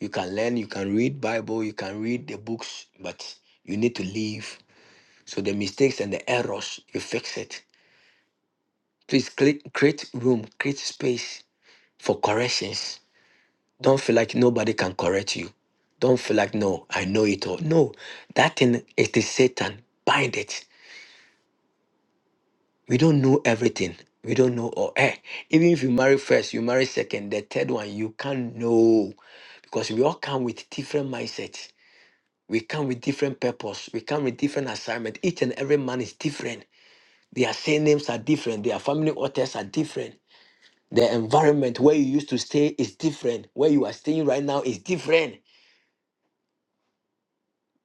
Speaker 6: You can learn, you can read Bible, you can read the books, but you need to live. So the mistakes and the errors, you fix it. Please cre- create room, create space for corrections. Don't feel like nobody can correct you. Don't feel like no, I know it all. No, that thing is the Satan. Bind it. We don't know everything. We don't know all. Eh, even if you marry first, you marry second, the third one, you can't know. Because we all come with different mindsets. We come with different purpose. We come with different assignment. Each and every man is different. Their surnames are different. Their family authors are different. The environment where you used to stay is different. Where you are staying right now is different.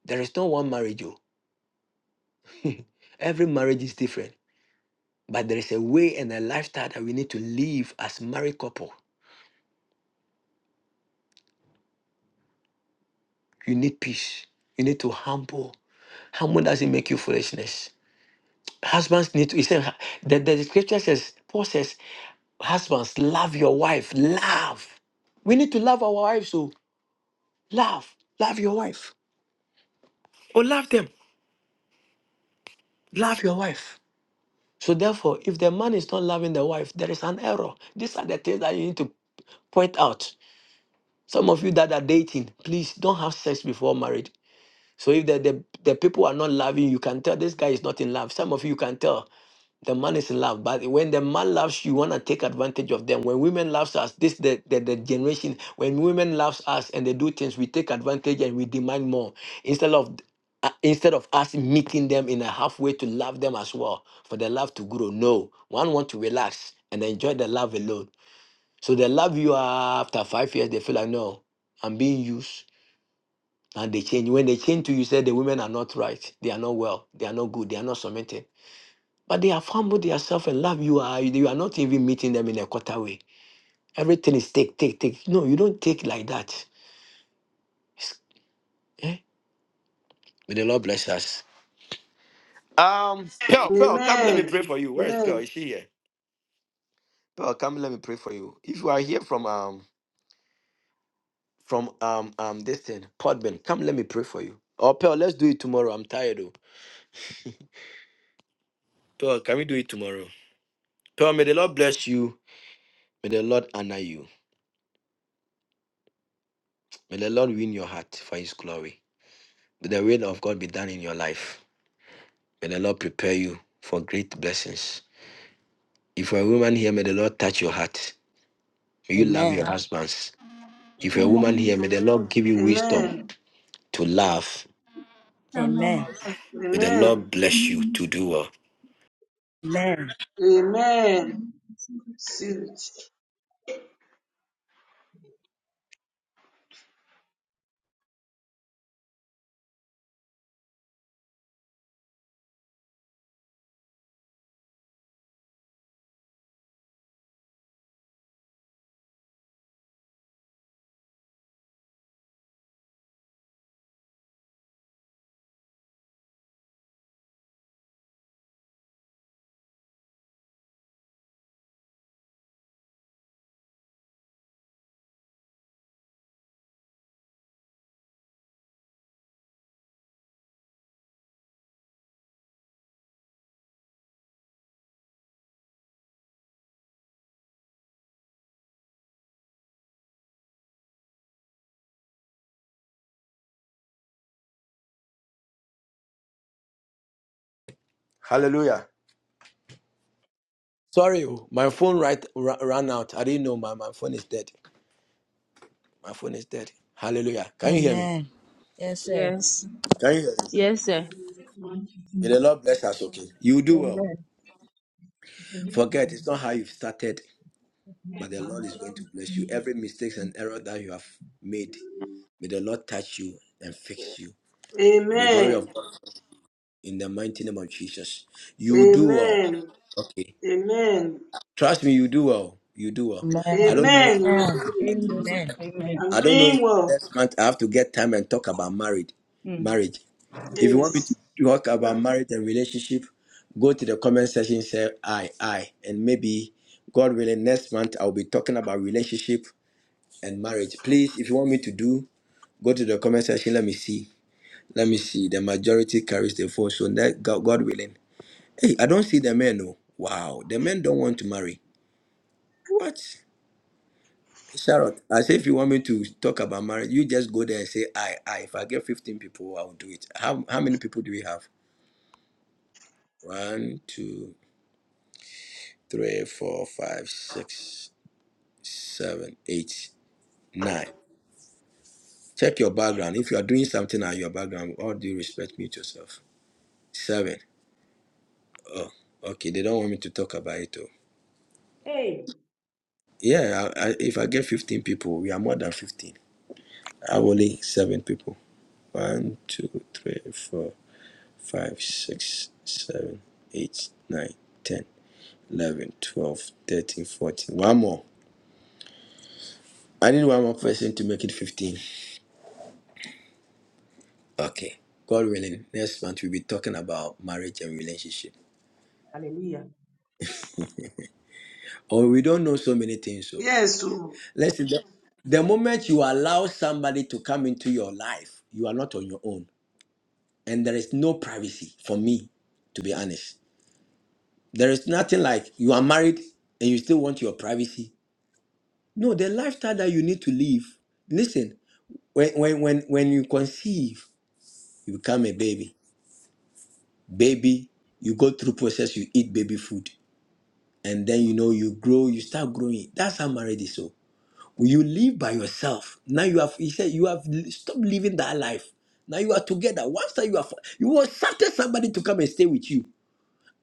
Speaker 6: There is no one marriage. oh. every marriage is different. But there is a way and a lifestyle that we need to live as married couple You need peace. You need to humble. Humble doesn't make you foolishness. Husbands need to. He said the, the scripture says, Paul says, husbands, love your wife. Love. We need to love our wives. So love. Love your wife. Or love them. Love your wife. So therefore, if the man is not loving the wife, there is an error. These are the things that you need to point out. Some of you that are dating, please don't have sex before marriage. So if the, the, the people are not loving, you can tell this guy is not in love. Some of you can tell the man is in love. But when the man loves you, you want to take advantage of them. When women loves us, this the, the, the generation, when women loves us and they do things, we take advantage and we demand more. Instead of uh, instead of us meeting them in a halfway to love them as well, for the love to grow. No, one want to relax and enjoy the love alone. So the love you are after five years, they feel like no, I'm being used. And they change. When they change to you, say the women are not right, they are not well, they are not good, they are not submitted. But they have humbled themselves and love you. Are you are not even meeting them in a quarter way. Everything is take, take, take. No, you don't take like that. It's- eh? May the Lord bless us. Um, Pearl, Pearl, come let me
Speaker 7: Amen.
Speaker 6: pray for you. Where is Pearl?
Speaker 7: Amen.
Speaker 6: Is she here? Pearl, come let me pray for you. If you are here from um from um um this thing, Podman, come let me pray for you. Oh Pearl, let's do it tomorrow. I'm tired though. Pearl, can we do it tomorrow? Pearl, may the Lord bless you. May the Lord honor you. May the Lord win your heart for His glory. May the will of God be done in your life. May the Lord prepare you for great blessings. If you're a woman here, may the Lord touch your heart. May you love your
Speaker 13: Amen.
Speaker 6: husbands. If you're a
Speaker 13: Amen.
Speaker 6: woman
Speaker 16: Amen.
Speaker 6: here, may the Lord give you wisdom
Speaker 7: Amen.
Speaker 16: Amen.
Speaker 6: to love.
Speaker 16: Amen.
Speaker 13: Amen.
Speaker 6: May the
Speaker 7: Amen.
Speaker 6: Lord bless you to do well.
Speaker 13: Amen.
Speaker 7: Amen.
Speaker 16: Amen.
Speaker 7: Receive it.
Speaker 1: Sorry, oh, my phone right ra- ran out. I didn't know my, my phone is dead. My phone is dead. Hallelujah. Can you hear me?
Speaker 13: Amen. Yes, sir.
Speaker 17: Yes.
Speaker 1: Can you hear me?
Speaker 17: Yes, sir.
Speaker 1: May the Lord bless us, okay? You do well.
Speaker 17: Amen.
Speaker 1: Forget, it's not how you've started, but the Lord is going to bless you. Every mistakes and error that you have made, may the Lord touch you and fix you. May the glory
Speaker 7: Amen.
Speaker 1: of God in the mighty name of Jesus. You do well.
Speaker 7: Amen.
Speaker 1: Okay.
Speaker 7: Amen.
Speaker 1: Trust me, you do well. You do well. I
Speaker 13: Amen.
Speaker 1: don't know.
Speaker 7: Amen.
Speaker 13: Amen.
Speaker 17: Amen.
Speaker 16: Amen.
Speaker 13: Amen.
Speaker 17: Amen.
Speaker 7: I'm
Speaker 1: I don't know if
Speaker 7: doing well.
Speaker 1: next month I have to get time and talk about married
Speaker 17: Mm.
Speaker 1: marriage. If you want me to
Speaker 7: Yes.
Speaker 1: talk about marriage and relationship, go to the comment section, say I, I, and maybe God willing, next month I'll be talking about relationship and marriage. Please, if you want me to do, go to the comment section. Let me see. Let me see. The majority carries the vote, so that God God willing. Hey, I don't see the men. No, wow, the men don't want to marry. What? Charlotte, I say if you want me to talk about marriage, you just go there and say I, I. If I get fifteen people, I'll do it. How how many people do we have? One, two. three, four, five, six, seven, eight, nine. Check your background. If you are doing something at your background, with all due respect, mute yourself. Seven. Oh, okay. They don't want me to talk about it. Oh.
Speaker 17: Hey.
Speaker 1: Yeah, I, I, if I get 15 people, we are more than 15. I have only seven people. One, two, three, four, five, six, seven, eight, nine, ten, eleven, twelve, thirteen, fourteen. One more. I need one more person to make it 15. Okay. God willing, next month we'll be talking about marriage and relationship.
Speaker 17: Hallelujah.
Speaker 1: Oh, we don't know so many things. So
Speaker 7: Yes. oh.
Speaker 1: listen, the, the moment you allow somebody to come into your life, you are not on your own. And there is no privacy for me, to be honest. There is nothing like you are married and you still want your privacy. No, the lifestyle that you need to live. Listen, when when when when you conceive, you become a baby. Baby, you go through process, you eat baby food and then you know you grow you start growing that's how marriage is so you live by yourself now you have he said you have l- stopped living that life now you are together once that you are fo- you accepted somebody to come and stay with you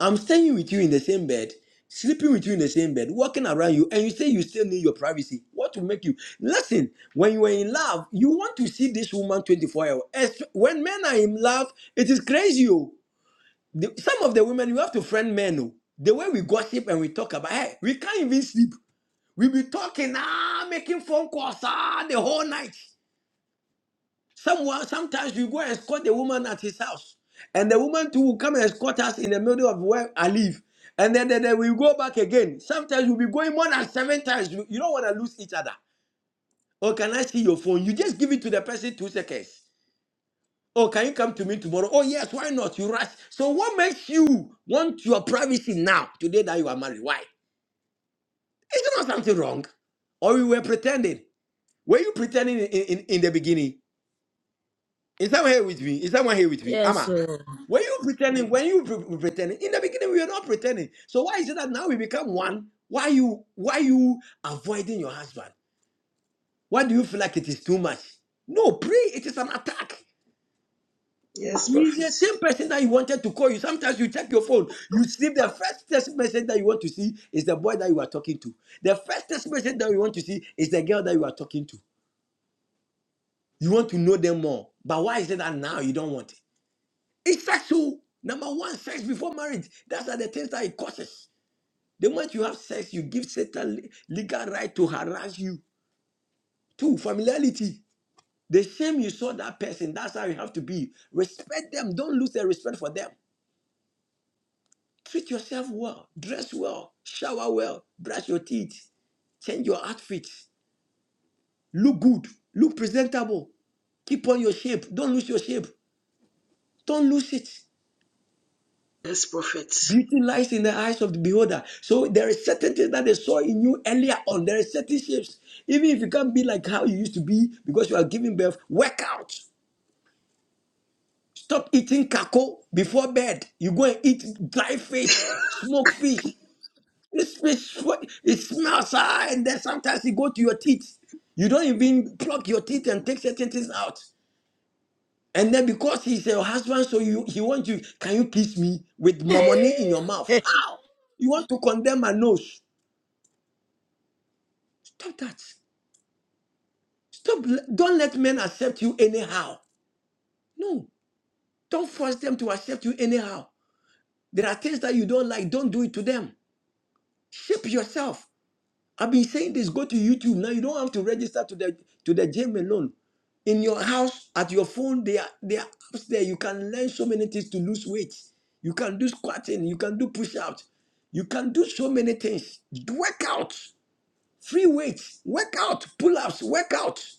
Speaker 1: i'm staying with you in the same bed sleeping with you in the same bed walking around you and you say you still need your privacy what will make you listen when you are in love you want to see this woman 24 hours As- when men are in love it is crazy Oh. The- some of the women, you have to friend men. Oh. The way we gossip and we talk about, hey, we can't even sleep. We be talking, ah, making phone calls, ah, the whole night. Someone, sometimes we go and escort the woman at his house. And the woman too will come and escort us in the middle of where I live. And then, then, then we go back again. Sometimes we'll be going more than seven times. You you don't want to lose each other. Or can I see your phone? You just give it to the person two seconds. Oh, can you come to me tomorrow? Oh, yes, why not? You rush. So, what makes you want your privacy now, today that you are married? Why? Is there not something wrong? Or you were pretending? Were you pretending in, in, in the beginning? Is someone here with me? Is someone here with me?
Speaker 13: Yes,
Speaker 1: Amma,
Speaker 13: sir.
Speaker 1: were you pretending when you pre- pre- pretending? In the beginning, we were not pretending. So, why is it that now we become one? Why you why you avoiding your husband? Why do you feel like it is too much? No, pray. It is an attack.
Speaker 7: Yes,
Speaker 1: It's
Speaker 7: prophet.
Speaker 1: the same person that you wanted to call you. Sometimes you check your phone. You see the first text message that you want to see is the boy that you are talking to. The first text message that you want to see is the girl that you are talking to. You want to know them more. But why is it that now you don't want it? It's sexual. Number one, sex before marriage. That's are the things that it causes. The moment you have sex, you give Satan le- legal right to harass you. Two, familiarity. The same you saw that person, that's how you have to be. Respect them. Don't lose their respect for them. Treat yourself well, dress well, shower well, brush your teeth, change your outfit, look good, look presentable, keep on your shape, don't lose your shape, don't lose it.
Speaker 7: Yes, prophet.
Speaker 1: Beauty lies in the eyes of the beholder. So there is certain things that they saw in you earlier on. There is certain shapes. Even if you can't be like how you used to be because you are giving birth, work out. Stop eating kako before bed. You go and eat dry fish, smoke fish. This fish, what- it smells, ah, and then sometimes it go to your teeth. You don't even pluck your teeth and take certain things out. And then because he's your husband, so you he wants you, can you kiss me with money in your mouth?
Speaker 13: Amen.
Speaker 1: How? You want to condemn my nose? Stop that. Stop. Don't let men accept you anyhow. No. Don't force them to accept you anyhow. There are things that you don't like. Don't do it to them. Shape yourself. I've been saying this. Go to YouTube now. You don't have to register to the to the gym alone. In your house, at your phone, there are there are apps there. You can learn so many things to lose weight. You can do squatting. You can do push-ups. You can do so many things. Workouts, free weights, workout, pull-ups, workouts.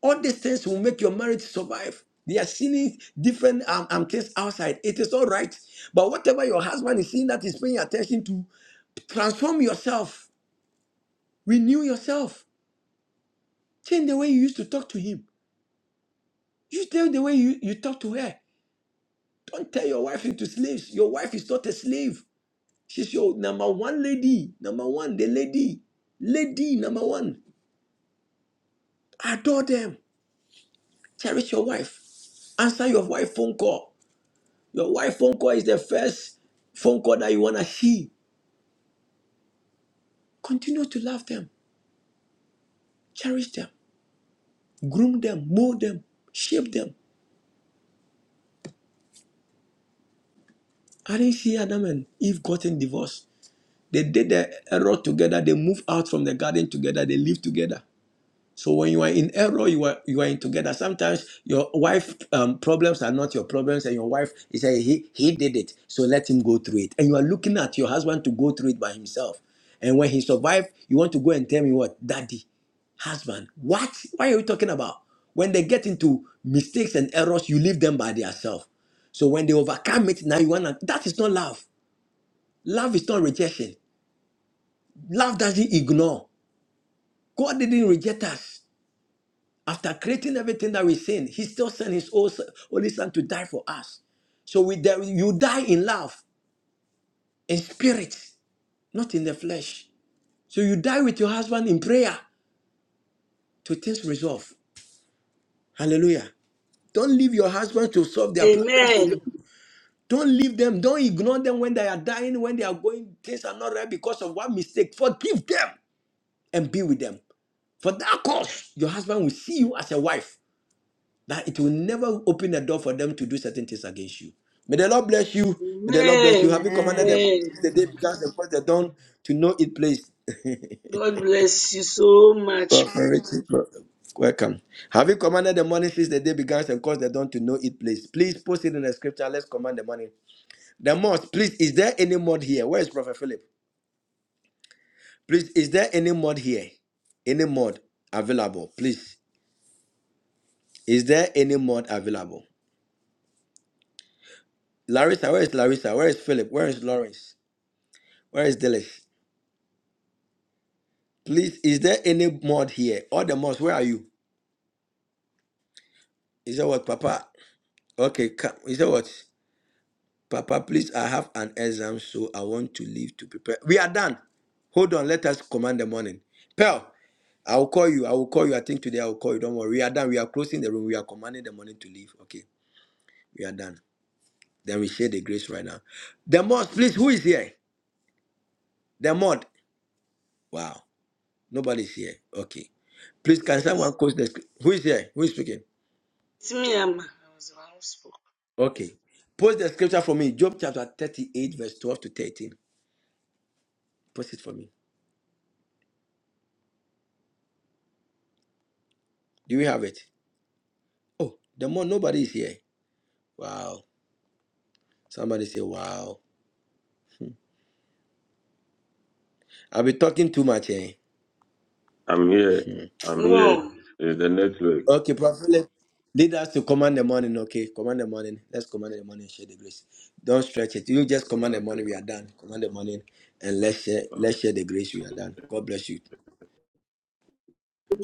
Speaker 1: All these things will make your marriage survive. They are seeing different um, um, things outside. It is all right. But whatever your husband is seeing that is paying attention to, transform yourself, renew yourself. Change the way you used to talk to him. You tell the way you, you talk to her. Don't tell your wife into slaves. Your wife is not a slave. She's your number one lady. Number one, the lady. Lady number one. Adore them. Cherish your wife. Answer your wife phone call. Your wife phone call is the first phone call that you wanna see. Continue to love them, cherish them, groom them, mold them, shape them. I didn't see Adam and Eve gotten divorced. They did the error together. They moved out from the garden together. They live together. So when you are in error, you are you are in together. Sometimes your wife um, problems are not your problems, and your wife is saying he he did it, so let him go through it. And you are looking at your husband to go through it by himself. And when he survived, you want to go and tell me what, daddy, husband, what? Why are you talking about? When they get into mistakes and errors, you leave them by themselves. So when they overcome it, now you wanna. That is not love. Love is not rejection. Love doesn't ignore. God didn't reject us. After creating everything that we sin, He still sent His own son- only Son to die for us. So we die, you die in love, in spirit, not in the flesh. So you die with your husband in prayer to things resolve. Hallelujah. Don't leave your husband to solve their problems
Speaker 7: Amen.
Speaker 1: alone. Don't leave them. Don't ignore them when they are dying, when they are going, things are not right because of one mistake. Forgive them and be with them. For that cause, your husband will see you as a wife that it will never open a door for them to do certain things against you. May the Lord bless you. May the Lord bless you. Have
Speaker 7: Amen.
Speaker 1: you commanded the
Speaker 13: Amen.
Speaker 1: morning
Speaker 7: Amen.
Speaker 1: since the day began the first the dawn to know it place?
Speaker 7: God bless you so much.
Speaker 1: Prophet Richard, bro- Welcome. Have you commanded the morning since the day began and caused the dawn to know it place? Please post it in the scripture. Let's command the morning. The must, please, is there any mod here? Where is Prophet Philip? Please, is there any mod here? Any mod available? Please. Is there any mod available? Larissa, where is Larissa? Where is Philip? Where is Lawrence? Where is Dillis? Please, is there any mod here? All the mods, where are you? Is that what, Papa? Okay, come. Is that what? Papa, please, I have an exam, so I want to leave to prepare. We are done. Hold on, let us command the morning. Pearl, I will call you. I will call you. I think today I will call you. Don't worry. We are done. We are closing the room. We are commanding the morning to leave. Okay, we are done. Then we share the grace right now. The mod, please, who is here? The mod. Wow, nobody's here. Okay. Please, can
Speaker 7: Yes.
Speaker 1: someone close the screen? Who is here? Who is speaking?
Speaker 7: It's me, Amma. I was the one who spoke.
Speaker 1: Okay. Post the scripture for me. Job chapter 38, verse 12 to 13. Post it for me. Do we have it? Oh, the more nobody is here. Wow. Somebody say, wow. I'll be talking too much here.
Speaker 5: I'm here.
Speaker 1: Hmm.
Speaker 5: I'm here.
Speaker 7: No.
Speaker 5: It's the network.
Speaker 1: Okay, Prophet, let- lead us to command the morning. Okay, command the morning. Let's command the morning. and Share the grace. Don't stretch it. You just command the
Speaker 5: Okay.
Speaker 1: morning. We are done. Command the morning, and let's share. Let's share the grace. We are done. God bless you.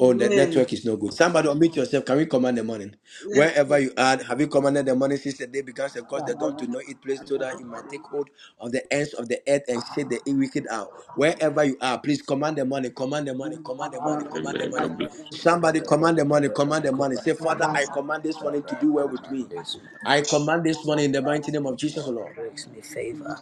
Speaker 1: Oh, the network is no good. Somebody unmute yourself. Can we command the morning?
Speaker 7: Let's
Speaker 1: Wherever
Speaker 7: go.
Speaker 1: you are, have you commanded the morning since the day began? Because they don't to know it. place so that it might take hold of the ends of the earth and shake the wicked out. Wherever you are, please command the morning, command the morning, command the morning,
Speaker 8: Amen.
Speaker 1: command the
Speaker 5: Amen.
Speaker 1: morning.
Speaker 5: God bless.
Speaker 8: Amen.
Speaker 1: Somebody command the morning, command the morning.
Speaker 8: I command this morning
Speaker 1: Say, Father, I command this
Speaker 13: Father,
Speaker 1: morning
Speaker 8: to
Speaker 1: to do
Speaker 13: I
Speaker 1: well with
Speaker 13: command
Speaker 1: me.
Speaker 13: this morning
Speaker 1: I command this morning in the mighty name of
Speaker 13: This
Speaker 1: Jesus, O
Speaker 13: morning
Speaker 1: Lord.
Speaker 13: brings me favor.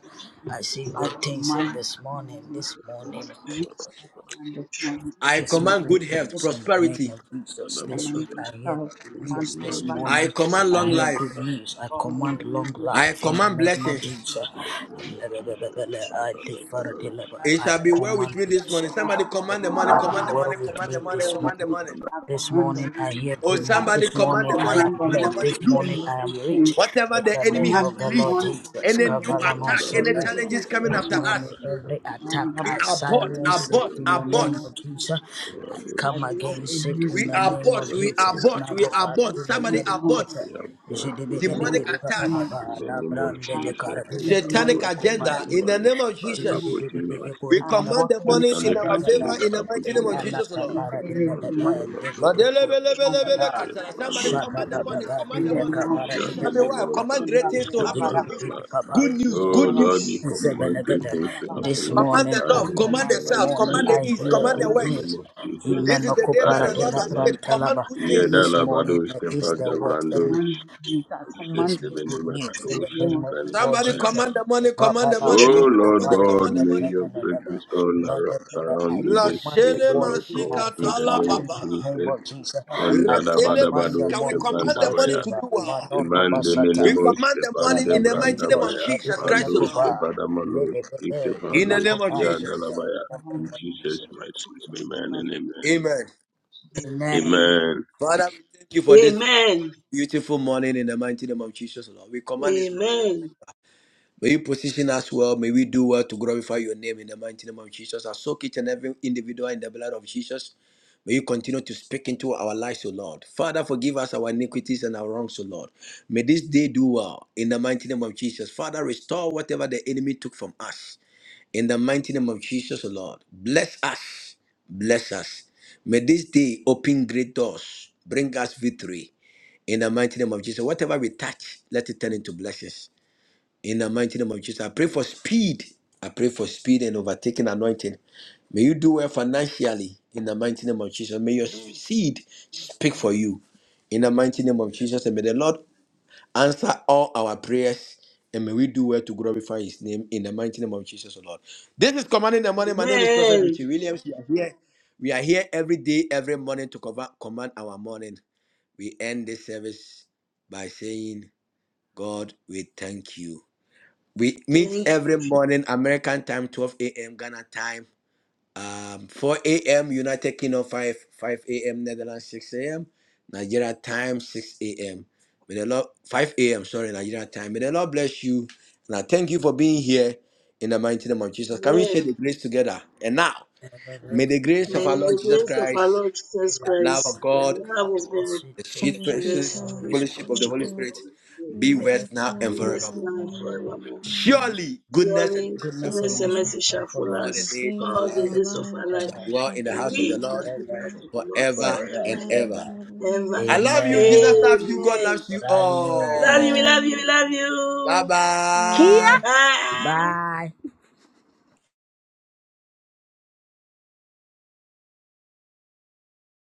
Speaker 13: I see good things in this morning. This
Speaker 8: favor
Speaker 13: morning,
Speaker 8: thee. I command this morning to
Speaker 1: I
Speaker 13: Gives me
Speaker 8: favor
Speaker 1: command
Speaker 13: great
Speaker 1: good
Speaker 8: me.
Speaker 1: health,
Speaker 13: things in the name
Speaker 1: prosperity.
Speaker 13: of
Speaker 5: Father,
Speaker 13: Jesus.
Speaker 8: I
Speaker 5: Father,
Speaker 13: This week
Speaker 8: command
Speaker 5: Father,
Speaker 8: this
Speaker 13: I hear
Speaker 8: time. I
Speaker 13: good
Speaker 5: we
Speaker 8: command
Speaker 13: news. This
Speaker 5: command
Speaker 8: favor. I
Speaker 1: I
Speaker 5: goodness
Speaker 13: morning
Speaker 5: and
Speaker 1: command
Speaker 13: I
Speaker 1: long
Speaker 8: command
Speaker 13: hear
Speaker 8: the
Speaker 5: Father,
Speaker 8: name
Speaker 13: good
Speaker 1: life.
Speaker 13: news.
Speaker 8: of
Speaker 13: I
Speaker 8: God in
Speaker 13: command long
Speaker 8: the
Speaker 1: I
Speaker 13: life
Speaker 8: mighty
Speaker 13: in the
Speaker 1: command
Speaker 13: name of
Speaker 1: blessings.
Speaker 13: Jesus.
Speaker 5: in the name of Jesus. Father,
Speaker 13: I live
Speaker 5: Father,
Speaker 13: for a
Speaker 5: Father,
Speaker 1: It
Speaker 13: I
Speaker 1: shall be
Speaker 8: name
Speaker 1: well with
Speaker 13: command
Speaker 1: me this
Speaker 8: of
Speaker 1: morning.
Speaker 13: blessing.
Speaker 1: Somebody
Speaker 13: It
Speaker 1: command the money,
Speaker 8: Jesus.
Speaker 13: shall be
Speaker 1: command the
Speaker 13: well
Speaker 1: money,
Speaker 13: with
Speaker 1: command the
Speaker 13: me
Speaker 8: and
Speaker 1: money,
Speaker 8: well
Speaker 13: this
Speaker 8: with
Speaker 1: command the
Speaker 8: you.
Speaker 5: Father,
Speaker 13: morning.
Speaker 1: money.
Speaker 5: Father,
Speaker 8: I
Speaker 13: This
Speaker 8: command the
Speaker 13: morning I
Speaker 8: morning
Speaker 13: hear
Speaker 8: to
Speaker 1: Oh,
Speaker 13: good
Speaker 8: favor
Speaker 13: news.
Speaker 8: me.
Speaker 1: somebody
Speaker 5: Father, Father, Father, Father,
Speaker 13: This
Speaker 8: I
Speaker 1: command
Speaker 13: morning
Speaker 1: the
Speaker 13: I
Speaker 1: money,
Speaker 5: Father,
Speaker 13: am
Speaker 5: Father,
Speaker 8: command the
Speaker 1: command the
Speaker 13: blessed.
Speaker 8: morning
Speaker 1: money.
Speaker 8: to
Speaker 13: This
Speaker 5: Father, Father,
Speaker 8: bring
Speaker 13: morning
Speaker 8: me
Speaker 5: Father,
Speaker 1: Loose
Speaker 13: I am
Speaker 8: good things.
Speaker 13: rich.
Speaker 1: whatever
Speaker 13: In
Speaker 8: I
Speaker 1: the
Speaker 13: the
Speaker 1: enemy
Speaker 13: name
Speaker 1: has
Speaker 8: command
Speaker 13: of
Speaker 8: the
Speaker 13: the Lord
Speaker 1: released.
Speaker 8: morning to
Speaker 13: Jesus.
Speaker 8: bring
Speaker 1: Any
Speaker 8: me
Speaker 1: new attack,
Speaker 8: good
Speaker 1: any
Speaker 8: news in
Speaker 13: Kavalanosava.
Speaker 8: the
Speaker 1: challenges
Speaker 8: mighty
Speaker 1: coming
Speaker 13: This
Speaker 1: after
Speaker 8: name of
Speaker 13: morning
Speaker 1: us.
Speaker 8: Jesus.
Speaker 13: every attack
Speaker 1: We
Speaker 13: I
Speaker 1: are bought, are
Speaker 13: silence it
Speaker 1: bought,
Speaker 13: in the
Speaker 1: are bought.
Speaker 13: name of Jesus. I
Speaker 8: I
Speaker 13: come
Speaker 8: hope a
Speaker 13: against it in
Speaker 1: We
Speaker 8: missing
Speaker 13: the
Speaker 1: are
Speaker 8: morning
Speaker 13: name of
Speaker 1: bought,
Speaker 8: of
Speaker 1: we are
Speaker 13: Jesus.
Speaker 8: preaching
Speaker 1: bought, we
Speaker 8: about
Speaker 1: are
Speaker 8: the
Speaker 1: bought.
Speaker 13: Malobadule
Speaker 8: morning
Speaker 1: Somebody are bought.
Speaker 13: zedipepe.
Speaker 5: we have brought,
Speaker 8: in
Speaker 5: O
Speaker 8: the
Speaker 5: God,
Speaker 1: Demonic
Speaker 8: mighty
Speaker 1: attack,
Speaker 8: name of
Speaker 5: In
Speaker 13: Zidibidibidibidibababa.
Speaker 5: the
Speaker 8: Jesus.
Speaker 5: name of
Speaker 8: I
Speaker 13: Labrandele
Speaker 8: bought
Speaker 5: Jesus,
Speaker 8: it
Speaker 5: we
Speaker 13: karabule
Speaker 8: in the morning
Speaker 1: satanic
Speaker 13: teliya
Speaker 5: avoid any
Speaker 1: agenda. In
Speaker 13: kuparadia.
Speaker 1: the
Speaker 5: demonic
Speaker 1: name of
Speaker 8: uh,
Speaker 5: attack
Speaker 13: This
Speaker 8: both
Speaker 1: Jesus,
Speaker 8: of
Speaker 5: approaching
Speaker 8: Jesus.
Speaker 5: us,
Speaker 1: we
Speaker 8: I
Speaker 1: command
Speaker 8: abhor
Speaker 1: the
Speaker 8: any
Speaker 1: money in
Speaker 5: satanic
Speaker 1: our
Speaker 8: satanic attack.
Speaker 1: favor
Speaker 5: agenda
Speaker 1: in the mighty
Speaker 8: I
Speaker 5: approaching
Speaker 1: name of
Speaker 5: us.
Speaker 8: shake
Speaker 1: Jesus,
Speaker 5: We
Speaker 1: Lord.
Speaker 8: away any
Speaker 5: command it, O
Speaker 8: demonic
Speaker 5: Lord God, in
Speaker 8: affection
Speaker 5: the name of
Speaker 1: Madelebelebelebele
Speaker 8: against my
Speaker 5: Jesus.
Speaker 1: kasala.
Speaker 8: life.
Speaker 1: Somebody
Speaker 5: Mandos
Speaker 1: command the money,
Speaker 5: Kevadaba,
Speaker 1: command
Speaker 8: In
Speaker 1: the
Speaker 8: the
Speaker 1: money.
Speaker 8: name of
Speaker 1: It shall be
Speaker 8: Jesus.
Speaker 1: well.
Speaker 5: Jabenemo
Speaker 1: Command great
Speaker 8: Manda
Speaker 5: Kandos
Speaker 1: things to
Speaker 8: bayara
Speaker 1: happen
Speaker 8: bara
Speaker 1: to you.
Speaker 8: bara.
Speaker 5: Kevrandaba.
Speaker 1: Good
Speaker 8: Resha
Speaker 1: news, good
Speaker 8: bara
Speaker 5: Oh
Speaker 8: bara
Speaker 5: Lord,
Speaker 8: bara.
Speaker 5: we
Speaker 1: news.
Speaker 5: command great
Speaker 8: Sinha
Speaker 5: things
Speaker 8: bara
Speaker 5: to
Speaker 8: bara
Speaker 5: happen
Speaker 8: bara.
Speaker 5: unto
Speaker 1: Command
Speaker 13: morning
Speaker 1: the
Speaker 5: us
Speaker 13: I
Speaker 8: Kuli
Speaker 1: north,
Speaker 8: bara
Speaker 5: this
Speaker 8: bara.
Speaker 1: command the
Speaker 13: command the
Speaker 1: south,
Speaker 5: morning by
Speaker 13: morning
Speaker 1: command
Speaker 5: your
Speaker 1: the
Speaker 13: I
Speaker 1: east,
Speaker 13: hear
Speaker 5: fire
Speaker 1: command the
Speaker 13: good
Speaker 5: in
Speaker 8: Namayara bara
Speaker 5: the
Speaker 1: west.
Speaker 5: name
Speaker 13: news.
Speaker 5: of
Speaker 8: bara.
Speaker 5: Jesus.
Speaker 1: This is the
Speaker 13: Imanoko
Speaker 1: day that
Speaker 13: para
Speaker 1: the
Speaker 5: Bada
Speaker 13: de
Speaker 1: Lord
Speaker 13: la
Speaker 5: bada
Speaker 1: has
Speaker 5: bada.
Speaker 13: gran
Speaker 1: made. Command
Speaker 13: talaba.
Speaker 1: good
Speaker 8: Manda bara
Speaker 5: Yeda
Speaker 1: things.
Speaker 13: This
Speaker 8: bara.
Speaker 13: morning
Speaker 5: labados
Speaker 13: the east, the
Speaker 8: I
Speaker 13: west, and
Speaker 5: Kevadabandos.
Speaker 8: command you, I command
Speaker 13: it's
Speaker 5: Jede
Speaker 13: me
Speaker 8: you
Speaker 13: good
Speaker 8: in
Speaker 5: benema
Speaker 13: news in
Speaker 8: the
Speaker 5: kadosh,
Speaker 13: the
Speaker 8: name
Speaker 13: name
Speaker 8: of
Speaker 13: of the Lord
Speaker 1: Somebody
Speaker 13: Jesus.
Speaker 5: Evrandabaya
Speaker 1: command the money, command the
Speaker 5: O
Speaker 1: money,
Speaker 8: Jesus.
Speaker 1: command
Speaker 13: Babalando,
Speaker 1: the
Speaker 5: Lord
Speaker 1: money,
Speaker 13: Kopara
Speaker 5: God,
Speaker 1: command the
Speaker 13: Dina
Speaker 5: may
Speaker 1: money.
Speaker 5: your
Speaker 8: Thank
Speaker 13: Tananana,
Speaker 5: breakthroughs all ar-
Speaker 13: Mandela, I
Speaker 5: surround me this
Speaker 13: command
Speaker 5: day,
Speaker 13: the
Speaker 1: Blashele
Speaker 5: O
Speaker 13: morning
Speaker 5: Lord
Speaker 13: to
Speaker 5: God,
Speaker 13: my
Speaker 1: masika
Speaker 5: in the
Speaker 1: tala
Speaker 13: favor
Speaker 5: name of
Speaker 13: in
Speaker 1: papa.
Speaker 13: the name
Speaker 5: Jesus.
Speaker 13: of Jesus. I
Speaker 1: Rantele
Speaker 13: command the
Speaker 5: Mandalabadabados
Speaker 1: masika. We
Speaker 13: morning to
Speaker 1: command
Speaker 13: my
Speaker 1: the money
Speaker 5: kebrandabaya,
Speaker 1: to
Speaker 13: favor.
Speaker 1: do well.
Speaker 13: Manono Basata,
Speaker 1: We
Speaker 5: imandemenemos
Speaker 1: command the money in the mighty name
Speaker 13: Nanapento,
Speaker 1: of
Speaker 5: kebrandebrandabaya,
Speaker 1: Jesus
Speaker 13: Saduya
Speaker 1: Christ, the
Speaker 5: mandos
Speaker 1: Lord.
Speaker 13: Nakoba,
Speaker 5: kebadamalos,
Speaker 13: Lede de
Speaker 1: In
Speaker 13: la
Speaker 1: the
Speaker 5: ikebandos
Speaker 1: name of
Speaker 13: Kopara Dina,
Speaker 1: Jesus.
Speaker 5: yadalabaya.
Speaker 13: in the
Speaker 5: In
Speaker 13: name of
Speaker 5: Jesus'
Speaker 13: Jesus.
Speaker 5: mighty name, amen and amen.
Speaker 1: Amen.
Speaker 8: you.
Speaker 13: Amen.
Speaker 7: Amen.
Speaker 5: Amen.
Speaker 1: Father, we thank you for this
Speaker 7: Amen.
Speaker 1: beautiful morning in the mighty name of Jesus, Lord. We command this morning. in
Speaker 7: Amen.
Speaker 1: May you position us well. May we do well to glorify your name in the mighty name of Jesus. I soak each and every individual in the blood of Jesus. May you continue to speak into our lives, O Lord. Father, forgive us our iniquities and our wrongs, O Lord. May this day do well in the mighty name of Jesus. Father, restore whatever the enemy took from us. In the mighty name of Jesus, O Lord, bless us. Bless us. May this day open great doors, bring us victory. In the mighty name of Jesus, whatever we touch, let it turn into blessings. In the mighty name of Jesus, I pray for speed. I pray for speed and overtaking anointing. May you do well financially. In the mighty name of Jesus, may your seed speak for you. In the mighty name of Jesus, and may the Lord answer all our prayers and may we do well to glorify his name in the mighty name of Jesus, O Lord. This is Commanding the Morning. My name is Prophet
Speaker 7: Amen.
Speaker 1: Richie Williams. We are here. We are here every day, every morning to cover, command our morning. We end this service by saying, God, we thank you. We meet
Speaker 7: Thank you.
Speaker 1: every morning, American time, 12 a.m. Ghana time. Um, 4 a.m. United Kingdom, 5 5 a.m. Netherlands, 6 a.m. Nigeria time, 6 a.m. May the Lord 5 a.m. Sorry, Nigeria time. May the Lord bless you, and I thank you for being here in the mighty name of Jesus. Can we share
Speaker 7: Amen.
Speaker 1: the grace together? And now,
Speaker 13: And the Lord
Speaker 1: may the grace of
Speaker 7: May
Speaker 1: our
Speaker 13: is
Speaker 1: Lord
Speaker 13: a
Speaker 7: the
Speaker 1: Jesus
Speaker 13: light,
Speaker 7: grace of our
Speaker 1: Christ,
Speaker 7: Lord Jesus
Speaker 13: the light
Speaker 1: the love
Speaker 13: of
Speaker 1: of
Speaker 7: Christ, the
Speaker 1: God,
Speaker 7: love of
Speaker 13: the
Speaker 7: God,
Speaker 13: sweet
Speaker 1: the sweet
Speaker 12: And the
Speaker 13: fellowship
Speaker 7: and
Speaker 12: sweet
Speaker 7: the
Speaker 12: power
Speaker 13: of the
Speaker 1: precious
Speaker 13: Holy Spirit.
Speaker 7: sweet
Speaker 1: fellowship
Speaker 12: of
Speaker 1: of the
Speaker 12: God
Speaker 7: fellowship
Speaker 1: Holy
Speaker 7: of the
Speaker 12: shall
Speaker 1: Spirit,
Speaker 7: Holy Spirit
Speaker 12: be
Speaker 1: be
Speaker 13: The
Speaker 12: with
Speaker 1: with
Speaker 13: rest
Speaker 1: us
Speaker 12: us
Speaker 1: now and
Speaker 12: now
Speaker 7: be
Speaker 13: of
Speaker 12: and
Speaker 7: with
Speaker 13: us,
Speaker 7: us
Speaker 1: forevermore.
Speaker 7: now and
Speaker 12: forevermore.
Speaker 7: forevermore.
Speaker 13: um,
Speaker 12: Amen.
Speaker 1: Surely, goodness and
Speaker 7: Surely,
Speaker 1: mercy shall
Speaker 13: goodness
Speaker 1: follow us
Speaker 13: and
Speaker 7: goodness and
Speaker 13: mercy
Speaker 12: Follow us
Speaker 7: mercy
Speaker 13: shall
Speaker 7: shall
Speaker 13: follow
Speaker 7: follow
Speaker 1: all
Speaker 12: all
Speaker 1: the
Speaker 13: us
Speaker 7: us
Speaker 12: the
Speaker 1: days of
Speaker 12: days
Speaker 1: our
Speaker 7: all
Speaker 12: of
Speaker 7: the
Speaker 13: all
Speaker 1: life.
Speaker 12: our
Speaker 13: the
Speaker 7: days of
Speaker 13: days
Speaker 7: our
Speaker 12: lives,
Speaker 13: of
Speaker 1: We
Speaker 13: our
Speaker 7: life,
Speaker 12: and
Speaker 1: shall
Speaker 12: we
Speaker 13: life,
Speaker 1: dwell
Speaker 12: shall
Speaker 1: in the
Speaker 13: and
Speaker 12: dwell
Speaker 7: and
Speaker 1: house of
Speaker 12: in
Speaker 13: we
Speaker 7: we
Speaker 1: the
Speaker 12: the
Speaker 13: shall
Speaker 12: house
Speaker 7: shall
Speaker 1: Lord
Speaker 13: dwell
Speaker 7: be
Speaker 12: of
Speaker 7: in
Speaker 12: the
Speaker 7: the house
Speaker 12: Lord
Speaker 13: therein
Speaker 7: of the Lord
Speaker 1: forever
Speaker 13: forever and
Speaker 1: and
Speaker 7: forever
Speaker 12: forever and
Speaker 1: ever.
Speaker 13: ever.
Speaker 12: ever.
Speaker 7: and ever.
Speaker 1: I
Speaker 12: Amen.
Speaker 1: love you. Jesus
Speaker 13: Amen.
Speaker 1: loves you. God
Speaker 7: Amen.
Speaker 1: loves you
Speaker 13: Love
Speaker 7: Love you,
Speaker 13: you.
Speaker 7: we
Speaker 1: all.
Speaker 7: love you,
Speaker 12: Amen.
Speaker 7: we love
Speaker 1: Bye
Speaker 7: you.
Speaker 12: Amen.
Speaker 1: bye.
Speaker 7: Bye.
Speaker 13: Bye.